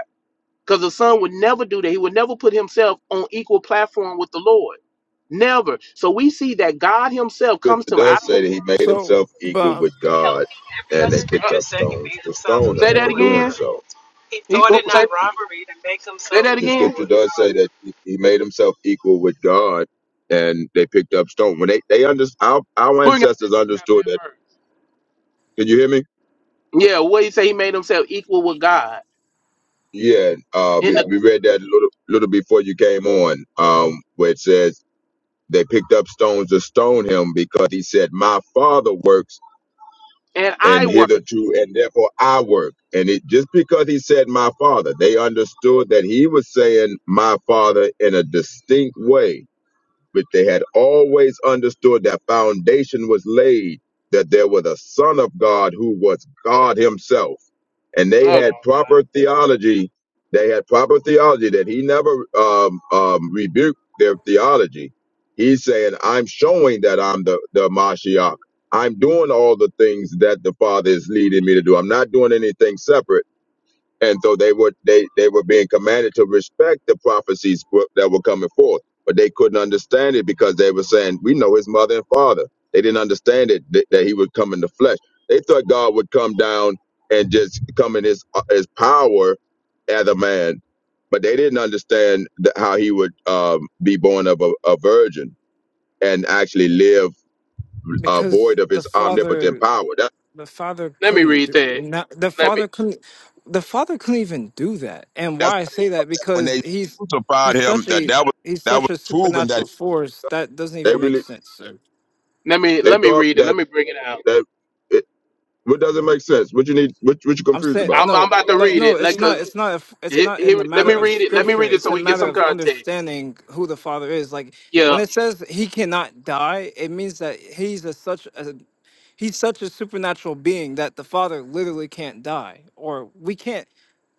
H: because the Son would never do that. He would never put Himself on equal platform with the Lord. Never. So we see that God Himself
S: from?
H: comes
S: Scripture
H: to him out
S: does
H: of
S: say that he made
T: So,
S: himself equal
T: but
S: with God,
V: healthy Every other
S: and
V: The
S: they
V: day.
H: a
S: picked
V: scripture
S: up
V: said he
S: stones
V: made
S: to
V: himself
S: stone
H: Say
S: him
V: equal
H: that
S: for
V: with
S: doing
H: again.
V: God.
S: so.
V: He
H: He
V: thought
H: who-
V: it
H: say
V: not robbery to make
H: say
V: himself
H: that
S: The
V: equal
H: again.
S: scripture
V: with
S: does
V: God.
S: say that he he made himself equal with God, and they picked up stone. When they they under, our, our
H: Bring out
S: ancestors
H: that book chapter
S: understood
H: and
S: that.
H: verse.
S: Can you hear me?
H: Yeah, what he say? He made himself equal with God
S: Yeah, uh,
H: in
S: we, we
H: the
S: read that a little little before you came on, um, where it says they picked up stones to stone him because he said, "My Father works,
H: and I
S: and
H: were.
S: hitherto, and therefore I work." And it just because he said, "My Father," they understood that he was saying, "My Father" in a distinct way but they had always understood that foundation was laid, that there was a Son of God who was God Himself. And they
H: Hold on,
S: had
H: now.
S: proper theology. They had proper theology that He never um, um, rebuked their theology. He's saying, I'm showing that I'm the, the Mashiach. I'm doing all the things that the Father is leading me to do. I'm not doing anything separate and so they were they they were being commanded to respect the prophecies wh- that were coming forth but they couldn't understand it because they were saying we know his mother and father they didn't understand it that, that he would come in the flesh they thought god would come down and just come in his uh, his power as a man but they didn't understand the, how he would um, be born of a, a virgin and actually live uh,
T: because
S: void of
T: the
S: his omnipotent
T: father
S: power that,
T: the father
H: let me
T: couldn't
H: read
T: do,
H: that.
T: not the
H: Let me
T: father couldn't the father couldn't even do that and
S: that's
T: why i say that
S: when
T: because
S: they
T: he's
S: crucified
T: he's
S: him
T: such
S: that
T: a
S: that was
T: he's
S: that was
T: such a
S: proven that
T: supernatural force that doesn't
S: they
T: even
S: really
T: make sense sir.
H: let me
S: They
H: let me
S: thought
H: read it. Let
S: that
H: me bring it out.
S: that it, what doesn't make sense. What you need, what what you
T: i'm
S: confused
T: saying
S: about?
H: I'm I'm
T: no
H: about to
T: like
H: read
T: no
H: it. Like
T: it's not
H: cause
T: it's not a, it's
H: he,
T: not in
H: he,
T: the
H: let
T: matter
H: me
T: of
H: read it. Let me
T: scripture
H: read it
T: it's
H: so
T: a
H: we get
T: matter
H: some
T: of
H: context.
T: understanding who the father is like
H: Yeah,
T: when
H: well,
T: it says he cannot die it means that he's a such a he's such a supernatural being that the father literally can't die or we can't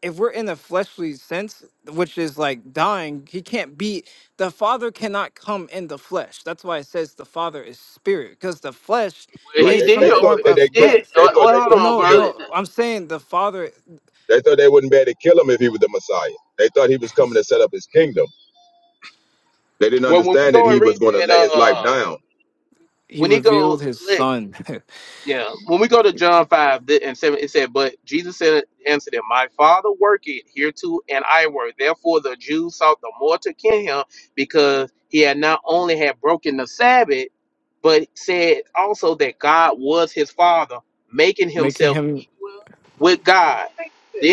T: if we're in the fleshly sense, which is like dying, he can't be the father cannot come in the flesh. That's why it says the father is spirit, because the flesh
S: Right?
H: he
T: is
S: They,
T: some
H: did.
S: they thought
H: open-
T: form
S: that they
H: He
T: of
H: did.
S: couldn't.
T: death.
S: They
H: Uh,
S: thought they
H: Well, hold
S: couldn't
H: on,
T: No,
S: kill.
H: brother.
T: no, I'm saying the father
S: They thought they wouldn't be able to kill him if he was the Messiah. They thought he was coming to set up his kingdom. They didn't
H: Well, when we
S: understand that
H: go and
S: he
H: read
S: was going to
H: that,
S: lay his life
H: uh,
S: down
T: he
H: when he
T: revealed
H: go,
T: his son,
H: Yeah, when we go to John five th- and seven, it said, "But Jesus said, answered them, My Father worketh hereto, and I work. Therefore the Jews sought the more to kill him, because he had not only had broken the Sabbath, but said also that God was his Father, making
T: making
H: himself
T: him
H: equal with God.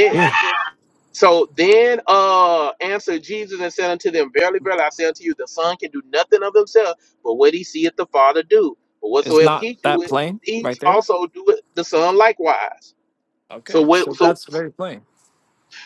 V: I,
T: yeah.
V: did-
H: So then uh answered Jesus and said unto them, Verily, verily, I say unto you, the Son can do nothing of himself, but what he seeth the Father do. But
T: It's
H: whatsoever
T: not
H: he
T: that
H: doeth,
T: plain
H: he
T: right there.
H: also doeth the Son likewise. So
T: Okay,
H: what
T: so
H: so
T: that's very plain.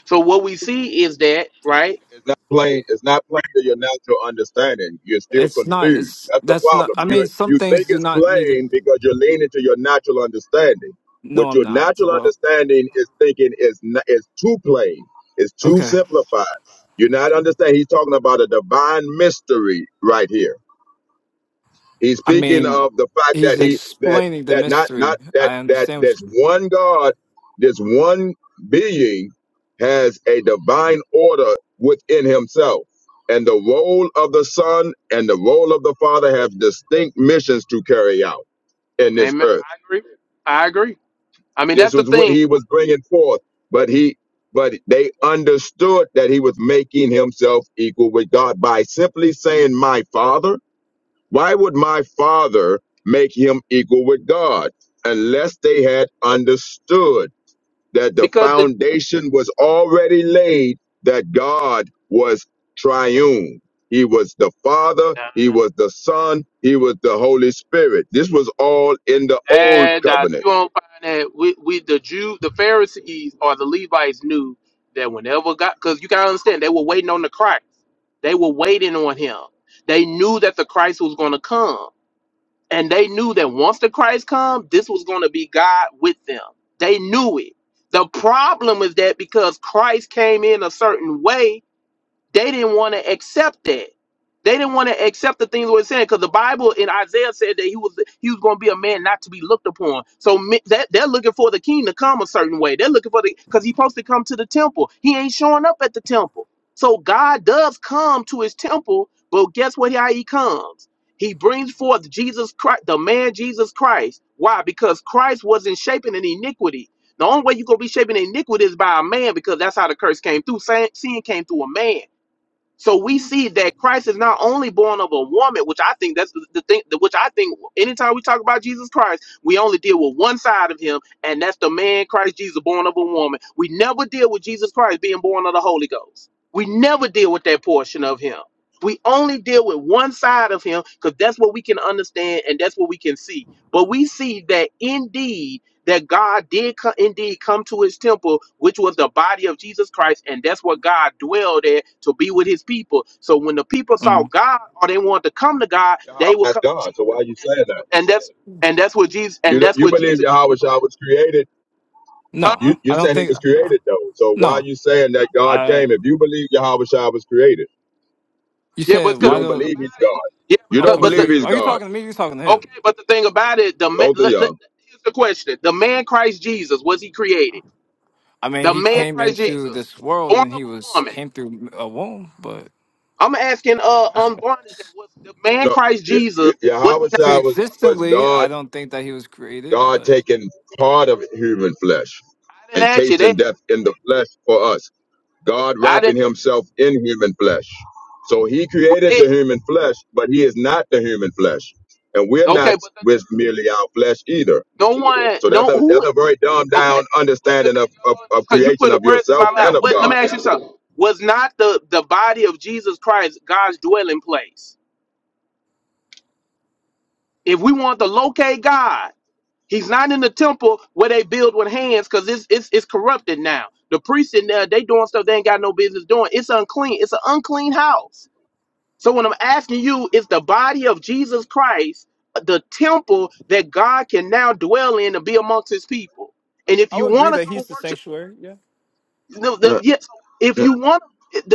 H: so what we see is that, right?
S: It's not plain. It's not plain to your natural understanding. You're still
T: It's not.
S: confused.
T: It's
S: That's the
T: that's not.
S: problem.
T: I
S: You
T: mean, some
S: you think
T: things do
S: it's
T: not need to.
S: plain because you're leaning to your natural understanding.
T: No,
S: What
T: I'm
S: your
T: not.
S: natural
T: But
S: understanding is thinking is n- is too plain. It's too
T: okay.
S: simplified. You're not understanding. He's talking about a divine mystery right here. He's
T: I
S: speaking
T: mean,
S: of the fact
T: he's
S: that he that
T: explaining the
S: that not
T: mystery.
S: not that
T: I
S: that
T: understand what.
S: this one God, this one being has a divine order within himself. And the role of the Son and the role of the Father have distinct missions to carry out in this
H: Amen.
S: earth.
H: I agree. I agree. I mean that's
S: This
H: the
S: was what
H: thing.
S: he was bringing forth, but he but they understood that he was making himself equal with God by simply saying my father why would my father make him equal with God unless they had understood that the
H: Because the
S: foundation was already laid, that God was triune? He was the Father, He was the Son, He was the Holy Spirit. This was all in the old
H: And uh,
S: covenant.
H: you won't find that we, we the Jew, the Pharisees or the Levites knew that whenever God, because you gotta understand, they were waiting on the Christ. They were waiting on Him. They knew that the Christ was going to come, and they knew that once the Christ come, this was going to be God with them. They knew it. The problem is that because Christ came in a certain way, they didn't want to accept that. They didn't want to accept the things we were saying because the Bible in Isaiah said that he was he was going to be a man not to be looked upon. So me- that they're looking for the king to come a certain way. They're looking for the because he's supposed to come to the temple. He ain't showing up at the temple. So God does come to his temple, but guess what? How he comes? He brings forth Jesus Christ, the man Jesus Christ. Why? Because Christ wasn't shaping an iniquity. The only way you're gonna be shaping iniquity is by a man, because that's how the curse came through. Sin sin came through a man. So we see that Christ is not only born of a woman, which I think that's the, the thing, the- which I think anytime we talk about Jesus Christ, we only deal with one side of him, and that's the man Christ Jesus born of a woman. We never deal with Jesus Christ being born of the Holy Ghost. We never deal with that portion of him. We only deal with one side of him because that's what we can understand and that's what we can see. But we see that indeed that God did co- indeed come to his temple, which was the body of Jesus Christ, and that's where God dwelled at to be with his people. So when the people
T: You,
H: saw
T: mm,
H: God or they wanted to come to God,
S: Yahweh
H: they would
S: is
H: come to
S: God,
H: Jesus,
S: so why are you
H: and
S: saying
H: that's
S: that?
H: what, and that's and that's what Jesus
S: You,
H: and
S: don't-
H: that's
S: you
H: what
S: believe
H: Jesus come
S: Yahweh
H: into play.
S: Shah was created.
T: no,
H: Huh?
S: You,
T: I
S: you're
T: don't
S: saying He
T: think.
S: was created, though. So why are
T: No,
S: you saying that God
T: I.
S: came if you believe Yahweh Shah was created?
T: You
H: Yeah,
T: said
H: but
S: You
H: because
T: why
H: the
S: don't
H: thing
T: the?
S: believe he's
H: about it,
S: God.
H: yeah,
S: You
T: I'm
S: don't
H: but but
S: believe
H: the
T: confused.
S: he's
T: Are you
S: God.
T: talking to me? You talking to him?
H: okay, but the thing about it, the man,
S: Both of
H: let, let-
S: y'all.
H: here's the question: the man Christ Jesus was he created?
T: I mean,
H: The
T: he
H: man
T: came
H: Christ
T: into
H: Jesus,
T: this world
H: born
T: and
H: of
T: he
H: a
T: was
H: woman.
T: came through a womb, but
H: I'm asking uh um Barnes that was the man
S: No,
H: Christ
S: Ye-
H: Jesus
S: Ye-
H: was
S: Yahweh
H: he not
S: Shai was
H: created?
S: was
T: pre-existently, I
S: God.
T: don't think that he was created.
S: God
T: But
S: taking part of human flesh
H: I
S: and
H: didn't ask you
S: tasting
H: that.
S: death in the flesh for us. God
H: I
S: wrapping
H: didn't. say-
S: Himself in human flesh. So He
H: Well,
S: created the
H: It,
S: human flesh, but He is not the human flesh, and we're
H: okay,
S: not
H: but the,
S: with merely our flesh either.
H: no one,
S: So that's
H: no
S: a
H: who?
S: that's a very dumbed down
H: Okay, but the
S: understanding
H: thing,
S: of, of, of
H: because you
S: creation
H: putting
S: of
H: words in
S: yourself
H: my
S: and
H: mouth.
S: of
H: What, let me
S: God.
H: ask you something. Was not the the body of Jesus Christ God's dwelling place? If we want to locate God, He's not in the temple where they build with hands because it's, it's it's corrupted now. The priests in there they doing stuff they ain't got no business doing. It's unclean. It's an unclean house. So when I'm asking you, is the body of Jesus Christ the temple that God can now dwell in and be amongst His people? And if
T: I
H: you
T: would agree
H: want to
T: that
H: go
T: he's the
H: worship,
T: sanctuary. Yeah,
H: the, the,
S: No,
H: yes, if
S: no,
H: you want,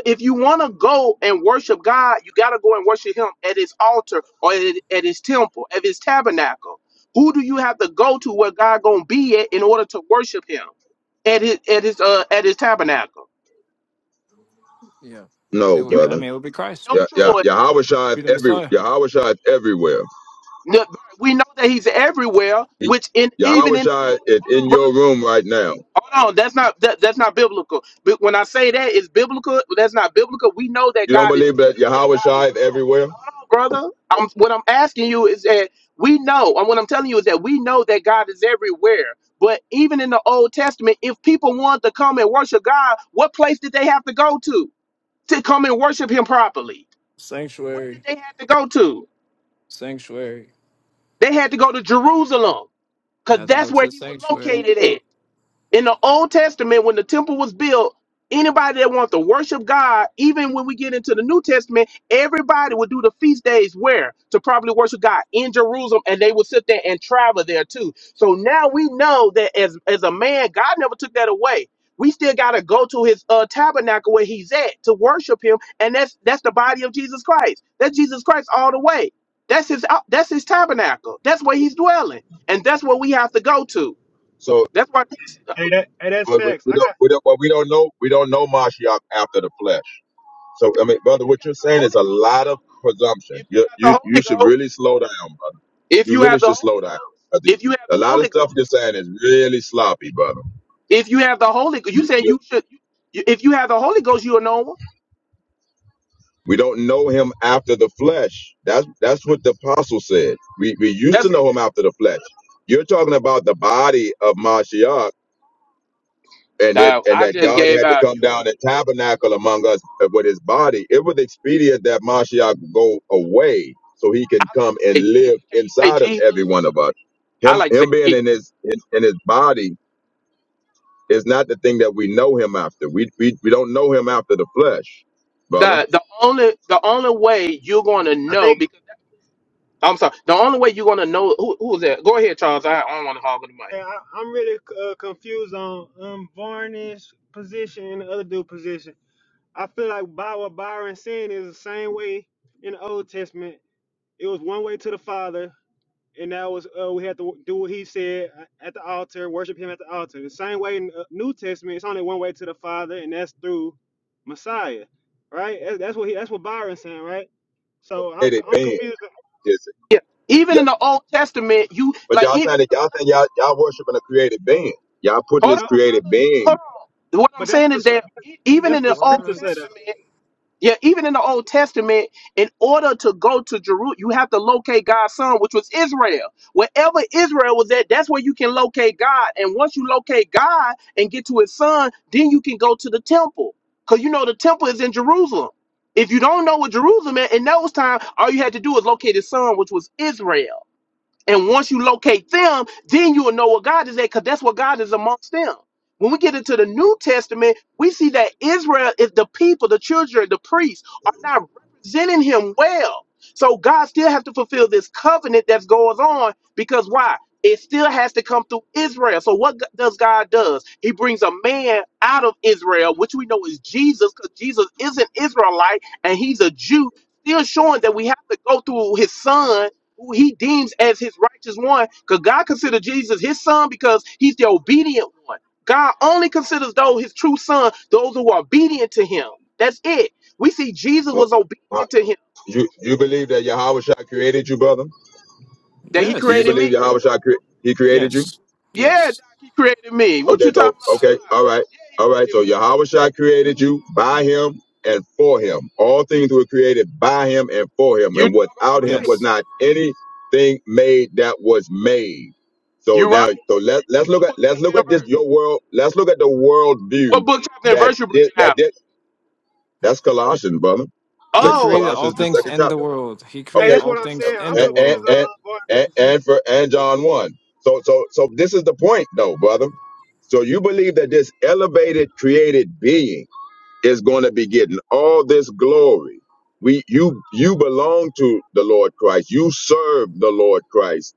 H: if you want to go and worship God, you got to go and worship Him at His altar or at, at His temple, at His tabernacle. Who do you have to go to where God gonna be at in order to worship Him at His at His uh, at His tabernacle?
T: yeah. It,
S: no,
H: You
T: would-
H: got
T: I
S: brother.
T: mean, it would be
H: you
T: Christ.
H: got no
S: Yeah,
T: Yeah,
S: yeah,
H: choice
S: Yahweh Shai is
T: be the
S: every
T: Messiah.
S: Yahweh Shai is everywhere.
H: The- we know that he's everywhere,
S: He-
H: which in even
S: Yahweh
H: in the
S: Shai
H: old
S: is
H: hold
S: in
H: on,
S: your
H: brother.
S: room right now.
H: Hold on, that's not that, that's not biblical. But when I say that it's biblical, that's not biblical. We know that
S: You don't
H: God is
S: believe that
H: everywhere.
S: Yahweh Shai
H: Hold
S: is
H: on,
S: everywhere?
H: hold on, brother. I'm what I'm asking you is that we know, and what I'm telling you is that we know that God is everywhere. But even in the Old Testament, if people wanted to come and worship God, what place did they have to go to to come and worship Him properly? Where did
T: Sanctuary,
H: they have to go to?
T: sanctuary.
H: They had to go to Jerusalem.
T: I
H: Because
T: Have to
H: that's
T: go to
H: where
T: the
H: he was
T: sanctuary.
H: located at. In the Old Testament, when the temple was built, anybody that wants to worship God, even when we get into the New Testament, everybody would do the feast days where? To probably worship God in Jerusalem, and they would sit there and travel there too. So now we know that as, as a man, God never took that away. We still gotta go to his uh, tabernacle where he's at to worship him, and that's that's the body of Jesus Christ. That's Jesus Christ all the way. That's his uh, that's his tabernacle. That's where he's dwelling, and that's where we have to go to.
S: So
H: That's why.
U: Hey, that hey, that's
S: but we,
U: facts.
S: we
U: I
S: don't
U: got.
S: we don't but we don't know we don't know Mashiach after the flesh. So I mean,
H: If
S: brother,
H: you
S: what you're
H: got the
S: saying is
H: Holy
S: a
H: Ghost, you
S: lot
H: do.
S: of presumption.
H: If you
S: You
H: got
S: you
H: the
S: you
H: Holy
S: should really
H: Ghost,
S: slow down, brother.
H: if
S: You
H: you have
S: really
H: the
S: should
H: Holy
S: slow down.
H: Ghost,
S: I think
H: if you have the
S: A lot of
H: Holy
S: stuff
H: Ghost,
S: you're
H: you
S: saying is
H: will.
S: really sloppy, brother.
H: If you have the Holy Ghost, you said you should. You, you- if you have the Holy Ghost, you will know him.
S: We don't know him after the flesh. That's that's what the apostle said. We we used to
H: That's
S: know him after the flesh. You're talking about the body of Mashiach and it
H: Dog,
S: and
H: I
S: that
H: just
S: God
H: gave
S: had to
H: out.
S: come
H: You,
S: down and tabernacle among us with his body. It was expedient that Mashiach go away so he can
H: I like
S: come
H: to say
S: and live
H: Jesus. Can you say
S: inside of every
H: Jesus?
S: one of us.
H: I
S: Him
H: like to say
S: him being
H: Jesus.
S: in his in, in his body is not the thing that we know him after. We we, we don't know him after the flesh, brother.
H: The the only the only way you're going to
U: I
H: know
U: think
H: because I'm sorry. The only way you're going to know who who is that? Go ahead, Charles. I, I don't want to hog the mic.
U: yeah, I, I'm really uh, confused on um Varney's position and the other dude position. I feel like by what Byron saying is the same way in the Old Testament. It was one way to the Father, and that was uh, we had to do what He said at the altar, worship Him at the altar. The same way in the uh, New Testament, it's only one way to the Father, and that's through Messiah, right? That- That's what he. That's what Byron's saying, right? So I'm
S: Created
U: I'm
S: being,
U: confused.
S: is
H: Yeah.
S: it?
H: Even in the Old Testament, you
S: But
H: like
S: y'all
H: it.
S: saying that y'all think y'all y'all worshiping a created being. Y'all putting
H: Hold
S: this
U: No,
H: on,
S: created
H: brother.
S: being.
H: Hold on. What I'm
U: but that's what
H: saying
U: the
H: is that e- even
U: That's
H: in
U: what the
H: the Old
U: scripture said that.
T: What?
H: Testament, yeah, even in the Old Testament, in order to go to Jerusalem, you have to locate God's son, which was Israel. Wherever Israel was at, that's where you can locate God. And once you locate God and get to his son, then you can go to the temple. Because you know the temple is in Jerusalem. If you don't know what Jerusalem is in those times, all you had to do was locate his son, which was Israel. And once you locate them, then you will know what God is at, because that's what God is amongst them. When we get into the New Testament, we see that Israel is the people, the children, the priests are not representing him well. So God still has to fulfill this covenant that's going on because why? It still has to come through Israel. So what g- does God does? He brings a man out of Israel, which we know is Jesus, because Jesus is an Israelite and he's a Jew, still showing that we have to go through his son who he deems as his righteous one, because God considered Jesus his son because he's the obedient one. God only considers those his true son, those who are obedient to him. That's it. We see Jesus
S: uh,
H: was
S: uh,
H: obedient to him.
S: You you believe that Yahweh Shah created you, brother?
H: That he
S: Do you
T: Yes.
H: created
S: believe
H: me.
S: Yahweh Shah cre- he created you?
T: Yes.
H: Yeah, Doc,
T: Yes.
H: he created me. What
S: Okay,
H: you
S: so
H: talking about?
T: Yes.
H: Ah,
S: okay, all right,
H: Yeah, he
S: all right.
H: created
S: So
H: me.
S: Yahweh Shah created you by him and for him. All things were created by him and for him,
H: You
S: and
H: doggone
S: without him
H: right.
S: was
T: Yes.
S: not anything made that was made. So
H: You right.
S: now, so let
H: What,
S: let's look
H: what
S: at
H: book,
S: let's
H: chapter,
S: look
H: and
S: at this
H: verse?
S: your world. Let's look at the world view
H: What book, chapter, and
S: that
H: verse you
S: thi-
H: bringing
S: that
H: out?
S: this That's Colossians, brother.
T: He
S: Second
H: Oh, oh hold
T: created all
S: Colossians, the
T: things
S: second
H: on.
T: in the
S: chapter.
T: world. He
U: Hey,
T: created
S: Okay,
U: that's
T: all
U: what I'm
T: things
U: saying.
T: in
U: I'm
T: the
S: and and
U: confused
T: world.
U: on
S: and
U: uh, Barton's
S: and, and
U: position.
S: for and John one. So so so this is the point, though, brother. So you believe that this elevated created being is going to be getting all this glory. We you you belong to the Lord Christ. You serve the Lord Christ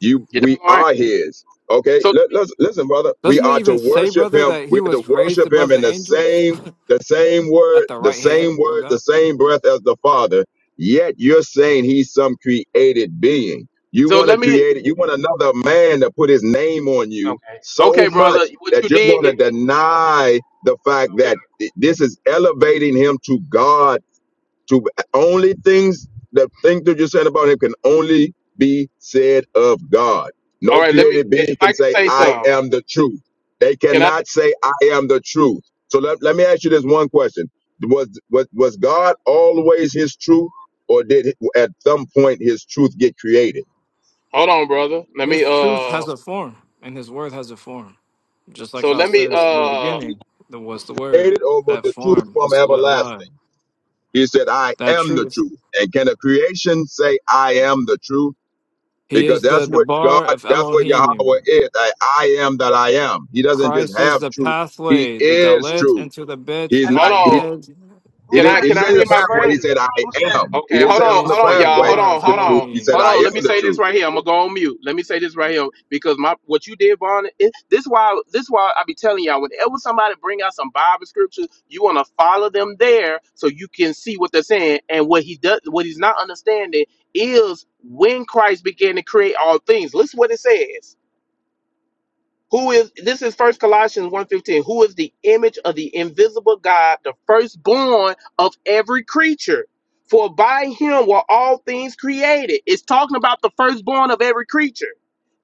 S: you,
H: You
S: we
H: doggone right.
S: are His. Okay,
H: So let
S: Let,
H: me,
S: let's listen, brother. We
T: Doesn't it
S: are to
T: even say,
S: worship
T: brother,
S: Him.
T: that he
S: We're to
T: was raised
S: worship Him
T: above
S: in
T: the
S: the
T: angels
S: same, the same
T: at
S: word,
T: the
S: the
T: right
S: same
T: hand of
S: word, the
T: God?
S: same breath as the Father. Yet you're saying He's some created being. You
H: so
S: want
H: let
S: to
H: me,
S: create it. You want another man to put His name on you
H: okay.
S: so
H: Okay,
S: much
H: brother, what
S: that
H: you
S: you're going
H: did,
S: to
H: okay.
S: deny the fact that th- this is elevating Him to God to only things the thing that you're saying about him can only be said of God.
H: All
S: No
H: right, let me
S: created
H: if
S: being
H: I
S: can
H: can
S: say,
H: say
S: I
H: something.
S: am the truth. They
H: Can I
S: cannot say, I am the truth. So let, let me ask you this one question. Was, was was God always his truth, or did it- at some point his truth get created?
H: hold on, brother? Let me
T: His truth has
H: uh
T: a form, and his word has a form. Just like
H: so
T: how it
H: let me
T: says in the
H: uh
T: beginning, there was the word.
S: Created over
T: That
S: the truth
T: form
S: from
T: was li- alive.
S: everlasting. He said, I
T: That
S: am the
T: truth.
S: truth. And can a creation say, I am the truth?
T: He
S: Because
T: is
S: that's
T: the, the
S: what God,
T: bar of
S: that's what Yahweh
T: Elohim.
S: is. I, I am that I am. He doesn't just
T: Christ is
S: have
T: the
S: truth. He
T: pathway, the
S: is
T: dalit
S: truth.
T: into the bit
S: He's
T: of
H: hold
S: not,
T: the
S: he,
H: on.
T: head.
S: he
H: Can
S: didn't,
H: I
S: he
H: can
S: didn't
H: I
S: say the
H: read my
S: pathway.
H: verse?
S: He said, I am. He
H: Okay,
S: didn't
T: He
H: hold
S: say I'm
H: on,
S: the
T: is
H: hold
T: the
H: on, y'all. Hold
S: pathway
T: dabar
H: on,
T: of
S: to
H: hold
S: truth.
H: on,
S: He
T: Elohim.
S: said,
H: hold
S: I
H: on.
S: am
H: Let me
S: the
H: say this
S: truth.
H: right here. I'm gonna go on mute. Let me say this right here because my what you did, Vaughn. It, this why this why I be telling y'all. Whenever somebody bring out some Bible scriptures, you wanna follow them there so you can see what they're saying and what he does. What he's not understanding is when Christ began to create all things. Listen what it says. Who is this is first Colossians one fifteen? Who is the image of the invisible God, the firstborn of every creature? For by him were all things created. It's talking about the firstborn of every creature.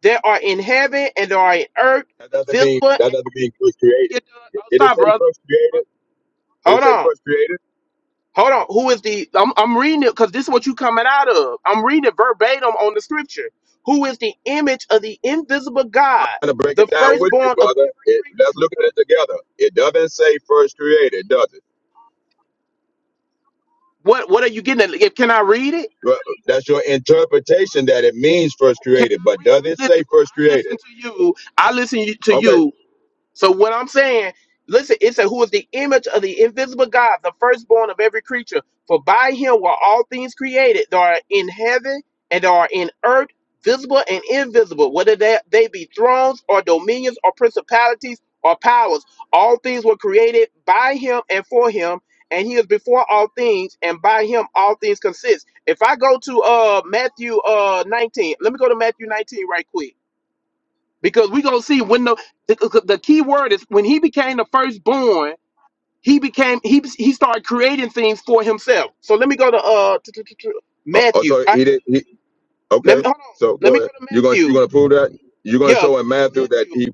H: There are in heaven and there are in earth,
S: That doesn't mean,
H: visible. And
S: that doesn't mean first was
H: can I
S: created.
H: get done? Oh,
S: Did it
H: stop,
S: say
H: brother.
S: first created? Did it
H: Hold
S: say
H: on.
S: first created?
H: Hold on. Who is the I'm, I'm reading it because this is what you coming out of. I'm reading it verbatim on the scripture. Who is the image of the invisible God,
S: I'm going to break
H: the
S: it down with you,
H: firstborn of
S: brother.
H: every
S: It,
H: creature?
S: let's look at it together. It doesn't say first created, does it?
H: What what are you getting at? If, Can I read it?
S: Well, That's your interpretation that it means first
H: Can
S: created, but
H: I read
S: does it
H: I listen,
S: say
H: bro,
S: first
H: I listen
S: created?
H: to you. I listen you- to
S: Okay,
H: you. So what I'm saying, listen, it said, "Who is the image of the invisible God, the firstborn of every creature? For by him were all things created, that are in heaven and that are in earth, visible and invisible, whether they, they be thrones or dominions or principalities or powers. All things were created by him and for him." And he is before all things, and by him all things consist. If I go to uh Matthew uh 19, let me go to Matthew 19 right quick because we're gonna see when the, the the key word is when he became the firstborn he became he he started creating things for himself so let me go to uh t- t- t- t-
S: Uh, oh,
H: matthew
S: so
H: right
S: he did. He,
H: let me
S: okay.
H: hold on
S: So
H: let
S: go
H: me go
S: ahead.
H: to
S: You're gonna you're
H: matthew
S: gonna prove that. You're gonna
H: yeah let's
S: show in
H: go
S: Matthew that
H: to matthew
S: he.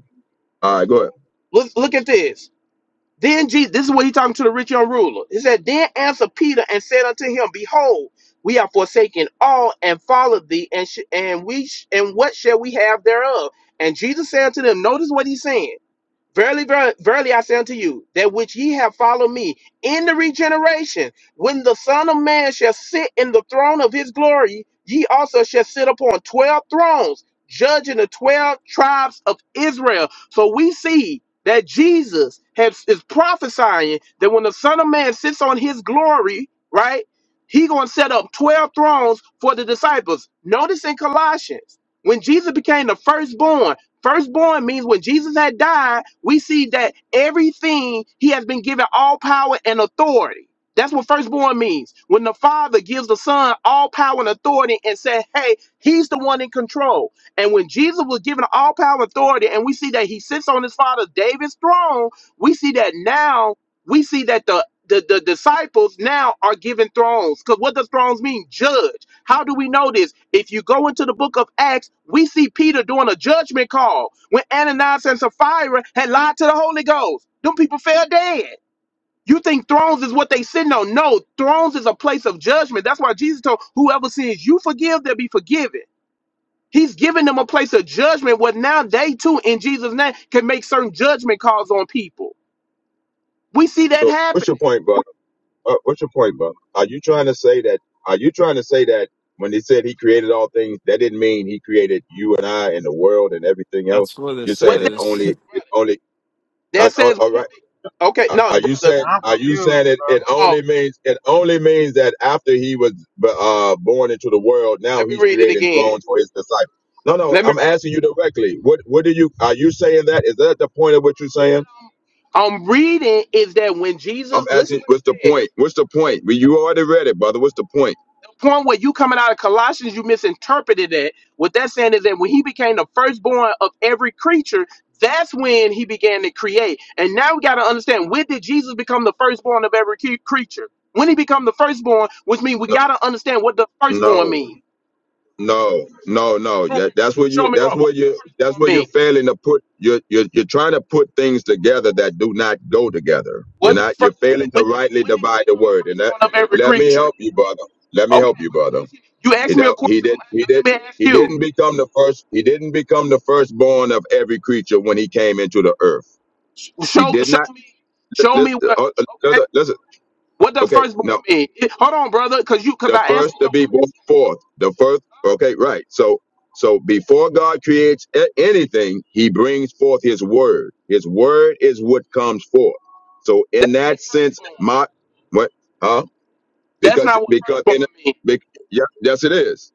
S: All right. Go ahead.
H: let's look at this then jesus this is what he talking to the rich young ruler he said then answered peter and said unto him behold we have forsaken all and followed thee and sh- and we sh- and what shall we have thereof and jesus said unto them notice what he's saying Verily, ver- verily, I say unto you, that which ye have followed me in the regeneration, when the Son of Man shall sit in the throne of his glory, ye also shall sit upon 12 thrones, judging the 12 tribes of Israel. So we see that Jesus has, is prophesying that when the Son of Man sits on his glory, right, he going to set up 12 thrones for the disciples. Notice in Colossians, when Jesus became the firstborn, Firstborn means when Jesus had died, we see that everything he has been given all power and authority. That's what firstborn means. When the father gives the son all power and authority and said, Hey, he's the one in control. And when Jesus was given all power and authority, and we see that he sits on his father David's throne, we see that now we see that the the, the disciples now are given thrones because what does thrones mean judge how do we know this if you go into the book of acts we see peter doing a judgment call when ananias and sapphira had lied to the holy ghost them people fell dead you think thrones is what they sitting on no thrones is a place of judgment that's why jesus told whoever sins you forgive they'll be forgiven he's giving them a place of judgment where now they too in jesus name can make certain judgment calls on people we see that
S: So
H: happen
S: what's your point, bro? Uh, what's your point, bro? Are you trying to say that? Are you trying to say that when he said he created all things, that didn't mean he created you and I and the world and everything else?
T: That's what it
S: You're
H: What
S: saying
H: that
S: it
T: says.
S: only it
H: brother?
S: only. I,
H: That
S: oh,
H: says
S: all
H: when
S: right.
H: he be okay.
S: Are
H: No,
S: are you
H: brother,
U: Yeah,
S: saying?
U: I'm
S: Are you saying
U: confused,
S: it? It
U: bro.
H: hold on.
S: only means it only means that after he was b- uh, born into the world, now
H: Let me
S: he's
H: read it
S: creating
H: again.
S: thrones for his disciples. No, no.
H: Let me
S: I'm
H: read.
S: asking you directly. What What do you? Are you saying that? Is that the point of what you're
H: What
S: saying?
H: I'm, I'm reading is that when Jesus,
S: I'm
H: listen
S: asking.
H: what
S: What's the
H: it says.
S: point? What's the point? Well,
H: The,
S: you already read it, brother. What's the point?
H: the point where you coming out of Colossians, you misinterpreted it. What that's saying is that when he became the firstborn of every creature, that's when he began to create. And now we got to understand when did Jesus become the firstborn of every cre- creature? When he become the firstborn, which means we
S: No,
H: got to understand what the firstborn
S: no.
H: means.
S: No, no, no.
H: Prove me,
S: That, that's what
H: show
S: you.
H: me
S: That's
H: wrong. What
S: what
H: does
S: you. That's
H: firstborn
S: what you're
H: mean?
S: failing to put. You're, you're you're trying to put things together that do not go together. You're
H: What does
S: not. You're
H: firstborn?
S: failing to
H: When did he,
S: rightly
H: when did he
S: divide the
H: become the
S: word. And that.
H: firstborn of every
S: Let me
H: creature?
S: help you, brother. Let me
H: Okay,
S: help you,
H: but I'm
S: brother.
H: asking you. You Asked
S: He
H: me a
S: don't- he
H: question. I'm
S: did. He
H: a- Let
S: did.
H: me ask
S: He
H: you.
S: didn't become the first. He didn't become the firstborn of every creature when he came into the earth.
H: Sh-
S: He
H: Show
S: did not.
H: show me
S: li-
H: show me
S: Listen.
H: what.
S: uh, uh,
H: Okay,
S: Listen. listen,
H: what does
S: Okay.
H: firstborn
S: No.
H: mean? It- hold on, brother, because you because
S: the
H: I
S: first
H: answered
S: to
H: your
S: be brought
H: question.
S: forth the first okay right so so before god creates a- anything he brings forth his word his word is what comes forth so
H: That
S: in
H: ain't
S: that sense
H: firstborn.
S: my what huh
H: That's
S: because
H: not what
S: because
H: firstborn
S: in
H: means.
S: bec- yeah, yes it is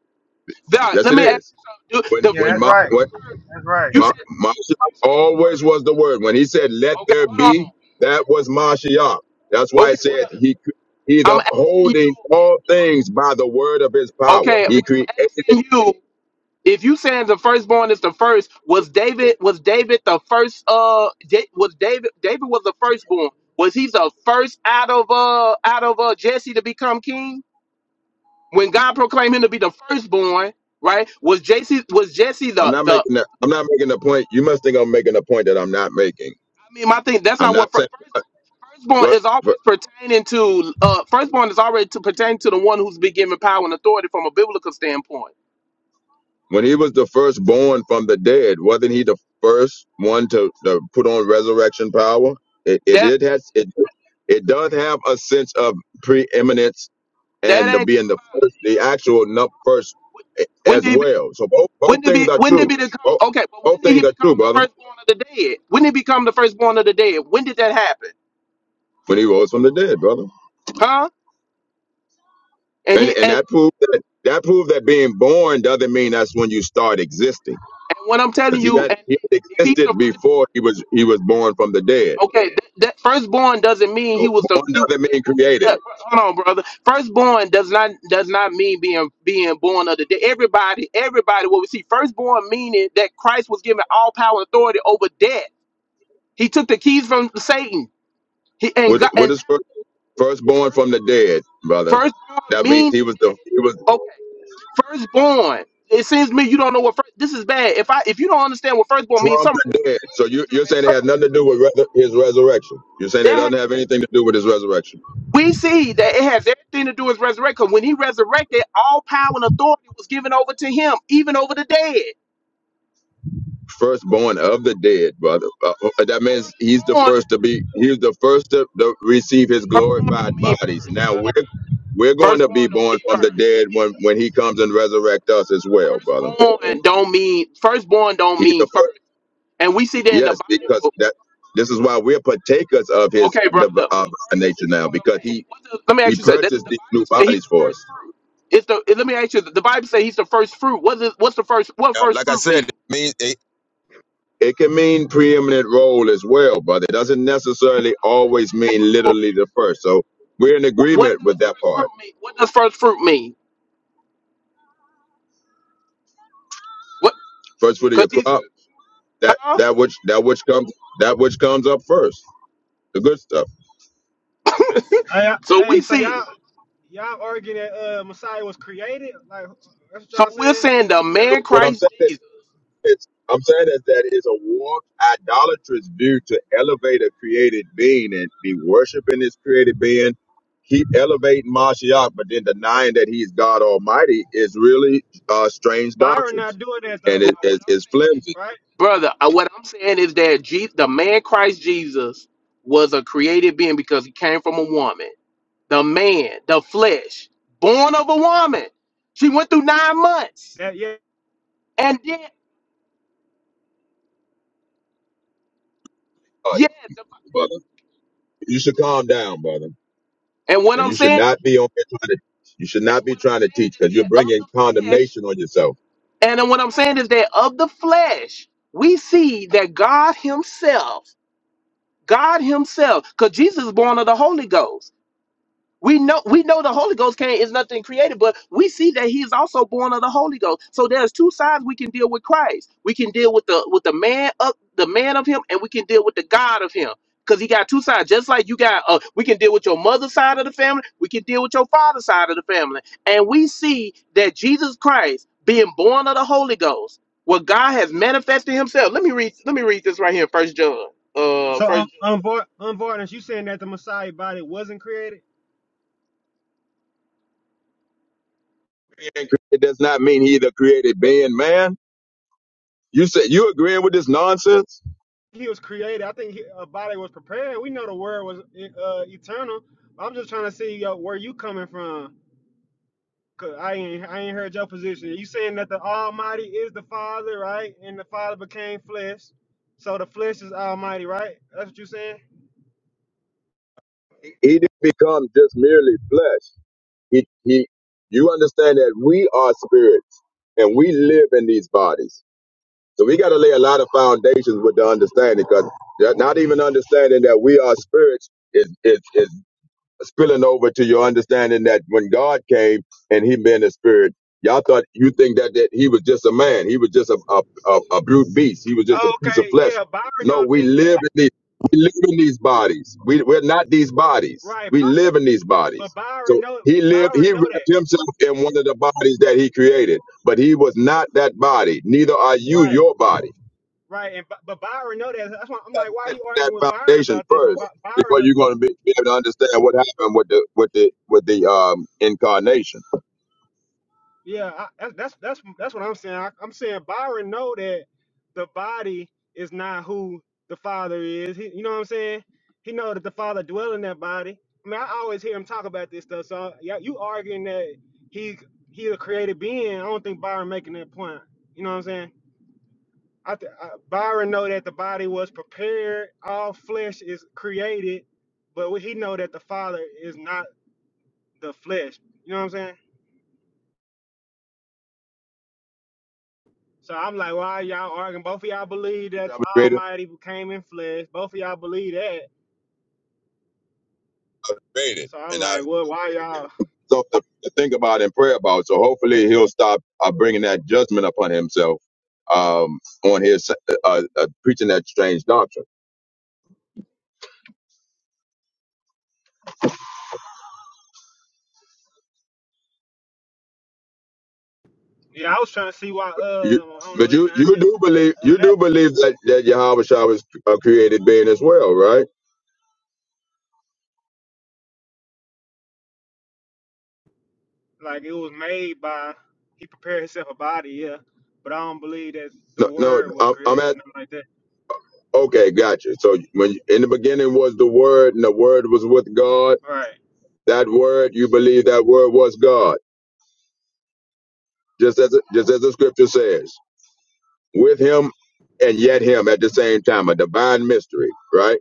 H: That,
S: yes
H: let
S: it
H: me ask
S: is
H: you something. dude.
S: when
U: Yeah,
H: The,
S: when
H: you
U: that's
S: my
H: said
U: right.
H: the first.
U: That's right.
H: You
S: Ma-
H: said you
S: Mashiach
H: said the
S: always was
H: first.
S: the word. When he said, let
H: Okay,
S: there
H: hold
S: be,
H: on.
S: that was Mashiach. That's why it
H: Okay,
S: said
H: brother.
S: he, cre- he's
H: I'm asking
S: upholding
H: you.
S: all things by the word of his power.
H: Okay, what
S: He created.
H: I'm asking you, if you saying the firstborn is the first, was David was David the first uh Da- was David David was the firstborn. Was he the first out of uh out of uh Jesse to become king? When God proclaimed him to be the firstborn, right? Was Jesse was Jesse
S: I'm
H: the
S: not
H: the
S: making
H: I
S: that. I'm not making the point. You must think I'm making a point that I'm not making.
H: mean my thing that's
S: I'm
H: not
S: not
H: what fir-
S: saying,
H: first firstborn
S: but
H: is always
S: but
H: pertaining to uh firstborn is already to pertain to the one who's been given power and authority from a biblical standpoint.
S: when he was the firstborn from the dead, wasn't he the first one to, to put on resurrection power? It, it
H: That
S: did has it, it does have a sense of preeminence and
H: that
S: the,
H: ain't
S: being the first, the actual nut first
H: when
S: as
H: did he
S: well. So both both
H: When did
S: things
H: be
S: are
H: when
S: true.
H: did he become
S: Both,
H: okay, but when
S: both
H: did he
S: things are true,
H: become the
S: brother.
H: firstborn of the dead? When did he become the firstborn of the dead? When did that happen?
S: When he rose from the dead, brother,
H: Huh? And
S: and
H: he
S: and
H: and
S: that proves that that proves that being born doesn't mean that's when you start existing,
H: and what I'm telling
S: because he
H: you,
S: had
H: and
S: he had
H: if he's the
S: existed
H: first
S: before he was he was born from the dead.
H: okay, that, that firstborn doesn't mean he
S: So
H: was the
S: born
H: he was
S: doesn't
H: being
S: mean
H: born.
S: created.
H: yeah, Hold on, brother. Firstborn does not does not mean being being born of the dead. Everybody, everybody, what we see, firstborn meaning that Christ was given all power and authority over death. He took the keys from Satan. He and
S: What
H: God
S: what
H: and
S: is
H: that
S: first, first born
H: first
S: from the dead, brother?
H: firstborn
S: That means
H: meaning
S: he was the he was
H: Firstborn. It seems to me you don't know what first. This is bad. If I if you don't understand what firstborn means,
S: from
H: something wrong
S: the dead. So
H: with you. our
S: you,
H: children
S: you're
H: are in
S: saying it has
H: trouble.
S: nothing to do with re- his resurrection. You're saying it
H: That
S: doesn't
H: had
S: have anything to do with his
H: no.
S: resurrection.
H: We see that it has everything to do with resurrection. 'cause When he resurrected, all power and authority was given over to him, even over the dead.
S: Firstborn of the dead, brother. Uh, uh, uh,
H: The
S: that means he's the
H: firstborn,
S: first to be. He's the first to, to receive his
H: firstborn
S: glorified
H: don't mean
S: bodies.
H: first. dog.
S: Now we're we're going to be
H: Firstborn don't
S: born
H: mean
S: from the
H: first.
S: dead when when he comes and resurrect us as well, brother.
H: Firstborn don't mean firstborn don't
S: He's
H: mean
S: the
H: first.
S: first.
H: And we see that in the
S: Yes,
H: Bible.
S: because that. This is why we're partakers of his
H: Okay, brother.
S: div-
H: But
S: uh,
H: first,
S: nature
H: this is
S: now,
H: what I'm
S: because
H: saying.
S: he
H: What the, let me
S: he
H: ask you something. The,
S: purchased
H: the
S: these
H: Bible
S: new
H: says he's
S: bodies
H: the
S: for
H: first
S: us.
H: fruit. It's the. Let me ask you. The Bible says he's the first fruit. What's the, what's the first? What
S: Uh,
H: first
S: Like I
H: fruit
S: said, it
H: mean?
S: means It can mean preeminent role as well, but it doesn't
H: No,
S: necessarily
H: I'm not
S: always
H: asking
S: mean
H: you.
S: literally the first. So we're in
H: wh- What
S: agreement
H: does
S: with that
H: first fruit
S: part.
H: mean? What does first fruit mean? What?
S: First fruit of
H: Cause
S: your
H: he's
S: crop, that
H: huh?
S: that which that which comes that which comes up first, the good stuff.
U: Hey, I-
H: So
U: hey,
H: we
U: so
H: see.
U: y'all y'all arguing that uh Messiah was created? Like that's what
H: So
U: y'all
H: we're
U: saying?
H: saying the
S: Yeah,
H: man
S: What I'm
H: Christ
S: saying
H: Jesus.
S: is, I'm saying is that it's a warped, idolatrous view to elevate a created being and be worshiping this created being. Keep elevating Mashiach, but then denying that he's God Almighty is really uh, strange
U: Byron
S: doctrines,
U: not doing that
S: and
U: though,
H: Now
S: it
H: what
S: is
H: I'm
S: it's flimsy.
H: saying,
U: right?
H: brother, uh, what I'm saying is that Je- the man Christ Jesus was a created being because he came from a woman. the man, the flesh, born of a woman. She went through nine months,
U: That yeah.
H: and then
S: God,
H: yeah, the,
S: brother. You should calm down, brother.
H: and what
S: And
H: I'm
S: you should
H: saying,
S: not be on here trying to you should
H: is,
S: not
H: and
S: be
H: what I'm
S: trying to
H: saying
S: teach
H: is
S: because you're
H: that of
S: bringing
H: the flesh,
S: condemnation on yourself.
H: and then what I'm saying is that of the flesh, we see that God Himself, God Himself, because Jesus is born of the Holy Ghost. We know we know the Holy Ghost came is nothing created, but we see that he is also born of the Holy Ghost. So there's two sides we can deal with Christ. We can deal with the with the man of the man of him, and we can deal with the God of him. Because he got two sides. Just like you got uh we can deal with your mother's side of the family, we can deal with your father's side of the family. And we see that Jesus Christ being born of the Holy Ghost, where God has manifested himself. Let me read let me read this right here, first John. Uh
U: So
H: first
U: um
H: John.
U: um Var- um Varnish, you saying that the Messiah body wasn't created?
S: Being created does not mean he either created being man. You said you agreeing with this nonsense?
U: He was created. I think he, a body was prepared. We know the word was uh eternal. I'm just trying to see uh, where you coming from. Cause I ain't I ain't heard your position. You saying that the Almighty is the Father, right? And the Father became flesh, so the flesh is Almighty, right? That's what you saying?
S: He he didn't become just merely flesh. He he you understand that we are spirits and we live in these bodies. So we gotta lay a lot of foundations with the understanding because not even understanding that we are spirits is is is. spilling over to your understanding that when God came and He been a spirit, y'all thought you think that that He was just a man. He was just a a, a, a brute beast. He was just a piece of
U: Okay,
S: flesh.
U: yeah. Byron
S: No,
U: don't
S: we
U: think
S: live
U: that,
S: in these we live in these bodies. We we're not these bodies.
U: right?
S: We live in these bodies.
U: But Byron
S: So
U: know
S: he lived.
U: Byron
S: He
U: know that,
S: wrapped himself in one of the bodies that he created, but he was not that body. Neither are you
U: right?
S: your body.
U: Right. And Bi- but Byron know that. That's why I'm like, why are you
S: that
U: arguing with Byron
S: foundation
U: about this when
S: first
U: Bi- Byron?
S: before you're going to be, be able to understand what happened with the with the with the um incarnation.
U: Yeah, I, that's that's that's that's what I'm saying. I, I'm saying Byron know that the body is not who the father is. He, you know what I'm saying? He know that the father dwell in that body. I mean, I always hear him talk about this stuff. So yeah, you arguing that he he a created being? I don't think Byron making that point. You know what I'm saying? I, th- I Byron know that the body was prepared. All flesh is created, but he know that the father is not the flesh. You know what I'm saying? So I'm like, why y'all arguing? Both of y'all believe that
S: I was
U: the
S: created,
U: Almighty came in flesh. Both of y'all believe that.
S: created,
U: So I'm
S: and I
U: like, well, why y'all?
S: so to, to think about and pray about. So hopefully he'll stop uh, bringing that judgment upon himself um on his uh, uh, preaching that strange doctrine.
U: Yeah, I was trying to see why.
S: You,
U: Uh, I don't know.
S: but
U: It's
S: you
U: not. I
S: you
U: think
S: do believe
U: um,
S: you
U: eh,
S: do believe that that Yahweh Shah was a created being as well, right?
U: like it was made by. He prepared himself a body. Yeah, but I don't believe that the
S: No, no,
U: Word was
S: I'm, I'm
U: created.
S: at
U: Nothing like that.
S: okay, gotcha. So when in the beginning was the Word, and the Word was with God
U: Right.
S: That word, you believe that word was God, just as just as the scripture says, with him and yet him at the same time, a divine mystery, right?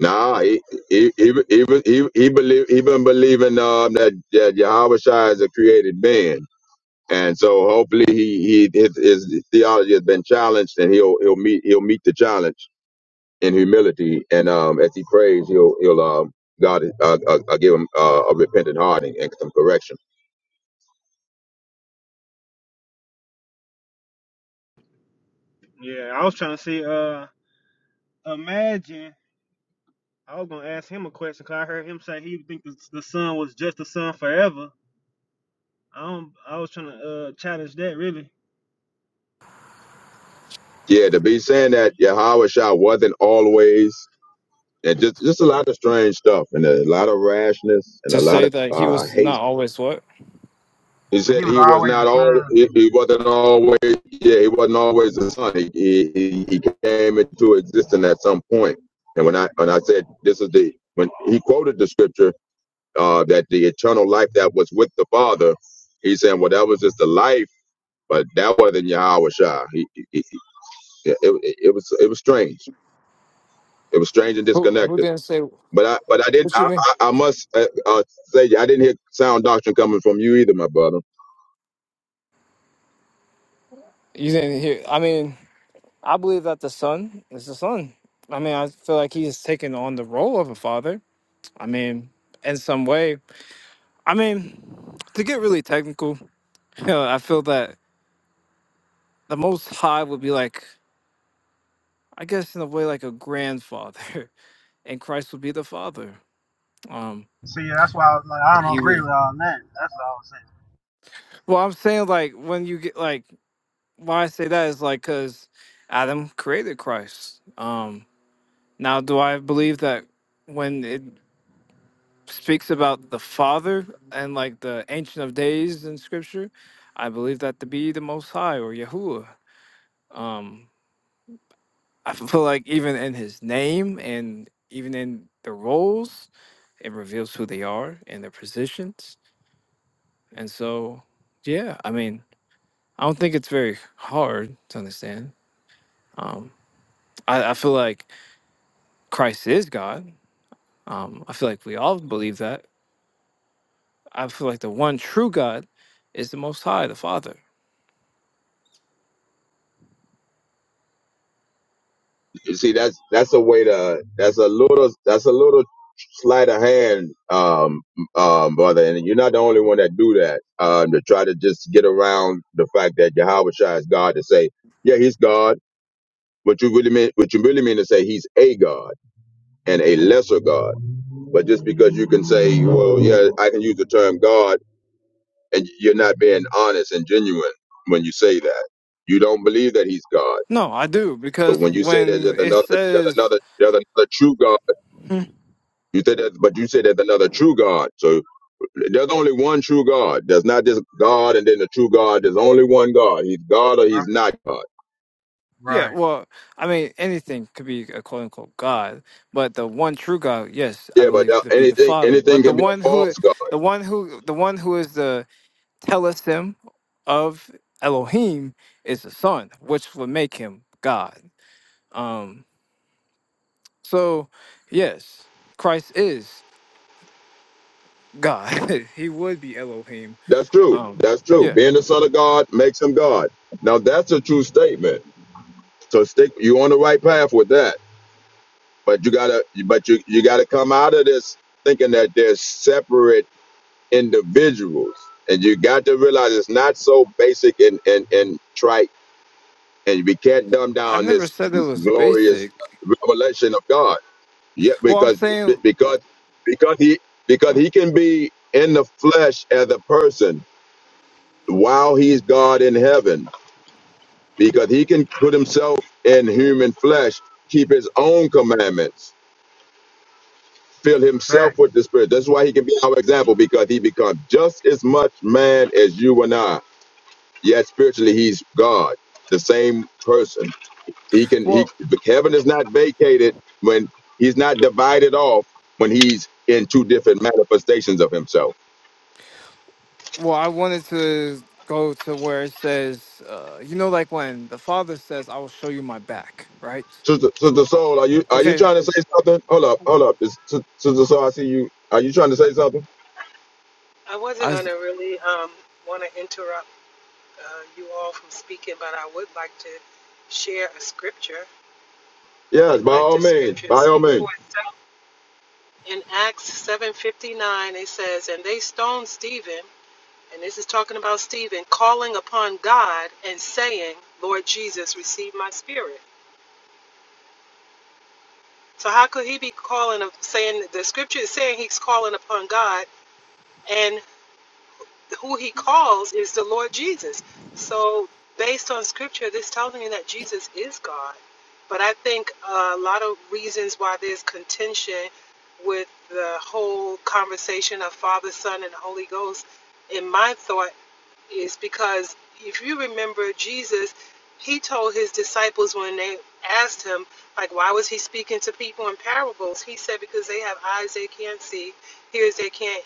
S: Nah, he he he even he, he, believe even believing um that, that Yahweh Shai is a created being, and so hopefully he, he his, his theology has been challenged, and he'll he'll meet he'll meet the challenge in humility, and um as he prays, he'll he'll um God uh, uh, uh, give him uh, a repentant heart and, and some correction.
U: Yeah. I was trying to see. Uh, imagine. I was gonna ask him a question because I heard him say he think the, the sun was just the son forever. I don't. I was trying to uh challenge that really.
S: Yeah, to be saying that Yahweh Shah wasn't always, and just just a lot of strange stuff, and a lot of rashness, and
T: to
S: a lot
T: say
S: of
T: that he
S: uh,
T: was
S: hate.
T: not always what?
S: He
U: That
S: said
U: he was
S: he was
U: always a
S: not all.
U: son.
S: He, he wasn't always. Yeah, he wasn't always the son. He, he he he came into existence at some point. And when I when I said this is the when he quoted the scripture uh, that the eternal life that was with the Father, he's saying well that was just the life, but that wasn't Yahweh Shah. He, he, he, it, it it was it was strange It was strange and
T: Who who
S: disconnected.
T: didn't say
S: But I, but I didn't.
T: what you
S: I,
T: mean?
S: I, I must uh, uh, say, I didn't hear sound doctrine coming from you either, my brother.
T: You didn't hear I mean, I believe that the son is the son. I mean, I feel like he's taking on the role of a father. I mean, in some way. I mean, to get really technical, you know, I feel that the Most High would be like, I guess, in a way, like a grandfather, and Christ would be the father. Um,
U: See, that's why I was like, I
T: he
U: don't agree
T: would.
U: with all that. That's all I was saying.
T: Well, I'm saying like when you get like why I say that is like because Adam created Christ. Um, now, do I believe that when it speaks about the Father and like the Ancient of Days in Scripture, I believe that to be the Most High or Yahuwah. Um, I feel like even in his name and even in the roles, it reveals who they are and their positions. And so, yeah, I mean, I don't think it's very hard to understand. Um, I, I feel like Christ is God. Um, I feel like we all believe that. I feel like the one true God is the Most High, the Father.
S: You see, that's that's a way to. That's a little. That's a little sleight of hand, um, um, brother. And you're not the only one that do that. Um, to try to just get around the fact that Yahweh Shai is God to say, yeah, he's God. What you really mean? What you really mean to say he's a God and a lesser God? But just because you can say, well, yeah, I can use the term God and you're not being honest and genuine when you say that. You don't believe that he's God.
T: No, I do
S: So
T: because
S: when you say that
T: when
S: there's
T: it
S: another, there's
T: says
S: another, there's another true God, you say that, but you say there's another true God. So there's only one true God. There's not this God and then the true God. There's only one God. He's God or he's not God.
T: Yeah,
U: Right. right.
T: well, I mean, anything could be a quote unquote God, but the one true God, yes, I
S: Yeah, but
T: believe
S: that,
T: to be the
S: anything,
T: Father.
S: anything
T: But the
S: can be a
T: one who,
S: false God.
T: the one who, the one who is the telestim of Elohim is the Son, which would make him God. Um, so yes, Christ is God. he would be Elohim.
S: That's true.
T: Um,
S: That's true.
T: yeah,
S: Being the son of God makes him God. Now that's a true statement. So stick, you on the right path with that. but you gotta but you you gotta come out of this thinking that they're separate individuals and you got to realize it's not so basic and and and trite and we can't dumb
T: I
S: down
T: never
S: this
T: said it was
S: glorious
T: basic.
S: revelation of god yeah
T: Well, I'm
S: because
T: saying,
S: because because he because he can be in the flesh as a person while he's god in heaven because he can put himself in human flesh keep his own commandments fill himself
U: Fact.
S: with the Spirit. That's why he can be our example because he becomes just as much man as you and I. Yet spiritually, he's God, the same person. He can.
T: well,
S: He heaven is not vacated when he's not divided off when he's in two different manifestations of himself.
T: Well, I wanted to go to where it says, uh, you know, like when the father says, I will show you my back, right?
S: Sister, Sister Soul, are you are you
T: Okay.
S: trying to say something? Hold up, hold up. Is- Sis- Sister Soul, I see you. Are you trying to say something?
V: I wasn't
T: I,
V: going
T: s-
V: to really um, want to interrupt uh, you all from speaking, but I would like to share a scripture
S: Yes,
V: and
S: by
V: let
S: all
V: the
S: means,
V: scripture
S: by all
V: speak for
S: means.
V: itself. In Acts 7.59, it says, And they stoned Stephen, and this is talking about Stephen, calling upon God and saying, Lord Jesus, receive my spirit. So how could he be calling saying the scripture is saying he's calling upon God and who he calls is the Lord Jesus. So based on scripture, this tells me that Jesus is God. But I think a lot of reasons why there's contention with the whole conversation of Father, Son, and Holy Ghost, in my thought, is because if you remember Jesus, he told his disciples when they asked him, like, why was he speaking to people in parables? He said, because they have eyes they can't see, ears they can't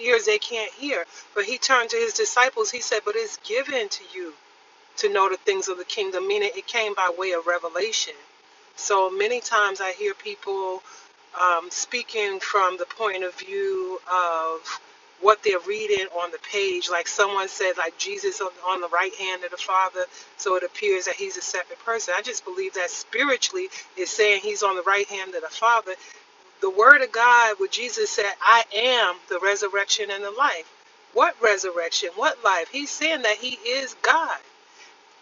V: ears they can't hear. But he turned to his disciples, he said, but it's given to you to know the things of the kingdom, meaning it came by way of revelation. So many times I hear people um, speaking from the point of view of what they're reading on the page. Like someone said, like Jesus on, on the right hand of the Father, so it appears that he's a separate person. I just believe that spiritually is saying he's on the right hand of the Father. The Word of God, where Jesus said, I am the resurrection and the life. What resurrection? What life? He's saying that he is God.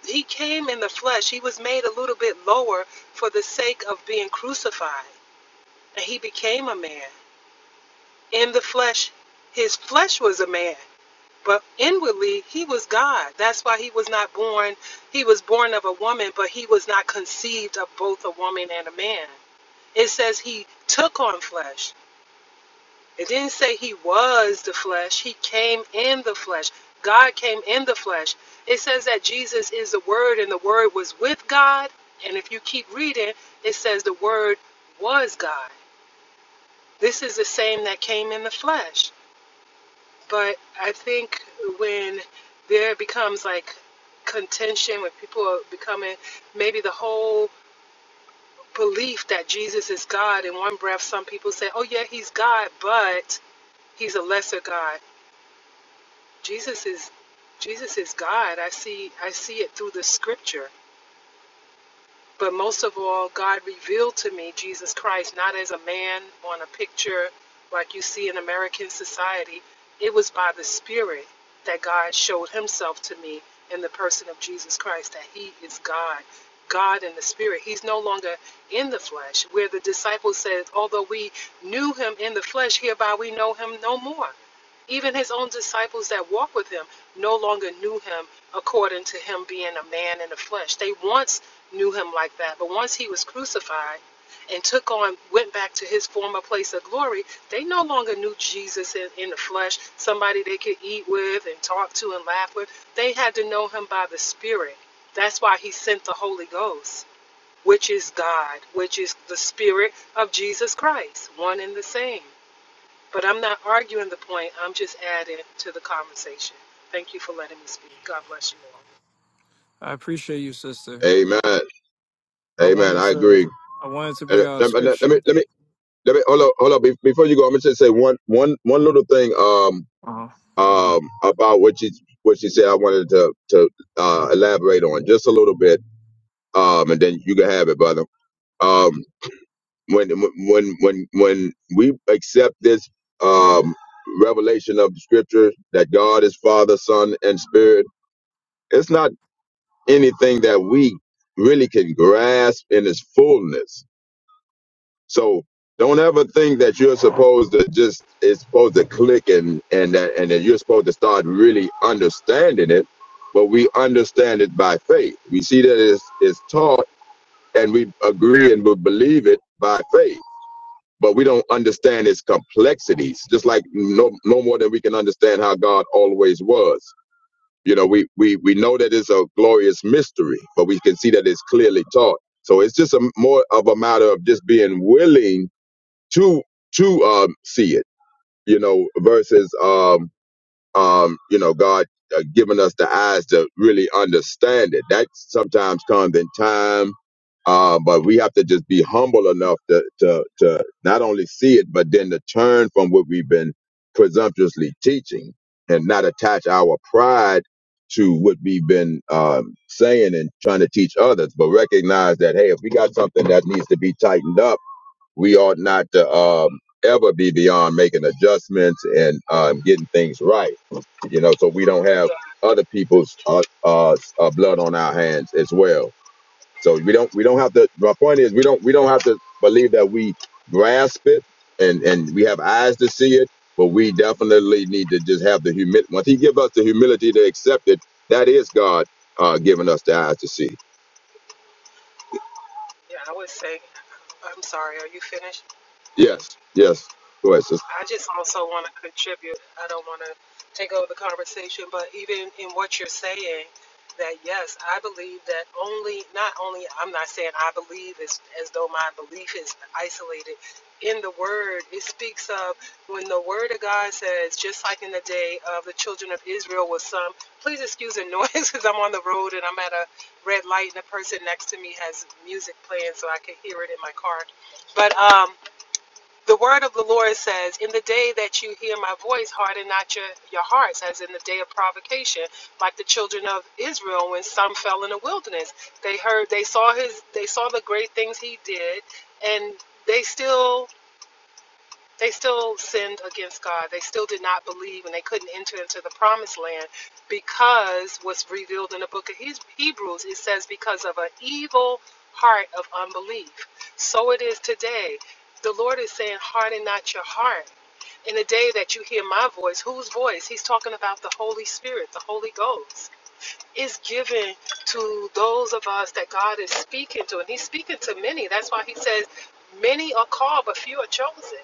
V: He came in the flesh. He was made a little bit lower for the sake of being crucified. And he became a man. In the flesh, his flesh was a man, but inwardly, he was God. That's why he was not born. He was born of a woman, but he was not conceived of both a woman and a man. It says he took on flesh. It didn't say he was the flesh, he came in the flesh. God came in the flesh. It says that Jesus is the Word and the Word was with God. And if you keep reading, it says the Word was God. This is the same that came in the flesh. But I think when there becomes like contention, when people are becoming maybe the whole belief that Jesus is God, in one breath, some people say, oh, yeah, he's God, but he's a lesser God Jesus is Jesus is God. I see I see it through the scripture. But most of all, God revealed to me Jesus Christ not as a man on a picture like you see in American society. It was by the spirit that God showed himself to me in the person of Jesus Christ that he is God. God in the spirit. He's no longer in the flesh. Where the disciples said, although we knew him in the flesh, hereby we know him no more. Even his own disciples that walked with him no longer knew him according to him being a man in the flesh. They once knew him like that, but once he was crucified and took on, went back to his former place of glory, they no longer knew Jesus in, in the flesh, somebody they could eat with and talk to and laugh with. They had to know him by the Spirit. That's why he sent the Holy Ghost, which is God, which is the Spirit of Jesus Christ, one and the same. But I'm not arguing the point. I'm just adding to the conversation. Thank you for letting me speak. God bless you all.
T: I appreciate you, sister.
S: Amen.
T: I
S: Amen.
T: wanted
S: I agree.
T: to I wanted to
S: Uh,
T: bring out a
S: Let, let- let me
T: scripture.
S: let me Let me hold up, hold up. Be- Before you go, I'm gonna just say one, one, one little thing. Um, um, about what she what she said. I wanted to to uh, elaborate on just a little bit. Um, and then you can have it, brother. Um, when when when when we accept this um revelation of the scripture that God is Father, Son, and Spirit, it's not anything that we really can grasp in its fullness So don't ever think that you're supposed to just it's supposed to click and and that and that you're supposed to start really understanding it. But we understand it by faith. We see that it's, it's taught and we agree and we believe it by faith. But we don't understand its complexities, just like no no more than we can understand how God always was. You know, we we we know that it's a glorious mystery, but we can see that it's clearly taught. So it's just a more of a matter of just being willing to to um see it you know versus um um you know god uh, giving us the eyes to really understand it that sometimes comes in time uh, but we have to just be humble enough to, to to not only see it but then to turn from what we've been presumptuously teaching and not attach our pride to what we've been um, saying and trying to teach others but recognize that hey if we got something that needs to be tightened up we ought not to um, ever be beyond making adjustments and um, getting things right, you know, so we don't have
V: Yeah,
S: other people's uh, uh, uh, blood on our hands as well. So we don't we don't have to. My point is we don't we don't have to believe that we grasp it and and we have eyes to see it, but we definitely need to just have the humility. Once He gives us the humility to accept it, that is God uh, giving us the eyes to see.
V: yeah. I would say, I'm sorry. Are you finished?
S: Yes, yes. Go ahead, sister.
V: I just also want to contribute. I don't want to take over the conversation, but even in what you're saying, that yes, I believe that only, not only, I'm not saying I believe as, as though my belief is isolated. In the Word, it speaks of when the Word of God says, just like in the day of the children of Israel with some, please excuse the noise because I'm on the road and I'm at a red light and the person next to me has music playing so I can hear it in my car. But, um, the word of the Lord says, In the day that you hear my voice, harden not your, your hearts, as in the day of provocation, like the children of Israel when some fell in the wilderness. They heard they saw his they saw the great things he did, and they still they still sinned against God. They still did not believe and they couldn't enter into the promised land because what's revealed in the book of Hebrews, it says, because of an evil heart of unbelief. So it is today. The Lord is saying, harden not your heart. In the day that you hear my voice, whose voice? He's talking about the Holy Spirit, the Holy Ghost. Is given to those of us that God is speaking to, and He's speaking to many. That's why He says, Many are called, but few are chosen.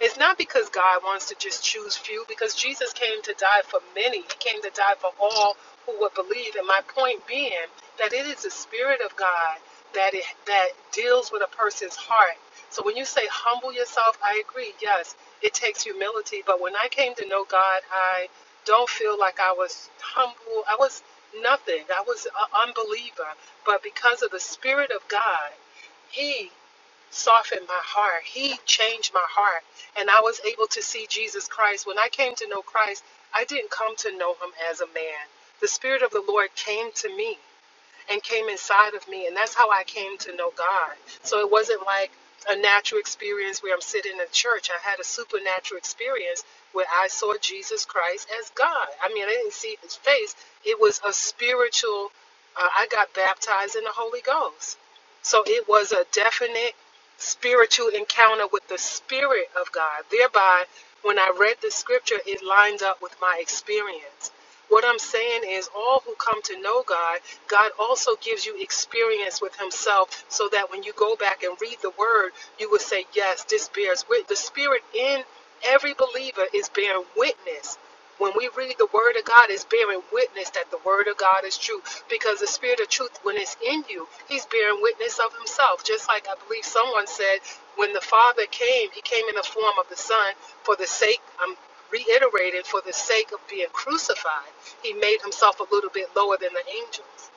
V: It's not because God wants to just choose few, because Jesus came to die for many. He came to die for all who would believe. And my point being that it is the Spirit of God that it, that deals with a person's heart. So when you say humble yourself, I agree. Yes, it takes humility. But when I came to know God, I don't feel like I was humble. I was nothing. I was an unbeliever. But because of the Spirit of God, he softened my heart. He changed my heart. And I was able to see Jesus Christ. When I came to know Christ, I didn't come to know him as a man. The Spirit of the Lord came to me and came inside of me. And that's how I came to know God. So it wasn't like a natural experience where I'm sitting in church. I had a supernatural experience where I saw Jesus Christ as God. I mean, I didn't see his face, it was a spiritual. Uh, I got baptized in the Holy Ghost so it was a definite spiritual encounter with the Spirit of God. Thereby, when I read the scripture, it lined up with my experience. What I'm saying is, all who come to know God, God also gives you experience with Himself so that when you go back and read the Word, you will say, Yes, this bears witness. The Spirit in every believer is bearing witness when we read the word of God, it's bearing witness that the word of God is true. Because the spirit of truth, when it's in you, he's bearing witness of himself. Just like I believe someone said, when the Father came, he came in the form of the Son for the sake, I'm reiterating, for the sake of being crucified. He made himself a little bit lower than the angels,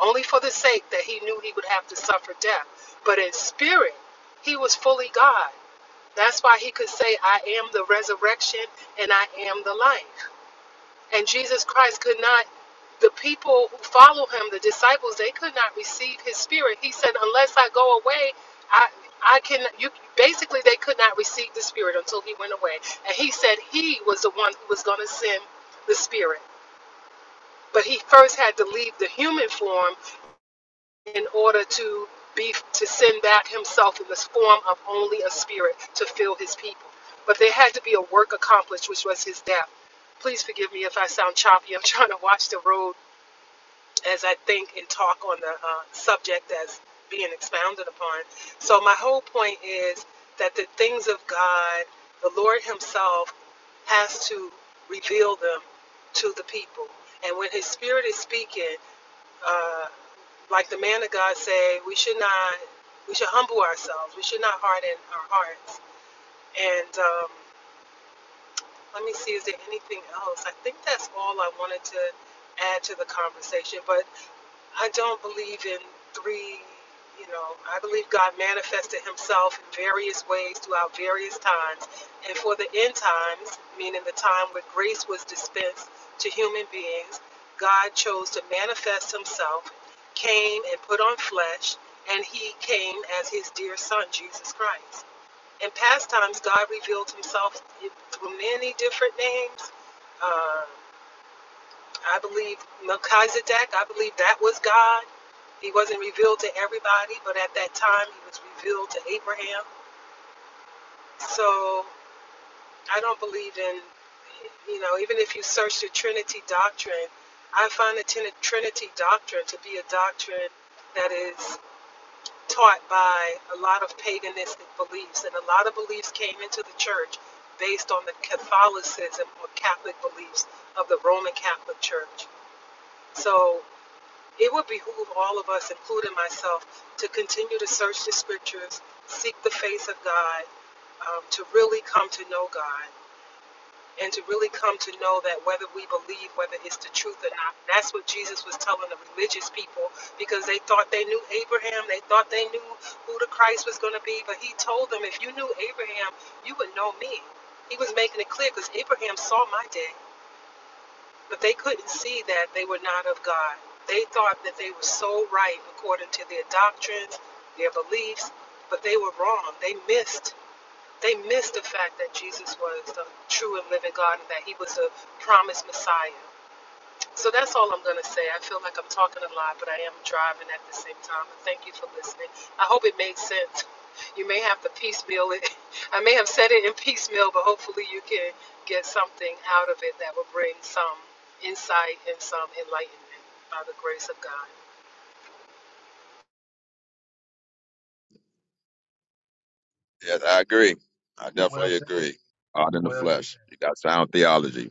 V: only for the sake that he knew he would have to suffer death. But in spirit, he was fully God. That's why he could say, I am the resurrection and I am the life. And Jesus Christ could not, the people who follow him, the disciples, they could not receive his spirit. He said, unless I go away, I, I can, you, basically they could not receive the spirit until he went away. And he said he was the one who was going to send the spirit. But he first had to leave the human form in order to be to send that himself in this form of only a spirit to fill his people. But there had to be a work accomplished, which was his death. Please forgive me if I sound choppy. I'm trying to watch the road as I think and talk on the uh, subject that's being expounded upon. So my whole point is that the things of God, the Lord Himself, has to reveal them to the people. And when His Spirit is speaking, uh, like the man of God say, we should not, we should humble ourselves. We should not harden our hearts. And um, let me see, is there anything else? I think that's all I wanted to add to the conversation. But I don't believe in three, you know, I believe God manifested himself in various ways throughout various times. And for the end times, meaning the time where grace was dispensed to human beings, God chose to manifest himself, came and put on flesh, and he came as his dear son, Jesus Christ. In past times, God revealed himself through many different names. uh, I believe Melchizedek, I believe that was God. He wasn't revealed to everybody, but at that time he was revealed to Abraham. So I don't believe in, you know, even if you search the Trinity doctrine, I find the Trinity doctrine to be a doctrine that is taught by a lot of paganistic beliefs. And a lot of beliefs came into the church based on the Catholicism or Catholic beliefs of the Roman Catholic Church. So It would behoove all of us, including myself, to continue to search the scriptures, seek the face of God, um, to really come to know God, and to really come to know that whether we believe whether it's the truth or not. That's what Jesus was telling the religious people because they thought they knew Abraham, they thought they knew who the Christ was going to be, but he told them, if you knew Abraham, you would know me. He was making it clear because Abraham saw my day. But they couldn't see that they were not of God. They thought that they were so right according to their doctrines, their beliefs, but they were wrong. They missed. They missed the fact that Jesus was the true and living God and that he was the promised Messiah. So that's all I'm going to say. I feel like I'm talking a lot, but I am driving at the same time. And thank you for listening. I hope it made sense. You may have to piecemeal it. I may have said it in piecemeal, but hopefully you can get something out of it that will bring some insight and some enlightenment by the grace of God.
S: Yes, I agree. I
U: Well
S: definitely
U: said.
S: agree. Art in the
U: Well
S: flesh. You got sound theology.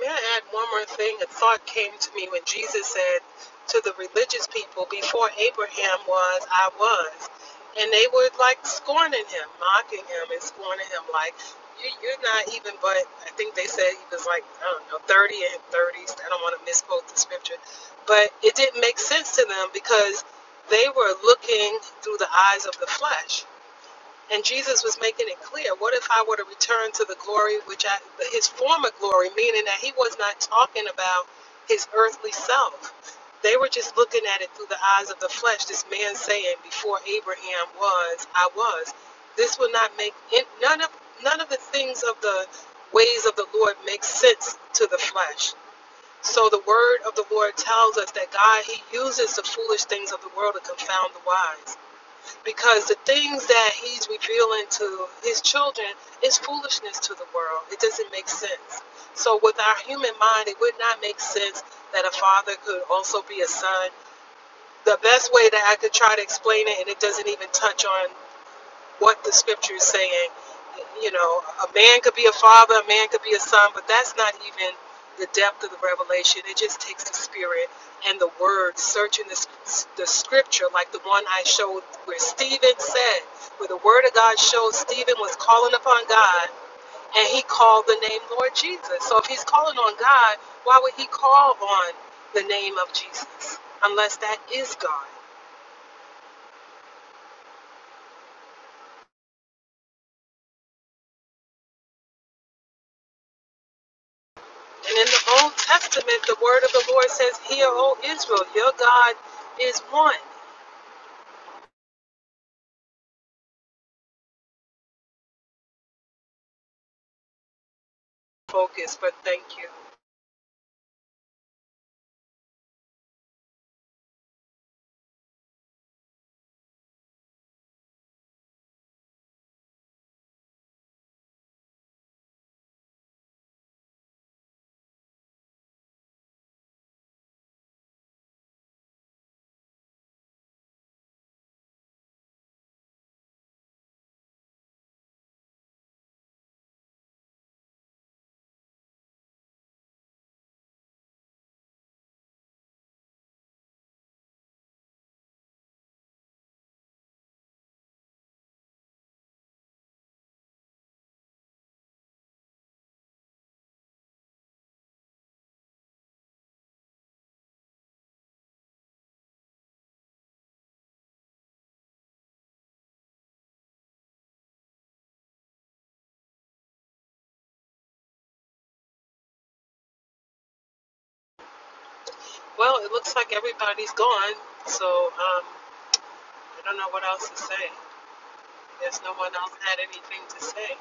V: May I add one more thing? A thought came to me when Jesus said to the religious people, Before Abraham was, I was. And they were like scorning him, mocking him, and scorning him, like, "You- You're not even, but I think they said he was like, I don't know, 30 and 30s. I don't want to misquote the scripture. But it didn't make sense to them because they were looking through the eyes of the flesh. And Jesus was making it clear, what if I were to return to the glory which I, his former glory, meaning that he was not talking about his earthly self. They were just looking at it through the eyes of the flesh. This man saying, before Abraham was, I was. This will not make none of none of the things of the ways of the Lord make sense to the flesh. So the word of the Lord tells us that God he uses the foolish things of the world to confound the wise because the things that he's revealing to his children is foolishness to the world. It doesn't make sense. So, with our human mind, it would not make sense that a father could also be a son. The best way that I could try to explain it, and it doesn't even touch on what the scripture is saying. You know, a man could be a father, a man could be a son, but that's not even the depth of the revelation. It just takes the spirit and the word searching the, the scripture, like the one I showed where Stephen said, where the word of God showed Stephen was calling upon God and he called the name Lord Jesus. So if he's calling on God, why would he call on the name of Jesus unless that is God? And in the Old Testament, the word of the Lord says, Hear, O Israel, your God is one. Focus, but thank you. Well, it looks like everybody's gone, so um, I don't know what else to say. There's no one else had anything to say.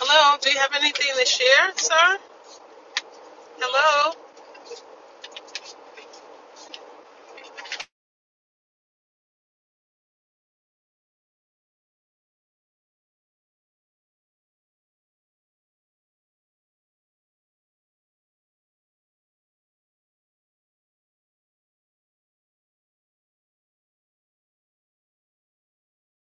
V: Hello, do you have anything to share, sir? Hello?